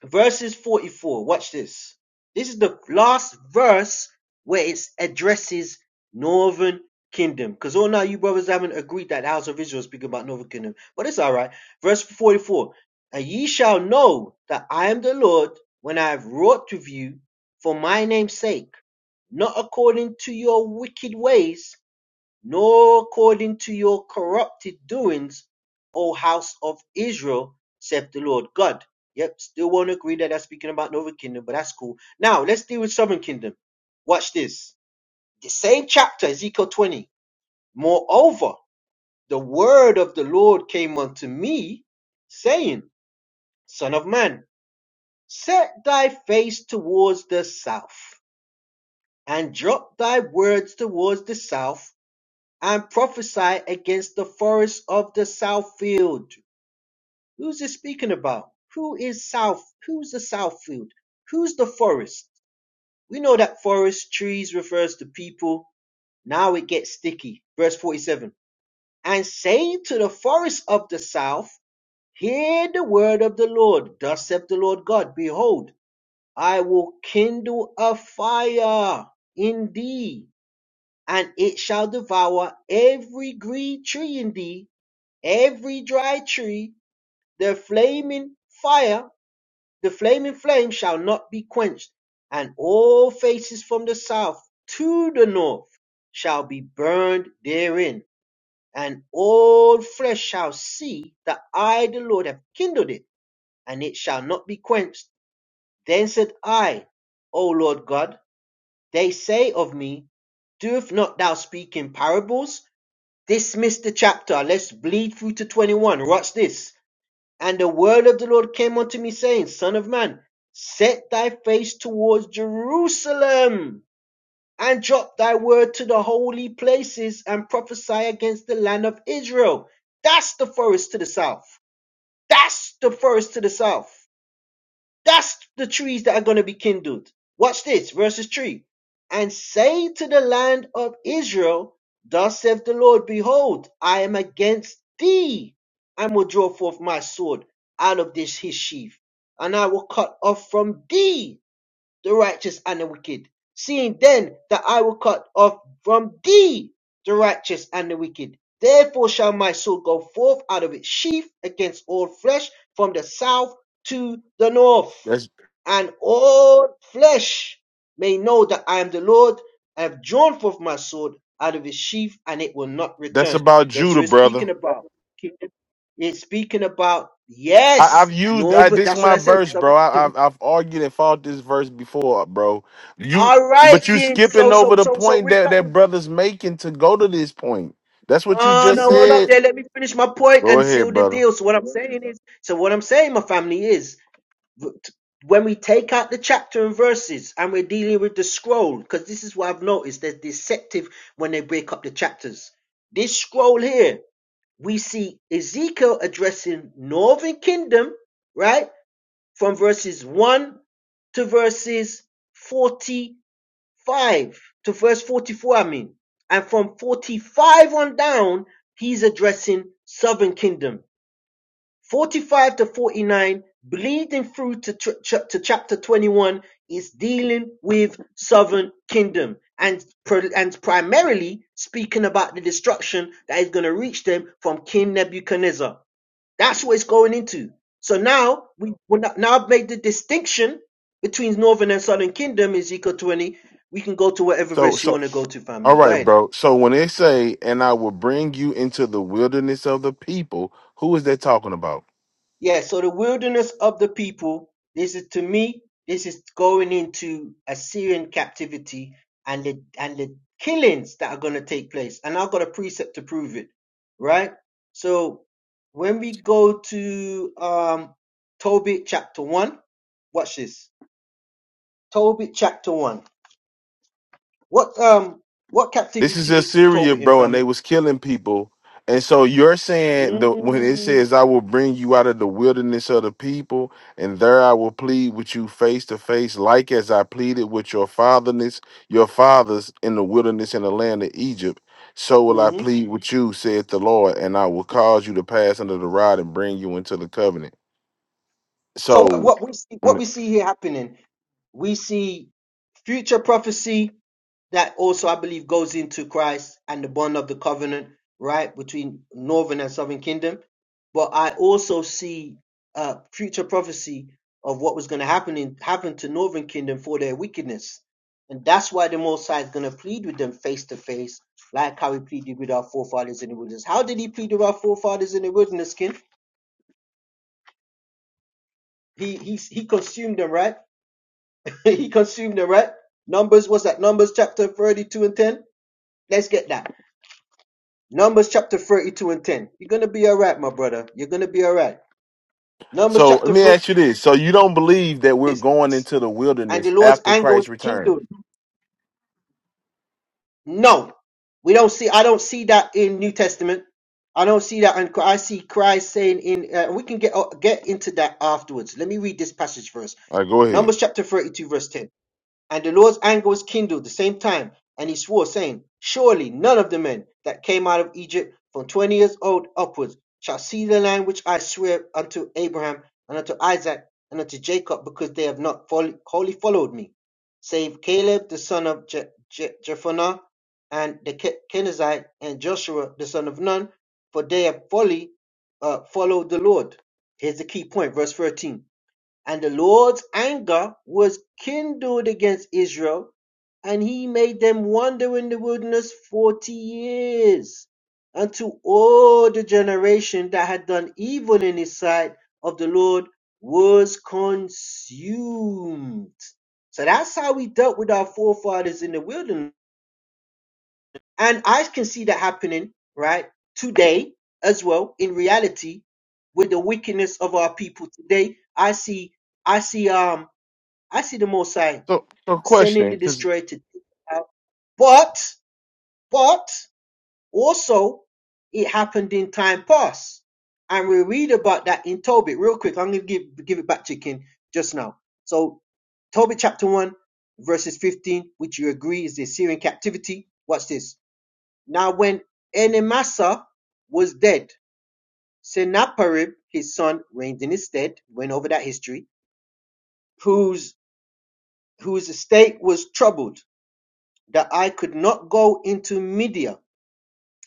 Speaker 1: verses 44. Watch this. This is the last verse where it addresses northern kingdom. Because all now you brothers haven't agreed that the house of Israel is speaking about northern kingdom. But it's all right. Verse 44. And ye shall know that I am the Lord when I have wrought with you for my name's sake, not according to your wicked ways, nor according to your corrupted doings, O house of Israel, saith the Lord God. Yep, still won't agree that that's speaking about Northern Kingdom, but that's cool. Now, let's deal with Southern Kingdom. Watch this. The same chapter, Ezekiel 20. Moreover, the word of the Lord came unto me, saying, Son of man, set thy face towards the south, and drop thy words towards the south, and prophesy against the forests of the south field. Who's he speaking about? Who is south? Who's the south field? Who's the forest? We know that forest trees refers to people. Now it gets sticky. Verse 47. And say to the forest of the south, Hear the word of the Lord. Thus saith the Lord God, Behold, I will kindle a fire in thee, and it shall devour every green tree in thee every dry tree, the flaming fire, the flaming flame shall not be quenched, and all faces from the south to the north shall be burned therein, and all flesh shall see that I, the Lord, have kindled it, and it shall not be quenched. Then said I, O Lord God, they say of me, Doeth not thou speak in parables? Dismiss the chapter. Let's bleed through to 21. Watch this. And the word of the Lord came unto me, saying, Son of man, set thy face towards Jerusalem, and drop thy word to the holy places, and prophesy against the land of Israel. That's the forest to the south. That's the forest to the south. That's the trees that are going to be kindled. Watch this, verses 3. And say to the land of Israel, Thus saith the Lord, Behold, I am against thee, and will draw forth my sword out of this his sheath, and I will cut off from thee the righteous and the wicked, seeing then that I will cut off from thee the righteous and the wicked. Therefore shall my sword go forth out of its sheath against all flesh from the south to the north,
Speaker 6: That's
Speaker 1: and all flesh may know that I am the Lord. I have drawn forth my sword out of its sheath, and it will not
Speaker 6: that's
Speaker 1: return.
Speaker 6: about
Speaker 1: Guess
Speaker 6: Judah,
Speaker 1: who it's
Speaker 6: brother.
Speaker 1: speaking about? It's speaking about
Speaker 6: I, I've
Speaker 1: yes,
Speaker 6: used I,
Speaker 1: northern.
Speaker 6: this is
Speaker 1: That's what
Speaker 6: my
Speaker 1: I said.
Speaker 6: verse,
Speaker 1: Southern
Speaker 6: bro.
Speaker 1: kingdom.
Speaker 6: I, I've I've argued and fought this verse before, bro. You
Speaker 1: All right,
Speaker 6: but you
Speaker 1: then.
Speaker 6: skipping
Speaker 1: So, so,
Speaker 6: over the
Speaker 1: so, so
Speaker 6: point
Speaker 1: we've
Speaker 6: that
Speaker 1: got. We,
Speaker 6: that brother's making to go to this point. That's what you
Speaker 1: oh
Speaker 6: just
Speaker 1: no, hold up
Speaker 6: said.
Speaker 1: there. Let me finish my point
Speaker 6: Go
Speaker 1: and seal
Speaker 6: ahead,
Speaker 1: the
Speaker 6: brother.
Speaker 1: deal. So what I'm saying is, so what I'm saying, my family is, v- t- when we take out the chapter and verses, and we're dealing with the scroll, because this is what I've noticed. They're deceptive when they break up the chapters. This scroll here, we see Ezekiel addressing Northern Kingdom, right, from verses one to verses 40 5 to verse 44, I mean. And from 45 on down, he's addressing southern kingdom. 45 to 49, bleeding through to, tr- to chapter 21, is dealing with southern kingdom and, and primarily speaking about the destruction that is going to reach them from King Nebuchadnezzar. That's what it's going into. So now we when I- now I've made the distinction between northern and southern kingdom Ezekiel twenty. We can go to whatever
Speaker 6: So
Speaker 1: verse you
Speaker 6: so
Speaker 1: want to go to,
Speaker 6: all
Speaker 1: family. Go
Speaker 6: right,
Speaker 1: ahead.
Speaker 6: bro. So when they say, "And I will bring you into the wilderness of the people," who is that talking about?
Speaker 1: Yeah. So the wilderness of the people. This is to me. This is going into Assyrian captivity and the and the killings that are going to take place. And I've got a precept to prove it. Right. So when we go to um, Tobit chapter one, watch this. Tobit chapter 1. What um what
Speaker 6: This is
Speaker 1: captivity was
Speaker 6: Assyria,
Speaker 1: Tobit in
Speaker 6: bro, and they
Speaker 1: family?
Speaker 6: was killing people. And so you're saying the when it
Speaker 1: Mm-hmm.
Speaker 6: says I will bring you out of the wilderness of the people, and there I will plead with you face to face, like as I pleaded with your fatherness, your fathers in the wilderness in the land of Egypt. So will I plead with you, saith the Lord, and I will cause you to pass under the rod and bring you into the covenant.
Speaker 1: So what,
Speaker 6: So
Speaker 1: what we see, what
Speaker 6: mm,
Speaker 1: we see here happening, we see future prophecy that also I believe goes into Christ and the bond of the covenant, right, between northern and southern kingdom. But I also see uh, future prophecy of what was going to happen in, happen to northern kingdom for their wickedness, and that's why the Most High is going to plead with them face to face, like how he pleaded with our forefathers in the wilderness. How did he plead with our forefathers in the wilderness, kin? He he he consumed them, right? he consumed it, right? Numbers, what's that? Numbers chapter 32 and 10? Let's get that. Numbers chapter 32 and 10. You're going to be all right, my brother. You're going to be all right. Numbers
Speaker 6: so let
Speaker 1: chapter
Speaker 6: me
Speaker 1: 30
Speaker 6: ask you this. So you don't believe that we're
Speaker 1: is,
Speaker 6: going into the
Speaker 1: and the
Speaker 6: wilderness
Speaker 1: Lord's
Speaker 6: after
Speaker 1: anger
Speaker 6: Christ
Speaker 1: was the
Speaker 6: returns?
Speaker 1: kingdom. No, we don't see, I don't see that in New Testament. I don't see that. And I see Christ saying in, uh, we can get, uh, get into that afterwards. Let me read this passage first.
Speaker 6: All right, go ahead.
Speaker 1: Numbers chapter 32 verse 10. And the Lord's anger was kindled the same time, and he swore, saying, Surely none of the men that came out of Egypt from twenty years old upwards shall see the land which I swear unto Abraham and unto Isaac and unto Jacob, because they have not fol- wholly followed me, save Caleb the son of Je- Je- Jephunneh and the Ke- Kenizzite and Joshua the son of Nun, for they have wholly uh, followed the Lord. Here's the key point, verse 13. And the Lord's anger was kindled against Israel, and he made them wander in the wilderness forty years, until all the generation that had done evil in his sight of the Lord was consumed. So that's how we dealt with our forefathers in the wilderness. And I can see that happening, right, today as well in reality with the wickedness of our people today. I see, I see, um, I see the Most High
Speaker 6: So, so
Speaker 1: sending
Speaker 6: question,
Speaker 1: the
Speaker 6: because
Speaker 1: destroyer to take it out, but but also it happened in time past, and we read about that in Tobit real quick. I'm gonna give give it back to King just now. So Tobit chapter one verses 15, which you agree is the Assyrian captivity. Watch this. Now when Enemasa was dead, Sennacherib his son reigned in his stead. Went over that history. Whose whose estate was troubled that I could not go into Media.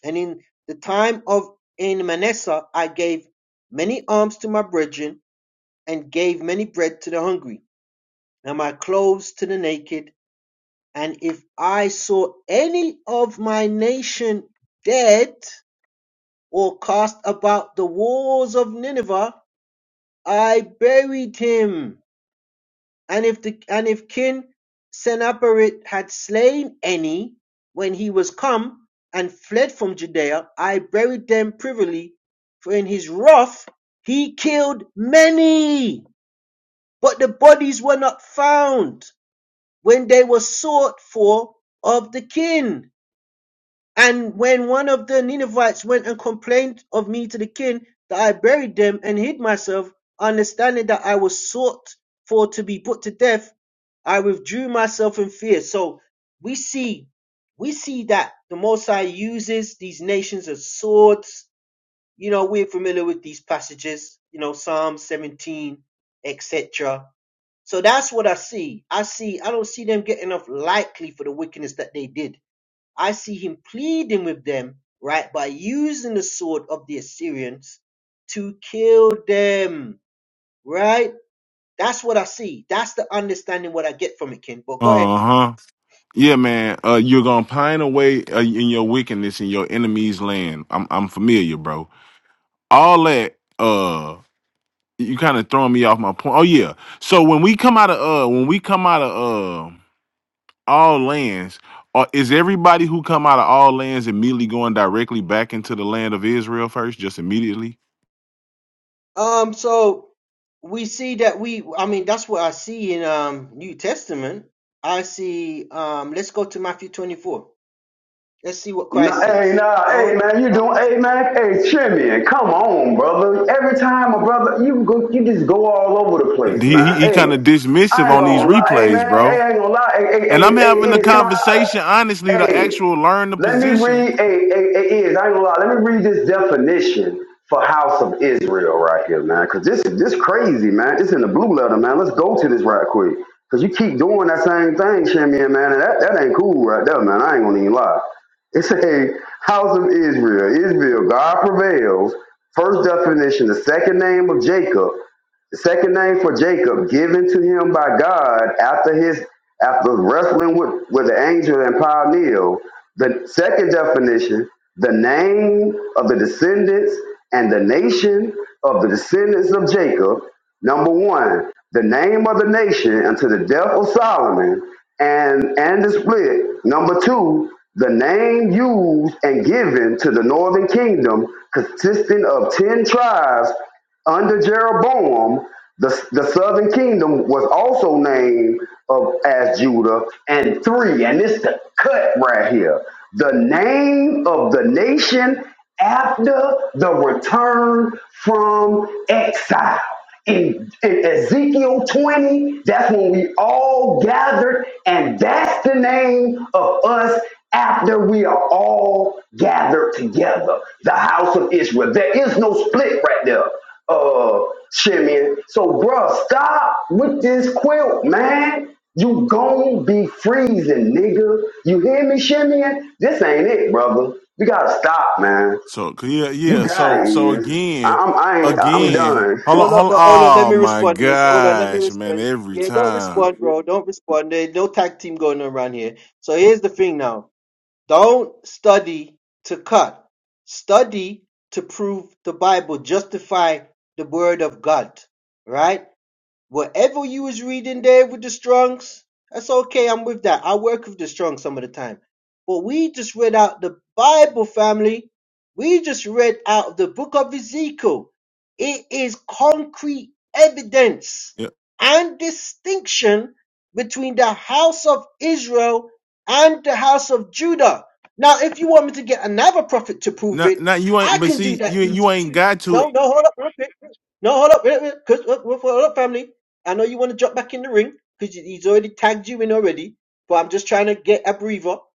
Speaker 1: And in the time of in Manasseh I gave many alms to my brethren, and gave many bread to the hungry, and my clothes to the naked. And if I saw any of my nation dead, or cast about the walls of Nineveh, I buried him. And if the and if King Sennacherib had slain any when he was come and fled from Judea, I buried them privily, for in his wrath he killed many, but the bodies were not found when they were sought for of the kin. And when one of the Ninevites went and complained of me to the king, that I buried them and hid myself, understanding that I was sought for to be put to death, I withdrew myself in fear. So we see, we see that the Most High uses these nations as swords. You know, we're familiar with these passages. You know, Psalm 17, etc. So that's what I see. I see. I don't see them getting off lightly for the wickedness that they did I see him pleading with them, right, by using the sword of the Assyrians to kill them, right? That's what I see. That's the understanding what I get from it, Ken. But go ahead.
Speaker 6: Uh huh. Yeah, man. Uh, you're gonna pine away uh, in your wickedness in your enemy's land. I'm I'm familiar, bro. All that. Uh, you kind of throwing me off my point. Oh yeah. So when we come out of uh, when we come out of uh, all lands, uh, is everybody who come out of all lands immediately going directly back into the land of Israel first? Just immediately.
Speaker 1: Um, so we see that we, I mean, that's what I see in um New Testament. I see. Um, let's go to Matthew twenty-four. Let's see what
Speaker 14: No,
Speaker 1: Christ
Speaker 14: hey,
Speaker 1: says.
Speaker 14: nah,
Speaker 1: I
Speaker 14: hey, man, you doing,
Speaker 1: only.
Speaker 14: hey, man, hey, Shemian, come on, brother. Every time, a brother, you go, you just go all over the place,
Speaker 6: He he,
Speaker 14: man.
Speaker 6: he kind
Speaker 14: Hey,
Speaker 6: of dismissive
Speaker 14: I ain't
Speaker 6: on these
Speaker 14: gonna lie, hey,
Speaker 6: replays,
Speaker 14: man,
Speaker 6: bro.
Speaker 14: hey, I ain't gonna lie, hey, hey,
Speaker 6: And I'm
Speaker 14: hey,
Speaker 6: having
Speaker 14: hey,
Speaker 6: a
Speaker 14: is, can I, I,
Speaker 6: conversation, honestly, to
Speaker 14: hey.
Speaker 6: actual learn the
Speaker 14: Let me
Speaker 6: position
Speaker 14: read a, a, a is I ain't gonna lie. Let me read this definition for House of Israel right here, man. Cause this is this crazy, man. It's in the blue letter, man. Let's go to this right quick. Cause you keep doing that same thing, Shimmy, man, and that, that ain't cool right there, man. I ain't gonna even lie. It's a House of Israel. Israel, God prevails. First definition, the second name of Jacob. The second name for Jacob, given to him by God after his after wrestling with, with the angel and Pioneer. The second definition, the name of the descendants and the nation of the descendants of Jacob. Number one, the name of the nation unto the death of Solomon and and the split. Number two, the name used and given to the northern kingdom consisting of ten tribes under Jeroboam, the, the southern kingdom was also named of, as Judah, and three, and it's the cut right here. The name of the nation after the return from exile in, in Ezekiel 20, that's when we all gathered, and that's the name of us after we are all gathered together, the house of Israel. There is no split right there, uh, Shimeon. So, bruh, stop with this quilt, man. You gon' be freezing, nigga. You hear me, Shimeon? This ain't it, brother. You gotta stop, man.
Speaker 6: So yeah,
Speaker 14: You
Speaker 6: yeah. So
Speaker 14: got it,
Speaker 6: so
Speaker 14: is. I-
Speaker 6: again,
Speaker 14: I'm, I ain't, I'm
Speaker 6: again.
Speaker 14: done.
Speaker 6: Hold on,
Speaker 1: Hold on,
Speaker 6: hold on.
Speaker 1: no, hold on. Let
Speaker 6: Oh
Speaker 1: me
Speaker 6: my
Speaker 1: respond. Yes, hold on. Let me
Speaker 6: gosh, man!
Speaker 1: respond.
Speaker 6: Every
Speaker 1: Yeah, don't
Speaker 6: time.
Speaker 1: respond, bro. Don't respond. There's no tag team going on around here. So here's the thing now. Don't study to cut. Study to prove the Bible. Justify the word of God. Right? Whatever you was reading there with the Strongs, that's okay. I'm with that. I work with the Strongs some of the time. But we just read out the Bible, family. We just read out of the book of Ezekiel. It is concrete evidence
Speaker 6: Yeah.
Speaker 1: and distinction between the house of Israel and the house of Judah. Now, if you want me to get another prophet to prove
Speaker 6: Not,
Speaker 1: it,
Speaker 6: not you
Speaker 1: I
Speaker 6: ain't. But
Speaker 1: can do
Speaker 6: see, you
Speaker 1: that
Speaker 6: you
Speaker 1: easy
Speaker 6: ain't
Speaker 1: too.
Speaker 6: got to.
Speaker 1: No, no, hold up, real quick. No, hold up, wait, wait, 'cause- hold up, family. I know you want to jump back in the ring because he's already tagged you in already, but I'm just trying to get a breather. All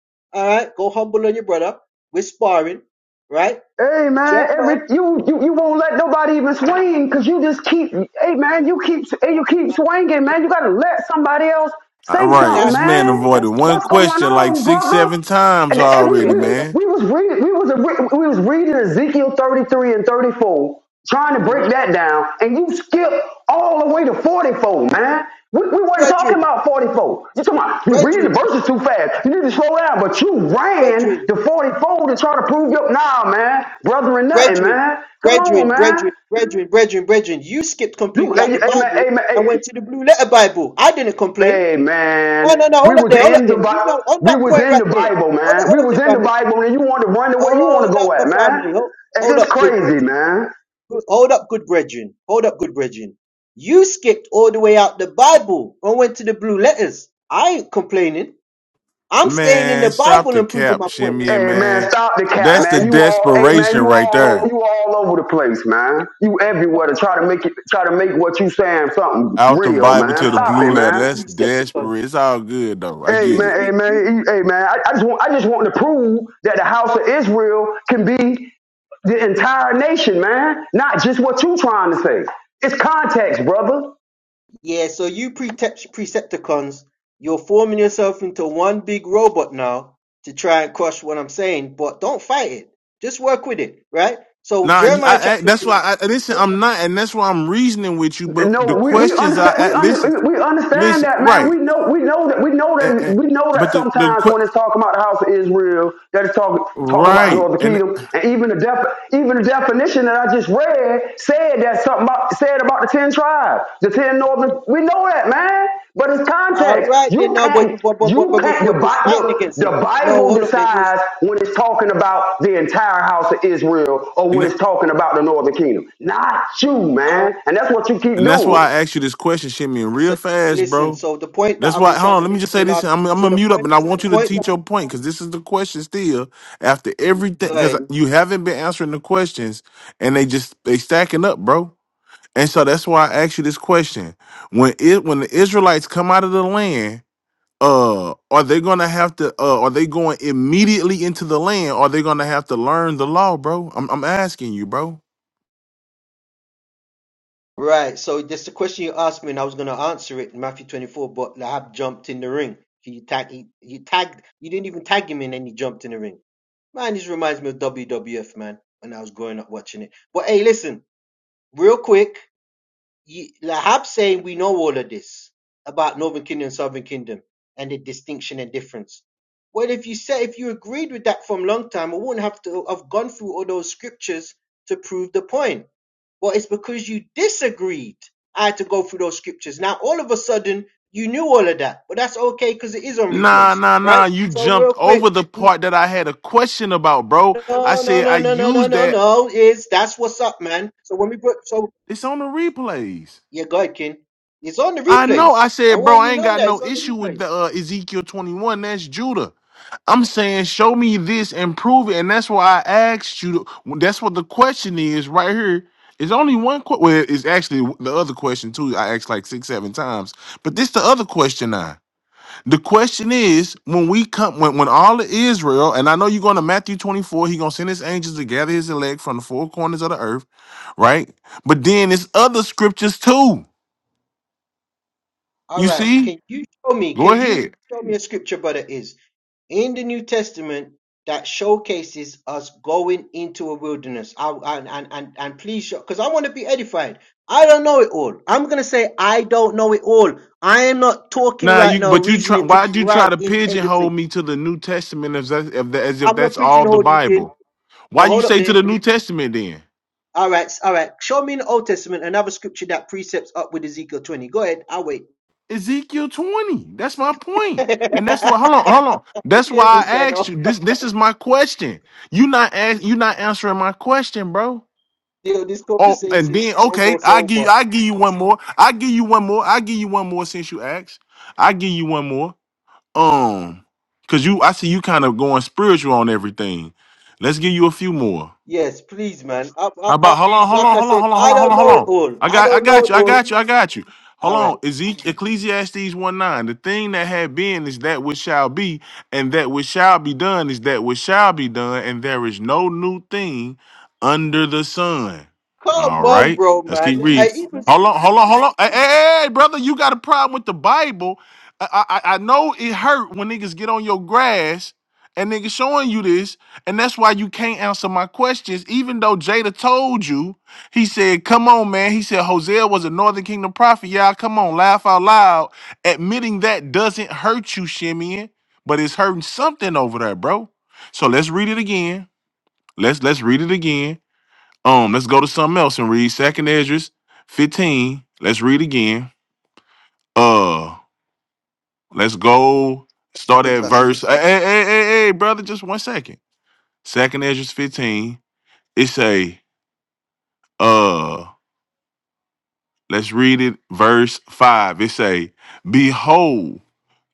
Speaker 1: right, go humble on your brother. We're sparring, right?
Speaker 14: Hey man,
Speaker 1: Jeremiah,
Speaker 14: every you you you won't let nobody even swing because you just keep. Hey man, you keep hey, you
Speaker 1: no,
Speaker 14: keep swinging, man. You gotta let somebody else
Speaker 6: Uh,
Speaker 14: say
Speaker 6: right.
Speaker 14: something,
Speaker 6: This
Speaker 1: that's not
Speaker 6: man
Speaker 14: man.
Speaker 1: fair.
Speaker 6: avoided
Speaker 1: That's
Speaker 6: one
Speaker 14: What's
Speaker 1: that's not,
Speaker 14: going
Speaker 6: question like
Speaker 14: on,
Speaker 6: six,
Speaker 14: brother?
Speaker 6: seven times
Speaker 14: And,
Speaker 1: that's
Speaker 14: and
Speaker 1: not
Speaker 14: we
Speaker 6: already,
Speaker 1: fair,
Speaker 14: we
Speaker 1: elder.
Speaker 6: man.
Speaker 14: we was reading we was a, we was reading Ezekiel thirty three and thirty four trying to
Speaker 1: hmm
Speaker 14: break that down, and you skip all the way to 44, man. We, we weren't talking
Speaker 1: Brethren,
Speaker 14: about 44. You're talking about you're reading the
Speaker 1: brethren,
Speaker 14: verses too fast. You need to slow down, but you ran
Speaker 1: brethren,
Speaker 14: to 44 to try to prove your nah, man. Brother and
Speaker 1: brethren,
Speaker 14: nothing,
Speaker 1: brethren,
Speaker 14: man. Come on, man.
Speaker 1: brethren, brethren, brethren, brethren. You skipped
Speaker 14: You
Speaker 1: completely out
Speaker 14: hey,
Speaker 1: the
Speaker 14: hey man,
Speaker 1: Bible
Speaker 14: hey man,
Speaker 1: and
Speaker 14: hey,
Speaker 1: went to the blue letter Bible. I didn't complain.
Speaker 14: hey man.
Speaker 1: No, no, no.
Speaker 14: We
Speaker 1: Hold up
Speaker 14: was
Speaker 1: there. Hold
Speaker 14: in
Speaker 1: up
Speaker 14: the
Speaker 1: there. You
Speaker 14: Bi-
Speaker 1: know, on
Speaker 14: we
Speaker 1: that
Speaker 14: was
Speaker 1: point
Speaker 14: in the
Speaker 1: right there.
Speaker 14: Bible,
Speaker 1: Hold up,
Speaker 14: man. We
Speaker 1: hold up
Speaker 14: was
Speaker 1: there,
Speaker 14: in the
Speaker 1: family.
Speaker 14: Bible, and you want to run the way you want
Speaker 1: Hold
Speaker 14: to go
Speaker 1: up,
Speaker 14: at,
Speaker 1: my
Speaker 14: man.
Speaker 1: family. Hold,
Speaker 14: Hey,
Speaker 1: hold
Speaker 14: this
Speaker 1: up, good
Speaker 14: crazy,
Speaker 1: brethren.
Speaker 14: man.
Speaker 1: Good- Hold up, good brethren. Hold up, good brethren. You skipped all the way out the Bible and went to the blue letters. I ain't complaining. I'm staying in the
Speaker 6: Man, stop
Speaker 1: Bible
Speaker 6: the
Speaker 1: and proving
Speaker 6: cap,
Speaker 1: my point.
Speaker 6: shimmy, and
Speaker 14: Hey man,
Speaker 6: man.
Speaker 14: stop the cap,
Speaker 1: Got
Speaker 6: That's the
Speaker 1: the
Speaker 14: man. You all, hey man,
Speaker 6: desperation
Speaker 14: you
Speaker 6: right
Speaker 14: all over,
Speaker 6: there.
Speaker 14: you all over the place, man. You everywhere to
Speaker 1: brothers
Speaker 14: try
Speaker 1: trying
Speaker 14: to
Speaker 1: to
Speaker 14: make it,
Speaker 1: attack-
Speaker 14: try to make what you saying something
Speaker 6: Out the
Speaker 14: real,
Speaker 6: Bible
Speaker 14: man.
Speaker 6: to the
Speaker 1: Nah,
Speaker 14: Stop it,
Speaker 6: blue
Speaker 1: nah,
Speaker 6: letter.
Speaker 1: you
Speaker 14: man.
Speaker 6: That's
Speaker 1: precepticons.
Speaker 6: desperate. It's all good though. I
Speaker 14: Hey
Speaker 1: You
Speaker 6: get it.
Speaker 14: man, hey
Speaker 1: pre,
Speaker 14: man,
Speaker 1: you
Speaker 14: hey hey, man. I, I just want, I just want to prove that the house of Israel can be the entire nation, man. Not just what you trying to say. It's context, brother.
Speaker 1: Yeah, so you Prete- Precepticons, you're forming yourself into one big robot now to try and crush what I'm saying, but don't fight it. Just work with it, right? So
Speaker 6: Nah, you-
Speaker 1: Jeremiah
Speaker 6: I, I
Speaker 1: chapter
Speaker 6: that's
Speaker 1: three.
Speaker 6: why I listen. I'm not, and that's why I'm reasoning with you. But the
Speaker 14: No, we, we
Speaker 6: questions I,
Speaker 14: understand
Speaker 6: I
Speaker 14: we,
Speaker 6: listen,
Speaker 14: under, we understand
Speaker 6: listen,
Speaker 14: that man.
Speaker 6: right,
Speaker 14: We know we know that we know
Speaker 6: and,
Speaker 14: that
Speaker 6: and,
Speaker 14: we know
Speaker 6: but
Speaker 14: that
Speaker 6: the the
Speaker 14: sometimes
Speaker 6: que-
Speaker 14: when it's talking about the house of Israel, that it's talking talking about
Speaker 6: right,
Speaker 14: Northern
Speaker 6: and
Speaker 14: Kingdom, and even the def, even the definition that I just read said that something about, said about the ten tribes, the ten northern. We know that man. But it's
Speaker 1: All
Speaker 14: context.
Speaker 1: right, then
Speaker 14: You
Speaker 1: now, but you,
Speaker 14: can't,
Speaker 1: but, but, but,
Speaker 14: you
Speaker 1: but
Speaker 14: can't,
Speaker 1: before
Speaker 14: the,
Speaker 1: you was
Speaker 14: Bi-
Speaker 1: fighting
Speaker 14: the,
Speaker 1: against
Speaker 14: the
Speaker 1: it. No,
Speaker 14: Bible
Speaker 1: hold up, there you was.
Speaker 14: decides when it's talking about the entire house of Israel or
Speaker 6: and
Speaker 14: when
Speaker 6: that-
Speaker 14: it's talking about the northern kingdom. Not you, man.
Speaker 1: All
Speaker 14: And that's what you keep
Speaker 6: and that's
Speaker 14: doing.
Speaker 6: why I asked you this question, Shimmy,
Speaker 1: right,
Speaker 6: real
Speaker 1: so
Speaker 6: fast,
Speaker 1: listen.
Speaker 6: bro.
Speaker 1: So the point that
Speaker 6: That's
Speaker 1: I've
Speaker 6: why.
Speaker 1: been
Speaker 6: Hold
Speaker 1: trying
Speaker 6: on,
Speaker 1: to
Speaker 6: let me
Speaker 1: make
Speaker 6: just
Speaker 1: for
Speaker 6: say
Speaker 1: the
Speaker 6: this.
Speaker 1: last.
Speaker 6: I'm I'm
Speaker 1: So
Speaker 6: gonna
Speaker 1: the
Speaker 6: mute up,
Speaker 1: point,
Speaker 6: and I
Speaker 1: the
Speaker 6: want you to
Speaker 1: point that
Speaker 6: teach
Speaker 1: I've
Speaker 6: your
Speaker 1: been
Speaker 6: point because this is the question still. After
Speaker 1: trying to.
Speaker 6: everything,
Speaker 1: Go
Speaker 6: because
Speaker 1: ahead.
Speaker 6: you haven't been answering the questions, and they just they stacking up, bro. And so that's why I asked you this question. When it when the Israelites come out of the land uh are they gonna have to uh are they going immediately into the land Or are they gonna have to learn the law bro i'm, I'm asking you bro
Speaker 1: Right. So that's the question you asked me, and I was going to answer it in Matthew 24. But Lahab jumped in the ring. He tagged. He, he tagged. You didn't even tag him in, and he jumped in the ring. Man, this reminds me of WWF, man. When I was growing up watching it. But hey, listen, real quick. You, Lahab saying we know all of this about Northern Kingdom, and Southern Kingdom, and the distinction and difference. Well, if you said if you agreed with that from long time, I wouldn't have to have gone through all those scriptures to prove the point well, it's because you disagreed. I had to go through those scriptures. Now, all of a sudden, you knew all of that, but that's okay because it is on
Speaker 6: nah
Speaker 1: replays,
Speaker 6: nah
Speaker 1: right?
Speaker 6: nah you
Speaker 1: So,
Speaker 6: jumped
Speaker 1: real quick,
Speaker 6: over the
Speaker 1: no,
Speaker 6: part that i had a question about bro i
Speaker 1: no,
Speaker 6: said i
Speaker 1: no, no, no, no,
Speaker 6: used
Speaker 1: no,
Speaker 6: that
Speaker 1: no. Is that's what's up, man. So when we put, so
Speaker 6: it's on the replays
Speaker 1: yeah, go ahead, King. It's on the
Speaker 6: I know. I
Speaker 1: replays. I
Speaker 6: said, bro,
Speaker 1: want you
Speaker 6: I
Speaker 1: to
Speaker 6: ain't
Speaker 1: know
Speaker 6: got
Speaker 1: that it's
Speaker 6: no
Speaker 1: on the
Speaker 6: issue with
Speaker 1: replays.
Speaker 6: the uh, Ezekiel 21. That's Judah. I'm saying, show me this and prove it. And that's why I asked you. To, that's what the question is right here. It's only one question. Well, it's actually the other question, too. I asked like six, seven times. But this the other question now. The question is, when we come, when, when all of Israel, and I know you're going to Matthew 24, he going to send his angels to gather his elect from the four corners of the earth, right? But then it's other scriptures, too.
Speaker 1: All
Speaker 6: You
Speaker 1: right.
Speaker 6: see?
Speaker 1: Can you show me?
Speaker 6: Go
Speaker 1: Can you
Speaker 6: ahead.
Speaker 1: show me a scripture, brother? Is in the New Testament that showcases us going into a wilderness. I, and, and, and, and please, show, because I want to be edified. I don't know it all. I'm going to say, I don't know it all. I am not talking
Speaker 6: Nah,
Speaker 1: right
Speaker 6: you
Speaker 1: now,
Speaker 6: but you try.
Speaker 1: reasoning to
Speaker 6: Why
Speaker 1: be
Speaker 6: do you try
Speaker 1: right
Speaker 6: to
Speaker 1: in
Speaker 6: pigeonhole
Speaker 1: everything.
Speaker 6: me to the New Testament as that, if that, as if
Speaker 1: I'm not
Speaker 6: that's all the
Speaker 1: pigeonholed, you kid.
Speaker 6: Bible? Why
Speaker 1: No,
Speaker 6: you
Speaker 1: hold up
Speaker 6: say to
Speaker 1: there.
Speaker 6: the New Testament then?
Speaker 1: All right, all right. Show me in the Old Testament another scripture that precepts up with Ezekiel 20. Go ahead. I'll wait.
Speaker 6: Ezekiel twenty. That's my point,
Speaker 1: yeah,
Speaker 6: and that's why. Hold on, hold on. That's why I
Speaker 1: this, I
Speaker 6: asked
Speaker 1: know.
Speaker 6: you. This this is my question. You not ask. You not answering my question, bro.
Speaker 1: Yo, this
Speaker 6: Oh, and
Speaker 1: conversation is
Speaker 6: then okay,
Speaker 1: almost
Speaker 6: I give
Speaker 1: over.
Speaker 6: I give you one more. I give you one more. I give you one more since you asked. I give you one more. Um, cause you I see you kind of going spiritual on everything. Let's give you a few more.
Speaker 1: Yes, please, man. I, I,
Speaker 6: How about
Speaker 1: I,
Speaker 6: hold on, hold
Speaker 1: like
Speaker 6: on,
Speaker 1: I
Speaker 6: hold on,
Speaker 1: said,
Speaker 6: hold on, hold
Speaker 1: I
Speaker 6: on, hold
Speaker 1: don't
Speaker 6: on, hold
Speaker 1: know it
Speaker 6: on.
Speaker 1: all.
Speaker 6: I
Speaker 1: I
Speaker 6: got I
Speaker 1: don't know
Speaker 6: got
Speaker 1: it
Speaker 6: you, I
Speaker 1: all.
Speaker 6: got you, I got you. Hold
Speaker 1: All right.
Speaker 6: on. Ezekiel Ecclesiastes 1 9. The thing that had been is that which shall be, and that which shall be done is that which shall be done, and there is no new thing under the sun.
Speaker 1: Come
Speaker 6: All
Speaker 1: on,
Speaker 6: right.
Speaker 1: bro,
Speaker 6: Let's keep
Speaker 1: man.
Speaker 6: reading.
Speaker 1: I even
Speaker 6: Hold on, hold on, hold on. Hey, hey, hey, hey, brother, you got a problem with the Bible. I, I I I know it hurt when niggas get on your grass and niggas showing you this, and that's why you can't answer my questions, even though Jada told you. He said, Come on, man. He said, Hosea was a Northern Kingdom prophet. Y'all, come on, laugh out loud. Admitting that doesn't hurt you, Shimeon, but it's hurting something over there, bro. So let's read it again. Let's let's read it again. Um, let's go to something else and read Second Esdras 15. Let's read again. Uh, let's go
Speaker 1: a
Speaker 6: start
Speaker 1: good
Speaker 6: at
Speaker 1: passage.
Speaker 6: verse. Hey, hey, hey, hey, hey, brother, just one second. Second Esdras 15. It say. Uh, let's read it. Verse five. It say, "Behold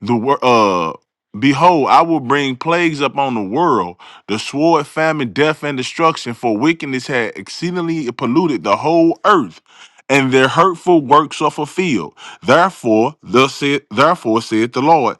Speaker 6: the wor- uh." Behold, I will bring plagues upon the world, the sword, famine, death, and destruction, for wickedness had exceedingly polluted the whole earth, and their hurtful works are fulfilled. Therefore, thus said, therefore saith the Lord.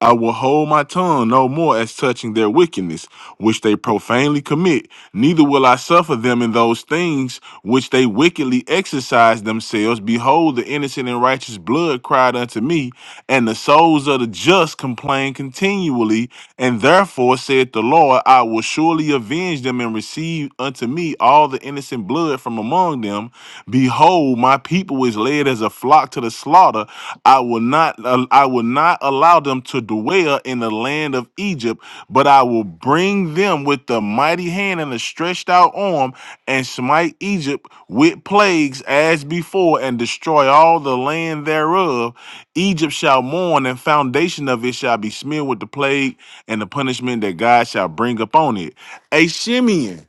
Speaker 6: I will hold my tongue no more as touching their wickedness, which they profanely commit, neither will I suffer them in those things which they wickedly exercise themselves. Behold, the innocent and righteous blood cried unto me, and the souls of the just complain continually. And therefore, said the Lord, I will surely avenge them and receive unto me all the innocent blood from among them Behold, my people is led as a flock to the slaughter. I will not uh, I will not allow them to dwell in the land of Egypt, but I will bring them with the mighty hand and the stretched out arm and smite Egypt with plagues as before and destroy all the land thereof. Egypt shall mourn and foundation of it shall be smeared with the plague and the punishment that God shall bring upon it. A Shimeon,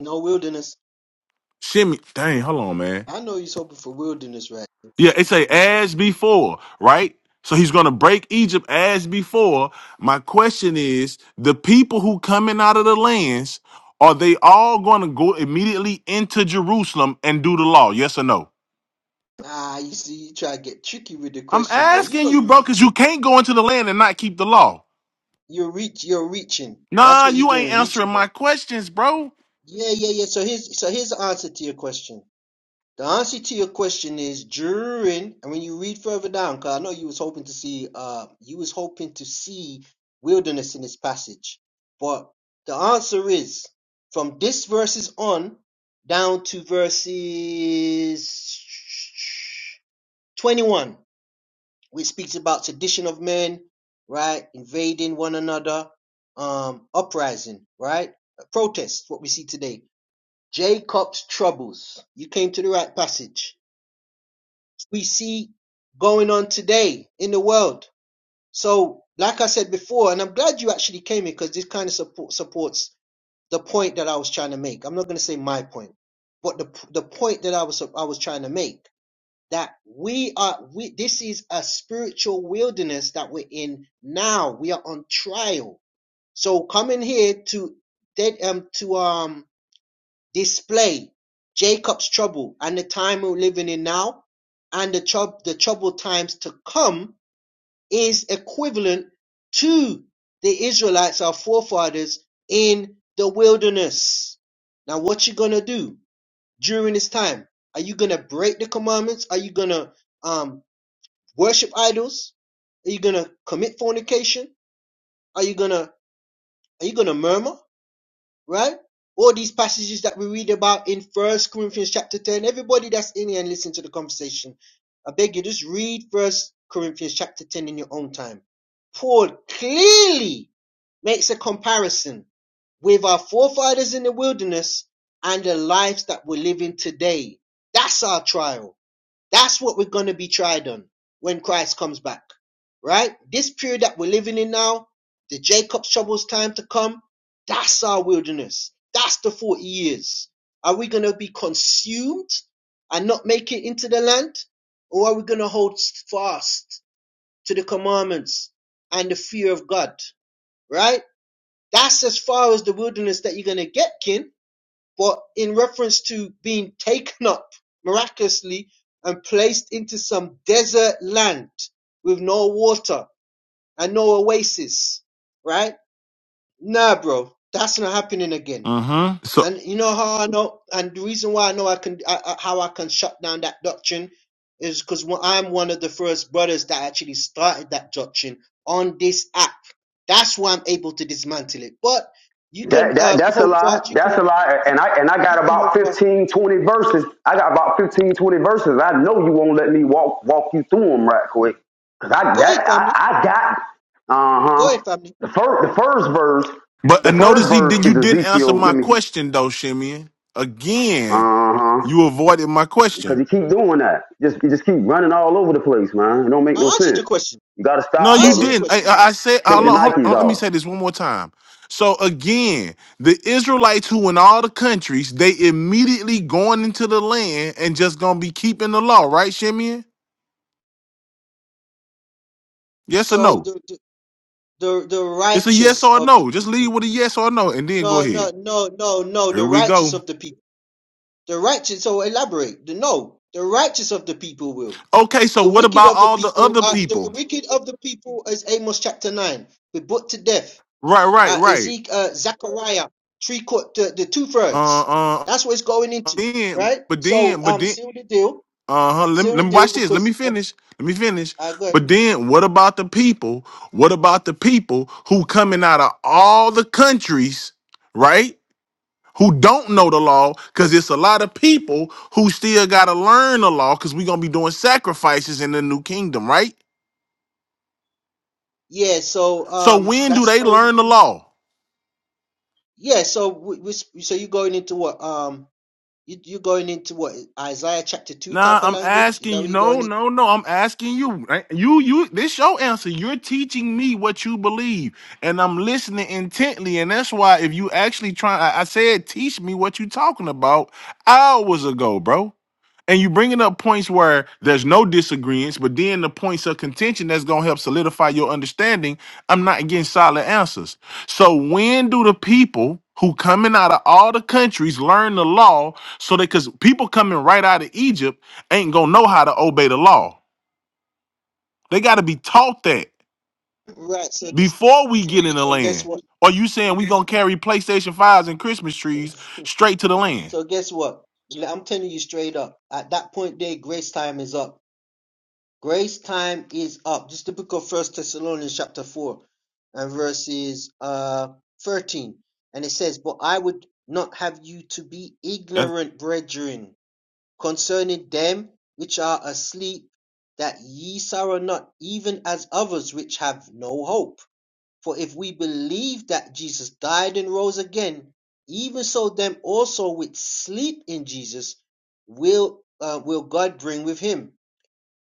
Speaker 1: No wilderness.
Speaker 6: shimmy. dang, hold on, man.
Speaker 1: I know he's hoping for wilderness, right?
Speaker 6: Yeah, it say as before, right? So he's going to break Egypt as before. My question is, the people who coming out of the lands, are they all going to go immediately into Jerusalem and do the law? Yes or no?
Speaker 1: Ah, you see, you try to get tricky with the
Speaker 6: I'm
Speaker 1: question, boy. You
Speaker 6: asking
Speaker 1: know
Speaker 6: you,
Speaker 1: you're
Speaker 6: bro, because you
Speaker 1: reaching.
Speaker 6: can't go into the land and not keep the law.
Speaker 1: You're reach. You're reaching. That's
Speaker 6: Nah,
Speaker 1: what you're
Speaker 6: you ain't
Speaker 1: doing,
Speaker 6: answering
Speaker 1: reaching,
Speaker 6: my
Speaker 1: man.
Speaker 6: questions, bro.
Speaker 1: Yeah, yeah, yeah. So here's so here's the answer to your question. The answer to your question is during, and when you read further down, because I know you was hoping to see, uh, you was hoping to see wilderness in this passage, but the answer is from this verses on down to verses twenty-one, which speaks about sedition of men, right, invading one another, um, uprising, right, protest, what we see today. Jacob's troubles. You came to the right passage we see going on today in the world. So, like I said before, and I'm glad you actually came here because this kind of support, supports the point that I was trying to make. I'm not going to say my point, but the the point that I was I was trying to make that we are we this is a spiritual wilderness that we're in now. We are on trial. So coming here to dead um to um this play, Jacob's trouble and the time we're living in now, and the troub the troubled times to come, is equivalent to the Israelites, our forefathers, in the wilderness. Now, what you gonna do during this time? Are you gonna break the commandments? Are you gonna um, worship idols? Are you gonna commit fornication? Are you gonna are you gonna murmur? right? All these passages that we read about in First Corinthians chapter 10. Everybody that's in here and listen to the conversation, I beg you, just read First Corinthians chapter 10 in your own time. Paul clearly makes a comparison with our forefathers in the wilderness and the lives that we're living today. That's our trial. That's what we're going to be tried on when Christ comes back, right? This period that we're living in now, the Jacob's troubles time to come, that's our wilderness. That's the 40 years. Are we going to be consumed and not make it into the land? Or are we going to hold fast to the commandments and the fear of God, right? That's as far as the wilderness that you're going to get, kin but in reference to being taken up miraculously and placed into some desert land with no water and no oasis, right? Nah, bro, that's not happening again.
Speaker 6: Mm-hmm. So,
Speaker 1: And you know how I know, and the reason why I know I can, I, I- how I can shut down that doctrine is because I'm one of the first brothers that actually started that doctrine on this app. That's why I'm able to dismantle it. But you can
Speaker 14: That, that
Speaker 1: uh,
Speaker 14: that's a
Speaker 1: hold
Speaker 14: lie.
Speaker 1: fast. You
Speaker 14: That's
Speaker 1: can
Speaker 14: a lie.
Speaker 1: you,
Speaker 14: And I and I got
Speaker 1: you can
Speaker 14: about
Speaker 1: hold fast
Speaker 14: 15, 20 verses. I got about 15, 20 verses. I know you won't let me walk walk you through them right quick. Cause I
Speaker 1: Go
Speaker 14: that
Speaker 1: ahead, family.
Speaker 14: I, I got
Speaker 1: Go
Speaker 14: uh-huh.
Speaker 1: ahead, family.
Speaker 14: The first the first verse,
Speaker 6: but uh,
Speaker 14: the first
Speaker 6: notice he
Speaker 14: verse
Speaker 6: did. You
Speaker 14: is
Speaker 6: didn't answer
Speaker 14: Ezekiel.
Speaker 6: my
Speaker 14: Let me
Speaker 6: question though, Shimeon. Again,
Speaker 14: Uh huh.
Speaker 6: you avoided my question.
Speaker 14: Because you keep doing that. Just you just keep running all over the place, man. It don't make no
Speaker 1: I answered
Speaker 14: sense.
Speaker 1: your question.
Speaker 14: You gotta
Speaker 6: No,
Speaker 14: stop,
Speaker 1: I
Speaker 6: you
Speaker 1: answered
Speaker 14: brother.
Speaker 1: your
Speaker 6: didn't. I,
Speaker 1: question.
Speaker 6: I I said,
Speaker 14: Take
Speaker 6: hold
Speaker 14: the
Speaker 6: on, hold
Speaker 14: Nikes
Speaker 6: on, let me
Speaker 14: off.
Speaker 6: say this one more time. So again, the Israelites who in all the countries, they immediately going into the land and just gonna be keeping the law, right, Shimeon? Yes or
Speaker 1: So
Speaker 6: no?
Speaker 1: the the the, the
Speaker 6: It's a yes
Speaker 1: righteous
Speaker 6: or
Speaker 1: of the
Speaker 6: no. Just leave
Speaker 1: people.
Speaker 6: with a yes or no, and then go
Speaker 1: No, no,
Speaker 6: ahead.
Speaker 1: no, no, no.
Speaker 6: Here
Speaker 1: The
Speaker 6: we
Speaker 1: righteous
Speaker 6: go.
Speaker 1: of the people. The righteous. So elaborate. The, no, the righteous of the people will.
Speaker 6: Okay, so
Speaker 1: The
Speaker 6: what
Speaker 1: wicked
Speaker 6: about
Speaker 1: of the
Speaker 6: all the
Speaker 1: people.
Speaker 6: other
Speaker 1: Are, the
Speaker 6: people?
Speaker 1: wicked of the people is Amos chapter nine. Be put to death.
Speaker 6: Right, right,
Speaker 1: Uh,
Speaker 6: right.
Speaker 1: Ezek, uh, Zechariah, three quarter, the, the two thirds.
Speaker 6: Uh, uh.
Speaker 1: That's what it's going into,
Speaker 6: Then,
Speaker 1: right?
Speaker 6: but then,
Speaker 1: So
Speaker 6: but
Speaker 1: um,
Speaker 6: then,
Speaker 1: seal the deal.
Speaker 6: Uh huh. Let, me-
Speaker 1: Seal the
Speaker 6: let me
Speaker 1: deal
Speaker 6: watch this. Let
Speaker 1: because.
Speaker 6: me
Speaker 1: Uh,
Speaker 6: finish. Let me finish.
Speaker 1: uh, go ahead.
Speaker 6: But then, what about the people? What about the people who coming out of all the countries, right? Who don't know the law? Because it's a lot of people who still gotta learn the law. Because we gonna be doing sacrifices in the new kingdom, right?
Speaker 1: Yeah, so
Speaker 6: So
Speaker 1: um,
Speaker 6: when do
Speaker 1: that's
Speaker 6: they
Speaker 1: going.
Speaker 6: learn the law?
Speaker 1: Yeah, so we, we sp- so you're going into what um you you're going into what Isaiah chapter two
Speaker 6: Nah,
Speaker 1: type of
Speaker 6: I'm
Speaker 1: language? Is
Speaker 6: asking
Speaker 1: that
Speaker 6: you.
Speaker 1: what you're
Speaker 6: No,
Speaker 1: going into?
Speaker 6: no, no. I'm asking you. right? You, you. This your answer. You're teaching me what you believe, and I'm listening intently. And that's why, if you actually try, I, I said, teach me what you talking about hours ago, bro. And you bringing up points where there's no disagreements, but then the points of contention that's gonna help solidify your understanding. I'm not getting solid answers. So when do the people who coming out of all the countries learn the law so that because people coming right out of Egypt ain't gonna know how to obey the law. They gotta be taught that
Speaker 1: Right. So just so,
Speaker 6: before we
Speaker 1: so
Speaker 6: get in the
Speaker 1: so guess
Speaker 6: land.
Speaker 1: what?
Speaker 6: Or you saying we gonna carry PlayStation fives and Christmas trees straight to the land?
Speaker 1: So guess what? Like, I'm telling you straight up. At that point, there, grace time is up. Grace time is up. Just the book of First Thessalonians chapter four and verses uh thirteen, and it says, "But I would not have you to be
Speaker 6: That's
Speaker 1: ignorant, brethren." concerning them which are asleep, that ye sorrow not, even as others which have no hope. For if we believe that Jesus died and rose again, even so them also which sleep in Jesus will uh, will God bring with him.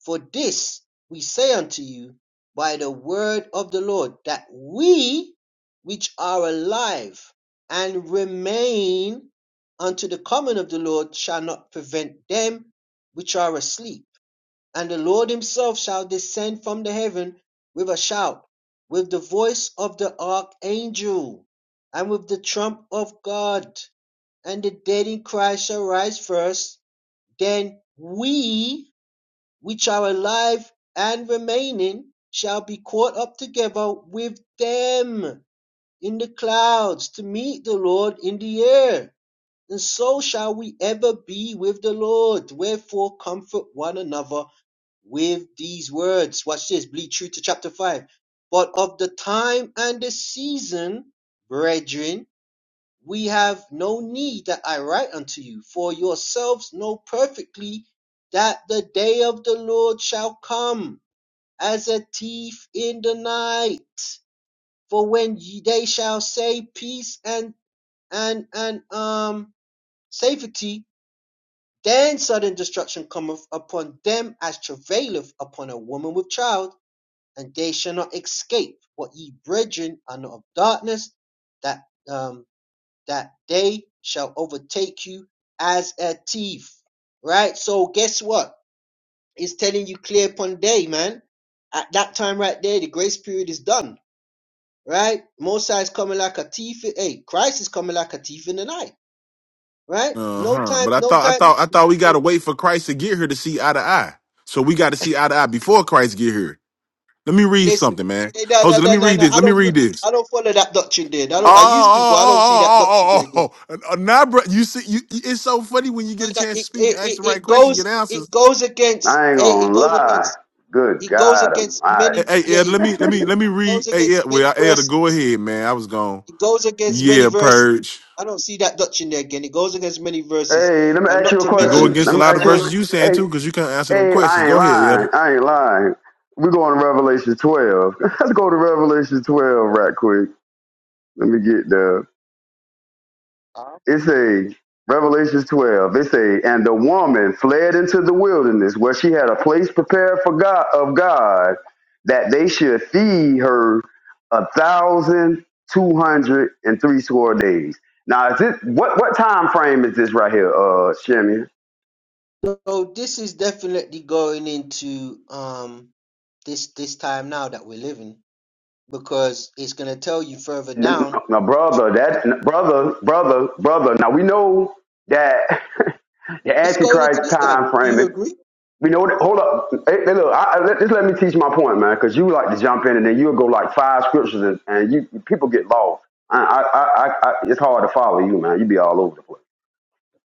Speaker 1: For this we say unto you by the word of the Lord, that we which are alive and remain unto the coming of the Lord shall not prevent them which are asleep. And the Lord himself shall descend from the heaven with a shout, with the voice of the archangel, and with the trump of God. And the dead in Christ shall rise first. Then we which are alive and remaining, shall be caught up together with them in the clouds to meet the Lord in the air. And so shall we ever be with the Lord. Wherefore, comfort one another with these words. Watch this, bleed true to chapter 5. But of the time and the season, brethren, we have no need that I write unto you, for yourselves know perfectly that the day of the Lord shall come as a thief in the night. For when ye, they shall say peace and and and um safety, then sudden destruction cometh upon them as travaileth upon a woman with child, and they shall not escape. What ye brethren are not of darkness, that um that they shall overtake you as a thief. Right? So guess what? It's telling you clear upon day, man. At that time right there, the grace period is done. Right? Mosiah is coming like a thief. in- Hey, Christ is coming like a thief in the night. Right?
Speaker 6: Uh
Speaker 1: No
Speaker 6: huh.
Speaker 1: time,
Speaker 6: But I
Speaker 1: no
Speaker 6: thought I
Speaker 1: time.
Speaker 6: thought I thought we gotta
Speaker 1: So
Speaker 6: wait for Christ to get here to see eye to eye. So we got to see eye to eye before Christ get here. Let me read
Speaker 1: listen.
Speaker 6: something, man.
Speaker 1: Hey, no, no,
Speaker 6: Jose, let
Speaker 1: no,
Speaker 6: me
Speaker 1: no,
Speaker 6: read
Speaker 1: no.
Speaker 6: this.
Speaker 1: I
Speaker 6: Let me
Speaker 1: don't
Speaker 6: read this.
Speaker 1: I don't follow that doctrine there. I
Speaker 6: Oh,
Speaker 1: don't I used to, but
Speaker 6: oh,
Speaker 1: I don't see that doctrine
Speaker 6: oh,
Speaker 1: there
Speaker 6: oh, oh, oh.
Speaker 1: again.
Speaker 6: oh. Uh, uh, Now, bro, you see, you, you- it's so funny when you
Speaker 1: No,
Speaker 6: get a
Speaker 1: no,
Speaker 6: chance to
Speaker 1: It,
Speaker 6: speak and
Speaker 1: it,
Speaker 6: ask the
Speaker 1: it,
Speaker 6: right
Speaker 1: it
Speaker 6: question, get
Speaker 1: goes
Speaker 6: answers.
Speaker 1: it goes against
Speaker 14: I ain't
Speaker 1: Hey,
Speaker 14: gonna
Speaker 1: it goes
Speaker 14: lie.
Speaker 1: against
Speaker 14: Good
Speaker 1: it goes
Speaker 14: God
Speaker 1: against
Speaker 6: Hey,
Speaker 14: Almighty.
Speaker 1: many
Speaker 6: hey,
Speaker 1: yeah
Speaker 6: Ed,
Speaker 1: it,
Speaker 6: let me let
Speaker 1: it
Speaker 6: me let me read.
Speaker 1: goes
Speaker 6: Hey,
Speaker 1: against
Speaker 6: Ed,
Speaker 1: many
Speaker 6: well, Ed, go
Speaker 1: verses
Speaker 6: ahead, man. I was gone.
Speaker 1: it goes against many
Speaker 6: Yeah,
Speaker 1: verses
Speaker 6: purge.
Speaker 1: i don't see that dutch in there again it goes against many verses
Speaker 14: Hey, let me
Speaker 1: and
Speaker 14: ask
Speaker 1: not
Speaker 14: you a
Speaker 1: to
Speaker 6: It go
Speaker 1: mention
Speaker 14: question.
Speaker 6: against
Speaker 14: Let
Speaker 6: a
Speaker 14: me
Speaker 1: amos
Speaker 6: lot of
Speaker 14: ask
Speaker 1: 9
Speaker 6: verses
Speaker 14: you.
Speaker 6: you
Speaker 14: A,
Speaker 6: saying
Speaker 14: Hey,
Speaker 6: too, because you can't answer them
Speaker 14: hey,
Speaker 6: questions.
Speaker 14: I ain't
Speaker 6: Go ahead, Ed.
Speaker 14: lying. I ain't lying. We going to Revelation twelve. Let's go to Revelation twelve right quick. Let me get there.
Speaker 1: Uh,
Speaker 14: It's a Revelation 12. It's a and the woman fled into the wilderness where she had a place prepared for God of God that they should feed her a thousand two hundred and three score days. Now, is this what what time frame is this right here, uh, Shimmy?
Speaker 1: so this is definitely going into um this this time now that we're living because it's going to tell you further
Speaker 14: N-
Speaker 1: down
Speaker 14: Now, brother, that n- brother, brother, brother. Now we know that the
Speaker 1: this going into
Speaker 14: Antichrist
Speaker 1: this time
Speaker 14: time
Speaker 1: do you
Speaker 14: frame.
Speaker 1: agree
Speaker 14: You know, what- hold up. Hey, hey, look, I, I, let, just let me teach my point, man, because you like to jump in and then you'll go like five scriptures and, and you people get lost. I, I, I, I, I- it's hard to follow you, man. You be all over the place.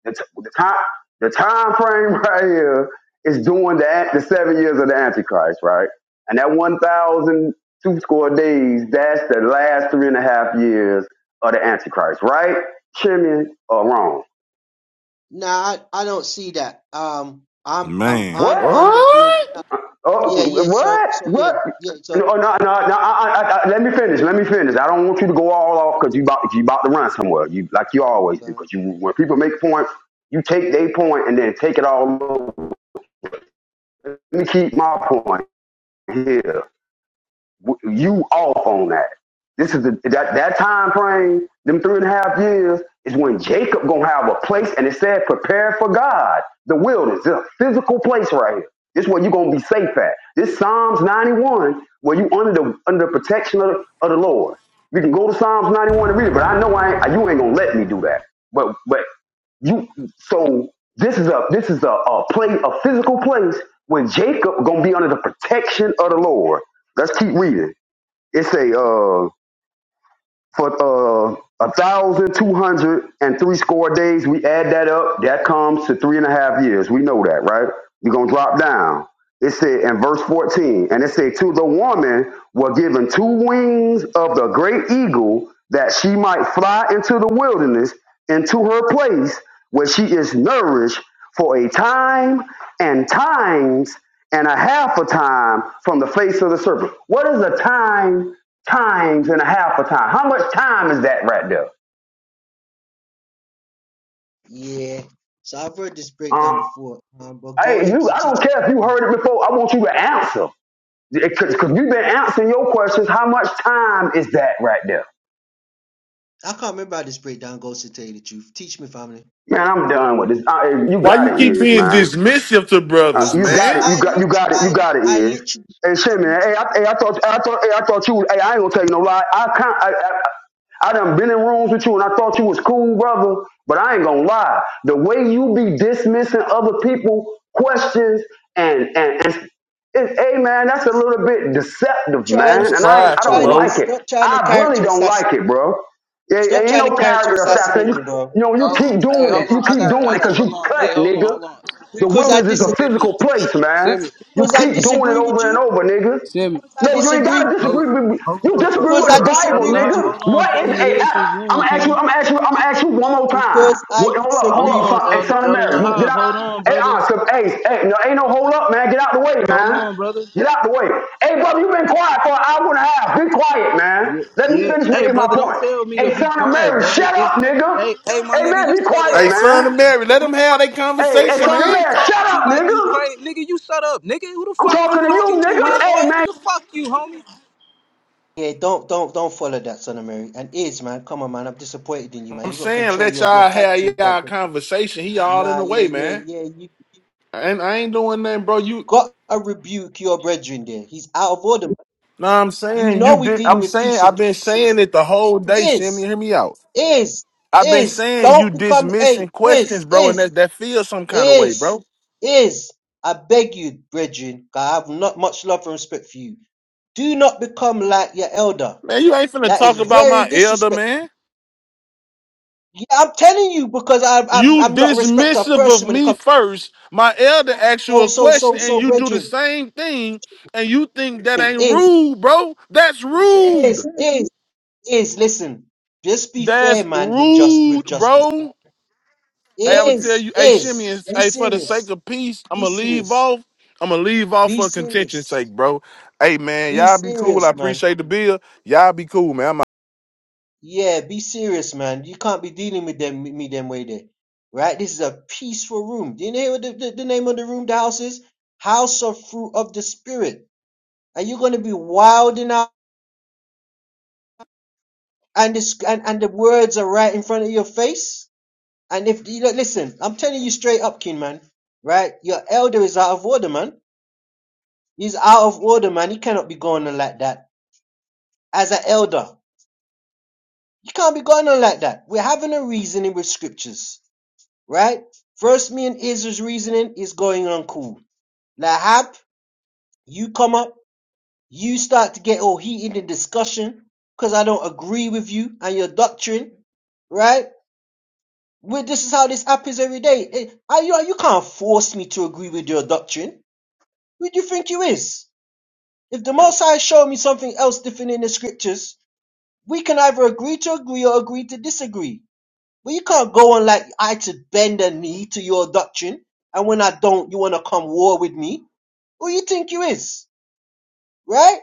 Speaker 14: The, t- the time, the time frame right here is doing the an- the seven years of the Antichrist, right? And that one thousand two score days, that's the last three and a half years of the Antichrist, right? Chimney or wrong?
Speaker 1: nah i, I don't see that um i'm i'm
Speaker 6: Man,
Speaker 1: i'm
Speaker 14: What?
Speaker 1: under the
Speaker 6: What?
Speaker 14: Oh,
Speaker 1: yeah yeah so
Speaker 14: what?
Speaker 1: so yeah
Speaker 14: What?
Speaker 1: yeah so
Speaker 14: No, no, no. no I, I, I, let me finish. Let me finish. I don't want you to go all off because you about you about to run somewhere. You like you always do.
Speaker 1: Uh,
Speaker 14: Because you when people make points, you take their point and then take it all over. Let me keep my point here you off on that. This is the, that that time frame. Them three and a half years is when Jacob gonna have a place, and it said, "Prepare for God." The wilderness, the physical place right here. This is where you gonna be safe at. This Psalms ninety one, where you under the under the protection of the, of the Lord. You can go to Psalms ninety one and read it, but I know I ain't, you ain't gonna let me do that. But but you so this is a this is a a place a physical place when Jacob gonna be under the protection of the Lord. Let's keep reading. It say uh for uh a thousand two hundred and three score days, we add that up, that comes to three and a half years. We know that, right? You're gonna drop down. It said in verse 14, and it said, To the woman were given two wings of the great eagle that she might fly into the wilderness, into her place where she is nourished for a time and times and a half a time from the face of the serpent. What is a time times and a half a time. How much time is that right there?
Speaker 1: yeah. So I've heard this breakdown
Speaker 14: Uh,
Speaker 1: before, um, but go
Speaker 14: hey,
Speaker 1: ahead
Speaker 14: you.
Speaker 1: to
Speaker 14: I
Speaker 1: teach
Speaker 14: don't
Speaker 1: it.
Speaker 14: care if you
Speaker 1: I
Speaker 14: heard it before. I want you to answer because you've been answering your questions. How much time is that right there?
Speaker 1: can't remember how this breakdown goes to tell you the truth. Teach me, family.
Speaker 14: Man, I'm done with this. Uh, you
Speaker 6: Why
Speaker 14: got
Speaker 6: you
Speaker 14: it,
Speaker 6: keep
Speaker 14: is
Speaker 6: being
Speaker 14: man.
Speaker 6: dismissive to
Speaker 14: Uh,
Speaker 1: I,
Speaker 6: brothers,
Speaker 14: you
Speaker 1: I,
Speaker 14: got it.
Speaker 6: man?
Speaker 14: You
Speaker 1: I,
Speaker 14: got. You
Speaker 1: lit,
Speaker 14: got it. You
Speaker 1: I,
Speaker 14: got it.
Speaker 1: I
Speaker 14: Is.
Speaker 1: literally,
Speaker 14: Hey,
Speaker 1: I
Speaker 14: shit,
Speaker 1: literally.
Speaker 14: man. Hey, I, hey, I thought. hey, I thought. Hey, I thought you. Hey, I ain't gonna tell you no lie. I can't. I, I, I done been in rooms with you and I thought you was cool, brother. But I ain't gonna lie. The way you be dismissing other people questions and and, and it, hey man, that's a little bit
Speaker 1: Stop
Speaker 14: deceptive,
Speaker 1: trying
Speaker 6: That's
Speaker 14: man.
Speaker 1: to
Speaker 14: And I
Speaker 1: stop
Speaker 14: ain't, I
Speaker 6: prideful,
Speaker 14: don't
Speaker 1: trying to
Speaker 6: bro.
Speaker 14: like it.
Speaker 1: stop trying to
Speaker 14: I really
Speaker 1: character
Speaker 14: don't like
Speaker 1: assassinate.
Speaker 14: it, bro. It, it
Speaker 1: Stop
Speaker 14: ain't
Speaker 1: trying to
Speaker 14: no
Speaker 1: character
Speaker 14: character assassination.
Speaker 1: assassinate
Speaker 14: You,
Speaker 1: me, bro.
Speaker 14: you know, you
Speaker 12: Oh,
Speaker 14: keep
Speaker 12: hey,
Speaker 14: doing it.
Speaker 12: hold
Speaker 14: You
Speaker 12: on. I
Speaker 14: keep
Speaker 12: got it.
Speaker 14: doing
Speaker 12: I
Speaker 14: it
Speaker 12: got it.
Speaker 14: because you
Speaker 12: Hold on.
Speaker 1: Be-
Speaker 14: cut,
Speaker 12: Hey, hold on.
Speaker 14: nigga.
Speaker 12: Hold on.
Speaker 14: The
Speaker 12: Simeon,
Speaker 1: Because I
Speaker 14: wilderness is a
Speaker 1: dis
Speaker 12: Simeon,
Speaker 14: physical place, man.
Speaker 12: Simeon,
Speaker 14: You
Speaker 1: because I
Speaker 14: keep doing it
Speaker 1: disagree with
Speaker 14: over and
Speaker 1: you.
Speaker 14: over, nigga.
Speaker 12: Simeon.
Speaker 1: Because I
Speaker 14: No, you ain't
Speaker 1: disagree.
Speaker 14: gotta disagree
Speaker 12: Hold,
Speaker 14: with me.
Speaker 12: hold
Speaker 14: You
Speaker 12: on, Elder
Speaker 14: disagree
Speaker 1: Because
Speaker 14: with
Speaker 1: I
Speaker 14: the
Speaker 12: Lahab. Elder
Speaker 14: Bible,
Speaker 1: disagree with
Speaker 12: Lahab,
Speaker 14: nigga.
Speaker 1: you.
Speaker 12: hold on,
Speaker 14: What
Speaker 12: King. It
Speaker 14: is a?
Speaker 12: is his
Speaker 14: I'm
Speaker 12: room,
Speaker 14: gonna ask you.
Speaker 12: King.
Speaker 14: I'm gonna ask you. I'm gonna ask you one more time.
Speaker 1: Because I
Speaker 14: What, hold up, hold
Speaker 12: Hold
Speaker 1: disagree
Speaker 14: up,
Speaker 1: with you.
Speaker 12: on,
Speaker 14: son, hey,
Speaker 12: Elder
Speaker 14: son of
Speaker 12: Elder
Speaker 14: Mary. You get
Speaker 12: Lahab.
Speaker 14: out.
Speaker 12: Hold on,
Speaker 14: Hey,
Speaker 12: brother.
Speaker 14: uh, so, hey, hey, no, ain't no hold up, man. Get out the way,
Speaker 12: Hold
Speaker 14: man.
Speaker 12: on, brother.
Speaker 14: Get out the way. Hey, brother, you have been quiet for an hour and a half. Be quiet, man.
Speaker 12: Yeah,
Speaker 14: Let me
Speaker 12: yeah.
Speaker 14: finish
Speaker 12: Hey,
Speaker 14: making my
Speaker 12: brother, don't
Speaker 14: point.
Speaker 12: tell me to
Speaker 14: Hey,
Speaker 12: be
Speaker 14: son of
Speaker 12: quiet,
Speaker 14: Mary,
Speaker 12: brother.
Speaker 14: shut up,
Speaker 12: It's
Speaker 14: nigga.
Speaker 12: hey, hey, my
Speaker 14: Hey,
Speaker 12: nigga,
Speaker 14: man,
Speaker 12: you
Speaker 14: be
Speaker 12: shut up.
Speaker 6: Hey,
Speaker 14: quiet,
Speaker 12: My nigga,
Speaker 6: son
Speaker 14: man.
Speaker 6: of
Speaker 12: hey, my
Speaker 6: Mary,
Speaker 12: nigga,
Speaker 6: let
Speaker 12: who
Speaker 6: them
Speaker 12: the
Speaker 6: have
Speaker 12: fuck,
Speaker 6: their
Speaker 12: who
Speaker 14: Hey,
Speaker 12: the
Speaker 14: hey,
Speaker 6: conversation,
Speaker 12: fuck
Speaker 14: son of
Speaker 12: is you
Speaker 6: man.
Speaker 14: Mary, shut
Speaker 12: talking to
Speaker 14: up,
Speaker 12: like you
Speaker 14: nigga.
Speaker 12: crazy, nigga? You shut up, nigga. Who the
Speaker 14: I'm
Speaker 12: fuck you
Speaker 14: talking to you,
Speaker 12: talking to,
Speaker 14: nigga.
Speaker 12: homeboy?
Speaker 14: Hey, man.
Speaker 12: Nigga, fuck you, homie.
Speaker 1: Yeah, don't don't don't follow that, son of Mary. And is man, come on, man. I'm disappointed in you, man.
Speaker 6: I'm
Speaker 1: You got to
Speaker 6: saying
Speaker 1: control
Speaker 6: let
Speaker 1: your your
Speaker 6: y'all
Speaker 1: tag
Speaker 6: have
Speaker 1: team part.
Speaker 6: y'all
Speaker 1: Brethren.
Speaker 6: conversation. He all in
Speaker 1: Nah,
Speaker 6: the
Speaker 1: yeah,
Speaker 6: way,
Speaker 1: yeah,
Speaker 6: man.
Speaker 1: yeah. You, you
Speaker 6: And I ain't doing nothing, bro. You
Speaker 1: got to rebuke your brethren there. He's out of order. man.
Speaker 6: know what I'm
Speaker 1: You
Speaker 6: saying? You
Speaker 1: know we're
Speaker 6: did
Speaker 1: dealing
Speaker 6: I'm
Speaker 1: with
Speaker 6: saying
Speaker 1: peace
Speaker 6: I've
Speaker 1: and
Speaker 6: been
Speaker 1: peace in
Speaker 6: saying
Speaker 1: this room.
Speaker 6: it the whole day, Shimmy.
Speaker 1: Is
Speaker 6: Hear me out.
Speaker 1: is
Speaker 6: I've been
Speaker 1: is
Speaker 6: saying you
Speaker 1: don't become a
Speaker 6: dismissing
Speaker 1: is
Speaker 6: questions, bro, and
Speaker 1: is
Speaker 6: that that feels some kind of way,
Speaker 1: is
Speaker 6: bro.
Speaker 1: is. I beg you, brethren. 'cause I have not much love and respect for you. Do not become like your elder.
Speaker 6: Man, you ain't finna
Speaker 1: That is
Speaker 6: talk about
Speaker 1: very
Speaker 6: my elder,
Speaker 1: disrespectful.
Speaker 6: man.
Speaker 1: Yeah, I'm telling you because I, I,
Speaker 6: You
Speaker 1: I'm not a respecter of
Speaker 6: dismissive of
Speaker 1: person when it
Speaker 6: me
Speaker 1: comes. to
Speaker 6: first. My elder asks you
Speaker 1: So,
Speaker 6: a
Speaker 1: so,
Speaker 6: question,
Speaker 1: so,
Speaker 6: and
Speaker 1: so,
Speaker 6: you do the
Speaker 1: brethren,
Speaker 6: same thing, and you think that
Speaker 1: brethren,
Speaker 6: ain't
Speaker 1: is,
Speaker 6: rude, bro. That's
Speaker 1: is,
Speaker 6: rude.
Speaker 1: is, is. Listen, just be fair,
Speaker 6: That's
Speaker 1: man. With just,
Speaker 6: rude,
Speaker 1: with justice,
Speaker 6: bro. Hey, I'm gonna tell
Speaker 1: is,
Speaker 6: you, hey, Shimmy,
Speaker 1: is.
Speaker 6: and
Speaker 1: Be
Speaker 6: hey, for the sake
Speaker 1: serious.
Speaker 6: of peace, I'm
Speaker 1: Be
Speaker 6: gonna leave
Speaker 1: serious.
Speaker 6: off. I'm gonna leave off
Speaker 1: Be
Speaker 6: for contention's
Speaker 1: serious.
Speaker 6: sake, bro. Hey, man,
Speaker 1: Be
Speaker 6: y'all be cool. I
Speaker 1: serious, man.
Speaker 6: appreciate the bill. Y'all be cool, man. I'm
Speaker 1: Yeah, be serious, man. You can't be dealing with them, with me, them way there, right? This is a peaceful room. Do you know what the, the, the name of the room? The house is House of Fruit of the Spirit. Are you gonna be wilding out? and this and, and the words are right in front of your face. And if you look, listen, I'm telling you straight up, King man, right? Your elder is out of order, man. He's out of order, man. He cannot be going on like that. As an elder, you can't be going on like that. We're having a reasoning with scriptures, right? First, me and Israel's reasoning is going on cool. Lahab, you come up, you start to get all heated in discussion because I don't agree with you and your doctrine, right? Well, this is how this happens every day. Eh, Are you, you can't force me to agree with your doctrine. Who do you think you is? If the Most High show me something else different in the scriptures, we can either agree to agree or agree to disagree. But you can't go on like I to bend a knee to your doctrine, and when I don't, you want to come war with me. Who you think you is, right?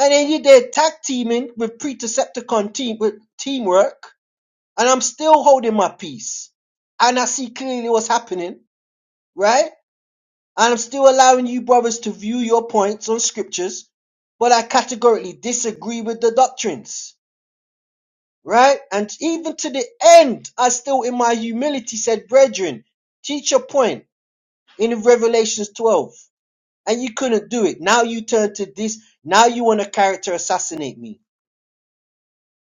Speaker 1: And then you did tag teaming with Precepticon team with teamwork, and I'm still holding my peace. And I see clearly what's happening right? I am still allowing you brothers to view your points on scriptures, but I categorically disagree with the doctrines. Right? And even to the end, I still in my humility said, Brethren, teach your point in Revelations 12. And you couldn't do it. Now you turn to this. Now you want to character assassinate me.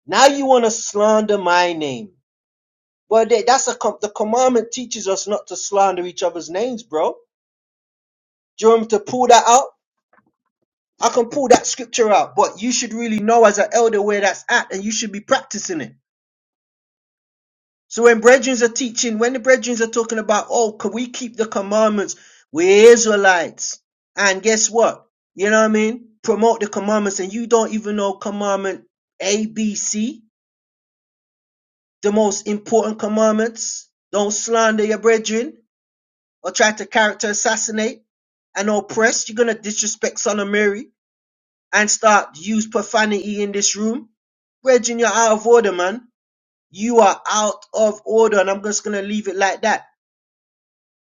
Speaker 1: Now you want to slander my name. Well, that- that's a com- the commandment teaches us not to slander each other's names, bro. Do you want me to pull that out? I can pull that scripture out, but you should really know as an elder where that's at and you should be practicing it. So when brethrens are teaching, when the brethrens are talking about, oh, can we keep the commandments? We're Israelites. And guess what? You know what I mean? Promote the commandments and you don't even know commandment A, B, C, the most important commandments. Don't slander your brethren or try to character assassinate and oppress. You're going to disrespect Son of Mary. and start to use profanity in this room. Brethren, you're out of order, man. You are out of order, and I'm just gonna leave it like that.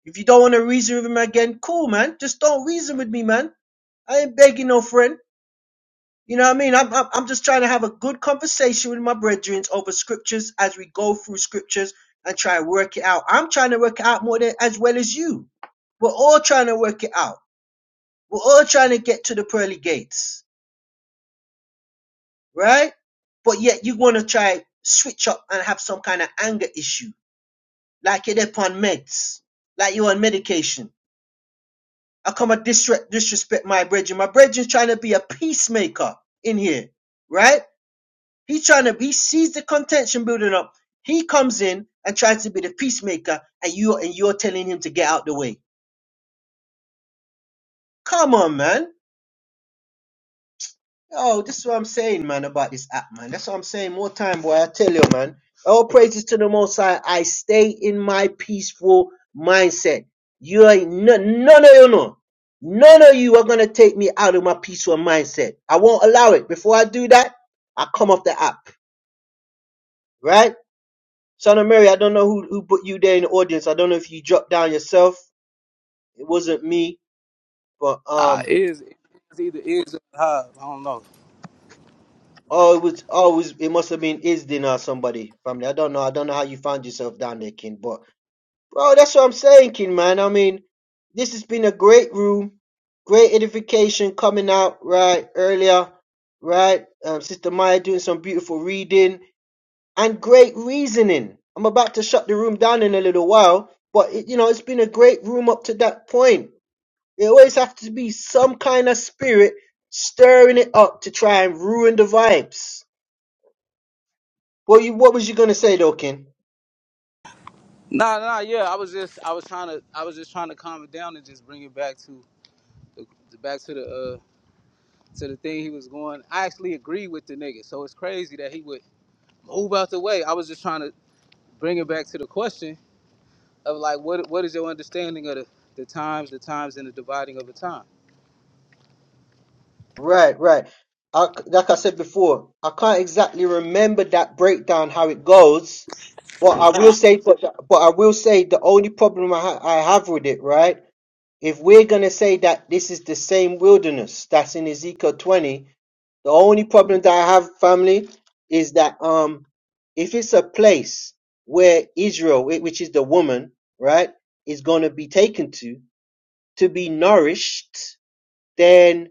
Speaker 1: If you don't want to reason with him again, cool, man. Just don't reason with me, man. I ain't begging no friend. You know what I mean? I'm, I'm, I'm just trying to have a good conversation with my brethren over scriptures as we go through scriptures and try to work it out. I'm trying to work it out more than as well as you. We're all trying to work it out. We're all trying to get to the pearly gates. right? But yet you want to try switch up and have some kind of anger issue, like you're upon meds, like you're on medication. I come and disre- disrespect my brethren. My brethren's trying to be a peacemaker in here, right? He's trying to he sees the contention building up. He comes in and tries to be the peacemaker, and you and you're telling him to get out the way. Come on, man Oh, this is what I'm saying, man, about this app, man. That's what I'm saying. More time, boy. I tell you, man. All praises to the Most High. I stay in my peaceful mindset. You ain't none, none of you know. None of you are gonna take me out of my peaceful mindset. I won't allow it. Before I do that, I come off the app, right? Son of Mary, I don't know who who put you there in the audience. I don't know if you dropped down yourself. It wasn't me, but
Speaker 12: Ah,
Speaker 1: um.
Speaker 12: it is it's either is or uh, I don't know.
Speaker 1: Oh, it was always it must have been Isdin or somebody family. I don't know. I don't know how you found yourself down there, King. But bro, that's what I'm saying, King man. I mean, this has been a great room, great edification coming out right earlier, right? Um, Sister Maya doing some beautiful reading and great reasoning. I'm about to shut the room down in a little while, but it, you know, it's been a great room up to that point. There always have to be some kind of spirit stirring it up to try and ruin the vibes. What you, what was you gonna say though, Ken?
Speaker 12: Nah, nah, yeah. I was just, I was trying to, I was just trying to calm it down and just bring it back to the, the- back to the, uh, to the thing he was going. I actually agree with the nigga, so it's crazy that he would move out the way. I was just trying to bring it back to the question of like what what is your understanding of the, the times, the times, and the dividing of the time?
Speaker 1: Right, right. I, like I said before, I can't exactly remember that breakdown how it goes, but I will say, but but I will say the only problem I, ha- I have with it, right? If we're gonna say that this is the same wilderness that's in Ezekiel 20, The only problem that I have, family, is that um, if it's a place where Israel, whi- which is the woman, right, is going to be taken to to be nourished, then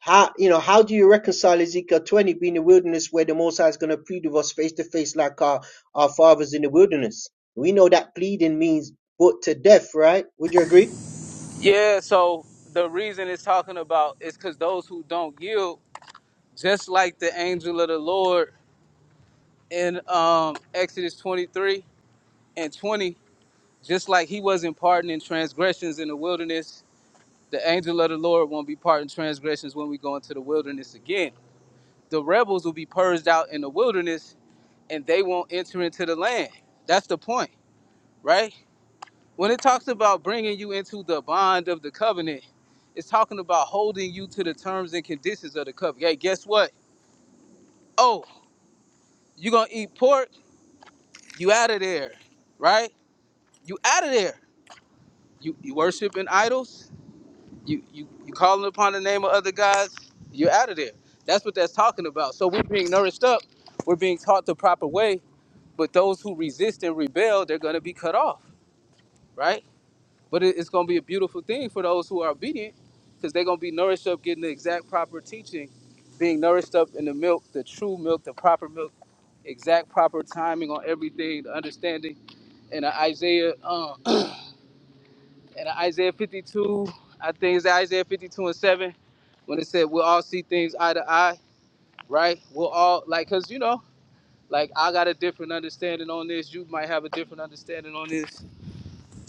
Speaker 1: how you know how do you reconcile Ezekiel 20 being in the wilderness where the Most High is going to plead with us face to face like our our fathers in the wilderness? We know that pleading means put to death, right? Would you agree?
Speaker 12: Yeah, so the reason it's talking about is because those who don't yield, just like the angel of the Lord in um, Exodus 23 and 20, just like he wasn't pardoning transgressions in the wilderness, the angel of the Lord won't be pardoning transgressions when we go into the wilderness again. The rebels will be purged out in the wilderness and they won't enter into the land. That's the point, right? When it talks about bringing you into the bond of the covenant, it's talking about holding you to the terms and conditions of the covenant. Hey, guess what? Oh, you gonna eat pork? You out of there, right? You out of there. You you worshiping idols? You you you calling upon the name of other gods? You're out of there. That's what that's talking about. So we're being nourished up. We're being taught the proper way. But those who resist and rebel, they're gonna be cut off, right? But it, it's going to be a beautiful thing for those who are obedient because they're going to be nourished up getting the exact proper teaching, being nourished up in the milk, the true milk, the proper milk, exact proper timing on everything, the understanding. And the Isaiah, um, and the Isaiah 52, I think it's Isaiah 52 and 7, when it said we'll all see things eye to eye, right? We'll all, like, because, you know, like I got a different understanding on this. You might have a different understanding on this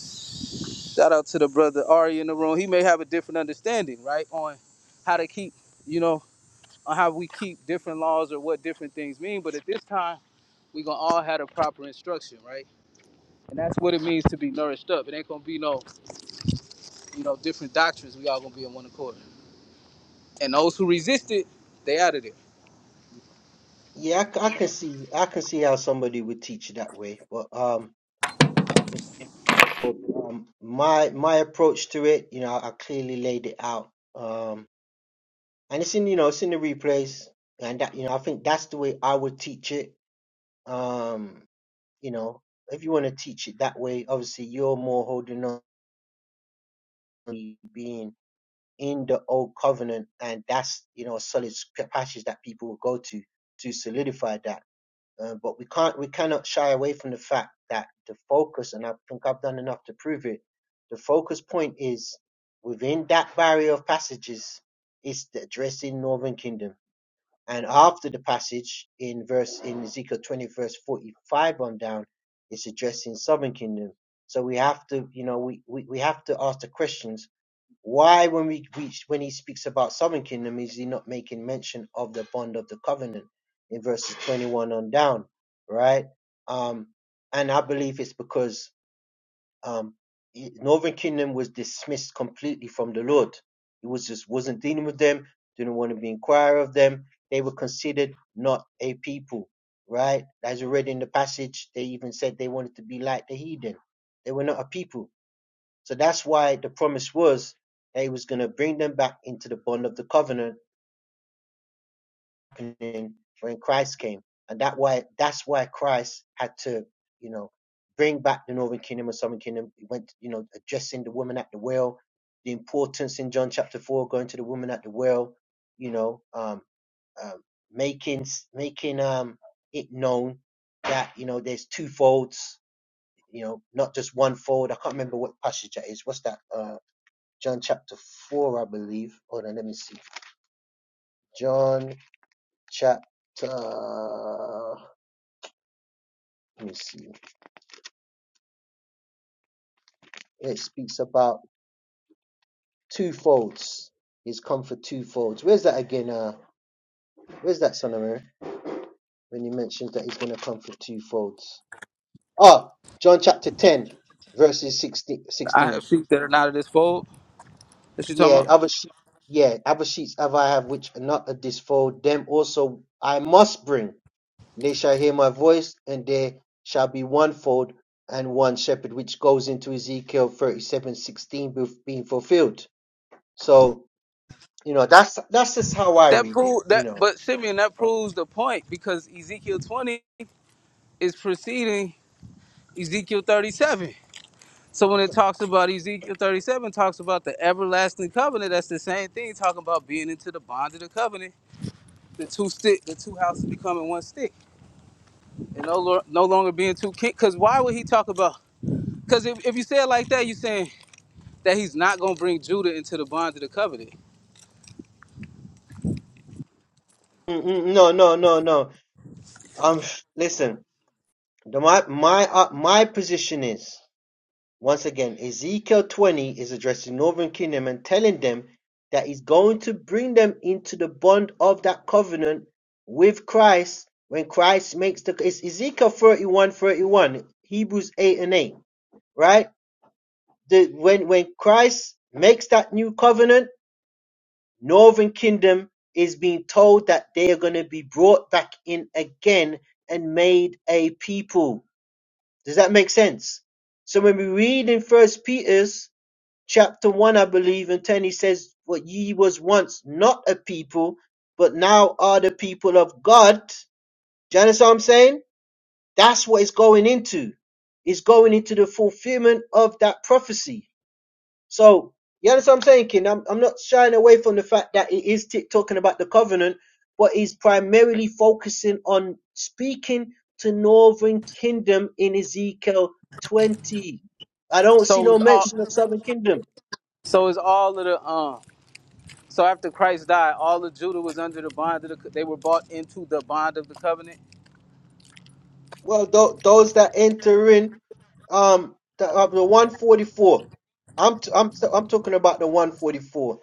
Speaker 12: Shout out to the brother Ari in the room. He may have a different understanding, right, on how to keep, you know, on how we keep different laws or what different things mean. But at this time, we gonna all have the proper instruction, right? And that's what it means to be nourished up. It ain't gonna be no, you know, different doctrines. We all gonna be in one accord. And those who resist it, they out of there.
Speaker 1: Yeah, I, c- I can see, I can see how somebody would teach it that way, but um. Well, um, my my approach to it, you know, I clearly laid it out, um, and it's in you know it's in the replays, and that you know I think that's the way I would teach it. Um, you know, if you want to teach it that way, obviously you're more holding on to being in the old covenant, and that's you know a solid scrip- passage that people will go to to solidify that. Uh, but we can't, we cannot shy away from the fact that the focus, and I think I've done enough to prove it. The focus point is within that barrier of passages is the addressing Northern Kingdom, and after the passage in verse in Ezekiel twenty verse forty five on down, it's addressing Southern Kingdom. So we have to, you know, we, we, we have to ask the questions why, when we reach, when he speaks about southern kingdom, is he not making mention of the bond of the covenant in verses 21 on down, right? Um, and I believe it's because um, i- northern kingdom was dismissed completely from the Lord. He was just wasn't dealing with them, didn't want to be inquire of them. They were considered not a people, right? As we read in the passage, they even said they wanted to be like the heathen. They were not a people so that's why the promise was that he was going to bring them back into the bond of the covenant when Christ came. And that why that's why Christ had to, you know, bring back the northern kingdom and southern kingdom. He went, you know, addressing the woman at the well, the importance in John chapter four, going to the woman at the well, you know, um, um making making um it known that, you know, there's two folds, you know, not just one fold. I can't remember what passage that is. What's that? Uh, John chapter 4, I believe. Hold on, let me see. John chapter, let me see. It speaks about twofolds. He's come for twofolds. Where's that again? Uh, where's that, son of Mary? When he mentions that he's going to come for twofolds. Oh, John chapter 10, verses 16.
Speaker 12: I have sheep that are not of this fold. That you talking
Speaker 1: Yeah, and
Speaker 12: about?
Speaker 1: other sheep, yeah, other sheets have I have which are not of this fold, them also I must bring. They shall hear my voice, and there shall be one fold and one shepherd, which goes into Ezekiel thirty-seven sixteen being fulfilled. So, you know, that's that's just how I
Speaker 12: That
Speaker 1: read it,
Speaker 12: prove
Speaker 1: you
Speaker 12: that,
Speaker 1: know.
Speaker 12: but Simeon, that proves the point because Ezekiel 20 is preceding Ezekiel 37. So when it talks about Ezekiel 37, talks about the everlasting covenant, that's the same thing, talking about being into the bond of the covenant, the two stick, the two houses becoming one stick, and no, lo- no longer being two king. Because why would he talk about? Because if, if you say it like that, you're saying that he's not gonna bring Judah into the bond of the covenant.
Speaker 1: Mm, mm, mm, No, no, no, no. Um, listen, the, my my uh, my position is. Once again, Ezekiel 20 is addressing Northern Kingdom and telling them that he's going to bring them into the bond of that covenant with Christ when Christ makes the it's Ezekiel 31:31, Hebrews 8 and 8, right? The, when when Christ makes that new covenant, Northern Kingdom is being told that they are going to be brought back in again and made a people. Does that make sense? So when we read in First Peter's chapter 1, I believe, and 10, he says, What ye was once not a people, but now are the people of God. Do you understand what I'm saying? That's what it's going into. It's going into the fulfillment of that prophecy. So, you understand what I'm saying, King? I'm, I'm not shying away from the fact that it is t- talking about the covenant, but he's primarily focusing on speaking to Northern Kingdom in Ezekiel 20. I don't see
Speaker 12: So
Speaker 1: no
Speaker 12: it's all,
Speaker 1: mention of Southern Kingdom.
Speaker 12: so it's all of the um. So after Christ died, all of Judah was under the bond of the. They were bought into the bond of the covenant.
Speaker 1: Well, tho- those that enter in, um, the, uh, the 144. I'm t- I'm t- I'm talking about the 144.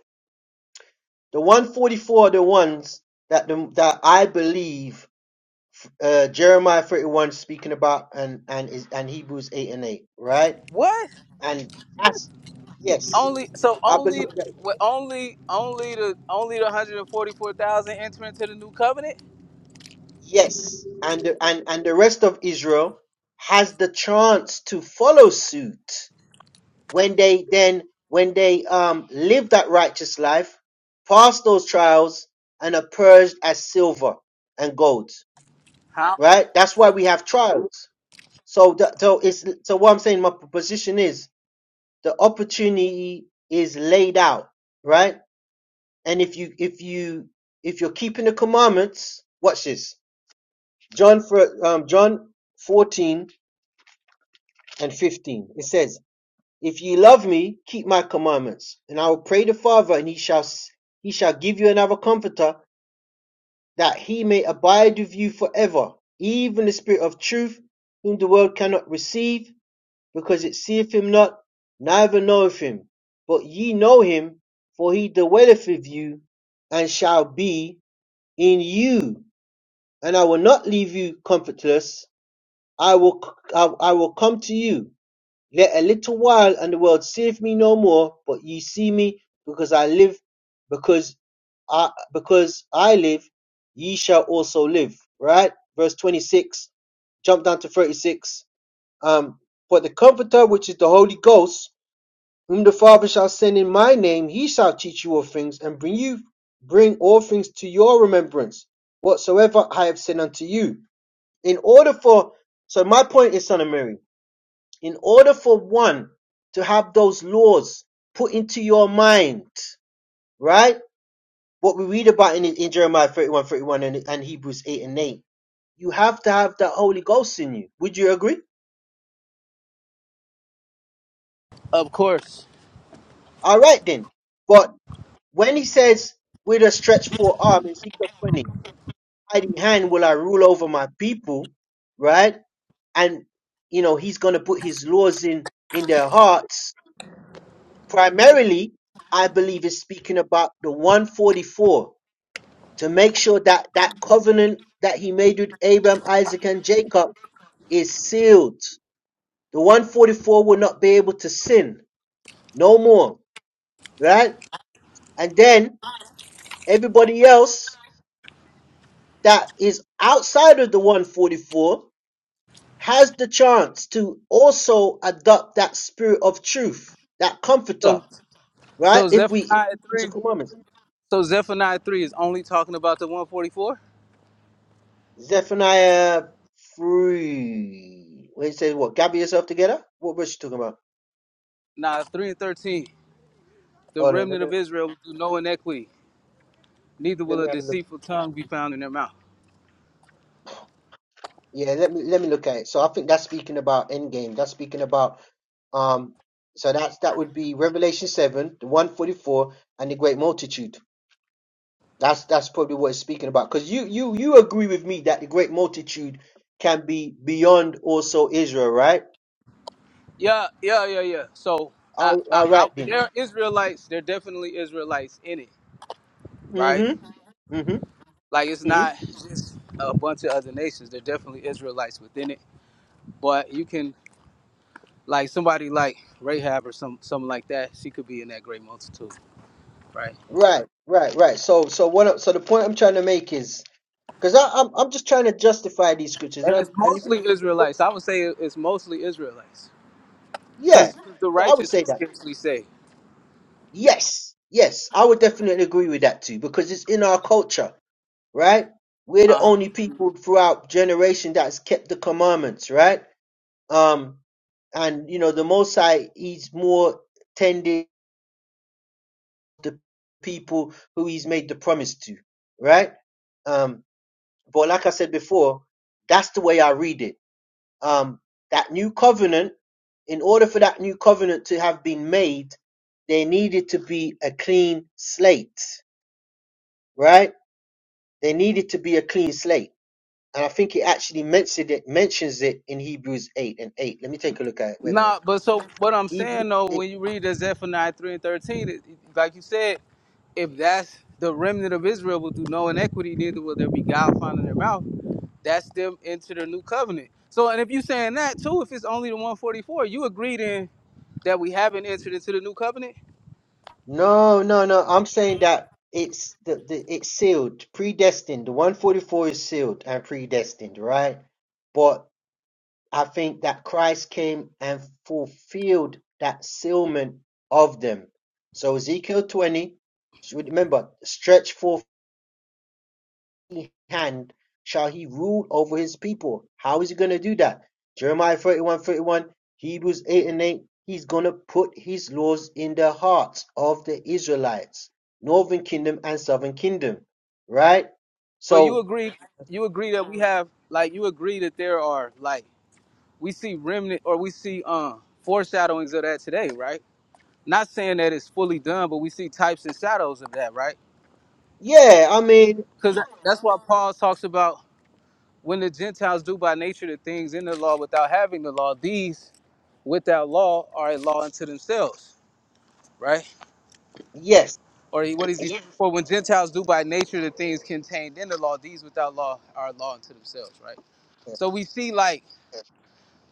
Speaker 1: The 144 are the ones that the, that I believe uh, Jeremiah 31 speaking about and and is and Hebrews 8 and 8, right?
Speaker 12: What?
Speaker 1: And that's yes,
Speaker 12: only so
Speaker 1: I
Speaker 12: only
Speaker 1: believe that
Speaker 12: with only only the only the 144,000 enter into the new covenant?
Speaker 1: yes, and the, and and the rest of Israel has the chance to follow suit when they then when they um live that righteous life, pass those trials and are purged as silver and gold.
Speaker 12: How?
Speaker 1: Right? That's why we have trials. So that so it's so what I'm saying, my proposition is the opportunity is laid out, right? And if you if you if you're keeping the commandments, watch this. John for um John 14 and 15. It says If ye love me, keep my commandments, and I will pray the Father, and he shall he shall give you another comforter, that he may abide with you forever, even the Spirit of truth, whom the world cannot receive, because it seeth him not, neither knoweth him. But ye know him, for he dwelleth with you, and shall be in you. And I will not leave you comfortless. I will I, I will come to you. Yet a little while, and the world seeth me no more: but ye see me; because I live, because I because I live, ye shall also live. Right? Verse 26. Jump down to 36. Um, but the Comforter, which is the Holy Ghost, whom the Father shall send in my name, he shall teach you all things, and bring you bring all things to your remembrance, whatsoever I have said unto you. In order for so my point is, son of Mary in order for one to have those laws put into your mind, right? What we read about in, in Jeremiah 31, 31, and, and Hebrews 8 and 8. You have to have the Holy Ghost in you. Would you agree?
Speaker 12: Of course.
Speaker 1: All right then. But when he says, with a stretched forearm in Ezekiel 20, hiding hand will I rule over my people, right? And, you know, he's going to put his laws in, in their hearts. Primarily, I believe is speaking about the 144 to make sure that that covenant that he made with Abraham, Isaac, and Jacob is sealed. The 144 will not be able to sin no more, right? And then everybody else that is outside of the 144 has the chance to also adopt that spirit of truth, that comforter,
Speaker 12: So
Speaker 1: right?
Speaker 12: so
Speaker 1: If we if
Speaker 12: Zephaniah
Speaker 1: we keep the
Speaker 12: 3
Speaker 1: commandments.
Speaker 12: so Zephaniah 3 is only talking about the 144?
Speaker 1: Zephaniah 3. When he says what? Gather yourself together? What verse you talking about?
Speaker 12: Nah, 3 and 13. The
Speaker 1: Hold on, let
Speaker 12: remnant
Speaker 1: me-
Speaker 12: of Israel will do no inequity, neither
Speaker 1: Let
Speaker 12: will
Speaker 1: me
Speaker 12: a
Speaker 1: have a look.
Speaker 12: deceitful tongue be found in their mouth.
Speaker 1: Yeah, let me let me look at it. So I think that's speaking about Endgame. That's speaking about um. So that's that would be Revelation seven, the one forty four, and the great multitude. That's that's probably what it's speaking about. Because you you you agree with me that the great multitude can be beyond also Israel, right?
Speaker 12: Yeah, yeah, yeah, yeah. So I,
Speaker 1: All,
Speaker 12: I,
Speaker 1: all
Speaker 12: I
Speaker 1: right then.
Speaker 12: there are Israelites, there are definitely Israelites in it, right?
Speaker 1: Mm hmm. Mm hmm.
Speaker 12: Like it's
Speaker 1: Mm
Speaker 12: not just a bunch of other nations. There are definitely Israelites within it. But you can like somebody like Rahab or some something like that. She could be in that great multitude, right?
Speaker 1: hmm. Right. Right. Right. So so what? I- So the point I'm trying to make is because I'm I'm just trying to justify these scriptures and,
Speaker 12: And
Speaker 1: I'm,
Speaker 12: it's
Speaker 1: and
Speaker 12: mostly
Speaker 1: if-
Speaker 12: Israelites. I would say it's mostly Israelites
Speaker 1: yeah.
Speaker 12: because the
Speaker 1: Yeah, I would
Speaker 12: righteous
Speaker 1: say
Speaker 12: is
Speaker 1: that.
Speaker 12: scarcely saved.
Speaker 1: Yes, yes, I would definitely agree with that too, because it's in our culture, right? We're the
Speaker 12: Uh-huh.
Speaker 1: only people throughout generation that's kept the commandments, right? Um, and you know, the Most High, he's more tending the people who he's made the promise to, right? Um, but like I said before, that's the way I read it. Um, that new covenant, in order for that new covenant to have been made, there needed to be a clean slate right? They needed to be a clean slate. And I think it actually mentioned it, mentions it in Hebrews 8 and 8. Let me take a look at it. Wait a
Speaker 12: Nah,
Speaker 1: minute.
Speaker 12: but so what I'm
Speaker 1: Hebrews
Speaker 12: saying though,
Speaker 1: 8.
Speaker 12: when you read the Zephaniah three and thirteen, it, it- like you said, if that's the remnant of Israel will do no inequity, neither will there be God found in their mouth. That's them into the new covenant. So, and if you saying that too, if it's only the 144, you agree then that we haven't entered into the new covenant,
Speaker 1: No, no, no. I'm saying that it's the, the it's sealed, predestined. The 144 is sealed and predestined, right? But I think that Christ came and fulfilled that sealment of them. So Ezekiel 20, so remember, stretch forth hand shall he rule over his people. How is he going to do that? Jeremiah 31, 31. Hebrews 8 and 8. He's going to put his laws in the hearts of the Israelites, northern kingdom and southern kingdom, right?
Speaker 12: but you
Speaker 1: So,
Speaker 12: agree, you agree that we have, like, you agree that there are, like, we see remnant or we see uh, foreshadowings of that today, right? Not saying that it's fully done, but we see types and shadows of that, right?
Speaker 1: yeah, I mean,
Speaker 12: Because that's why Paul talks about when the Gentiles do by nature the things in the law without having the law, these without law are a law unto themselves, right?
Speaker 1: yes,
Speaker 12: Or he- what is he? For when Gentiles do by nature the things contained in the law, these without law are a law unto themselves, right? So we see like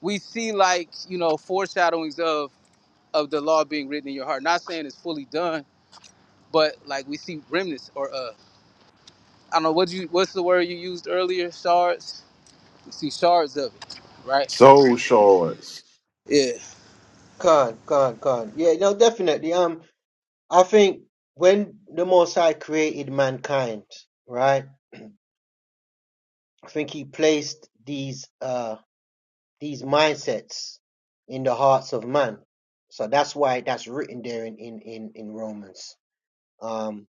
Speaker 12: we see like you know foreshadowings of of the law being written in your heart. Not saying it's fully done, but like we see remnants or uh. I don't know what you what's the word you used earlier, shards. You see shards of it, right?
Speaker 6: Soul shards.
Speaker 12: Yeah.
Speaker 1: can, can, can. Yeah, no, definitely. Um, I think when the Most High created mankind, right? I think he placed these, uh these mindsets in the hearts of man. So that's why that's written there in, in, in, in Romans. Um,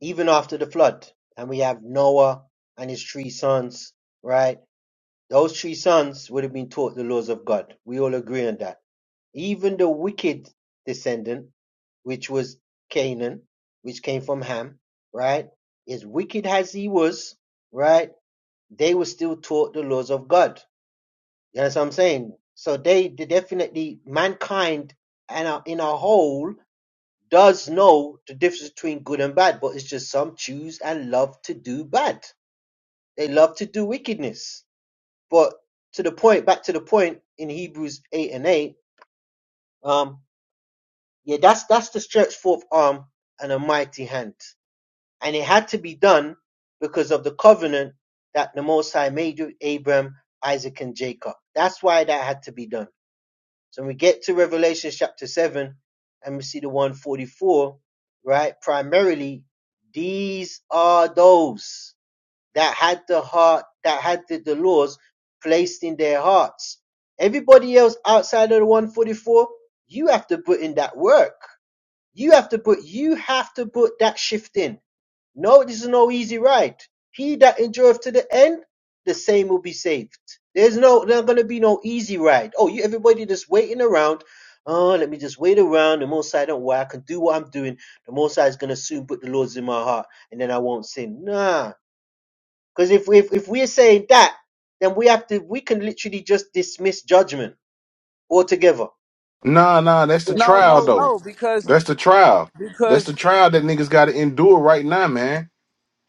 Speaker 1: even after the flood, and we have Noah and his three sons, right? Those three sons would have been taught the laws of God. We all agree on that. Even the wicked descendant, which was Canaan, which came from Ham, right? As wicked as he was, right? They were still taught the laws of God you know what I'm saying? So they, they definitely, mankind and a- in a whole does know the difference between good and bad, but it's just some choose and love to do bad. They love to do wickedness. But to the point, back to the point in Hebrews 8 and 8, um, yeah, that's, that's the stretched forth arm and a mighty hand. And it had to be done because of the covenant that the Most High made with Abraham, Isaac, and Jacob. That's why that had to be done So we get to Revelation chapter 7 and we see the 144, right? Primarily, these are those that had the heart, that had the, the laws placed in their hearts. Everybody else outside of the 144, you have to put in that work. You have to put, you have to put that shift in no, this is no easy ride. He that endureth to the end, the same will be saved. There's no, there's not gonna be no easy ride. Oh, you everybody just waiting around. Oh, let me just wait around. The most I don't worry, I can do what I'm doing. The most I is gonna soon put the laws in my heart, and then I won't sin. Nah, because if, if if we're saying that, then we have to. We can literally just dismiss judgment altogether.
Speaker 6: Nah, nah, that's the
Speaker 12: No,
Speaker 6: trial
Speaker 12: no,
Speaker 6: though.
Speaker 12: no, because
Speaker 6: That's the trial. That's
Speaker 12: because
Speaker 6: the trial that niggas gotta endure right now, man.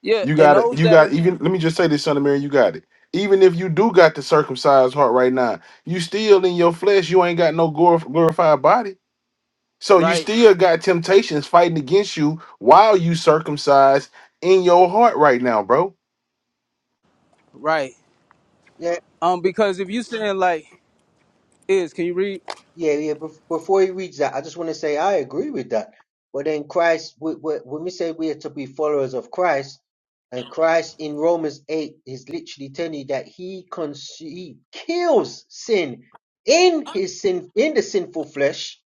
Speaker 12: yeah,
Speaker 6: You
Speaker 12: and
Speaker 6: gotta
Speaker 12: those
Speaker 6: you
Speaker 12: that
Speaker 6: got
Speaker 12: are
Speaker 6: even let me just say this, son of Mary, you got it. Even if you do got the circumcised heart right now, you still in your flesh, you ain't got no glor- glorified body. So you
Speaker 12: right,
Speaker 6: still got temptations fighting against you while you circumcised in your heart right now, bro.
Speaker 12: right.
Speaker 1: Yeah,
Speaker 12: Um, because if you saying like is, can you read?
Speaker 1: Yeah, yeah. bef- Before he reads that, I just want to say I agree with that. But then Christ, wh- wh- when we say we are to be followers of Christ, and Christ in Romans 8 is literally telling you that he, con- he kills sin in his sin, in the sinful flesh,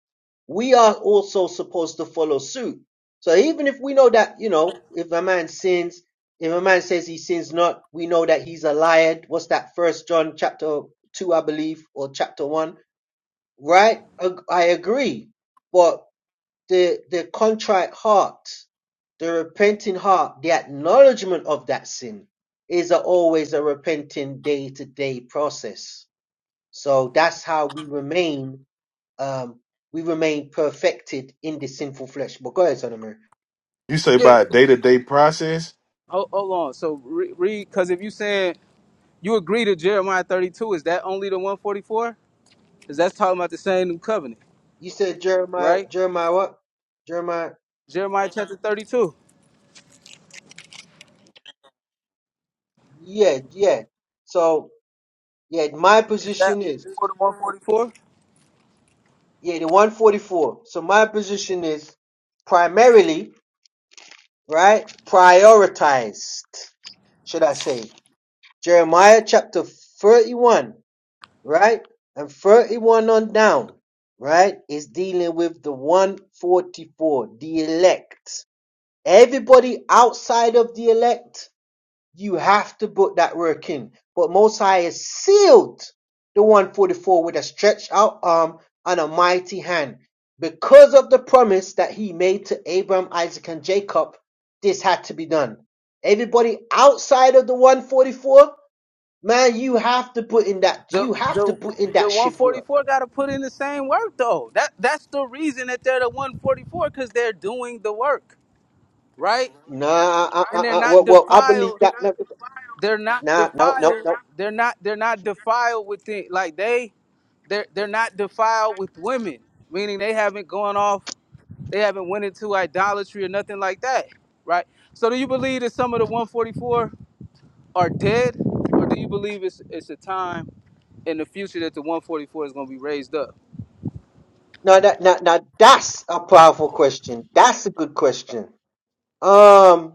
Speaker 1: we are also supposed to follow suit. So even if we know that, you know, if a man sins, if a man says he sins not, we know that he's a liar. What's that? First John chapter two, I believe, or chapter one right? Ag- I agree. But the the contrite heart, the repenting heart, the acknowledgement of that sin is a, always a repenting day to day process. So that's how we remain um we remain perfected in the sinful flesh. But go ahead, son of Mary.
Speaker 6: You say
Speaker 12: Yeah.
Speaker 6: by a day-to-day process
Speaker 12: Hold, hold on. So re- read, because if you saying you agree to Jeremiah thirty two, is that only the one forty four? Because that's talking about the same new covenant,
Speaker 1: You said Jeremiah
Speaker 12: right?
Speaker 1: Jeremiah what? Jeremiah
Speaker 12: Jeremiah chapter thirty two.
Speaker 1: yeah, yeah. So yeah, my
Speaker 12: Is that
Speaker 1: position
Speaker 12: only
Speaker 1: is
Speaker 12: for the one forty four?
Speaker 1: yeah, the 144. So my position is primarily right? Prioritized, should I say. Jeremiah chapter 31, right? And 31 on down, right? Is dealing with the 144, the elect. Everybody outside of the elect you have to put that work in. But Mosiah sealed the 144 with a stretched out arm and a mighty hand. Because of the promise that he made to Abraham, Isaac, and Jacob, this had to be done. Everybody outside of the 144, man, you have to put in that.
Speaker 12: The
Speaker 1: You have to
Speaker 12: the
Speaker 1: put in
Speaker 12: the
Speaker 1: that shift work.
Speaker 12: 144 got to put in the same work though. That that's the reason that they're the 144 because they're doing the work, right?
Speaker 1: Nah, uh, uh,
Speaker 12: And
Speaker 1: uh,
Speaker 12: they're
Speaker 1: uh,
Speaker 12: not
Speaker 1: well, well, I believe
Speaker 12: defiled.
Speaker 1: that.
Speaker 12: They're not
Speaker 1: Nah, no, no,
Speaker 12: defiled.
Speaker 1: no,
Speaker 12: They're not they're not defiled with the like they they're they're not defiled with women, meaning they haven't gone off. They haven't went into idolatry or nothing like that, right? So do you believe that some of the 144 are dead, or do you believe it's it's a time in the future that the 144 is going to be raised up?
Speaker 1: no, that, now no. That's a powerful question. That's a good question. Um,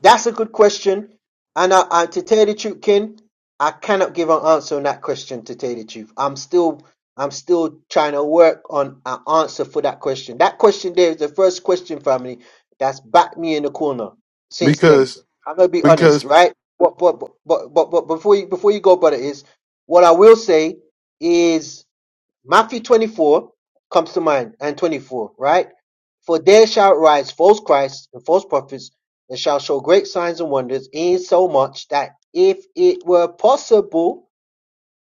Speaker 1: That's a good question. And I, I, to tell you the truth, Ken, I cannot give an answer on that question. To tell you the truth, I'm still, I'm still trying to work on an answer for that question. That question there is the first question, family, that's backed me in the corner since day.
Speaker 6: because
Speaker 1: I'm gonna be
Speaker 6: because
Speaker 1: honest, right? But but but but but, but before you before you go, brother, is what I will say is. Matthew 24 comes to mind, and 24, right? For there shall rise false Christs and false prophets, and shall show great signs and wonders, insomuch that if it were possible,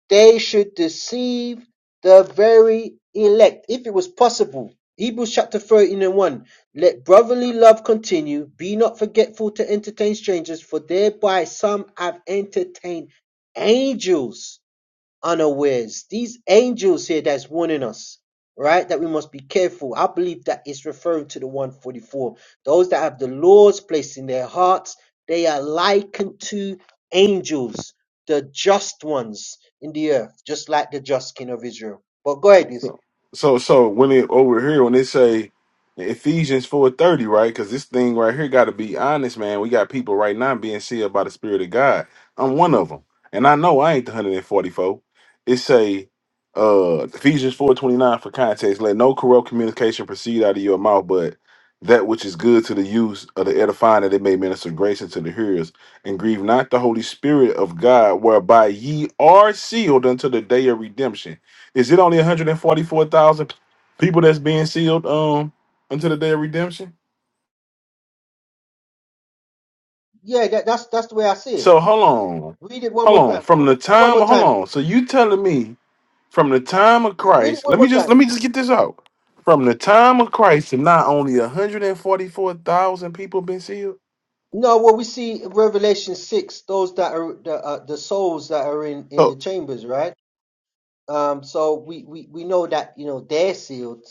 Speaker 1: they should deceive the very elect. If it was possible. Hebrews chapter 13 and 1. Let brotherly love continue. Be not forgetful to entertain strangers, for thereby some have entertained angels unawares. These angels here that's warning us, right? That we must be careful. I believe that it's referring to the 144. Those that have the Lord's placed in their hearts, they are likened to angels, the just ones in the earth, just like the just king of Israel. But go ahead, is
Speaker 6: So, so, so when it over here, when they say Ephesians four thirty, right? Because this thing right here got to be honest, man. We got people right now being sealed by the Spirit of God. I'm one of them, and I know I ain't the hundred and forty four. It say uh Ephesians four twenty nine for context. Let no corrupt communication proceed out of your mouth, but that which is good to the use of the edifying that it may minister grace unto the hearers, and grieve not the Holy Spirit of God, whereby ye are sealed unto the day of redemption. Is it only 144,000 people that's being sealed um until the day of redemption?
Speaker 1: yeah, that, that's that's the way I see it.
Speaker 6: So hold on.
Speaker 1: Read it one
Speaker 6: Hold
Speaker 1: more
Speaker 6: on.
Speaker 1: time.
Speaker 6: From the
Speaker 1: Read it one
Speaker 6: time
Speaker 1: more
Speaker 6: hold
Speaker 1: time.
Speaker 6: on. So you telling me from the time of
Speaker 1: Read it
Speaker 6: Christ,
Speaker 1: one
Speaker 6: let
Speaker 1: more
Speaker 6: me just
Speaker 1: time.
Speaker 6: let me just get this out. From the time of Christ to not only 144,000 people been sealed?
Speaker 1: No, what we see in Revelation six, those that are the uh, the souls that are in in
Speaker 6: So,
Speaker 1: the chambers, right? Um, so we, we, we know that, you know, they're sealed.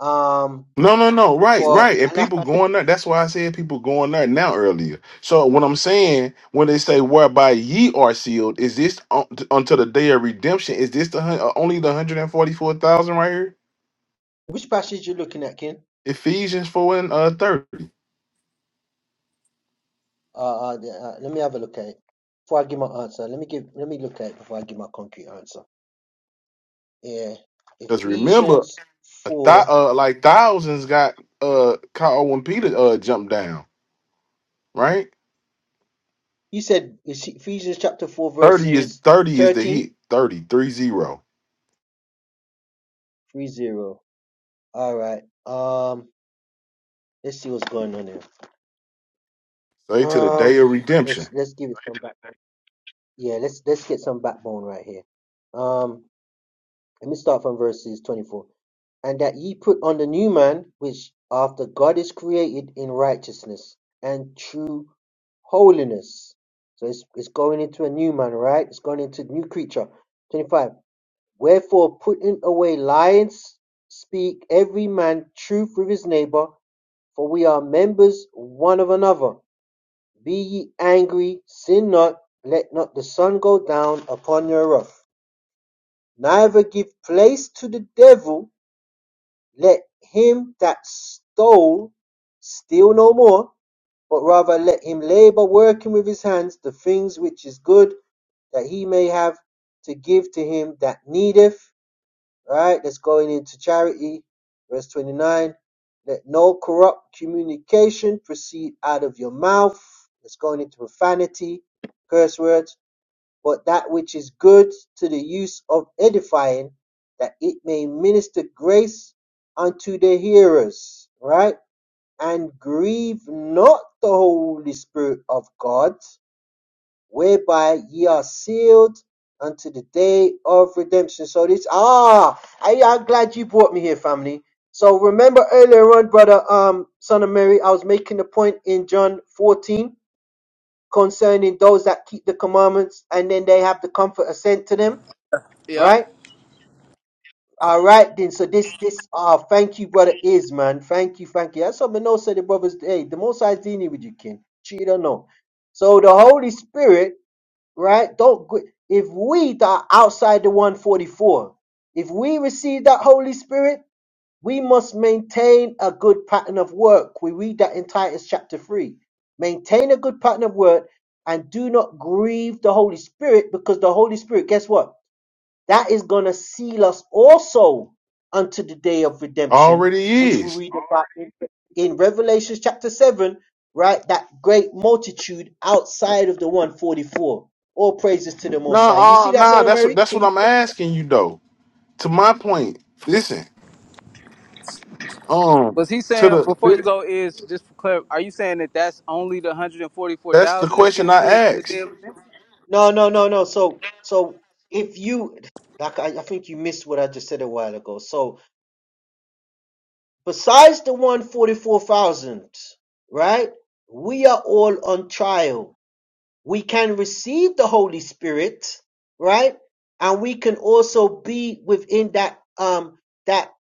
Speaker 1: Um,
Speaker 6: No, no, no. Right,
Speaker 1: but,
Speaker 6: right. And
Speaker 1: and like
Speaker 6: people
Speaker 1: I said,
Speaker 6: going there. That's why I said people going there now earlier. So what I'm saying when they say whereby ye are sealed, is this un- until the day of redemption? Is this the hun- uh, only the hundred and forty four thousand right here?
Speaker 1: which passage you looking at, Ken?
Speaker 6: Ephesians four and uh, thirty.
Speaker 1: Uh, uh, the- uh, let me have a look at it before I give my answer. Let me give, let me look at it before I give my concrete answer. Yeah.
Speaker 6: Because remember,
Speaker 1: Ephesians
Speaker 6: a thou
Speaker 1: 4.
Speaker 6: uh, like thousands got uh caught when Peter uh jumped down. Right.
Speaker 1: You said it's Ephesians chapter 4,
Speaker 6: Thirty is
Speaker 1: verses
Speaker 6: thirty is the hit.
Speaker 1: thirteen
Speaker 6: Thirty three zero.
Speaker 1: three zero. All right. Um, let's see what's going on here.
Speaker 6: Say to the day
Speaker 1: Um,
Speaker 6: of
Speaker 1: let's,
Speaker 6: redemption.
Speaker 1: let's give it some back. Yeah, let's, let's get some backbone right here. Um, Let me start from verses 24. And that ye put on the new man, which after God is created in righteousness and true holiness. So it's, it's going into a new man, right? It's going into new creature. 25. Wherefore, putting away lies, speak every man truth with his neighbor, for we are members one of another. Be ye angry, sin not, let not the sun go down upon your wrath. Neither give place to the devil let him that stole steal no more, but rather let him labor, working with his hands the things which is good, that he may have to give to him that needeth. Right? That's going into charity. Verse 29. Let no corrupt communication proceed out of your mouth. That's going into profanity, curse words but that which is good to the use of edifying, that it may minister grace unto the hearers, right? And grieve not the Holy Spirit of God, whereby ye are sealed unto the day of redemption. So this, ah, I, I'm glad you brought me here, family. So remember earlier on, brother, um, son of Mary, I was making the point in John 14 concerning those that keep the commandments and then they have the comfort assent to them
Speaker 12: Yep.
Speaker 1: right all right then so this this ah, thank you brother is man thank you thank you that's what Manoah said the brothers hey the most i dealing with you king she don't know so the holy spirit right don't go- if we that are outside the 144 if we receive that holy spirit we must maintain a good pattern of work. We read that in Titus chapter 3. Maintain a good pattern of work and do not grieve the Holy Spirit because the Holy Spirit, guess what? That is going to seal us also unto the day of redemption,
Speaker 6: Already
Speaker 1: which we
Speaker 6: is.
Speaker 1: read about in, in Revelation chapter 7, right? That great multitude outside of the 144. All praises to the
Speaker 6: No,
Speaker 1: Most High. You
Speaker 6: nah,
Speaker 1: see
Speaker 6: uh,
Speaker 1: that,
Speaker 6: nah,
Speaker 1: Son of
Speaker 6: that's what
Speaker 1: Mary?
Speaker 6: that's
Speaker 1: Can you?
Speaker 6: what I'm asking you though. To my point, listen, um,
Speaker 12: Was he
Speaker 6: to
Speaker 12: saying before
Speaker 6: the
Speaker 12: you go is just for clear? Are you saying that that's only the hundred and forty four
Speaker 6: that's the
Speaker 12: thousand is
Speaker 6: question
Speaker 12: getting
Speaker 6: I
Speaker 12: sealed to the day
Speaker 6: asked.
Speaker 12: of redemption?
Speaker 1: No, no, no, no. So, so if you like, I, I think you missed what I just said a while ago. So, besides the one forty-four thousand, right? We are all on trial. We can receive the Holy Spirit, right? And we can also be within that um that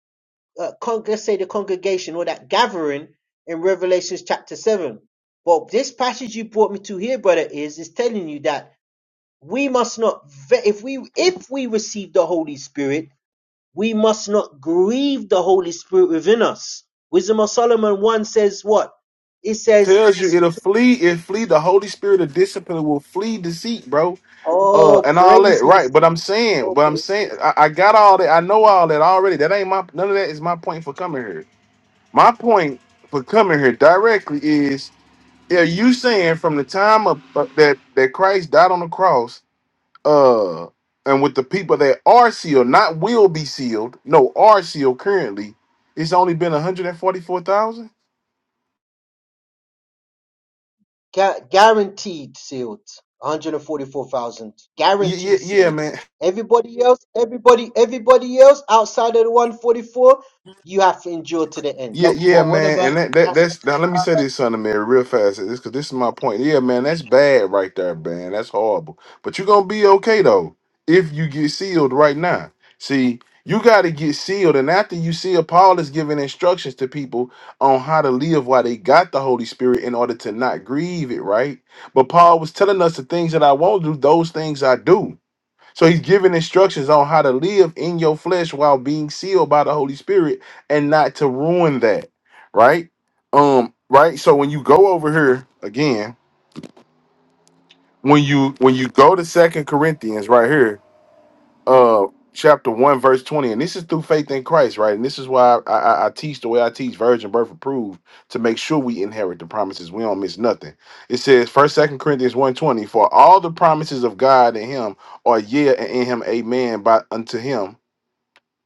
Speaker 1: uh, con- let's say the congregation or that gathering in Revelations chapter seven. But this passage you brought me to here, brother, is is telling you that we must not ve- if we if we receive the holy spirit we must not grieve the holy spirit within us wisdom of solomon 1 says what it says
Speaker 6: Tells you
Speaker 1: this
Speaker 6: it'll flee, it flee the Holy Spirit of discipline will flee deceit, bro. Uh,
Speaker 1: oh
Speaker 6: and all that, right?
Speaker 1: praises
Speaker 6: But I'm saying,
Speaker 1: oh
Speaker 6: but I'm
Speaker 1: praise
Speaker 6: saying, I, I got all that. I know all that already. That ain't my none of that is my point for coming here. My point for coming here directly is: Are you saying from the time of, of that that Christ died on the cross uh and with the people that are sealed, not will be sealed, no, are sealed currently, it's only been 144,000.
Speaker 1: Gu- guaranteed sealed 144,000
Speaker 6: Yeah, yeah,
Speaker 1: guaranteed
Speaker 6: yeah,
Speaker 1: sealed
Speaker 6: man.
Speaker 1: everybody else everybody everybody else outside of the 144 you have to endure to the end
Speaker 6: Yeah,
Speaker 12: No,
Speaker 6: yeah,
Speaker 12: but what
Speaker 6: man,
Speaker 12: about?
Speaker 6: and that, that
Speaker 1: that's
Speaker 6: that's now. Let me say this, son of Mary, real fast, this because this is my point. Yeah, man, that's bad right there, man. That's horrible. But you're gonna be okay though if you get sealed right now. See, you got to get sealed, and after you seal, Paul is giving instructions to people on how to live while they got the Holy Spirit in order to not grieve it, right? But Paul was telling us the things that I won't do; those things I do. So he's giving instructions on how to live in your flesh while being sealed by the Holy Spirit and not to ruin that, right? Um, right? So when you go over here again, when you when you go to Second Corinthians right here, uh chapter 1 verse 20 and this is through faith in christ right and this is why I, I i teach the way i teach virgin birth approved to make sure we inherit the promises we don't miss nothing it says first second corinthians one twenty, for all the promises of god in him are yeah and in him amen by unto him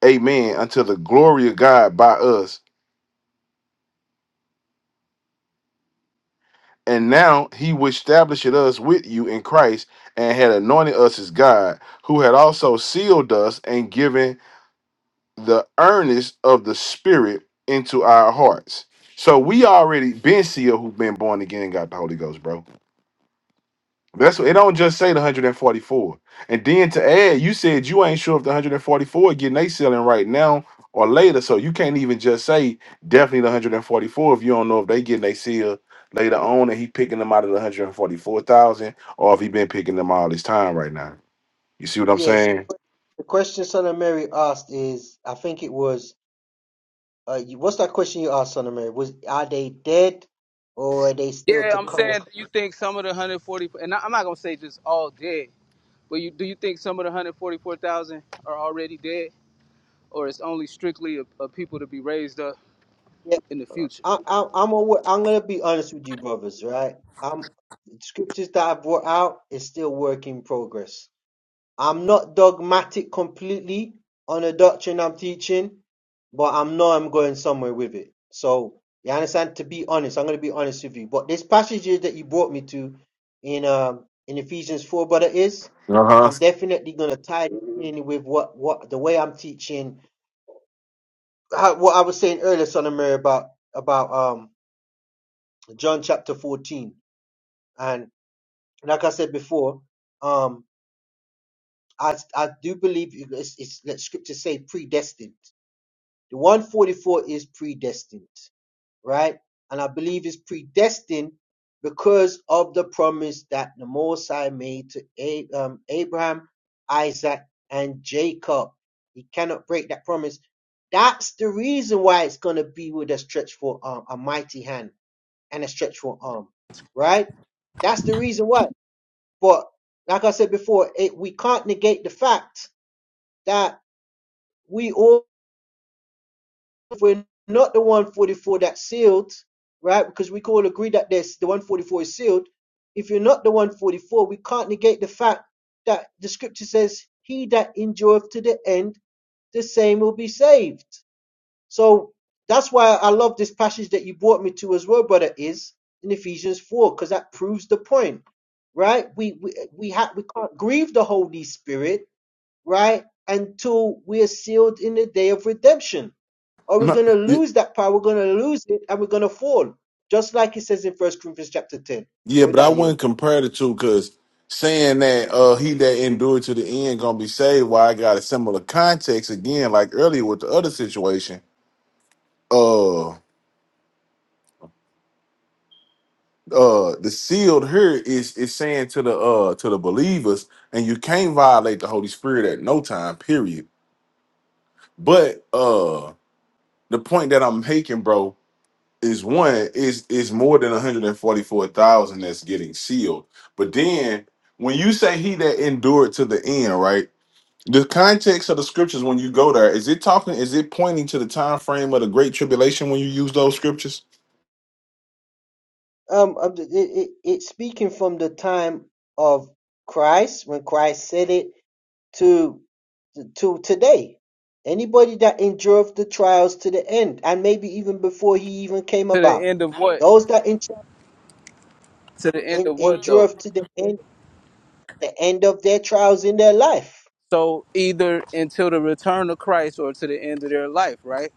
Speaker 6: amen, unto the glory of God by us. And now he which established us with you in Christ and had anointed us as God, who had also sealed us and given the earnest of the Spirit into our hearts. So we already been sealed who've been born again and got the Holy Ghost, bro. That's what it don't just say the 144. And then to add, you said you ain't sure if the 144 getting they selling right now or later. So you can't even just say definitely the 144 if you don't know if they getting they seal later on and he picking them out of the 144,000 or if he been picking them all this time right now. You see what I'm
Speaker 1: yes
Speaker 6: saying?
Speaker 1: the question son of mary asked is i think it was Uh, you, what's that question you asked, Son of Mary? Was are they dead, or are they still
Speaker 12: Yeah,
Speaker 1: to
Speaker 12: I'm
Speaker 1: come?
Speaker 12: saying
Speaker 1: With,
Speaker 12: do you think some of the hundred forty, and I- I'm not gonna say just all dead, but you do you think some of the hundred forty four thousand are already dead, or it's only strictly of, of people to be raised up
Speaker 1: yeah,
Speaker 12: in the future?
Speaker 1: I, I, I'm aware, I'm gonna be honest with you, brothers. Right? I'm the scriptures that I brought out is still work in progress. I'm not dogmatic completely on a doctrine I'm teaching, but I'm know I'm going somewhere with it. So you understand? To be honest, I'm going to be honest with you. But this passage that you brought me to in um in Ephesians four, brother, is
Speaker 6: Uh-huh.
Speaker 1: I'm definitely going to tie it in with what what the way I'm teaching. How, what I was saying earlier, Son of Mary, about about um John chapter fourteen, and like I said before, um I I do believe it's, it's let scripture say predestined. The 144 is predestined, right? And I believe it's predestined because of the promise that the Most High made to A- um, Abraham, Isaac, and Jacob. He cannot break that promise. That's the reason why it's going to be with a stretch for arm, a mighty hand and a stretch for arm, right? That's the reason why. But like I said before, it, we can't negate the fact that we all if we're not the 144 that's sealed, right? Because we can all agree that this the 144 is sealed. If you're not the 144, we can't negate the fact that the scripture says, "He that endureth to the end, the same will be saved." So that's why I love this passage that you brought me to as well, brother. Is in Ephesians 4 because that proves the point, right? We we we, ha- we can't grieve the Holy Spirit right? Until we are sealed in the day of redemption. Or we're
Speaker 6: No,
Speaker 1: going to
Speaker 6: y-
Speaker 1: lose that power, we're going to lose it, and we're going to fall. Just like it says in First Corinthians chapter 10.
Speaker 6: yeah,
Speaker 1: What would
Speaker 6: but I
Speaker 1: that yield?
Speaker 6: wouldn't compare the two because saying that uh he that endured to the end gonna be saved. Why I got a similar context again, like earlier with the other situation. uh uh the sealed here is is saying to the uh to the believers and you can't violate the holy spirit at no time period but uh the point that i'm making bro is one is is more than 144000 that's getting sealed but then when you say he that endured to the end right the context of the scriptures when you go there is it talking is it pointing to the time frame of the great tribulation when you use those scriptures
Speaker 1: Um, um, it, it, it's speaking from the time of Christ, when Christ said it, to to today. Anybody that endureth the trials to the end, and maybe even before he even came
Speaker 12: To the
Speaker 1: about,
Speaker 12: end of what?
Speaker 1: those that en-
Speaker 12: To the end of what though?
Speaker 1: endureth to the end, the end of their trials in their life
Speaker 12: So either until the return of Christ or to the end of their life, right?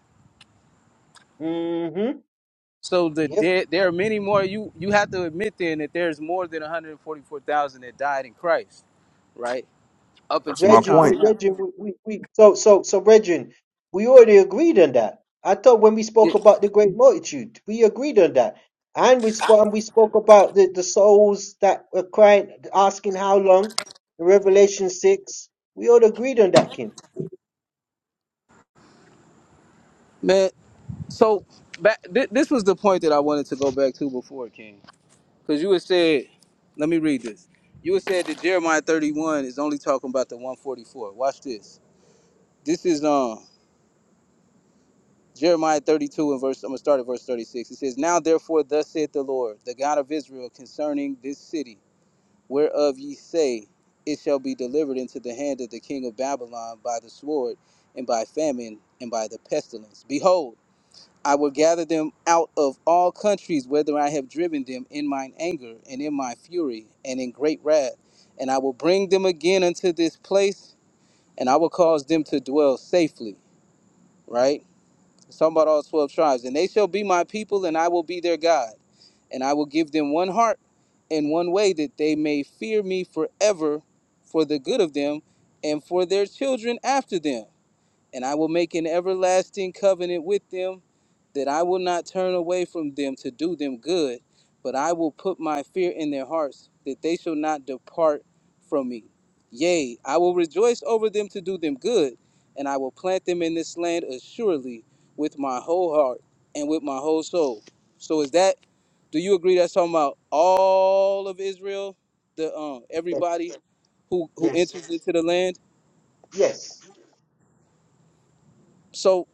Speaker 1: hmm
Speaker 12: So the
Speaker 1: Yep.
Speaker 12: dead, there are many more. You you have to admit then that there's more than 144,000 that died in Christ, right? Up
Speaker 6: that's
Speaker 12: until
Speaker 6: my
Speaker 12: this
Speaker 1: Regin,
Speaker 12: time
Speaker 1: we,
Speaker 6: point
Speaker 12: now.
Speaker 1: Regin, we, we, we, so, so, so, Regin, we already agreed on that. I thought when we
Speaker 12: Yeah,
Speaker 1: spoke about the great multitude, we agreed on that. And we spoke, and we spoke about the, the souls that were crying, asking how long in Revelation 6. We all agreed on that, King.
Speaker 12: man. So back, thi- this was the point that I wanted to go back to before, King, because you had said, let me read this. You had said that Jeremiah 31 is only talking about the 144. Watch this. This is um Jeremiah 32 and verse. I'm gonna start at verse 36. It says, "Now therefore, thus saith the Lord, the God of Israel, concerning this city." whereof ye say, It shall be delivered into the hand of the king of Babylon by the sword, and by famine, and by the pestilence. Behold, I will gather them out of all countries whither I have driven them in mine anger, and in my fury, and in great wrath. And I will bring them again unto this place, and I will cause them to dwell safely. Right? It's talking about all 12 tribes. And they shall be my people, and I will be their God and I will give them one heart and one way that they may fear me forever for the good of them and for their children after them. And I will make an everlasting covenant with them that I will not turn away from them to do them good, but I will put my fear in their hearts, that they shall not depart from me. Yea, I will rejoice over them to do them good, and I will plant them in this land assuredly with my whole heart and with my whole soul. So is that do you agree that's talking about all of Israel, the um
Speaker 1: Yes,
Speaker 12: everybody who who
Speaker 1: yes,
Speaker 12: enters into the land?
Speaker 1: yes.
Speaker 12: So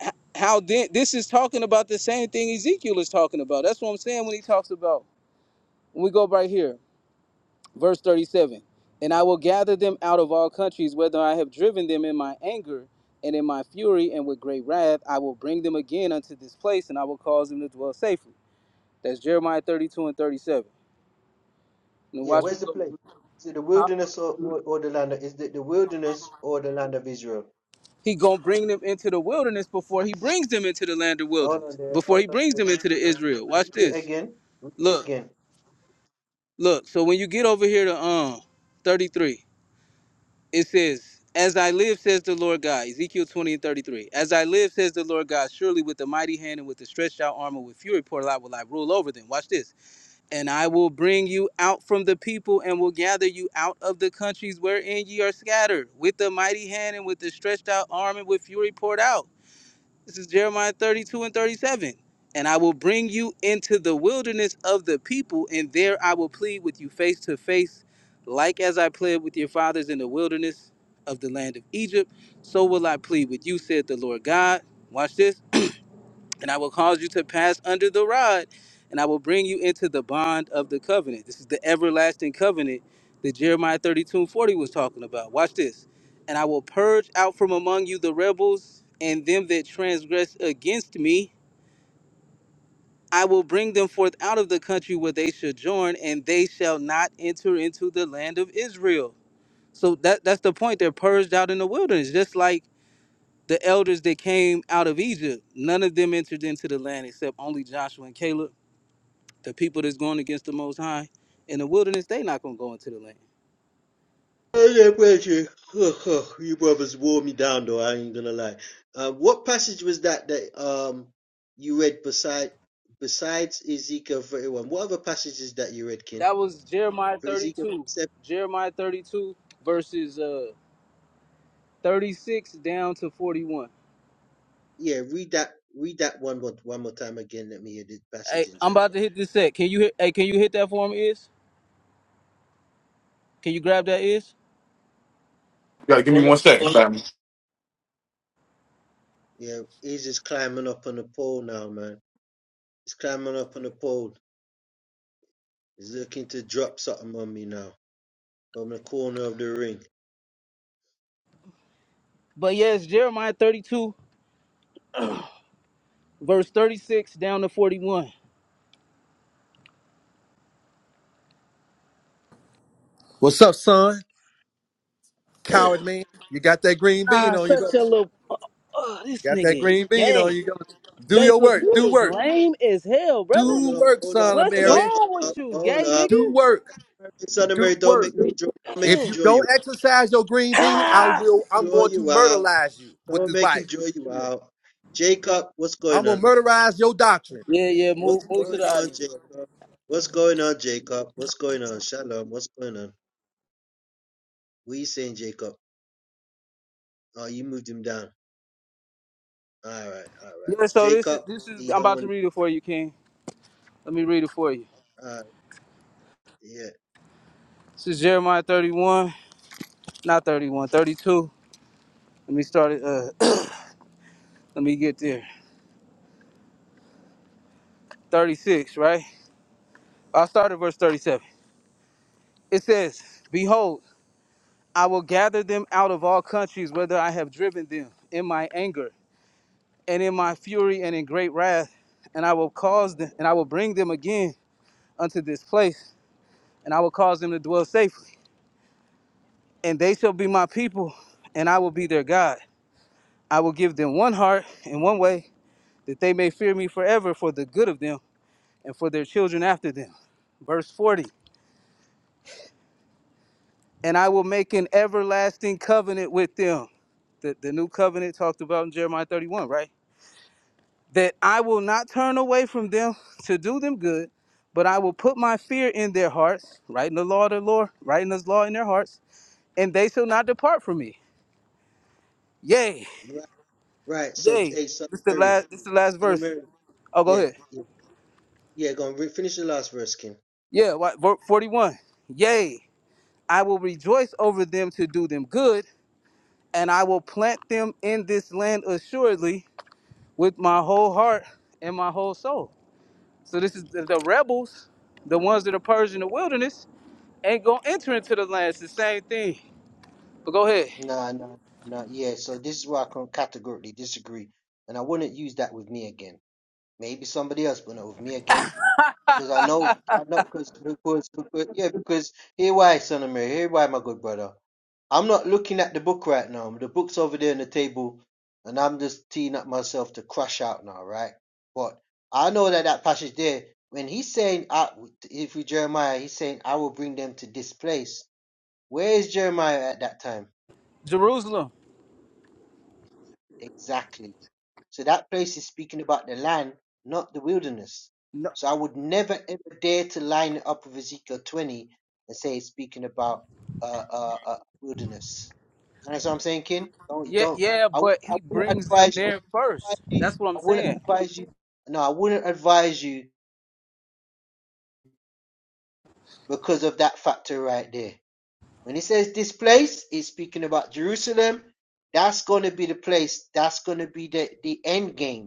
Speaker 12: h- how then this is talking about the same thing Ezekiel is talking about. That's what I'm saying when he talks about when we go right here, verse 37. And I will gather them out of all countries, whether I have driven them in my anger and in my fury and with great wrath, I will bring them again unto this place, and I will cause them to dwell safely. That's Jeremiah 32 and 37. And
Speaker 1: Yeah,
Speaker 12: watch
Speaker 1: where's
Speaker 12: what
Speaker 1: the
Speaker 12: go-
Speaker 1: place? Is it the wilderness or, or, or the land? Of, is it the wilderness or the land of Israel?
Speaker 12: he gonna bring them into the wilderness before he brings them into the land of
Speaker 1: Hold on
Speaker 12: wilderness.
Speaker 1: there.
Speaker 12: Before
Speaker 1: Hold
Speaker 12: he
Speaker 1: on
Speaker 12: brings
Speaker 1: there.
Speaker 12: them into the Israel. Watch
Speaker 1: Read it
Speaker 12: this.
Speaker 1: again. Read it
Speaker 12: Look.
Speaker 1: again.
Speaker 12: Look, so when you get over here to um 33, it says, As I live, says the Lord God, Ezekiel 20 and 33. As I live, says the Lord God, surely with the mighty hand and with the stretched out arm and with fury poured out will I rule over them. Watch this. And I will bring you out from the people and will gather you out of the countries wherein ye are scattered, with the mighty hand and with the stretched out arm and with fury poured out. This is Jeremiah 32 and 37. And I will bring you into the wilderness of the people, and there I will plead with you face to face, like as I pled with your fathers in the wilderness of the land of Egypt, so will I plead with you, said the Lord God. Watch this and I will cause you to pass under the rod, and I will bring you into the bond of the covenant. This is the everlasting covenant that Jeremiah 32 and 40 was talking about. Watch this. And I will purge out from among you the rebels and them that transgress against me. I will bring them forth out of the country where they sojourn, and they shall not enter into the land of Israel. So that, that's the point. They're purged out in the wilderness, just like the elders that came out of Egypt. None of them entered into the land except only Joshua and Caleb The people that's going against the Most High in the wilderness, they not gonna go into the land.
Speaker 1: Uh, yeah, you brothers wore me down though. I ain't gonna lie. Uh, what passage was that that um you read beside besides Ezekiel thirty one? What other passages that you read, Ken?
Speaker 12: That was Jeremiah
Speaker 1: For Ezekiel
Speaker 12: 32,
Speaker 1: seven,
Speaker 12: Jeremiah 32 verses uh 36 down to 41.
Speaker 1: yeah, read that read that one more one more time again. Let me hear the
Speaker 12: Hey,
Speaker 1: passage in
Speaker 12: I'm
Speaker 1: Jeremiah.
Speaker 12: about to hit this set. Can you hit? Hey, can you hit that for me? Is can you grab that? Is
Speaker 6: you gotta give me
Speaker 12: or
Speaker 6: one second
Speaker 1: Yeah, he's just climbing up on the pole now, man. He's climbing up on the pole. He's looking to drop something on me now from the corner of the ring.
Speaker 12: but yes, Jeremiah 32 verse 36 down to 41.
Speaker 18: What's up, son? Coward man. You got that green
Speaker 12: Ah,
Speaker 18: bean on you,
Speaker 12: such
Speaker 18: don't
Speaker 12: a
Speaker 18: you?
Speaker 12: little. Oh, oh, this
Speaker 18: You Got that
Speaker 12: nigga is
Speaker 18: green bean
Speaker 12: gay.
Speaker 18: on you, don't you? Do your
Speaker 12: Jacob,
Speaker 18: work.
Speaker 12: you
Speaker 18: Do
Speaker 12: is
Speaker 18: work.
Speaker 12: lame as hell, brother.
Speaker 1: Hold
Speaker 18: Do
Speaker 1: up,
Speaker 18: work,
Speaker 1: hold up,
Speaker 18: son of
Speaker 12: What's
Speaker 1: hold up,
Speaker 18: Mary.
Speaker 1: hold
Speaker 12: wrong
Speaker 1: up,
Speaker 12: with you,
Speaker 1: hold
Speaker 12: gay
Speaker 1: up.
Speaker 18: Do
Speaker 12: nigga?
Speaker 18: work.
Speaker 1: Son of
Speaker 18: Do
Speaker 1: Mary, don't
Speaker 18: work.
Speaker 1: make him joy, don't make him
Speaker 18: If you
Speaker 1: joy
Speaker 18: don't
Speaker 1: you.
Speaker 18: exercise your green bean, I will I'm
Speaker 1: Joy
Speaker 18: going to
Speaker 1: you out.
Speaker 18: murderize you with
Speaker 1: Don't
Speaker 18: this
Speaker 1: make him
Speaker 18: Bible.
Speaker 1: joy you out. Jacob, what's
Speaker 18: I'm
Speaker 1: going
Speaker 18: gonna
Speaker 1: on?
Speaker 18: murderize your doctrine.
Speaker 12: Yeah, yeah. Move,
Speaker 1: What's
Speaker 12: move to
Speaker 1: going
Speaker 12: the
Speaker 1: on,
Speaker 12: audience, brother.
Speaker 1: Jacob? What's going on, Jacob? What's going on? Shalom, what's going on? What are you saying, Jacob? Oh, you moved him down. All right, all right.
Speaker 12: Yeah. So this is
Speaker 1: Jacob,
Speaker 12: this is.
Speaker 1: you
Speaker 12: I'm
Speaker 1: don't
Speaker 12: about to
Speaker 1: want
Speaker 12: read it for you, King. Let me read it for you.
Speaker 1: to, uh, yeah.
Speaker 12: This is Jeremiah 31, not 31, 32. Let me start it. Uh, let me get there. 36, right? I'll start at verse 37. It says, "Behold, I will gather them out of all countries, whether I have driven them in my anger and in my fury and in great wrath, and I will cause them, and I will bring them again unto this place, and I will cause them to dwell safely." and they shall be my people, and I will be their God. I will give them one heart and one way, that they may fear me forever for the good of them and for their children after them. Verse 40 And I will make an everlasting covenant with them. The, the new covenant talked about in Jeremiah 31, right? That I will not turn away from them to do them good, but I will put my fear in their hearts, writing the law of the Lord, writing this law in their hearts, and they shall not depart from me. Yay,
Speaker 1: Right, right. So,
Speaker 12: yay.
Speaker 1: hey, son
Speaker 12: This is the
Speaker 1: of Mary,
Speaker 12: last this is the last
Speaker 1: son of
Speaker 12: verse.
Speaker 1: Mary,
Speaker 12: Oh, go
Speaker 1: yeah,
Speaker 12: ahead.
Speaker 1: yeah, yeah, go on, re- finish the last verse, King.
Speaker 12: Yeah, what, ver- 41. Yea, I will rejoice over them to do them good, and I will plant them in this land assuredly with my whole heart and my whole soul. So this is the, the rebels, the ones that are purged in the wilderness, ain't gonna enter into the land. It's the same thing. But go ahead.
Speaker 1: No, no, no, no. Yeah, so this is where I can categorically disagree. And I wouldn't use that with me again. Maybe somebody else, but not with me again. Because I know, I know, because, because, because, yeah, because here why, son of Mary, here why, my good brother. I'm not looking at the book right now. The book's over there on the table, and I'm just teeing up myself to crash out now, right? But I know that that passage there, when he's saying, I, if we Jeremiah, he's saying, I will bring them to this place. Where is Jeremiah at that time?
Speaker 12: Jerusalem.
Speaker 1: Exactly. So that place is speaking about the land, not the wilderness.
Speaker 12: No,
Speaker 1: So I would never ever dare to line it up with Ezekiel 20 and say it's speaking about uh, uh, uh, wilderness. That's what I'm saying, Ken. Don't
Speaker 12: yeah,
Speaker 1: don't.
Speaker 12: yeah,
Speaker 1: I, wou-
Speaker 12: but
Speaker 1: I
Speaker 12: he
Speaker 1: wouldn't
Speaker 12: brings them
Speaker 1: advise
Speaker 12: there first.
Speaker 1: you.
Speaker 12: That's what I'm
Speaker 1: I wouldn't
Speaker 12: saying.
Speaker 1: advise you. No, I wouldn't advise you because of that factor right there. When it says this place, it's speaking about Jerusalem. That's gonna be the place. That's gonna be the the end game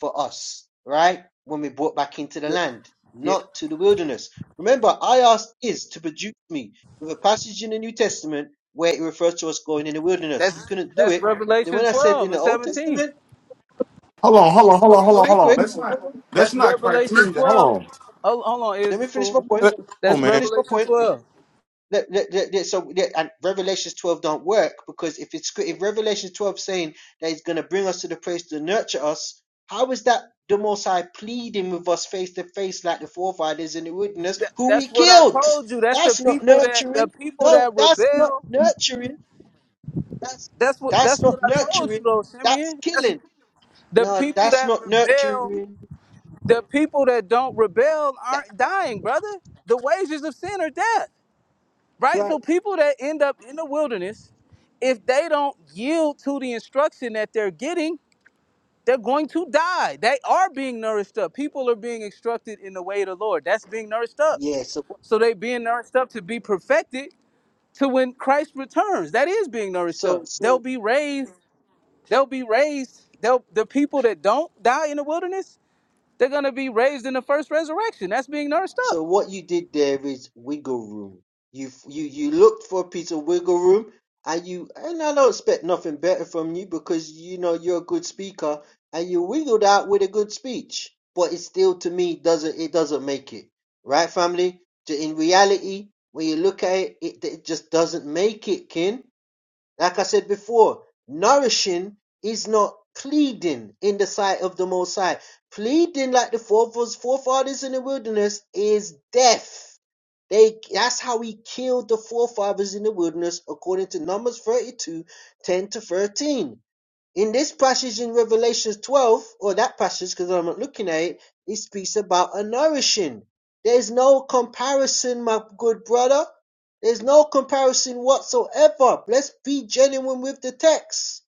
Speaker 1: for us, right? When we brought back into the
Speaker 12: Yeah,
Speaker 1: land,
Speaker 12: yeah.
Speaker 1: not to the wilderness. Remember, I asked Is to produce me with a passage in the New Testament where it refers to us going in the wilderness. He
Speaker 12: that's
Speaker 1: couldn't do
Speaker 12: that's
Speaker 1: it. Then
Speaker 12: Revelation
Speaker 1: when I said in
Speaker 12: 12
Speaker 1: the
Speaker 12: and
Speaker 1: Old
Speaker 12: 17.
Speaker 1: Testament,
Speaker 6: Hold on, hold on, hold on, hold
Speaker 1: so
Speaker 6: on,
Speaker 1: real
Speaker 6: hold on.
Speaker 1: quick,
Speaker 6: That's not that's
Speaker 12: That's
Speaker 6: not
Speaker 12: Revelation
Speaker 6: criteria. Hold
Speaker 12: 12.
Speaker 6: on.
Speaker 12: Hold, hold on, is
Speaker 1: let
Speaker 12: it
Speaker 1: me finish my
Speaker 12: cool?
Speaker 1: point.
Speaker 6: Come
Speaker 1: Let
Speaker 6: on,
Speaker 12: That's
Speaker 1: me
Speaker 6: man.
Speaker 1: finish my
Speaker 12: Revelation
Speaker 1: point.
Speaker 12: 12.
Speaker 1: that, that, that, that- so that, and Revelations 12 don't work because if it's if Revelations 12 saying that he's going to bring us to the place to nurture us, how is that the Most High pleading with us face to face like the forefathers in the wilderness
Speaker 12: That,
Speaker 1: who we
Speaker 12: that's what I
Speaker 1: killed?
Speaker 12: told you. That's the
Speaker 1: That's not
Speaker 12: people that the
Speaker 1: nurturing.
Speaker 12: people
Speaker 1: No,
Speaker 12: that
Speaker 1: that's not
Speaker 12: rebel.
Speaker 1: nurturing. That's
Speaker 12: That's what
Speaker 1: that's
Speaker 12: that's
Speaker 1: not
Speaker 12: what I told you
Speaker 1: nurturing.
Speaker 12: though,
Speaker 1: That's
Speaker 12: Simeon. That's
Speaker 1: killing.
Speaker 12: the
Speaker 1: No,
Speaker 12: people
Speaker 1: that's
Speaker 12: that
Speaker 1: not
Speaker 12: rebel.
Speaker 1: nurturing.
Speaker 12: The people that don't rebel
Speaker 1: That-
Speaker 12: aren't dying, brother. The wages of sin are death, right?
Speaker 1: right?
Speaker 12: So people that end up in the wilderness, if they don't yield to the instruction that they're getting, They're going to die. They are being nourished up. People are being instructed in the way of the Lord. That's being nourished up.
Speaker 1: Yeah. So
Speaker 12: So they being nourished up to be perfected to when Christ returns. That is being nourished
Speaker 1: so
Speaker 12: up.
Speaker 1: so
Speaker 12: They'll be raised. They'll be raised. They'll the people that don't die in the wilderness, they're gonna be raised in the first resurrection. That's being nourished up.
Speaker 1: So what you did there is wiggle room. You you you looked for a piece of wiggle room, and you and I don't expect nothing better from you because you know you're a good speaker, and you wiggled out with a good speech. But it still, to me, doesn't it doesn't make it right, family? In reality, when you look at it, it, it just doesn't make it, kin. Like I said before, nourishing is not pleading in the sight of the Most High. Pleading like the forefathers, in the wilderness is death. They that's how he killed the forefathers in the wilderness, according to Numbers 32, 10 to 13 in this passage in Revelation 12, or that passage, because I'm not looking at it, it speaks about a nourishing. There's no comparison, my good brother. There's no comparison whatsoever. Let's be genuine with the text.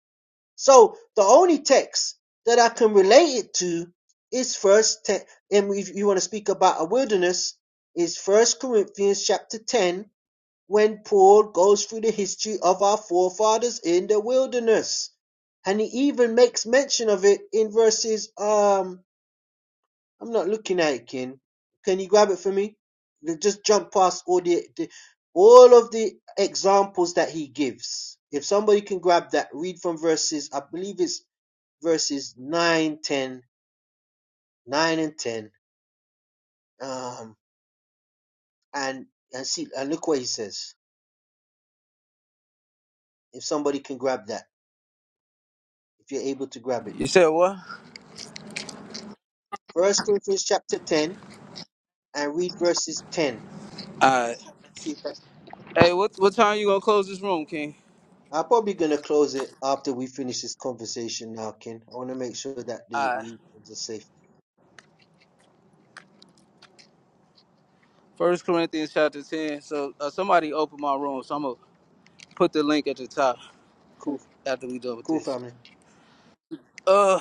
Speaker 1: So the only text that I can relate it to is first, te- and if you want to speak about a wilderness, is First Corinthians chapter 10 when Paul goes through the history of our forefathers in the wilderness. And he even makes mention of it in verses um I'm not looking at it, Ken. Can you grab it for me? Just jump past all the, the all of the examples that he gives. If somebody can grab that, read from verses, I believe it's verses 9, 10, 9 and 10. Um and and see and look what he says. If somebody can grab that, if you're able to grab it.
Speaker 12: You said what?
Speaker 1: First Corinthians chapter 10 and read verses 10.
Speaker 12: Alright.
Speaker 1: See if that's
Speaker 12: Hey, what what time you gonna close this room, King?
Speaker 1: I'm probably gonna close it after we finish this conversation now, Ken. I wanna make sure that the
Speaker 12: Alright.
Speaker 1: readers are safe.
Speaker 12: First Corinthians chapter ten. So uh, somebody open my room, so I'm gonna put the link at the top
Speaker 1: Cool
Speaker 12: after we done with
Speaker 1: cool
Speaker 12: this.
Speaker 1: family.
Speaker 12: uh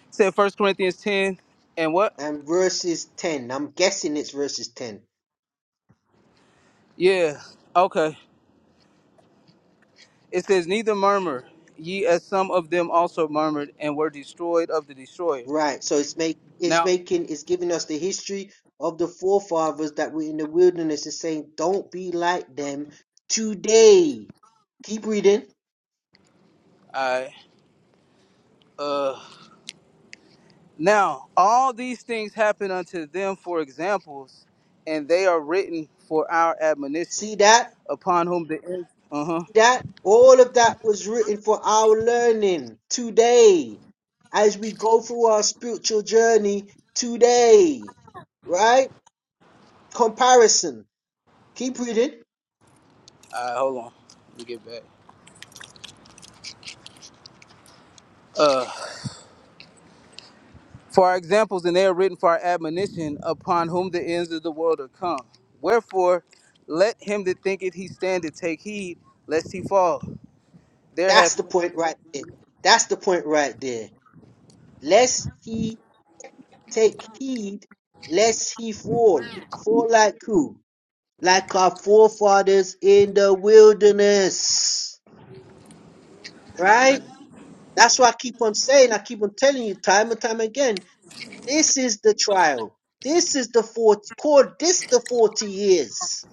Speaker 12: it said first corinthians 10 and what
Speaker 1: And verses 10. I'm guessing it's verses 10.
Speaker 12: yeah okay it says neither murmur ye as some of them also murmured and were destroyed of the destroyer
Speaker 1: Right. So it's make it's
Speaker 12: now
Speaker 1: making it's giving us the history of the forefathers that were in the wilderness and saying, Don't be like them today. Keep reading.
Speaker 12: i uh now all these things happen unto them for examples and they are written for our admonition
Speaker 1: See that?
Speaker 12: upon whom the end uh-huh
Speaker 1: that all of that was written for our learning today as we go through our spiritual journey today right comparison keep reading
Speaker 12: all right hold on let me get back Uh, For our examples, and they are written for our admonition, upon whom the ends of the world are come. Wherefore, let him that thinketh he standeth take heed, lest he fall. There hath
Speaker 1: that's the point right there that's the point right there lest he take heed lest he fall fall like who like our forefathers in the wilderness right that's why i keep on saying i keep on telling you time and time again This is the trial. This is the 40, call this the 40 years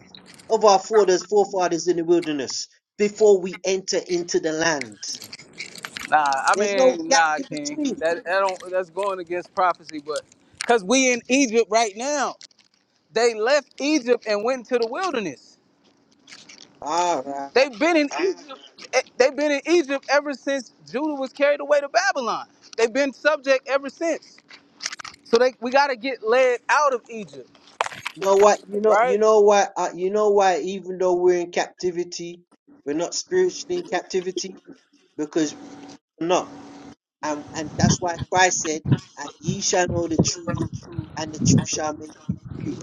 Speaker 1: of our fathers, forefathers in the wilderness before we enter into the land.
Speaker 12: nah, I
Speaker 1: There's no
Speaker 12: mean
Speaker 1: gap
Speaker 12: nah,
Speaker 1: in
Speaker 12: King.
Speaker 1: between.
Speaker 12: That that don't that's going against prophecy, but because we in Egypt right now. They left Egypt and went into the wilderness.
Speaker 1: All right.
Speaker 12: They've been in Egypt. eh, They've been in Egypt ever since Judah was carried away to Babylon. They've been subject ever since. So they we gotta get led out of Egypt,
Speaker 1: You know what? You know, you
Speaker 12: right?
Speaker 1: know why, uh, you know why, even though we're in captivity, we're not spiritually in captivity because we're not. And, and that's why Christ said, and ye shall know the truth and the truth shall make you free.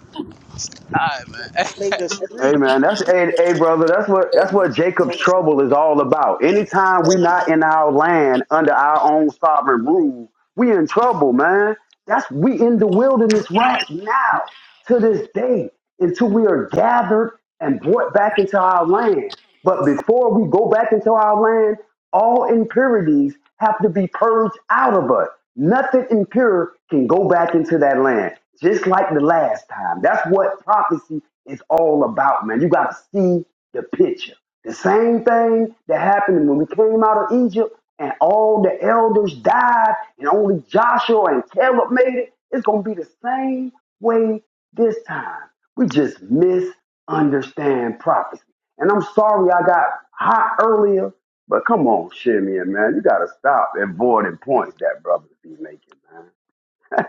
Speaker 1: Truth
Speaker 12: time, man.
Speaker 1: made us
Speaker 14: Hey,
Speaker 1: free.
Speaker 14: man. That's hey, hey, brother. That's what that's what Jacob's
Speaker 1: So
Speaker 14: trouble is all about. Anytime we not in our land under our own sovereign rule, we in trouble, man. That's we in the wilderness right now to this day until we are gathered and brought back into our land. But before we go back into our land, All impurities have to be purged out of us. Nothing impure can go back into that land, just like the last time. That's what prophecy is all about, man. You got to see the picture. The same thing that happened when we came out of Egypt and all the elders died and only Joshua and Caleb made it. It's going to be the same way this time. We just misunderstand prophecy. And I'm sorry I got hot earlier but come on, Shimmy, man, you gotta stop avoiding points that brother be making, man.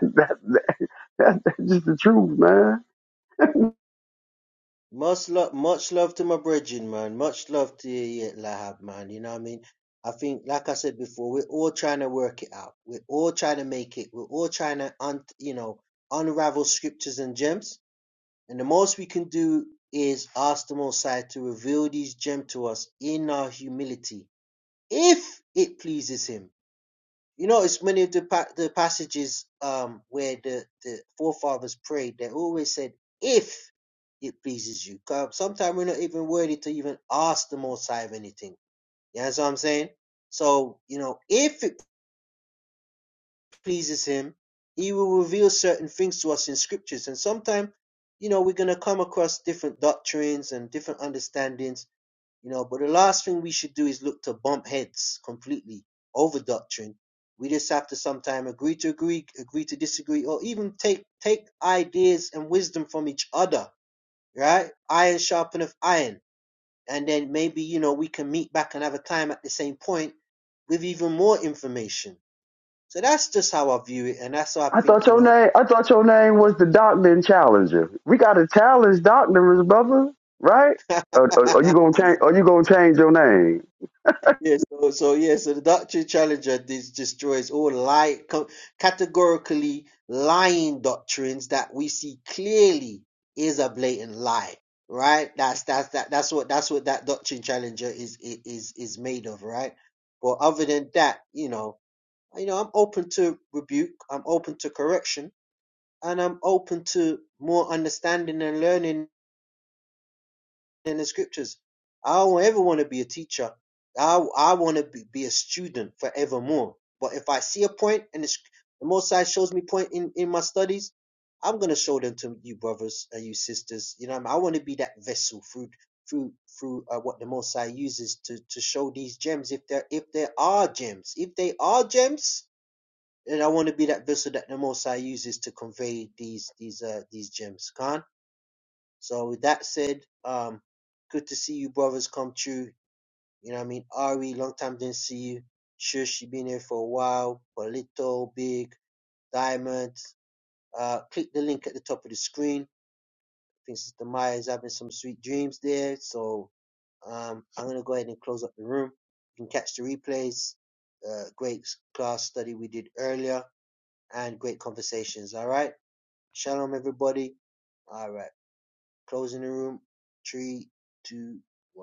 Speaker 14: that, that, that, that's just the truth, man.
Speaker 1: Much love, much love to my brethren, man. Much love to you, yeah, Lahab, man. You know what I mean? I think, like I said before, we're all trying to work it out. We're all trying to make it. We're all trying to, un- you know, unravel scriptures and gems. And the most we can do is ask the Most High to reveal these gems to us in our humility, if it pleases Him. You notice many of the pa- the passages um where the the forefathers prayed, they always said, "If it pleases you." Sometimes we're not even worthy to even ask the Most High of anything. You understand what I'm saying? So you know, if it pleases Him, He will reveal certain things to us in Scriptures, and sometimes you know we're gonna come across different doctrines and different understandings you know, but the last thing we should do is look to bump heads completely over doctrine. We just have to sometime agree to agree, agree to disagree, or even take take ideas and wisdom from each other, right? Iron sharpeneth iron. And then maybe, you know, we can meet back another time at the same point with even more information. So that's just how I view it, and that's how I
Speaker 14: I
Speaker 1: think,
Speaker 14: thought
Speaker 1: you
Speaker 14: your
Speaker 1: know,
Speaker 14: name, I thought your name was the Doctrine Challenger. We gotta challenge doctrines, brother, right? Or, or, or you gonna change? Or you gonna change your name?
Speaker 1: Yes, so, so yeah, so the doctrine challenger dis- destroys all lie co- categorically lying doctrines that we see clearly is a blatant lie, right? That's that's that that's what that's what that doctrine challenger is i- is is made of, right? But other than that, you know, you know, I'm open to rebuke, I'm open to correction, and I'm open to more understanding and learning in the scriptures. I don't ever want to be a teacher. I I want to be, be a student forevermore. But if I see a point and the, the Most High shows me point in, in my studies, I'm gonna show them to you brothers and you sisters. You know, what I, mean? I want to be that vessel through through through uh, what the Most High uses to to show these gems if there if there are gems if they are gems. then I want to be that vessel that the Most High uses to convey these these uh these gems. Khan. So with that said, um, good to see you brothers come true. You know what I mean? Ari, long time didn't see you. Shush, you been here for a while. Polito, Big, Diamond. Uh, click the link at the top of the screen. I think Sister Maya is having some sweet dreams there. So um, I'm going to go ahead and close up the room. You can catch the replays. Uh, great class study we did earlier and great conversations. All right. Shalom, everybody. All right. Closing the room, three, two, one.